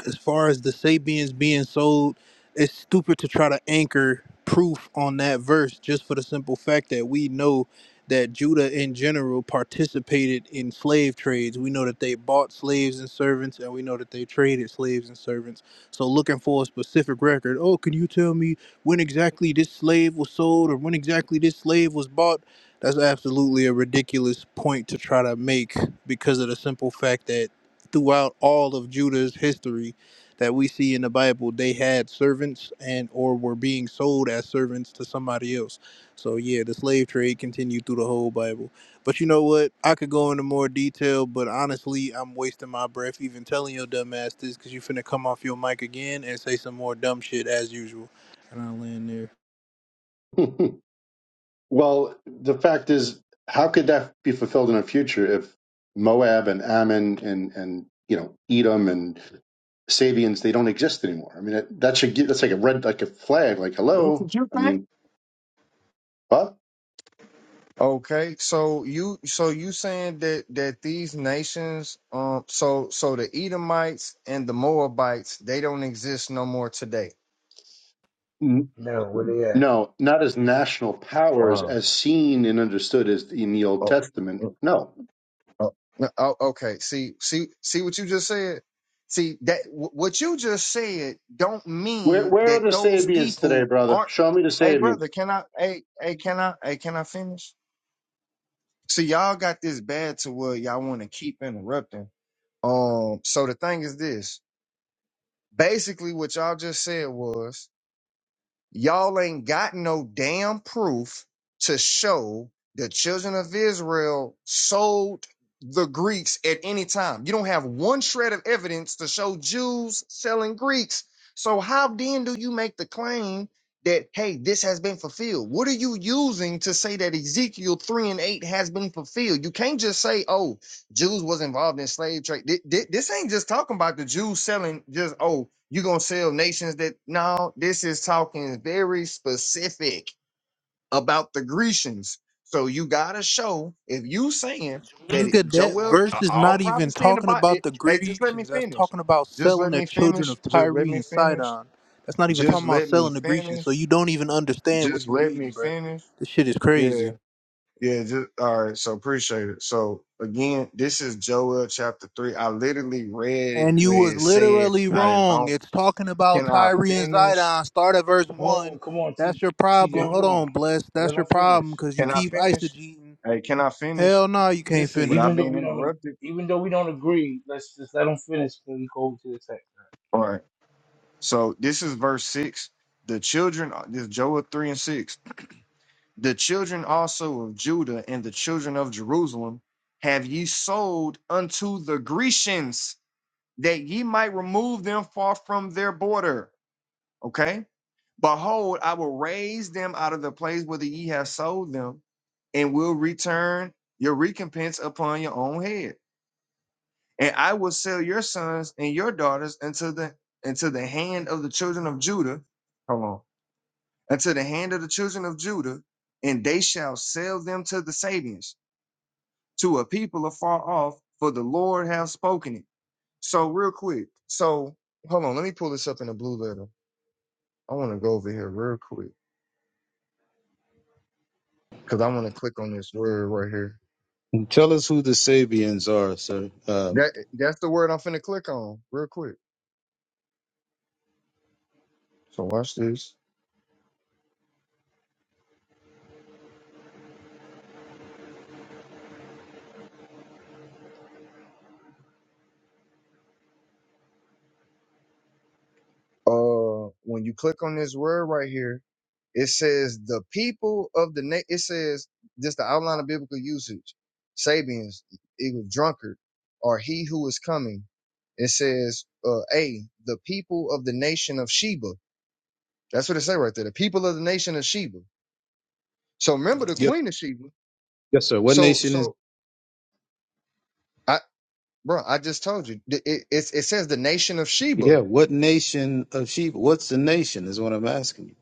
Speaker 15: as far as the Sabians being sold, it's stupid to try to anchor proof on that verse just for the simple fact that we know that Judah in general participated in slave trades. We know that they bought slaves and servants, and we know that they traded slaves and servants. So, looking for a specific record, oh, can you tell me when exactly this slave was sold or when exactly this slave was bought? That's absolutely a ridiculous point to try to make because of the simple fact that throughout all of Judah's history, that we see in the Bible, they had servants and or were being sold as servants to somebody else. So yeah, the slave trade continued through the whole Bible. But you know what? I could go into more detail, but honestly, I'm wasting my breath even telling your dumb ass this because you finna come off your mic again and say some more dumb shit as usual. And I'll land there.
Speaker 12: [laughs] Well, the fact is, how could that be fulfilled in the future if Moab and Ammon and and you know Edom and Sabians they don't exist anymore? I mean, that, that should get, that's like a red like a flag. Like
Speaker 16: That's
Speaker 12: hello,
Speaker 16: What you
Speaker 12: I
Speaker 16: think?
Speaker 12: mean, what?
Speaker 16: Okay, so you so you saying that that these nations, um, so so the Edomites and the Moabites, they don't exist no more today.
Speaker 12: N-
Speaker 1: No, where they at?
Speaker 12: No, not as national powers
Speaker 16: Wow.
Speaker 12: as seen and understood as in the Old
Speaker 16: Oh, mm,
Speaker 12: Testament. No,
Speaker 16: oh, no, oh, okay. See, see, see what you just said. See that wh- what you just said don't
Speaker 12: where
Speaker 16: mean
Speaker 12: where are
Speaker 16: that
Speaker 12: the
Speaker 16: those
Speaker 12: Sabians today,
Speaker 16: people
Speaker 12: brother?
Speaker 16: aren't.
Speaker 12: Show me the
Speaker 16: Hey,
Speaker 12: Sabians.
Speaker 16: brother, can I? Hey, hey, can I? Hey, can I finish? See, y'all got this bad to where y'all want to keep interrupting. Um, so the thing is this. basically what y'all just said was y'all ain't got no damn proof to show the children of Israel sold the Greeks at any time. You don't have one shred of evidence to show Jews selling Greeks. So how then do you make the claim that hey, this has been fulfilled? What are you using to say that Ezekiel 3 and 8 has been fulfilled? You can't just say, "Oh, Jews was involved in slave trade. Thi- thi- This ain't just talking about the Jews selling. Just oh, you gonna sell nations that? No, this is talking very specific about the Grecians. So you gotta show if you saying that it,
Speaker 15: Nigga, that
Speaker 16: Joel,
Speaker 15: verse
Speaker 16: uh,
Speaker 15: is
Speaker 16: all
Speaker 15: not even
Speaker 16: prophecy in the
Speaker 15: talking
Speaker 16: Bible.
Speaker 15: about the
Speaker 16: Hey, just let me
Speaker 15: Grecians. That's
Speaker 16: finish.
Speaker 15: talking about
Speaker 16: Just
Speaker 15: selling
Speaker 16: let
Speaker 15: the
Speaker 16: me
Speaker 15: children
Speaker 16: finish.
Speaker 15: of
Speaker 16: Just
Speaker 15: Tyre
Speaker 16: let me
Speaker 15: and
Speaker 16: finish.
Speaker 15: Sidon. That's not even talking
Speaker 16: Just
Speaker 15: about
Speaker 16: let me
Speaker 15: selling the Grecians. So
Speaker 16: finish.
Speaker 15: you don't even understand what
Speaker 16: Just
Speaker 15: you
Speaker 16: let me
Speaker 15: reading, bruh.
Speaker 16: finish.
Speaker 15: This shit is
Speaker 16: Yeah.
Speaker 15: crazy.
Speaker 16: Yeah, just all right. So appreciate it. So again, this is Joel chapter three. I literally read it
Speaker 15: And you
Speaker 16: where
Speaker 15: was
Speaker 16: it said,
Speaker 15: literally
Speaker 16: "I just
Speaker 15: wrong.
Speaker 16: don't."
Speaker 15: It's talking about
Speaker 16: Can I
Speaker 15: Tyre and
Speaker 16: finish?
Speaker 15: Sidon. Start at verse
Speaker 1: Oh,
Speaker 15: one.
Speaker 1: come on, TJ.
Speaker 15: That's your
Speaker 1: TJ,
Speaker 15: problem.
Speaker 1: hold
Speaker 15: Hold
Speaker 1: on.
Speaker 15: on, bless.
Speaker 1: Let
Speaker 15: That's your
Speaker 1: him finish.
Speaker 15: problem because you
Speaker 16: Can I
Speaker 15: keep
Speaker 16: finish?
Speaker 15: eisegeting.
Speaker 16: Hey, can I finish
Speaker 15: Hell no, you can't
Speaker 1: Listen,
Speaker 15: finish.
Speaker 16: without
Speaker 1: even though
Speaker 16: being
Speaker 1: we don't,
Speaker 16: interrupted?
Speaker 1: even though we don't agree, let's just let them finish before we go to the text.
Speaker 16: All right. So this is verse six. The children, uh, this is Joel three and six. The children also of Judah and the children of Jerusalem have ye sold unto the Grecians, that ye might remove them far from their border. Okay Behold, I will raise them out of the place whither ye have sold them, and will return your recompense upon your own head. And I will sell your sons and your daughters into the into the hand of the children of Judah. Hold on. Into the hand of the children of Judah, and they shall sell them to the Sabians, to a people afar off, for the Lord hath spoken it. So real quick. So hold on, let me pull this up in a blue letter. I want to go over here real quick. because I want to click on this word right here.
Speaker 17: Tell us who the Sabians are, sir. Um,
Speaker 16: That that's the word I'm finna click on real quick. So watch this. Uh, when you click on this word right here, it says the people of the na- it says just the outline of biblical usage. Sabians, equal drunkard, or he who is coming. It says uh, a the people of the nation of Sheba. That's what it say right there. The people of the nation of Sheba. So remember the
Speaker 17: yes,
Speaker 16: queen of Sheba.
Speaker 17: yes, sir. What
Speaker 16: So
Speaker 17: nation is?
Speaker 16: so. I. Bro, I just told you. Th- It, it, it says the nation of Sheba.
Speaker 17: Yeah, what nation of sheep? What's the nation is what I'm asking you.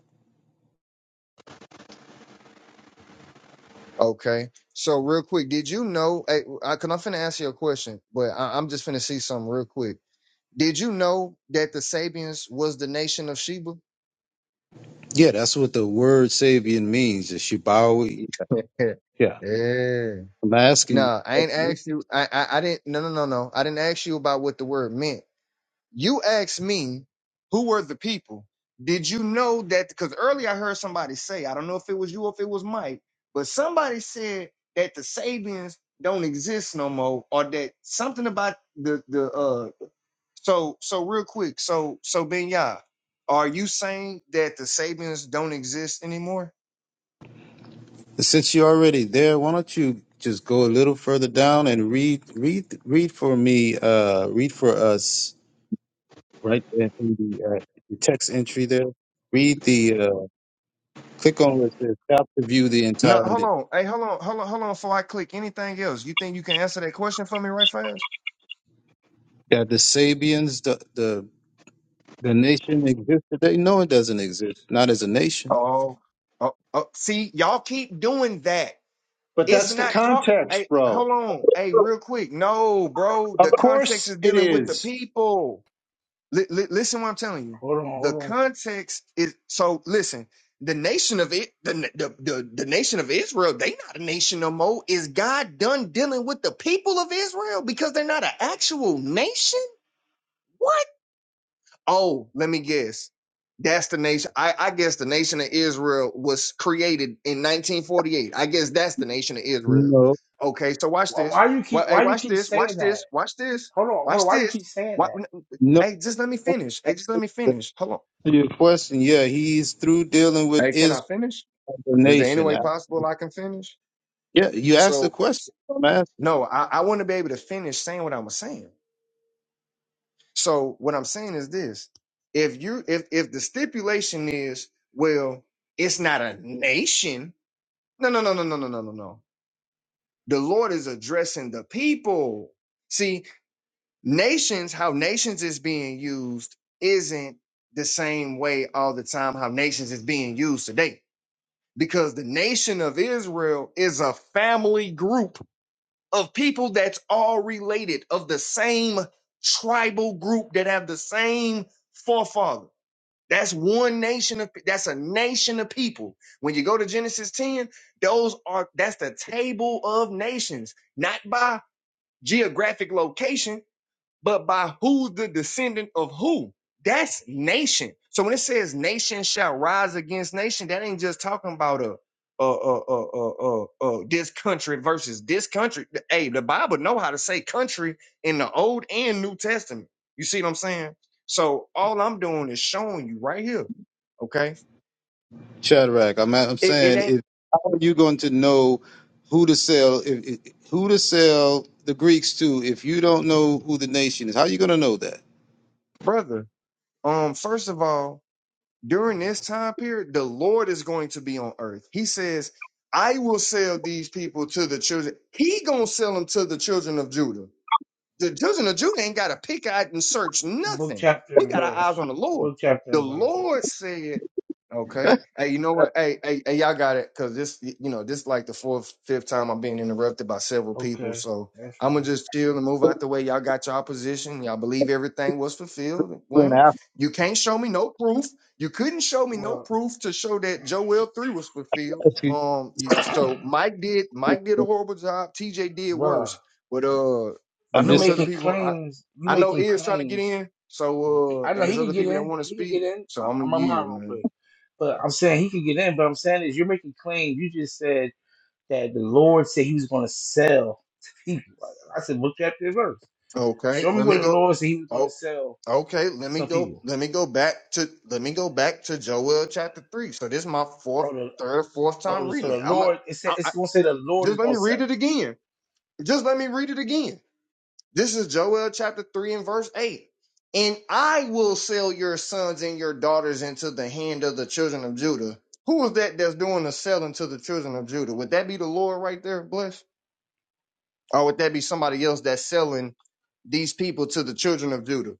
Speaker 16: Okay. So real quick, did you know? Hey, I, cause I'm finna ask you a question, but I, I'm just finna see something real quick. Did you know that the Sabians was the nation of Sheba?
Speaker 17: Yeah, that's what the word Sabian means, the Shibawi.
Speaker 16: Yeah.
Speaker 17: Yeah.
Speaker 16: yeah.
Speaker 17: I'm asking
Speaker 16: No, I ain't
Speaker 17: you.
Speaker 16: asked you. I, I I didn't. No, no, no, no. I didn't ask you about what the word meant. You asked me who were the people. Did you know that? Because earlier I heard somebody say, I don't know if it was you or if it was Mike, but somebody said that the Sabians don't exist no more, or that something about the the uh. So so real quick, so so Ben are you saying that the Sabians don't exist anymore?
Speaker 17: Since you're already there, why don't you just go a little further down and read read read for me, uh read for us right there in the, uh, the text entry there. Read the uh click on where it says "Tap to view the
Speaker 16: No,
Speaker 17: entire
Speaker 16: hold on. Hey, hold on, hold on, hold on. Before I click anything else, you think you can answer that question for me right fast?
Speaker 17: that the Sabians, the the the nation exists today. No, it doesn't exist. Not as a nation.
Speaker 16: Oh, oh, oh see, y'all keep doing that.
Speaker 12: But
Speaker 16: It's
Speaker 12: that's the
Speaker 16: not talking.
Speaker 12: context,
Speaker 16: Hey,
Speaker 12: bro.
Speaker 16: hold on. Hey, real quick. No, bro. The
Speaker 12: Of
Speaker 16: context
Speaker 12: course
Speaker 16: is
Speaker 12: it
Speaker 16: dealing with the
Speaker 12: is.
Speaker 16: people. Li- li- listen, what I'm telling you.
Speaker 1: Hold on, hold
Speaker 16: The
Speaker 1: on.
Speaker 16: context is so. Listen, the nation of it, the, the the the nation of Israel, they not a nation no more. Is God done dealing with the people of Israel because they're not an actual nation? What? Oh, let me guess. That's the nation. I, I guess the nation of Israel was created in 1948. I guess that's the nation of Israel.
Speaker 17: No,
Speaker 16: Okay, so watch
Speaker 1: Why,
Speaker 16: this.
Speaker 1: why you
Speaker 16: Well,
Speaker 1: keep,
Speaker 16: hey,
Speaker 1: why you
Speaker 16: watch
Speaker 1: keep
Speaker 16: this.
Speaker 1: saying
Speaker 16: Watch
Speaker 1: that?
Speaker 16: this. Watch this.
Speaker 1: Hold on, hold on.
Speaker 16: Watch
Speaker 1: Why you
Speaker 16: this.
Speaker 1: keep saying
Speaker 16: Wa-
Speaker 1: that?
Speaker 17: No,
Speaker 16: Hey, just let me finish. Hey, just let me
Speaker 17: to
Speaker 16: finish. Hold on.
Speaker 17: your question, yeah, he's through dealing with
Speaker 16: Hey, can
Speaker 17: Israel
Speaker 16: I finish?
Speaker 17: the
Speaker 16: Is there any
Speaker 17: nation.
Speaker 16: way possible I can finish?
Speaker 17: Yeah, you asked the
Speaker 16: So,
Speaker 17: question, man.
Speaker 16: no, I, I want to be able to finish saying what I was saying. So what I'm saying is this: if you if if the stipulation is well, it's not a nation. No, no, no, no, no, no, no, no, no. The Lord is addressing the people. See, nations, how nations is being used isn't the same way all the time how nations is being used today. Because the nation of Israel is a family group of people that's all related of the same tribal group that have the same forefather. That's one nation of that's a nation of people. When you go to Genesis 10, those are that's the table of nations, not by geographic location, but by who's the descendant of who. That's nation. So when it says nation shall rise against nation, that ain't just talking about a uh uh uh uh uh, uh this country versus this country. Hey, the Bible know how to say country in the Old and New Testament. You see what I'm saying? So all I'm doing is showing you right here. Okay,
Speaker 17: Shadrach, I'm, I'm
Speaker 16: it, it
Speaker 17: saying,
Speaker 16: ain't
Speaker 17: if, how are you going to know who to sell, if, if- who to sell the Greeks to if you don't know who the nation is? How are you going to know that?
Speaker 16: brother. Um, first of all, during this time period, the Lord is going to be on earth. He says, I will sell these people to the children. He gonna sell them to the children of Judah. The children of Judah ain't got to pick out and search
Speaker 1: Book
Speaker 16: nothing.
Speaker 1: chapter
Speaker 16: We
Speaker 1: and
Speaker 16: got our
Speaker 1: verse.
Speaker 16: eyes on the Lord.
Speaker 1: Book chapter
Speaker 16: The
Speaker 1: and verse.
Speaker 16: Lord said, okay, hey, you know what? Hey, hey, hey y'all got it. Cause this, you know, this is like the fourth, fifth time I'm being interrupted by several people.
Speaker 1: Okay,
Speaker 16: So
Speaker 1: that's
Speaker 16: I'm gonna
Speaker 1: fine.
Speaker 16: just chill and move out the way. Y'all got y'all position. Y'all believe everything was fulfilled.
Speaker 17: We're in
Speaker 16: Well, you can't show me no proof. You couldn't show me no
Speaker 1: Well,
Speaker 16: proof to show that Joel 3 was fulfilled.
Speaker 17: Africa.
Speaker 16: Um, you, so Mike did Mike did a horrible job. TJ did
Speaker 1: bruh,
Speaker 16: worse. But uh I
Speaker 17: I'm
Speaker 1: you
Speaker 16: know
Speaker 17: just
Speaker 16: it's other
Speaker 1: making
Speaker 16: people. I,
Speaker 1: claims. You
Speaker 16: I know
Speaker 1: making
Speaker 16: is trying to get
Speaker 1: claims.
Speaker 16: in. So
Speaker 1: I
Speaker 16: uh,
Speaker 1: know
Speaker 16: and
Speaker 1: he
Speaker 16: there's
Speaker 1: can
Speaker 16: other
Speaker 1: get
Speaker 16: people that
Speaker 1: in.
Speaker 16: want to
Speaker 1: He can get
Speaker 16: speak.
Speaker 1: in.
Speaker 16: So
Speaker 1: I,
Speaker 16: I'm
Speaker 1: I'm
Speaker 16: gonna
Speaker 1: on my mind
Speaker 16: yield,
Speaker 1: real
Speaker 16: man.
Speaker 1: quick. But I'm saying he could get in. But I'm saying is you're making claims. You just said that the Lord said he was going to sell to people. right? I said, look at the verse.
Speaker 16: Okay,
Speaker 1: Show me
Speaker 16: let
Speaker 1: where
Speaker 16: me
Speaker 1: the
Speaker 16: go.
Speaker 1: Lord said he was going to
Speaker 16: Oh,
Speaker 1: sell
Speaker 16: okay. Let me
Speaker 1: some
Speaker 16: go.
Speaker 1: people.
Speaker 16: Let me go back to. Let me go back to Joel chapter three. So this is my fourth,
Speaker 1: Oh, the,
Speaker 16: third, fourth
Speaker 1: oh,
Speaker 16: time
Speaker 1: the- so
Speaker 16: reading
Speaker 1: the
Speaker 16: it. I'm. A,
Speaker 1: Lord, it said,
Speaker 16: I,
Speaker 1: it's
Speaker 16: I,
Speaker 1: going to say the Lord is
Speaker 16: just let
Speaker 1: going
Speaker 16: me
Speaker 1: to sell
Speaker 16: read it
Speaker 1: them.
Speaker 16: again. Just let me read it again. This is Joel chapter 3 and verse 8. And I will sell your sons and your daughters into the hand of the children of Judah. Who is that that's doing the selling to the children of Judah? Would that be the Lord right there, bless? Or would that be somebody else that's selling these people to the children of Judah?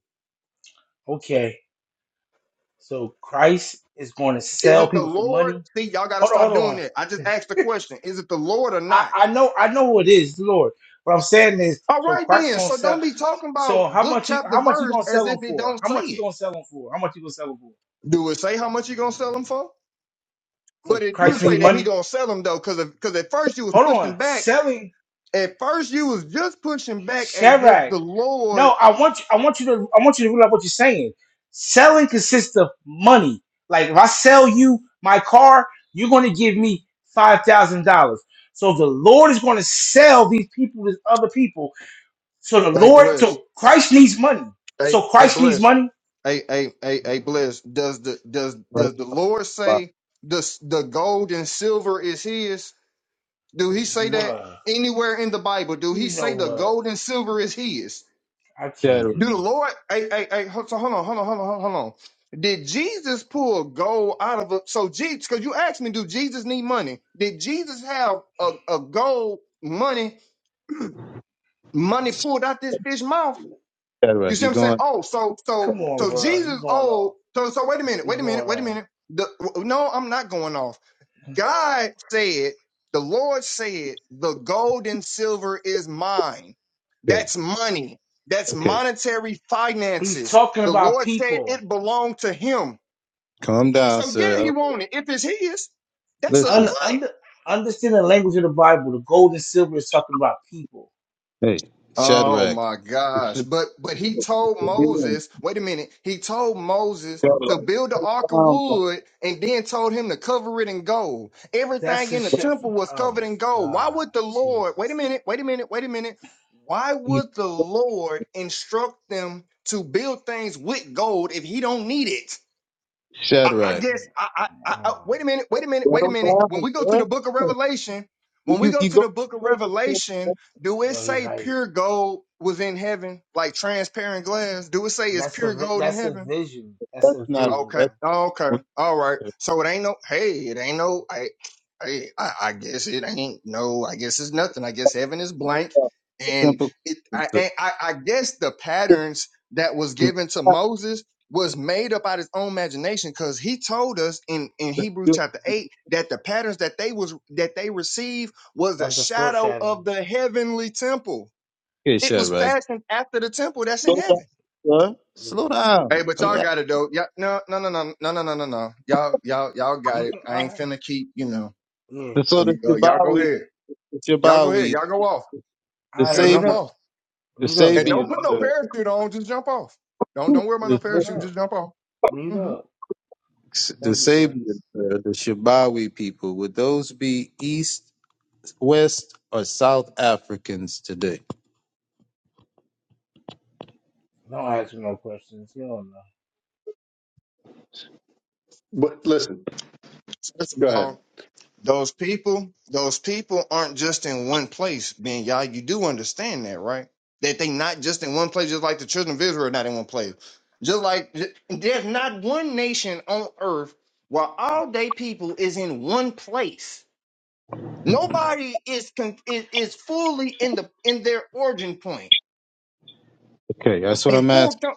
Speaker 1: Okay. So Christ is going to
Speaker 16: Is
Speaker 1: sell
Speaker 16: it the
Speaker 1: people for
Speaker 16: Lord?
Speaker 1: money.
Speaker 16: See, y'all got to
Speaker 1: Hold on, hold
Speaker 16: stop doing
Speaker 1: on.
Speaker 16: that. I just asked the question Is it the Lord or
Speaker 1: I,
Speaker 16: not?
Speaker 1: I know, I know who it is, the Lord. What I'm saying is,
Speaker 16: All
Speaker 1: so
Speaker 16: right,
Speaker 1: Christ's
Speaker 16: then.
Speaker 1: going to
Speaker 16: So
Speaker 1: sell.
Speaker 16: don't be talking
Speaker 1: So
Speaker 16: about
Speaker 1: how
Speaker 16: book,
Speaker 1: much you,
Speaker 16: chapter,
Speaker 1: how much you
Speaker 16: verse
Speaker 1: going to
Speaker 16: as
Speaker 1: sell them
Speaker 16: if it
Speaker 1: for?
Speaker 16: don't
Speaker 1: How
Speaker 16: say
Speaker 1: much you
Speaker 16: it.
Speaker 1: going to sell them for? How much you going to sell them for?
Speaker 16: Do it say how much you going to sell them for?
Speaker 1: So
Speaker 16: But it do
Speaker 1: Christ
Speaker 16: say
Speaker 1: need
Speaker 16: that he
Speaker 1: money.
Speaker 16: gonna sell him though, cause cause at first you was
Speaker 1: Hold on.
Speaker 16: pushing back.
Speaker 1: Selling
Speaker 16: At first you was just pushing back as if
Speaker 1: Shadrach.
Speaker 16: the
Speaker 1: No,
Speaker 16: Lord,
Speaker 1: I want you, I want you to I want you to realize what you're saying. Selling consists of money. Like if I sell you my car, you're going to give me five thousand dollars. So the Lord is going to sell these people to other people. So the
Speaker 16: hey
Speaker 1: Lord,
Speaker 16: bless,
Speaker 1: so Christ needs money.
Speaker 16: hey
Speaker 1: So
Speaker 16: hey
Speaker 1: Christ needs
Speaker 16: bless,
Speaker 1: money.
Speaker 16: hey hey hey hey bless. Does the does
Speaker 17: saying,
Speaker 16: does the Lord say the s- the gold and silver is His? Do He say that
Speaker 1: Bruh,
Speaker 16: anywhere in the Bible? Do He
Speaker 1: you know
Speaker 16: say the
Speaker 1: what?
Speaker 16: gold and silver is His?
Speaker 1: I can't
Speaker 17: Shadrach.
Speaker 1: do
Speaker 16: Do the
Speaker 1: this.
Speaker 16: Lord? Hey, hey, hey. ho- So hold on, hold on, hold on, hold on. Did Jesus pull gold out of a? So Jesus, because you asked me, do Jesus need money? Did Jesus have a, a gold money money pulled out this fish mouth? You
Speaker 17: Shadrach,
Speaker 16: see
Speaker 17: you're
Speaker 16: what I'm saying?
Speaker 17: going.
Speaker 16: Oh, so so
Speaker 1: Come on,
Speaker 16: so
Speaker 1: bruh. You
Speaker 16: Jesus.
Speaker 1: going on?
Speaker 16: Oh, so so wait a minute,
Speaker 1: You
Speaker 16: wait a minute,
Speaker 1: going
Speaker 16: wait a
Speaker 1: on?
Speaker 16: minute. The, no, I'm not going off. God said, the Lord said, the gold and silver is mine.
Speaker 17: Okay,
Speaker 16: That's money. That's
Speaker 17: okay,
Speaker 16: monetary
Speaker 1: He's
Speaker 16: finances.
Speaker 1: talking
Speaker 16: The
Speaker 1: about
Speaker 16: Lord said
Speaker 1: people.
Speaker 16: it belonged to him.
Speaker 17: calm down,
Speaker 16: So yeah, he
Speaker 17: sir.
Speaker 16: wanted. it. If it's his, that's a
Speaker 1: Un,
Speaker 17: Listen,
Speaker 16: cut.
Speaker 1: under, understand the language of the Bible. The gold and silver is talking about people
Speaker 17: hey,
Speaker 16: Oh
Speaker 17: Shadrach.
Speaker 16: my
Speaker 17: It's
Speaker 16: gosh.
Speaker 17: a,
Speaker 16: But but he
Speaker 17: it's
Speaker 16: told
Speaker 17: a being.
Speaker 16: Moses, wait a minute, he told Moses to
Speaker 17: Shadrach,
Speaker 16: build the ark of
Speaker 17: calm down.
Speaker 16: wood and then told him to cover it in gold.
Speaker 1: That's
Speaker 16: Everything
Speaker 1: the
Speaker 16: in the
Speaker 1: shit.
Speaker 16: temple was
Speaker 1: Oh
Speaker 16: covered
Speaker 1: my
Speaker 16: in gold. Why
Speaker 1: god,
Speaker 16: would the Lord, wait a
Speaker 1: Jesus.
Speaker 16: minute, wait a minute, wait a minute. Why would the Lord instruct them to build things with gold if he don't need it? I, I
Speaker 17: Shadrach.
Speaker 1: Damn.
Speaker 16: guess I, I, I, I
Speaker 1: Oh.
Speaker 16: wait a minute, wait a minute, wait a
Speaker 17: Settle
Speaker 16: minute. When
Speaker 17: down,
Speaker 16: we go to
Speaker 17: bud.
Speaker 16: the book of Revelation, when we
Speaker 17: You
Speaker 16: go
Speaker 17: you
Speaker 16: to
Speaker 17: go.
Speaker 16: the book of
Speaker 17: go to the place- that-
Speaker 16: Revelation, do it
Speaker 1: Yo, he
Speaker 16: say
Speaker 1: hype.
Speaker 16: pure gold was in heaven, like transparent glass? Do it say it's
Speaker 1: That's a
Speaker 16: pure
Speaker 1: vi-
Speaker 16: gold in
Speaker 1: that's a
Speaker 16: heaven?
Speaker 1: vision. That's
Speaker 17: That's
Speaker 1: a
Speaker 17: not
Speaker 1: vision,
Speaker 16: Okay.
Speaker 17: that's
Speaker 1: bro.
Speaker 16: Okay.
Speaker 17: what-
Speaker 16: All right.
Speaker 17: that's
Speaker 16: So it ain't no. Hey, it ain't no. I. Hey, I, I guess it ain't no. I guess it's nothing. I guess heaven is blank, and
Speaker 17: simple.
Speaker 16: it. I.
Speaker 17: It's a-
Speaker 16: I, I I guess the
Speaker 17: it's
Speaker 16: patterns that was given to Moses was made up out his own imagination because he told us in in Hebrews chapter eight that the patterns that they was that they received was
Speaker 1: That
Speaker 16: a
Speaker 1: was a
Speaker 16: shadow
Speaker 1: foreshadowing.
Speaker 16: of the heavenly temple.
Speaker 17: Okay,
Speaker 16: It was
Speaker 17: Shadrach.
Speaker 16: fashioned after the temple that's in
Speaker 17: Slow down,
Speaker 16: heaven.
Speaker 17: bud.
Speaker 1: Yeah,
Speaker 17: Slow
Speaker 16: Hey,
Speaker 17: down.
Speaker 16: but
Speaker 17: I mean,
Speaker 16: y'all got it though. Yeah, no, no, no, no, no, no, no, no, no. Y'all, y'all, y'all got
Speaker 1: you
Speaker 16: it.
Speaker 1: can.
Speaker 16: I
Speaker 1: All right.
Speaker 16: ain't finna keep, you know.
Speaker 1: Yeah,
Speaker 17: that's- so
Speaker 16: Uh,
Speaker 17: the
Speaker 16: uh, y'all go
Speaker 1: go
Speaker 17: Shabawi,
Speaker 1: ahead.
Speaker 16: ahead.
Speaker 17: the
Speaker 16: Y'all go ahead.
Speaker 17: Shabawi,
Speaker 16: Y'all go off.
Speaker 1: All
Speaker 17: the
Speaker 1: right,
Speaker 16: Yeah,
Speaker 1: mute
Speaker 16: jump
Speaker 17: Sabi,
Speaker 1: up,
Speaker 16: off.
Speaker 17: the
Speaker 1: mute up,
Speaker 16: And
Speaker 1: bro.
Speaker 17: Sabian,
Speaker 16: don't put no
Speaker 17: the
Speaker 16: parachute on. Just jump off. Don't don't worry about no
Speaker 17: the
Speaker 1: Just mute
Speaker 16: parachute. Just
Speaker 1: up,
Speaker 16: jump off.
Speaker 1: mute up.
Speaker 17: the
Speaker 1: Thank you, sir.
Speaker 17: Sabian, the, the Shabawi people. Would those be East, West, or South Africans today?
Speaker 1: Don't ask me no questions. You don't know.
Speaker 12: But listen, go
Speaker 16: Mm-hmm.
Speaker 12: ahead.
Speaker 16: Those people, those people aren't just in one place, Ben Yah. You do understand that, right? That they not just in one place, just like the children of Israel are not in one place. Just like there's not one nation on earth where all day people is in one place. Nobody is con- is, is fully in the in their origin point
Speaker 17: Okay, that's what
Speaker 16: and
Speaker 17: I'm
Speaker 16: full
Speaker 17: asking.
Speaker 16: co-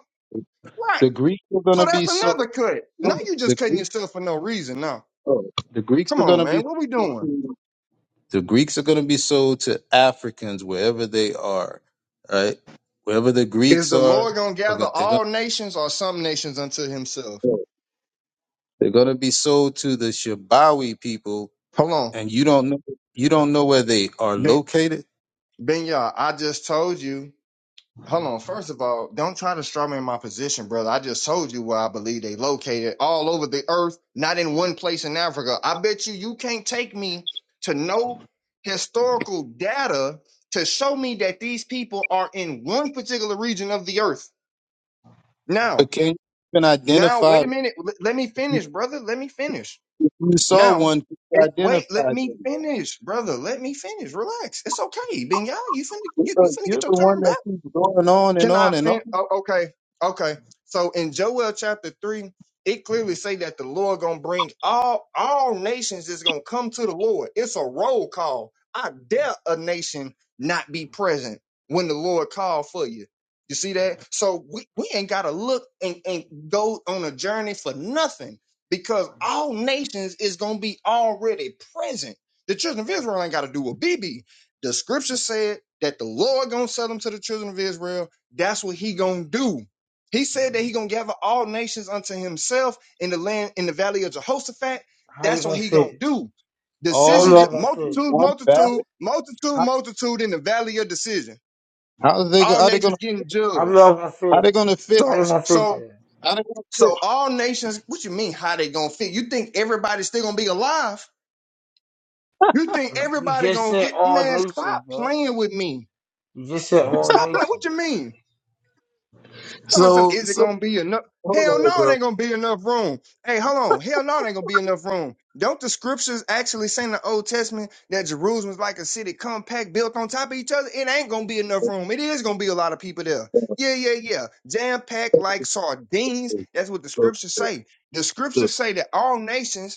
Speaker 16: right.
Speaker 17: The Greeks are
Speaker 16: So
Speaker 17: gonna be
Speaker 16: that's
Speaker 17: so.
Speaker 16: another cut.
Speaker 17: No,
Speaker 16: Now you just
Speaker 17: the
Speaker 16: cutting
Speaker 17: Greeks,
Speaker 16: yourself for no reason. Now,
Speaker 17: oh, the Greeks
Speaker 16: come
Speaker 17: are going
Speaker 16: on,
Speaker 17: to be
Speaker 16: man, what we doing?
Speaker 17: the Greeks are going to be sold to Africans wherever they are, right? Wherever the
Speaker 16: Is
Speaker 17: Greeks
Speaker 16: the
Speaker 17: are,
Speaker 16: Lord gonna
Speaker 17: are
Speaker 16: gather
Speaker 17: go- they're going
Speaker 16: all nations or some nations unto himself?
Speaker 17: to they're going to be sold to the Shabawi people,
Speaker 16: Hold on.
Speaker 17: and you don't know you don't know where they are
Speaker 16: Ben,
Speaker 17: located,
Speaker 16: ben Yah, I just told you. Hold on. First of all, don't try to straw me in my position, brother. I just told you where I believe they located all over the earth, not in one place in Africa. I bet you you can't take me to no historical data to show me that these people are in one particular region of the earth. Now,
Speaker 17: but can you even
Speaker 16: now,
Speaker 17: identify?
Speaker 16: wait a minute. L- let me finish,
Speaker 17: If
Speaker 16: brother. Let me finish.
Speaker 17: you saw
Speaker 16: Now,
Speaker 17: one, can you
Speaker 16: it, wait,
Speaker 17: identify
Speaker 16: let me
Speaker 17: them.
Speaker 16: finish, brother. Let me finish. Relax. It's okay. Ben you finna you, you
Speaker 17: Because
Speaker 16: finna
Speaker 17: you're
Speaker 16: get your
Speaker 17: the
Speaker 16: turn
Speaker 17: one
Speaker 16: back.
Speaker 17: that keeps going on and
Speaker 16: Can
Speaker 17: on
Speaker 16: I
Speaker 17: and on.
Speaker 16: fin- oh, okay, okay. So in Joel chapter three, it clearly say that the Lord gonna bring all all nations is gonna come to the Lord. It's a roll call. I dare a nation not be present when the Lord called for you. You see that? So we, we ain't gotta look and, and go on a journey for nothing because all nations is gonna be already present. The children of Israel ain't gotta do a BB. The scripture said that the Lord gonna sell them to the children of Israel that's what he gonna do. He said that he gonna gather all nations unto himself in the land in the valley of Jehoshaphat.
Speaker 1: How they
Speaker 16: That's what
Speaker 1: gonna
Speaker 16: he gonna
Speaker 1: fit?
Speaker 16: do.
Speaker 1: How
Speaker 17: All
Speaker 1: we
Speaker 16: Decisions,
Speaker 1: all
Speaker 17: nations,
Speaker 1: gonna
Speaker 17: in
Speaker 1: fit?
Speaker 16: multitude,
Speaker 17: one
Speaker 16: multitude,
Speaker 17: valley.
Speaker 16: multitude,
Speaker 17: How
Speaker 16: multitude in the valley of decision.
Speaker 17: how are they? go-
Speaker 16: All
Speaker 17: How they going?
Speaker 16: nations
Speaker 17: to
Speaker 16: getting
Speaker 1: How we all
Speaker 16: judged.
Speaker 1: gonna
Speaker 17: How they
Speaker 1: fit?
Speaker 17: going to fit?
Speaker 1: How
Speaker 16: So,
Speaker 1: they gonna fit
Speaker 16: so,
Speaker 1: there?
Speaker 17: I don't want to
Speaker 16: so all nations. What you mean? How they gonna fit? You think everybody's still gonna be alive? You think
Speaker 1: You
Speaker 16: everybody
Speaker 1: just
Speaker 16: gonna
Speaker 1: said
Speaker 16: get?
Speaker 1: all
Speaker 16: Man, stop
Speaker 1: nations, bro.
Speaker 16: playing with me.
Speaker 1: You just said all
Speaker 16: Stop playing. What you
Speaker 1: nations.
Speaker 16: mean? Come on,
Speaker 17: So,
Speaker 16: something. Is it
Speaker 17: so
Speaker 16: gonna be enough?
Speaker 17: hold
Speaker 16: Hell
Speaker 17: on,
Speaker 16: no, it
Speaker 17: bro.
Speaker 16: ain't gonna be enough room. Hey, hold on. Hell no, it ain't gonna be enough room. Don't the scriptures actually say in the Old Testament that Jerusalem's like a city compact built on top of each other? It ain't gonna be enough room. It is gonna be a lot of people there. Yeah, yeah, yeah. Jam packed like sardines. That's what the
Speaker 17: So,
Speaker 16: scriptures say. The
Speaker 17: so,
Speaker 16: scriptures say that all nations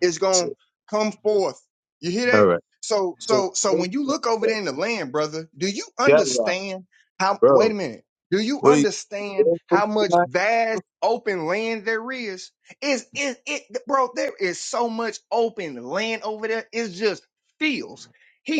Speaker 16: is
Speaker 17: so,
Speaker 16: gonna come forth. You hear
Speaker 17: all
Speaker 16: that?
Speaker 17: right.
Speaker 16: So
Speaker 17: So,
Speaker 16: so so when you look over there in the land, brother, do you
Speaker 17: get right,
Speaker 16: understand how wait
Speaker 17: bro.
Speaker 16: a minute. Do you
Speaker 17: What are you
Speaker 16: understand
Speaker 17: doing for
Speaker 16: how much
Speaker 17: tonight?
Speaker 16: vast open land there is? Is it, it bro, there is so much open land over there. It's just fields,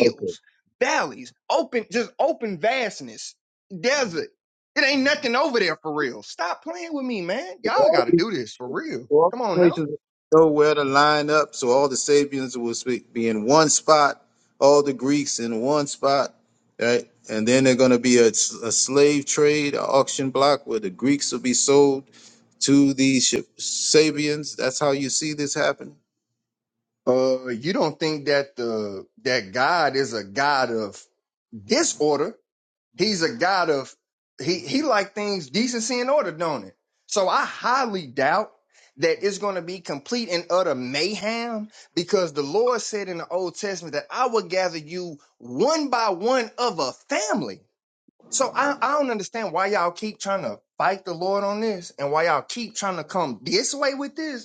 Speaker 17: Okay.
Speaker 16: valleys, open, just open vastness, desert. It ain't nothing over there for real. Stop playing with me, man.
Speaker 17: So
Speaker 16: Y'all
Speaker 17: all
Speaker 16: gotta
Speaker 17: these
Speaker 16: do this for real.
Speaker 17: all
Speaker 16: Come on
Speaker 17: these
Speaker 16: now.
Speaker 17: nations know where to line up, so all the Sabians will speak, be in one spot, all the Greeks in one spot, right? And then they're going to be a, s- a slave trade, a auction block where the Greeks will be sold to the Sh- Sabians. That's how you see this happening.
Speaker 16: Uh, you don't think that the that God is a God of disorder. He's a God of he he like things decency and order, don't it? So I highly doubt that it's going to be complete and utter mayhem because the Lord said in the Old Testament that I will gather you one by one of a family. So I, I don't understand why y'all keep trying to fight the Lord on this and why y'all keep trying to come this way with this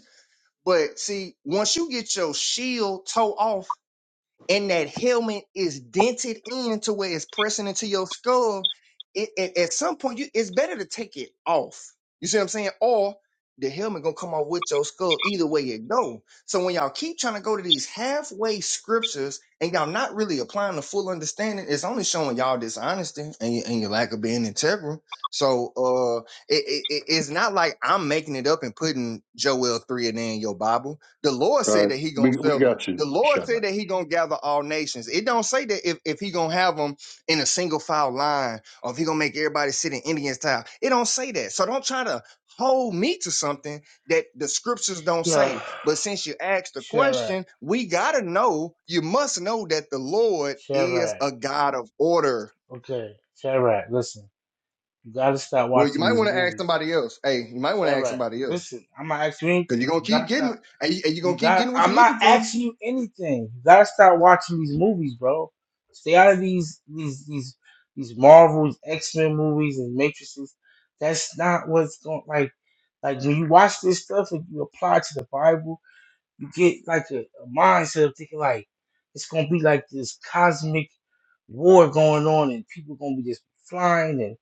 Speaker 16: but see, once you get your shield toe off and that helmet is dented in to where it's pressing into your skull, it, it- at some point you it's better to take it off. You see what I'm saying? Or the helmet gonna come off with your skull either way it go. So when y'all keep trying to go to these halfway scriptures and y'all not really applying the full understanding, it's only showing y'all dishonesty and, your- and your lack of being integral. So uh it, it, it- it's not like I'm making it up and putting Joel three and in your Bible the Lord
Speaker 12: All
Speaker 16: said
Speaker 12: right,
Speaker 16: that He gonna
Speaker 12: we we
Speaker 16: sell them.
Speaker 12: got you,
Speaker 16: The Lord said
Speaker 12: Shadrach.
Speaker 16: that He gonna gather all nations. It don't say that if, if He gonna have them in a single file line, or if He gonna make everybody sit in Indian style. It don't say that. So don't try to hold me to something that the scriptures don't
Speaker 1: Yeah,
Speaker 16: say. But since you asked the
Speaker 1: Shadrach,
Speaker 16: question, we gotta know. You must know that the Lord is
Speaker 1: Shadrach.
Speaker 16: a God of order.
Speaker 1: Okay, Shadrach, listen. You gotta stop
Speaker 16: Well, you
Speaker 1: watching
Speaker 16: might
Speaker 1: these
Speaker 16: want to ask
Speaker 1: movies.
Speaker 16: somebody else. Hey, you might want to ask
Speaker 1: Shadrach,
Speaker 16: somebody else
Speaker 1: listen. I'm not asking you
Speaker 16: because you're
Speaker 1: anything.
Speaker 16: gonna
Speaker 1: You gotta
Speaker 16: keep getting,
Speaker 1: stop.
Speaker 16: and you- and you're
Speaker 1: You
Speaker 16: gonna keep
Speaker 1: got.
Speaker 16: getting what you're
Speaker 1: I'm not
Speaker 16: looking for.
Speaker 1: asking you anything. You gotta stop watching these movies, bro. Stay out of these these these these Marvels, X Men movies, and Matrices. That's not what's going. Like like when you watch this stuff and you apply it to the Bible You get like a, a mindset of thinking like it's gonna be like this cosmic war going on and people gonna be just flying and,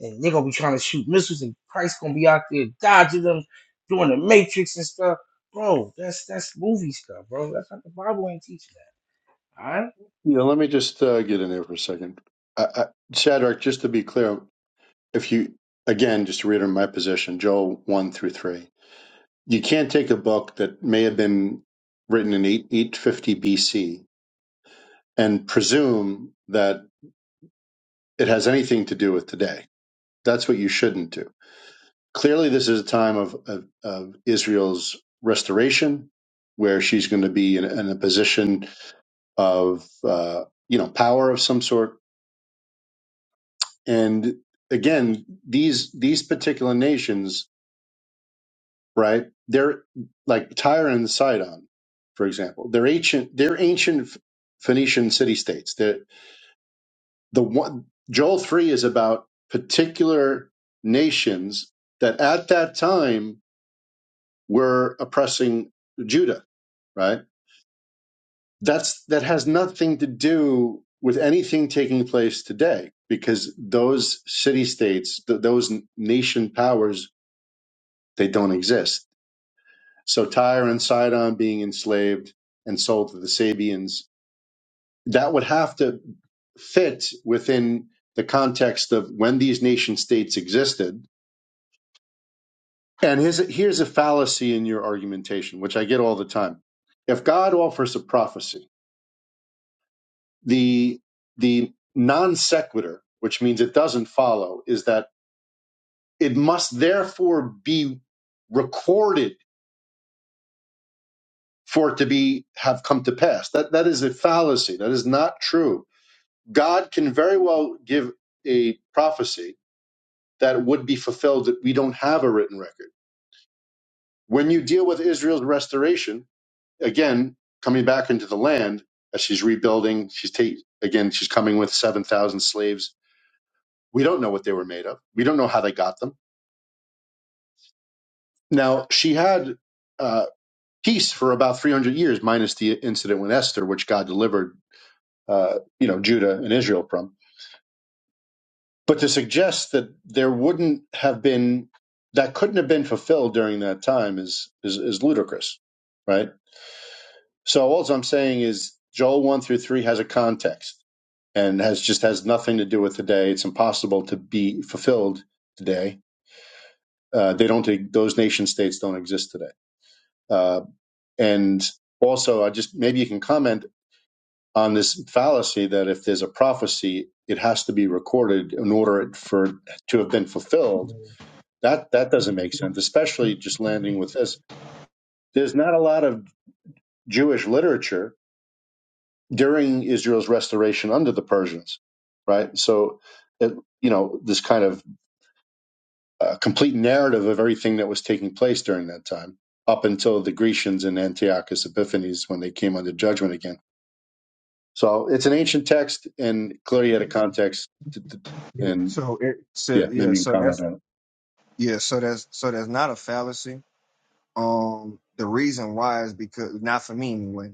Speaker 1: and they're gonna be trying to shoot missiles and Christ gonna be out there dodging them, doing the matrix and stuff. Bro, that's that's movie stuff, bro. That's not the Bible ain't teaching that. Alright?
Speaker 12: Yeah, let me just uh, get in there for a second. I, I, Shadrach, just to be clear, if you again, just to reiterate my position, Joel one through three, you can't take a book that may have been written in eight eight fifty BC and presume that it has anything to do with today. That's what you shouldn't do. Clearly, this is a time of of, of Israel's restoration, where she's going to be in, in a position of uh, you know power of some sort And again, these these particular nations, right? They're like Tyre and Sidon, for example. They're ancient. They're ancient Phoenician city states. The the one Joel three is about particular nations that at that time were oppressing Judah, right? That's that has nothing to do with anything taking place today because those city states, th- those nation powers They don't exist. So Tyre and Sidon being enslaved and sold to the Sabians, that would have to fit within the context of when these nation states existed. And here's, here's a fallacy in your argumentation, which I get all the time. If God offers a prophecy, the the non sequitur, which means it doesn't follow, is that it must therefore be recorded for it to be have come to pass. That that is a fallacy. That is not true. God can very well give a prophecy that would be fulfilled that we don't have a written record. When you deal with Israel's restoration, again, coming back into the land as she's rebuilding, she's take, again, she's coming with 7,000 slaves. We don't know what they were made of. We don't know how they got them. Now, she had uh, peace for about 300 years, minus the incident with Esther, which God delivered, uh, you know, Judah and Israel from But to suggest that there wouldn't have been that couldn't have been fulfilled during that time is is, is ludicrous, right? So all I'm saying is Joel one through three has a context and has just has nothing to do with today. It's impossible to be fulfilled today. Uh, they don't those nation states don't exist today. Uh, and also, I just maybe you can comment on this fallacy that if there's a prophecy, it has to be recorded in order for it to have been fulfilled That that doesn't make sense, especially just landing with this. There's not a lot of Jewish literature during Israel's restoration under the Persians, right? So, it, you know, this kind of uh, complete narrative of everything that was taking place during that time, up until the Grecians and Antiochus Epiphanes when they came under judgment again. So it's an ancient text, and clearly had a context. To, to-
Speaker 16: Yeah.
Speaker 12: and
Speaker 16: So it so
Speaker 12: yeah,
Speaker 16: yeah,
Speaker 12: maybe you can
Speaker 16: so
Speaker 12: comment
Speaker 16: that's
Speaker 12: on it,
Speaker 16: yeah, so that's so that's not a fallacy. Um the reason why is because not for me anyway,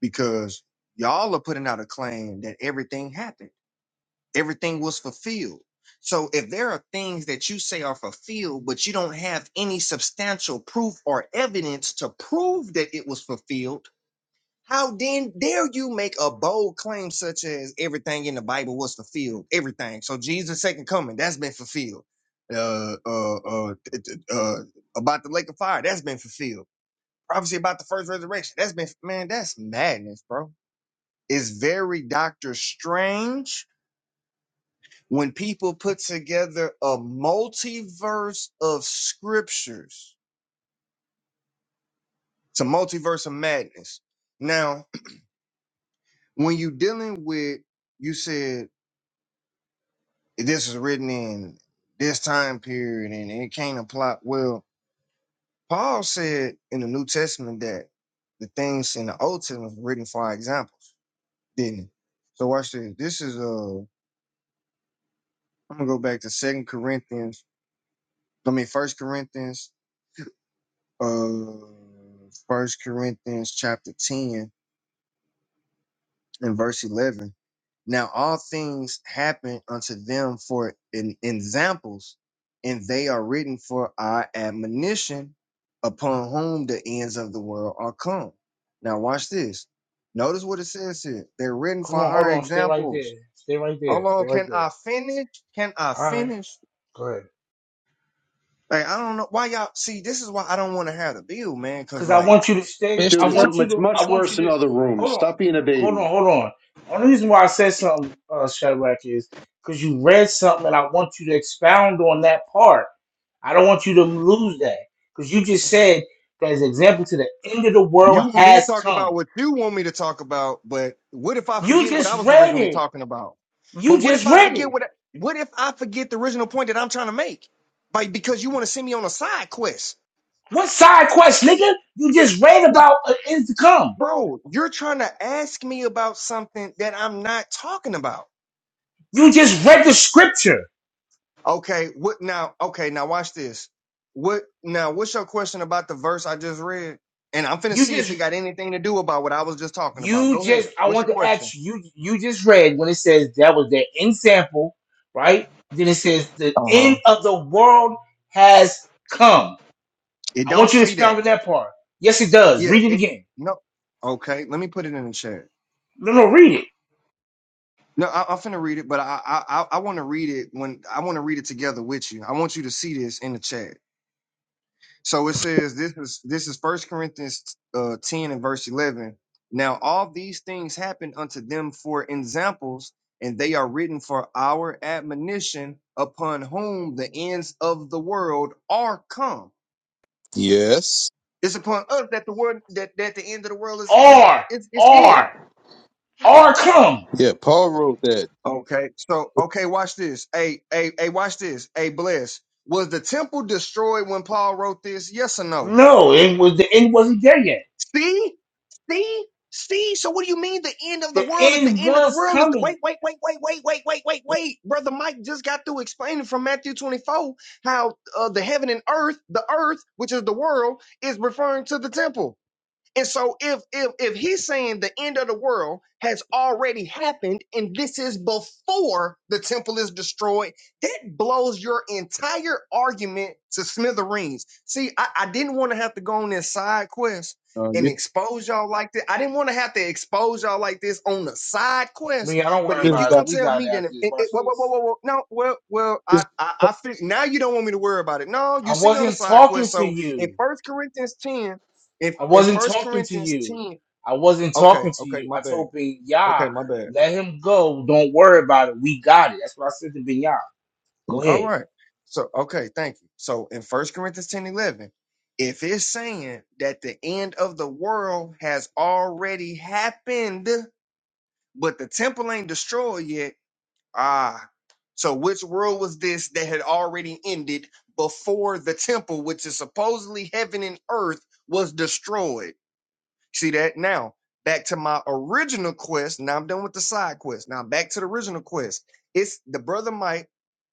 Speaker 16: because y'all are putting out a claim that everything happened. Everything was fulfilled. So if there are things that you say are fulfilled, but you don't have any substantial proof or evidence to prove that it was fulfilled, How then dare you make a bold claim such as everything in the Bible was fulfilled? Everything. So Jesus' second coming, that's been fulfilled. Uh, uh, uh, t- t- uh, about the lake of fire, that's been fulfilled. Prophecy about the first resurrection, that's been man, that's madness, bro. It's very Doctor Strange when people put together a multiverse of scriptures. It's a multiverse of madness. Now, when you dealing with, you said this is written in this time period and it can't apply. Well, Paul said in the New Testament that the things in the Old Testament were written for our examples, didn't it? So watch this. This is uh I'm gonna go back to Second Corinthians, I mean First Corinthians, uh First Corinthians chapter 10 and verse 11. Now all things happen unto them for in, in examples, and they are written for our admonition, upon whom the ends of the world are come. Now watch this. Notice what it says here. They're written
Speaker 1: Hold
Speaker 16: for
Speaker 1: on, hold
Speaker 16: our
Speaker 1: on, stay right there.
Speaker 16: examples.
Speaker 1: Stay right there.
Speaker 16: Hold
Speaker 1: Stay
Speaker 16: on,
Speaker 1: right
Speaker 16: can
Speaker 1: there.
Speaker 16: I finish? Can I
Speaker 1: Alright.
Speaker 16: finish?
Speaker 1: Go ahead.
Speaker 16: Like I don't know why y'all see. This is why I don't want to have the bill, man. Cause
Speaker 1: Cause I
Speaker 16: like.
Speaker 1: want you to stay.
Speaker 9: finished
Speaker 1: I
Speaker 12: dude.
Speaker 9: the
Speaker 12: It's
Speaker 9: verse.
Speaker 1: want you
Speaker 12: it's
Speaker 1: to. I
Speaker 12: much
Speaker 1: want you
Speaker 12: worse in
Speaker 1: to.
Speaker 12: other rooms.
Speaker 1: Hold on.
Speaker 12: Stop being a
Speaker 1: Hold on.
Speaker 12: baby.
Speaker 1: Hold on. Only reason why I said something, uh, Shadrach, is because you read something, and I want you to expound on that part. I don't want you to lose that because you just said that as an example to the end of the world
Speaker 16: You want me to
Speaker 1: has
Speaker 16: talk about
Speaker 1: come.
Speaker 16: what you want me to talk about, but what if I
Speaker 1: You
Speaker 16: forget what I
Speaker 1: just
Speaker 16: was
Speaker 1: read
Speaker 16: originally
Speaker 1: it.
Speaker 16: talking about? But
Speaker 1: You
Speaker 16: what if
Speaker 1: just
Speaker 16: I
Speaker 1: read it.
Speaker 16: forget what I, what if I forget the original point that I'm trying to make? Like because you want to send me on a side quest.
Speaker 1: What side quest, nigga? You just read
Speaker 16: Look,
Speaker 1: about an end to come.
Speaker 16: bro, you're trying to ask me about something that I'm not talking about.
Speaker 1: You just read the scripture.
Speaker 16: Okay, what now? Okay, now watch this. What now? What's your question about the verse I just read? And I'm finna
Speaker 1: You
Speaker 16: see if
Speaker 1: just
Speaker 16: it got anything to do about what I was just talking about.
Speaker 1: You
Speaker 16: Go
Speaker 1: just,
Speaker 16: ahead.
Speaker 1: I
Speaker 16: What's
Speaker 1: want
Speaker 16: your
Speaker 1: to
Speaker 16: question?
Speaker 1: ask you, you just read when it says that was the end sample, right? Then it says the
Speaker 16: Uh
Speaker 1: end
Speaker 16: huh.
Speaker 1: of the world has come.
Speaker 16: It
Speaker 1: I
Speaker 16: don't
Speaker 1: want you to
Speaker 16: say that.
Speaker 1: expound on that part. Yes, it does.
Speaker 16: Yeah,
Speaker 1: Read it
Speaker 16: it
Speaker 1: again.
Speaker 16: no. Okay, let me put it in the chat.
Speaker 1: No, no, read it.
Speaker 16: No, I, I'm finna read it, but I I I I want to read it when I want to read it together with you. I want you to see this in the chat. So it says this is this is First Corinthians uh, ten and verse eleven. Now all these things happen unto them for examples, and they are written for our admonition, upon whom the ends of the world are come.
Speaker 17: Yes.
Speaker 16: It's upon us that the word that that the end of the world is is
Speaker 1: Or,
Speaker 16: is, is here
Speaker 1: or, or come.
Speaker 17: Yeah, Paul wrote that.
Speaker 16: Okay. So okay, watch this. Hey, hey, hey, watch this. Hey, bless. Was the temple destroyed when Paul wrote this? Yes or no?
Speaker 1: No, it was the end wasn't there yet.
Speaker 16: See? See? See? So what do you mean the end of the
Speaker 1: The
Speaker 16: world? If the
Speaker 1: end
Speaker 16: end of the
Speaker 1: was
Speaker 16: world is
Speaker 1: coming.
Speaker 16: wait, wait, wait, wait, wait, wait, wait, wait, wait. Brother Mike just got through explaining from Matthew 24 how uh, the heaven and earth, the earth, which is the world, is referring to the temple. And so if if if he's saying the end of the world has already happened and this is before the temple is destroyed, that blows your entire argument to smithereens. See, I, I didn't want to have to go on this side quest
Speaker 17: Uh,
Speaker 16: and
Speaker 17: you
Speaker 16: expose y'all like that. I didn't want to have to expose y'all like this on the side quest.
Speaker 1: Leah, don't
Speaker 16: But
Speaker 1: worry
Speaker 16: if
Speaker 17: just
Speaker 16: you're
Speaker 1: about it.
Speaker 17: got
Speaker 16: gonna
Speaker 1: We
Speaker 16: tell
Speaker 1: got it
Speaker 16: me that
Speaker 1: after
Speaker 16: it,
Speaker 1: this.
Speaker 16: it,
Speaker 1: Watch
Speaker 16: it- whoa, whoa, whoa,
Speaker 1: this.
Speaker 16: whoa, whoa, no, well, well,
Speaker 17: just
Speaker 16: I I, I fig- now you don't want me to worry about it. No,
Speaker 1: I
Speaker 16: you sent me on the
Speaker 1: wasn't
Speaker 16: side
Speaker 1: talking
Speaker 16: quest.
Speaker 1: to
Speaker 16: So
Speaker 1: you.
Speaker 16: in First Corinthians 10, if
Speaker 1: I
Speaker 16: in
Speaker 1: wasn't
Speaker 16: First
Speaker 1: talking to
Speaker 16: Corinthians
Speaker 1: you.
Speaker 16: ten,
Speaker 1: I wasn't
Speaker 16: okay,
Speaker 1: talking to
Speaker 16: okay,
Speaker 1: you.
Speaker 16: my
Speaker 1: I
Speaker 16: bad,
Speaker 1: told Ben Yah,
Speaker 16: okay, my bad.
Speaker 1: let him go. Don't worry about it. We got it. That's what I said to Ben Yah. Go
Speaker 16: All
Speaker 1: ahead.
Speaker 16: right, so okay, thank you. So in First Corinthians ten eleven, if it's saying that the end of the world has already happened, but the temple ain't destroyed yet, ah, so which world was this that had already ended before the temple, which is supposedly heaven and earth, was destroyed? See that? Now, back to my original quest. Now I'm done with the side quest. Now back to the original quest. It's the brother Mike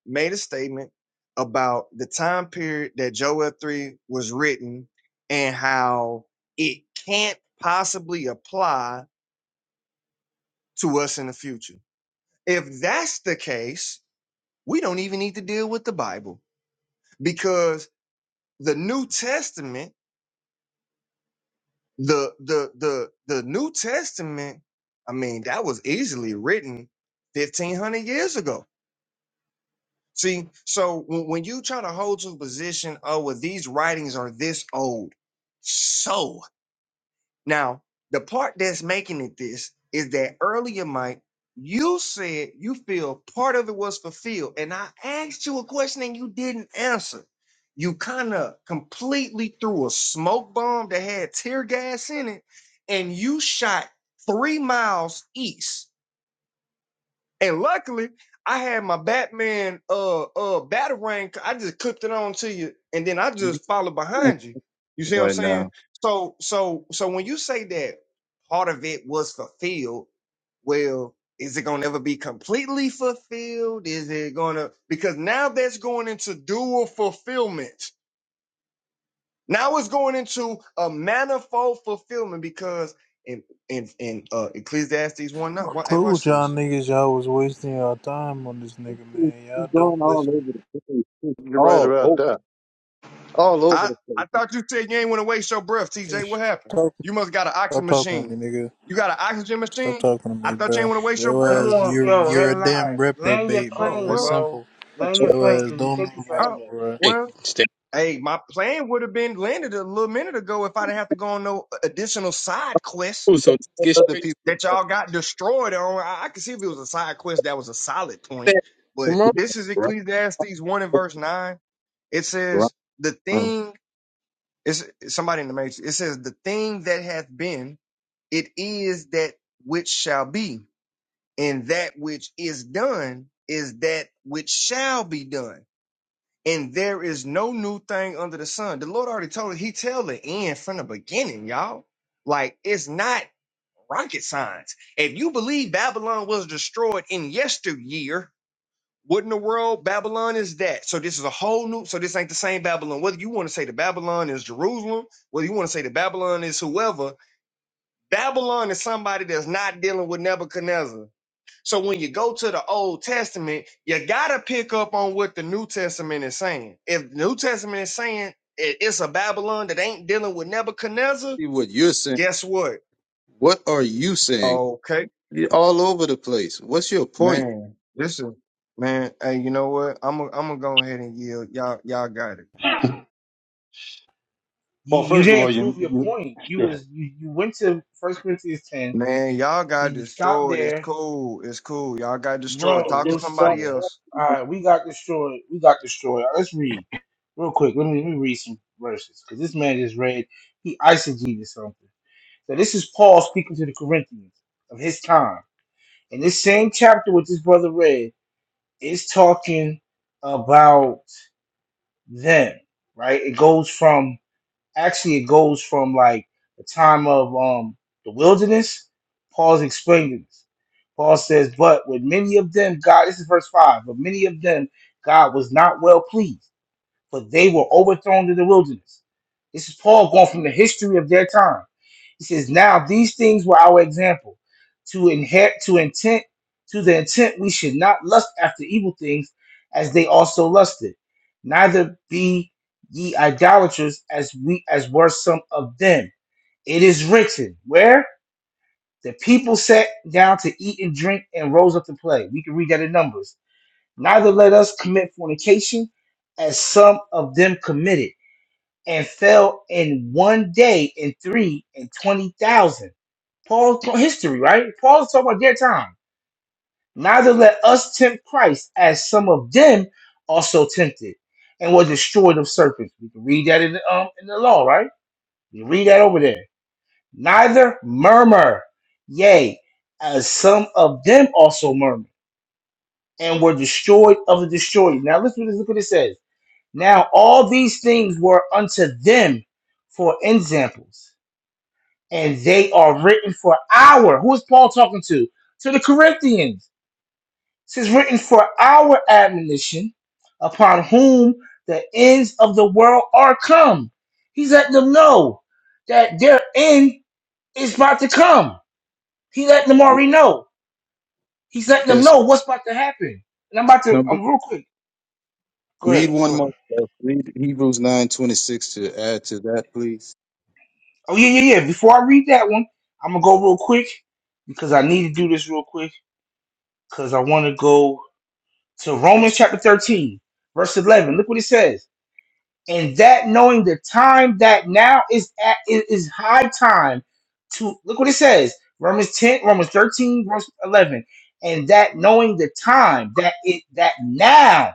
Speaker 16: made a statement about the time period that Joel 3 was written and how it can't possibly apply to us in the future. If that's the case, we don't even need to deal with the Bible because the New Testament the the the the New Testament, I mean, that was easily written fifteen hundred years ago. See, so when, when you try to hold to a position, oh well, these writings are this old, so now, the part that's making it this is that earlier, Mike, you said you feel part of it was fulfilled, and I asked you a question and you didn't answer. You kind of completely threw a smoke bomb that had tear gas in it, and you shot three miles east and luckily, I had my Batman uh uh batarang. I just clipped it on to you, and then I just followed behind you. You see what I'm
Speaker 17: right
Speaker 16: saying?
Speaker 17: now.
Speaker 16: So so so when you say that part of it was fulfilled, well, is it gonna ever be completely fulfilled? Is it gonna because now that's going into dual fulfillment. Now it's going into a manifold fulfillment because in in in uh Ecclesiastes one nine.
Speaker 15: I
Speaker 16: Hey,
Speaker 15: told
Speaker 16: watch
Speaker 15: y'all
Speaker 16: this.
Speaker 15: niggas y'all was wasting y'all time on this nigga,
Speaker 17: you
Speaker 15: man. Y'all
Speaker 17: going
Speaker 15: don't
Speaker 17: all over
Speaker 15: listen.
Speaker 17: the place. you
Speaker 12: You're right
Speaker 17: All
Speaker 12: about
Speaker 17: over,
Speaker 12: that.
Speaker 17: all over
Speaker 16: I,
Speaker 17: the place.
Speaker 16: I thought you said you ain't want to waste your breath,
Speaker 15: Hey,
Speaker 16: TJ. What happened?
Speaker 15: sh-
Speaker 16: You must got an
Speaker 15: Stop
Speaker 16: oxygen
Speaker 15: talking to
Speaker 16: machine.
Speaker 15: me, nigga.
Speaker 16: You got an oxygen
Speaker 15: Stop
Speaker 16: machine?
Speaker 15: talking to
Speaker 16: I
Speaker 15: me,
Speaker 16: thought you ain't
Speaker 15: bro.
Speaker 16: want to waste your
Speaker 15: Yo
Speaker 1: Come
Speaker 16: breath.
Speaker 15: ass,
Speaker 1: on,
Speaker 15: you're
Speaker 1: yo,
Speaker 15: you're
Speaker 1: head
Speaker 15: a damn
Speaker 1: alive. Land your
Speaker 15: reprobate,
Speaker 16: Oh,
Speaker 15: bro.
Speaker 1: plane,
Speaker 15: It's
Speaker 16: well,
Speaker 1: bro.
Speaker 15: simple.
Speaker 1: Land your
Speaker 15: Yo
Speaker 1: plane,
Speaker 15: ass,
Speaker 1: because you
Speaker 15: don't
Speaker 1: take it
Speaker 15: mean right,
Speaker 1: forever.
Speaker 16: oh,
Speaker 15: bro.
Speaker 9: Hey,
Speaker 16: well.
Speaker 9: stay
Speaker 16: Hey, my plan would have been landed a little minute ago if I didn't have to go on no additional side quest
Speaker 9: cool.
Speaker 17: You
Speaker 9: So
Speaker 17: got
Speaker 9: get straight
Speaker 17: other people
Speaker 9: to
Speaker 16: that y'all got destroyed on. I, I could see if it was a side quest that was a solid point.
Speaker 9: that.
Speaker 16: But
Speaker 9: Come on.
Speaker 16: this is
Speaker 17: around,
Speaker 16: Ecclesiastes 1 and verse 9. It says, the
Speaker 17: around.
Speaker 16: thing, is somebody in the matrix, it says, the thing that hath been it is that which shall be, and that which is done is that which shall be done. And there is no new thing under the sun. The Lord already told it. He tell the end from the beginning, y'all. Like it's not rocket science. If you believe Babylon was destroyed in yesteryear, what in the world Babylon is that? So this is a whole new. So this ain't the same Babylon. Whether you want to say the Babylon is Jerusalem, whether you want to say the Babylon is whoever, Babylon is somebody that's not dealing with Nebuchadnezzar. So when you go to the Old Testament, you gotta pick up on what the New Testament is saying. If the New Testament is saying it- it's a Babylon that ain't dealing with Nebuchadnezzar,
Speaker 17: See what you're saying.
Speaker 16: guess what?
Speaker 17: What are you saying?
Speaker 16: Okay,
Speaker 17: You're all over the place. What's your point?
Speaker 16: man, this is man. Hey, you know what? I'm gonna I'm gonna go ahead and yield. Y'all y'all got it.
Speaker 12: [laughs]
Speaker 1: You
Speaker 12: Well,
Speaker 1: you
Speaker 12: first of all,
Speaker 1: didn't
Speaker 12: you,
Speaker 1: prove your
Speaker 12: you
Speaker 1: point. You
Speaker 12: go ahead.
Speaker 1: was you, you went to First Corinthians ten,
Speaker 16: Man, y'all got
Speaker 1: then you stopped
Speaker 16: destroyed. It's
Speaker 1: there,
Speaker 16: cool. It's cool. Y'all got destroyed.
Speaker 1: Bro,
Speaker 16: Talk to
Speaker 1: listen to
Speaker 16: somebody
Speaker 1: me.
Speaker 16: else.
Speaker 1: All right, we got destroyed. We got destroyed. Let's read real quick. Let me let me read some verses because this man just read. He eisegeted something. So this is Paul speaking to the Corinthians of his time, and this same chapter what this brother read is talking about them. Right? It goes from actually it goes from like the time of um the wilderness. Paul's explaining this. Paul says, But with many of them, God, this is verse 5, but many of them, God was not well pleased for they were overthrown in the wilderness. This is Paul going from the history of their time. He says, Now these things were our example, to inherit to intent, to the intent we should not lust after evil things as they also lusted, neither be ye idolaters as we as were some of them. It is written, where the people sat down to eat and drink and rose up to play. We can read that in Numbers. Neither let us commit fornication, as some of them committed and fell in one day in three and twenty thousand. Paul's history, right? Paul's talking about their time. Neither let us tempt Christ, as some of them also tempted, and were destroyed of serpents. We can read that in the um, in the law, right? We read that over there. Neither murmur, yea, as some of them also murmur, and were destroyed of the destroyer. Now let's look look what it says. Now all these things were unto them for examples and they are written for our. Who is Paul talking to? To the Corinthians. It says written for our admonition, upon whom the ends of the world are come. He's letting them know that their end is about to come. He letting them
Speaker 17: Ye-
Speaker 1: already know. He's letting them
Speaker 17: Yes.
Speaker 1: know what's about to happen. And I'm about to.
Speaker 17: Now b-
Speaker 1: I'm real quick. Go
Speaker 17: read
Speaker 1: ahead.
Speaker 17: one
Speaker 1: Go
Speaker 17: more.
Speaker 1: ahead.
Speaker 17: uh, Read Hebrews nine twenty six to add to that, please.
Speaker 1: Oh yeah, yeah, yeah. Before I read that one, I'm gonna go real quick because I need to do this real quick because I want to go So Romans chapter 13, verse 11. Look what it says. And that knowing the time that now is at it is high time to look what it says. Romans 10, Romans 13, verse 11. And that knowing the time that it that now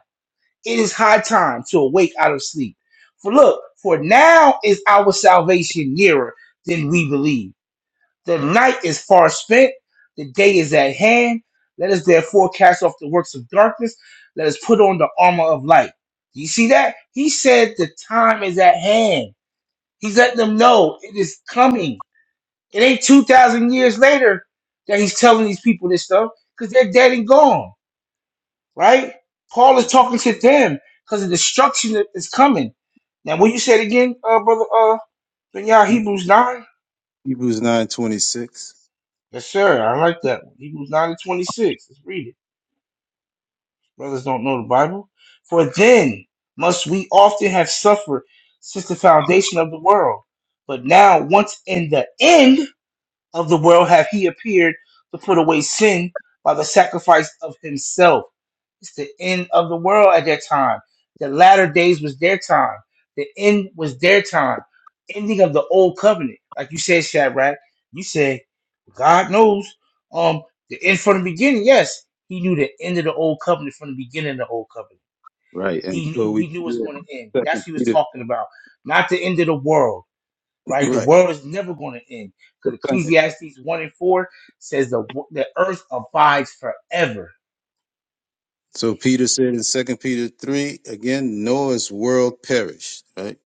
Speaker 1: it is high time to awake out of sleep. For look, for now is our salvation nearer than we believe. The night is far spent, the day is at hand. Let us therefore cast off the works of darkness. Let us put on the armor of light. You see that? He said the time is at hand. He's letting them know it is coming. It ain't 2,000 years later that he's telling these people this stuff because they're dead and gone, right? Paul is talking to them because the destruction that is coming. Now, what you said again, uh, brother, uh, yeah,
Speaker 17: He-
Speaker 1: Hebrews 9?
Speaker 17: Hebrews nine twenty six.
Speaker 1: Yes, sir. I like that one. Hebrews 9 and 26. Let's read it. Brothers don't know the Bible. For then must we often have suffered since the foundation of the world. But now, once in the end of the world, hath he appeared to put away sin by the sacrifice of himself. It's the end of the world at that time. The latter days was their time. The end was their time. Ending of the old covenant. Like you said, Shadrach, you said, God knows um the end from the beginning. Yes, he knew the end of the old covenant from the beginning of the old covenant.
Speaker 17: Right, and
Speaker 1: He
Speaker 17: so
Speaker 1: knew
Speaker 17: we
Speaker 1: he knew it
Speaker 17: see
Speaker 1: was
Speaker 17: it
Speaker 1: going to end.
Speaker 17: in
Speaker 1: That's
Speaker 17: Second
Speaker 1: what he was
Speaker 17: Peter.
Speaker 1: talking about. Not the end of the world, right? The world
Speaker 17: Right.
Speaker 1: is never going to end. Because Ecclesiastes 1 and 4 says the, the earth abides forever.
Speaker 17: So Peter said in Second Peter three again, Noah's world perished, right?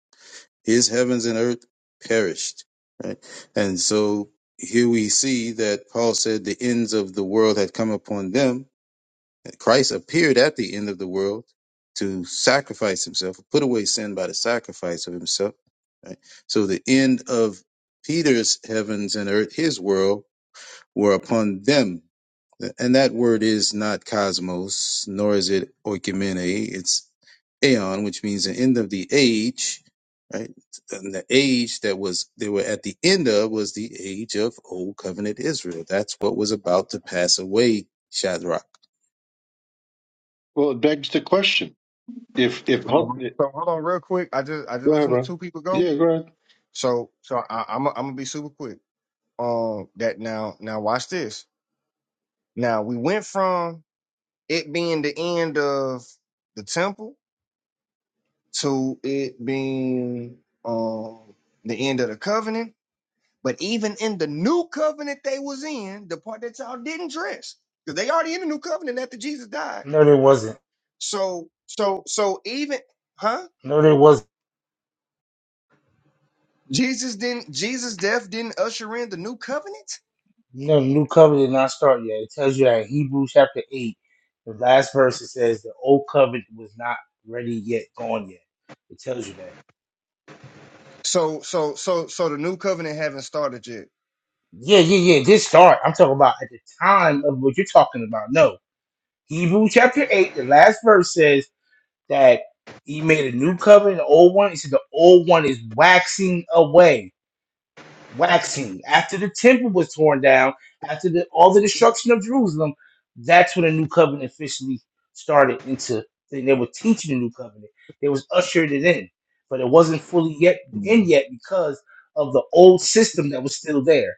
Speaker 17: His heavens and earth perished, right? And so here we see that Paul said the ends of the world had come upon them. And Christ appeared at the end of the world to sacrifice himself, put away sin by the sacrifice of himself. Right? So the end of Peter's heavens and earth, his world, were upon them and that word is not cosmos, nor is it oikumene. It's aeon, which means the end of the age, right? And the age that was they were at the end of was the age of old covenant Israel. That's what was about to pass away, Shadrach.
Speaker 12: Well, it begs the question. If if
Speaker 16: All
Speaker 12: hope,
Speaker 16: right, So hold on real quick. I just I just
Speaker 12: go ahead,
Speaker 16: listened to
Speaker 12: bro.
Speaker 16: two people go.
Speaker 12: Yeah, go ahead.
Speaker 16: So so I, I'm i am i gonna be super quick. Um, that now now watch this. Now we went from it being the end of the temple to it being um the end of the covenant. But even in the new covenant they was in, the part that y'all didn't dress, because they already in the new covenant after Jesus died.
Speaker 1: No, there wasn't.
Speaker 16: So so so even huh?
Speaker 1: No, there wasn't.
Speaker 16: Jesus didn't Jesus' death didn't usher in the new covenant.
Speaker 1: No, the new covenant did not start yet. It tells you that in Hebrews chapter 8, the last verse, it says the old covenant was not ready yet, gone yet. It tells you that.
Speaker 16: So so so so the new covenant haven't started yet.
Speaker 1: Yeah, yeah, yeah. This start. I'm talking about at the time of what you're talking about. No. Hebrews chapter 8, the last verse says that he made a new covenant, the old one. He said the old one is waxing away. waxing after the temple was torn down after the, all the destruction of jerusalem that's when the new covenant officially started into they were teaching the new covenant they was ushered it in but it wasn't fully yet in
Speaker 16: Mhm.
Speaker 1: yet because of the old system that was still there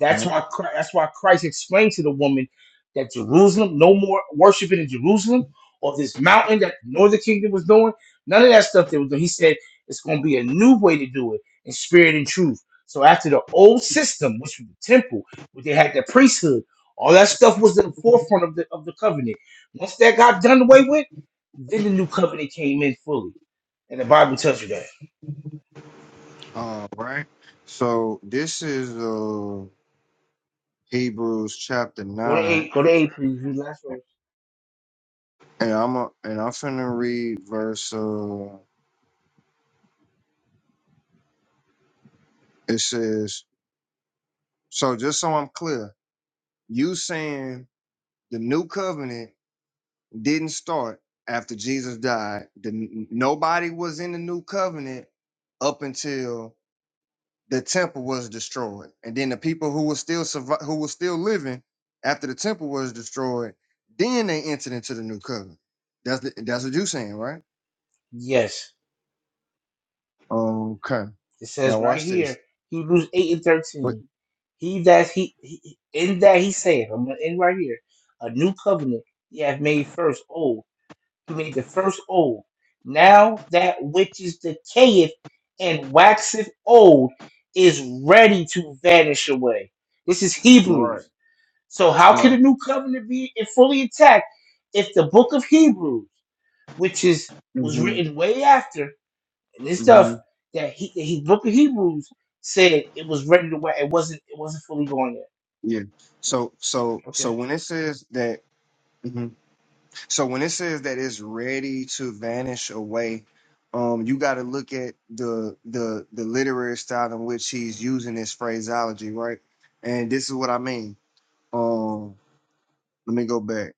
Speaker 1: that's
Speaker 16: Okay.
Speaker 1: why Chri- that's why christ explained to the woman that jerusalem no more worshiping in jerusalem or this mountain that the northern kingdom was doing none of that stuff they were doing he said it's going to be a new way to do it in spirit and truth so after the old system, which was the temple, where they had the priesthood, all that stuff was in the forefront of the of the covenant. Once that got done away with, then the new covenant came in fully, and the Bible tells you that.
Speaker 16: All right. So this is uh Hebrews chapter
Speaker 1: Go to
Speaker 16: nine,
Speaker 1: eight. Go to eight, please. Read last verse.
Speaker 16: and I'm a, and I'm finna read verse. Uh, it says, so just so I'm clear, you saying the new covenant didn't start after Jesus died. The, nobody was in the new covenant up until the temple was destroyed, and then the people who were still survive, who were still living after the temple was destroyed, then they entered into the new covenant. That's the, that's what you're saying, right?
Speaker 1: Yes,
Speaker 16: Okay.
Speaker 1: it
Speaker 16: Now
Speaker 1: says right
Speaker 16: watch
Speaker 1: here,
Speaker 16: this.
Speaker 1: Hebrews eight and
Speaker 16: But
Speaker 1: thirteen. He that he, he in that he saith, I'm gonna end right here. A new covenant he hath made first old who made the first old. Now that which is decayeth and waxeth old is ready to vanish away. This is
Speaker 16: right,
Speaker 1: Hebrews. So how can the
Speaker 16: right.
Speaker 1: new covenant be fully intact if the book of Hebrews, which is was
Speaker 16: Mm-hmm.
Speaker 1: written way after, and this stuff
Speaker 16: Mm-hmm.
Speaker 1: that he the book of Hebrews said it was ready to wax, it wasn't it wasn't fully going yet.
Speaker 16: Yeah. So so
Speaker 1: Okay.
Speaker 16: so when it says that, mhm. so when it says that it's ready to vanish away. Um, you got to look at the the the literary style in which he's using this phraseology, right? And this is what I mean. Um, let me go back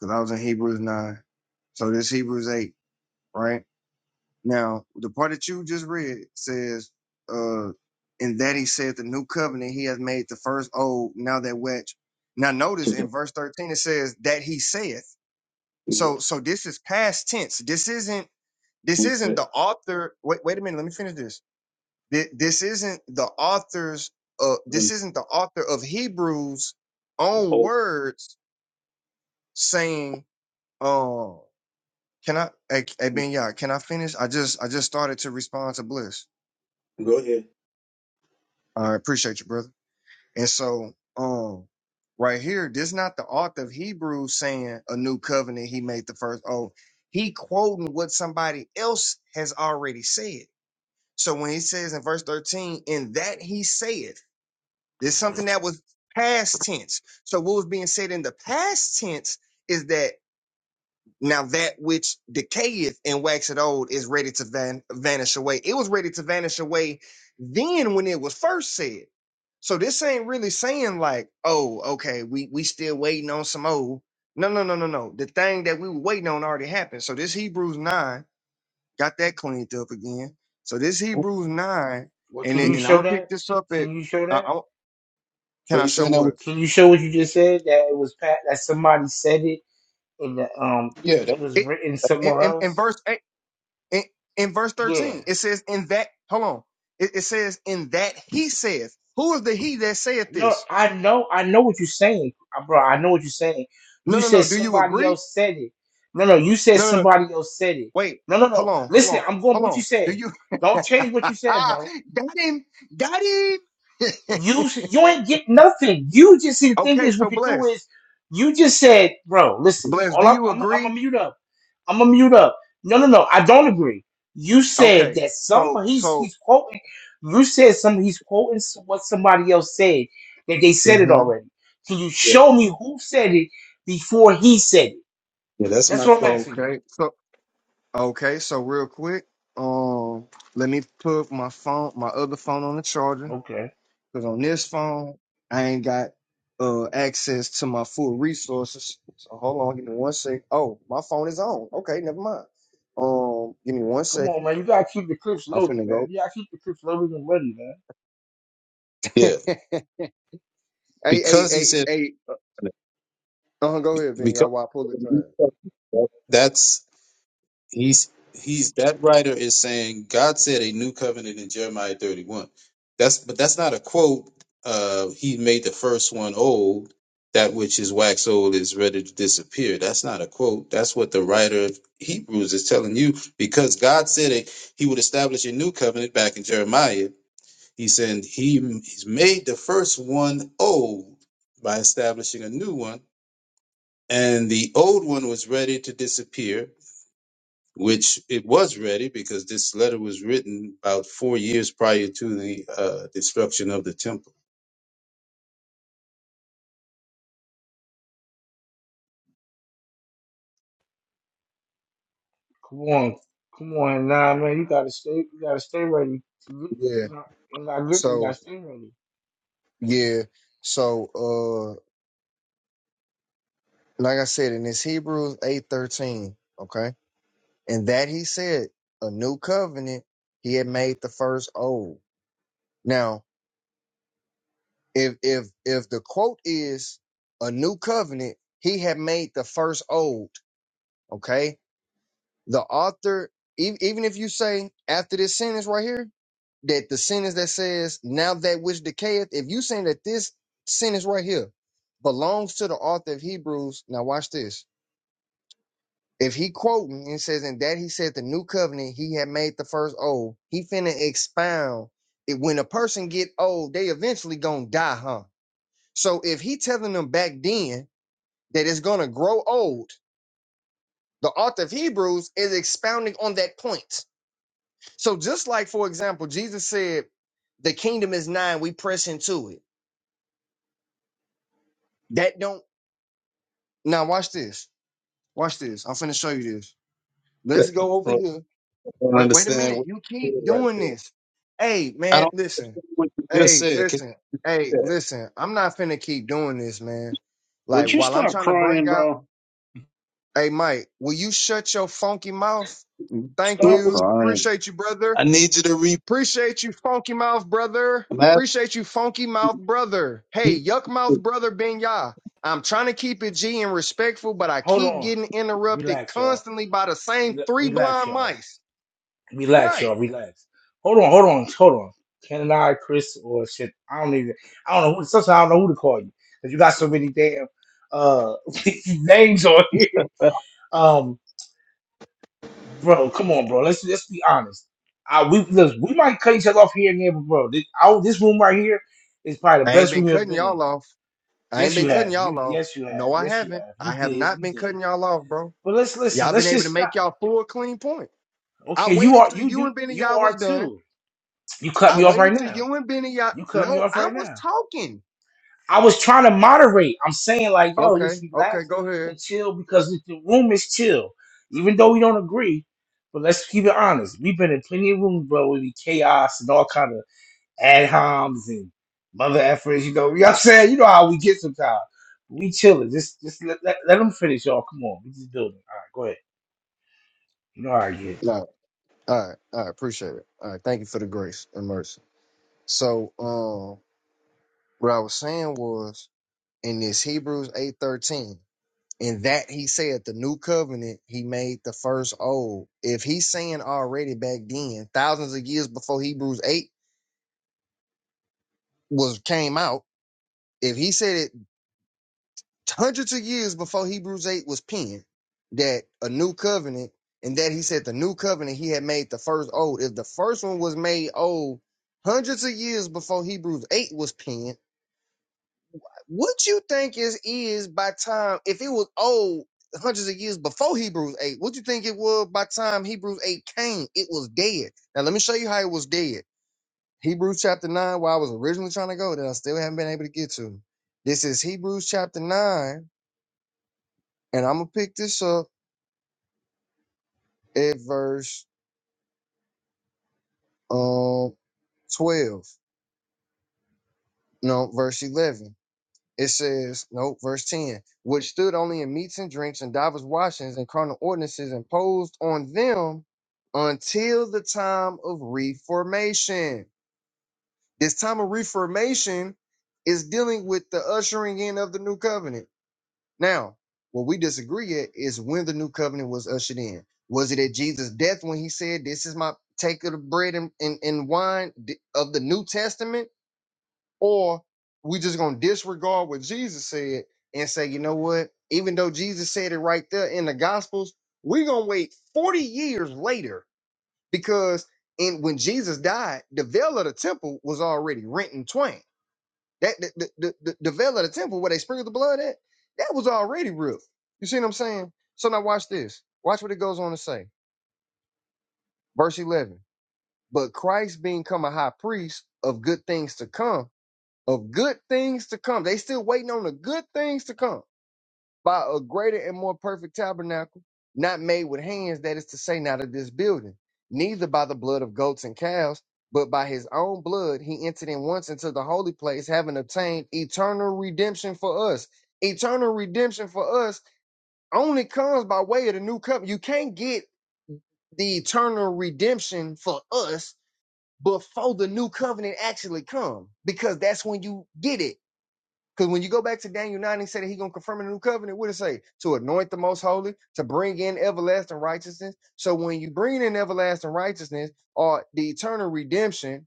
Speaker 16: because I was in Hebrews nine. So this Hebrews eight, right? Now the part that you just read says, uh, and that he said the new covenant he has made the first old, now that which now notice in verse 13 it says that he saith. So so this is past tense. This isn't this
Speaker 17: Who's
Speaker 16: isn't
Speaker 17: that?
Speaker 16: the author. Wait, wait a minute, let me finish this. Thi- This isn't the author's uh this isn't the author of Hebrews own words saying Oh, can I? Hey, hey, Ben, yeah, can I finish? I just, I just started to respond to Bliss. I appreciate you, brother. And so, um, right here, this not the author of Hebrews saying a new covenant he made the first. Oh, he quoting what somebody else has already said. So when he says in verse thirteen, "In that he saith," there's something that was past tense. So what was being said in the past tense is that. Now that which decayeth and waxeth old is ready to van- vanish away. It was ready to vanish away then when it was first said. So this ain't really saying like, oh, okay, we we still waiting on some old. No, no, no, no, no. The thing that we were waiting on already happened. So this Hebrews nine got that cleaned up again. So this
Speaker 17: Oh,
Speaker 16: Hebrews nine,
Speaker 1: Well,
Speaker 16: and
Speaker 1: can
Speaker 16: it,
Speaker 1: you
Speaker 17: you-
Speaker 16: and I'm
Speaker 1: show
Speaker 16: gonna
Speaker 1: that?
Speaker 16: pick this up at.
Speaker 1: Can you show
Speaker 16: Uh,
Speaker 1: that?
Speaker 16: I,
Speaker 17: Are
Speaker 16: can I
Speaker 17: you
Speaker 16: show
Speaker 17: saying that? Was,
Speaker 16: what?
Speaker 1: Can you show what you just said that it was pat that somebody said it and the, um
Speaker 17: yeah, that,
Speaker 1: it was
Speaker 16: It
Speaker 1: written
Speaker 16: in,
Speaker 1: somewhere
Speaker 16: in, in
Speaker 1: else.
Speaker 16: verse eight. in, in verse
Speaker 1: Yeah.
Speaker 16: 13 it says in that hold on it, it says in that he saith who is the he that saith
Speaker 1: No,
Speaker 16: this
Speaker 1: I know I know what you're saying, uh, bro. I know what you're saying. You
Speaker 16: no no
Speaker 1: said
Speaker 16: no do you
Speaker 1: somebody
Speaker 16: agree
Speaker 1: else said it. No, no, you said
Speaker 16: no no no
Speaker 1: somebody else said it.
Speaker 16: wait
Speaker 1: No, no,
Speaker 16: hold
Speaker 1: no.
Speaker 16: on hold
Speaker 1: Listen,
Speaker 16: on
Speaker 1: I'm going with
Speaker 16: hold
Speaker 1: what you
Speaker 16: on do
Speaker 1: said.
Speaker 16: you [laughs]
Speaker 1: Don't change what you said, bro.
Speaker 16: got him got him [laughs]
Speaker 1: You sh- you ain't get nothing. You just the thing
Speaker 16: okay
Speaker 1: is
Speaker 16: so
Speaker 1: what you do
Speaker 16: bless
Speaker 1: is you just said, bro, listen,
Speaker 16: bless
Speaker 1: all
Speaker 16: do
Speaker 1: I'm
Speaker 16: you
Speaker 1: I'm I'm gonna
Speaker 16: agree
Speaker 1: mute up. I'm gonna mute up. No, no, no, I don't agree. You said
Speaker 16: okay
Speaker 1: that
Speaker 16: so
Speaker 1: somebody he's
Speaker 16: so
Speaker 1: he's quoting you said some he's quoting s- what somebody else said, that they said it
Speaker 16: hmm
Speaker 1: already. Can you
Speaker 17: yeah.
Speaker 1: show me who said it before he said it?
Speaker 17: Yeah, that's
Speaker 1: That's
Speaker 17: my
Speaker 1: what I'm
Speaker 17: question.
Speaker 1: asking you.
Speaker 16: okay so okay so real quick um let me put my phone my other phone on the charger
Speaker 1: Okay.
Speaker 16: Cause on this phone, I ain't got uh access to my full resources. So hold on, give me one sec. Oh, my phone is on. Okay, never mind. Um, give me one
Speaker 1: Come on,
Speaker 16: second.
Speaker 1: man. You gotta keep the clips
Speaker 16: I'm
Speaker 1: loaded,
Speaker 16: finna
Speaker 1: man.
Speaker 16: go.
Speaker 1: You gotta keep the clips loaded and ready,
Speaker 16: [laughs] hey,
Speaker 17: Yeah,
Speaker 16: hey,
Speaker 17: because
Speaker 16: hey,
Speaker 17: he's in
Speaker 16: hey. Uh, uh-huh, go ahead, Ben.
Speaker 17: because
Speaker 16: Y'all, while I pull the thread.
Speaker 17: that's he's he's that writer is saying God said a new covenant in Jeremiah 31. That's but that's not a quote. Uh, he made the first one old. That which is wax old is ready to disappear. That's not a quote. That's what the writer of Hebrews is telling you because God said it, he would establish a new covenant back in Jeremiah He said he he's made the first one old by establishing a new one, and the old one was ready to disappear, which it was ready because this letter was written about four years prior to the uh, destruction of the temple.
Speaker 1: Come on, come on, nah, man, you gotta stay, you gotta stay ready. You
Speaker 16: Yeah.
Speaker 1: not, you not grip, you gotta
Speaker 16: So
Speaker 1: stay ready.
Speaker 16: yeah. So uh, like I said, in this Hebrews eight thirteen. Okay, and that he said a new covenant. He had made the first old. Now if if if the quote is a new covenant he had made the first old okay the author e- even if you say after this sentence right here that the sentence that says now that which decayeth if you saying that this sentence right here belongs to the author of hebrews now watch this if he quoting and says and that he said the new covenant he had made the first old he finna expound it when a person get old they eventually gonna die huh So if he telling them back then that it's gonna grow old, the author of Hebrews is expounding on that point. So just like for example, Jesus said, "The kingdom is nigh; we press into it." That don't now watch this. Watch this. I'm finna show you this.
Speaker 17: [laughs]
Speaker 16: Let's go over
Speaker 17: I
Speaker 16: here.
Speaker 17: don't
Speaker 16: Wait, wait a
Speaker 17: understand
Speaker 16: minute.
Speaker 17: what
Speaker 16: You
Speaker 17: you
Speaker 16: keep
Speaker 17: said right
Speaker 16: doing
Speaker 17: there.
Speaker 16: this. Hey
Speaker 17: I
Speaker 16: man,
Speaker 17: don't
Speaker 16: listen.
Speaker 17: understand what you just
Speaker 16: Hey,
Speaker 17: said. Can
Speaker 16: listen. Hey,
Speaker 17: you say it?
Speaker 16: listen. I'm not finna keep doing this, man. Like
Speaker 12: Would you
Speaker 16: while I'm
Speaker 12: stop
Speaker 16: trying to bring
Speaker 12: crying,
Speaker 16: out.
Speaker 12: bro?
Speaker 16: Hey, Mike, will you shut your funky mouth? Thank
Speaker 12: Stop
Speaker 17: Tourist,
Speaker 16: you.
Speaker 12: crying.
Speaker 16: Appreciate you, brother.
Speaker 17: I need you to read.
Speaker 16: Appreciate you, funky mouth brother.
Speaker 17: I'm asking
Speaker 16: Appreciate you, funky mouth brother.
Speaker 17: you
Speaker 16: Hey, yuck mouth
Speaker 17: to-
Speaker 16: brother Ben I'm trying to keep it G and respectful, but I
Speaker 1: Hold
Speaker 16: keep
Speaker 1: on,
Speaker 16: getting interrupted
Speaker 1: relax, y'all.
Speaker 16: constantly by the same
Speaker 1: Rel-
Speaker 16: three
Speaker 1: Relax,
Speaker 16: blind
Speaker 1: y'all.
Speaker 16: mice.
Speaker 1: Relax,
Speaker 16: Right.
Speaker 1: y'all. Relax. Hold on, hold on, hold on. Ken and I, Chris, or shit, I don't even, I don't know who. Sometimes I don't know who to call you because you got so many damn uh [laughs] names on here. Um, bro, come on, bro. Let's let's be honest. I we look, we might cut each other off here and there, but bro, this, I, this room right here is probably the
Speaker 16: I ain't
Speaker 1: best
Speaker 16: been
Speaker 1: room you've
Speaker 16: cutting
Speaker 1: been in
Speaker 16: y'all off. I ain't
Speaker 1: Yes, you
Speaker 16: been cutting
Speaker 1: have.
Speaker 16: y'all
Speaker 1: You
Speaker 16: off.
Speaker 1: yes, you have.
Speaker 16: No, I
Speaker 1: Yes, you
Speaker 16: haven't.
Speaker 1: have. You
Speaker 16: I have
Speaker 1: did.
Speaker 16: not
Speaker 1: You
Speaker 16: been
Speaker 1: did.
Speaker 16: cutting y'all off, bro.
Speaker 1: But let's listen.
Speaker 16: Y'all been
Speaker 1: Let's
Speaker 16: able to
Speaker 1: just stop.
Speaker 16: make y'all full clean point. I
Speaker 1: Okay, you
Speaker 16: waited
Speaker 1: are
Speaker 16: till
Speaker 1: you
Speaker 16: you
Speaker 1: do
Speaker 16: and Benny
Speaker 1: you
Speaker 16: Yah was
Speaker 1: are
Speaker 16: done.
Speaker 1: too. You cut
Speaker 16: I
Speaker 1: me off right
Speaker 16: waited till
Speaker 1: now.
Speaker 16: you and Benny Yah.
Speaker 1: You cut me
Speaker 16: No,
Speaker 1: off
Speaker 16: I
Speaker 1: right
Speaker 16: was
Speaker 1: now.
Speaker 16: talking.
Speaker 1: I was trying to moderate. I'm saying like, yo, just
Speaker 16: Okay, okay,
Speaker 1: relax
Speaker 16: go ahead.
Speaker 1: and chill because the the room is chill. Even though we don't agree, but let's keep it honest. We've been in plenty of rooms, bro, with chaos and all kind of ad homs and mother effers. You know, you know what I'm saying? You know how we get sometimes. We chilling. Just just let, let, let them finish, y'all. Come on. We just building. All right, go ahead. You know how I get.
Speaker 16: All right, all right, all right, appreciate it. All right, thank you for the grace and mercy. So, um, what I was saying was in this Hebrews eight thirteen, in that he said the new covenant he made the first old. If he's saying already back then, thousands of years before Hebrews eight was came out, if he said it hundreds of years before Hebrews 8 was penned, that a new covenant, and that he said the new covenant he had made the first old. If the first one was made old hundreds of years before Hebrews 8 was penned, what you think is is by time if it was old hundreds of years before Hebrews 8, what you think it was by time Hebrews 8 came? It was dead. Now let me show you how it was dead. Hebrews chapter 9, where I was originally trying to go, that I still haven't been able to get to. This is Hebrews chapter 9, and I'm gonna pick this up at verse um twelve, no, verse eleven. It says, no, verse ten, which stood only in meats and drinks and divers washings and carnal ordinances imposed on them until the time of reformation. This time of reformation is dealing with the ushering in of the new covenant Now, what we disagree at is when the new covenant was ushered in. Was it at Jesus' death when he said, This is my take of the bread and, and, and wine d- of the New Testament? Or we just gonna disregard what Jesus said and say, you know what? Even though Jesus said it right there in the gospels, we are gonna wait 40 years later because in when Jesus died, the veil of the temple was already rent in twain. That the, the, the, the veil of the temple where they sprinkled the blood at, that was already real. You see what I'm saying? So now watch this. Watch what it goes on to say. Verse 11. But Christ being come a high priest of good things to come, of good things to come. They still waiting on the good things to come by a greater and more perfect tabernacle, not made with hands, that is to say, not of this building, neither by the blood of goats and calves, but by his own blood he entered in once into the holy place, having obtained eternal redemption for us. Eternal redemption for us only comes by way of the new covenant. You can't get the eternal redemption for us before the new covenant actually come because that's when you get it because when you go back to Daniel 9, he said that he's going to confirm in the new covenant. What did it say? To anoint the most holy, to bring in everlasting righteousness. So when you bring in everlasting righteousness or the eternal redemption,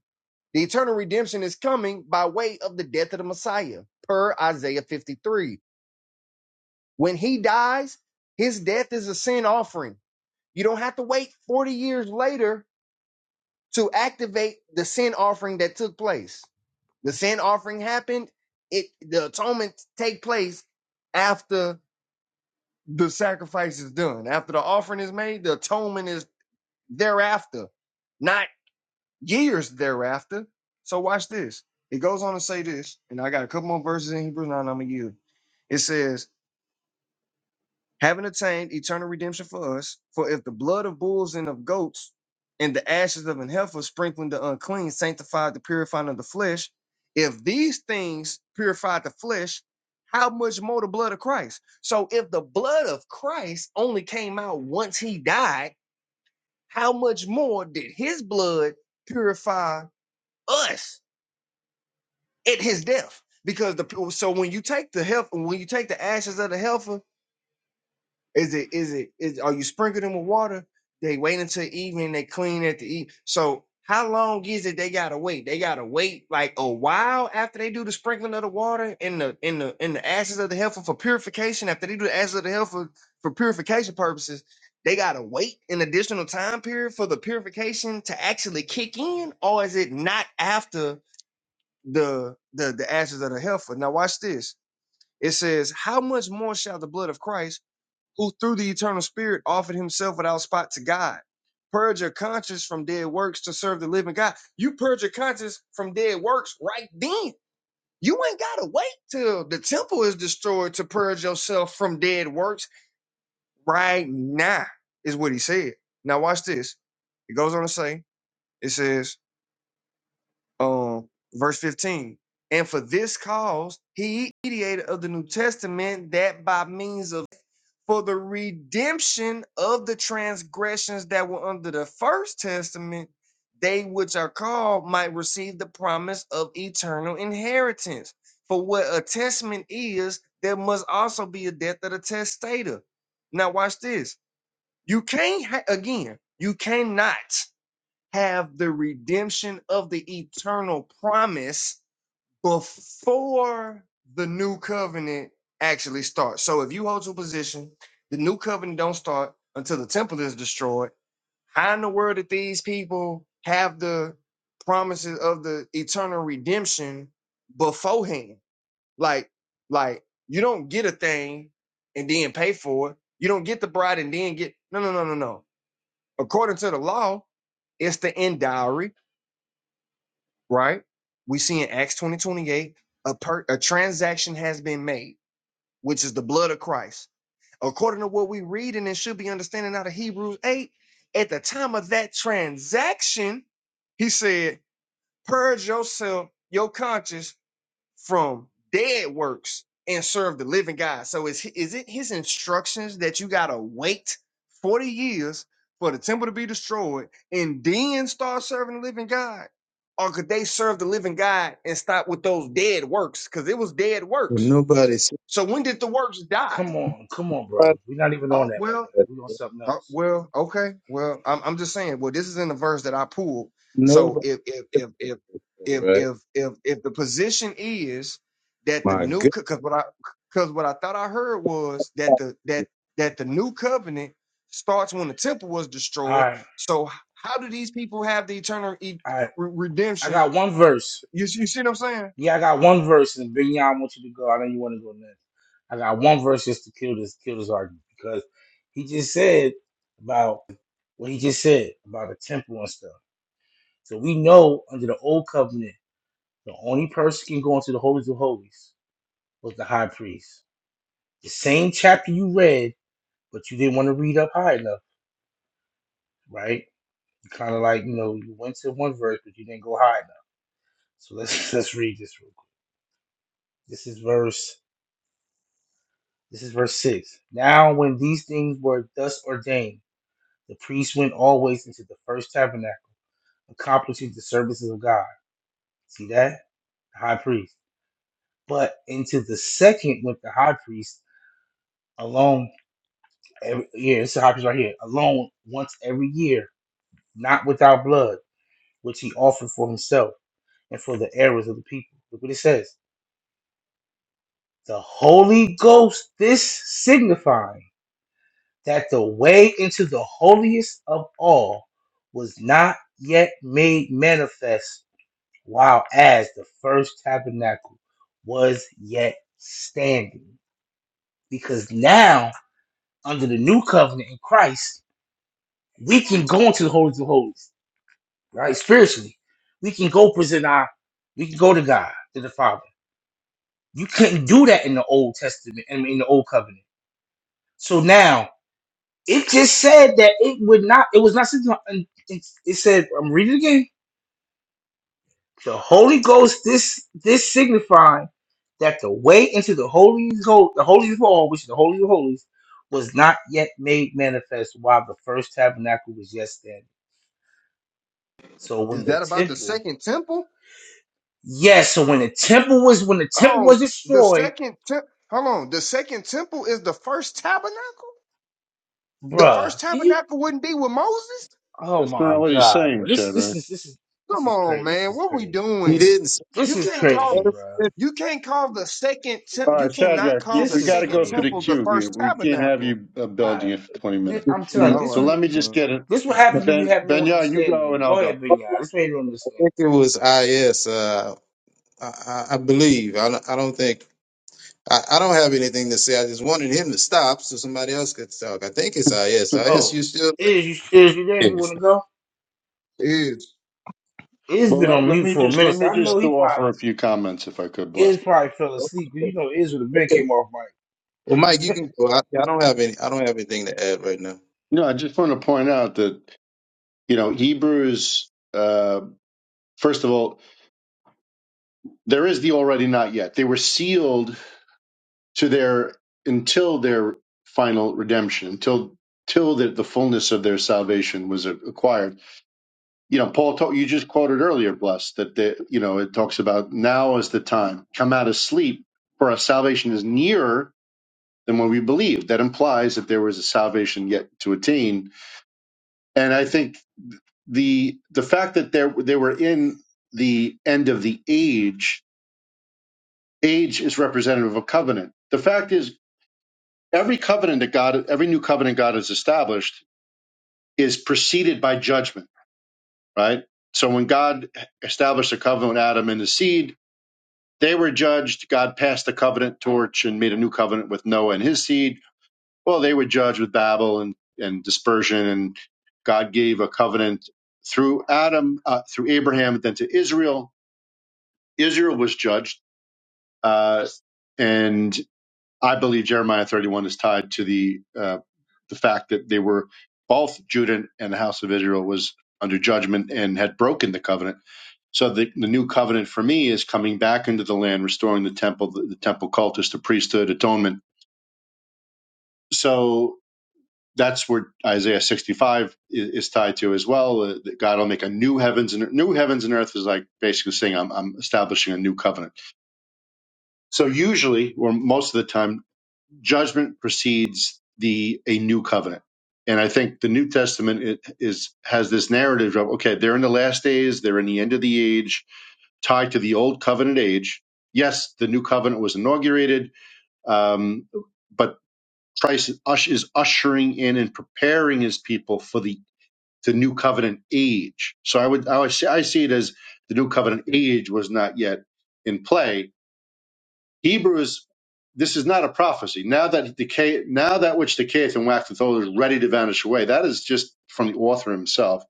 Speaker 16: the eternal redemption is coming by way of the death of the Messiah, per Isaiah 53. When he dies, his death is a sin offering. You don't have to wait 40 years later to activate the sin offering that took place. The sin offering happened, it the atonement take place after the sacrifice is done. After the offering is made, the atonement is thereafter, not years thereafter. So watch this. It goes on to say this, and I got a couple more verses in Hebrews 9 I'm going to yield. It says, having attained eternal redemption for us, for if the blood of bulls and of goats and the ashes of an heifer sprinkling the unclean sanctified the purifying of the flesh, if these things purified the flesh, how much more the blood of Christ? So if the blood of Christ only came out once he died, how much more did his blood purify us at his death? Because the so when you take the heifer, when you take the ashes of the heifer Is it is it is are you sprinkling them with water? They wait until evening, they clean at the eat. So how long is it they gotta wait? They gotta wait like a while after they do the sprinkling of the water in the in the in the ashes of the heifer for purification. After they do the ashes of the heifer for purification purposes, they gotta wait an additional time period for the purification to actually kick in, or is it not after the the the ashes of the heifer? Now watch this. It says, How much more shall the blood of Christ? who through the eternal spirit offered himself without spot to God. Purge your conscience from dead works to serve the living God. You purge your conscience from dead works right then. You ain't gotta wait till the temple is destroyed to purge yourself from dead works right now, is what he said. Now watch this. It goes on to say, it says, um, verse 15. And for this cause, he mediated of the New Testament that by means of for the redemption of the transgressions that were under the first testament, they which are called might receive the promise of eternal inheritance. For what a testament is, there must also be a death of the testator. Now, watch this. You can't, ha- again, you cannot have the redemption of the eternal promise before the new covenant actually starts. So if you hold to a position, the new covenant don't start until the temple is destroyed. How in the world did these people have the promises of the eternal redemption beforehand? Like, like you don't get a thing and then pay for it. You don't get the bride and then get no, no, no, no, no. According to the law, it's the end dowry right? We see in Acts 20 28 a, per, a transaction has been made, which is the blood of Christ. According to what we read, and it should be understanding out of Hebrews 8, at the time of that transaction, he said, Purge yourself, your conscience from dead works and serve the living God. So is is it his instructions that you gotta wait 40 years for the temple to be destroyed and then start serving the living God? Or could they serve the living God and stop with those dead works? Because it was dead
Speaker 17: Well,
Speaker 16: works.
Speaker 17: Nobody said
Speaker 16: So when did the works die?
Speaker 1: Come on. Come on,
Speaker 17: that.
Speaker 1: bro. We're not even on
Speaker 16: Oh
Speaker 1: that right
Speaker 16: well.
Speaker 1: now. we on something
Speaker 16: Uh,
Speaker 1: else.
Speaker 16: well, okay. Well, I'm I'm just saying. Well, this is in the verse that I pulled. So
Speaker 17: Nobody.
Speaker 16: if if if if if
Speaker 17: Right.
Speaker 16: if if, if the position is that the
Speaker 17: My
Speaker 16: new
Speaker 17: God.
Speaker 16: because what I because what I thought I heard was that the that that the new covenant starts when the temple was
Speaker 1: All
Speaker 16: destroyed.
Speaker 1: right.
Speaker 16: So how do these people have the eternal e-
Speaker 1: All right.
Speaker 16: re-
Speaker 1: I
Speaker 16: redemption?
Speaker 1: got one verse.
Speaker 16: You, see- you see what I'm saying?
Speaker 1: Yeah, I got one verse, and Big Yon, I want you to go. I know you want to go next. I got one verse just to kill this kill this argument because he just said about what he just said about the temple and stuff. So we know under the old covenant The only person can go into the holies of holies was the high priest. The same chapter you read, but you didn't want to read up high enough, right? You kind of like you know you went to one verse, but you didn't go high enough. So let's [laughs] let's read this real quick. This is verse. This is verse six. Now, when these things were thus ordained, the priest went always into the first tabernacle, accomplishing the services of God. See that the high priest. But into the second went the high priest alone Every, yeah, it's the high priest right here. Alone once every year, not without blood, which he offered for himself and for the errors of the people. Look what it says. The Holy Ghost, this signifying that the way into the holiest of all was not yet made manifest, while as the first tabernacle was yet standing. Because now, under the new covenant in Christ, we can go into the holiest of holies right? Spiritually, we can go present our, we can go to God, to the Father. You couldn't do that in the Old Testament and in the Old Covenant. So now it just said that it would not. It was not. It, it said, I'm reading it again. The Holy Ghost. This this signifying that the way into the holy hol- the holy of all, which is the holy of holies, was not yet made manifest while the first tabernacle was yet standing. So when
Speaker 16: Is
Speaker 1: the
Speaker 16: that about the
Speaker 1: temple,
Speaker 16: second temple?
Speaker 1: yes, so when the temple was when the temple was
Speaker 16: Um, the
Speaker 1: destroyed
Speaker 16: second temple. Hold on. The second temple is the first tabernacle. The
Speaker 1: bruh.
Speaker 16: first
Speaker 1: And you,
Speaker 16: tabernacle wouldn't be with Moses?
Speaker 1: oh
Speaker 12: That's not
Speaker 1: my
Speaker 12: what he's
Speaker 1: god, bro.
Speaker 12: saying,
Speaker 1: This, this
Speaker 12: Shadrach.
Speaker 1: is, this is, this
Speaker 16: Come
Speaker 1: is
Speaker 16: on,
Speaker 1: crazy. This
Speaker 16: man.
Speaker 1: is
Speaker 16: What we
Speaker 1: crazy.
Speaker 17: He
Speaker 16: doing?
Speaker 17: didn't
Speaker 1: This
Speaker 16: You
Speaker 1: is
Speaker 16: can't
Speaker 17: I
Speaker 16: call
Speaker 1: crazy, bruh.
Speaker 16: you can't call the second tem-
Speaker 12: All
Speaker 16: you
Speaker 12: right,
Speaker 16: cannot
Speaker 12: Shadrach, we,
Speaker 16: call the
Speaker 1: This
Speaker 12: we
Speaker 1: is
Speaker 12: got to
Speaker 16: second
Speaker 12: go to the
Speaker 16: temple
Speaker 1: crazy.
Speaker 16: the
Speaker 12: queue. We,
Speaker 16: first
Speaker 12: we can't have
Speaker 16: tabernacle.
Speaker 12: you uh,
Speaker 1: I,
Speaker 12: building it for twenty
Speaker 1: thi-
Speaker 12: minutes.
Speaker 1: I'm telling you,
Speaker 16: All
Speaker 1: this
Speaker 12: So
Speaker 1: is,
Speaker 16: right.
Speaker 12: let me just
Speaker 16: Well,
Speaker 12: get it.
Speaker 1: this what happens when you
Speaker 12: Ben
Speaker 1: have no
Speaker 12: Benya, you go
Speaker 1: understanding.
Speaker 12: and I'll
Speaker 1: Go
Speaker 12: go.
Speaker 1: ahead, Vinyard. This made you understand.
Speaker 17: think it was IS. Uh, I, I I believe. I, don't- I don't think. I, I don't have anything to say. I just wanted him to stop so somebody else could talk. I think it's IS.
Speaker 12: [laughs]
Speaker 17: IS,
Speaker 1: Oh,
Speaker 17: you still?
Speaker 1: is you, is you there? You want
Speaker 9: Yes.
Speaker 1: to go?
Speaker 16: it is.
Speaker 1: Is
Speaker 12: Well,
Speaker 1: been
Speaker 12: let,
Speaker 1: on
Speaker 12: let
Speaker 1: mute
Speaker 12: me
Speaker 1: for a
Speaker 12: just let
Speaker 1: minute. So
Speaker 12: me
Speaker 1: I know
Speaker 12: just
Speaker 1: he probably
Speaker 12: offer a few comments, if I could, bless.
Speaker 1: is probably fell asleep. Cause you know, is would have been
Speaker 17: Okay.
Speaker 1: came off mic.
Speaker 17: Well, Mike, you can go. I, I don't have any. I don't have anything to add right now.
Speaker 12: No, I just want to point out that you know Hebrews. Uh, first of all, There is the already not yet. They were sealed to their until their final redemption, until till the, the fullness of their salvation was acquired. You know, Paul, ta- you just quoted earlier, blessed that they, you know it talks about now is the time come out of sleep, for our salvation is nearer than when we believed. That implies that there was a salvation yet to attain, and I think the the fact that there they were in the end of the age age is representative of a covenant. The fact is, every covenant that God, every new covenant God has established is preceded by judgment, right? So when God established a covenant with Adam and his seed, they were judged. God passed the covenant torch and made a new covenant with Noah and his seed. Well, they were judged with Babel and, and dispersion. And God gave a covenant through Adam, uh, through Abraham, then to Israel. Israel was judged. Uh, and I believe Jeremiah 31 is tied to the uh, the fact that they were both Judah and the house of Israel was under judgment and had broken the covenant. So the, the new covenant for me is coming back into the land, restoring the temple, the, the temple cultus, the priesthood, atonement. So that's where Isaiah 65 is, is tied to as well. Uh, that God will make a new heavens and new heavens and earth is like basically saying I'm, I'm establishing a new covenant. So usually, or most of the time, judgment precedes the a new covenant and i think the new testament it is has this narrative of okay they're in the last days they're in the end of the age tied to the old covenant age yes the new covenant was inaugurated um, but christ is, ush- is ushering in and preparing his people for the the new covenant age so i would i would say i see it as the new covenant age was not yet in play Hebrews, this is not a prophecy. Now that decay, now that which decayeth and waxeth old is ready to vanish away. That is just from the author himself.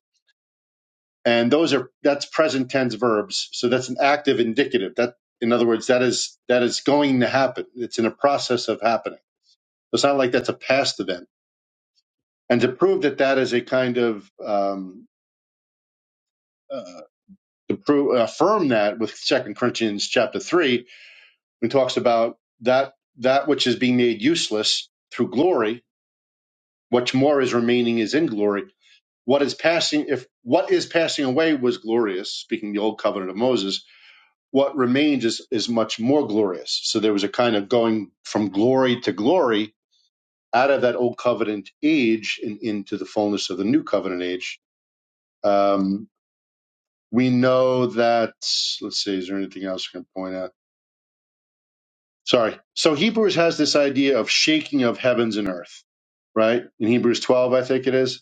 Speaker 12: And those are that's present tense verbs. So that's an active indicative. That in other words, that is that is going to happen. It's in a process of happening. It's not like that's a past event. And to prove that that is a kind of um, uh, to prove affirm that with Second Corinthians chapter three, when it talks about that that which is being made useless through glory What more is remaining is in glory. What is passing, if what is passing away was glorious, speaking the old covenant of Moses, what remains is, is much more glorious. So there was a kind of going from glory to glory out of that old covenant age and into the fullness of the new covenant age. Um, we know that, let's see, is there anything else I can point out? Sorry. So Hebrews has this idea of shaking of heavens and earth, right? In Hebrews 12, I think it is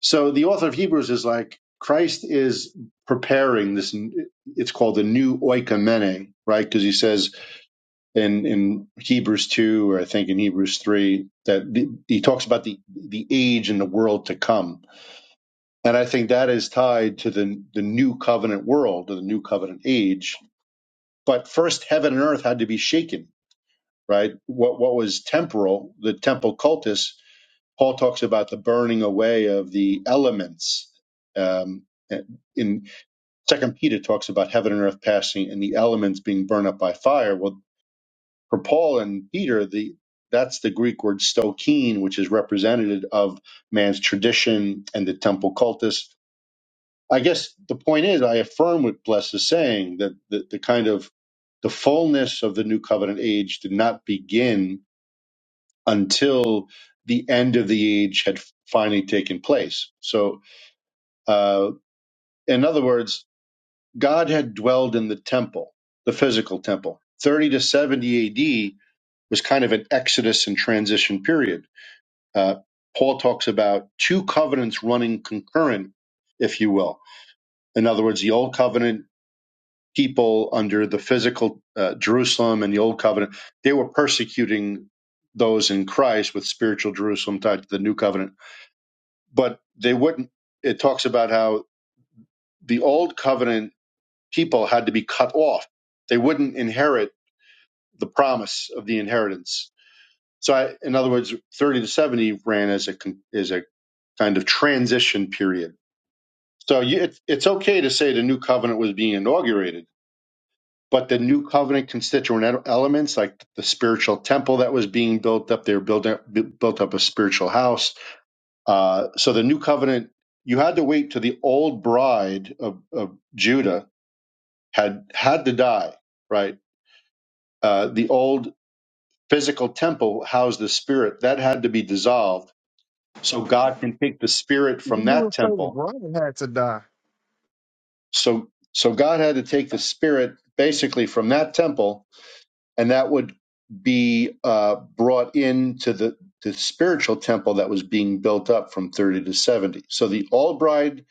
Speaker 12: So the author of Hebrews is like, Christ is preparing this. It's called the new oikomene, right? Because he says in, in Hebrews 2, or I think in Hebrews 3, that the, he talks about the, the age and the world to come. And I think that is tied to the, the new covenant world, or the new covenant age. But first, heaven and earth had to be shaken, right? What, what was temporal, the temple cultus, Paul talks about the burning away of the elements. Um, in Second Peter talks about heaven and earth passing and the elements being burned up by fire. Well, for Paul and Peter, the that's the Greek word stokene, which is representative of man's tradition and the temple cultus. I guess the point is, I affirm what Bless is saying that the, the kind of the fullness of the new covenant age did not begin until the end of the age had finally taken place. So, uh, in other words, God had dwelled in the temple, the physical temple. 30 to 70 AD was kind of an exodus and transition period. Uh, Paul talks about two covenants running concurrent, if you will. In other words, the old covenant people under the physical uh, Jerusalem and the old covenant, they were persecuting those in Christ with spiritual Jerusalem tied to the new covenant but they wouldn't. It talks about how the old covenant people had to be cut off. They wouldn't inherit the promise of the inheritance. So, I, in other words, 30 to 70 ran as a con- as a kind of transition period. So, you, it, it's okay to say the new covenant was being inaugurated, but the new covenant constituent ele- elements, like the spiritual temple that was being built up, they were building built up a spiritual house Uh, so the new covenant, you had to wait till the old bride of, of Judah had had to die, right? Uh, the old physical temple housed the spirit that had to be dissolved, so God can take the spirit
Speaker 16: You
Speaker 12: from
Speaker 16: do
Speaker 12: that
Speaker 16: it say
Speaker 12: temple.
Speaker 16: LeBron had to die.
Speaker 12: So so God had to take the spirit basically from that temple, and that would be uh, brought into the the spiritual temple that was being built up from 30 to 70. So the old bride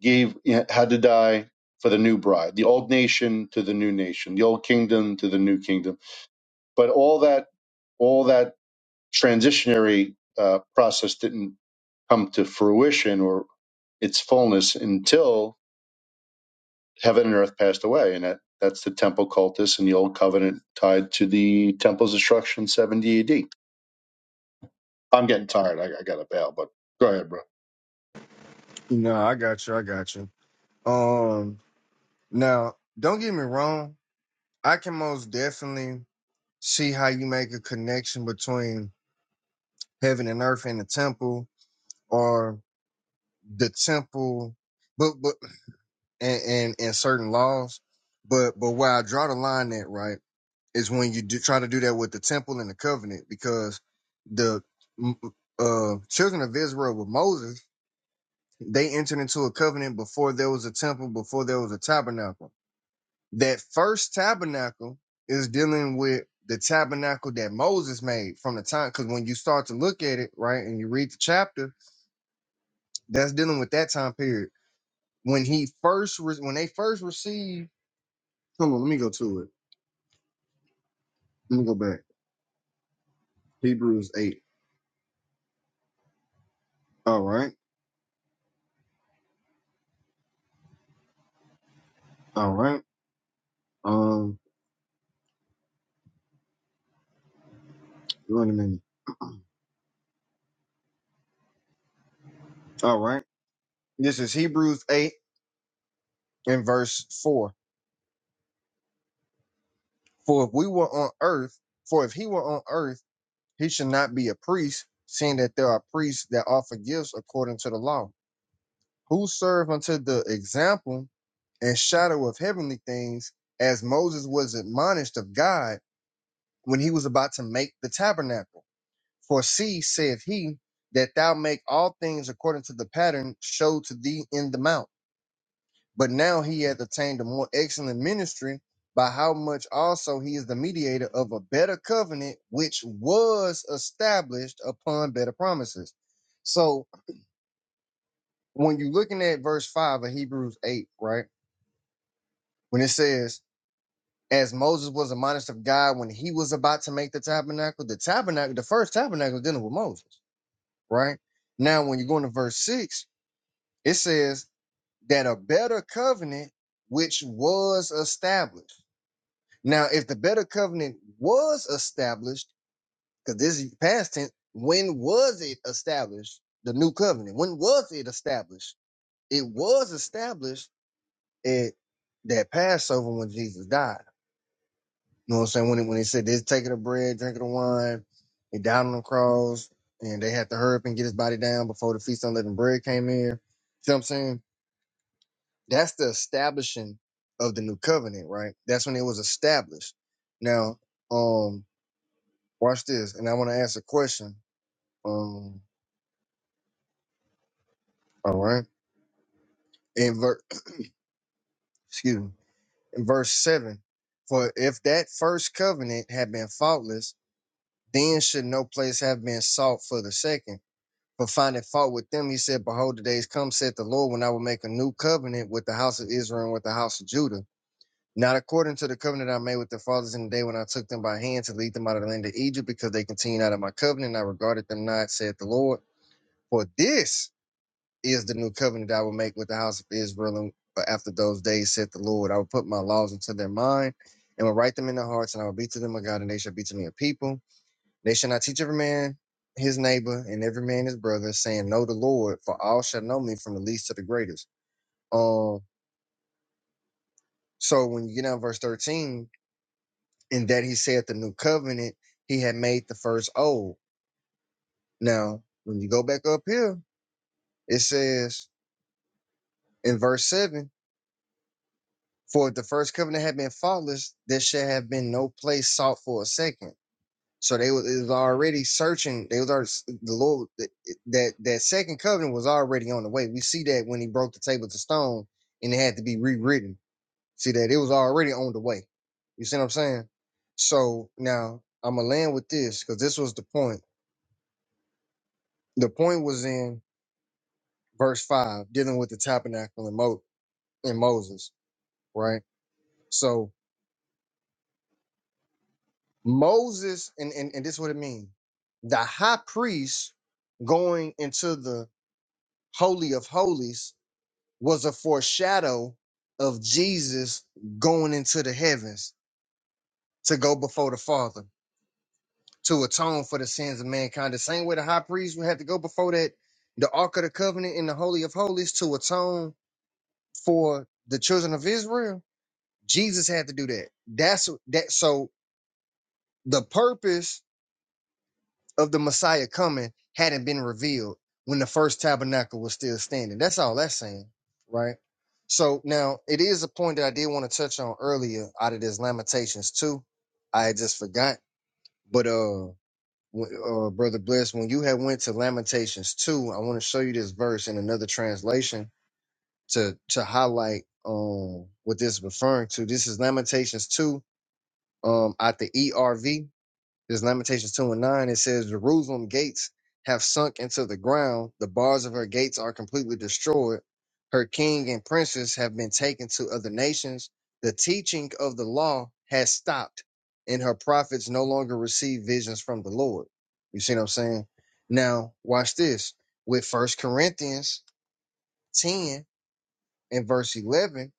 Speaker 12: gave had to die for the new bride, the old nation to the new nation, the old kingdom to the new kingdom. But all that all that transitionary uh, process didn't come to fruition or its fullness until heaven and earth passed away, and that, that's the temple cultus and the old covenant tied to the temple's destruction, seventy A.D. I'm getting tired. I, I got to bail, but go ahead, bro.
Speaker 16: No, I got you. I got you. Um now, don't get me wrong. I can most definitely see how you make a connection between heaven and earth and the temple or the temple. but but. and, and and certain laws. But but where I draw the line at, right, is when you do, try to do that with the temple and the covenant, because the mm, uh, children of Israel with Moses, they entered into a covenant before there was a temple, before there was a tabernacle. That first tabernacle is dealing with the tabernacle that Moses made from the time, because when you start to look at it, right, and you read the chapter, that's dealing with that time period when he first re- when they first received. Hold on, let me go to it Let me go back. Hebrews 8. All right. All right. Um, wait a minute. [clears throat] All right. This is Hebrews 8 and verse 4. For if we were on earth, for if he were on earth, he should not be a priest, seeing that there are priests that offer gifts according to the law, who serve unto the example and shadow of heavenly things, as Moses was admonished of God when he was about to make the tabernacle. For see, saith he, that thou make all things according to the pattern showed to thee in the mount. But now he hath attained a more excellent ministry, by how much also he is the mediator of a better covenant, which was established upon better promises. So when you're looking at verse 5 of Hebrews 8, right, when it says, as Moses was admonished of God when he was about to make the tabernacle, the tabernacle, the first tabernacle was dealing with Moses, right? Now, when you go into verse 6, It says that a better covenant which was established. Now, if the better covenant was established, because this is past tense, when was it established? The new covenant. When was it established? It was established at that Passover when Jesus died. You know what I'm saying? When it, when they said they take of the bread, drink of the wine, he died on the cross, and they had to hurry up and get his body down before the feast of unleavened bread came in. See what I'm saying? That's the establishing of the new covenant, right? That's when it was established. Now, um, watch this, and I want to ask a question. Um, all right, in ver- excuse me, in verse seven, for if that first covenant had been faultless, then should no place have been sought for the second. For finding fault with them, he said, "Behold, the days come," said the Lord, "when I will make a new covenant with the house of Israel and with the house of Judah." Not according to the covenant I made with their fathers in the day when I took them by hand to lead them out of the land of Egypt, because they continued out of my covenant, I regarded them not, said the Lord. For this is the new covenant I will make with the house of Israel and after those days, said the Lord. I will put my laws into their mind and will write them in their hearts, and I will be to them a God, and they shall be to me a people. They shall not teach every man his neighbor and every man his brother, saying, Know the Lord, for all shall know me from the least to the greatest. Um, so when you get down to verse 13, and that he said the new covenant he had made the first old. Now, when you go back up here, it says in verse seven, for if the first covenant had been faultless, there should have been no place sought for a second. So they was, it was already searching. They was already, the Lord that that that second covenant was already on the way. We see that when he broke the table to stone and it had to be rewritten. See that it was already on the way. You see what I'm saying? So now I'm gonna land with this because this was the point The point was in verse five, dealing with the tabernacle and, Mo- and Moses, right? So Moses, and, and, and this is what it means. The high priest going into the holy of holies was a foreshadow of Jesus going into the heavens to go before the Father to atone for the sins of mankind. The same way the high priest would have to go before that the Ark of the Covenant in the Holy of Holies to atone for the children of Israel Jesus had to do that. That's that. So the purpose of the Messiah coming hadn't been revealed when the first tabernacle was still standing. That's all that's saying, right? So now it is a point that I did want to touch on earlier out of this Lamentations too. I had just forgot, but uh, w- uh brother Bless, when you had went to Lamentations two, I want to show you this verse in another translation to to highlight um what this is referring to. This is Lamentations two um, at the ERV, there's Lamentations 2 and 9. It says, Jerusalem gates have sunk into the ground. The bars of her gates are completely destroyed. Her king and princes have been taken to other nations. The teaching of the law has stopped, and her prophets no longer receive visions from the Lord. You see what I'm saying? Now, watch this. With First Corinthians 10 and verse 11,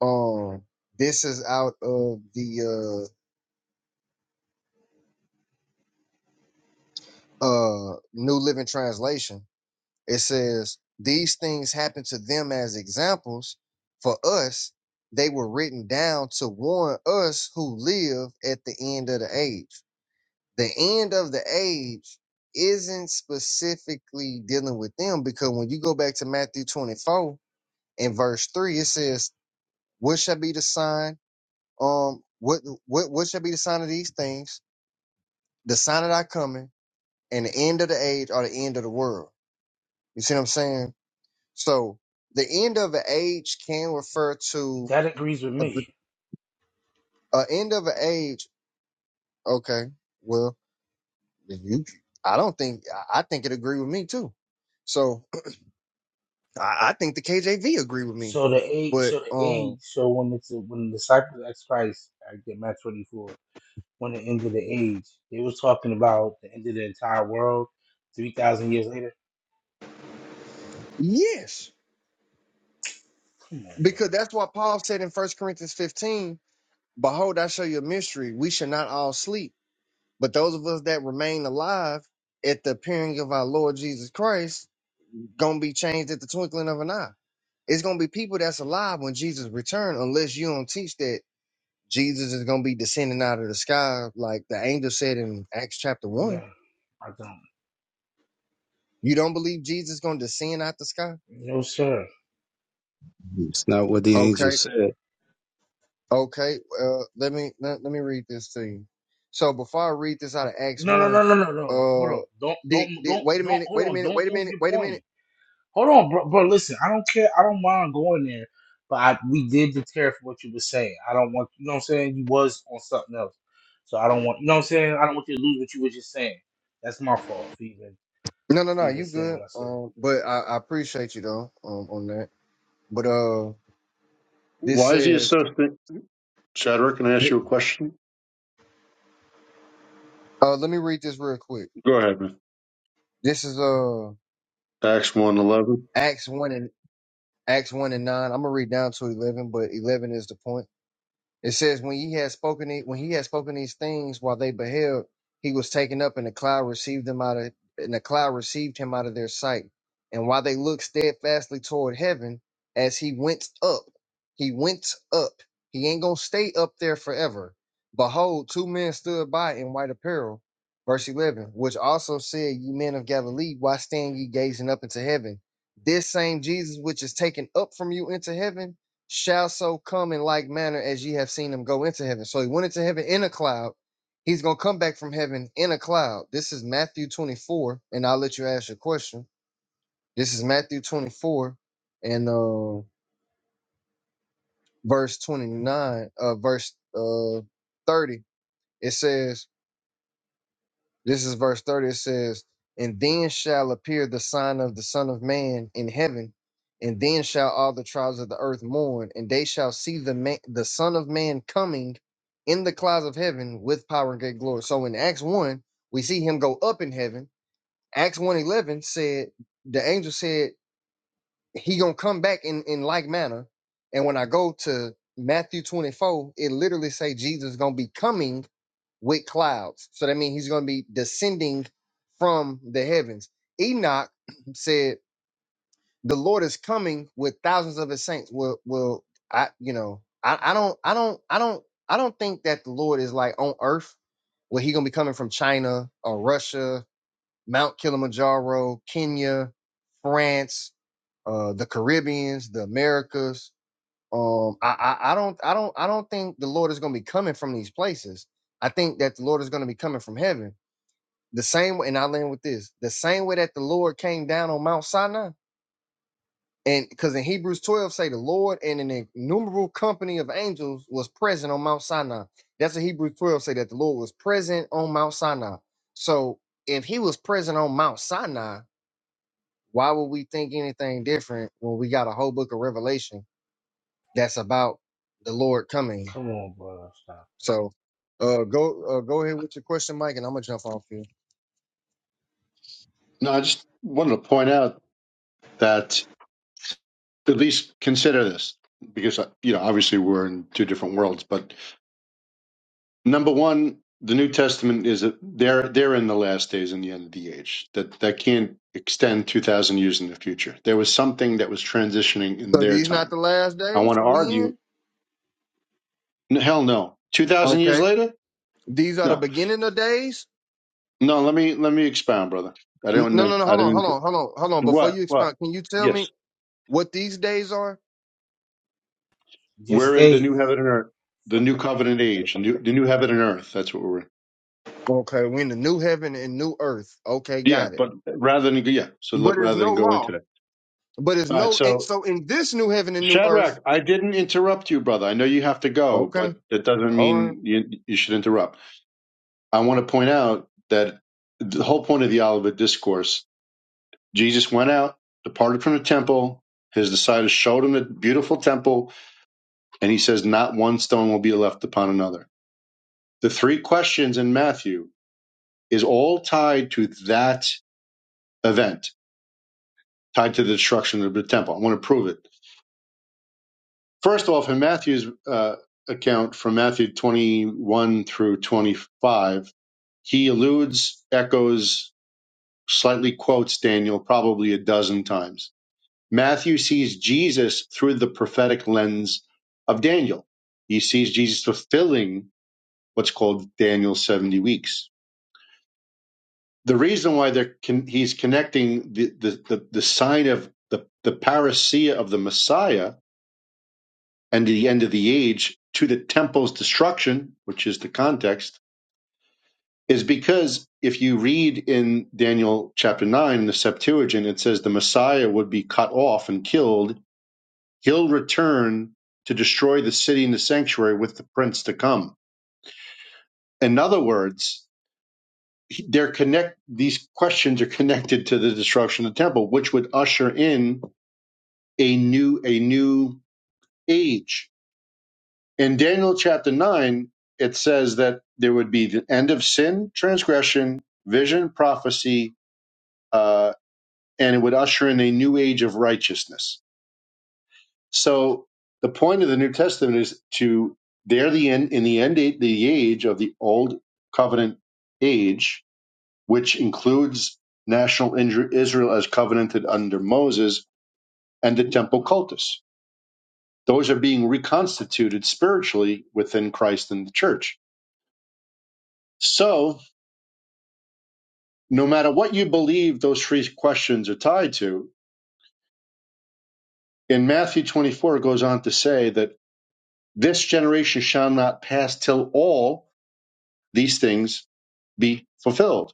Speaker 16: um, this is out of the uh, uh New Living Translation, it says, These things happen to them as examples. For us, they were written down to warn us who live at the end of the age. The end of the age isn't specifically dealing with them because when you go back to Matthew 24 and verse 3, it says, What shall be the sign? Um, what what what shall be the sign of these things? The sign of thy coming and the end of the age or the end of the world You see what I'm saying? So the end of an age can refer to
Speaker 1: That agrees with
Speaker 16: a, p-
Speaker 1: me.
Speaker 16: a end of an age. Okay, well, then you, I don't think I I think it agree with me too. So [clears throat] I, I think the KJV agree with me,
Speaker 1: So the age,
Speaker 16: but
Speaker 1: so the age,
Speaker 16: um,
Speaker 1: so when it's when the disciples asked Christ, I get Matthew 24. on the end of the age. They was talking about the end of the entire world three thousand years later.
Speaker 16: yes,
Speaker 1: Come on,
Speaker 16: because that's what Paul said in First Corinthians 15. Behold, I show you a mystery: we shall not all sleep, but those of us that remain alive at the appearing of our Lord Jesus Christ, gonna be changed at the twinkling of an eye. It's gonna be people that's alive when Jesus return, unless you don't teach that Jesus is gonna be descending out of the sky, like the angel said in Acts chapter
Speaker 1: bro.
Speaker 16: one.
Speaker 1: No, I don't.
Speaker 16: You don't believe Jesus gonna descend out the sky?
Speaker 1: No, sir.
Speaker 17: It's not what the angel
Speaker 16: Okay,
Speaker 17: said.
Speaker 16: okay. Uh, let me let, let me read this to you. So before I read this out of Acts
Speaker 1: No, no,
Speaker 16: one,
Speaker 1: no, no, no, no. Hold
Speaker 16: uh,
Speaker 1: on. Don't,
Speaker 16: did
Speaker 1: don't,
Speaker 16: did
Speaker 1: don't,
Speaker 16: wait a
Speaker 1: don't.
Speaker 16: minute,
Speaker 1: Hold
Speaker 16: wait a
Speaker 1: on.
Speaker 16: minute, wait
Speaker 1: Don't
Speaker 16: a
Speaker 1: move
Speaker 16: minute,
Speaker 1: your
Speaker 16: wait a minute.
Speaker 1: point. Hold on, bro. Bro, listen. I don't care. I don't mind going there, but I, we did deter for what you were saying. I don't want. You know what I'm saying? You was on something else, so I don't want. You know what I'm saying? I don't want you to lose what you were just saying. That's my fault for even
Speaker 16: No, no,
Speaker 1: for
Speaker 16: no,
Speaker 1: even
Speaker 16: you
Speaker 1: saying
Speaker 16: good.
Speaker 1: what I said.
Speaker 16: Um, but I, I appreciate you though, um, on that. But uh, this
Speaker 12: Why is he
Speaker 16: says,
Speaker 12: assistant? Shadrach, can I ask
Speaker 16: th-
Speaker 12: you a question?
Speaker 16: uh, let me read this real quick.
Speaker 12: Go ahead, man.
Speaker 16: This is uh
Speaker 12: Acts one eleven.
Speaker 16: Acts one and Acts one and nine. I'm gonna read down to eleven, but eleven is the point. It says, when he had spoken, the- when he had spoken these things while they beheld, he was taken up, and the cloud received him out of, and the cloud received him out of their sight. And while they looked steadfastly toward heaven, as he went up, he went up. He ain't gonna stay up there forever. Behold, two men stood by in white apparel, verse eleven, which also said, "Ye men of Galilee, why stand ye gazing up into heaven? This same Jesus which is taken up from you into heaven." shall so come in like manner as ye have seen him go into heaven. So he went into heaven in a cloud. He's going to come back from heaven in a cloud. This is Matthew 24, and I'll let you ask your question. This is Matthew 24 and uh, verse 29, uh, verse uh, 30. It says, This is verse 30. It says, And then shall appear the sign of the Son of Man in heaven, and then shall all the tribes of the earth mourn, and they shall see the man, the Son of Man coming in the clouds of heaven with power and great glory. So in Acts 1, we see him go up in heaven. Acts one eleven said, the angel said, He gonna come back in, in like manner. And when I go to Matthew 24, it literally say Jesus gonna be coming with clouds. So that means he's going to be descending from the heavens. Enoch [clears throat] said, "The Lord is coming with thousands of his saints." Well, well, I? You know, I, I don't, I don't, I don't, I don't think that the Lord is like on Earth, where he going to be coming from China or Russia, Mount Kilimanjaro, Kenya, France, uh, the Caribbeans, the Americas. Um, I, I, I don't, I don't, I don't think the Lord is going to be coming from these places. I think that the Lord is going to be coming from heaven the same way, and I land with this the same way that the Lord came down on Mount Sinai. And because in Hebrews 12 say the Lord and an innumerable company of angels was present on Mount Sinai. That's what Hebrews 12 say that the Lord was present on Mount Sinai. So if he was present on Mount Sinai, why would we think anything different when we got a whole book of Revelation that's about the Lord coming?
Speaker 1: Come on, bro. Stop.
Speaker 16: So uh, go uh, go ahead with your question, Mike, and I'm gonna jump off here.
Speaker 12: No, I just wanted to point out that at least consider this because uh, you know obviously we're in two different worlds. But number one, the New Testament is a, they're they're in the last days and the end of the age. That that can't extend two thousand years in the future. There was something that was transitioning in
Speaker 16: So
Speaker 12: their
Speaker 16: these not
Speaker 12: time.
Speaker 16: the last
Speaker 12: I
Speaker 16: days
Speaker 12: want to
Speaker 16: we
Speaker 12: argue.
Speaker 16: in?
Speaker 12: n- Hell no. Two thousand
Speaker 16: Okay,
Speaker 12: years later?
Speaker 16: These are the
Speaker 12: No,
Speaker 16: beginning of days?
Speaker 12: no. Let me let me expound, brother. I
Speaker 16: N-
Speaker 12: don't.
Speaker 16: No,
Speaker 12: know-
Speaker 16: no, no.
Speaker 12: I
Speaker 16: Hold on, hold
Speaker 12: didn't.
Speaker 16: on, hold on, hold on. Before
Speaker 12: What?
Speaker 16: you
Speaker 12: What?
Speaker 16: expound, can you tell
Speaker 12: Yes.
Speaker 16: me what these days are?
Speaker 1: Just
Speaker 12: We're in the
Speaker 1: days.
Speaker 12: new heaven and earth, the new covenant age, the new, the new heaven and earth. That's what we're in.
Speaker 16: Okay, we're in the new heaven and new earth. Okay,
Speaker 12: Yeah,
Speaker 16: got it.
Speaker 12: but rather than yeah, so
Speaker 16: But
Speaker 12: let,
Speaker 16: there's
Speaker 12: rather
Speaker 16: no
Speaker 12: than go into
Speaker 16: law.
Speaker 12: that.
Speaker 16: But there's
Speaker 12: All right,
Speaker 16: no. and
Speaker 12: so
Speaker 16: So in this new heaven and new earth.
Speaker 12: Shadrach, I didn't interrupt you, brother. I know you have to go,
Speaker 16: Okay,
Speaker 12: but that doesn't
Speaker 16: all right.
Speaker 12: mean you, you should interrupt. I want to point out that the whole point of the Olivet Discourse, Jesus went out, departed from the temple. His disciples showed him the beautiful temple, and he says, "Not one stone will be left upon another." The three questions in Matthew is all tied to that event, tied to the destruction of the temple. I want to prove it. First off, in Matthew's uh, account from Matthew 21 through 25, he alludes, echoes, slightly quotes Daniel probably a dozen times. Matthew sees Jesus through the prophetic lens of Daniel. He sees Jesus fulfilling what's called Daniel's 70 weeks the reason why they're con- he's connecting the, the, the, the sign of the, the parousia of the Messiah and the end of the age to the temple's destruction, which is the context, is because if you read in Daniel chapter 9 in the Septuagint, it says the Messiah would be cut off and killed. He'll return to destroy the city and the sanctuary with the prince to come. In other words, they're connect these questions are connected to the destruction of the temple, which would usher in a new a new age. In Daniel chapter 9, it says that there would be the end of sin, transgression, vision, prophecy, uh, and it would usher in a new age of righteousness. So the point of the New Testament is to there the end in the end the age of the old covenant age, which includes national Israel as covenanted under Moses and the temple cultus Those are being reconstituted spiritually within Christ and the church. So, no matter what you believe those three questions are tied to, in Matthew 24, it goes on to say that this generation shall not pass till all these things be fulfilled.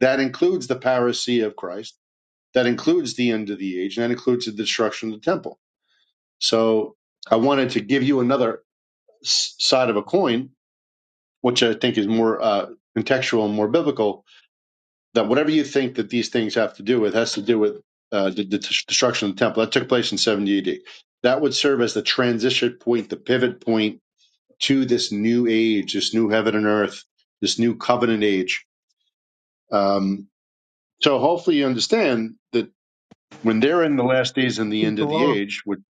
Speaker 12: That includes the parousia of Christ, that includes the end of the age, and that includes the destruction of the temple. So, I wanted to give you another s- side of a coin, which I think is more uh, contextual and more biblical that whatever you think that these things have to do with has to do with uh, the, the destruction of the temple that took place in 70 AD. That would serve as the transition point, the pivot point to this new age, this new heaven and earth, this new covenant age. Um, so hopefully you understand that when they're in the last days and the
Speaker 16: Keep
Speaker 12: end
Speaker 16: the
Speaker 12: of the
Speaker 16: law.
Speaker 12: age, would-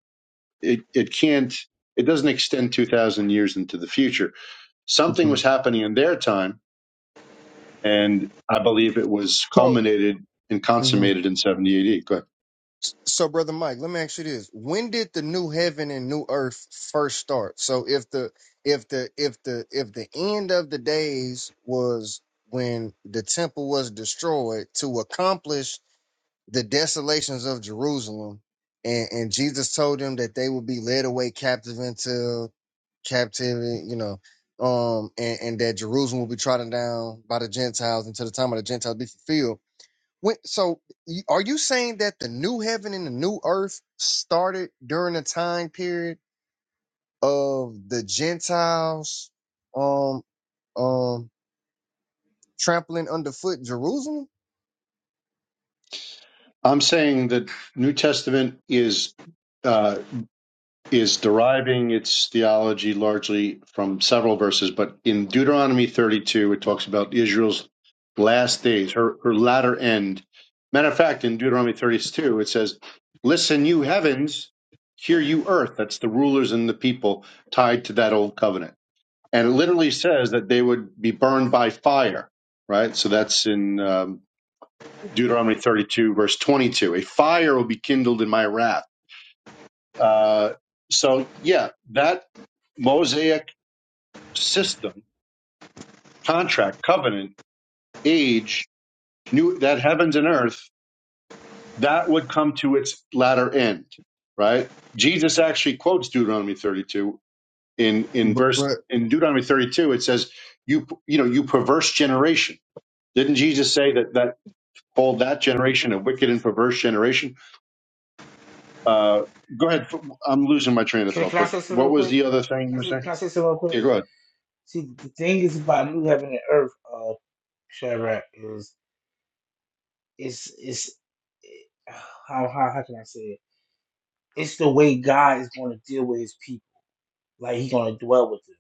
Speaker 12: it, it can't, it doesn't extend 2,000 years into the future. Something was
Speaker 16: Mhm.
Speaker 12: happening in their time, and I believe it was
Speaker 16: So.
Speaker 12: culminated and consummated in 70 AD. Go ahead.
Speaker 16: So, brother Mike, let me ask you this: When did the new heaven and new earth first start? So, if the if the if the if the end of the days was when the temple was destroyed to accomplish the desolations of Jerusalem, and, and Jesus told them that they would be led away captive into captivity, you know, um, and, and that Jerusalem will be trodden down by the Gentiles until the time of the Gentiles be fulfilled when, so, you- are you saying that the new heaven and the new earth started during the time period of the Gentiles, um, um, trampling underfoot Jerusalem?
Speaker 12: I'm saying that New Testament is uh, is deriving its theology largely from several verses, but in Deuteronomy 32, it talks about Israel's last days, her her latter end. Matter of fact, in Deuteronomy 32, it says, "Listen, you heavens, hear you earth." That's the rulers and the people tied to that old covenant, and it literally says that they would be burned by fire. Right, so that's in um, Deuteronomy 32, verse 22. A fire will be kindled in my wrath. Uh, so, yeah, that Mosaic system, contract, covenant, age, new that heavens and earth, that would come to its latter end, right? Jesus actually quotes Deuteronomy 32 in in
Speaker 16: But,
Speaker 12: verse
Speaker 16: but
Speaker 12: in Deuteronomy 32. It says, "You you know you perverse generation." Didn't Jesus say that that called that generation a wicked and perverse generation? Uh, go ahead. I'm losing my train of
Speaker 1: Can,
Speaker 12: thought,
Speaker 1: can I
Speaker 12: but
Speaker 1: say something
Speaker 12: what
Speaker 1: real
Speaker 12: was
Speaker 1: quick?
Speaker 12: the other thing you
Speaker 1: Can I
Speaker 12: were
Speaker 1: say,
Speaker 12: saying?
Speaker 1: can I say something real quick?
Speaker 12: Yeah, go ahead.
Speaker 1: See, the thing is about new heaven and earth, uh, Shadrach, is it's it's it, how how how can I say it? It's the way God is going to deal with His people. Like He's going to dwell with them.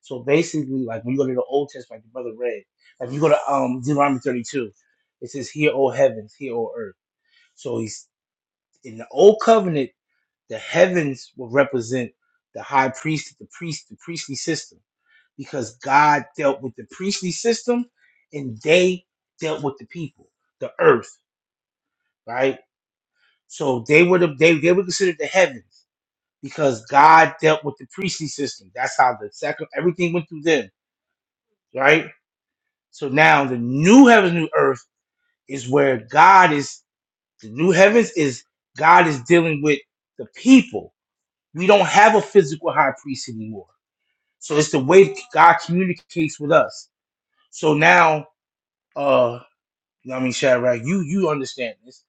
Speaker 1: So basically, like when you go to the Old Testament, like the brother read, like you go to um Deuteronomy thirty two, it says, "Hear, O heavens, hear, O earth." So He's in the Old Covenant The heavens will represent the high priest, the priest, the priestly system, because God dealt with the priestly system and they dealt with the people, the earth, right? So they were the, they, they were considered the heavens because God dealt with the priestly system. That's how the second everything went through them, right? So now the new heavens, new earth is where God is. The new heavens is God is dealing with the people. We don't have a physical high priest anymore So it's the way God communicates with us. So now, uh, you know what I mean, Shadrach, you you understand this.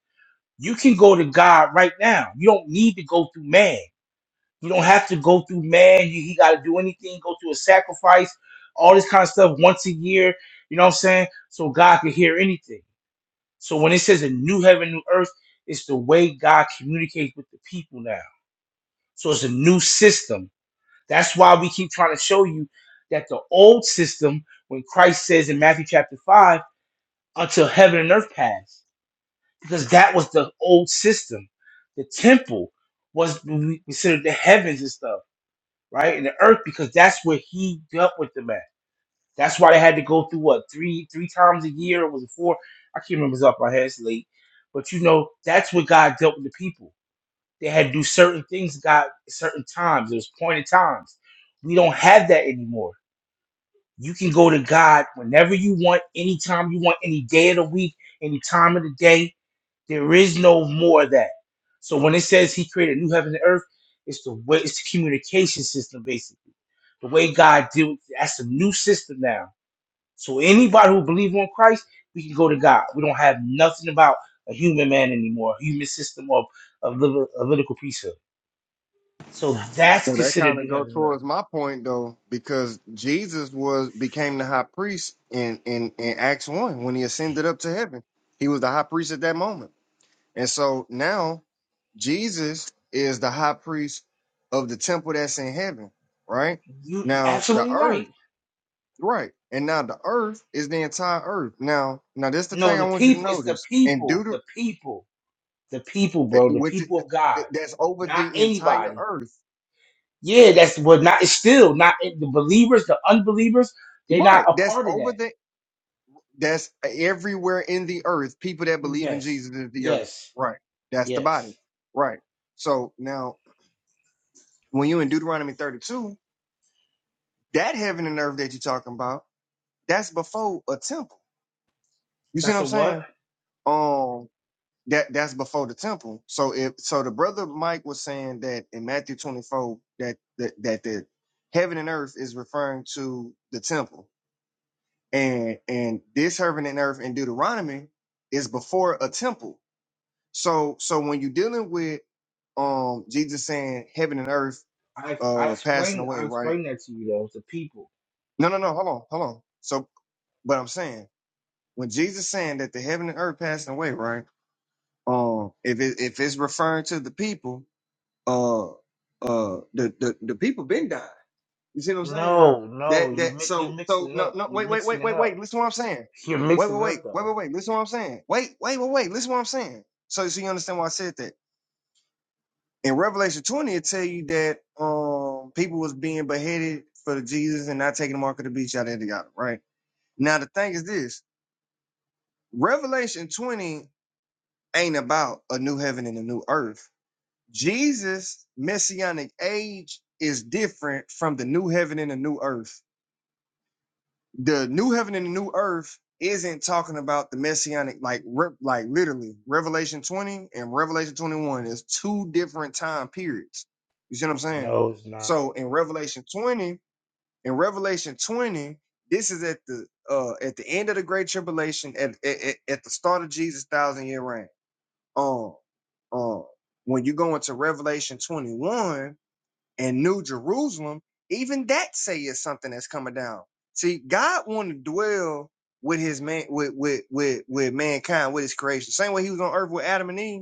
Speaker 1: You can go to God right now. You don't need to go through man. You don't have to go through man. You he got to do anything, go through a sacrifice, all this kind of stuff once a year. You know what I'm saying? So God can hear anything. So when it says a new heaven, new earth, it's the way God communicates with the people now. So it's a new system That's why we keep trying to show you that the old system, when Christ says in Matthew chapter 5, until heaven and earth pass, because that was the old system. The temple was considered the heavens and stuff, right? And the earth, because that's where he dealt with the man. That's why they had to go through what three three times a year or was it four? I can't remember it's off my head, it's late. But you know, that's where God dealt with the people. They had to do certain things, God, certain times. It was pointed times. We don't have that anymore You can go to God whenever you want, anytime you want, any day of the week, any time of the day. There is no more of that. So when it says He created a new heaven and earth, it's the way it's the communication system basically. The way God deals that's a new system now. So anybody who believes on Christ, we can go to God. We don't have nothing about a human man anymore, a human system of of liter- of political priesthood. So that's
Speaker 16: so that
Speaker 1: considered
Speaker 16: kind of
Speaker 1: new
Speaker 16: go
Speaker 1: heaven and earth.
Speaker 16: towards my point though, because Jesus was became the high priest in, in in Acts one when he ascended up to heaven. He was the high priest at that moment. And so now Jesus is the high priest of the temple that's in heaven, right?
Speaker 1: You you're
Speaker 16: Now the
Speaker 1: absolutely right.
Speaker 16: earth, right? And now the earth is the entire earth. Now, now this the
Speaker 1: No,
Speaker 16: thing I
Speaker 1: the
Speaker 16: want you to
Speaker 1: people. It's the
Speaker 16: notice. And
Speaker 1: people.
Speaker 16: Deuter,
Speaker 1: The people. The people, bro. The
Speaker 16: which is,
Speaker 1: people of God.
Speaker 16: that's over
Speaker 1: Not
Speaker 16: the entire
Speaker 1: anybody.
Speaker 16: earth,
Speaker 1: Yeah, that's what. Not. It's still not eh, the believers. The unbelievers. They're not
Speaker 16: right?
Speaker 1: a
Speaker 16: That's
Speaker 1: part of
Speaker 16: over
Speaker 1: that.
Speaker 16: the that's everywhere in the earth. People that believe in
Speaker 1: Yes.
Speaker 16: Jesus is the earth,
Speaker 1: Yes.
Speaker 16: right? That's the body,
Speaker 1: Yes.
Speaker 16: right? So now, when you in Deuteronomy thirty-two, that heaven and earth that you're talking about. that's before a temple. You see
Speaker 1: That's
Speaker 16: what
Speaker 1: a
Speaker 16: I'm
Speaker 1: what?
Speaker 16: saying? Um, that that's before the temple. So if so, the brother Mike was saying that in Matthew 24 that that that the heaven and earth is referring to the temple, and and this heaven and earth in Deuteronomy is before a temple. So so when you're dealing with um Jesus saying heaven and earth
Speaker 1: I I
Speaker 16: uh passing
Speaker 1: explained.
Speaker 16: away,
Speaker 1: I
Speaker 16: right?
Speaker 1: explained that to you though. It's the people.
Speaker 16: No, no, no. Hold on, hold on. So, but I'm saying when Jesus saying that the heaven and earth passing away, right? Um, if it, if it's referring to the people, uh, uh, the the the people been dying. You see what I'm saying?
Speaker 1: No. No.
Speaker 16: That
Speaker 1: You
Speaker 16: that
Speaker 1: mi- you're
Speaker 16: so
Speaker 1: mixing
Speaker 16: so
Speaker 1: it
Speaker 16: no
Speaker 1: up.
Speaker 16: no
Speaker 1: You're
Speaker 16: wait wait
Speaker 1: mixing
Speaker 16: wait
Speaker 1: it
Speaker 16: wait
Speaker 1: up.
Speaker 16: wait. Listen to what I'm saying.
Speaker 1: You're
Speaker 16: Wait
Speaker 1: mixing
Speaker 16: wait
Speaker 1: it up
Speaker 16: wait wait
Speaker 1: though.
Speaker 16: wait wait. Listen to what I'm saying. Wait wait wait wait. Listen to what I'm saying. So so you understand why I said that. In Revelation 20, it tell you that um people was being beheaded for Jesus and not taking the mark of the beast, yada yada yada. Right now, the thing is this: Revelation 20 ain't about a new heaven and a new earth Jesus' messianic age is different from the new heaven and the new earth. The new heaven and the new earth isn't talking about the messianic, like re- like literally Revelation 20 and Revelation 21 is two different time periods. You see what I'm saying?
Speaker 1: No, it's not.
Speaker 16: So in Revelation 20, in Revelation 20, this is at the uh at the end of the great tribulation, at at, at at the start of Jesus' thousand year reign. Um, um, when you go into Revelation 21 and New Jerusalem, even that say is something that's coming down. See, God wanted to dwell with his man with with with with mankind, with his creation. Same way he was on earth with Adam and Eve.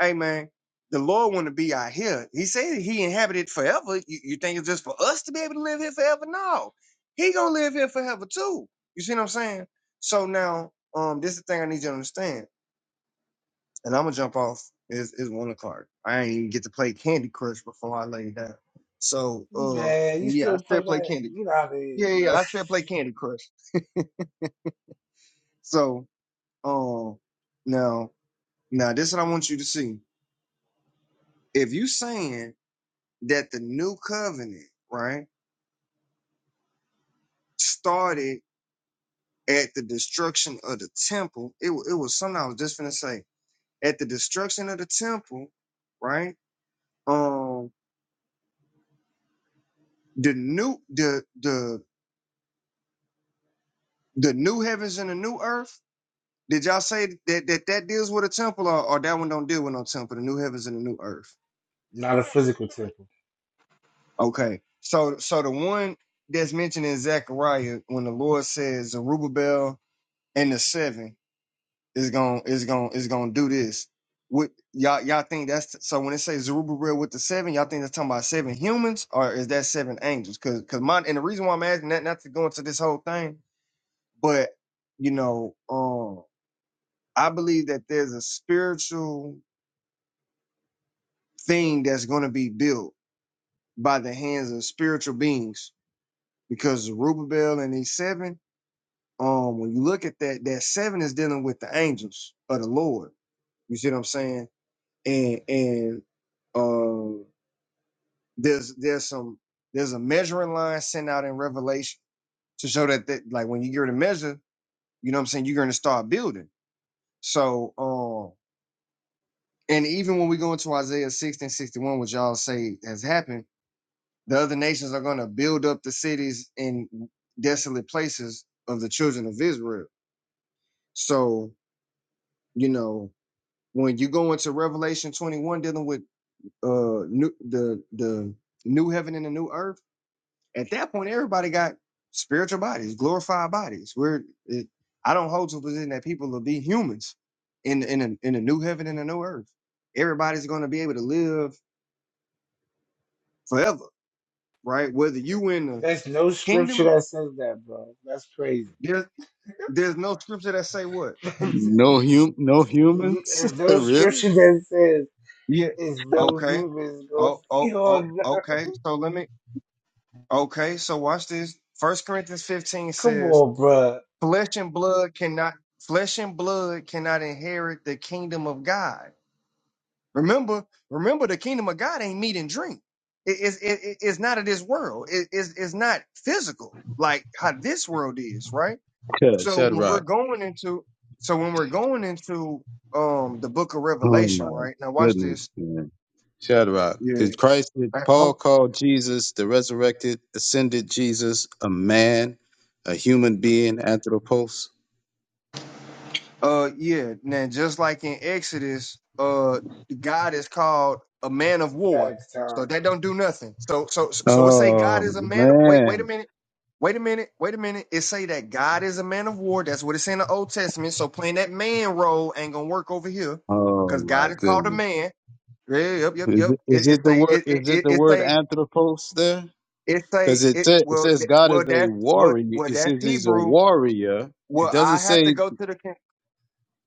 Speaker 16: Hey man, the Lord want to be out here. He said he inhabited forever. You, you think it's just for us to be able to live here forever? No. He gonna live here forever too. You see what I'm saying? So now um this is the thing I need you to understand and I'm gonna jump off. Is is one o'clock. I ain't even get to play Candy Crush before I lay down. So uh,
Speaker 1: Man, you
Speaker 16: and yeah, I
Speaker 1: still play
Speaker 16: still play
Speaker 1: that?
Speaker 16: Candy.
Speaker 1: Get out of here,
Speaker 16: Yeah, yeah,
Speaker 1: bro.
Speaker 16: yeah, I still play Candy Crush. [laughs] So um, now now this is what I want you to see. If you saying that the new covenant right started at the destruction of the temple, it wa- it was something I was just gonna say at the destruction of the temple, right? Um, the new the the The new heavens and the new earth. Did y'all say that that, that deals with a temple, or, or that one don't deal with no temple? The new heavens and the new earth.
Speaker 1: Not a physical temple.
Speaker 16: Okay, so so the one that's mentioned in Zechariah when the Lord says Zerubbabel and the seven is going to is going to is going to do this. What y'all y'all think that's so when it says Zerubbabel with the seven, y'all think that's talking about seven humans or is that seven angels? Because because my and the reason why I'm asking that not to go into this whole thing, but you know, um I believe that there's a spiritual thing that's going to be built by the hands of spiritual beings because Zerubbabel and these seven, um, when you look at that, that seven is dealing with the angels of the Lord. You see what I'm saying? And and uh, there's there's some there's a measuring line sent out in Revelation to show that that like when you get to measure, you know what I'm saying, you're going to start building. So um, and even when we go into Isaiah 60 and 61, which y'all say has happened The other nations are going to build up the cities in desolate places of the children of Israel. So, you know, when you go into Revelation 21 dealing with uh new, the the new heaven and the new earth, at that point everybody got spiritual bodies, glorified bodies. Where it, I don't hold to the position that people will be humans in in a, in a new heaven and a new earth. Everybody's going to be able to live forever, right? Whether you in the
Speaker 1: There's no scripture
Speaker 16: kingdom
Speaker 1: that says that, bro. That's crazy.
Speaker 16: there There's no scripture that say what?
Speaker 1: [laughs]
Speaker 17: No hum, no humans,
Speaker 1: There's
Speaker 17: [laughs]
Speaker 1: no
Speaker 17: really?
Speaker 1: scripture that says
Speaker 16: Yeah.
Speaker 1: there's no
Speaker 16: Okay.
Speaker 1: humans gonna
Speaker 16: Oh, oh,
Speaker 1: be
Speaker 16: oh,
Speaker 1: on [laughs] earth.
Speaker 16: okay. So let me, okay. So watch this. First Corinthians 15
Speaker 1: Come
Speaker 16: says,
Speaker 1: on, bro.
Speaker 16: flesh and blood cannot, flesh and blood cannot inherit the kingdom of God. Remember, remember the kingdom of God ain't meat and drink. It- it's, it, it- it's not of this world. It- it's, it's not physical like how this world is, right?
Speaker 17: Yeah.
Speaker 16: So when
Speaker 17: Shadrach.
Speaker 16: we're going into, so when we're going into, um, the book of
Speaker 17: Oh
Speaker 16: Revelation,
Speaker 17: my
Speaker 16: right? Now watch
Speaker 17: goodness,
Speaker 16: this.
Speaker 17: man. Shadrach,
Speaker 16: Yeah.
Speaker 17: did Christ, did
Speaker 16: Uh,
Speaker 17: Paul
Speaker 16: hold-
Speaker 17: call Jesus, the resurrected, ascended Jesus, a man, a human being, anthropos?
Speaker 16: uh, yeah. Now, just like in Exodus, uh, God is called a man of war,
Speaker 1: Facts
Speaker 16: so
Speaker 1: time.
Speaker 16: that don't do nothing. So, so, so we say God
Speaker 17: Oh
Speaker 16: is a man. Of, wait, wait a
Speaker 17: man.
Speaker 16: minute. Wait a minute. Wait a minute. It say that God is a man of war. That's what it's in the Old Testament. So playing that man role ain't gonna work over here,
Speaker 17: Oh
Speaker 16: because
Speaker 17: my
Speaker 16: God is called a
Speaker 17: goodness.
Speaker 16: man. Yeah, yep, yep,
Speaker 17: Is
Speaker 16: yep.
Speaker 17: it, is
Speaker 16: It, it
Speaker 17: it the
Speaker 16: say
Speaker 17: word
Speaker 16: it it
Speaker 17: is it
Speaker 16: it,
Speaker 17: the
Speaker 16: it
Speaker 17: word
Speaker 16: say.
Speaker 17: anthropos there?
Speaker 16: It say
Speaker 17: Because it,
Speaker 16: it
Speaker 17: sa- it
Speaker 16: well
Speaker 17: says
Speaker 16: th-
Speaker 17: God
Speaker 16: well
Speaker 17: is a
Speaker 16: that's what
Speaker 17: warrior.
Speaker 16: well, well
Speaker 17: It
Speaker 16: that's
Speaker 17: says he's a
Speaker 16: Hebrew.
Speaker 17: warrior. It
Speaker 16: Well,
Speaker 17: doesn't
Speaker 16: I had to
Speaker 17: say
Speaker 16: go to the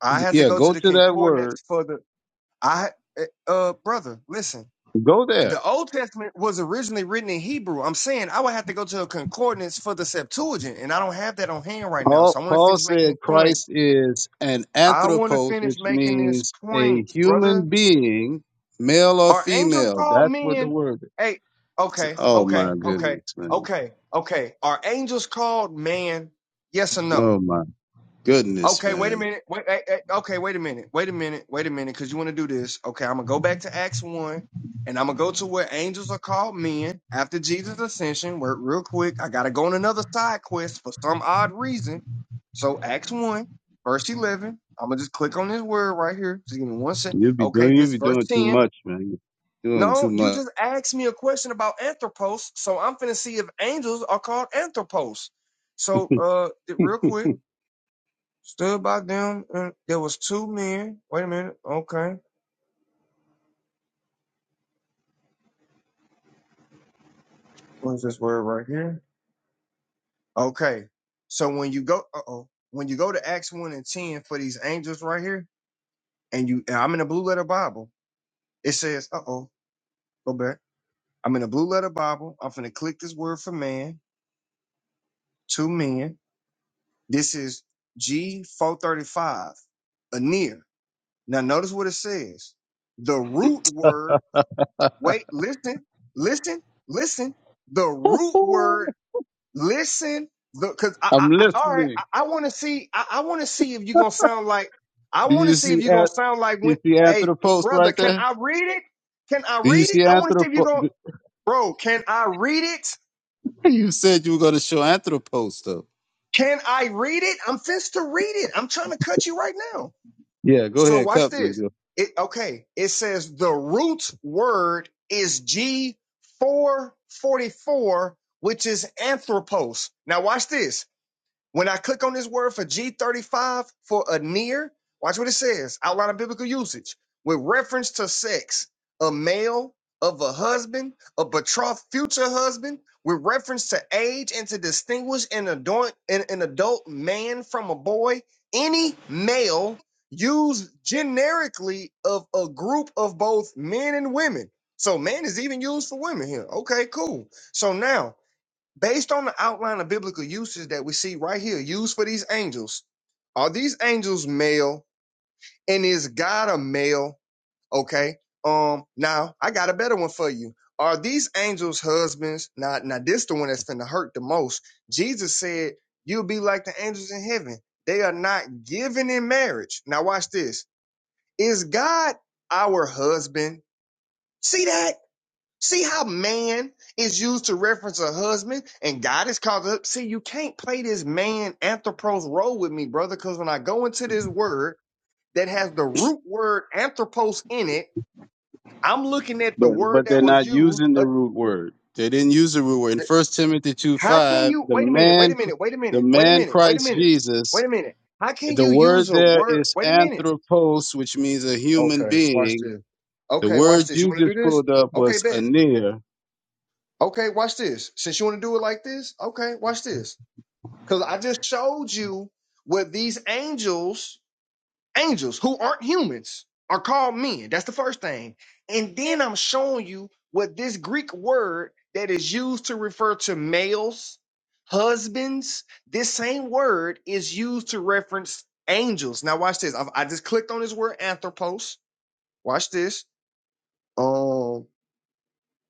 Speaker 16: I had to
Speaker 17: yeah,
Speaker 16: go
Speaker 17: go
Speaker 16: to the
Speaker 17: to that word.
Speaker 16: concordance for the I eh, uh brother, listen.
Speaker 17: Go there.
Speaker 16: The Old Testament was originally written in Hebrew. I'm saying I would have to go to a concordance for the Septuagint, and I don't have that on hand right now.
Speaker 17: Paul,
Speaker 16: So I want to
Speaker 17: Paul
Speaker 16: finish making this
Speaker 17: said
Speaker 16: point.
Speaker 17: Christ is an
Speaker 16: I want to
Speaker 17: anthropos,
Speaker 16: finish
Speaker 17: which
Speaker 16: making this
Speaker 17: means a
Speaker 16: point, brother.
Speaker 17: human being, male or
Speaker 16: Are angels
Speaker 17: female.
Speaker 16: called
Speaker 17: That's what the
Speaker 16: men?
Speaker 17: word is.
Speaker 16: Hey, okay,
Speaker 17: Oh my
Speaker 16: okay, okay,
Speaker 17: goodness, man.
Speaker 16: okay, okay. Are angels called man? Yes or no?
Speaker 17: Oh my goodness,
Speaker 16: Okay, wait a
Speaker 17: man.
Speaker 16: minute. Wait, eh, eh, okay, wait a minute. Wait a minute. Wait a minute, because you want to do this. Okay, I'm gonna go back to Acts one, and I'm gonna go to where angels are called men after Jesus' ascension. Where real quick, I gotta go on another side quest for some odd reason. So Acts one, verse eleven. I'm gonna just click on this word right here. Just give me one sec.
Speaker 17: You be
Speaker 16: Okay,
Speaker 17: doing you
Speaker 16: this
Speaker 17: be
Speaker 16: verse
Speaker 17: doing too
Speaker 16: ten.
Speaker 17: much, man. You're doing too
Speaker 16: No, you
Speaker 17: much.
Speaker 16: just asked me a question about anthropos, so I'm finna see if angels are called anthropos. So,
Speaker 12: [laughs]
Speaker 16: uh, real quick. Stood by them, and there was two men. Wait a minute. Okay, what's this word right here? Okay, so when you go, uh oh, when you go to Acts one and ten for these angels right here, and you, and I'm in a Blue Letter Bible. It says, uh oh, go back. I'm in a Blue Letter Bible. I'm finna click this word for man, two men. This is G four thirty five, a near. Now notice what it says. The root word. Wait, listen, listen, listen. The root
Speaker 17: Ooh,
Speaker 16: word listen because I,
Speaker 17: I'm
Speaker 16: I, I all right
Speaker 17: listening.
Speaker 16: i, I want to see i, I want to see if you're gonna sound like i
Speaker 17: Do
Speaker 16: want to
Speaker 17: you
Speaker 16: see if
Speaker 17: see
Speaker 16: you're gonna
Speaker 17: at
Speaker 16: sound like
Speaker 17: you
Speaker 16: when
Speaker 17: see
Speaker 16: hey
Speaker 17: anthropos
Speaker 16: brother
Speaker 17: right
Speaker 16: can
Speaker 17: there?
Speaker 16: i read it can i
Speaker 17: Do you
Speaker 16: read it
Speaker 17: see
Speaker 16: i want to see if you're
Speaker 17: anthropos? [laughs]
Speaker 16: gonna bro can i read it
Speaker 17: You said you were gonna show anthropos though.
Speaker 16: can i read it i'm finished to read it i'm trying to cut you right now
Speaker 17: Yeah, go
Speaker 16: so
Speaker 17: ahead,
Speaker 16: watch
Speaker 17: cut
Speaker 16: this
Speaker 17: me.
Speaker 16: it okay it says the root word is g444 which is anthropos now watch this When I click on this word for G35 for a near, watch what it says outline of biblical usage with reference to sex, a male, of a husband, a betrothed future husband, with reference to age and to distinguish an adult, an, an adult man from a boy, any male used generically of a group of both men and women. So man is even used for women here. Okay, cool. So now Based on the outline of biblical uses that we see right here, used for these angels, are these angels male? And is God a male? Okay. Um. Now I got a better one for you. Are these angels husbands? Now, now this the one that's finna hurt the most. Jesus said, "You'll be like the angels in heaven. They are not given in marriage." Now watch this. Is God our husband? See that? See how man is used to reference a husband and God is called up. See, you can't play this man anthropos role with me, brother, because when I go into this word that has the root word anthropos in it, I'm looking at the
Speaker 17: But
Speaker 16: word
Speaker 17: but they're
Speaker 16: that was
Speaker 17: not
Speaker 16: used.
Speaker 17: using the
Speaker 16: uh,
Speaker 17: root word. They didn't use the root word. In
Speaker 16: th-
Speaker 17: First Timothy two
Speaker 16: how can
Speaker 17: five,
Speaker 16: you
Speaker 17: the
Speaker 16: wait a minute, wait
Speaker 17: man
Speaker 16: a minute, wait a
Speaker 17: the
Speaker 16: minute, wait a
Speaker 17: man
Speaker 16: minute, wait a
Speaker 17: Christ
Speaker 16: minute,
Speaker 17: Jesus,
Speaker 16: wait a minute. How can
Speaker 17: the
Speaker 16: you
Speaker 17: word
Speaker 16: use a
Speaker 17: there
Speaker 16: word?
Speaker 17: is
Speaker 16: Wait a minute.
Speaker 17: anthropos, which means a human
Speaker 16: Okay, watch
Speaker 17: being.
Speaker 16: this.
Speaker 17: The
Speaker 16: Okay, watch
Speaker 17: word
Speaker 16: this. You
Speaker 17: you
Speaker 16: want to
Speaker 17: just
Speaker 16: do this?
Speaker 17: pulled up
Speaker 16: Okay,
Speaker 17: was
Speaker 16: bet.
Speaker 17: anir.
Speaker 16: Okay, watch this. Since you want to do it like this, okay, watch this. Because I just showed you what these angels, angels who aren't humans, are called men. That's the first thing. And then I'm showing you what this Greek word that is used to refer to males, husbands, this same word is used to reference angels. Now, watch this. I, I just clicked on this word anthropos. Watch this. Um,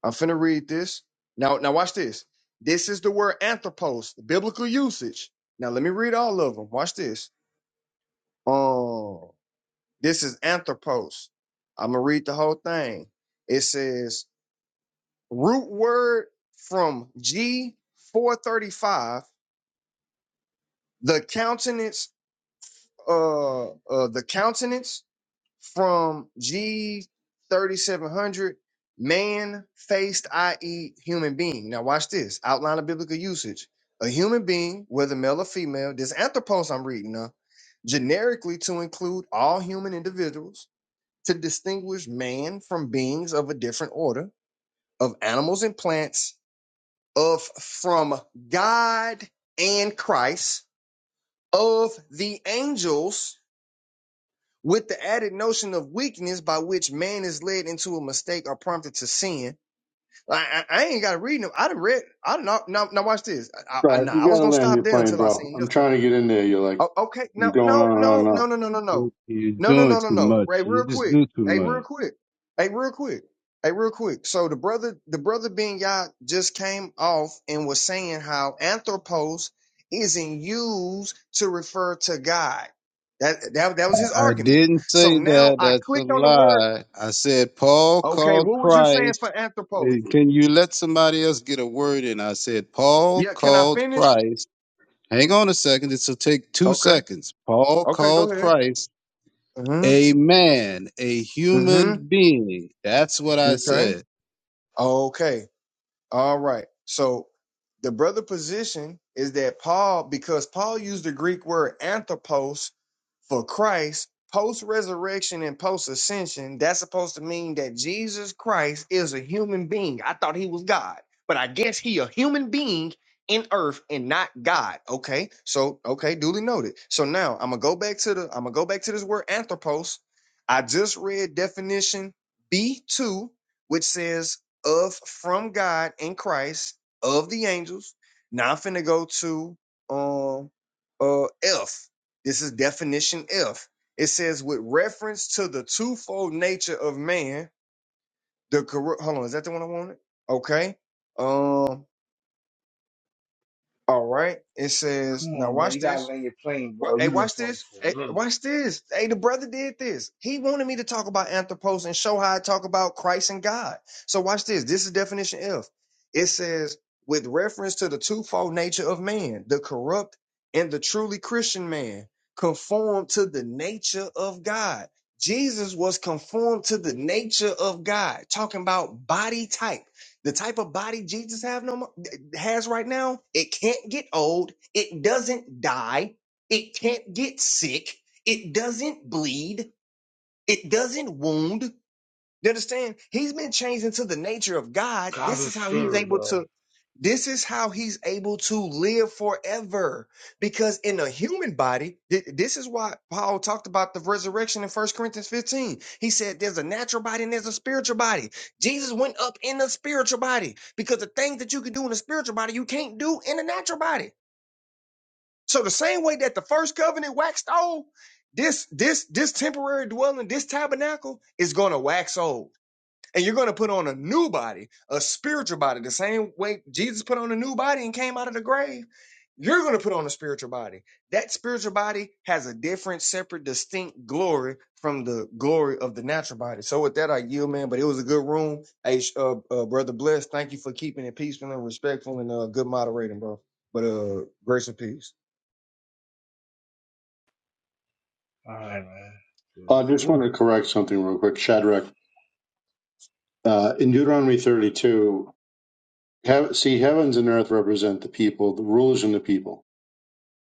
Speaker 16: I'm finna read this. Now, now watch this. This is the word anthropos, biblical usage. Now let me read all of them. Watch this. Um, this is anthropos. I'm gonna read the whole thing. It says root word from G four thirty five. The countenance, uh, uh, the countenance from G thirty seven hundred. Man faced, i.e., human being. Now watch this. Outline of biblical usage. A human being, whether male or female. This anthropos I'm reading now generically to include all human individuals to distinguish man from beings of a different order, of animals and plants, of from God and Christ, of the angels, with the added notion of weakness by which man is led into a mistake or prompted to sin. I, I, I ain't got to read them. I done read. I done, now, now watch this. I, I,
Speaker 12: Sorry,
Speaker 16: nah,
Speaker 12: you
Speaker 16: I
Speaker 12: got
Speaker 16: was
Speaker 12: to
Speaker 16: gonna
Speaker 12: land
Speaker 16: stop
Speaker 12: your
Speaker 16: there
Speaker 12: plane,
Speaker 16: until I
Speaker 12: bro.
Speaker 16: seen
Speaker 12: I'm
Speaker 16: this. one.
Speaker 12: trying to get in there. You're like,
Speaker 16: Oh, okay.
Speaker 12: you're
Speaker 16: No,
Speaker 12: going
Speaker 16: no,
Speaker 12: on and on and
Speaker 16: no,
Speaker 12: on.
Speaker 16: no, no, no, no, no,
Speaker 17: You- You're
Speaker 16: no, no,
Speaker 17: doing
Speaker 16: no, no,
Speaker 17: too
Speaker 16: no.
Speaker 17: much.
Speaker 16: Hey,
Speaker 17: You
Speaker 16: real
Speaker 17: just
Speaker 16: quick.
Speaker 17: do too
Speaker 16: Hey, real
Speaker 17: much.
Speaker 16: quick. Hey, real quick. Hey, real quick. So the brother, the brother Ben Yah just came off and was saying how anthropos isn't used to refer to God. That that that was his
Speaker 17: I
Speaker 16: argument.
Speaker 17: didn't
Speaker 16: So
Speaker 17: say
Speaker 16: now
Speaker 17: that.
Speaker 16: I
Speaker 17: That's a
Speaker 16: clicked on the word.
Speaker 17: lie. I said Paul
Speaker 16: Okay,
Speaker 17: called
Speaker 16: what was you saying
Speaker 17: Christ.
Speaker 16: for anthropos?
Speaker 17: Eh, Can you let somebody else get a word in? I said Paul
Speaker 16: Yeah, can I
Speaker 17: called
Speaker 16: finish?
Speaker 17: Christ Hang on a second. This will take two
Speaker 16: Okay.
Speaker 17: seconds. Paul
Speaker 16: Okay, go
Speaker 17: called
Speaker 16: ahead.
Speaker 17: Christ
Speaker 16: Mm-hmm.
Speaker 17: a man, a human
Speaker 16: Mm-hmm.
Speaker 17: being. That's what I
Speaker 16: Okay.
Speaker 17: said.
Speaker 16: Okay. All right. So the brother position is that Paul, because Paul used the Greek word anthropos for Christ, post resurrection and post ascension, that's supposed to mean that Jesus Christ is a human being. I thought he was God, but I guess he a human being in earth and not God. Okay, so okay, duly noted. So now I'm gonna go back to the I'm gonna go back to this word anthropos. I just read definition B2, which says of from God in Christ of the angels. Now I'm finna go to um uh F. This is definition F. It says, with reference to the twofold nature of man, the corrupt. Hold on, is that the one I wanted? Okay. Um. All right. It says,
Speaker 1: Come
Speaker 16: now
Speaker 1: on, bro.
Speaker 16: watch
Speaker 1: You gotta
Speaker 16: this.
Speaker 1: land your plane,
Speaker 16: Wa-
Speaker 1: bro.
Speaker 16: Hey,
Speaker 1: You've been
Speaker 16: watch
Speaker 1: talking
Speaker 16: this. Hey,
Speaker 1: for a minute.
Speaker 16: watch this. Hey, the brother did this. He wanted me to talk about anthropos and show how I talk about Christ and God. So watch this. This is definition F. It says, with reference to the twofold nature of man, the corrupt and the truly Christian man, conformed to the nature of God. Jesus was conformed to the nature of God, talking about body type. The type of body Jesus have no mo- has right now, it can't get old, it doesn't die, it can't get sick. It doesn't bleed. It doesn't wound. You understand? He's been changed into the nature of God.
Speaker 1: God
Speaker 16: This
Speaker 1: is
Speaker 16: is how he's
Speaker 1: spirit,
Speaker 16: able
Speaker 1: bro.
Speaker 16: to, this is how he's able to live forever. Because in a human body, th- this is why Paul talked about the resurrection in First Corinthians 15. He said there's a natural body and there's a spiritual body. Jesus went up in the spiritual body because the things that you can do in a spiritual body, you can't do in a natural body. So the same way that the first covenant waxed old, this this this temporary dwelling, this tabernacle is going to wax old. And you're going to put on a new body, a spiritual body, the same way Jesus put on a new body and came out of the grave. You're going to put on a spiritual body. That spiritual body has a different, separate, distinct glory from the glory of the natural body. So with that, I yield, man. But it was a good room. Hey, sh- uh, uh, brother, bless. Thank you for keeping it peaceful and respectful and uh, good moderating, bro. But uh, grace and peace.
Speaker 1: All right, man.
Speaker 12: Uh,
Speaker 1: Just-
Speaker 12: I just want
Speaker 1: woo.
Speaker 12: to correct something real quick. Shadrach, uh, in Deuteronomy 32, have, see, heavens and earth represent the people, the rulers and the people,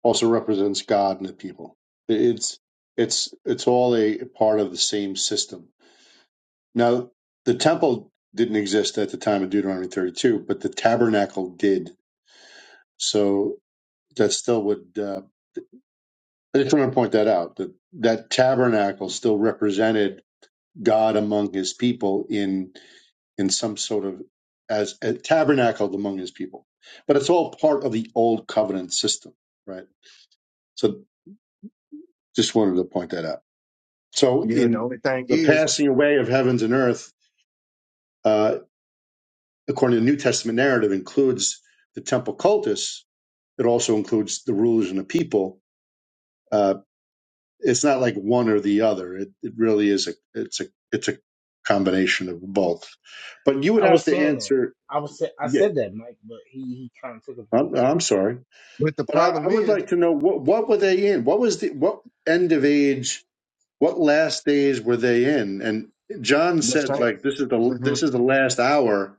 Speaker 12: also represents God and the people. It's, it's, it's all a part of the same system. Now, the temple didn't exist at the time of Deuteronomy 32, but the tabernacle did So that still would, uh, I just want to point that out that that tabernacle still represented God among his people in, in some sort of as a tabernacled among his people. But it's all part of the old covenant system, right? So just wanted to point that out. So
Speaker 16: Yeah, the
Speaker 12: in
Speaker 16: only thing
Speaker 12: the
Speaker 16: is,
Speaker 12: passing away of heavens and earth, uh, according to the New Testament narrative, includes the temple cultus. It also includes the rulers and the people uh, it's not like one or the other. It, it really is a it's a it's a combination of both. But you would
Speaker 1: I
Speaker 12: have
Speaker 1: was
Speaker 12: to
Speaker 1: saying that.
Speaker 12: answer.
Speaker 1: I was say, I
Speaker 12: Yeah,
Speaker 1: said that, Mike, but he, he kind of took it the wrong
Speaker 12: I'm,
Speaker 1: way.
Speaker 12: I'm sorry,
Speaker 16: but the
Speaker 12: but I, I
Speaker 16: problem
Speaker 12: would
Speaker 16: is
Speaker 12: like to know what what were they in? What was the what end of age? What last days were they in? And John
Speaker 16: the
Speaker 12: said
Speaker 16: same.
Speaker 12: like this is the
Speaker 16: Mm-hmm,
Speaker 12: this is the last hour,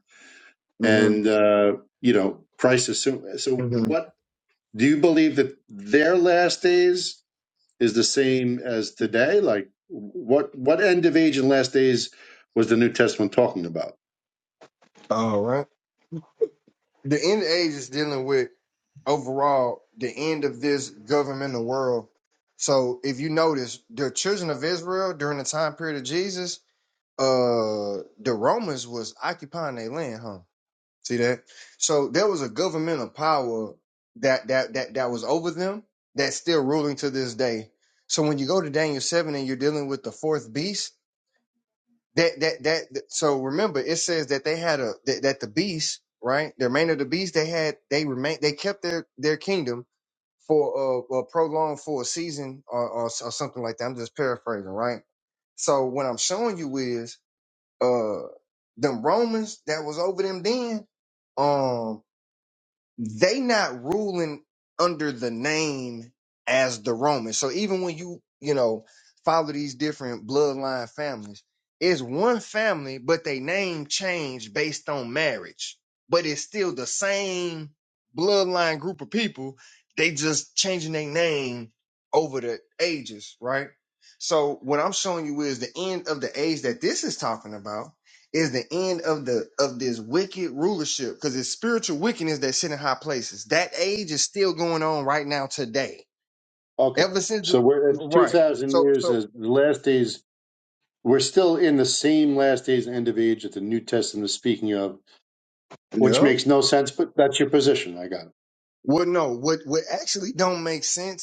Speaker 16: mm-hmm,
Speaker 12: and uh, you know Christ is soon. So
Speaker 16: mm-hmm.
Speaker 12: what do you believe that their last days? is the same as today? Like what what end of age and last days was the New Testament talking about?
Speaker 16: All right. The end age is dealing with overall the end of this governmental world. So if you notice, the children of Israel during the time period of Jesus, uh, the Romans was occupying their land, huh? See that? So there was a governmental power that that that that was over them that's still ruling to this day. So when you go to Daniel seven and you're dealing with the fourth beast that that that that- so remember it says that they had a that, that the beast right the remainder of the beast they had they remain they kept their their kingdom for uh, uh prolonged for a season or, or or something like that i'm just paraphrasing right so what i'm showing you is uh them romans that was over them then Um, they not ruling under the name as the Romans. So even when you, you know, follow these different bloodline families, it's one family, but they name changed based on marriage. But it's still the same bloodline group of people. They just changing their name over the ages, right? So what I'm showing you is the end of the age that this is talking about is the end of the of this wicked rulership because it's spiritual wickedness that sit in high places. That age is still going on right now today.
Speaker 12: Okay.
Speaker 16: Ever since
Speaker 12: So we're at two
Speaker 16: right.
Speaker 12: thousand
Speaker 16: So
Speaker 12: years
Speaker 16: so
Speaker 12: as the last days we're still in the same last days and end of age that the New Testament is speaking of, which
Speaker 16: yeah.
Speaker 12: makes no sense, but that's your position. I got it.
Speaker 16: Well no, what what actually don't make sense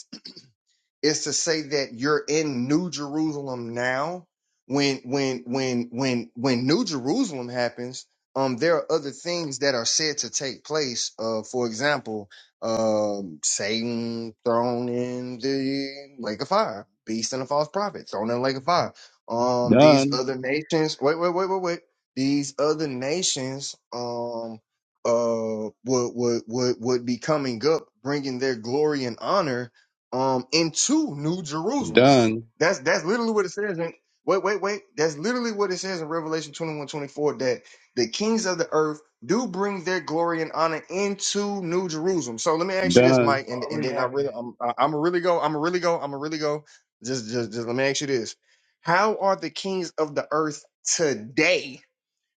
Speaker 16: is to say that you're in New Jerusalem now. When when when when when New Jerusalem happens, um, there are other things that are said to take place. Uh, for example, um, Satan thrown in the lake of fire, beast and a false prophet thrown in the lake of fire. Um, these
Speaker 17: Done,
Speaker 16: other nations. Wait wait wait wait wait. These other nations. Um. Uh, would would would would be coming up, bringing their glory and honor, um into New Jerusalem.
Speaker 17: done,
Speaker 16: That's that's literally what it says in wait, wait, wait. That's literally what it says in Revelation 21 24 that the kings of the earth do bring their glory and honor into New Jerusalem. So let me ask you this,
Speaker 17: done.
Speaker 1: It's
Speaker 16: Mike, and, and
Speaker 1: already
Speaker 16: then I
Speaker 1: happening
Speaker 16: really I'm I'm a really go, I'm a really go, I'm a really go. Just just just let me ask you this. How are the kings of the earth today?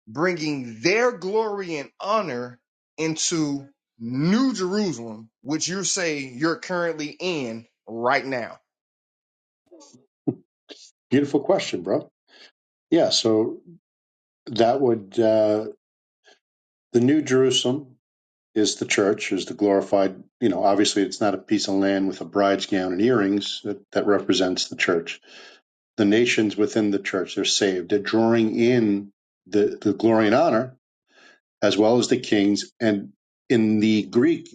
Speaker 16: bringing their glory and honor into New Jerusalem, which you say you're currently in right now.
Speaker 12: Beautiful question, bro. Yeah, so that would uh the new Jerusalem is the church, is the glorified you know, obviously it's not a piece of land with a bride's gown and earrings that, that represents the church the nations within the church are saved, are drawing in the, the glory and honor, as well as the kings. And in the Greek,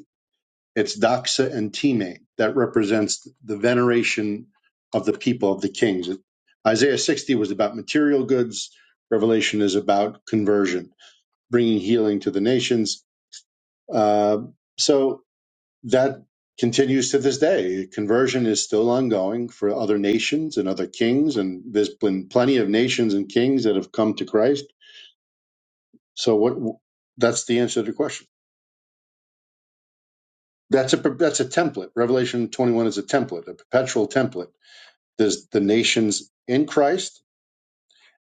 Speaker 12: it's doxa and time that represents the veneration of the people of the kings. Isaiah 60 was about material goods. Revelation is about conversion, bringing healing to the nations. Uh, so that continues to this day. Conversion is still ongoing for other nations and other kings, and there's been plenty of nations and kings that have come to Christ. So what? That's the answer to the question. That's a that's a template. Revelation 21 is a template, a perpetual template. There's the nations in Christ,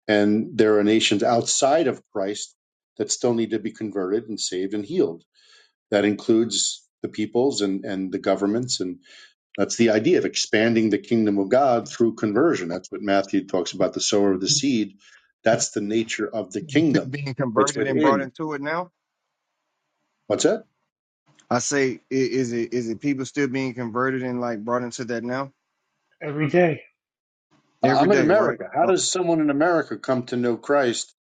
Speaker 12: and there are nations outside of Christ that still need to be converted and saved and healed. That includes the peoples and and the governments and That's the idea of expanding the kingdom of God through conversion. That's what Matthew talks about the sower of the seed. That's the nature of the
Speaker 16: Still
Speaker 12: kingdom.
Speaker 16: being
Speaker 12: It's
Speaker 16: converted and brought
Speaker 12: within.
Speaker 16: into it now.
Speaker 12: What's that?
Speaker 16: I say, i- is it is it people still being converted and like brought into that now
Speaker 1: every day.
Speaker 12: I-
Speaker 16: every
Speaker 12: I'm in
Speaker 16: day, right?
Speaker 12: America. How
Speaker 16: Uh,
Speaker 12: does someone in America come to know Christ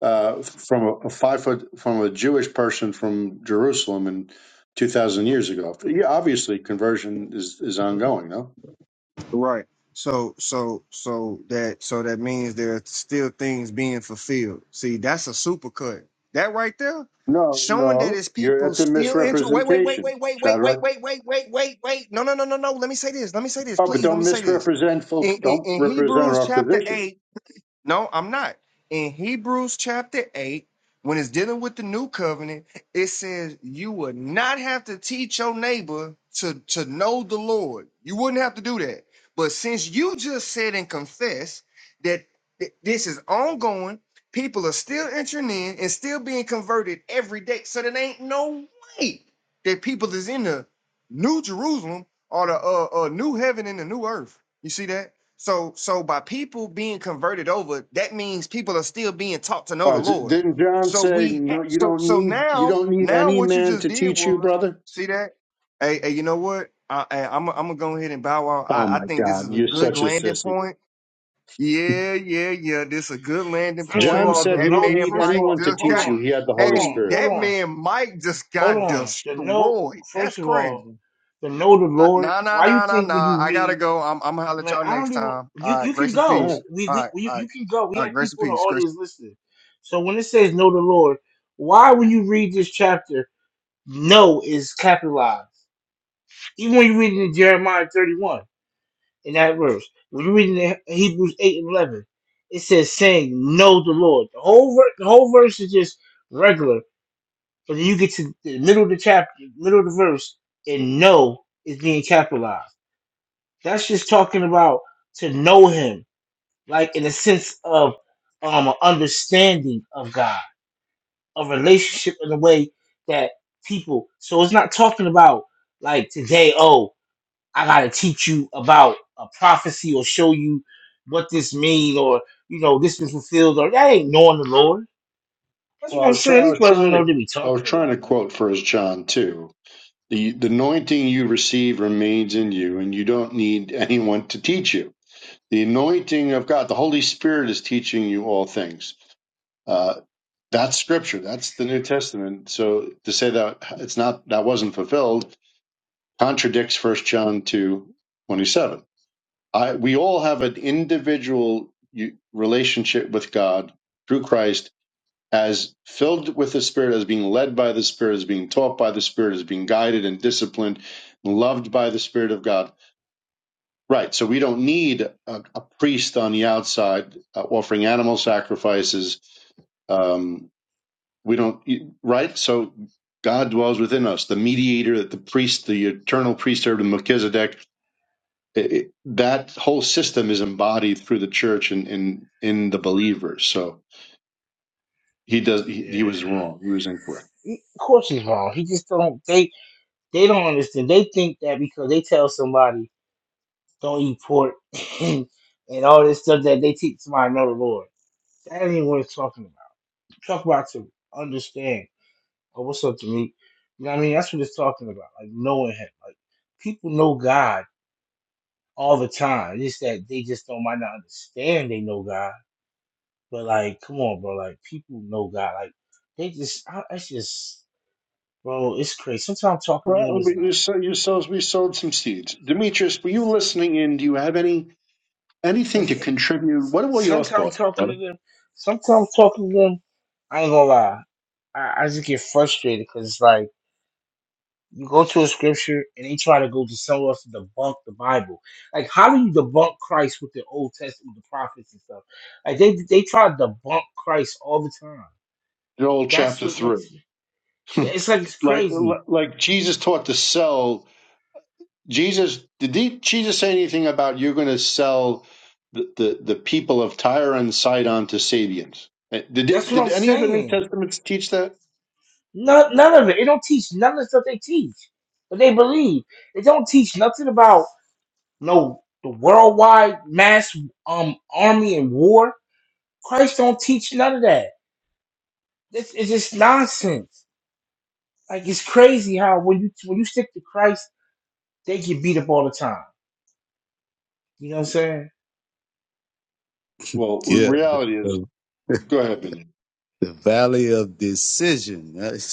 Speaker 12: uh, from a, a five foot from a Jewish person from Jerusalem in two thousand years ago? Yeah, obviously conversion is is ongoing. No,
Speaker 16: Right. So so so that so that means there are still things being fulfilled. See, that's a supercut. That right there,
Speaker 12: no,
Speaker 16: showing that
Speaker 12: no.
Speaker 16: his
Speaker 12: You're
Speaker 16: people
Speaker 12: at the
Speaker 16: still enter. Wait, wait, wait,
Speaker 12: misrepresentation,
Speaker 16: wait, wait, wait, wait,
Speaker 12: Shadrach.
Speaker 16: wait, wait, wait, wait, wait. No, no, no, no, no. Let me say this. Let me say this,
Speaker 12: Oh, but
Speaker 16: please. Let
Speaker 12: don't
Speaker 16: me say this.
Speaker 12: misrepresent.
Speaker 16: In, in,
Speaker 12: Don't
Speaker 16: in
Speaker 12: represent
Speaker 16: Hebrews
Speaker 12: our
Speaker 16: chapter
Speaker 12: position.
Speaker 16: eight. No, I'm not. In Hebrews chapter 8, when it's dealing with the new covenant, it says you would not have to teach your neighbor to, to know the Lord. You wouldn't have to do that. But since you just said and confessed that th- this is ongoing, people are still entering in and still being converted every day. So there ain't no way that people is in the new Jerusalem or the uh, uh, new heaven and the new earth. You see that? So so by people being converted over, that means people are still being taught to know the
Speaker 12: Uh,
Speaker 16: Lord.
Speaker 12: didn't John
Speaker 16: So
Speaker 12: say,
Speaker 16: we ha-
Speaker 12: "No, you
Speaker 16: so
Speaker 12: don't
Speaker 16: so
Speaker 12: need you
Speaker 16: now
Speaker 12: don't need
Speaker 16: now
Speaker 12: any
Speaker 16: what you
Speaker 12: man
Speaker 16: just
Speaker 12: to
Speaker 16: did
Speaker 12: teach you,
Speaker 16: was
Speaker 12: brother"?
Speaker 16: see that. Hey, hey you know what? I, I, am I'm gonna go ahead and bow out.
Speaker 12: Oh
Speaker 16: I, I
Speaker 12: my
Speaker 16: think this
Speaker 12: God,
Speaker 16: is a
Speaker 12: you're
Speaker 16: good
Speaker 12: such a
Speaker 16: landing
Speaker 12: sissy.
Speaker 16: point. Yeah, yeah, yeah. This is a good landing
Speaker 1: First of
Speaker 16: point.
Speaker 12: John
Speaker 1: all, the
Speaker 12: said he
Speaker 16: That
Speaker 12: didn't
Speaker 1: no.
Speaker 16: man
Speaker 12: need
Speaker 1: First of
Speaker 16: Mike
Speaker 1: all,
Speaker 12: anyone to
Speaker 16: just
Speaker 1: hold
Speaker 12: teach
Speaker 16: got.
Speaker 12: you;
Speaker 1: on,
Speaker 12: he had the
Speaker 1: hold
Speaker 12: Holy
Speaker 1: on,
Speaker 16: Hey,
Speaker 12: Spirit.
Speaker 1: hold
Speaker 16: that
Speaker 1: on.
Speaker 16: man Mike just
Speaker 1: Hold
Speaker 16: got
Speaker 1: on. The know.
Speaker 16: destroyed. That's
Speaker 1: First of all,
Speaker 16: crazy.
Speaker 1: the know the
Speaker 16: Uh,
Speaker 1: Lord.
Speaker 16: Nah, nah,
Speaker 1: Why you
Speaker 16: nah, nah,
Speaker 1: think when
Speaker 16: nah.
Speaker 1: you
Speaker 16: I gotta
Speaker 1: read,
Speaker 16: go. I'm, I'm gonna holler at
Speaker 1: man?
Speaker 16: y'all
Speaker 1: I don't
Speaker 16: next
Speaker 1: even.
Speaker 16: time.
Speaker 1: You
Speaker 16: All
Speaker 1: you
Speaker 16: right,
Speaker 1: can
Speaker 16: grace and
Speaker 12: All
Speaker 1: go.
Speaker 16: peace.
Speaker 12: right.
Speaker 1: We,
Speaker 16: All
Speaker 1: we
Speaker 16: right,
Speaker 1: we- you,
Speaker 16: all
Speaker 1: you
Speaker 16: right,
Speaker 1: can go. We
Speaker 16: all
Speaker 1: have
Speaker 16: right, grace and
Speaker 1: people in the
Speaker 16: peace.
Speaker 1: audience listening. So when it says know the Lord, why when you read this chapter, know is capitalized. Even when you read it in Jeremiah thirty one in that verse, when you read it in Hebrews eight and eleven, it says saying know the Lord. The whole ver- the whole verse is just regular. And then you get to the middle of the chapter, middle of the verse, and know is being capitalized. That's just talking about to know him, like in a sense of um an understanding of God, a relationship in a way that people so it's not talking about like today, oh, I gotta teach you about a prophecy or show you what this mean or you know this was fulfilled or that ain't knowing the Lord. That's
Speaker 12: Well,
Speaker 1: what
Speaker 12: I
Speaker 1: I'm
Speaker 12: was, try-
Speaker 1: saying.
Speaker 12: I
Speaker 1: These
Speaker 12: was
Speaker 1: brothers don't
Speaker 12: trying
Speaker 1: know
Speaker 12: to
Speaker 1: what they be
Speaker 12: I was
Speaker 1: talking
Speaker 12: trying
Speaker 1: about,
Speaker 12: to
Speaker 1: man.
Speaker 12: quote First John too. The the anointing you receive remains in you, and you don't need anyone to teach you. The anointing of God, the Holy Spirit, is teaching you all things. Uh, that's Scripture. That's the New Testament. So to say that it's not that wasn't fulfilled contradicts First John two twenty seven. I, we all have an individual u- relationship with God through Christ as filled with the Spirit, as being led by the Spirit, as being taught by the Spirit, as being guided and disciplined, and loved by the Spirit of God. Right. So we don't need a, a priest on the outside uh, offering animal sacrifices. Um, we don't, right? So God dwells within us, the mediator, the priest, the eternal priesthood of Melchizedek it, it- that whole system is embodied through the church and in in the believers. So he does. He, he
Speaker 1: Yeah.
Speaker 12: was wrong. He was incorrect.
Speaker 1: of course he's wrong. He just don't they they don't understand. They think that because they tell somebody don't eat pork [laughs] and, all this stuff that they teach somebody know the Lord. That ain't what it's talking about. Talk about to understand. Oh, what's up to me? You know what I mean? That's what it's talking about. Like knowing him. Like people know God all the time. It's just that they just don't might not understand they know God. But like, come on, bro. Like people know God. Like they just I, that's just bro, it's crazy. Sometimes talking to
Speaker 12: Well,
Speaker 1: them is
Speaker 12: we-
Speaker 1: like
Speaker 12: so you sows we sowed some seeds. Demetrius, were you listening in? Do you have any anything to contribute? What were your
Speaker 1: Sometimes
Speaker 12: thoughts,
Speaker 1: talking
Speaker 12: brother?
Speaker 1: to them, sometimes talking to them, I ain't gonna lie. I, I just get frustrated because it's like you go to a scripture and they try to go to somewhere else to debunk the Bible. Like, how do you debunk Christ with the Old Testament, the prophets and stuff? Like they they try to debunk Christ all the time.
Speaker 12: Joel
Speaker 1: That's
Speaker 12: chapter
Speaker 1: what
Speaker 12: three,
Speaker 1: makes
Speaker 12: [laughs]
Speaker 1: it's like it's
Speaker 12: like
Speaker 1: crazy.
Speaker 12: like Jesus taught to sell. Jesus did he, Jesus say anything about you're going to sell the, the the people of Tyre and Sidon to Sabians? Uh, Did
Speaker 1: That's
Speaker 12: it-
Speaker 1: what
Speaker 12: did
Speaker 1: I'm
Speaker 12: any of the New
Speaker 1: saying.
Speaker 12: Testaments teach that?
Speaker 1: None none of it. They don't teach none of the stuff they teach, but they believe. They don't teach nothing about. no the worldwide mass um army and war. Christ don't teach none of that. This is just nonsense. Like it's crazy how when you when you stick to Christ, they get beat up all the time. You know what I'm saying?
Speaker 12: Well,
Speaker 17: Yeah, the,
Speaker 12: reality is,
Speaker 17: the,
Speaker 12: go ahead, Benjamin.
Speaker 17: the valley of decision. [laughs] That's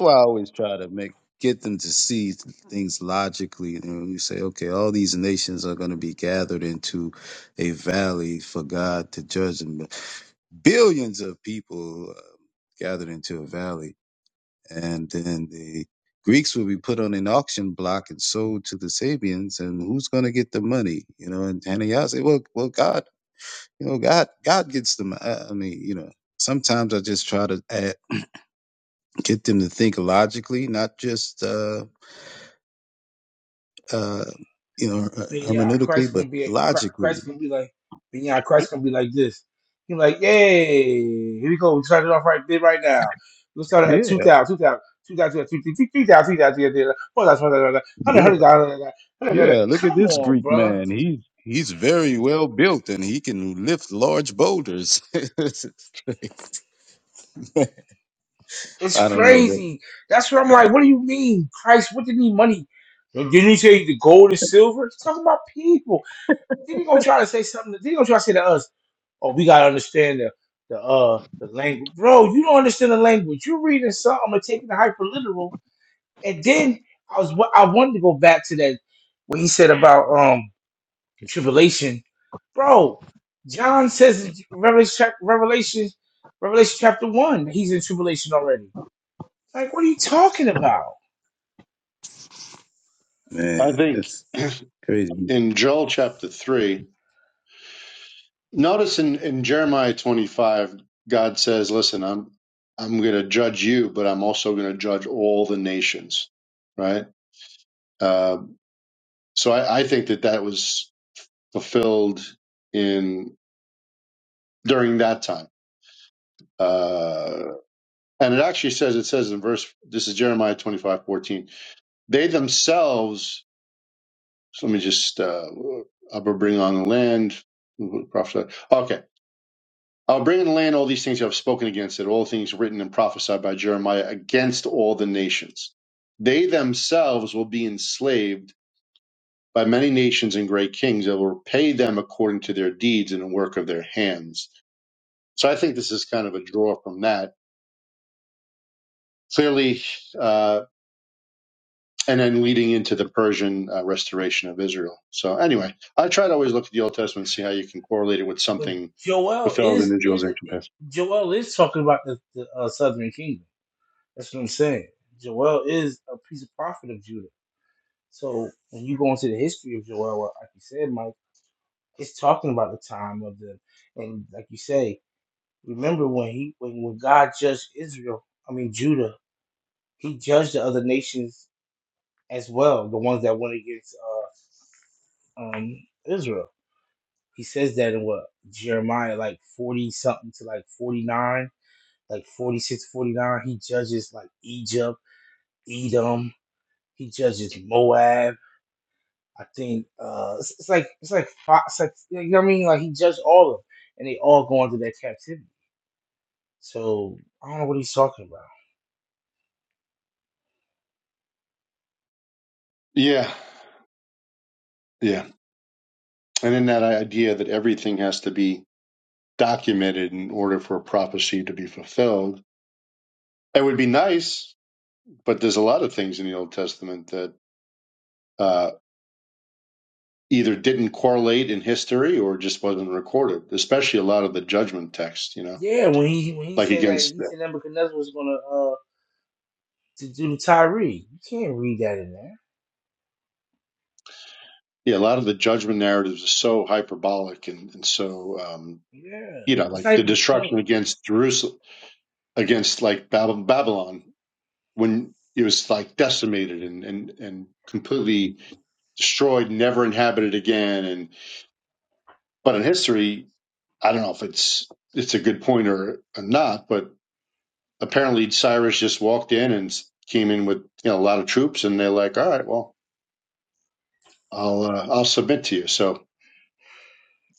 Speaker 17: why I always try to make get them to see things logically. And you say, okay, all these nations are going to be gathered into a valley for God to judge them. Billions of people uh, gathered into a valley and then the Greeks will be put on an auction block and sold to the Sabians, and who's going to get the money? You know, and Hananiah said, "Well, well, God, you know, God, God gets the. mo- I I mean, you know, sometimes I just try to add, get them to think logically, not just, uh, uh, you know, her-
Speaker 1: Then yeah,
Speaker 17: hermeneutically,
Speaker 1: Christ
Speaker 17: but
Speaker 1: gonna be Chri-
Speaker 17: logically.
Speaker 1: Christ gonna be like then yeah, Christ gonna be like this. He like, yay, here we go. We started off right there right now. We started at
Speaker 17: Yeah,
Speaker 1: 2,000,
Speaker 17: yeah, yeah. Look at
Speaker 1: Come
Speaker 17: this
Speaker 1: on,
Speaker 17: Greek
Speaker 1: bruh.
Speaker 17: man. He's he's very well built, and he can lift large boulders. [laughs] I
Speaker 1: It's
Speaker 17: don't know.
Speaker 1: crazy. That's what I'm like. What do you mean, Christ? What did he need money? Didn't he say the gold and silver? He's talking about people. Then he gonna try to say something. Then he gonna try to say to us, "Oh, we gotta understand the the uh the language, bro. You don't understand the language. You're reading something and taking it hyper literal. And then I was I wanted to go back to that when he said about um the tribulation, bro. John says in Revelation, chap- Revelation, Revelation chapter one, he's in tribulation already. Like, what are you talking about?
Speaker 12: I
Speaker 17: Man,
Speaker 12: think
Speaker 17: it's crazy.
Speaker 12: in Joel chapter three, Notice in, in Jeremiah 25, God says, listen, I'm, I'm going to judge you, but I'm also going to judge all the nations. Right. Uh, so I, I think that that was fulfilled in during that time. Uh, and it actually says, it says in verse, this is Jeremiah 25 14. they themselves, so let me just, uh, I'll bring on the land, prophesy. Okay I'll bring in the land all these things you have spoken against it, all things written and prophesied by Jeremiah against all the nations. They themselves will be enslaved by many nations and great kings that will repay them according to their deeds and the work of their hands. So I think this is kind of a draw from that. Clearly, uh, and then leading into the Persian uh, restoration of Israel. So anyway, I try to always look at the Old Testament and see how you can correlate it with
Speaker 1: But
Speaker 12: something
Speaker 1: Joel
Speaker 12: fulfilled
Speaker 1: is
Speaker 12: in
Speaker 1: is
Speaker 12: Israel's ancient past.
Speaker 1: Joel is talking about the, the uh, Southern Kingdom. That's what I'm saying. Joel is a piece of prophet of Judah. So when you go into the history of Joel, well, like you said, Mike, it's talking about the time of the and like you say, remember when he when, when God judged Israel, I mean Judah, he judged the other nations as well, the ones that went against uh, um, Israel. He says that in what Jeremiah like 40 something to like 49, like 46, 49. He judges like Egypt, Edom. He judges Moab. I think uh it's, it's like it's like five, it's like you know what I mean? Like he judged all of them and they all go into their captivity. So I don't know what he's talking about.
Speaker 12: Yeah, yeah. And in that idea that everything has to be documented in order for a prophecy to be fulfilled, it would be nice, but there's a lot of things in the Old Testament that uh, either didn't correlate in history or just wasn't recorded, especially a lot of the judgment text, you know,
Speaker 1: Yeah, when he when he
Speaker 12: like
Speaker 1: said that
Speaker 12: against,
Speaker 1: he said Nebuchadnezzar was gonna uh to do the Tyree. You can't read that in there.
Speaker 12: yeah, a lot of the judgment narratives are so hyperbolic and, and so, um,
Speaker 1: Yeah.
Speaker 12: you know,
Speaker 1: It's
Speaker 12: like
Speaker 1: not
Speaker 12: the
Speaker 1: even the
Speaker 12: destruction
Speaker 1: point.
Speaker 12: against Jerusalem, against like Bab- Babylon, when it was like decimated and, and, and completely destroyed, never inhabited again. And but in history, I don't know if it's it's a good point or, or not, but apparently Cyrus just walked in and came in with you know a lot of troops, and they're like, all right, well, I'll uh, I'll submit to you. So,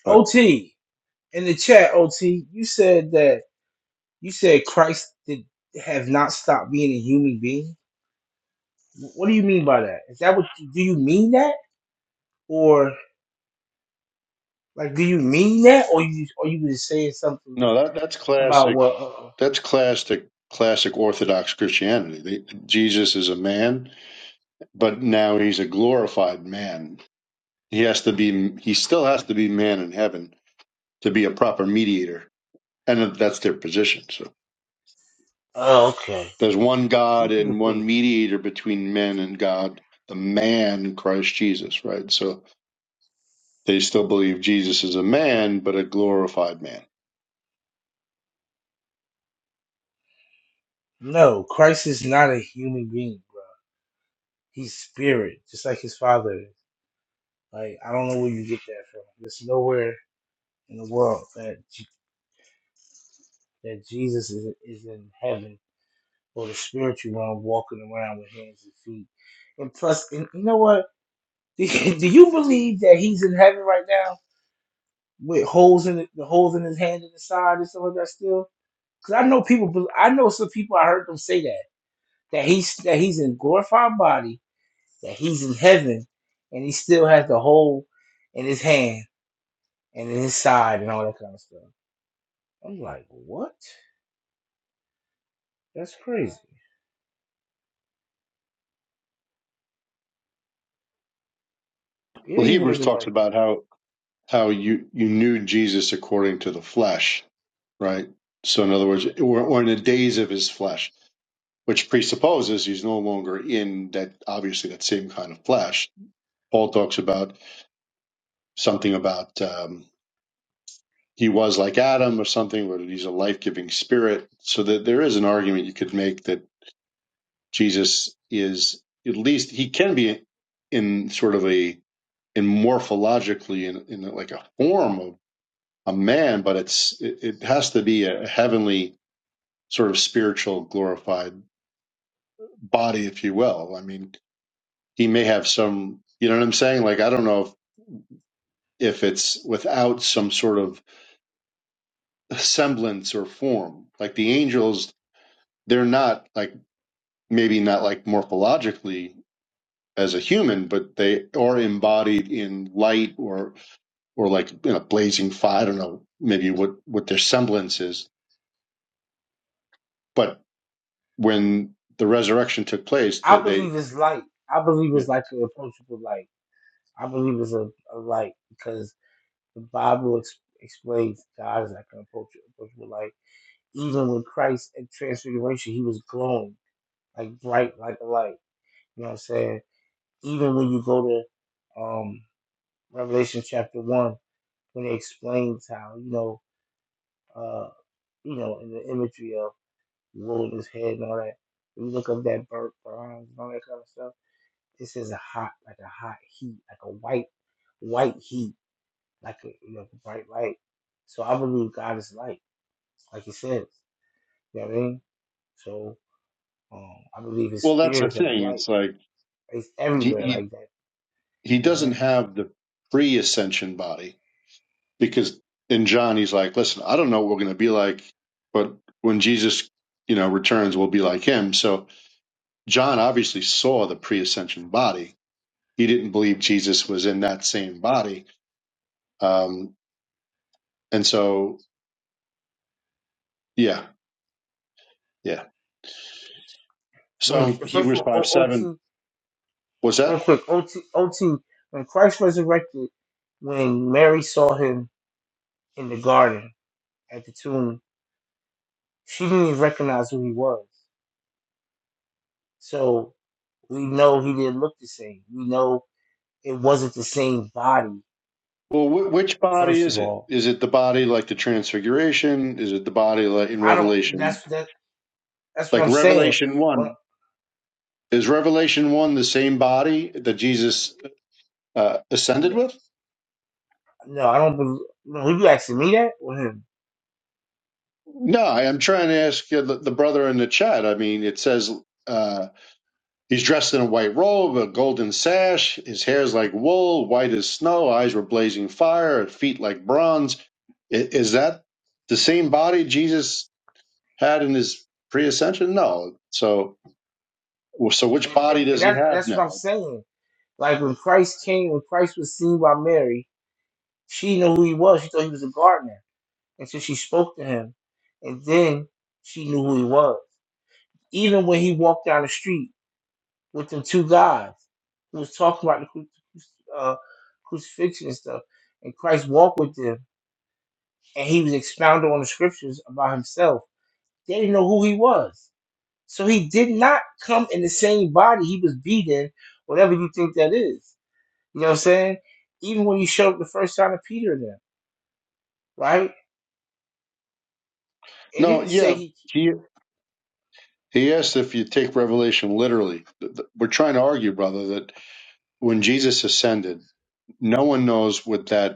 Speaker 12: but
Speaker 1: OT in the chat, OT, you said that You said Christ did have not stopped being a human being. What do you mean by that? Is that what you, do you mean that, or like do you mean that, or you or you just saying something
Speaker 12: no, that that's
Speaker 1: about
Speaker 12: classic.
Speaker 1: what? Uh,
Speaker 12: That's classic classic Orthodox Christianity. They, Jesus is a man, but now he's a glorified man. He has to be. He still has to be man in heaven to be a proper mediator, and that's their position. So.
Speaker 1: oh, okay.
Speaker 12: There's one God
Speaker 1: These people
Speaker 12: and one
Speaker 1: think
Speaker 12: mediator between men and God, the man Christ Jesus, right? So they still believe Jesus is a man, but a glorified man.
Speaker 1: no, Christ is not a human being, bro. He's spirit, just like his father. is. Like I don't know where you get that from. There's nowhere in the world that J- that Jesus is is in heaven or the spiritual realm walking around with hands and feet. And plus, and you know what? Do do you believe that he's in heaven right now with holes in the, the holes in his hand and the side and stuff like that still? Because I know people, bel- I know some people. I heard them say that that he's that he's in glorified body, that he's in heaven, and he still has the hole in his hand and in his side and all that kind of stuff. I'm like, what? That's crazy. Yeah,
Speaker 12: Well,
Speaker 1: he
Speaker 12: Hebrews talks
Speaker 1: resurrected.
Speaker 12: about how how you you knew Jesus according to the flesh, right? So in other words, or, or in the days of his flesh, which presupposes he's no longer in that obviously that same kind of flesh. Paul talks about something about. um, he was like Adam or something, where he's a life giving spirit. So that there is an argument you could make that Jesus is at least he can be in sort of a in morphologically in, in like a form of a man, but it's it, it has to be a heavenly sort of spiritual glorified body, if you will. I mean, he may have some, you know what I'm saying? Like I don't know if if it's without some sort of semblance or form, like the angels, they're not like maybe not like morphologically as a human, but they are embodied in light or or like in a blazing fire. I don't know maybe what what their semblance is, but when the resurrection took place,
Speaker 1: I
Speaker 12: that they,
Speaker 1: believe it's light. I believe
Speaker 12: they
Speaker 1: it's like an approachable light. I believe it's a, a light because The Bible ex- explains God is like an approach- approachable light. Even when Christ at transfiguration, he was glowing like bright like a light. You know what I'm saying? Even when you go to um, Revelation chapter one, when it explains how you know, uh, you know, in the imagery of the Lord head and all that. When you look up that burnt bronze and all that kind of stuff, it says a hot, like a hot heat, like a white, white heat, like a you know, bright light. So I believe God is light. like he said. You know what I mean? So um, I believe his
Speaker 12: well, that's
Speaker 1: spirit
Speaker 12: the
Speaker 1: is like
Speaker 12: thing. It's
Speaker 1: light.
Speaker 12: like
Speaker 1: It's
Speaker 12: he
Speaker 1: everywhere
Speaker 12: he
Speaker 1: like that.
Speaker 12: he
Speaker 1: You know what I'm
Speaker 12: doesn't
Speaker 1: saying?
Speaker 12: have the pre ascension body because in John he's like, listen, I don't know what we're going to be like, but when Jesus you know returns, we'll be like him. So John obviously saw the pre ascension body he didn't believe Jesus was in that same body. Um, and so, yeah, yeah.
Speaker 1: When,
Speaker 12: So
Speaker 1: first of
Speaker 12: Hebrews
Speaker 1: all,
Speaker 12: 5
Speaker 1: O-
Speaker 12: 7,
Speaker 1: OT,
Speaker 12: was
Speaker 1: real
Speaker 12: that?
Speaker 1: quick, OT, OT, when Christ resurrected, when Mary saw him in the garden at the tomb, she didn't even recognize who he was. So we know he didn't look the same. We know it wasn't the same body.
Speaker 12: Well, wh- which body
Speaker 1: First of
Speaker 12: is it?
Speaker 1: all,
Speaker 12: Is it the body like the transfiguration? Is it the body like in
Speaker 1: I don't.
Speaker 12: Revelation?
Speaker 1: That's that. That's what
Speaker 12: Like
Speaker 1: I'm saying.
Speaker 12: Revelation
Speaker 1: Well,
Speaker 12: 1. Is Revelation 1 the same body that Jesus uh, ascended with?
Speaker 1: No, I don't believe. No, if you asking me that or him?
Speaker 12: No, I- I'm trying to ask you, the the brother in the chat. I mean, it says. Uh, He's dressed in a white robe, a golden sash. His hair is like wool, white as snow. Eyes were blazing fire, feet like bronze. I- Is that the same body Jesus had in his pre-ascension? No. So, so which
Speaker 1: And,
Speaker 12: body
Speaker 1: and, and
Speaker 12: does he
Speaker 1: that,
Speaker 12: have
Speaker 1: that's what I'm
Speaker 12: now?
Speaker 1: saying. Like when Christ came, when Christ was seen by Mary, she knew who he was. She thought he was a gardener until she spoke to him, and then she knew who he was. Even when he walked down the street with them two guys who was talking about the cru- uh, crucifixion and stuff, and Christ walked with them, and he was expounding on the scriptures about himself. They didn't know who he was. So he did not come in the same body he was beaten, whatever you think that is. You know what I'm saying? Even when he showed up the first time to Peter and them, right? It
Speaker 12: No.
Speaker 1: didn't say
Speaker 12: Yeah.
Speaker 1: he
Speaker 12: He he asked if you take Revelation literally. Th- th- We're trying to argue, brother, that when Jesus ascended, no one knows what that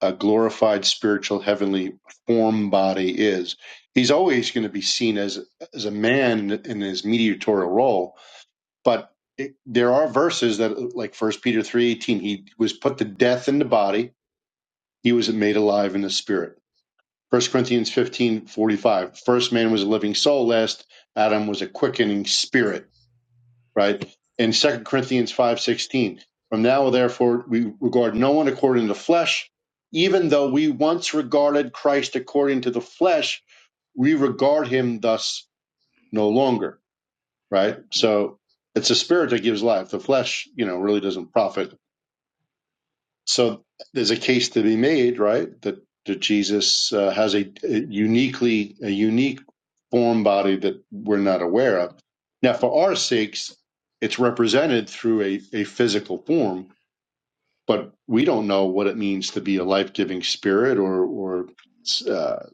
Speaker 12: a glorified spiritual heavenly form body is. He's always going to be seen as as a man in his mediatorial role, but it, there are verses that, like First Peter three eighteen, he was put to death in the body; he was made alive in the spirit. First Corinthians fifteen forty five, first man was a living soul; last Adam was a quickening spirit right? In Second Corinthians 5:16, from now therefore we regard no one according to the flesh, even though we once regarded Christ according to the flesh, we regard him thus no longer, right? So it's the spirit that gives life. The flesh, you know, really doesn't profit so there's a case to be made, right? That that Jesus uh, has a, a uniquely a unique form body that we're not aware of. Now, for our sakes, it's represented through a, a physical form, but we don't know what it means to be a life giving spirit or or uh,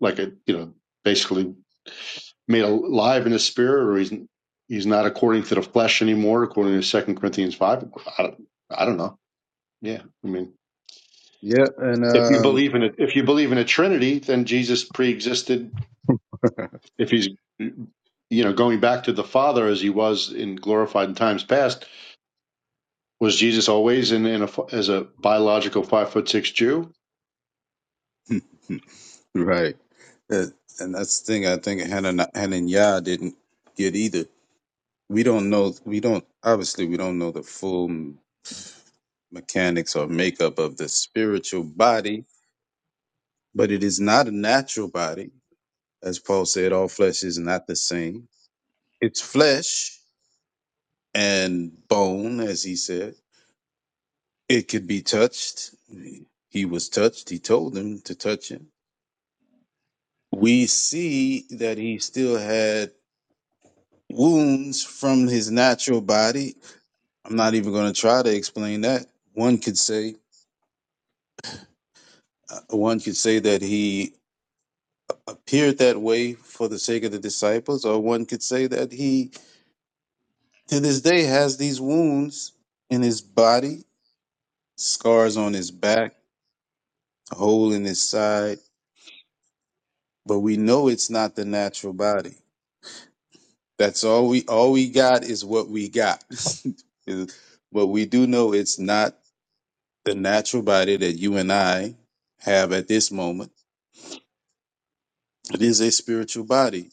Speaker 12: like a you know basically made alive in a spirit, or he's he's not according to the flesh anymore, according to Second Corinthians five. I don't, I don't know. Yeah, I mean.
Speaker 17: Yeah, and
Speaker 12: If you
Speaker 17: um,
Speaker 12: believe in it, if you believe in a Trinity, then Jesus pre-existed. If he's, you know, going back to the Father as he was in glorified in times past, was Jesus always in, in a, as a biological five foot six Jew?
Speaker 17: [laughs] right. That- and that's the thing I think Hanan and Yah didn't get either. We don't know, we don't, obviously, we don't know the full m- mechanics or makeup of the spiritual body, but it is not a natural body. As Paul said, all flesh is not the same. It's flesh and bone, as he said. It could be touched. He was touched. He told them to touch him. we see that he still had wounds from his natural body. I'm not even going to try to explain that. One could say, uh, one could say that he appeared that way for the sake of the disciples, or one could say that he, to this day, has these wounds in his body, scars on his back, a hole in his side. But we know it's not the natural body. That's all we all we got is what we got. [laughs] but we do know it's not The natural body that you and I have at this moment, it is a spiritual body.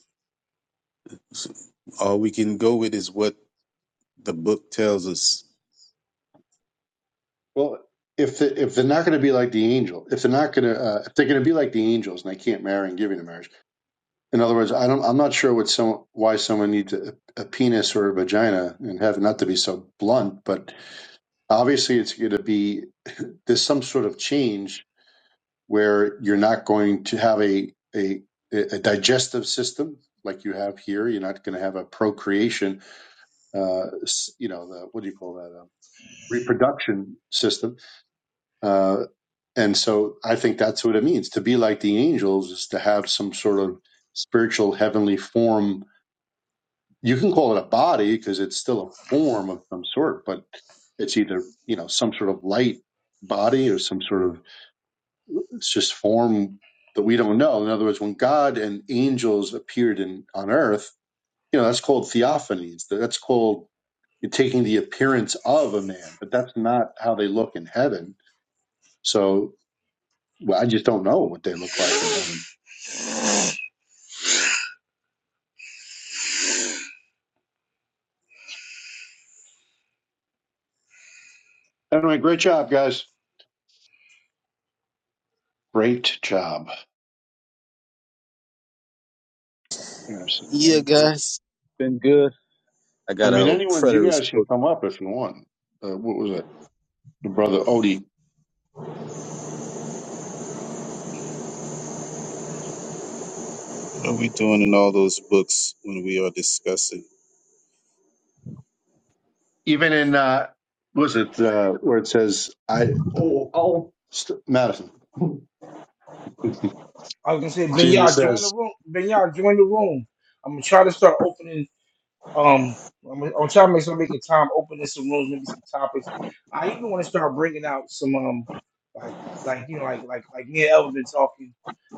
Speaker 17: So all we can go with is what the book tells us.
Speaker 12: Well, if the, if they're not going to be like the angel, if they're not going to, uh, if they're going to be like the angels and they can't marry and give into marriage, in other words, I don't, I'm not sure what some why someone needs a, a penis or a vagina and have not to be so blunt, but obviously it's going to be [laughs] there's some sort of change where you're not going to have a, a, a digestive system like you have here. You're not going to have a procreation, uh, you know, the, what do you call that? A reproduction system. Uh, and so I think that's what it means to be like the angels is to have some sort of spiritual heavenly form. You can call it a body because it's still a form of some sort, but it's either, you know, some sort of light body or some sort of It's just form that we don't know. In other words, when God and angels appeared in on earth, you know, that's called theophanies. That's called taking the appearance of a man, but that's not how they look in heaven. So well, I just don't know what they look like in heaven. Anyway, great job, guys. Great job. Yeah, I
Speaker 17: Yeah,
Speaker 12: no.
Speaker 17: guys, been good. I
Speaker 12: I
Speaker 17: got
Speaker 12: mean,
Speaker 17: a
Speaker 12: anyone, you guys
Speaker 17: preterist
Speaker 12: can
Speaker 17: book.
Speaker 12: come up if you want. Uh, what was it? Your brother Odie.
Speaker 17: What are we doing in all those books when we are discussing?
Speaker 12: Even in, uh, what was it, uh, where it says, I, oh, oh, st- Madison.
Speaker 1: I was gonna say, Ben
Speaker 12: Jesus
Speaker 1: y'all join the
Speaker 12: says,
Speaker 1: room. Ben y'all join the room. I'm gonna try to start opening um I'm gonna, I'm trying to make some making time opening some rooms, maybe some topics. I even want to start bringing out some um like like you know like like like me and Elvin been talking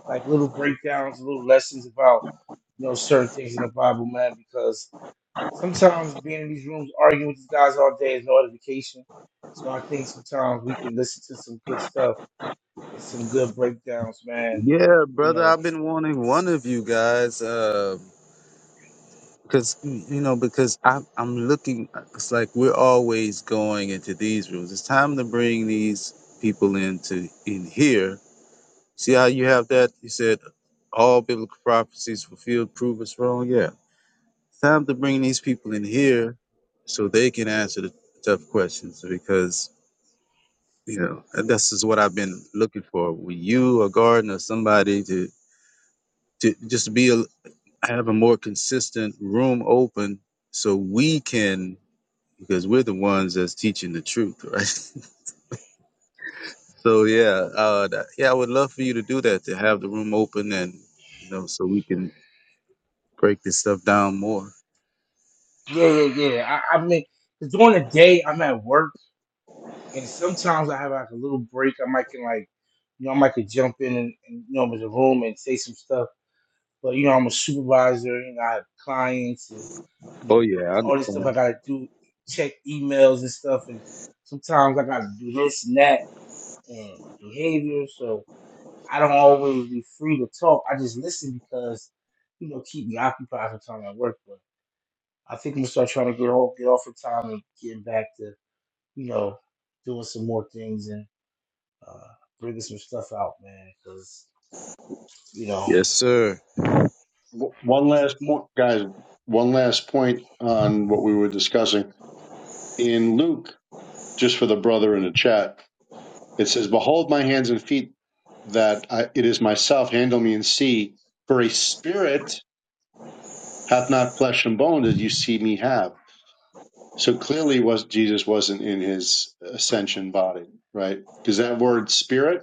Speaker 1: like little breakdowns, little lessons about you know certain things in the Bible, man. Because sometimes being in these rooms arguing with these guys all day is no edification. So I think sometimes we can listen to some good stuff and some good breakdowns, man.
Speaker 17: Yeah,
Speaker 1: You
Speaker 17: brother,
Speaker 1: know,
Speaker 17: I've been wanting one of you guys, uh, because you know, because i I'm looking. It's like we're always going into these rooms. It's time to bring these people into in here See how you have that? You said all biblical prophecies fulfilled prove us wrong. Yeah. It's time to bring these people in here so they can answer the tough questions because, you know, and this is what I've been looking for. With you, a garden, or somebody to, to just be a, have a more consistent room open so we can, because we're the ones that's teaching the truth, right? [laughs] so, yeah, uh, that- yeah, I would love for you to do that, to have the room open and, you know, so we can break this stuff down more.
Speaker 1: yeah, yeah, yeah. I, I mean, 'cause during the day I'm at work, and sometimes I have like a little break. I might can like, you know, I might could jump in and, and you know with the room and say some stuff. But you know, I'm a supervisor, and I have clients, and you
Speaker 17: Oh
Speaker 1: know,
Speaker 17: yeah, I
Speaker 1: all this stuff
Speaker 17: understand.
Speaker 1: I gotta do, check emails and stuff, and sometimes I gotta do this and that and behavior. So I don't always be free to talk. I just listen because, you know, keep me occupied for time at work. But I think I'm gonna start trying to get off get off of time and getting back to, you know, doing some more things and uh bringing some stuff out, man. Because you know
Speaker 17: Yes, sir.
Speaker 12: w- one
Speaker 1: these
Speaker 12: last
Speaker 1: these
Speaker 12: point, guys, one last point on what we were discussing. In Luke, just for the brother in the chat, it says, Behold my hands and feet, that I, it is myself, handle me and see, for a spirit hath not flesh and bone as you see me have. So clearly was Jesus wasn't in his ascension body, right? Because that word spirit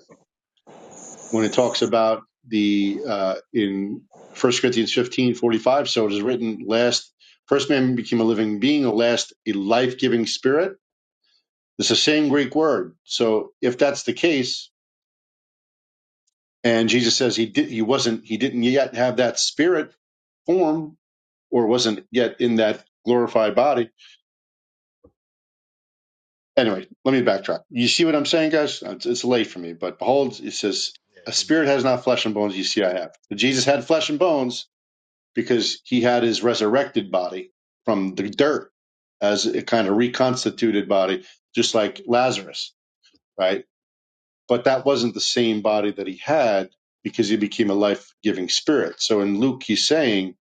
Speaker 12: when it talks about the uh, in First Corinthians 15 45, so it is written, last first man became a living being, a last a life-giving spirit. It's the same Greek word. So if that's the case, and Jesus says he did he wasn't he didn't yet have that spirit form or wasn't yet in that glorified body. Anyway, let me backtrack. You see what I'm saying, guys? It's, it's late for me, but behold, it says
Speaker 19: Yeah,
Speaker 12: a
Speaker 19: you
Speaker 12: spirit
Speaker 19: good.
Speaker 12: has not flesh and bones, you see I have. But Jesus had flesh and bones, because he had his resurrected body from the dirt as a kind of reconstituted body, just like Lazarus, right? But that wasn't the same body that he had because he became a life giving spirit. So in Luke, he's saying,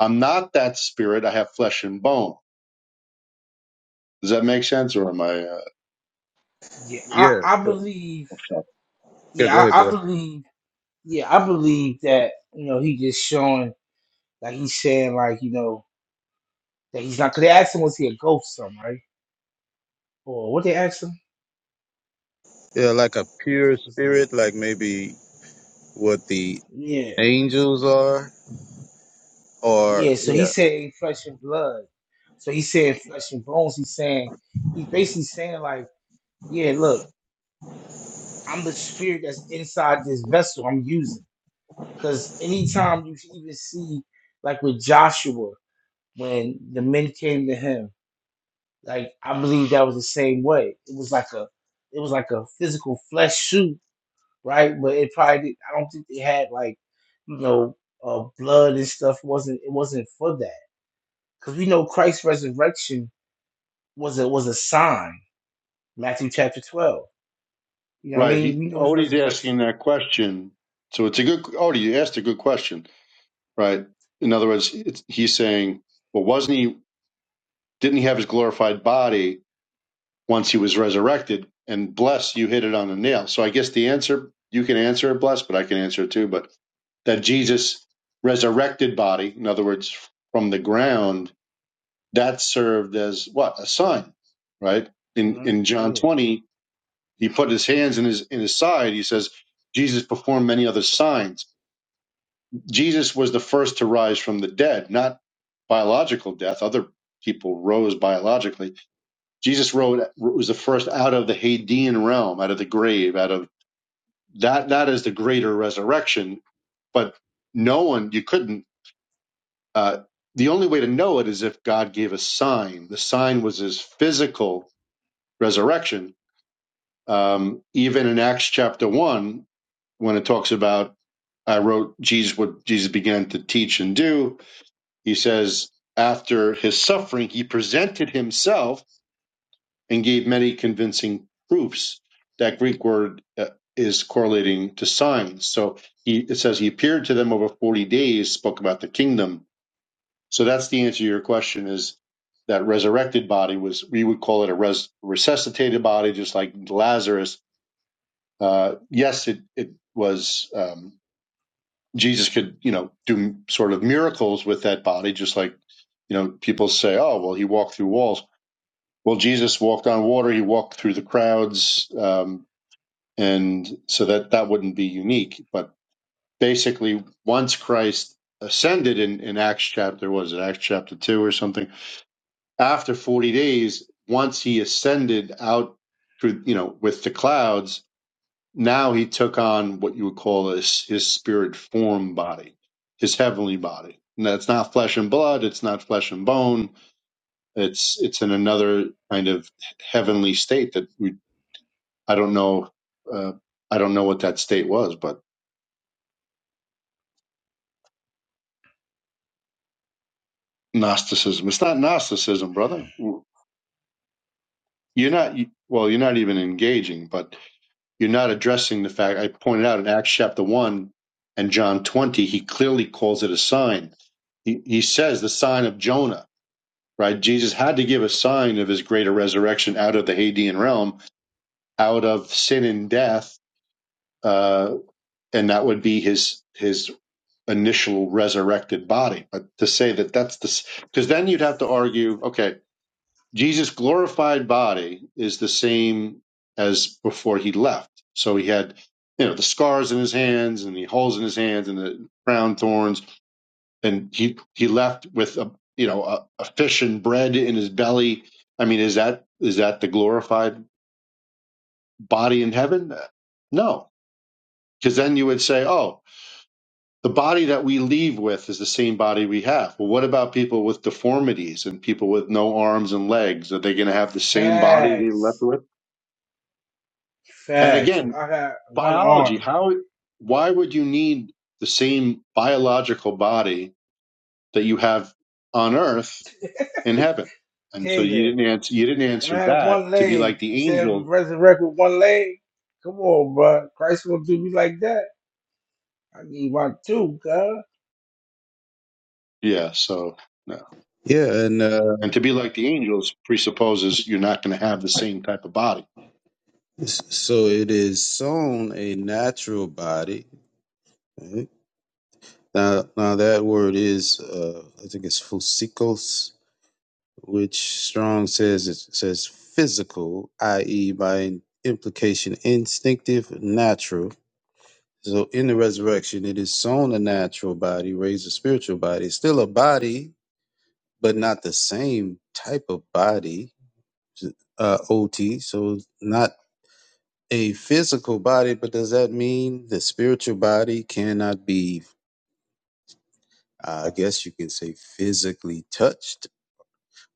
Speaker 12: I'm not that spirit. I have flesh and bone. Does that make sense? Or am I uh,
Speaker 1: yeah
Speaker 19: Yeah.
Speaker 1: I
Speaker 17: Yeah.
Speaker 1: I
Speaker 17: so-
Speaker 1: believe
Speaker 17: Yeah, go
Speaker 1: yeah
Speaker 17: ahead,
Speaker 1: I, I
Speaker 17: Blair.
Speaker 1: believe yeah I believe that you know he just showing like he's saying like you know that he's not. Cause they asked him was he a ghost or something right or what they asked him
Speaker 17: Yeah, like a pure
Speaker 1: was late
Speaker 17: spirit, like maybe what the
Speaker 1: Yeah,
Speaker 17: angels are,
Speaker 1: yeah.
Speaker 17: or
Speaker 1: So he
Speaker 17: Yeah.
Speaker 1: said ain't flesh and blood. So he said flesh and bones. He's saying he's basically saying like, yeah, look, I'm the spirit that's inside this vessel I'm using. Because anytime you even see like with Joshua when the men came to him, like I believe that was the same way. It was like a it was like a physical flesh suit, right? But it probably did, I don't think they had like you know uh, blood and stuff. It wasn't it wasn't for that. Because we know Christ's resurrection was a was a sign. Matthew chapter twelve. You know what I
Speaker 12: right?
Speaker 1: mean?
Speaker 12: He
Speaker 1: We know his
Speaker 12: Odie's asking
Speaker 1: resurrection.
Speaker 12: that question. So it's a good, Odie, you asked a good question, right? In other words, it's, he's saying, well, wasn't he, didn't he have his glorified body? once he was resurrected. And bless, you hit it on the nail. So I guess the answer you can answer it, bless, but I can answer it too. But that Jesus resurrected body, in other words, from the ground, that served as what a sign, right? In
Speaker 1: Mhm.
Speaker 12: in John
Speaker 1: Yeah.
Speaker 12: twenty, he put his hands in his in his side. He says Jesus performed many other signs. Jesus was the first to rise from the dead, not biological death. Other people rose biologically Jesus rode was the first out of the Hadean realm, out of the grave, out of that. That is the greater resurrection. But no one, you couldn't. Uh, the only way to know it is if God gave a sign. The sign was His physical resurrection. Um, even in Acts chapter one, when it talks about I wrote Jesus what Jesus began to teach and do, he says after his suffering he presented himself and gave many convincing proofs that Greek word uh, is correlating to signs. So he, it says he appeared to them over 40 days, spoke about the kingdom. So that's the answer to your question is that resurrected body was, we would call it a res, resuscitated body, just like Lazarus. Uh, yes, it, it was, um, Jesus could, you know, do sort of miracles with that body, just like, you know, people say, oh, well, he walked through walls. Well, Jesus walked on water. He walked through the crowds. Um, and so that that wouldn't be unique but basically once christ ascended in, in acts chapter was it acts chapter 2 or something after 40 days once he ascended out through you know with the clouds now he took on what you would call his, his spirit form body his heavenly body and that's not flesh and blood it's not flesh and bone it's it's in another kind of heavenly state that we i don't know uh, i don't know what that state was but Gnosticism. It's not Gnosticism, brother. You're not, well, you're not even engaging, but you're not addressing the fact. I pointed out in Acts chapter 1 and John 20, he clearly calls it a sign. He, he says the sign of Jonah, right? Jesus had to give a sign of his greater resurrection out of the Hadean realm, out of sin and death, uh, and that would be his, his initial resurrected body. But to say that that's the, because then you'd have to argue, okay, Jesus' glorified body is the same as before he left. So he had, you know, the scars in his hands and the holes in his hands and the crown thorns, and he he left with a you know a, a fish and bread in his belly. I mean, is that is that the glorified body in heaven? No, because then you would say, oh, the body that we leave with is the same body we have. Well, what about people with deformities and people with no arms and legs? Are they going to have the same body they left
Speaker 1: Facts.
Speaker 12: with? And
Speaker 1: Facts. If
Speaker 12: again,
Speaker 1: I had one
Speaker 12: biology,
Speaker 1: arm,
Speaker 12: how why would you need the same biological body that you have on earth in heaven? And so you
Speaker 1: nigga.
Speaker 12: didn't answer you didn't
Speaker 1: If I
Speaker 12: answer
Speaker 1: had
Speaker 12: that
Speaker 1: one
Speaker 12: to be like
Speaker 1: leg. You
Speaker 12: the
Speaker 1: said I'm
Speaker 12: angels.
Speaker 1: resurrect with one leg. Come on, bro. Christ won't do me like that. I need one too, God.
Speaker 12: Yeah, so no.
Speaker 17: yeah, and uh,
Speaker 12: And to be like the angels presupposes you're not going to have the same type of body.
Speaker 17: s- so it is sown a natural body, eh? Now, now that word is, uh, I think it's physikos, which Strong says it says physical, i.e., by implication, instinctive, natural. So in the resurrection, it is sown a natural body, raised a spiritual body. It's still a body, but not the same type of body. Uh, OT, so not a physical body, but does that mean the spiritual body cannot be? uh, I guess you can say physically touched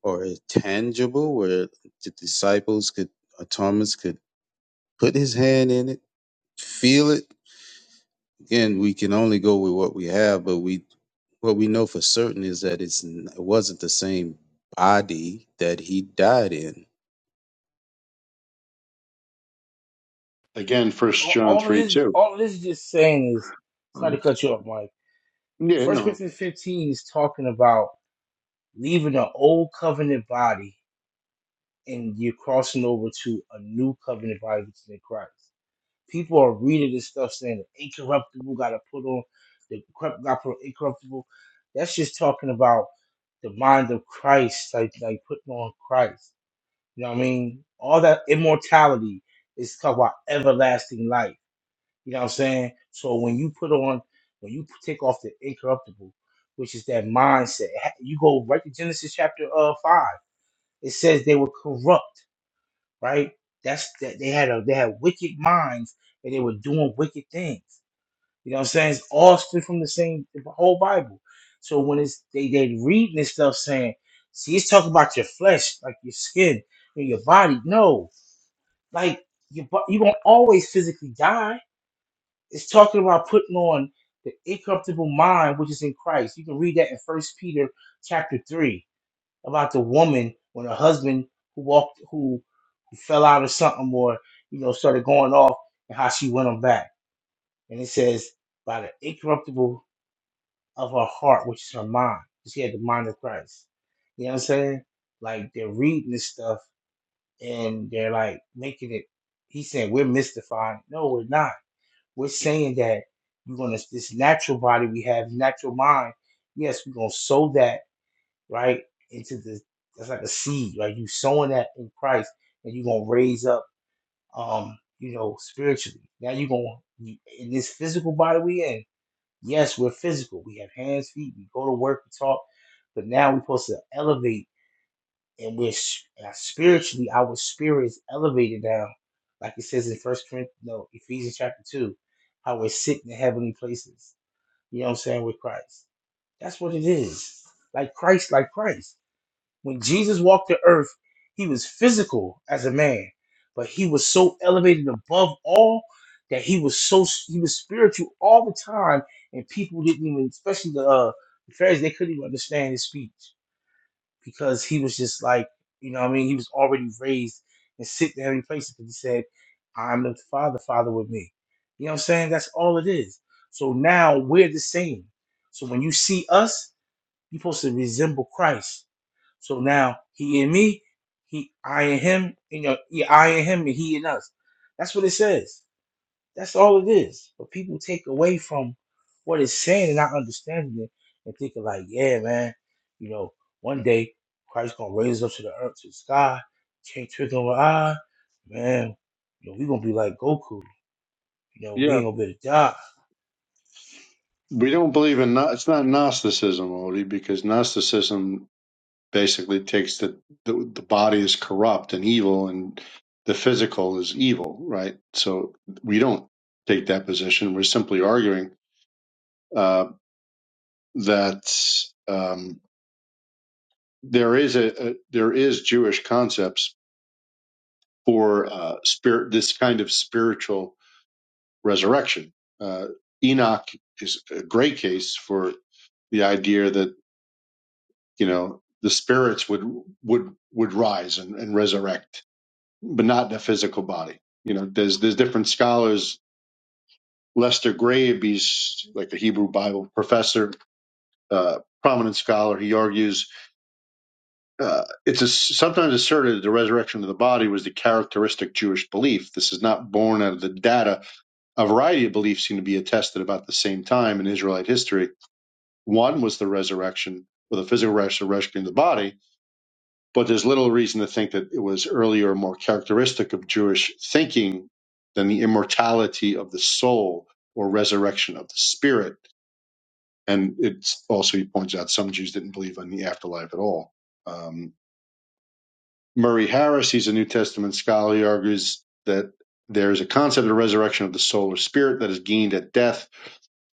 Speaker 17: or a tangible where the disciples could or Thomas could put his hand in it, feel it. Again, we can only go with what we have, but we what we know for certain is that it's n- it wasn't the same body that he died in.
Speaker 12: Again, first
Speaker 1: All,
Speaker 12: John
Speaker 1: all of
Speaker 12: three
Speaker 1: this,
Speaker 12: two.
Speaker 1: all of this is just saying is. Sorry to cut you off, Mike.
Speaker 12: Yeah,
Speaker 1: First
Speaker 12: no.
Speaker 1: Corinthians fifteen is talking about leaving the old covenant body and you're crossing over to a new covenant body which is in Christ. People are reading this stuff saying the incorruptible got to put on the corrupt got to put on incorruptible. That's just talking about the mind of Christ, like like putting on Christ. You know what I mean? All that immortality is talking about everlasting life. You know what I'm saying? So when you put on, when you take off the incorruptible, which is that mindset, ha- you go right to Genesis chapter uh five. It says they were corrupt right? That's that they had a they had wicked minds and they were doing wicked things. You know what I'm saying? It's all stood from the same the whole Bible. So when it's they they reading this stuff saying, see, it's talking about your flesh, like your skin and your body. No, like you you gonna always physically die. It's talking about putting on the incorruptible mind which is in Christ. You can read that in First Peter chapter three about the woman when her husband who walked who who fell out or something or you know started going off and how she went on back. And it says by the incorruptible of her heart, which is her mind. She had the mind of Christ. You know what I'm saying? Like they're reading this stuff and they're like making it. He's saying we're mystifying. No, we're not. We're saying that we're gonna this natural body we have, natural mind. Yes, we're gonna sow that right? Into the that's like a seed, like you sowing that in Christ, and you're gonna raise up, um, you know, spiritually. Now you're gonna in this physical body we in. Yes, we're physical. We have hands, feet. We go to work, we talk, but now we're supposed to elevate, and we're spiritually our spirit is elevated now, like it says in First Corinthians, no, Ephesians chapter two, how we're sitting in heavenly places. You know what I'm saying with Christ. That's what it is. Like Christ, like Christ. When Jesus walked the earth, he was physical as a man, but he was so elevated above all that he was so he was spiritual all the time, and people didn't even, especially the, uh, the Pharisees, they couldn't even understand his speech because he was just like, you know, what I mean, he was already raised and sit there in places because he said, "I'm the Father, Father with me." You know what I'm saying? That's all it is. So now we're the same. So when you see us, you're supposed to resemble Christ. So now he and me, he I and him, you know, yeah, I and him and he and us. That's what it says. That's all it is. But people take away from what it's saying and not understanding it and thinking like, yeah, man, you know, one day Christ's gonna raise us up to the earth to the sky, can't trick our eye, man, you know, we gonna be like Goku, you know, we
Speaker 12: Yeah.
Speaker 1: ain't gonna be able to die.
Speaker 12: We don't believe in no- it's not Gnosticism, Odie, because Gnosticism basically takes the, the the body is corrupt and evil and the physical is evil right so we don't take that position we're simply arguing uh, that um, there is a, a there is jewish concepts for uh, spirit this kind of spiritual resurrection uh, enoch is a great case for the idea that you know the spirits would would would rise and, and resurrect but not the physical body. You know, there's there's different scholars. Lester Grabe, he's like a Hebrew Bible professor, uh, prominent scholar. He argues uh, it's a, sometimes asserted that the resurrection of the body was the characteristic Jewish belief. This is not born out of the data. A variety of beliefs seem to be attested about the same time in Israelite history. One was the resurrection, or the physical resurrection of the body, But there's little reason to think that it was earlier more characteristic of Jewish thinking than the immortality of the soul or resurrection of the spirit. And it's also, he points out, some Jews didn't believe in the afterlife at all. Um, Murray Harris, he's a New Testament scholar, he argues that there is a concept of resurrection of the soul or spirit that is gained at death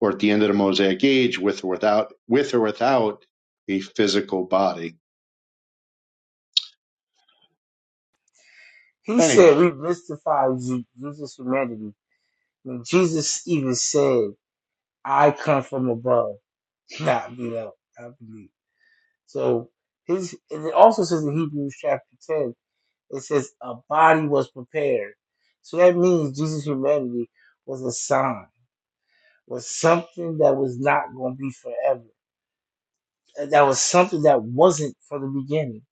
Speaker 12: or at the end of the Mosaic age with or without, with or without a physical body.
Speaker 1: He
Speaker 12: Anyway,
Speaker 1: said we mystify Jesus' humanity. When Jesus even said, I come from above. Not beat up, not beat. So his and it also says in Hebrews chapter ten, it says a body was prepared. So that means Jesus' humanity was a sign, was something that was not going to be forever. That was something that wasn't from the beginning.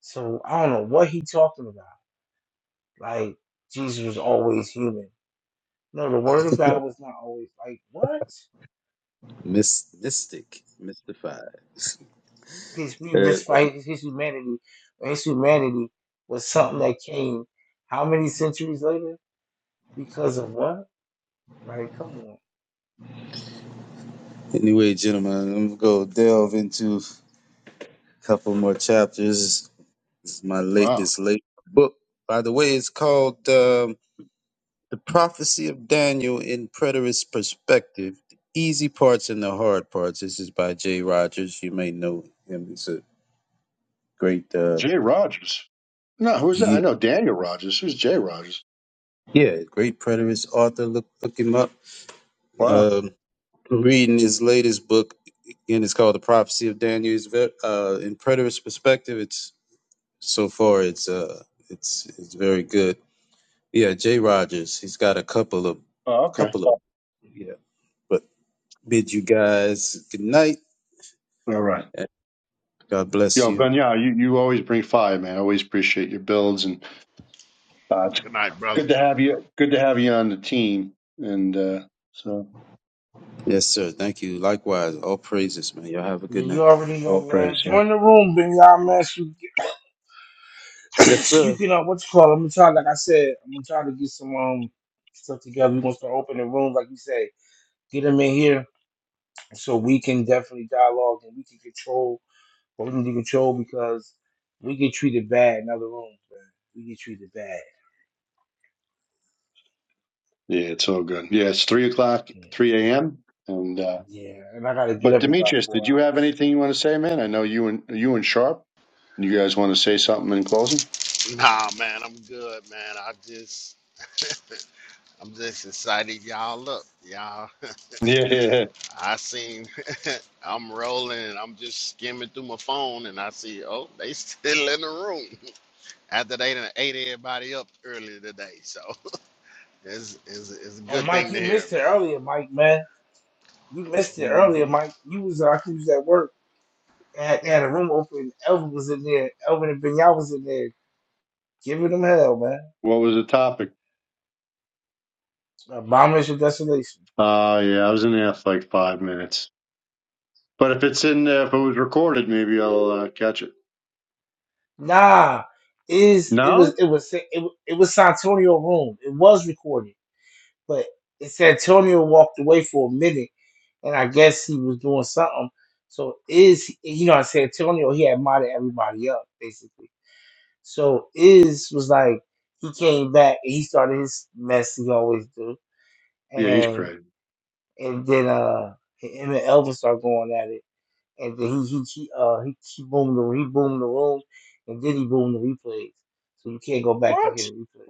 Speaker 1: So I don't know what he talking about. Like Jesus was always human. No, the Word of God was not always like what?
Speaker 17: Mys- mystic, mystified.
Speaker 1: his we
Speaker 17: Uh,
Speaker 1: misfight his his humanity or his humanity was something that came how many centuries later because of what right come on
Speaker 17: anyway, gentlemen, I'm gonna go delve into a couple more chapters. This is my late
Speaker 12: wow.
Speaker 17: this late book. By the way, it's called. Um, The prophecy of Daniel in preterist perspective, the easy parts and the hard parts. This is by Jay Rogers. You may know him. He's a great, uh,
Speaker 12: Jay Rogers. No, who's that? I
Speaker 17: yeah,
Speaker 12: know Daniel Rogers. Who's Jay Rogers?
Speaker 17: yeah, great preterist author. Look, look him up.
Speaker 12: Wow.
Speaker 17: Um, reading his latest book again. It's called The Prophecy of Daniel. It's ve- uh, in preterist perspective. It's so far, it's uh, it's it's very good. Yeah, Jay Rogers. He's got a couple of,
Speaker 12: Oh, okay.
Speaker 17: couple of, yeah. But bid you guys good night.
Speaker 12: All right.
Speaker 17: and God bless
Speaker 12: Yo,
Speaker 17: you.
Speaker 12: Ben, yeah, you, you always bring fire, man. I always appreciate your builds and uh, it's
Speaker 19: Good night, brother.
Speaker 12: good to have you good to have you on the team. And uh so
Speaker 17: Yes, sir. Thank you. Likewise, all praises, man. Y'all have a
Speaker 1: Yeah,
Speaker 17: good
Speaker 1: you
Speaker 17: night.
Speaker 1: already know
Speaker 12: all
Speaker 1: man
Speaker 12: praise, yeah.
Speaker 1: join the room Ben y'all man so you,
Speaker 17: Yes,
Speaker 1: get- [clears throat]
Speaker 17: sir.
Speaker 1: you can uh, what you call it? I'm gonna try like I said I'm gonna try to get some um stuff together we're gonna start opening rooms like you say get them in here so we can definitely dialogue and we can control what we need to control because we get treated bad in other rooms man we get treated bad
Speaker 12: Yeah, it's all good. Yeah, it's three o'clock, three AM. And uh
Speaker 1: Yeah, and I gotta get
Speaker 12: but
Speaker 1: up in about
Speaker 12: Demetrius,
Speaker 1: four
Speaker 12: did you have
Speaker 1: hours.
Speaker 12: anything you want to say, man? I know you and you and Sharp. You guys want to say something in closing?
Speaker 19: Nah, man, I'm good, man. I just, I'm just excited, y'all. Look, y'all,
Speaker 12: Yeah, yeah. yeah.
Speaker 19: [laughs] I seen, [laughs] I'm rolling and I'm just skimming through my phone and I see, oh, they [laughs] still in the room [laughs] after they done ate everybody up earlier today. So [laughs] it's, it's, it's a
Speaker 1: Oh,
Speaker 19: good
Speaker 1: Mike,
Speaker 19: thing
Speaker 1: you
Speaker 19: to hear,
Speaker 1: missed it
Speaker 19: man.
Speaker 1: earlier, Mike, man. You missed it earlier,
Speaker 19: Mhm.
Speaker 1: Mike. You was, uh, I think you was at work. They had, they had a room open. Elvin was in there. Elvin and Benyal was in there giving them hell, man.
Speaker 12: What was the topic?
Speaker 1: Abomination of desolation.
Speaker 12: Uh yeah, I was in there for like five minutes. But if it's in, uh, if it was recorded, maybe I'll uh, catch it.
Speaker 1: Nah, is it
Speaker 12: No?
Speaker 1: was it was it, was- it was Santonio room. It was recorded, but it's Antonio walked away for a minute, and I guess he was doing something. So is you know, I said Antonio he had modded everybody up basically So Iz was like he came back and he started his mess he always do,
Speaker 12: Yeah, he's
Speaker 1: and
Speaker 12: crazy.
Speaker 1: and then uh him and Elvis start going at it, and then he he, he uh he, he boomed the he boomed the room, and then he boomed the replays, so you can't go back and
Speaker 12: What?
Speaker 1: hear the replays.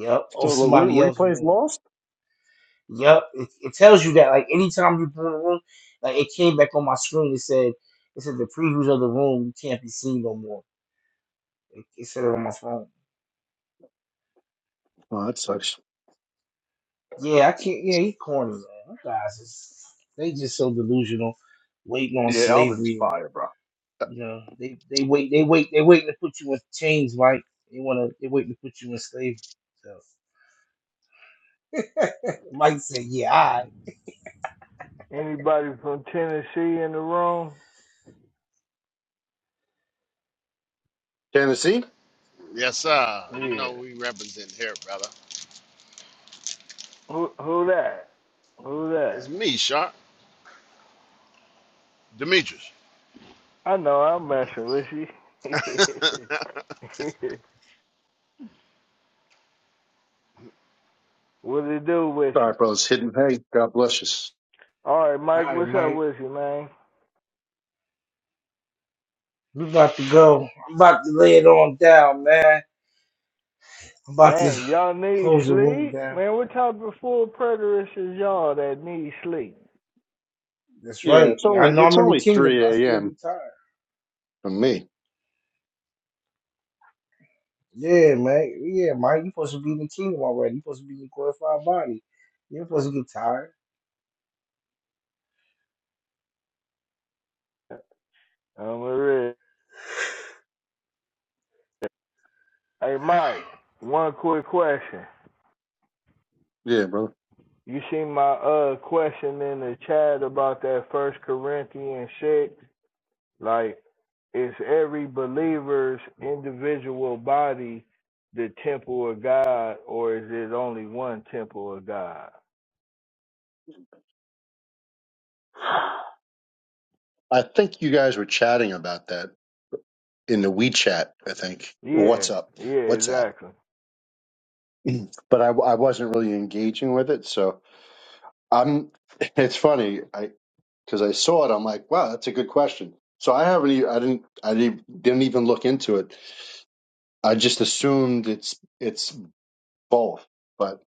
Speaker 1: Yep, oh
Speaker 12: So the
Speaker 1: somebody
Speaker 12: re-
Speaker 1: else's
Speaker 12: replay's
Speaker 1: room.
Speaker 12: lost?
Speaker 1: Yep, it, it tells you that like anytime you boom the room, like it came back on my screen. It said it said the previews of the room can't be seen no more. It, it said it on my phone.
Speaker 12: Oh, that sucks.
Speaker 1: Yeah, I can't. Yeah, he corny, man. You guys, is, they just so delusional, waiting on
Speaker 12: Yeah, Alvin's
Speaker 1: slavery, and
Speaker 12: fire, bro.
Speaker 1: you know, they they wait, they wait, they waiting to put you in chains, Mike. They wanna, they waiting to put you in slavery. So Mike said, "Yeah, all right,
Speaker 2: Anybody from Tennessee in the room?
Speaker 12: Tennessee?
Speaker 19: Yes, sir. You
Speaker 2: Yeah.
Speaker 19: know we represent here, brother.
Speaker 2: Who who that? Who
Speaker 19: It's
Speaker 2: that?
Speaker 19: me, Sharp. Demetrius.
Speaker 2: I know I'm messing with you.
Speaker 19: [laughs]
Speaker 2: [laughs] what it do with
Speaker 12: All
Speaker 2: you?
Speaker 12: right, brothers. Hidden. Hey, God bless
Speaker 2: All right, Mike,
Speaker 1: all right,
Speaker 2: what's up
Speaker 1: Mike,
Speaker 2: with you, man?
Speaker 1: we about to go. I'm about to lay it on down, man. I'm about to
Speaker 2: Dang, y'all
Speaker 1: [laughs]
Speaker 2: need
Speaker 1: close the room
Speaker 2: sleep?
Speaker 1: down."
Speaker 2: Man, what type of full preterists is y'all that need sleep?
Speaker 1: That's
Speaker 12: you. Yeah,
Speaker 1: right.
Speaker 12: it's
Speaker 1: Yeah, I
Speaker 12: only
Speaker 1: know
Speaker 12: it's
Speaker 1: I'm in the
Speaker 12: only
Speaker 1: kingdom, but I
Speaker 12: three
Speaker 1: still
Speaker 12: a.m.
Speaker 1: get tired.
Speaker 12: From me.
Speaker 1: Yeah, man. Yeah, Mike. You supposed to be in the kingdom already. You supposed to be in the glorified body. You're supposed to get tired.
Speaker 2: I'm a real. Hey, Mike, one quick question.
Speaker 12: Yeah, brother.
Speaker 2: You see my uh question in the chat about that First Corinthians six, like is every believer's individual body the temple of God, or is it only one temple of God?
Speaker 12: I think you guys were chatting about that in the WeChat, I think. Or
Speaker 2: Yeah,
Speaker 12: What's up?
Speaker 2: yeah,
Speaker 12: WhatsApp.
Speaker 2: exactly.
Speaker 12: [clears throat] But I, I wasn't really engaging with it. So I'm, [laughs] it's funny. I. because I saw it. I'm like, wow, that's a good question. So I haven't, e- I didn't, I didn't didn't even look into it. I just assumed it's it's both. But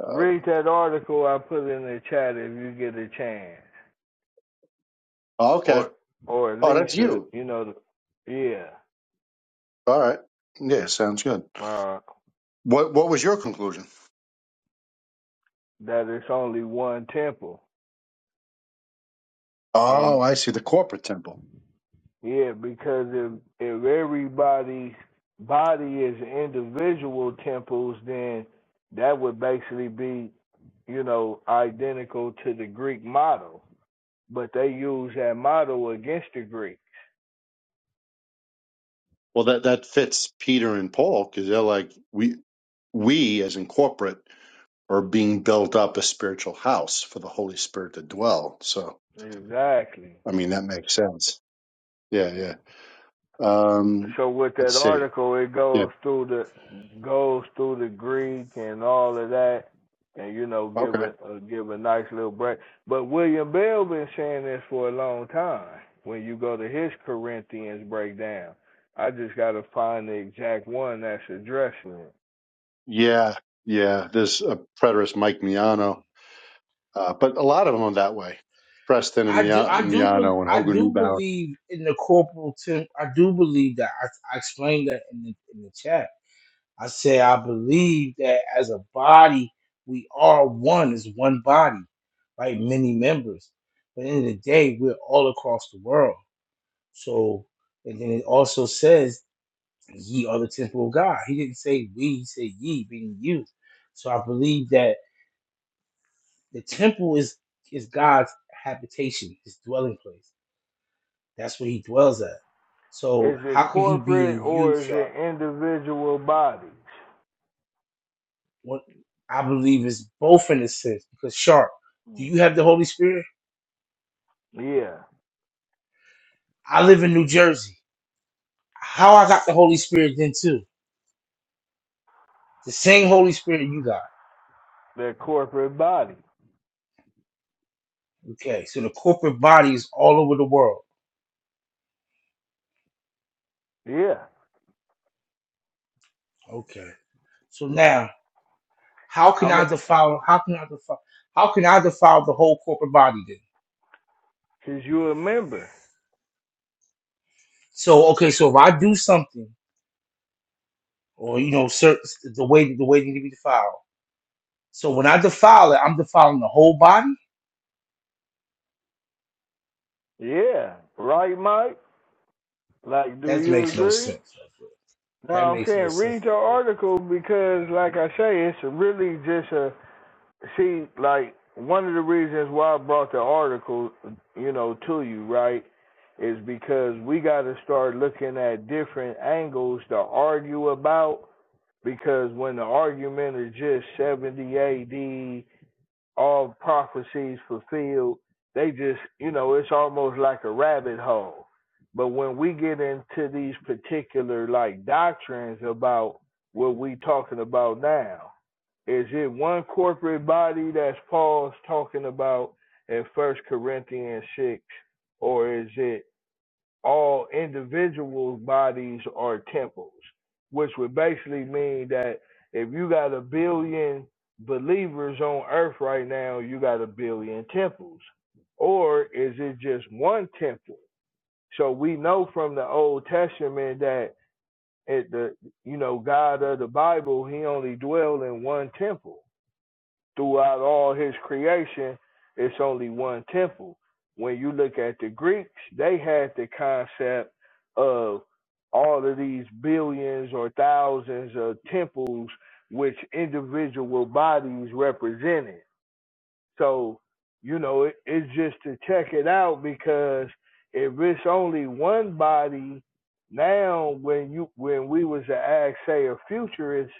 Speaker 12: uh,
Speaker 2: Read that article I put in the chat if you get a chance,
Speaker 12: oh, okay,
Speaker 2: or or at
Speaker 12: oh,
Speaker 2: least
Speaker 12: that's
Speaker 2: uh,
Speaker 12: you.
Speaker 2: you know, the- yeah,
Speaker 12: All right, yeah, sounds good.
Speaker 2: uh,
Speaker 12: What what was your conclusion?
Speaker 2: that it's only one temple, and.
Speaker 12: Oh, I see the corporate temple.
Speaker 2: Yeah, because if if everybody's body is individual temples, then that would basically be, you know, identical to the Greek model. But they use that model against the Greek.
Speaker 12: Well, that that fits Peter and Paul because they're like we we as in corporate are being built up a spiritual house for the Holy Spirit to dwell. So
Speaker 2: Exactly.
Speaker 12: I mean that makes sense. Yeah, yeah. Um,
Speaker 2: so with
Speaker 12: let's
Speaker 2: that
Speaker 12: see.
Speaker 2: article, it
Speaker 12: Yeah.
Speaker 2: goes through the goes through the Greek and all of that, and you know, give
Speaker 12: Okay.
Speaker 2: a uh, give a nice little break. But William Bell been saying this for a long time. When you go to his Corinthians breakdown, I just got to find the exact one that's addressing it.
Speaker 12: Yeah. Yeah. There's a preterist, Mike Miano, uh, but a lot of them are that way. Preston and
Speaker 1: I do,
Speaker 12: Mia-
Speaker 1: I do, bel
Speaker 12: Miano and
Speaker 1: I
Speaker 12: Hogan
Speaker 1: do
Speaker 12: Neubauer.
Speaker 1: believe in the corporal temp. I do believe that. I, I explained that in the in the chat. I said I believe that as a body, we are one. Is one body, right? Many members, but in the day, we're all across the world. So, and then it also says, "Ye are the temple of God." He didn't say we. He said ye, being you. So I believe that the temple is is God's habitation, His dwelling place That's where he dwells at. So
Speaker 2: Is it
Speaker 1: how can he be
Speaker 2: corporate
Speaker 1: in you,
Speaker 2: or is it
Speaker 1: Sharp?
Speaker 2: individual bodies?
Speaker 1: What I believe is both in a sense because Sharp, do
Speaker 2: Mm.
Speaker 1: you have the Holy Spirit?
Speaker 2: Yeah,
Speaker 1: I live in New Jersey. How I got the Holy Spirit then too? The same Holy Spirit you got.
Speaker 2: their corporate body.
Speaker 1: Okay, so the corporate body is all over the world.
Speaker 2: Yeah,
Speaker 1: Okay, so now how can
Speaker 2: I
Speaker 1: I
Speaker 2: mean,
Speaker 1: defile? How can I defile? How can I defile the whole corporate body then?
Speaker 2: 'cause you a member.
Speaker 1: So okay, so if I do something, or you know, certain the way the way they need to be defiled So when I defile it, I'm defiling the whole body.
Speaker 2: Yeah, right, Mike. Like, do
Speaker 1: That
Speaker 2: you
Speaker 1: makes no
Speaker 2: agree?
Speaker 1: sense. right
Speaker 2: No,
Speaker 1: there. That
Speaker 2: I'm
Speaker 1: makes no
Speaker 2: saying
Speaker 1: sense
Speaker 2: read your
Speaker 1: right there.
Speaker 2: article because, like I say, it's really just a see. Like one of the reasons why I brought the article, you know, to you, right, is because we got to start looking at different angles to argue about. Because when the argument is just 70 AD all prophecies fulfilled. They just, you know, it's almost like a rabbit hole. But when we get into these particular like doctrines about what we talking about now, is it one corporate body that's Paul's talking about in First Corinthians six, or is it all individuals' bodies are temples, which would basically mean that if you got a billion believers on earth right now, you got a billion temples. Or is it just one temple? So we know from the Old Testament that at the you know God of the Bible, he only dwelled in one temple throughout all his creation, it's only one temple. When you look at the Greeks, they had the concept of all of these billions or thousands of temples which individual bodies represented. So, you know, it, it's just to check it out because if it's only one body, now when you when we was to ask, say, a futurist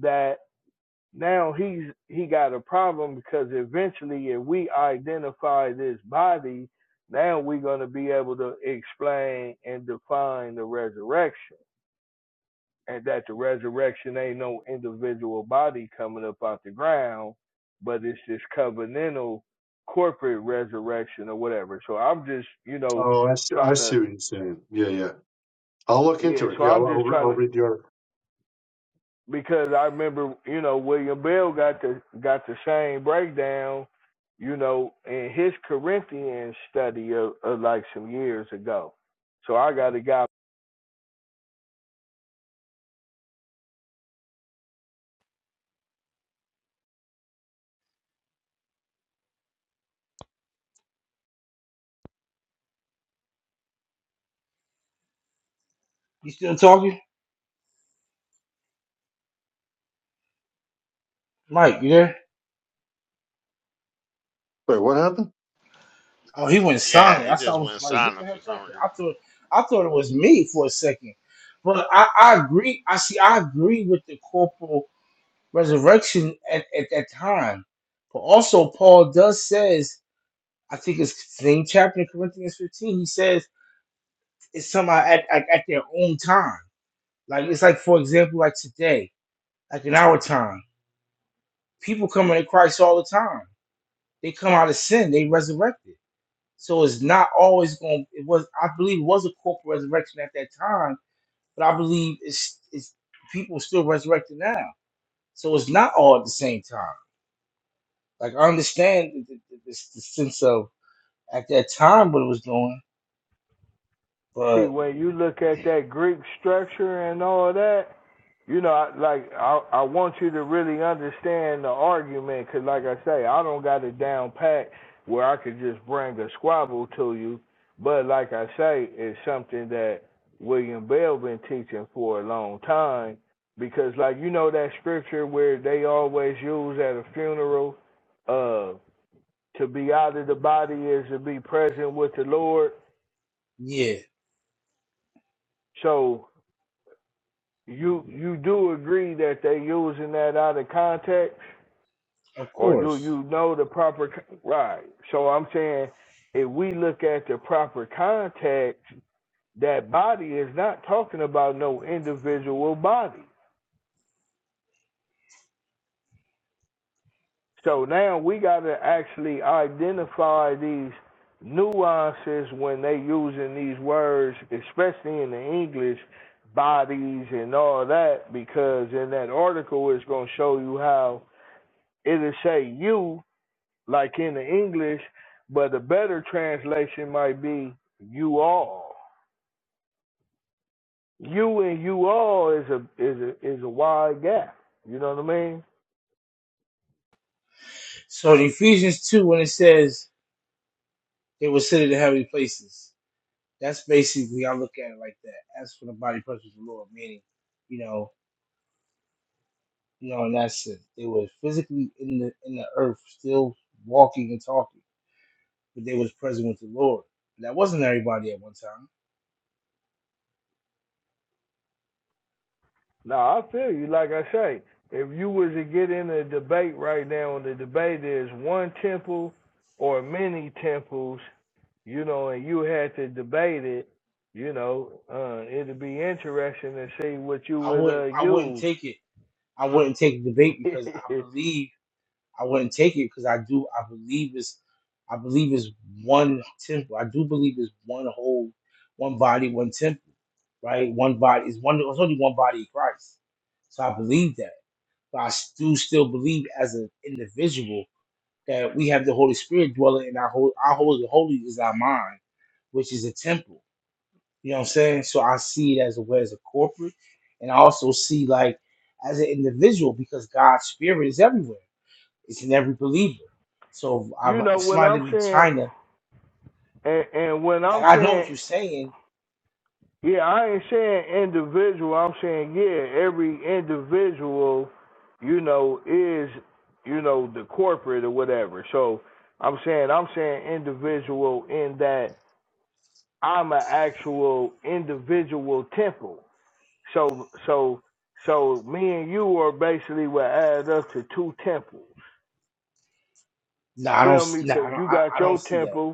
Speaker 2: that now he's he got a problem because eventually, if we identify this body, now we're going to be able to explain and define the resurrection, and that the resurrection ain't no individual body coming up out the ground, but it's this covenantal corporate resurrection or whatever. So I'm just you know
Speaker 12: Oh, I see,
Speaker 2: trying
Speaker 12: I
Speaker 2: to
Speaker 12: see what you're saying. Yeah, yeah. I'll look
Speaker 2: yeah.
Speaker 12: into it.
Speaker 2: So
Speaker 12: Yeah,
Speaker 2: I'm
Speaker 12: I'll,
Speaker 2: just
Speaker 12: I'll,
Speaker 2: trying
Speaker 12: I'll
Speaker 2: to
Speaker 12: read the article.
Speaker 2: because I remember, you know, William Bell got the got the same breakdown, you know, in his Corinthian study of, of like some years ago. So I got a guy.
Speaker 1: You still talking, Mike? You there?
Speaker 12: Wait, what happened?
Speaker 1: Oh, he went
Speaker 19: yeah,
Speaker 1: silent.
Speaker 19: it
Speaker 1: That's why I
Speaker 19: just
Speaker 1: was
Speaker 19: went
Speaker 1: like, "What the
Speaker 19: silent for
Speaker 1: heck
Speaker 19: some
Speaker 1: happened?"
Speaker 19: reason.
Speaker 1: I thought, I thought it was me for a second. But I, I agree. I see. I agree with the corporal resurrection at, at that time. But also, Paul does says, I think it's same chapter in Corinthians 15. He says it's somehow at, at, at their own time. Like it's like, for example, like today. like in our time. People come into Christ all the time. They come out of sin, they resurrected. So it's not always going it was I believe it was a corporate resurrection at that time, but I believe it's it's people still resurrected now. So it's not all at the same time. Like I understand the, the, the, the sense of at that time what it was doing,
Speaker 2: See,
Speaker 1: but
Speaker 2: when you look at that Greek structure and all that, you know, I- like I I want you to really understand the argument, cause like I say, I don't got it down pat where I could just bring a squabble to you, but like I say, it's something that William Bell been teaching for a long time, because like you know that scripture where they always use at a funeral, uh, to be out of the body is to be present with the Lord.
Speaker 1: yeah,
Speaker 2: So you you do agree that they using that out of context?
Speaker 1: of
Speaker 2: or do
Speaker 1: course.
Speaker 2: you know the proper right? So I'm saying if we look at the proper context, that body is not talking about no individual body. So now we got to actually identify these nuances when they using these words, especially in the English bodies and all that, because in that article it's going to show you how it'll say you like in the English, but the better translation might be you all. You and you all is a is a is a wide gap. You know what I mean?
Speaker 1: So in Ephesians two when it says they were seated in heavenly places. That's basically I look at it like that. As for the body presence of the Lord, meaning, you know, you know, in that sense, they were physically in the in the earth, still walking and talking, but they was present with the Lord. That wasn't everybody at one time.
Speaker 2: Now I feel you. Like I say, if you was to get in a debate right now, and the debate is one temple or many temples, you know, and you had to debate it, you know, uh, it'd be interesting to see what you
Speaker 1: I
Speaker 2: would uh,
Speaker 1: wouldn't I wouldn't
Speaker 2: use.
Speaker 1: take it. I wouldn't take the debate because I
Speaker 2: [laughs]
Speaker 1: believe I wouldn't take it because I do I believe it's I believe it's one temple. I do believe it's one whole, one body, one temple, right? One body is one. There's only one body in Christ. So I believe that. But I do still believe as an individual that we have the Holy Spirit dwelling in our Holy. our holy holy is our mind, which is a temple. You know what I'm saying? So I see it as a way as a corporate and I also see like as an individual because God's spirit is everywhere. It's in every believer. So I,
Speaker 2: you know
Speaker 1: if
Speaker 2: what
Speaker 1: somebody
Speaker 2: I'm
Speaker 1: live in
Speaker 2: saying?
Speaker 1: China,
Speaker 2: And and when
Speaker 1: like
Speaker 2: I'm
Speaker 1: I know what
Speaker 2: saying
Speaker 1: you're saying.
Speaker 2: yeah, I ain't saying individual. I'm saying yeah, every individual, you know, is you know the corporate or whatever. So I'm saying I'm saying individual in that I'm an actual individual temple. So so so me and you are basically what add up to two temples.
Speaker 1: No, I don't.
Speaker 2: Feel me?
Speaker 1: No,
Speaker 2: Because
Speaker 1: I don't.
Speaker 2: you
Speaker 1: I,
Speaker 2: got
Speaker 1: I don't
Speaker 2: your
Speaker 1: see that.
Speaker 2: temple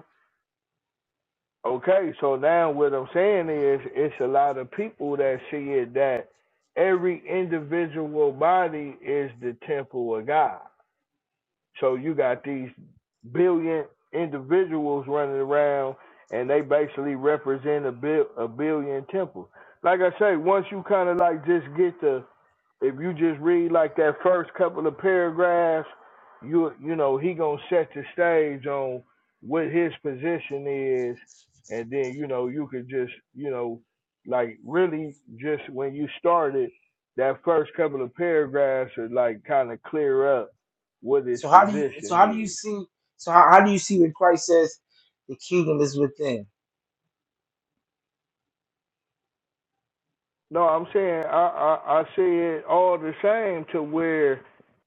Speaker 2: Okay, so now what I'm saying is it's a lot of people that see it that every individual body is the temple of God. So you got these billion individuals running around and they basically represent a, bil- a billion temples. Like I say, once you kind of like just get the if you just read like that first couple of paragraphs, you you know he gonna set the stage on what his position is, and then you know you could just you know like really just when you started that first couple of paragraphs are like kind of clear up what his
Speaker 1: So how do you? So
Speaker 2: position
Speaker 1: how do you
Speaker 2: is,
Speaker 1: see? So how, how do you see when Christ says the kingdom is within?
Speaker 2: No, I'm saying I, I I see it all the same to where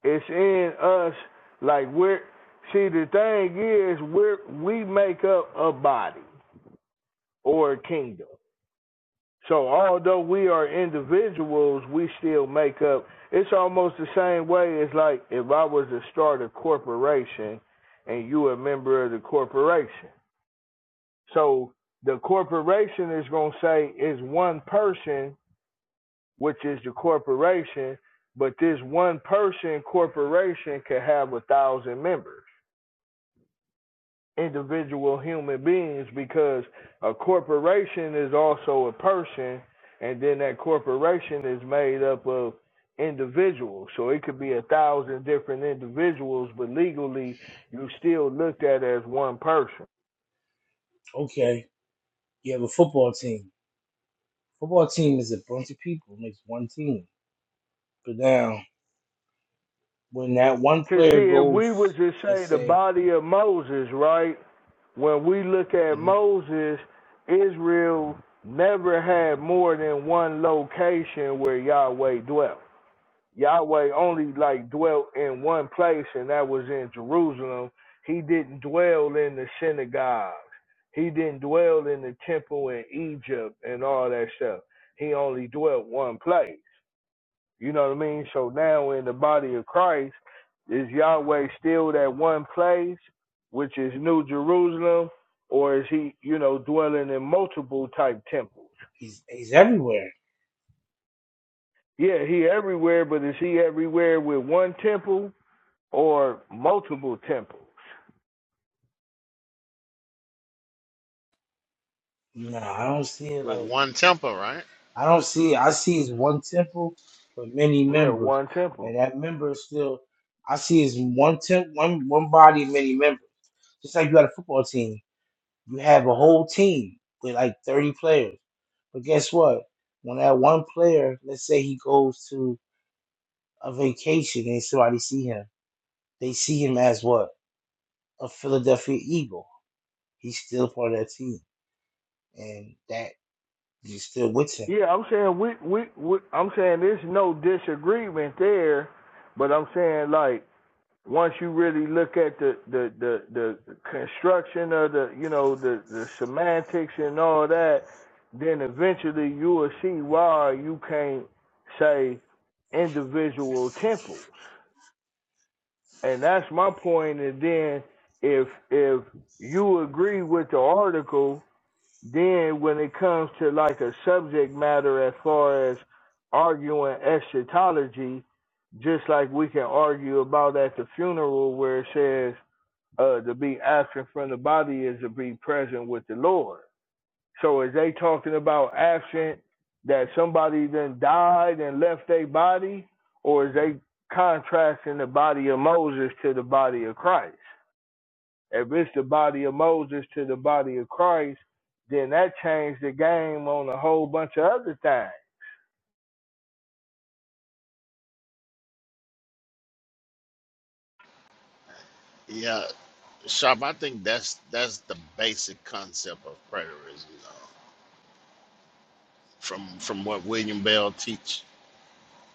Speaker 2: it's in us. Like we're see the thing is we are we make up a body or a kingdom. So although we are individuals, we still make up. It's almost the same way as like if I was to start a corporation and you a member of the corporation. So the corporation is gonna say is one person which is the corporation, but this one person corporation can have a thousand members, individual human beings, because a corporation is also a person, and then that corporation is made up of individuals. So it could be a thousand different individuals, but legally you still looked at as one person.
Speaker 1: Okay, You have a football team. Football team is a bunch of people, makes one team. But now, when that one
Speaker 2: Cause see,
Speaker 1: player
Speaker 2: if we was
Speaker 1: goes,
Speaker 2: to
Speaker 1: let's
Speaker 2: say the
Speaker 1: say
Speaker 2: body of Moses, right? when we look at
Speaker 1: mhm,
Speaker 2: Moses, Israel never had more than one location where Yahweh dwelt. Yahweh only like dwelt in one place, and that was in Jerusalem. He didn't dwell in the synagogues. He didn't dwell in the temple in Egypt and all that stuff. He only dwelt one place. You know what I mean? So now in the body of Christ, is Yahweh still that one place, which is New Jerusalem, or is he, you know, dwelling in multiple type temples?
Speaker 1: he's he's everywhere.
Speaker 2: Yeah, he everywhere, but is he everywhere with one temple or multiple temples?
Speaker 1: No, I don't see it
Speaker 19: with
Speaker 1: like
Speaker 19: one temple, right?
Speaker 1: I don't see. I see it's one temple with many
Speaker 2: Yeah,
Speaker 1: members,
Speaker 2: one
Speaker 1: and
Speaker 2: temple.
Speaker 1: that member is still. I see it's one temp, one one body, many members. Just like you got a football team, you have a whole team with like thirty players. But guess what? When that one player, let's say he goes to a vacation and somebody see him, they see him as what? A Philadelphia Eagle. He's still part of that team. And that is still with him.
Speaker 2: Yeah, I'm saying we, we, we I'm saying there's no disagreement there, but I'm saying like once you really look at the the the, the construction of the you know the the semantics and all that, then eventually you will see why you can't say individual temples. And that's my point. And then if if you agree with the article, then when it comes to like a subject matter as far as arguing eschatology, just like we can argue about at the funeral where it says uh, to be absent from the body is to be present with the Lord. So is they talking about absent that somebody then died and left their body, or is they contrasting the body of Moses to the body of Christ? If it's the body of Moses to the body of Christ, then that changed the game on a whole bunch of other things.
Speaker 19: Yeah, Sharp. I think that's that's the basic concept of preterism, though. From from what William Bell teach,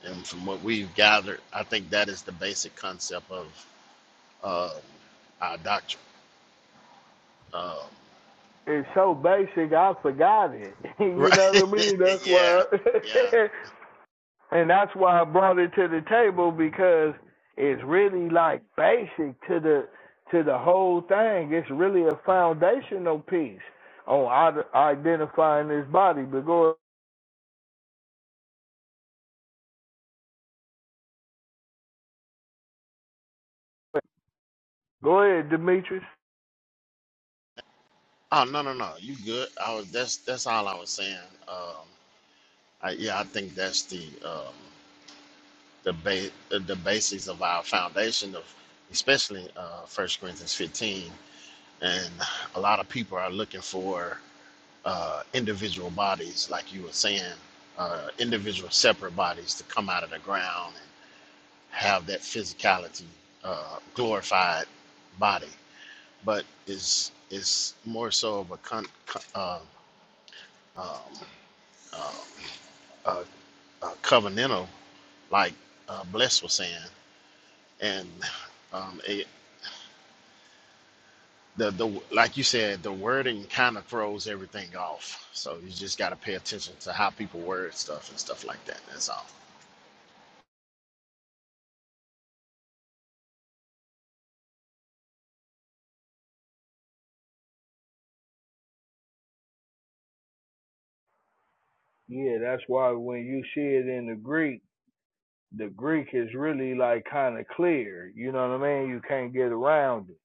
Speaker 19: and from what we've gathered, I think that is the basic concept of um our doctrine. Um,
Speaker 2: It's so basic, I forgot it. [laughs]
Speaker 19: [laughs]
Speaker 2: you
Speaker 19: right?
Speaker 2: know what I
Speaker 19: [laughs]
Speaker 2: mean? That's
Speaker 19: yeah, yeah.
Speaker 2: why [laughs] And that's why I brought it to the table because it's really like basic to the to the whole thing. It's really a foundational piece on ide- identifying this body. But go ahead, go ahead, Demetrius.
Speaker 19: Oh no, no, no. You good? I was. That's that's all I was saying. Um, I, yeah, I think that's the um, the ba- the the basis of our foundation of, especially uh, First Corinthians 15 and a lot of people are looking for uh, individual bodies, like you were saying, uh, individual separate bodies to come out of the ground and have that physicality, uh, glorified body. But it's it's more so of a con, con, uh, um, uh, uh, uh, covenantal, like uh, Bless was saying, and um, the the like you said, the wording kind of throws everything off. So you just got to pay attention to how people word stuff and stuff like that. That's all.
Speaker 2: Yeah, that's why when you see it in the Greek, the Greek is really like kind of clear. You know what I mean? You can't get around it.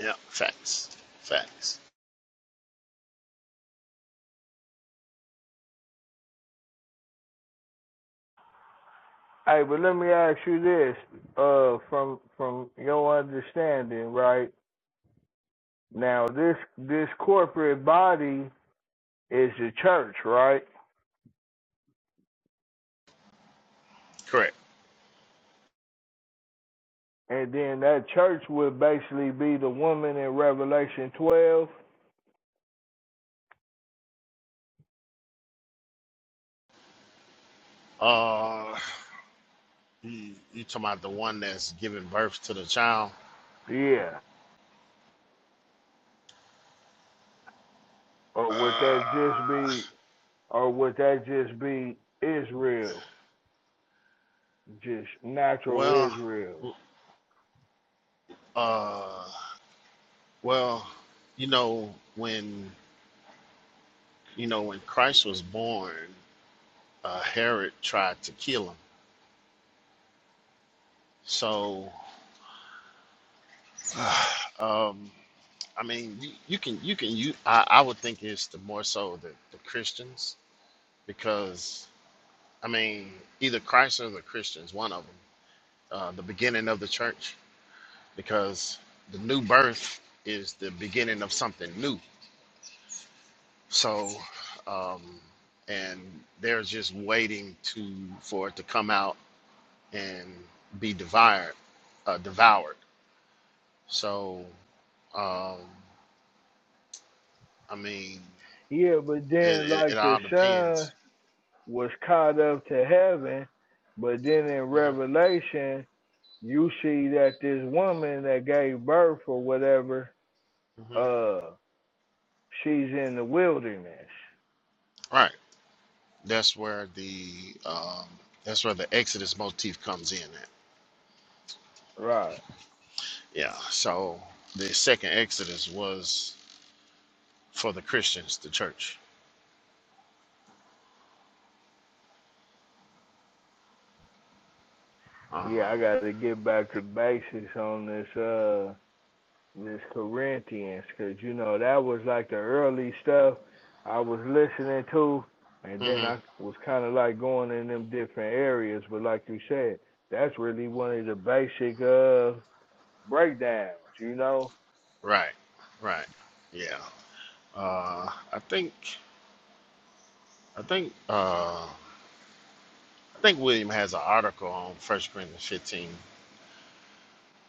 Speaker 19: Yeah, facts, facts.
Speaker 2: Hey, but let me ask you this, uh, from from your understanding, right? Now this this corporate body is the church, right?
Speaker 19: Correct.
Speaker 2: And then that church would basically be the woman in Revelation twelve.
Speaker 19: Uh, you you talking about the one that's giving birth to the child?
Speaker 2: Yeah. Or would that just
Speaker 19: Uh,
Speaker 2: be or would that just be Israel? Just natural
Speaker 19: well,
Speaker 2: Israel.
Speaker 19: uh, well, you know when you know when Christ was born, uh, Herod tried to kill him. So, [sighs] um. I mean, you, you can you can you I, I would think it's the more so the, the Christians because I mean either Christ or the Christians, one of them, uh, the beginning of the church because the new birth is the beginning of something new. So, um, and they're just waiting to for it to come out and be devoured, uh, devoured. So, um, I mean,
Speaker 2: Yeah, but then
Speaker 19: it, it, it
Speaker 2: like the
Speaker 19: all
Speaker 2: sun
Speaker 19: depends.
Speaker 2: was caught up to heaven, but then in
Speaker 19: Mhm,
Speaker 2: Revelation you see that this woman that gave birth or whatever
Speaker 19: mhm.
Speaker 2: uh. She's in the wilderness.
Speaker 19: Right. That's where the um, that's where the Exodus motif comes in at.
Speaker 2: Right.
Speaker 19: Yeah. So the second Exodus was for the Christians, the church. Um,
Speaker 2: Yeah, I gotta get back to basics on this uh this Corinthians because you know that was like the early stuff I was listening to, and then
Speaker 19: mhm.
Speaker 2: I was kind of like going in them different areas. But like you said, that's really one of the basic uh breakdowns. You know,
Speaker 19: Right. Right. Yeah. Uh, I think I think uh, I think William has an article on First Corinthians 15.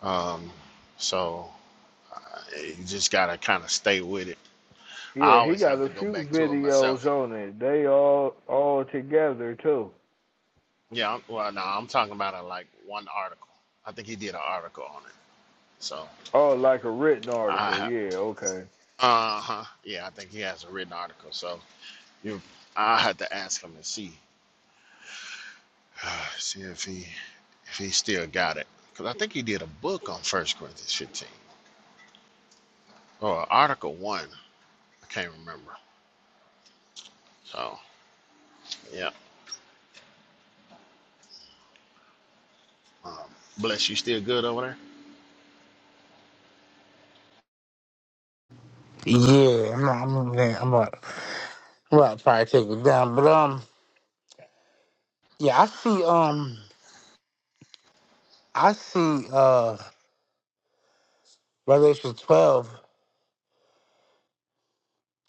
Speaker 19: Um, so uh, you just gotta kind of stay with it. I
Speaker 2: yeah, he
Speaker 19: always
Speaker 2: got
Speaker 19: have
Speaker 2: a
Speaker 19: to go
Speaker 2: few
Speaker 19: back to it
Speaker 2: videos
Speaker 19: myself
Speaker 2: on it. They all all together too.
Speaker 19: Yeah, I'm- well, no, I'm talking about a, like one article. I think he did an article on it. So
Speaker 2: Oh, like a written article.
Speaker 19: I,
Speaker 2: Yeah, okay.
Speaker 19: uh huh, yeah, I think he has a written article. So you, I had to ask him and see, [sighs] see if he, if he still got it, because I think he did a book on First Corinthians 15 or Article One. I can't remember. So yeah, um, bless you. Still good over there?
Speaker 1: Yeah, I'm not, I'm not, I'm not, I'm not probably take it down, but um, yeah, I see um, I see uh, Revelation 12.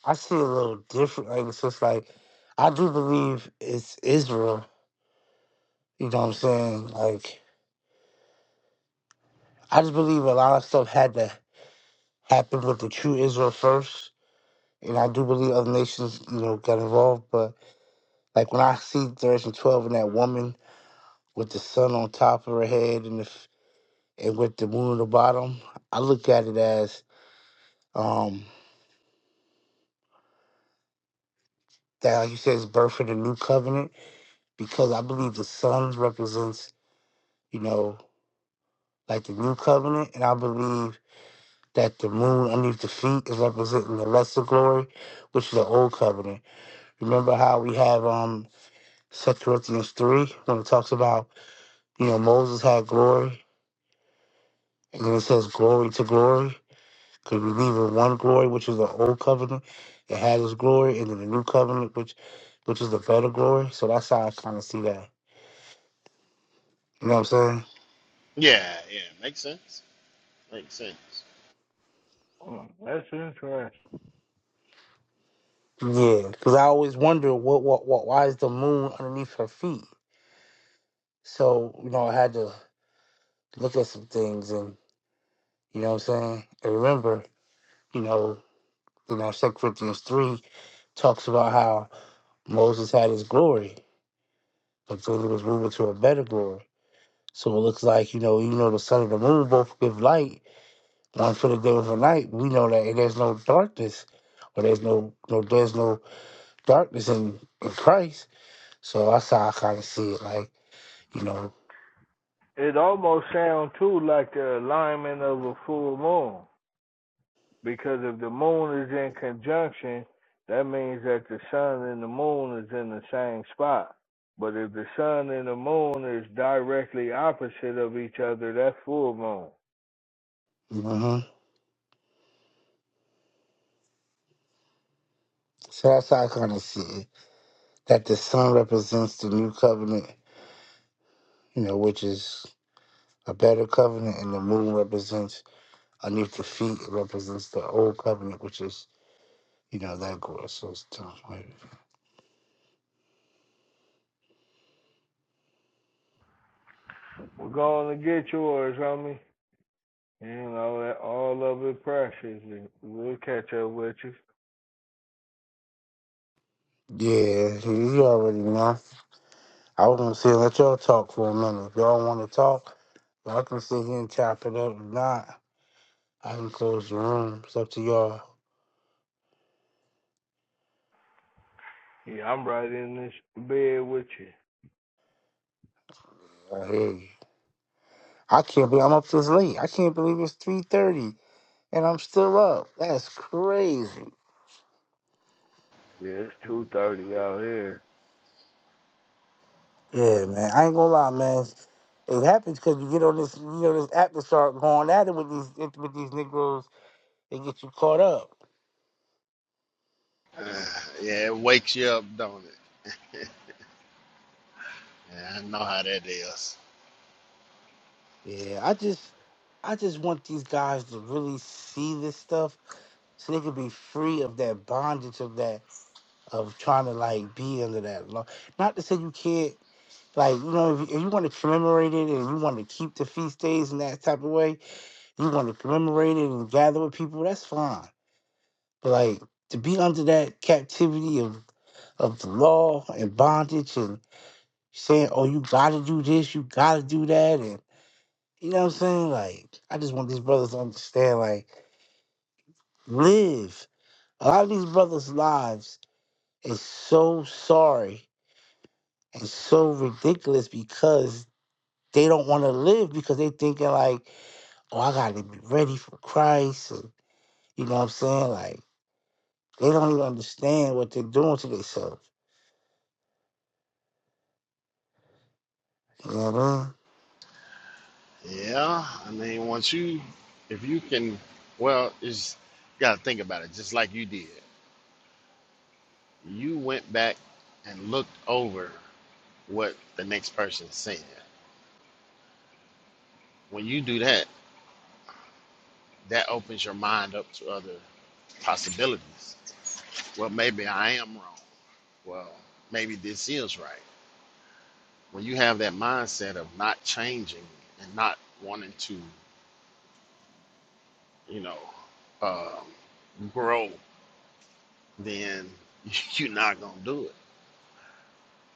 Speaker 1: I see it a little different. Like it's just like I do believe it's Israel. You know what I'm saying? Like I just believe a lot of stuff had to happen with the true Israel first. And I do believe other nations, you know, got involved. But like when I see Direction 12 and that woman with the sun on top of her head and the, f- and with the moon on the bottom, I look at it as um that, like you said, is birth of the new covenant because I believe the sun represents, you know, like the new covenant. And I believe that the moon underneath the feet is representing the lesser glory, which is the old covenant. Remember how we have um Second Corinthians 3 when it talks about You know, Moses had glory, and then it says glory to glory, because we leave in one glory, which is the old covenant that had its glory, and then the new covenant, which which is the better glory. So that's how I kind of see that. You know what I'm
Speaker 19: Yeah, yeah, makes sense. Makes sense.
Speaker 2: Mm, That's interesting.
Speaker 1: saying? Yeah, because I always wonder what what what why is the moon underneath her feet? So you know, I had to look at some things, and you know what I'm saying. And remember, you know, you know, Second Corinthians three talks about how Moses had his glory, but then he was moving to a better glory. So it looks like, you know, even though the sun and the moon both give light, one for the day and for night, we know that there's no darkness or there's no, no there's no darkness in, in Christ. So that's how I kind of see it. Like, you know,
Speaker 2: It almost sounds too like the alignment of a full moon because if the moon is in conjunction, that means that the sun and the moon is in the same spot. But if the sun and the moon is directly opposite of each other, that's full moon.
Speaker 1: hmm so that's how I kind of see it. That the sun represents the new covenant, you know, which is a better covenant, and the moon represents underneath the feet, it represents the old covenant, which is, you know, that gross. So it's time.
Speaker 2: We're going to get yours, homie. You know, that all of it precious. and We'll catch up with you.
Speaker 1: Yeah, you already know. I was gonna say let y'all talk for a minute. If y'all want to talk, y'all can sit here and chop it up. If not, I can close the room. It's up to y'all.
Speaker 2: Yeah, I'm right in this bed with you.
Speaker 1: I hear you. I can't believe I'm up this late. I can't believe it's three thirty and I'm still up. That's crazy.
Speaker 2: Yeah, it's 2.30 out here.
Speaker 1: Yeah, man. I ain't gonna lie, man. It happens because you get on this, you know, this app and start going at it with these with these Negroes and get you caught up.
Speaker 19: Uh, yeah, it wakes you up, don't it? Yeah, I know how that is.
Speaker 1: Yeah, I just, I just want these guys to really see this stuff so they could be free of that bondage of that of trying to like be under that law. Not to say you can't, like you know, if you, if you want to commemorate it and you want to keep the feast days in that type of way, you want to commemorate it and gather with people. That's fine, but like to be under that captivity of of the law and bondage and saying, oh, you got to do this, you got to do that, and you know what I'm saying? Like, I just want these brothers to understand, like, live. A lot of these brothers' lives is so sorry and so ridiculous because they don't want to live because they thinking like, oh, I gotta be ready for Christ, and you know what I'm saying? Like they don't even understand what they're doing to themselves. You know what I mean?
Speaker 19: Yeah, I mean, once you, if you can, well, it's you got to think about it. Just like you did, you went back and looked over what the next person's saying. When you do that, that opens your mind up to other possibilities. Well, maybe I am wrong. Well, maybe this is right. When you have that mindset of not changing and not wanting to, you know, um, grow, then [laughs] you're not gonna do it.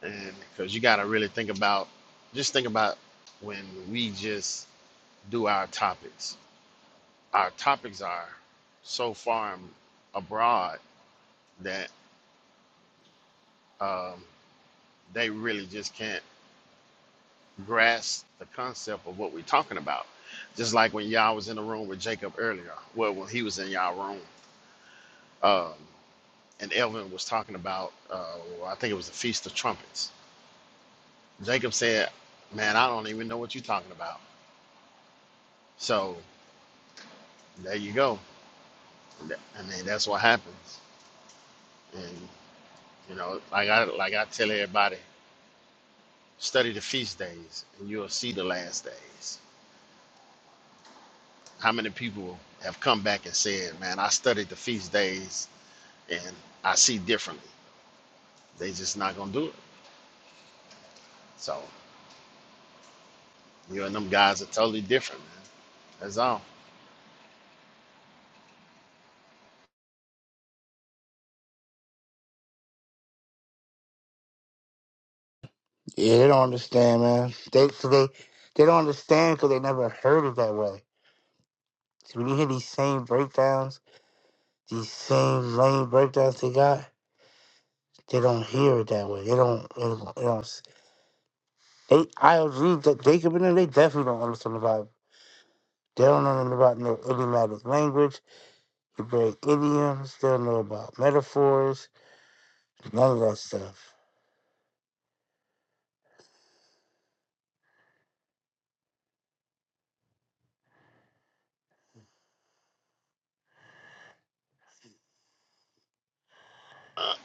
Speaker 19: and because you got to really think about just think about when we just do our topics our topics are so far and abroad that um, they really just can't grasp the concept of what we're talking about just like when y'all was in the room with jacob earlier well when he was in y'all room um, and elvin was talking about uh, i think it was the feast of trumpets jacob said man i don't even know what you're talking about so there you go I mean, that's what happens. And you know, like I like I tell everybody, study the feast days, and you'll see the last days. How many people have come back and said, "Man, I studied the feast days, and I see differently." They just not gonna do it. So you and them guys are totally different, man. That's all.
Speaker 1: Yeah, they don't understand, man. They so they they don't understand because they never heard it that way. So when you hear these same breakdowns, these same lame breakdowns they got, they don't hear it that way. They don't. They don't. They don't they, I agree that Jacob and them, they definitely don't understand the Bible. They don't know nothing about no idiomatic language, Hebraic idioms. They don't know about metaphors, none of that stuff.
Speaker 19: Uh,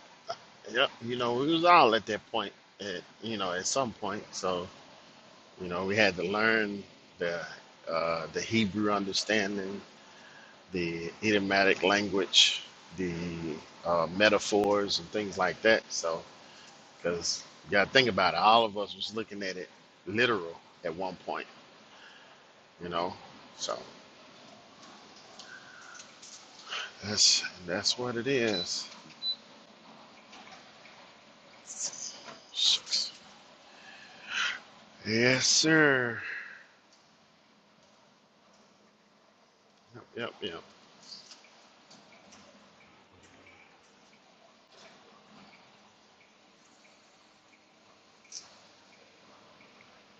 Speaker 19: yep. You know, we was all at that point. At you know, at some point. So you know, we had to learn the uh, the Hebrew understanding the idiomatic language, the uh, metaphors, and things like that. So, because you got to think about it, all of us was looking at it literal at one point, you know. So that's that's what it is. Shucks. Yes, sir. Yep, yep. yep.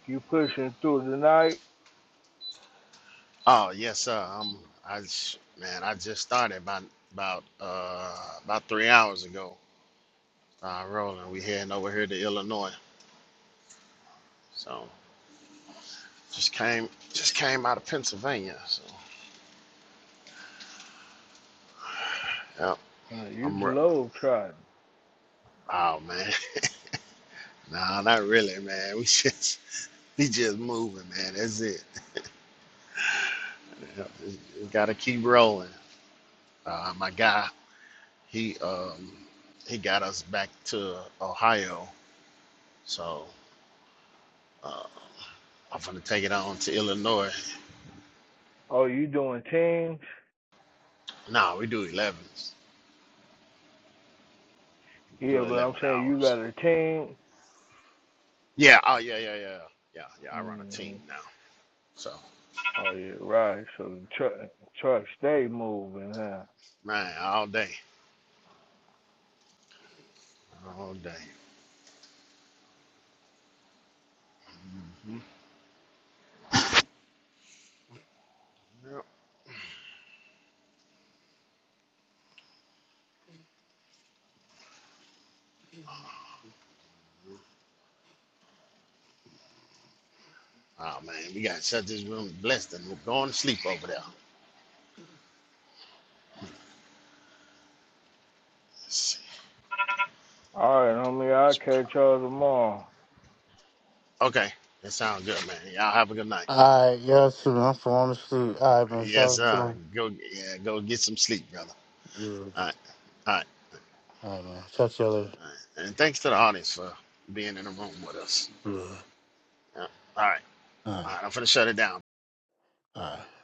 Speaker 2: You pushing through the night.
Speaker 19: Oh, yes, sir. Um, I sh- man, I just started about about uh about three hours ago. Uh, rolling. We heading over here to Illinois. So just came just came out of Pennsylvania. So. Yep,
Speaker 2: Uh, You
Speaker 19: I'm. Re-
Speaker 2: globe trotting.
Speaker 19: oh man, [laughs] nah, not really, man. We [laughs] just we just moving, man. That's it. Yep, We gotta keep rolling. Uh, my guy, he um he got us back to Ohio, so uh, I'm gonna take it on to Illinois.
Speaker 2: Oh, you doing teams?
Speaker 19: Nah, we do 11s,
Speaker 2: Yeah,
Speaker 19: do
Speaker 2: but
Speaker 19: 11
Speaker 2: I'm saying you
Speaker 19: hours.
Speaker 2: got a team.
Speaker 19: Yeah. Oh yeah, yeah, yeah, yeah, yeah. I run a
Speaker 2: hmm
Speaker 19: team now, so
Speaker 2: Oh yeah, right. So the truck, truck stay moving, huh?
Speaker 19: man, all day, all day. hmm Oh man, we gotta shut this room. Bless them. We're going to sleep over there. Let's see.
Speaker 2: All right, homie. I'll
Speaker 19: What's it
Speaker 2: catch
Speaker 19: called?
Speaker 2: y'all tomorrow.
Speaker 19: Okay, that sounds good, man. Y'all have a good night.
Speaker 1: All right, yeah, too. I'm falling asleep. All right, man. Shout
Speaker 19: Yes,
Speaker 1: out to
Speaker 19: sir.
Speaker 1: them.
Speaker 19: Go, yeah, go get some sleep, brother.
Speaker 1: Yeah.
Speaker 19: All right, all right,
Speaker 1: All right, man. Talk you later.
Speaker 19: all right. And thanks to the audience for being in the room with us.
Speaker 1: Yeah.
Speaker 19: Yeah. All right,
Speaker 1: All
Speaker 19: all
Speaker 1: right.
Speaker 19: right. I'm finna shut it down.
Speaker 1: All right.